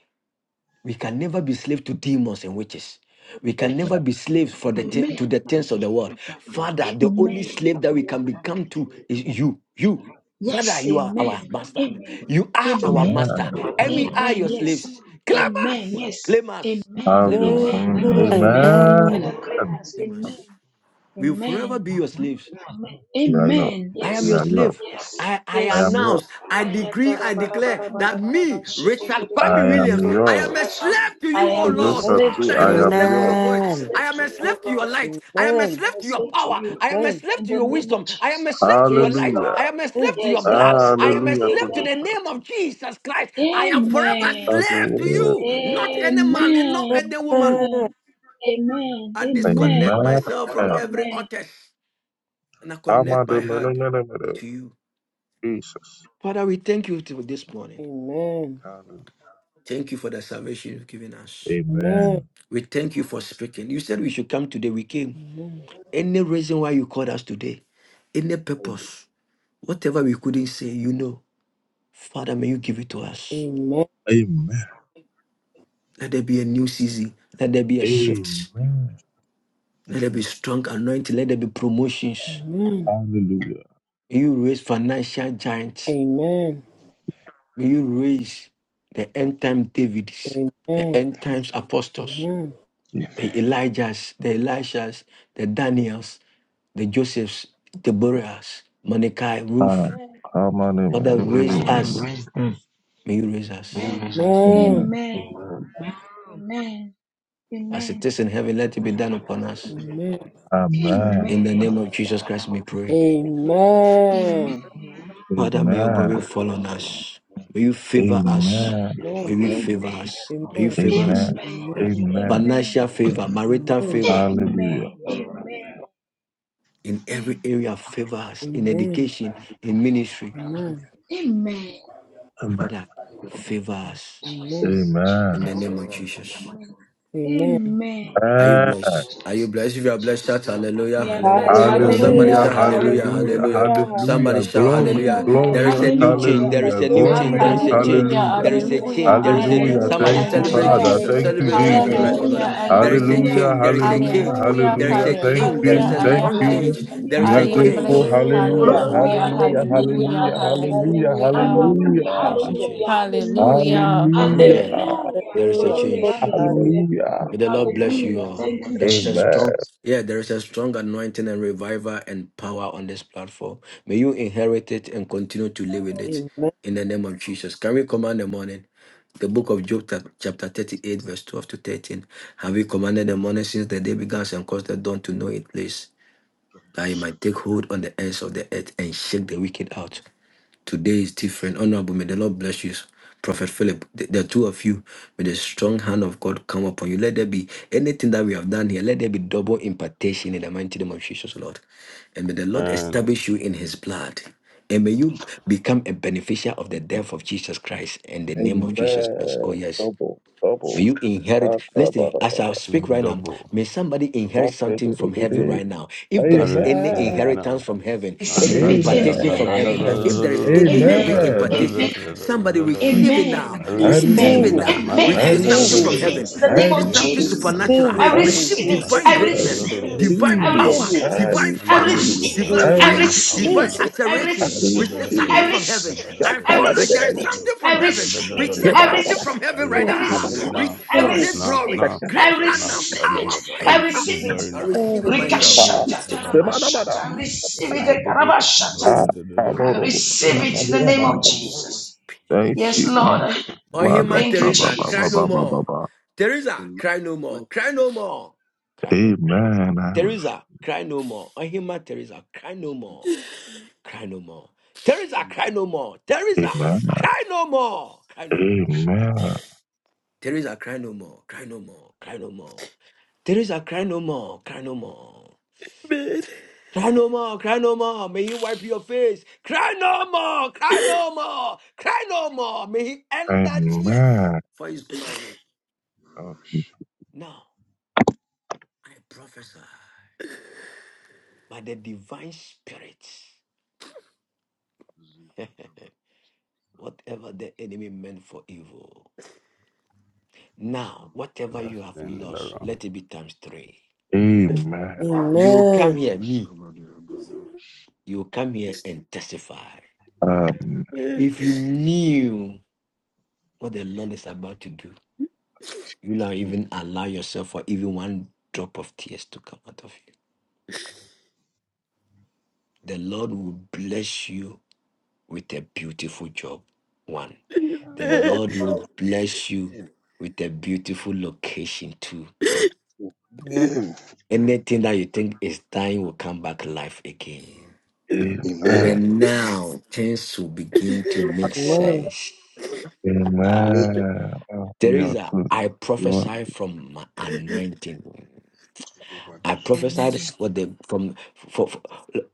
[SPEAKER 7] We can never be slaves to demons and witches. We can never be slaves for the thi- to the things of the world. Father, the
[SPEAKER 13] Amen.
[SPEAKER 7] only slave that we can become to is you. You. Father,
[SPEAKER 13] Yes,
[SPEAKER 7] you are our
[SPEAKER 13] amen.
[SPEAKER 7] master.
[SPEAKER 13] Amen.
[SPEAKER 7] You are our
[SPEAKER 13] Amen.
[SPEAKER 16] Amen.
[SPEAKER 7] master. And we are
[SPEAKER 13] Amen.
[SPEAKER 7] your
[SPEAKER 13] Yes.
[SPEAKER 7] slaves. Claim
[SPEAKER 13] Amen.
[SPEAKER 7] us.
[SPEAKER 13] Yes.
[SPEAKER 7] Claim us.
[SPEAKER 16] I'll
[SPEAKER 13] Amen.
[SPEAKER 7] Claim
[SPEAKER 16] do it.
[SPEAKER 7] us.
[SPEAKER 13] Amen. Amen.
[SPEAKER 16] Amen.
[SPEAKER 13] Father,
[SPEAKER 19] Amen.
[SPEAKER 13] cleanse.
[SPEAKER 7] Claim
[SPEAKER 13] Amen.
[SPEAKER 7] us. We will forever
[SPEAKER 13] Amen.
[SPEAKER 7] be your slaves.
[SPEAKER 13] Amen.
[SPEAKER 16] We are yours.
[SPEAKER 13] Amen.
[SPEAKER 7] I am
[SPEAKER 16] We
[SPEAKER 7] your
[SPEAKER 13] Yes.
[SPEAKER 16] are yours.
[SPEAKER 7] slave.
[SPEAKER 13] Yes.
[SPEAKER 7] I, I
[SPEAKER 16] I am
[SPEAKER 13] Yes.
[SPEAKER 16] yours.
[SPEAKER 7] announce, I decree, I declare that me, Richard Kwame
[SPEAKER 16] I am
[SPEAKER 7] Williams, I am
[SPEAKER 16] yours.
[SPEAKER 7] a slave to
[SPEAKER 13] I
[SPEAKER 7] you, oh
[SPEAKER 16] So
[SPEAKER 13] am your
[SPEAKER 16] just
[SPEAKER 7] Lord.
[SPEAKER 16] as
[SPEAKER 13] slave
[SPEAKER 7] God,
[SPEAKER 16] you,
[SPEAKER 13] to
[SPEAKER 7] I
[SPEAKER 13] you,
[SPEAKER 7] am a
[SPEAKER 16] I
[SPEAKER 13] O
[SPEAKER 16] am
[SPEAKER 7] slave to
[SPEAKER 13] Lord.
[SPEAKER 16] yours.
[SPEAKER 7] your
[SPEAKER 13] I am a
[SPEAKER 7] voice.
[SPEAKER 19] Amen.
[SPEAKER 13] slave
[SPEAKER 7] I am
[SPEAKER 13] to
[SPEAKER 7] a
[SPEAKER 13] you, O
[SPEAKER 7] slave to your
[SPEAKER 13] Lord.
[SPEAKER 7] light.
[SPEAKER 2] Amen.
[SPEAKER 7] I am a
[SPEAKER 2] Amen. Amen.
[SPEAKER 13] I
[SPEAKER 2] Amen.
[SPEAKER 13] am
[SPEAKER 7] slave
[SPEAKER 13] a
[SPEAKER 7] to your
[SPEAKER 13] slave to
[SPEAKER 7] power.
[SPEAKER 13] you.
[SPEAKER 7] I am a
[SPEAKER 2] Amen.
[SPEAKER 7] slave
[SPEAKER 13] In
[SPEAKER 7] to
[SPEAKER 13] the
[SPEAKER 7] your
[SPEAKER 13] name of
[SPEAKER 7] wisdom. I am a
[SPEAKER 13] Jesus.
[SPEAKER 7] slave to your
[SPEAKER 13] Yes,
[SPEAKER 7] light.
[SPEAKER 16] Hallelujah.
[SPEAKER 13] Lord.
[SPEAKER 7] I am a slave to your
[SPEAKER 13] Yes, I am a
[SPEAKER 7] blood. I
[SPEAKER 13] slave.
[SPEAKER 7] am a
[SPEAKER 16] Hallelujah.
[SPEAKER 7] slave
[SPEAKER 16] Because
[SPEAKER 7] to
[SPEAKER 16] you
[SPEAKER 7] the
[SPEAKER 13] Amen.
[SPEAKER 7] name of Jesus Christ. I am forever slave to
[SPEAKER 13] Amen.
[SPEAKER 7] you, not any man and not
[SPEAKER 13] Amen.
[SPEAKER 7] any woman.
[SPEAKER 13] Amen. Amen.
[SPEAKER 7] I disconnect
[SPEAKER 13] Amen.
[SPEAKER 16] Amen.
[SPEAKER 7] myself from
[SPEAKER 16] I'm
[SPEAKER 7] every
[SPEAKER 13] Amen.
[SPEAKER 7] artist and I
[SPEAKER 16] on
[SPEAKER 7] connect my
[SPEAKER 16] the
[SPEAKER 7] heart
[SPEAKER 16] minute,
[SPEAKER 7] to you.
[SPEAKER 16] Jesus.
[SPEAKER 7] Father, we thank you till this morning.
[SPEAKER 2] Amen.
[SPEAKER 16] Hallelujah.
[SPEAKER 7] Thank you for the salvation you've given us.
[SPEAKER 2] Amen.
[SPEAKER 16] Amen.
[SPEAKER 7] We thank you for speaking. You said we should come today. We came.
[SPEAKER 2] Amen.
[SPEAKER 7] Any reason why you called us today, any purpose, whatever we couldn't say, you know, Father, may you give it to us.
[SPEAKER 2] Amen.
[SPEAKER 16] Amen.
[SPEAKER 7] Let there be a new season. Let there be a shift.
[SPEAKER 16] Amen.
[SPEAKER 7] Let there be strong anointing. Let there be promotions.
[SPEAKER 2] Amen.
[SPEAKER 16] Hallelujah.
[SPEAKER 7] May you raise financial giants.
[SPEAKER 2] Amen.
[SPEAKER 7] May you raise the end time Davids, the
[SPEAKER 2] Amen.
[SPEAKER 7] end times apostles.
[SPEAKER 2] Amen.
[SPEAKER 16] Jesus.
[SPEAKER 7] the Elijahs, the Elishas, the Daniels, the Josephs, Deborahs, Mordecai, Ruth.
[SPEAKER 16] Ah, Come on,
[SPEAKER 7] Father,
[SPEAKER 16] amen.
[SPEAKER 7] raise us. May you raise us.
[SPEAKER 16] Amen.
[SPEAKER 2] Amen.
[SPEAKER 13] Amen. Amen.
[SPEAKER 7] As
[SPEAKER 13] Amen.
[SPEAKER 7] it is in heaven, let it be done upon us.
[SPEAKER 16] Amen.
[SPEAKER 7] In the
[SPEAKER 13] Amen.
[SPEAKER 7] name of Jesus Christ, we
[SPEAKER 2] Amen.
[SPEAKER 7] pray.
[SPEAKER 13] Amen.
[SPEAKER 2] Amen.
[SPEAKER 7] Father, may your glory
[SPEAKER 16] Amen.
[SPEAKER 7] fall on us. May you favor
[SPEAKER 13] Amen.
[SPEAKER 7] us.
[SPEAKER 16] Amen.
[SPEAKER 2] Amen.
[SPEAKER 7] May you favor us. May you
[SPEAKER 2] Amen.
[SPEAKER 7] favor
[SPEAKER 16] Amen.
[SPEAKER 7] us.
[SPEAKER 13] Amen.
[SPEAKER 2] Amen.
[SPEAKER 16] Amen.
[SPEAKER 13] Amen.
[SPEAKER 7] Financial favor, marital
[SPEAKER 13] Amen.
[SPEAKER 2] Amen. Amen.
[SPEAKER 7] favor,
[SPEAKER 16] Hallelujah.
[SPEAKER 13] Amen.
[SPEAKER 7] in every area, favor us. In
[SPEAKER 2] Amen.
[SPEAKER 7] education, in ministry.
[SPEAKER 13] Amen.
[SPEAKER 16] Amen.
[SPEAKER 7] Father, favor us.
[SPEAKER 2] Amen.
[SPEAKER 7] In
[SPEAKER 16] Amen.
[SPEAKER 7] the name of Jesus.
[SPEAKER 13] Amen.
[SPEAKER 2] Amen.
[SPEAKER 13] Amen.
[SPEAKER 7] Are you blessed? Are you blessed? If you are blessed, shout hallelujah, hallelujah. And somebody
[SPEAKER 2] Hallelujah.
[SPEAKER 16] Hallelujah,
[SPEAKER 7] shout hallelujah,
[SPEAKER 16] hallelujah,
[SPEAKER 7] hallelujah.
[SPEAKER 2] Hallelujah.
[SPEAKER 7] Somebody
[SPEAKER 16] hallelujah,
[SPEAKER 7] shout
[SPEAKER 16] glory,
[SPEAKER 2] Hallelujah.
[SPEAKER 7] hallelujah. There is
[SPEAKER 16] glorious,
[SPEAKER 7] a new change. There
[SPEAKER 2] Hallelujah.
[SPEAKER 7] is
[SPEAKER 16] hallelujah,
[SPEAKER 7] a new
[SPEAKER 2] Glory.
[SPEAKER 7] change. There
[SPEAKER 16] glorious,
[SPEAKER 7] is a change.
[SPEAKER 6] Hallelujah,
[SPEAKER 16] hallelujah,
[SPEAKER 2] Hallelujah.
[SPEAKER 7] There is a
[SPEAKER 6] hallelujah,
[SPEAKER 7] change. There is a
[SPEAKER 16] hallelujah.
[SPEAKER 6] hallelujah.
[SPEAKER 7] somebody
[SPEAKER 6] I
[SPEAKER 16] Thank you,
[SPEAKER 6] am
[SPEAKER 7] celebrate
[SPEAKER 2] Hallelujah.
[SPEAKER 16] Father.
[SPEAKER 6] blessed.
[SPEAKER 7] Jesus.
[SPEAKER 16] Thank you,
[SPEAKER 7] Celebrate Jesus
[SPEAKER 16] Jesus.
[SPEAKER 7] Christ, O
[SPEAKER 2] Hallelujah.
[SPEAKER 7] Lord.
[SPEAKER 6] Hallelujah, I
[SPEAKER 7] There
[SPEAKER 6] am
[SPEAKER 7] is a
[SPEAKER 6] blessed.
[SPEAKER 16] Hallelujah,
[SPEAKER 7] change. There is a
[SPEAKER 16] hallelujah,
[SPEAKER 7] change.
[SPEAKER 6] Hallelujah,
[SPEAKER 7] There is a
[SPEAKER 16] hallelujah. Thank
[SPEAKER 7] change. There is
[SPEAKER 6] hallelujah,
[SPEAKER 16] you,
[SPEAKER 7] a
[SPEAKER 6] I
[SPEAKER 16] thank
[SPEAKER 6] am
[SPEAKER 7] strong
[SPEAKER 2] Hallelujah.
[SPEAKER 16] you.
[SPEAKER 6] blessed.
[SPEAKER 7] change. There
[SPEAKER 16] We
[SPEAKER 7] is a
[SPEAKER 16] are
[SPEAKER 6] I am
[SPEAKER 16] grateful.
[SPEAKER 7] change.
[SPEAKER 6] blessed.
[SPEAKER 2] Hallelujah,
[SPEAKER 16] Hallelujah,
[SPEAKER 6] Hallelujah,
[SPEAKER 2] hallelujah,
[SPEAKER 16] hallelujah,
[SPEAKER 6] hallelujah,
[SPEAKER 16] hallelujah,
[SPEAKER 2] hallelujah,
[SPEAKER 16] hallelujah,
[SPEAKER 6] hallelujah,
[SPEAKER 7] There
[SPEAKER 16] hallelujah,
[SPEAKER 7] is a change.
[SPEAKER 6] hallelujah.
[SPEAKER 16] hallelujah,
[SPEAKER 7] Yeah, there is a
[SPEAKER 2] hallelujah, glory,
[SPEAKER 7] change.
[SPEAKER 2] hallelujah.
[SPEAKER 16] hallelujah.
[SPEAKER 7] May the Lord bless you all. There is a
[SPEAKER 16] Amen,
[SPEAKER 7] strong, yeah, there is a strong anointing and revival and power on this platform. May you inherit it and continue to live in it
[SPEAKER 2] Amen.
[SPEAKER 7] in the name of Jesus. Can we command the morning? The book of Job, chap- chapter 38, verse 12 to 13. Have we commanded the morning since the day began and caused the dawn to know its place? That it might
[SPEAKER 9] Pradosata,
[SPEAKER 7] take hold on the ends of the earth and shake the wicked out. Today is different. Honorable, may the Lord bless you. Prophet Philip, the, the two of you, may the strong hand of God come upon you. Let there be anything that we have done here, let there be double impartation in the mighty name of Jesus, Lord. And may the Lord establish you in his blood. And may you become a beneficiary of the death of Jesus Christ and the name of Jesus Christ. Oh,
[SPEAKER 16] amen.
[SPEAKER 7] yes.
[SPEAKER 16] Double,
[SPEAKER 7] May you inherit. Listen,
[SPEAKER 16] double.
[SPEAKER 7] as I speak right now,
[SPEAKER 5] Double.
[SPEAKER 7] may somebody inherit something from heaven
[SPEAKER 16] Amen.
[SPEAKER 7] right now. If there
[SPEAKER 5] I
[SPEAKER 7] is any
[SPEAKER 5] receive it
[SPEAKER 7] inheritance
[SPEAKER 5] now.
[SPEAKER 7] from heaven, any
[SPEAKER 13] Receive it.
[SPEAKER 5] Makada da
[SPEAKER 16] Amen.
[SPEAKER 7] impartation
[SPEAKER 5] da da
[SPEAKER 13] Amen.
[SPEAKER 7] from
[SPEAKER 5] da
[SPEAKER 13] I
[SPEAKER 5] da
[SPEAKER 7] heaven,
[SPEAKER 5] da
[SPEAKER 13] hear
[SPEAKER 7] if
[SPEAKER 13] it.
[SPEAKER 5] da
[SPEAKER 7] there
[SPEAKER 5] da
[SPEAKER 7] is
[SPEAKER 5] da.
[SPEAKER 7] any heaven
[SPEAKER 5] Shebra
[SPEAKER 13] Amen.
[SPEAKER 5] da da
[SPEAKER 16] Amen.
[SPEAKER 5] da
[SPEAKER 7] impartation,
[SPEAKER 13] Amen.
[SPEAKER 5] da da
[SPEAKER 7] somebody
[SPEAKER 5] da da da da.
[SPEAKER 7] receive
[SPEAKER 16] Jesus,
[SPEAKER 7] it
[SPEAKER 13] Amen.
[SPEAKER 7] now.
[SPEAKER 5] I
[SPEAKER 16] I
[SPEAKER 5] receive
[SPEAKER 7] Receive
[SPEAKER 5] it
[SPEAKER 2] Receive
[SPEAKER 7] it
[SPEAKER 13] Amen.
[SPEAKER 16] receive.
[SPEAKER 2] it,
[SPEAKER 5] now.
[SPEAKER 7] now.
[SPEAKER 13] Amen.
[SPEAKER 16] I
[SPEAKER 5] Makada
[SPEAKER 13] I
[SPEAKER 7] Receive
[SPEAKER 5] da da
[SPEAKER 2] receive
[SPEAKER 7] something
[SPEAKER 5] da
[SPEAKER 16] receive.
[SPEAKER 5] da
[SPEAKER 7] from
[SPEAKER 13] receive
[SPEAKER 5] da
[SPEAKER 2] it,
[SPEAKER 5] da
[SPEAKER 13] it
[SPEAKER 7] heaven.
[SPEAKER 5] da
[SPEAKER 13] in
[SPEAKER 5] da.
[SPEAKER 13] the name
[SPEAKER 16] I
[SPEAKER 7] Receive
[SPEAKER 13] of
[SPEAKER 5] Shia da.
[SPEAKER 2] and
[SPEAKER 7] something
[SPEAKER 13] Jesus.
[SPEAKER 5] I
[SPEAKER 16] receive.
[SPEAKER 2] receive
[SPEAKER 7] supernatural.
[SPEAKER 5] receive it
[SPEAKER 13] I
[SPEAKER 2] it
[SPEAKER 16] I
[SPEAKER 5] now.
[SPEAKER 2] in
[SPEAKER 7] Receive
[SPEAKER 13] receive it.
[SPEAKER 7] divine
[SPEAKER 2] Jesus'
[SPEAKER 13] I
[SPEAKER 5] Makaba
[SPEAKER 2] name.
[SPEAKER 5] da da
[SPEAKER 7] greatness,
[SPEAKER 16] receive.
[SPEAKER 5] da da
[SPEAKER 13] receive
[SPEAKER 2] And
[SPEAKER 5] da.
[SPEAKER 13] it.
[SPEAKER 11] I
[SPEAKER 5] Shia
[SPEAKER 7] divine
[SPEAKER 5] da
[SPEAKER 13] I
[SPEAKER 5] da da da
[SPEAKER 11] receive
[SPEAKER 7] power,
[SPEAKER 2] Receive
[SPEAKER 5] da.
[SPEAKER 13] receive
[SPEAKER 2] it,
[SPEAKER 16] I
[SPEAKER 13] it.
[SPEAKER 7] divine
[SPEAKER 11] peace.
[SPEAKER 5] And
[SPEAKER 13] I
[SPEAKER 5] da da
[SPEAKER 7] power
[SPEAKER 5] da da.
[SPEAKER 13] receive
[SPEAKER 16] receive.
[SPEAKER 5] I
[SPEAKER 13] it.
[SPEAKER 16] I
[SPEAKER 7] divine
[SPEAKER 2] receive it in
[SPEAKER 13] I
[SPEAKER 5] receive
[SPEAKER 7] fire,
[SPEAKER 5] my
[SPEAKER 11] Peace.
[SPEAKER 5] power
[SPEAKER 13] receive
[SPEAKER 7] divine
[SPEAKER 16] receive.
[SPEAKER 13] it.
[SPEAKER 5] now.
[SPEAKER 11] Peace.
[SPEAKER 2] Jesus'
[SPEAKER 13] I
[SPEAKER 16] I
[SPEAKER 7] acceleration.
[SPEAKER 5] Shia da da
[SPEAKER 13] receive
[SPEAKER 5] da
[SPEAKER 7] Receive
[SPEAKER 5] da
[SPEAKER 13] it.
[SPEAKER 5] da
[SPEAKER 2] name.
[SPEAKER 16] receive.
[SPEAKER 5] da.
[SPEAKER 7] something
[SPEAKER 13] I
[SPEAKER 7] from heaven.
[SPEAKER 13] receive
[SPEAKER 5] Shebra da
[SPEAKER 13] it.
[SPEAKER 7] I
[SPEAKER 5] da.
[SPEAKER 13] I
[SPEAKER 7] feel
[SPEAKER 2] Receive
[SPEAKER 7] like there
[SPEAKER 5] Shia
[SPEAKER 7] is
[SPEAKER 13] receive
[SPEAKER 16] Yakabadebede,
[SPEAKER 5] da
[SPEAKER 13] it.
[SPEAKER 5] da.
[SPEAKER 7] something from
[SPEAKER 13] I
[SPEAKER 5] Shia da
[SPEAKER 7] heaven.
[SPEAKER 5] da da
[SPEAKER 13] receive
[SPEAKER 5] da
[SPEAKER 13] it.
[SPEAKER 5] da
[SPEAKER 7] Receive
[SPEAKER 2] it,
[SPEAKER 5] da.
[SPEAKER 13] I
[SPEAKER 7] something
[SPEAKER 16] kebadabada,
[SPEAKER 13] receive
[SPEAKER 7] from
[SPEAKER 5] I
[SPEAKER 13] it.
[SPEAKER 7] heaven
[SPEAKER 13] I
[SPEAKER 7] right
[SPEAKER 2] receive it,
[SPEAKER 5] receive
[SPEAKER 7] now.
[SPEAKER 5] it
[SPEAKER 16] kadaka,
[SPEAKER 2] receive
[SPEAKER 13] receive it.
[SPEAKER 7] Receive
[SPEAKER 5] now,
[SPEAKER 2] it
[SPEAKER 13] I
[SPEAKER 2] in Jesus'
[SPEAKER 5] now,
[SPEAKER 2] name.
[SPEAKER 7] great
[SPEAKER 5] now,
[SPEAKER 13] receive
[SPEAKER 7] glory,
[SPEAKER 13] it.
[SPEAKER 5] now.
[SPEAKER 7] great
[SPEAKER 13] I
[SPEAKER 16] sekanade,
[SPEAKER 5] Ma-
[SPEAKER 7] honor,
[SPEAKER 5] da-
[SPEAKER 13] receive
[SPEAKER 5] da-
[SPEAKER 13] it.
[SPEAKER 7] power,
[SPEAKER 5] da- da. I
[SPEAKER 7] fire.
[SPEAKER 13] I
[SPEAKER 5] receive
[SPEAKER 13] receive it.
[SPEAKER 5] glory
[SPEAKER 7] I
[SPEAKER 5] now.
[SPEAKER 7] receive
[SPEAKER 2] Amen.
[SPEAKER 7] it myself.
[SPEAKER 16] ah,
[SPEAKER 13] Rikashata
[SPEAKER 16] semanabada,
[SPEAKER 13] tarabashata. I receive
[SPEAKER 16] ah,
[SPEAKER 13] it. Karabashata.
[SPEAKER 16] ah,
[SPEAKER 13] I
[SPEAKER 16] amorobo,
[SPEAKER 13] receive it in the name
[SPEAKER 16] samaduama.
[SPEAKER 13] of Jesus.
[SPEAKER 16] Thank
[SPEAKER 13] Yes,
[SPEAKER 16] you.
[SPEAKER 13] Lord.
[SPEAKER 16] Mother,
[SPEAKER 7] Ohima
[SPEAKER 13] Thank you,
[SPEAKER 16] ba, ba,
[SPEAKER 7] Teresa,
[SPEAKER 16] ba,
[SPEAKER 7] cry
[SPEAKER 16] ba, ba,
[SPEAKER 13] Jesus.
[SPEAKER 7] no
[SPEAKER 16] ba, ba,
[SPEAKER 7] more.
[SPEAKER 16] ba.
[SPEAKER 7] Teresa,
[SPEAKER 9] The
[SPEAKER 7] cry no more.
[SPEAKER 9] light
[SPEAKER 7] Cry no more. Cry no more.
[SPEAKER 16] Amen. I was.
[SPEAKER 7] Teresa, cry no more. Ohima Teresa, cry no
[SPEAKER 9] is
[SPEAKER 7] more. Cry no more. Teresa, cry
[SPEAKER 9] Jesus,
[SPEAKER 7] no more. Teresa,
[SPEAKER 16] Amen.
[SPEAKER 7] cry no more. Cry no more.
[SPEAKER 16] Amen.
[SPEAKER 7] Teresa, cry no more, cry no more, cry no more. Teresa, cry no more, cry no more. Cry no more, cry no more. May he wipe your face. Cry no more, cry no more, cry no more. May he end that tears
[SPEAKER 16] Amen.
[SPEAKER 7] for his glory.
[SPEAKER 9] Mamash.
[SPEAKER 16] Okay.
[SPEAKER 7] Now, I prophesy by the divine spirit,
[SPEAKER 9] Amen.
[SPEAKER 7] <laughs> whatever the enemy meant for evil. Now, whatever
[SPEAKER 5] That's
[SPEAKER 7] you have
[SPEAKER 5] standing
[SPEAKER 7] lost,
[SPEAKER 5] around.
[SPEAKER 7] let it be times three.
[SPEAKER 16] Amen.
[SPEAKER 7] You come here, me.
[SPEAKER 9] Amen. Amen.
[SPEAKER 7] You come here and testify.
[SPEAKER 16] Um,
[SPEAKER 11] Man.
[SPEAKER 7] If you knew what the Lord is about to do, you will not even allow yourself for even one drop of tears to come out of you. The Lord will bless you with a beautiful job. One.
[SPEAKER 11] Amen. Amen.
[SPEAKER 7] The Lord will bless you with a beautiful location too. Anything that you think is dying will come back life again.
[SPEAKER 9] Amen.
[SPEAKER 16] amen.
[SPEAKER 7] And now things will begin to make
[SPEAKER 2] Amen.
[SPEAKER 7] sense.
[SPEAKER 16] Amen. Oh, you are
[SPEAKER 7] Teresa,
[SPEAKER 16] good.
[SPEAKER 7] I
[SPEAKER 16] You are.
[SPEAKER 7] prophesy from my anointing. I prophesied
[SPEAKER 19] Amen.
[SPEAKER 7] for the from for, for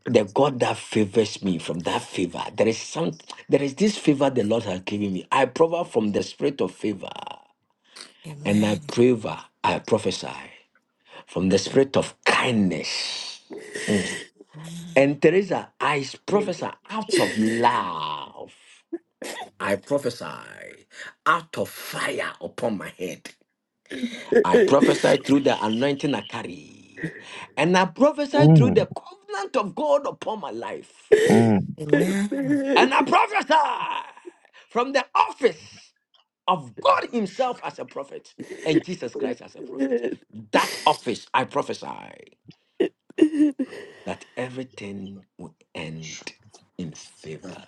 [SPEAKER 7] the God that favors me from that favor. There is some there is this favor the Lord has given me. I prover from the spirit of favor and I
[SPEAKER 19] Amen.
[SPEAKER 7] prover I prophesy from the spirit of kindness. Mm. And Teresa, I
[SPEAKER 11] Amen.
[SPEAKER 7] prophesy out of love. I prophesy out of fire upon my head. I prophesy through the anointing I carry. And I prophesy through the
[SPEAKER 16] Mm,
[SPEAKER 7] covenant of God upon my life.
[SPEAKER 16] mm,
[SPEAKER 19] Amen. Amen.
[SPEAKER 7] And I prophesy from the office of God Himself as a prophet and Jesus Christ as a prophet.
[SPEAKER 11] Amen.
[SPEAKER 7] That office, I prophesy that everything will end in favor.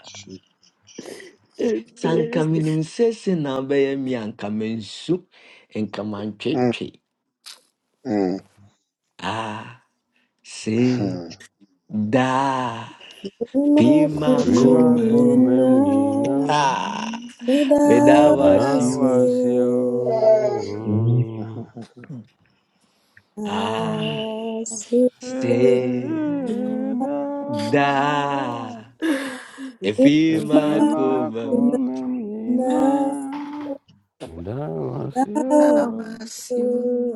[SPEAKER 7] Sɛ anka
[SPEAKER 11] Amen.
[SPEAKER 7] menim seesei na wobɛyɛ me a, anka mansu, anka
[SPEAKER 9] Mm,
[SPEAKER 7] mantwetwe. Ah, see,
[SPEAKER 9] mm,
[SPEAKER 7] da. Tima
[SPEAKER 5] Frima
[SPEAKER 7] kumem.
[SPEAKER 2] Amen.
[SPEAKER 5] kumemnyina,
[SPEAKER 7] Ah,
[SPEAKER 2] Did I was
[SPEAKER 7] medawashu.
[SPEAKER 2] you?
[SPEAKER 5] indawasyo.
[SPEAKER 16] mm.
[SPEAKER 9] mm.
[SPEAKER 19] Amen.
[SPEAKER 7] Ah,
[SPEAKER 2] As you
[SPEAKER 7] say
[SPEAKER 5] Seda,
[SPEAKER 7] da.
[SPEAKER 9] Jesus. Thank you,
[SPEAKER 7] Ifima
[SPEAKER 2] remember
[SPEAKER 5] Frima
[SPEAKER 19] Amen.
[SPEAKER 9] Jesus.
[SPEAKER 7] kumem.
[SPEAKER 5] kumemnyina,
[SPEAKER 2] now, now
[SPEAKER 19] How
[SPEAKER 5] indawasyo.
[SPEAKER 19] was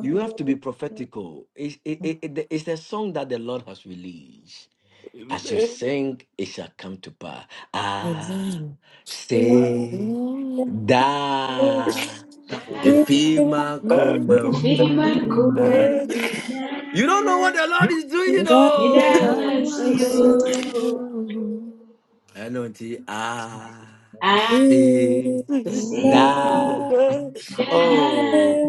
[SPEAKER 7] You have to be prophetical. It's, it, it, it- it's a song that the Lord has released. As you sing, it shall come to pass. Ah,
[SPEAKER 19] Amen.
[SPEAKER 2] Did I
[SPEAKER 7] say
[SPEAKER 19] Amen.
[SPEAKER 7] da.
[SPEAKER 2] was
[SPEAKER 9] Thank
[SPEAKER 2] you?
[SPEAKER 9] you,
[SPEAKER 7] Ifima kumem. You don't know what the Lord is doing, you
[SPEAKER 2] That I
[SPEAKER 19] How
[SPEAKER 7] know.
[SPEAKER 2] was you? That I
[SPEAKER 19] was
[SPEAKER 2] was
[SPEAKER 19] you?
[SPEAKER 7] anointing I
[SPEAKER 2] you?
[SPEAKER 7] see
[SPEAKER 19] Sing.
[SPEAKER 7] da
[SPEAKER 19] I
[SPEAKER 7] oh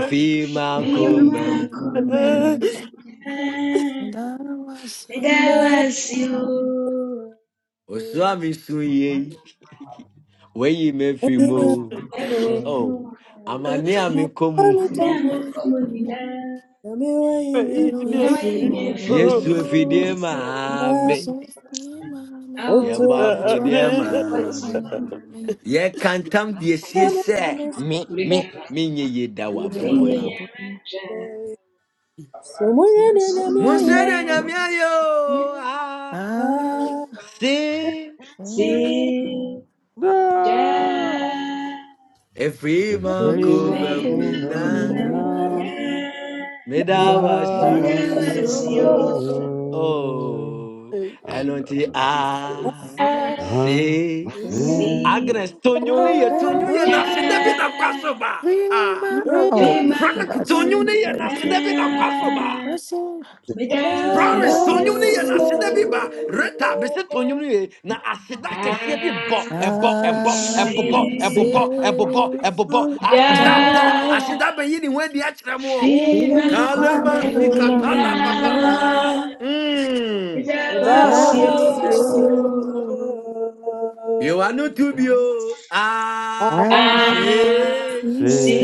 [SPEAKER 7] female
[SPEAKER 19] don't
[SPEAKER 7] comem
[SPEAKER 19] know, And I was young,
[SPEAKER 7] Oswami sunye weyi me
[SPEAKER 19] I should
[SPEAKER 7] fimo
[SPEAKER 19] know.
[SPEAKER 7] oh amani
[SPEAKER 2] I'm a
[SPEAKER 7] ami komu
[SPEAKER 2] mommy,
[SPEAKER 19] Look at
[SPEAKER 2] come with me,
[SPEAKER 19] my
[SPEAKER 2] I'm a way, I'm
[SPEAKER 19] I
[SPEAKER 2] a
[SPEAKER 11] Baby,
[SPEAKER 19] don't have
[SPEAKER 11] I'm
[SPEAKER 19] to
[SPEAKER 11] free.
[SPEAKER 7] Yesu
[SPEAKER 19] know.
[SPEAKER 7] efidie
[SPEAKER 19] I'm
[SPEAKER 7] maame
[SPEAKER 11] Thank
[SPEAKER 19] so near mommy.
[SPEAKER 7] ye
[SPEAKER 13] Oh,
[SPEAKER 2] feeling.
[SPEAKER 19] What
[SPEAKER 7] bafo
[SPEAKER 19] do I
[SPEAKER 7] die
[SPEAKER 19] mean,
[SPEAKER 7] maame
[SPEAKER 19] mommy?
[SPEAKER 7] ye kantam die
[SPEAKER 2] Somewhere in
[SPEAKER 7] siese
[SPEAKER 2] this-
[SPEAKER 7] me me me nye ye da wa
[SPEAKER 19] No,
[SPEAKER 7] brabo
[SPEAKER 19] I'm
[SPEAKER 7] emo
[SPEAKER 19] babbling.
[SPEAKER 13] me
[SPEAKER 2] Somewhere in the Nyamya,
[SPEAKER 7] Munsere
[SPEAKER 13] Amen.
[SPEAKER 7] nyamia yo ah
[SPEAKER 19] Ah,
[SPEAKER 2] yeah.
[SPEAKER 7] see
[SPEAKER 19] hey,
[SPEAKER 7] Efrima
[SPEAKER 19] my
[SPEAKER 5] Vyema
[SPEAKER 7] kubemyina
[SPEAKER 19] community.
[SPEAKER 5] kumemnyina ni
[SPEAKER 19] And
[SPEAKER 2] River,
[SPEAKER 19] I
[SPEAKER 7] medawashu.
[SPEAKER 5] dawa
[SPEAKER 19] was
[SPEAKER 5] sio.
[SPEAKER 19] young.
[SPEAKER 7] Oh,
[SPEAKER 5] Ah,
[SPEAKER 11] you,
[SPEAKER 5] da,
[SPEAKER 7] enunti
[SPEAKER 5] da, da, ba.
[SPEAKER 7] a
[SPEAKER 11] Jesus.
[SPEAKER 5] Ah,
[SPEAKER 7] see.
[SPEAKER 5] si
[SPEAKER 7] Agnes, tonyum ni ye
[SPEAKER 19] That
[SPEAKER 7] tonyu ye na se
[SPEAKER 19] was
[SPEAKER 5] na
[SPEAKER 7] David amkwasoba.
[SPEAKER 19] Free
[SPEAKER 7] Ah,
[SPEAKER 19] my out. But
[SPEAKER 7] Frank,
[SPEAKER 19] That's it.
[SPEAKER 7] tonyum ni ye na
[SPEAKER 19] Thank
[SPEAKER 7] se
[SPEAKER 19] you.
[SPEAKER 7] David amkwasoba.
[SPEAKER 19] That's all.
[SPEAKER 9] Jesus.
[SPEAKER 19] And
[SPEAKER 7] Florence
[SPEAKER 19] I
[SPEAKER 2] River,
[SPEAKER 7] tonyum ni ye
[SPEAKER 19] ask
[SPEAKER 7] na aseda bi ba Rita
[SPEAKER 19] you,
[SPEAKER 7] bese tonyum ni ye na aseda kɛseɛ bi bɔ ɛbɔ ɛbɔ
[SPEAKER 19] I
[SPEAKER 7] ɛbobɔ
[SPEAKER 19] sit
[SPEAKER 7] ɛbobɔ ɛbobɔ ɛbobɔ aseda
[SPEAKER 19] down
[SPEAKER 7] bɔ aseda bɛyi ne ho adi akyerɛ mo wɔ
[SPEAKER 19] in my
[SPEAKER 7] kalema
[SPEAKER 19] throne.
[SPEAKER 7] sikatala papa
[SPEAKER 11] That
[SPEAKER 7] mm.
[SPEAKER 19] I
[SPEAKER 11] was
[SPEAKER 19] ask you,
[SPEAKER 7] Biwanu tubio. ah,
[SPEAKER 19] I
[SPEAKER 7] se.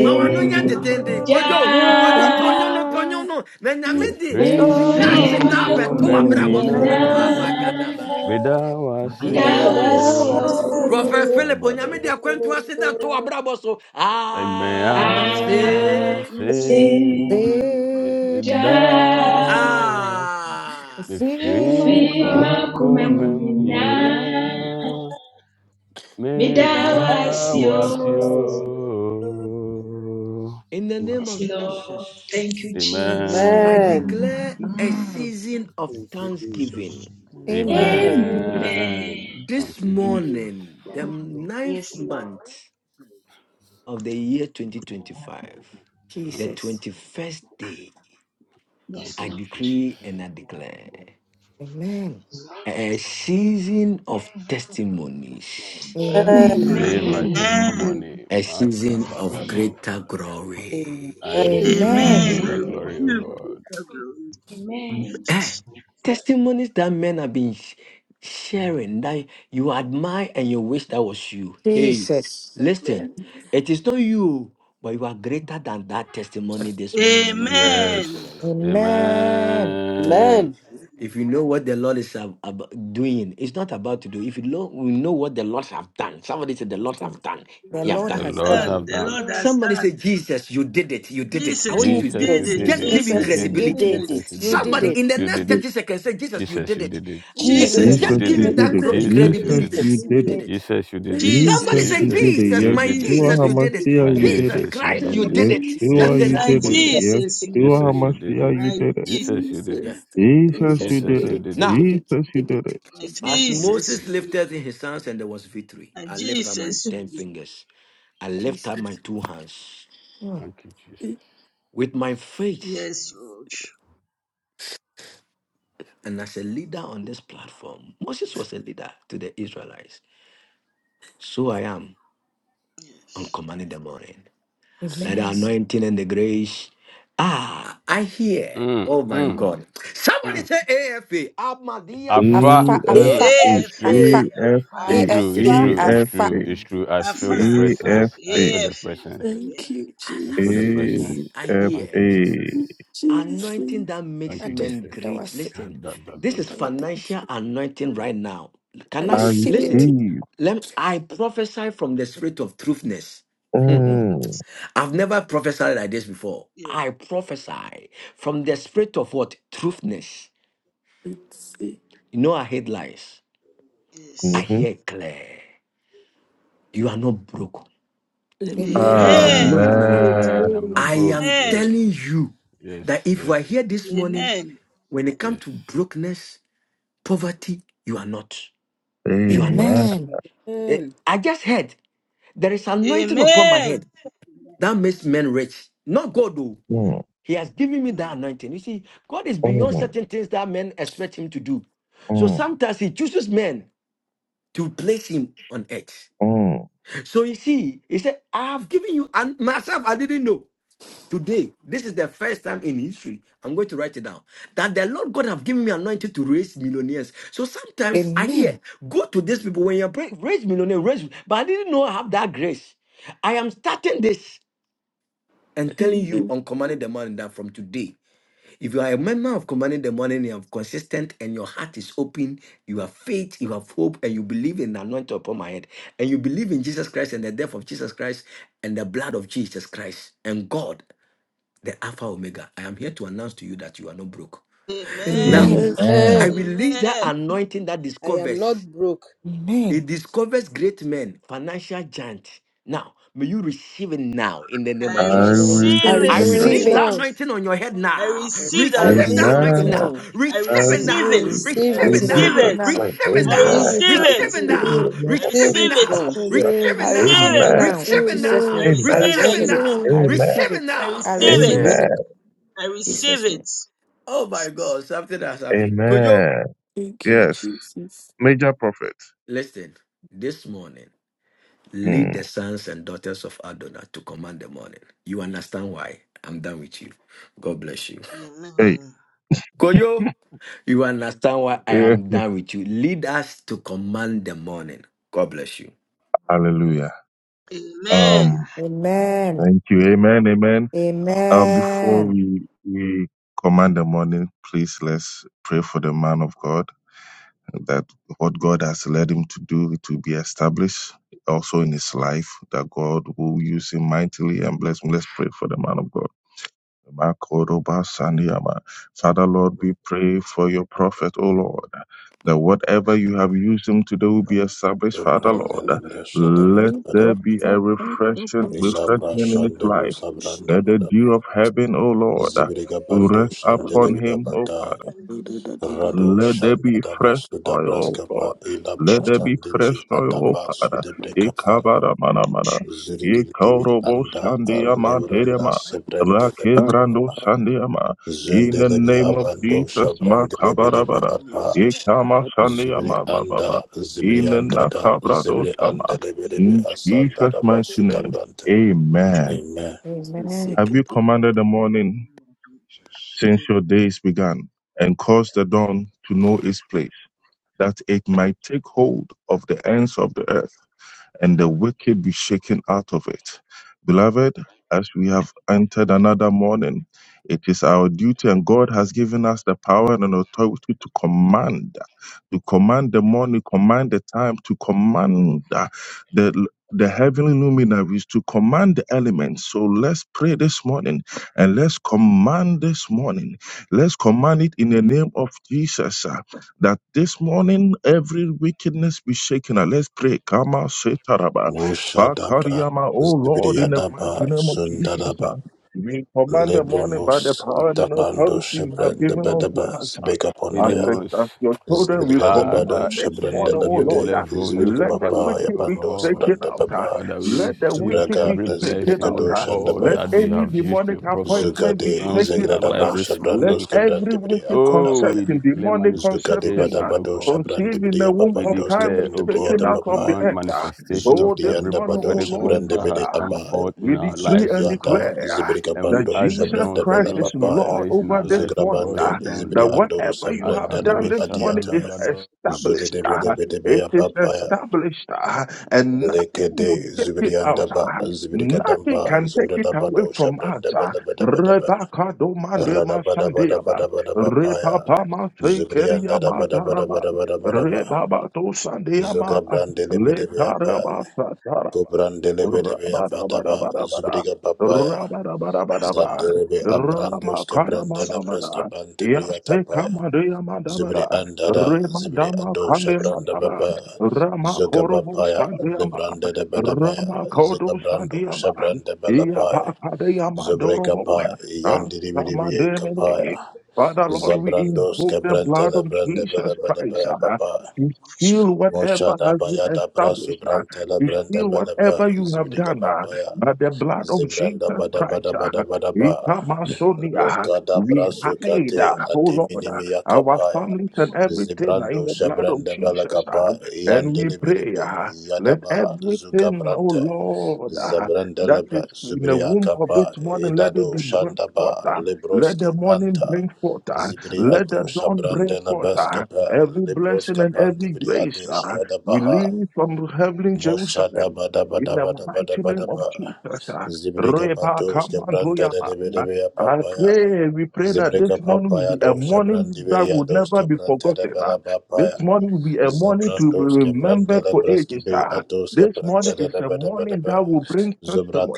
[SPEAKER 7] ma wano nya
[SPEAKER 2] woman,
[SPEAKER 7] dedenden kojo
[SPEAKER 11] you.
[SPEAKER 7] kojo
[SPEAKER 19] down
[SPEAKER 7] tonyo no tonyo
[SPEAKER 5] na
[SPEAKER 7] no na nyame de
[SPEAKER 11] It's
[SPEAKER 19] in
[SPEAKER 11] all good.
[SPEAKER 19] my
[SPEAKER 5] mifima
[SPEAKER 7] da abeto abrabɔ so
[SPEAKER 5] kumemnyina
[SPEAKER 19] throne.
[SPEAKER 11] I
[SPEAKER 7] amagadaba
[SPEAKER 5] ni dawa
[SPEAKER 19] And
[SPEAKER 2] it
[SPEAKER 19] I'll
[SPEAKER 5] sio.
[SPEAKER 11] loves
[SPEAKER 19] ask
[SPEAKER 7] Prophet
[SPEAKER 11] you.
[SPEAKER 19] you,
[SPEAKER 5] Ah,
[SPEAKER 7] Philip,
[SPEAKER 5] ba, da,
[SPEAKER 7] onyame de
[SPEAKER 5] ba.
[SPEAKER 7] akwantu ase da to abrabɔ so.
[SPEAKER 5] Mimea
[SPEAKER 7] Ah,
[SPEAKER 11] You
[SPEAKER 19] I
[SPEAKER 7] say,
[SPEAKER 5] si e, e,
[SPEAKER 19] sit down.
[SPEAKER 2] has
[SPEAKER 5] da
[SPEAKER 7] ah.
[SPEAKER 2] You
[SPEAKER 19] Zemo,
[SPEAKER 11] are
[SPEAKER 5] Mefrema
[SPEAKER 11] good. Amen.
[SPEAKER 19] you
[SPEAKER 5] komemnyina
[SPEAKER 19] know,
[SPEAKER 11] God, Jesus,
[SPEAKER 5] medawasio.
[SPEAKER 7] In the
[SPEAKER 9] Mm,
[SPEAKER 7] name of Jesus,
[SPEAKER 11] Jesus,
[SPEAKER 5] Amen.
[SPEAKER 7] I
[SPEAKER 19] Amen.
[SPEAKER 2] Amen.
[SPEAKER 7] declare a season of
[SPEAKER 9] Thank you,
[SPEAKER 7] thanksgiving.
[SPEAKER 9] Jesus.
[SPEAKER 19] Amen.
[SPEAKER 2] Amen.
[SPEAKER 11] Jesus,
[SPEAKER 5] Amen.
[SPEAKER 13] Amen.
[SPEAKER 7] This
[SPEAKER 5] Thank you,
[SPEAKER 3] Amen.
[SPEAKER 5] Jesus.
[SPEAKER 7] morning, the ninth month of the year 2025, the
[SPEAKER 5] Mm,
[SPEAKER 19] Jesus.
[SPEAKER 7] 21st day,
[SPEAKER 5] Thank
[SPEAKER 7] I
[SPEAKER 5] you, Jesus.
[SPEAKER 7] decree and I declare
[SPEAKER 19] Amen.
[SPEAKER 7] a season of testimonies
[SPEAKER 5] I
[SPEAKER 19] Amen.
[SPEAKER 2] Amen.
[SPEAKER 5] receive my testimony.
[SPEAKER 7] a season of greater
[SPEAKER 5] Makabadabadabada. I
[SPEAKER 7] glory.
[SPEAKER 2] Amen.
[SPEAKER 9] Jesus.
[SPEAKER 5] receive my
[SPEAKER 3] Amen.
[SPEAKER 19] Amen.
[SPEAKER 3] I
[SPEAKER 5] greater
[SPEAKER 13] Amen.
[SPEAKER 5] glory, O
[SPEAKER 3] receive
[SPEAKER 5] God.
[SPEAKER 3] this glory.
[SPEAKER 13] Amen.
[SPEAKER 7] Eh, testimonies that men have been sh- sharing that you admire and you wish that was you. Hey,
[SPEAKER 19] Jesus.
[SPEAKER 7] listen, it is not you, but you are greater than that testimony this morning in the mighty name of
[SPEAKER 3] Amen.
[SPEAKER 7] Jesus. O Lord.
[SPEAKER 5] Yes.
[SPEAKER 19] Amen.
[SPEAKER 5] Amen.
[SPEAKER 2] Amen.
[SPEAKER 7] If you know what the Lord is ab- ab- doing, it's not about to do. If you know, you know what the Lord have done, somebody said the
[SPEAKER 19] It's
[SPEAKER 7] Lord have
[SPEAKER 19] done.
[SPEAKER 7] done,
[SPEAKER 19] The
[SPEAKER 7] He have
[SPEAKER 3] I
[SPEAKER 19] Lord
[SPEAKER 5] The
[SPEAKER 7] done
[SPEAKER 19] has
[SPEAKER 2] Lord
[SPEAKER 5] Lord
[SPEAKER 3] stand.
[SPEAKER 19] done.
[SPEAKER 5] have
[SPEAKER 3] The
[SPEAKER 5] done.
[SPEAKER 3] Lord has
[SPEAKER 7] Somebody say,
[SPEAKER 3] done.
[SPEAKER 7] Jesus, you did it. You did it. I
[SPEAKER 3] Jesus,
[SPEAKER 7] want you
[SPEAKER 3] you
[SPEAKER 7] to do
[SPEAKER 5] Jesus, you
[SPEAKER 3] did
[SPEAKER 2] Jesus,
[SPEAKER 3] it.
[SPEAKER 5] did
[SPEAKER 2] you
[SPEAKER 7] just
[SPEAKER 2] did
[SPEAKER 5] it.
[SPEAKER 7] give him
[SPEAKER 5] You
[SPEAKER 19] Jesus,
[SPEAKER 2] it.
[SPEAKER 3] Jesus,
[SPEAKER 19] you
[SPEAKER 3] you
[SPEAKER 5] did
[SPEAKER 2] You
[SPEAKER 5] it.
[SPEAKER 19] did
[SPEAKER 3] did
[SPEAKER 7] credibility.
[SPEAKER 2] did
[SPEAKER 3] it.
[SPEAKER 19] it.
[SPEAKER 2] it.
[SPEAKER 5] Jesus, you
[SPEAKER 19] You
[SPEAKER 5] did
[SPEAKER 19] did
[SPEAKER 7] Somebody
[SPEAKER 5] it.
[SPEAKER 16] Jesus,
[SPEAKER 7] in
[SPEAKER 19] it.
[SPEAKER 7] the
[SPEAKER 16] you
[SPEAKER 5] You
[SPEAKER 7] next
[SPEAKER 5] did
[SPEAKER 16] did
[SPEAKER 5] it.
[SPEAKER 16] it.
[SPEAKER 7] 30 seconds say, Jesus, you
[SPEAKER 5] Jesus,
[SPEAKER 7] did
[SPEAKER 5] you
[SPEAKER 7] it.
[SPEAKER 5] did it.
[SPEAKER 7] Eh,
[SPEAKER 2] Jesus,
[SPEAKER 5] Jesus,
[SPEAKER 3] Jesus,
[SPEAKER 19] Jesus,
[SPEAKER 5] you
[SPEAKER 3] you
[SPEAKER 19] you
[SPEAKER 16] Jesus,
[SPEAKER 7] Just
[SPEAKER 5] did
[SPEAKER 2] Jesus,
[SPEAKER 7] give
[SPEAKER 3] did
[SPEAKER 19] did
[SPEAKER 2] you
[SPEAKER 16] you
[SPEAKER 7] him
[SPEAKER 5] it.
[SPEAKER 3] it.
[SPEAKER 19] it.
[SPEAKER 16] did
[SPEAKER 7] that
[SPEAKER 16] it.
[SPEAKER 7] cr-
[SPEAKER 19] Jesus, you
[SPEAKER 5] Jesus,
[SPEAKER 19] did
[SPEAKER 5] you
[SPEAKER 3] Jesus,
[SPEAKER 16] Jesus,
[SPEAKER 5] did
[SPEAKER 3] you
[SPEAKER 19] it.
[SPEAKER 5] it.
[SPEAKER 7] credibility.
[SPEAKER 16] you
[SPEAKER 20] you
[SPEAKER 3] did
[SPEAKER 7] You
[SPEAKER 16] did
[SPEAKER 3] it.
[SPEAKER 7] did
[SPEAKER 2] did
[SPEAKER 16] it.
[SPEAKER 7] it.
[SPEAKER 5] Jesus, you
[SPEAKER 19] You
[SPEAKER 11] Jesus,
[SPEAKER 5] did
[SPEAKER 19] got
[SPEAKER 5] it.
[SPEAKER 11] Jesus,
[SPEAKER 2] it.
[SPEAKER 19] visa.
[SPEAKER 2] Jesus,
[SPEAKER 3] Jesus,
[SPEAKER 7] Somebody
[SPEAKER 16] Jesus,
[SPEAKER 11] Jesus.
[SPEAKER 3] you
[SPEAKER 7] say,
[SPEAKER 2] you
[SPEAKER 16] you
[SPEAKER 5] Jesus,
[SPEAKER 3] did
[SPEAKER 16] did
[SPEAKER 3] it.
[SPEAKER 7] Jesus,
[SPEAKER 5] you
[SPEAKER 16] it.
[SPEAKER 7] my
[SPEAKER 5] did it.
[SPEAKER 16] Yeshua
[SPEAKER 3] Jesus,
[SPEAKER 7] Jesus, you
[SPEAKER 3] you
[SPEAKER 7] did it.
[SPEAKER 3] did it.
[SPEAKER 5] My
[SPEAKER 16] Hamashiach,
[SPEAKER 19] for the
[SPEAKER 16] you did
[SPEAKER 7] Jesus
[SPEAKER 16] it.
[SPEAKER 5] Jesus, you
[SPEAKER 19] financial
[SPEAKER 7] Christ,
[SPEAKER 19] door.
[SPEAKER 5] did
[SPEAKER 7] you
[SPEAKER 19] You
[SPEAKER 11] In
[SPEAKER 7] did
[SPEAKER 19] did
[SPEAKER 5] it.
[SPEAKER 7] it.
[SPEAKER 19] it.
[SPEAKER 7] Just
[SPEAKER 2] did
[SPEAKER 16] Yeshua,
[SPEAKER 7] say
[SPEAKER 11] Jesus,
[SPEAKER 16] you
[SPEAKER 5] Jesus,
[SPEAKER 19] Jesus,
[SPEAKER 7] that
[SPEAKER 3] My
[SPEAKER 5] you
[SPEAKER 16] did
[SPEAKER 7] for
[SPEAKER 19] you
[SPEAKER 16] it.
[SPEAKER 5] did
[SPEAKER 19] did
[SPEAKER 7] me.
[SPEAKER 2] it.
[SPEAKER 5] it.
[SPEAKER 19] it. You
[SPEAKER 3] Jesus,
[SPEAKER 19] did
[SPEAKER 16] Yeshua
[SPEAKER 3] you
[SPEAKER 19] it.
[SPEAKER 3] did
[SPEAKER 5] Jesus,
[SPEAKER 3] it.
[SPEAKER 5] you did
[SPEAKER 16] Hamashiach,
[SPEAKER 5] it.
[SPEAKER 16] you
[SPEAKER 3] My
[SPEAKER 11] in
[SPEAKER 16] did it.
[SPEAKER 3] Jesus. you
[SPEAKER 5] Jesus, you
[SPEAKER 3] did
[SPEAKER 5] did
[SPEAKER 3] it.
[SPEAKER 7] Yeah.
[SPEAKER 5] it.
[SPEAKER 11] Jesus, in
[SPEAKER 16] Jesus, you
[SPEAKER 19] Jesus, you
[SPEAKER 16] did
[SPEAKER 5] Jesus,
[SPEAKER 19] did
[SPEAKER 5] you
[SPEAKER 16] it.
[SPEAKER 19] it.
[SPEAKER 5] did
[SPEAKER 19] You
[SPEAKER 5] it.
[SPEAKER 7] Now,
[SPEAKER 19] did it.
[SPEAKER 16] Jesus,
[SPEAKER 19] You
[SPEAKER 16] you
[SPEAKER 19] did
[SPEAKER 16] did it.
[SPEAKER 19] it.
[SPEAKER 3] By
[SPEAKER 19] Jesus'
[SPEAKER 5] Thank
[SPEAKER 7] as
[SPEAKER 19] name.
[SPEAKER 5] you,
[SPEAKER 3] Jesus,
[SPEAKER 7] Moses
[SPEAKER 3] you
[SPEAKER 5] Jesus.
[SPEAKER 3] did
[SPEAKER 7] lifted
[SPEAKER 3] it.
[SPEAKER 7] his hands and there was victory,
[SPEAKER 3] By
[SPEAKER 7] I lift up my
[SPEAKER 3] Jesus, you
[SPEAKER 7] 10
[SPEAKER 11] Jesus,
[SPEAKER 3] did it.
[SPEAKER 7] fingers. I lift up my
[SPEAKER 19] Jesus.
[SPEAKER 7] two hands
[SPEAKER 19] Mm.
[SPEAKER 5] Thank you, Jesus.
[SPEAKER 7] with my faith.
[SPEAKER 3] Yes, Lord.
[SPEAKER 7] And as a leader on this platform, Moses
[SPEAKER 3] Mm,
[SPEAKER 7] was a leader to the Israelites. So I am on
[SPEAKER 3] Yes.
[SPEAKER 7] command in the morning. Let the
[SPEAKER 19] Amen.
[SPEAKER 7] anointing and the grace. Ah, I
[SPEAKER 3] Mm.
[SPEAKER 7] hear.
[SPEAKER 5] Mm,
[SPEAKER 7] Oh my
[SPEAKER 5] mm,
[SPEAKER 19] Mm.
[SPEAKER 7] God. Somebody
[SPEAKER 5] mm.
[SPEAKER 7] say AFA.
[SPEAKER 16] A
[SPEAKER 7] Abmadiam
[SPEAKER 5] Afa,
[SPEAKER 7] Papa.
[SPEAKER 19] Afa,
[SPEAKER 16] F
[SPEAKER 2] A
[SPEAKER 5] mm,
[SPEAKER 19] afa,
[SPEAKER 16] A
[SPEAKER 2] F
[SPEAKER 5] it's
[SPEAKER 3] If,
[SPEAKER 5] true.
[SPEAKER 16] A
[SPEAKER 19] afa,
[SPEAKER 2] A.
[SPEAKER 16] F
[SPEAKER 3] afa,
[SPEAKER 2] AFA.
[SPEAKER 5] It's
[SPEAKER 2] Alpha.
[SPEAKER 16] A
[SPEAKER 5] true. It's
[SPEAKER 19] AFA,
[SPEAKER 16] A
[SPEAKER 5] true. It's
[SPEAKER 16] F
[SPEAKER 19] afa.
[SPEAKER 5] true.
[SPEAKER 16] A
[SPEAKER 5] It's
[SPEAKER 7] Mm.
[SPEAKER 5] true. I feel the
[SPEAKER 3] afa,
[SPEAKER 11] Jesus.
[SPEAKER 16] A
[SPEAKER 3] afa,
[SPEAKER 16] F
[SPEAKER 5] presence. I
[SPEAKER 16] A
[SPEAKER 5] feel the
[SPEAKER 3] if,
[SPEAKER 5] presence.
[SPEAKER 11] Thank
[SPEAKER 3] if.
[SPEAKER 11] you,
[SPEAKER 7] As
[SPEAKER 5] I
[SPEAKER 16] A F A I
[SPEAKER 7] I'm
[SPEAKER 5] feel the
[SPEAKER 11] Jesus.
[SPEAKER 5] presence.
[SPEAKER 7] speaking, I
[SPEAKER 5] Thank
[SPEAKER 7] hear.
[SPEAKER 5] you, Jesus.
[SPEAKER 7] Anointing
[SPEAKER 11] Jesus.
[SPEAKER 7] that makes
[SPEAKER 5] Thank
[SPEAKER 19] I
[SPEAKER 5] you,
[SPEAKER 19] do.
[SPEAKER 7] men
[SPEAKER 5] Jesus.
[SPEAKER 19] That
[SPEAKER 7] great.
[SPEAKER 19] was it.
[SPEAKER 7] Listen,
[SPEAKER 5] God, da, da, da,
[SPEAKER 7] this is
[SPEAKER 5] da,
[SPEAKER 19] That we thank
[SPEAKER 7] financial
[SPEAKER 19] you.
[SPEAKER 7] anointing right now.
[SPEAKER 19] I
[SPEAKER 7] Can I
[SPEAKER 19] receive it.
[SPEAKER 7] listen?
[SPEAKER 11] Amen.
[SPEAKER 16] receive.
[SPEAKER 7] Let I prophesy from the spirit of truthness. <laughs>
[SPEAKER 16] Mm.
[SPEAKER 7] I've never prophesied like this before. I prophesy from the spirit of what? Truthness.
[SPEAKER 11] Amen.
[SPEAKER 7] You know, I hate lies. I
[SPEAKER 3] Yes.
[SPEAKER 16] Mm-hmm.
[SPEAKER 7] hear it clear. You are not broken.
[SPEAKER 5] da.
[SPEAKER 2] Amen.
[SPEAKER 19] Amen.
[SPEAKER 11] Amen.
[SPEAKER 7] No,
[SPEAKER 3] Amen.
[SPEAKER 7] no, no, no.
[SPEAKER 16] Amen.
[SPEAKER 5] And I'm not
[SPEAKER 11] Amen.
[SPEAKER 7] I
[SPEAKER 5] broke.
[SPEAKER 7] am
[SPEAKER 5] Yes.
[SPEAKER 3] Amen.
[SPEAKER 7] telling you
[SPEAKER 5] Yes.
[SPEAKER 7] that if you
[SPEAKER 5] Yes.
[SPEAKER 7] are here this morning,
[SPEAKER 3] Amen.
[SPEAKER 7] when it comes
[SPEAKER 5] Yes.
[SPEAKER 7] to brokenness, poverty, you are not. You are
[SPEAKER 16] Amen.
[SPEAKER 7] not.
[SPEAKER 19] Amen.
[SPEAKER 7] Eh, I just heard there is anointing upon my
[SPEAKER 3] Amen.
[SPEAKER 7] head
[SPEAKER 3] Amen.
[SPEAKER 7] that makes men rich. Not God, though.
[SPEAKER 16] Mm.
[SPEAKER 7] He has given me
[SPEAKER 3] Mm.
[SPEAKER 7] that anointing. You see, God is beyond
[SPEAKER 16] Mm.
[SPEAKER 7] certain things that men expect him to do. So
[SPEAKER 16] Mm.
[SPEAKER 7] sometimes he chooses men to place him on earth.
[SPEAKER 16] Mm.
[SPEAKER 7] So you see, he said, I have given you, and myself, I didn't know. Today, this is the first time in history, I'm going to write it down, that the Lord God have given me anointing to raise millionaires. So sometimes I hear,
[SPEAKER 19] Amen.
[SPEAKER 7] go to these people when you raise millionaires, raise, but I didn't know I have that grace. I am starting this and telling you
[SPEAKER 11] Amen.
[SPEAKER 7] on commanding the man that from today. If you are a member of Commanding the Morning, you are consistent and your heart is open, you have faith, you have hope, and you believe in the anointing upon my head, and you believe in Jesus Christ and the death of Jesus Christ and the blood of Jesus Christ and God, the Alpha Omega. I am here to announce to you that you are not broke.
[SPEAKER 3] Amen.
[SPEAKER 7] Now,
[SPEAKER 11] Amen.
[SPEAKER 19] Amen.
[SPEAKER 7] I
[SPEAKER 16] Amen.
[SPEAKER 2] Amen.
[SPEAKER 7] release that
[SPEAKER 3] Amen.
[SPEAKER 7] anointing that
[SPEAKER 2] I am not
[SPEAKER 7] discovers.
[SPEAKER 2] broke.
[SPEAKER 19] Amen.
[SPEAKER 7] It discovers great men, financial giant. Now, may you receive it now in the name
[SPEAKER 16] I
[SPEAKER 7] of
[SPEAKER 3] I
[SPEAKER 7] Jesus,
[SPEAKER 2] Amen. I
[SPEAKER 7] Lord.
[SPEAKER 3] receive
[SPEAKER 11] Amen.
[SPEAKER 19] I
[SPEAKER 11] Amen. Amen. Amen.
[SPEAKER 7] I
[SPEAKER 2] receive
[SPEAKER 3] it
[SPEAKER 16] receive
[SPEAKER 3] in
[SPEAKER 16] it.
[SPEAKER 2] it
[SPEAKER 19] receive
[SPEAKER 7] release that
[SPEAKER 19] it.
[SPEAKER 2] now.
[SPEAKER 3] Jesus'
[SPEAKER 7] anointing on your head
[SPEAKER 3] I
[SPEAKER 7] now.
[SPEAKER 2] I receive
[SPEAKER 3] receive the
[SPEAKER 19] I
[SPEAKER 7] Receive
[SPEAKER 2] it
[SPEAKER 3] anointing
[SPEAKER 7] that
[SPEAKER 3] on
[SPEAKER 19] receive
[SPEAKER 3] my
[SPEAKER 7] anointing
[SPEAKER 16] Amen.
[SPEAKER 19] it.
[SPEAKER 7] now.
[SPEAKER 2] now.
[SPEAKER 3] head. I
[SPEAKER 16] I
[SPEAKER 7] Receive it
[SPEAKER 3] receive
[SPEAKER 2] I
[SPEAKER 7] now.
[SPEAKER 3] it.
[SPEAKER 16] receive
[SPEAKER 7] Receive
[SPEAKER 16] it.
[SPEAKER 2] receive
[SPEAKER 3] I
[SPEAKER 19] I
[SPEAKER 16] In
[SPEAKER 2] it
[SPEAKER 7] it
[SPEAKER 2] now.
[SPEAKER 19] receive
[SPEAKER 3] receive
[SPEAKER 7] now.
[SPEAKER 19] it
[SPEAKER 16] Jesus'
[SPEAKER 3] it.
[SPEAKER 7] Receive
[SPEAKER 19] now.
[SPEAKER 16] name.
[SPEAKER 7] it
[SPEAKER 3] I
[SPEAKER 7] now.
[SPEAKER 2] Receive
[SPEAKER 16] Amen.
[SPEAKER 11] Amen.
[SPEAKER 2] it
[SPEAKER 3] receive
[SPEAKER 7] Receive
[SPEAKER 16] I
[SPEAKER 3] it
[SPEAKER 2] now.
[SPEAKER 7] it
[SPEAKER 3] now.
[SPEAKER 7] now.
[SPEAKER 11] Amen.
[SPEAKER 3] I
[SPEAKER 7] Receive
[SPEAKER 2] Receive
[SPEAKER 16] receive
[SPEAKER 7] it
[SPEAKER 3] receive
[SPEAKER 2] it
[SPEAKER 3] it.
[SPEAKER 7] now.
[SPEAKER 2] now.
[SPEAKER 7] Receive
[SPEAKER 16] it.
[SPEAKER 3] I
[SPEAKER 7] it
[SPEAKER 19] I
[SPEAKER 3] receive
[SPEAKER 7] now.
[SPEAKER 16] Amen.
[SPEAKER 19] receive it
[SPEAKER 3] it.
[SPEAKER 2] Receive
[SPEAKER 16] Amen.
[SPEAKER 19] now
[SPEAKER 2] it
[SPEAKER 19] in
[SPEAKER 7] Receive it
[SPEAKER 19] Jesus'
[SPEAKER 7] now.
[SPEAKER 3] I
[SPEAKER 11] Amen.
[SPEAKER 19] name. I
[SPEAKER 16] Amen.
[SPEAKER 3] receive
[SPEAKER 2] now.
[SPEAKER 7] Receive it
[SPEAKER 3] it.
[SPEAKER 19] receive
[SPEAKER 2] Amen.
[SPEAKER 19] it.
[SPEAKER 7] now.
[SPEAKER 19] I
[SPEAKER 16] Amen.
[SPEAKER 19] receive
[SPEAKER 7] Receive it
[SPEAKER 19] it.
[SPEAKER 3] I
[SPEAKER 7] now.
[SPEAKER 19] I
[SPEAKER 11] Amen.
[SPEAKER 3] receive
[SPEAKER 19] receive
[SPEAKER 3] it.
[SPEAKER 19] it. In
[SPEAKER 16] Amen.
[SPEAKER 11] Amen.
[SPEAKER 3] I
[SPEAKER 7] Mm.
[SPEAKER 3] receive
[SPEAKER 19] Jesus' name.
[SPEAKER 3] it.
[SPEAKER 7] Oh my God, something has happened. Could you
[SPEAKER 16] Amen.
[SPEAKER 11] Thank you,
[SPEAKER 16] Yes.
[SPEAKER 11] Jesus.
[SPEAKER 16] Major prophet.
[SPEAKER 7] listen, this morning. Lead
[SPEAKER 16] Mm.
[SPEAKER 7] the sons and daughters of Adonai to command the morning. You understand why? I'm done with you. God bless you.
[SPEAKER 16] Hey.
[SPEAKER 3] Amen.
[SPEAKER 7] Koyo, you understand why I
[SPEAKER 16] Yeah.
[SPEAKER 7] am done with you. Lead us to command the morning. God bless you.
[SPEAKER 16] Hallelujah. Um,
[SPEAKER 19] Amen.
[SPEAKER 16] thank you. Amen. Amen. Um, before
[SPEAKER 19] Amen.
[SPEAKER 16] we we command the morning, please let's pray for the man of God that what God has led him to do to be established also in his life, that God will use him mightily and bless him. Let's pray for the man of God. Makorobasaniama. Father Lord, we pray for your prophet, O Lord, that whatever you have used him to do will be established, Father Lord. Let there be a refreshing refreshment in his life. Let the dew of heaven, O Lord,
[SPEAKER 11] God
[SPEAKER 16] rest
[SPEAKER 11] bless you.
[SPEAKER 16] upon him, O Father.
[SPEAKER 11] God
[SPEAKER 16] Let there be fresh oil, O God. Let there be fresh oil, O Father. Ikabara mana mana. Ikorobo shandiyama terema.
[SPEAKER 3] Amen.
[SPEAKER 16] Rakebrando shandiyama. In the name of Jesus, makabara bara.
[SPEAKER 3] No, say that again.
[SPEAKER 16] Ikama shandiyama bababa. In the nakabrado sama. In Jesus' mighty name. Amen.
[SPEAKER 19] Amen.
[SPEAKER 16] Have you commanded the morning since your days began and caused the dawn to know its place? that it might take hold of the ends of the earth, and the wicked be shaken out of it. Beloved, as we have entered another morning, it is our duty, and God has given us the power and authority to command, to command the morning, command the time, to command uh, the the heavenly luminaries to command the elements. So let's pray this morning and let's command this morning. Let's command it in the name of Jesus that this morning every wickedness be shaken. out. Let's pray. Kama Setaraba. bakariama. oh Lord, in the mighty name of Jesus. ah. We command the morning by the power and authority you have given unto us. ah. As, the,
[SPEAKER 5] Minimums.
[SPEAKER 16] as your children, we command
[SPEAKER 5] Father,
[SPEAKER 16] this
[SPEAKER 5] it's a
[SPEAKER 16] morning, oh
[SPEAKER 5] new
[SPEAKER 16] Lord, ah,
[SPEAKER 5] level, new
[SPEAKER 16] let the
[SPEAKER 5] capacity,
[SPEAKER 16] wicked
[SPEAKER 5] oh
[SPEAKER 16] be
[SPEAKER 5] God.
[SPEAKER 16] shaken out. ah.
[SPEAKER 5] Father, we
[SPEAKER 16] Let the
[SPEAKER 5] receive
[SPEAKER 16] wicked be
[SPEAKER 5] every
[SPEAKER 16] shaken
[SPEAKER 5] blessing,
[SPEAKER 16] out.
[SPEAKER 5] oh
[SPEAKER 16] ah.
[SPEAKER 5] God,
[SPEAKER 16] Let
[SPEAKER 5] that you
[SPEAKER 16] any
[SPEAKER 5] have used
[SPEAKER 16] demonic
[SPEAKER 5] your prophet to
[SPEAKER 16] appointment be
[SPEAKER 5] pronounce in
[SPEAKER 16] shaken
[SPEAKER 5] our
[SPEAKER 16] out.
[SPEAKER 5] lives
[SPEAKER 16] ah.
[SPEAKER 5] this morning.
[SPEAKER 16] Let every wicked
[SPEAKER 5] Oh, we
[SPEAKER 16] conception,
[SPEAKER 5] declare
[SPEAKER 16] demonic conception, uh,
[SPEAKER 5] manifestation, oh God.
[SPEAKER 16] conceived in the womb
[SPEAKER 5] We
[SPEAKER 16] of time
[SPEAKER 5] declare,
[SPEAKER 16] be
[SPEAKER 5] oh God,
[SPEAKER 16] taken
[SPEAKER 5] we
[SPEAKER 16] out of the
[SPEAKER 5] command
[SPEAKER 16] earth. uh.
[SPEAKER 5] manifestation of
[SPEAKER 16] Oh, this
[SPEAKER 5] every
[SPEAKER 16] morning, oh
[SPEAKER 5] prophetic
[SPEAKER 16] Lord
[SPEAKER 5] word that has
[SPEAKER 16] Father.
[SPEAKER 5] come forth in
[SPEAKER 16] We
[SPEAKER 5] our
[SPEAKER 16] decree
[SPEAKER 5] lives,
[SPEAKER 16] and
[SPEAKER 5] oh God.
[SPEAKER 16] declare
[SPEAKER 5] And we
[SPEAKER 16] that
[SPEAKER 5] ask the
[SPEAKER 16] Jesus
[SPEAKER 5] dawn to
[SPEAKER 16] Christ
[SPEAKER 5] know
[SPEAKER 16] is
[SPEAKER 5] its
[SPEAKER 16] Lord
[SPEAKER 5] place in our
[SPEAKER 16] over this
[SPEAKER 5] life
[SPEAKER 16] morning,
[SPEAKER 5] because the
[SPEAKER 16] uh,
[SPEAKER 5] dawn
[SPEAKER 16] that
[SPEAKER 5] now.
[SPEAKER 16] whatever you have
[SPEAKER 5] Makado
[SPEAKER 16] done this morning is
[SPEAKER 5] shadadabada-
[SPEAKER 16] established. uh, it is established, uh, and nothing will take it out. uh, nothing can take it away from us. uh. Rebecca domande masandeaba, repapa masekeriya madaraba, rebaba to sandeama, lekaraba sataraba. Rabadabadabadabada. Rabadabadabadaba. Ramakanamanamada. Yasekamadeyamadabada. Remadamakandemadaba. Ramakorobosadeyama. Ramakodosadiama. Iyapakadeyamandorobo. Asamademene. Father Lord, we invoke the blood of Jesus Christ uh, to seal whatever has been established. uh, is still whatever you have done, uh, but the blood of Jesus Christ, uh, it come us so near. uh, we hide, uh, oh Lord, uh, our families and everything uh, in the blood of Jesus, uh, and we pray, uh, let everything, oh Lord, uh, that is in the womb of this morning, let it be brought forth. uh, let the morning bring forth, uh, let the dawn bring forth uh, every blessing and every grace. uh, Release from heavenly Jerusalem. In the mighty name of Jesus, ah. Reba Kamandoya, ah. I pray, we pray that this morning will be a morning that will never be forgotten. ah. This morning will be a morning to be remembered for ages. ah. This morning is a morning that will bring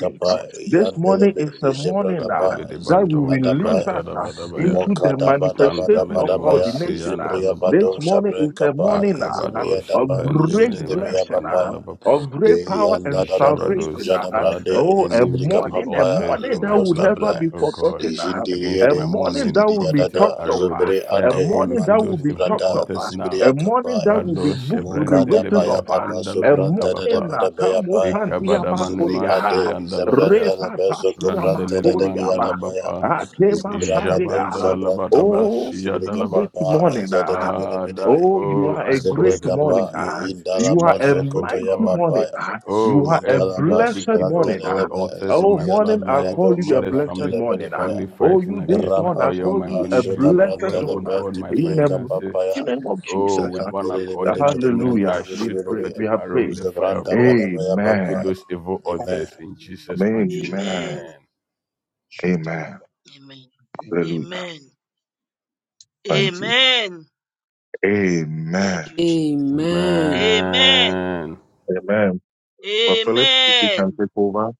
[SPEAKER 9] Let
[SPEAKER 16] ah.
[SPEAKER 9] this
[SPEAKER 16] This morning is a morning ah, that will
[SPEAKER 5] adebedebando
[SPEAKER 16] release us ah,
[SPEAKER 5] kebrandadabadabaya.
[SPEAKER 16] into the
[SPEAKER 5] Manda
[SPEAKER 16] manifestation of
[SPEAKER 5] menemansi
[SPEAKER 16] ordination. ah. This
[SPEAKER 5] andalabapa.
[SPEAKER 16] morning is a morning. ah,
[SPEAKER 5] Makabado
[SPEAKER 16] of great
[SPEAKER 5] shibrandemene
[SPEAKER 16] blessing, ah!
[SPEAKER 5] mekapandalabapa.
[SPEAKER 16] of great power and salvation.
[SPEAKER 5] Shabrados,
[SPEAKER 16] ah!
[SPEAKER 5] Father,
[SPEAKER 16] oh, a
[SPEAKER 5] any wicked
[SPEAKER 16] morning, a
[SPEAKER 5] altars
[SPEAKER 16] morning
[SPEAKER 5] from
[SPEAKER 16] that
[SPEAKER 5] my
[SPEAKER 16] will never
[SPEAKER 5] bloodline,
[SPEAKER 16] be
[SPEAKER 5] oh God,
[SPEAKER 16] forgotten. ah!
[SPEAKER 5] against
[SPEAKER 16] a
[SPEAKER 5] my
[SPEAKER 16] morning
[SPEAKER 5] morning
[SPEAKER 16] that will be
[SPEAKER 5] prophetic
[SPEAKER 16] talked of.
[SPEAKER 5] arrow with the
[SPEAKER 16] ah!
[SPEAKER 5] fire
[SPEAKER 16] a
[SPEAKER 5] of God,
[SPEAKER 16] morning
[SPEAKER 5] locate
[SPEAKER 16] that will
[SPEAKER 5] those
[SPEAKER 16] be
[SPEAKER 5] evil
[SPEAKER 16] talked of.
[SPEAKER 5] altars
[SPEAKER 16] ah!
[SPEAKER 5] now.
[SPEAKER 16] a morning that will be
[SPEAKER 5] Brados,
[SPEAKER 16] books will be
[SPEAKER 5] Shebren,
[SPEAKER 16] written
[SPEAKER 5] Delebeya,
[SPEAKER 16] of. ah! a morning
[SPEAKER 5] Pandalabadabapa,
[SPEAKER 16] that comes and
[SPEAKER 5] Ikabadabanimasi,
[SPEAKER 16] diamakodia.
[SPEAKER 5] Andalabaya,
[SPEAKER 16] Repa pasiamakodia.
[SPEAKER 5] Randelelemandelabapa,
[SPEAKER 16] Akema sandia.
[SPEAKER 5] Ijabandalabadaba,
[SPEAKER 16] Oh, you this
[SPEAKER 5] Shiyadalaba.
[SPEAKER 16] morning. uh,
[SPEAKER 5] Father,
[SPEAKER 16] Oh, you
[SPEAKER 5] oh,
[SPEAKER 16] are a
[SPEAKER 5] I cause
[SPEAKER 16] great
[SPEAKER 5] the dawn to
[SPEAKER 16] morning.
[SPEAKER 5] know
[SPEAKER 16] Ah.
[SPEAKER 5] its place in
[SPEAKER 16] You are
[SPEAKER 5] my
[SPEAKER 16] a
[SPEAKER 5] life, oh
[SPEAKER 16] mighty
[SPEAKER 5] God.
[SPEAKER 16] morning. Ah. You
[SPEAKER 5] Oh,
[SPEAKER 16] are a
[SPEAKER 5] every
[SPEAKER 16] blessed
[SPEAKER 5] wicked, oh
[SPEAKER 16] morning.
[SPEAKER 5] God,
[SPEAKER 16] Ah.
[SPEAKER 5] altar from
[SPEAKER 16] Oh,
[SPEAKER 5] my
[SPEAKER 16] morning, I
[SPEAKER 5] bloodline,
[SPEAKER 16] call
[SPEAKER 5] from
[SPEAKER 16] you a
[SPEAKER 5] mother's
[SPEAKER 16] blessed
[SPEAKER 5] family, father's
[SPEAKER 16] morning. Ah.
[SPEAKER 5] family,
[SPEAKER 16] Oh,
[SPEAKER 5] fighting
[SPEAKER 16] you this
[SPEAKER 5] against my
[SPEAKER 16] dawn, I
[SPEAKER 5] oil,
[SPEAKER 16] call
[SPEAKER 5] my
[SPEAKER 16] you a
[SPEAKER 5] ministry, my
[SPEAKER 16] blessed
[SPEAKER 5] wealth, oh
[SPEAKER 16] dawn. Ah.
[SPEAKER 5] God, my
[SPEAKER 16] In the
[SPEAKER 5] finances.
[SPEAKER 16] mighty name of
[SPEAKER 5] Oh,
[SPEAKER 16] Jesus.
[SPEAKER 5] with
[SPEAKER 16] Ah.
[SPEAKER 5] one accord and agreement, I
[SPEAKER 16] Hallelujah. We
[SPEAKER 5] shoot
[SPEAKER 16] pray. We
[SPEAKER 5] prophetic
[SPEAKER 16] have
[SPEAKER 5] arrow with
[SPEAKER 16] prayed.
[SPEAKER 5] the fire of God. Look at
[SPEAKER 16] Amen.
[SPEAKER 5] those evil
[SPEAKER 9] power
[SPEAKER 5] altars in Jesus'
[SPEAKER 9] be
[SPEAKER 5] mighty name.
[SPEAKER 9] destroyed.
[SPEAKER 16] Amen.
[SPEAKER 3] Amen.
[SPEAKER 5] Amen.
[SPEAKER 16] Amen.
[SPEAKER 9] Shotalava.
[SPEAKER 3] Amen.
[SPEAKER 9] Amen.
[SPEAKER 16] Hallelujah.
[SPEAKER 3] Amen.
[SPEAKER 16] Thank you.
[SPEAKER 3] Amen. Thank
[SPEAKER 16] Amen.
[SPEAKER 2] Amen.
[SPEAKER 3] you, Jesus.
[SPEAKER 2] Amen.
[SPEAKER 3] Amen.
[SPEAKER 5] Amen.
[SPEAKER 16] Amen. But Philip, if you can
[SPEAKER 3] Amen.
[SPEAKER 16] take over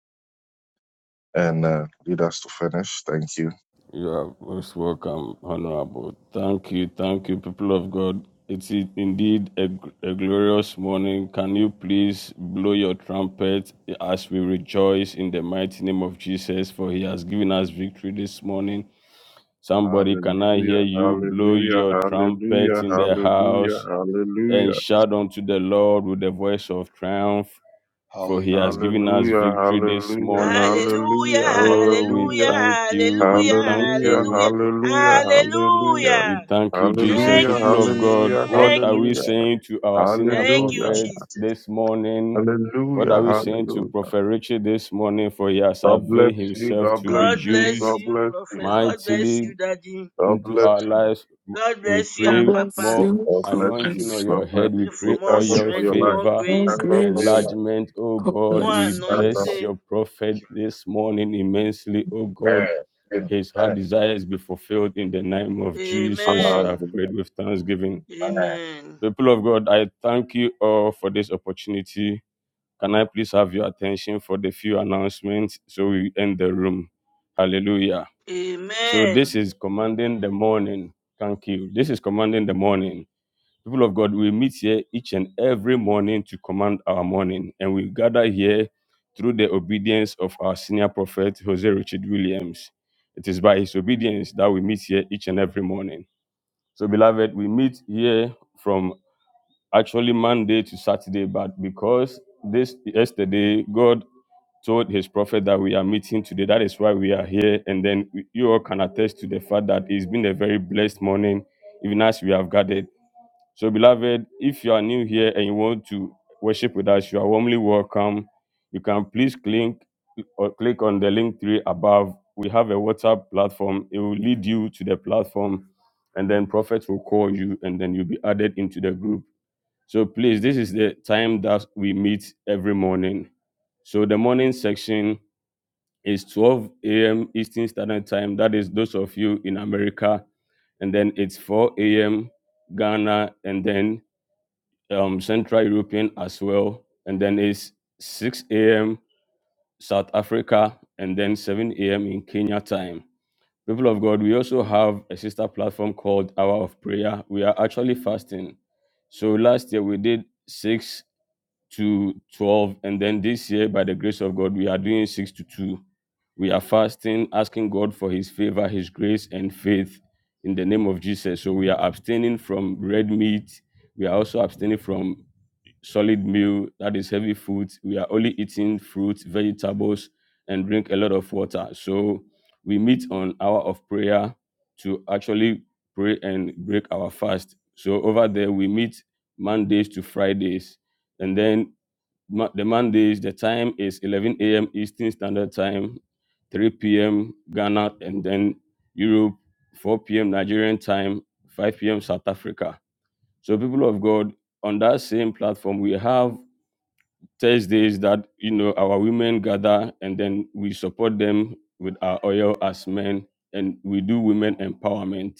[SPEAKER 16] and uh, lead us to finish, thank you.
[SPEAKER 5] You are most welcome, Honorable. Thank you, thank you, people of God. It's indeed a, a glorious morning. Can you please blow your trumpet as we rejoice in the mighty name of Jesus, for he has given us victory this morning. Somebody, can I hear
[SPEAKER 16] Hallelujah,
[SPEAKER 5] you blow
[SPEAKER 16] hallelujah,
[SPEAKER 5] your trumpet
[SPEAKER 16] hallelujah,
[SPEAKER 5] in the
[SPEAKER 16] hallelujah,
[SPEAKER 5] house and
[SPEAKER 16] hallelujah,
[SPEAKER 5] shout unto the Lord with the voice of triumph? For he has
[SPEAKER 9] Hallelujah.
[SPEAKER 5] given us
[SPEAKER 16] hallelujah, hallelujah,
[SPEAKER 5] victory this
[SPEAKER 16] hallelujah,
[SPEAKER 5] morning.
[SPEAKER 3] Hallelujah.
[SPEAKER 16] hallelujah,
[SPEAKER 5] Oh, we
[SPEAKER 3] Hallelujah.
[SPEAKER 16] hallelujah,
[SPEAKER 5] thank you. We
[SPEAKER 3] Hallelujah.
[SPEAKER 5] thank
[SPEAKER 16] hallelujah,
[SPEAKER 5] you.
[SPEAKER 3] Hallelujah.
[SPEAKER 16] hallelujah, hallelujah,
[SPEAKER 5] We
[SPEAKER 3] Hallelujah.
[SPEAKER 5] thank you, Jesus.
[SPEAKER 16] hallelujah,
[SPEAKER 3] Thank you,
[SPEAKER 5] People of
[SPEAKER 3] Jesus.
[SPEAKER 5] God,
[SPEAKER 16] hallelujah,
[SPEAKER 5] what
[SPEAKER 3] Thank
[SPEAKER 5] are
[SPEAKER 3] you,
[SPEAKER 5] we saying
[SPEAKER 3] Jesus.
[SPEAKER 5] to our senior
[SPEAKER 3] Thank you,
[SPEAKER 16] hallelujah,
[SPEAKER 5] prophet
[SPEAKER 3] Jesus.
[SPEAKER 5] this morning? What are
[SPEAKER 16] hallelujah,
[SPEAKER 5] we saying to
[SPEAKER 16] hallelujah.
[SPEAKER 5] Prophet Richard this morning? For he has
[SPEAKER 16] God bless
[SPEAKER 5] availed
[SPEAKER 16] you,
[SPEAKER 5] himself
[SPEAKER 16] God
[SPEAKER 5] to
[SPEAKER 16] bless
[SPEAKER 5] be
[SPEAKER 3] God
[SPEAKER 16] you,
[SPEAKER 3] bless
[SPEAKER 5] used
[SPEAKER 16] God
[SPEAKER 3] you,
[SPEAKER 16] bless
[SPEAKER 3] Prophet.
[SPEAKER 16] you,
[SPEAKER 3] God bless
[SPEAKER 5] mightily
[SPEAKER 3] you, Daddy.
[SPEAKER 16] God
[SPEAKER 5] into
[SPEAKER 16] bless
[SPEAKER 5] our
[SPEAKER 16] you.
[SPEAKER 5] lives.
[SPEAKER 3] God
[SPEAKER 5] We
[SPEAKER 3] bless you, our
[SPEAKER 5] pray
[SPEAKER 3] Papa.
[SPEAKER 5] more
[SPEAKER 16] God bless
[SPEAKER 5] anointing
[SPEAKER 16] you.
[SPEAKER 11] bless
[SPEAKER 5] on
[SPEAKER 11] you.
[SPEAKER 5] your
[SPEAKER 16] God bless
[SPEAKER 5] head. We
[SPEAKER 3] Pray
[SPEAKER 16] you. We
[SPEAKER 5] pray
[SPEAKER 3] for more
[SPEAKER 5] all
[SPEAKER 16] thank God
[SPEAKER 5] your
[SPEAKER 16] for your
[SPEAKER 3] strength,
[SPEAKER 16] life.
[SPEAKER 3] more
[SPEAKER 5] favor,
[SPEAKER 16] We
[SPEAKER 11] God
[SPEAKER 3] grace,
[SPEAKER 16] thank God for your
[SPEAKER 11] grace.
[SPEAKER 16] life.
[SPEAKER 5] enlargement. Oh
[SPEAKER 11] God
[SPEAKER 5] God,
[SPEAKER 11] bless
[SPEAKER 3] more
[SPEAKER 11] you.
[SPEAKER 5] we
[SPEAKER 16] Thank God.
[SPEAKER 5] bless your
[SPEAKER 3] anointing.
[SPEAKER 5] prophet this morning immensely. Oh God,
[SPEAKER 16] Amen.
[SPEAKER 5] his heart
[SPEAKER 16] Amen.
[SPEAKER 5] desires be fulfilled in the name of Jesus. I've
[SPEAKER 3] Amen.
[SPEAKER 5] prayed
[SPEAKER 16] Hallelujah.
[SPEAKER 5] with thanksgiving.
[SPEAKER 16] Amen.
[SPEAKER 3] Amen.
[SPEAKER 5] People of God, I thank you all for this opportunity. Can I please have your attention for the few announcements so we end the room? Hallelujah. So
[SPEAKER 3] Amen.
[SPEAKER 5] this is commanding the morning. Thank you. This is commanding the morning. People of God, we meet here each and every morning to command our morning, and we gather here through the obedience of our senior prophet, Jose Richard Williams. It is by his obedience that we meet here each and every morning. So, beloved, we meet here from actually Monday to Saturday, but because this yesterday, God told his prophet that we are meeting today, that is why we are here. And then you all can attest to the fact that it's been a very blessed morning, even as we have gathered so, beloved, if you are new here and you want to worship with us, you are warmly welcome. You can please click or click on the link three above. We have a WhatsApp platform. It will lead you to the platform, and then prophets will call you, and then you'll be added into the group. So, please, this is the time that we meet every morning. So, the morning section is 12 a.m. Eastern Standard Time. That is those of you in America, and then it's 4 a.m. Ghana, and then um, Central European as well, and then it's 6 a.m. South Africa, and then 7 a.m. in Kenya time. People of God, we also have a sister platform called Hour of Prayer. We are actually fasting. So last year we did 6 to 12, and then this year, by the grace of God, we are doing 6 to 2. We are fasting, asking God for His favor, His grace, and faith in the name of Jesus. So we are abstaining from red meat. We are also abstaining from solid meal that is heavy food we are only eating fruits, vegetables and drink a lot of water so we meet on hour of prayer to actually pray and break our fast so over there we meet mondays to fridays and then Mo- the mondays the time is 11 a.m eastern standard time 3 p.m ghana and then europe 4 p.m nigerian time 5 p.m south africa so, people of God, on that same platform, we have Thursdays that you know our women gather, and then we support them with our oil as men, and we do women empowerment.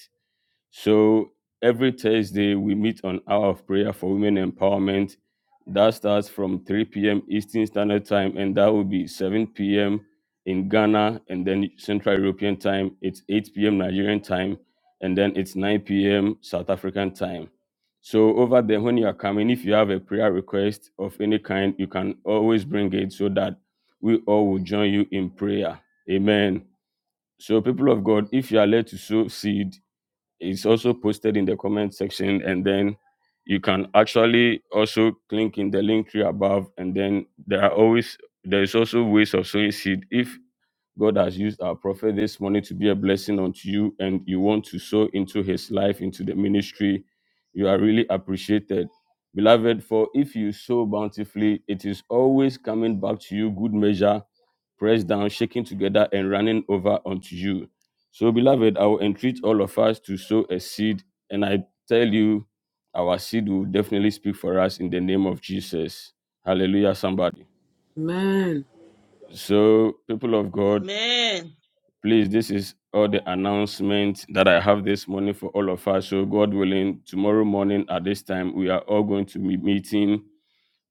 [SPEAKER 5] So every Thursday, we meet on Hour of Prayer for Women Empowerment. That starts from 3 p.m. Eastern Standard Time, and that will be 7 p.m. in Ghana, and then Central European Time. It's 8 p.m. Nigerian Time, and then it's 9 p.m. South African Time. So over there, when you are coming, if you have a prayer request of any kind, you can always bring it so that we all will join you in prayer. Amen. So, people of God, if you are led to sow seed, it's also posted in the comment section, and then you can actually also click in the link tree above. And then there are always there is also ways of sowing seed. If God has used our prophet this morning to be a blessing unto you, and you want to sow into his life, into the ministry, you are really appreciated. Beloved, for if you sow bountifully, it is always coming back to you, good measure pressed down, shaken together, and running over unto you. So, beloved, I will entreat all of us to sow a seed, and I tell you, our seed will definitely speak for us in the name of Jesus. Hallelujah, somebody.
[SPEAKER 2] Amen.
[SPEAKER 5] So, people of God,
[SPEAKER 3] Amen.
[SPEAKER 5] please, this is all the announcement that I have this morning for all of us. So, God willing, tomorrow morning at this time, we are all going to be meeting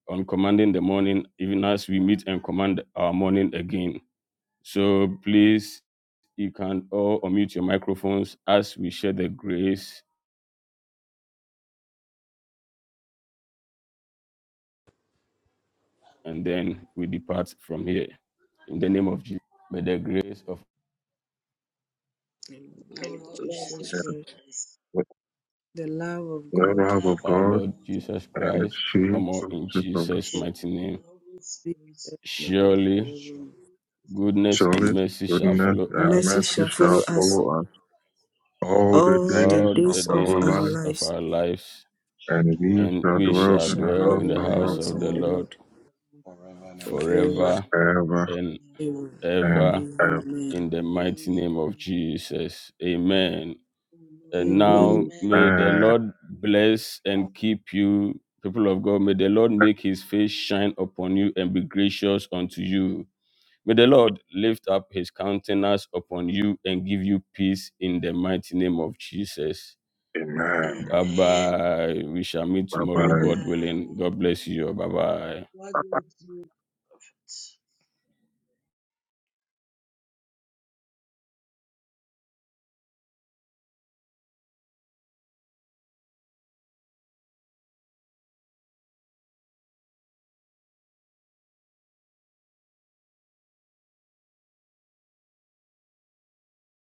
[SPEAKER 5] on commanding the morning, even as we meet and command our morning again. So, please You can all unmute your microphones as we share the grace and then we depart from here. In the name of Jesus, may the grace of
[SPEAKER 2] And
[SPEAKER 3] Our
[SPEAKER 2] Lord
[SPEAKER 3] Lord
[SPEAKER 2] Jesus
[SPEAKER 3] Jesus
[SPEAKER 2] Christ,
[SPEAKER 3] Christ,
[SPEAKER 2] the love of
[SPEAKER 16] The
[SPEAKER 2] God,
[SPEAKER 3] the
[SPEAKER 16] love of
[SPEAKER 3] love of
[SPEAKER 5] our
[SPEAKER 16] God
[SPEAKER 5] Lord
[SPEAKER 3] God,
[SPEAKER 5] Jesus
[SPEAKER 16] and
[SPEAKER 9] and
[SPEAKER 16] its
[SPEAKER 5] Christ,
[SPEAKER 3] and the
[SPEAKER 5] one
[SPEAKER 16] sheep
[SPEAKER 5] more in
[SPEAKER 16] fellowship
[SPEAKER 3] true
[SPEAKER 16] of the-
[SPEAKER 5] Jesus'
[SPEAKER 2] the
[SPEAKER 3] fellowship
[SPEAKER 5] mighty name.
[SPEAKER 3] of the Holy Spirit,
[SPEAKER 2] now and
[SPEAKER 5] Surely
[SPEAKER 3] be
[SPEAKER 9] shall
[SPEAKER 2] forevermore.
[SPEAKER 3] with us
[SPEAKER 9] be
[SPEAKER 5] goodness
[SPEAKER 3] now
[SPEAKER 5] and
[SPEAKER 16] surely
[SPEAKER 9] good
[SPEAKER 3] forever.
[SPEAKER 5] mercy shall
[SPEAKER 16] goodness
[SPEAKER 5] follow
[SPEAKER 2] The
[SPEAKER 16] and
[SPEAKER 2] mercy
[SPEAKER 16] mercy
[SPEAKER 2] shall
[SPEAKER 5] us
[SPEAKER 2] follow
[SPEAKER 16] shall
[SPEAKER 2] us
[SPEAKER 16] follow us
[SPEAKER 3] all the
[SPEAKER 16] all
[SPEAKER 9] all
[SPEAKER 16] the
[SPEAKER 2] all
[SPEAKER 3] days of
[SPEAKER 2] the
[SPEAKER 16] days
[SPEAKER 5] all
[SPEAKER 16] of
[SPEAKER 5] the
[SPEAKER 2] days of
[SPEAKER 16] our
[SPEAKER 2] our
[SPEAKER 5] days
[SPEAKER 16] life,
[SPEAKER 5] of
[SPEAKER 2] lives,
[SPEAKER 5] our lives,
[SPEAKER 9] shall
[SPEAKER 16] and
[SPEAKER 9] dwell
[SPEAKER 16] we
[SPEAKER 5] and
[SPEAKER 16] shall
[SPEAKER 5] we
[SPEAKER 2] and
[SPEAKER 3] we
[SPEAKER 16] dwell
[SPEAKER 2] we
[SPEAKER 5] shall
[SPEAKER 16] in
[SPEAKER 2] shall
[SPEAKER 16] the
[SPEAKER 5] dwell
[SPEAKER 2] dwell
[SPEAKER 16] house
[SPEAKER 5] in the
[SPEAKER 2] in
[SPEAKER 16] of
[SPEAKER 2] the
[SPEAKER 16] the
[SPEAKER 3] all
[SPEAKER 5] house
[SPEAKER 2] house
[SPEAKER 5] of the
[SPEAKER 2] of the
[SPEAKER 3] now
[SPEAKER 16] Lord
[SPEAKER 5] Lord
[SPEAKER 2] Lord
[SPEAKER 3] and
[SPEAKER 9] forever and ever.
[SPEAKER 3] forever
[SPEAKER 2] forever.
[SPEAKER 5] forever
[SPEAKER 3] and
[SPEAKER 16] forever
[SPEAKER 5] and
[SPEAKER 3] ever.
[SPEAKER 2] Amen.
[SPEAKER 16] and
[SPEAKER 5] ever.
[SPEAKER 16] ever.
[SPEAKER 2] Amen.
[SPEAKER 5] In the mighty name of
[SPEAKER 3] Amen.
[SPEAKER 5] Jesus. Amen. And
[SPEAKER 3] Amen.
[SPEAKER 2] Amen.
[SPEAKER 5] now
[SPEAKER 3] Amen.
[SPEAKER 5] may the
[SPEAKER 16] Amen.
[SPEAKER 5] Lord bless and keep you, people of God. May the Lord make his face shine upon you and be gracious unto you. May the Lord lift up his countenance upon you and give you peace in the mighty name of Jesus.
[SPEAKER 16] Amen.
[SPEAKER 5] Bye
[SPEAKER 3] Amen.
[SPEAKER 5] bye. We shall meet
[SPEAKER 16] Bye
[SPEAKER 5] tomorrow,
[SPEAKER 16] bye.
[SPEAKER 5] God
[SPEAKER 3] Bye.
[SPEAKER 5] willing. God bless you. Bye bye.
[SPEAKER 3] God bless you, prophet.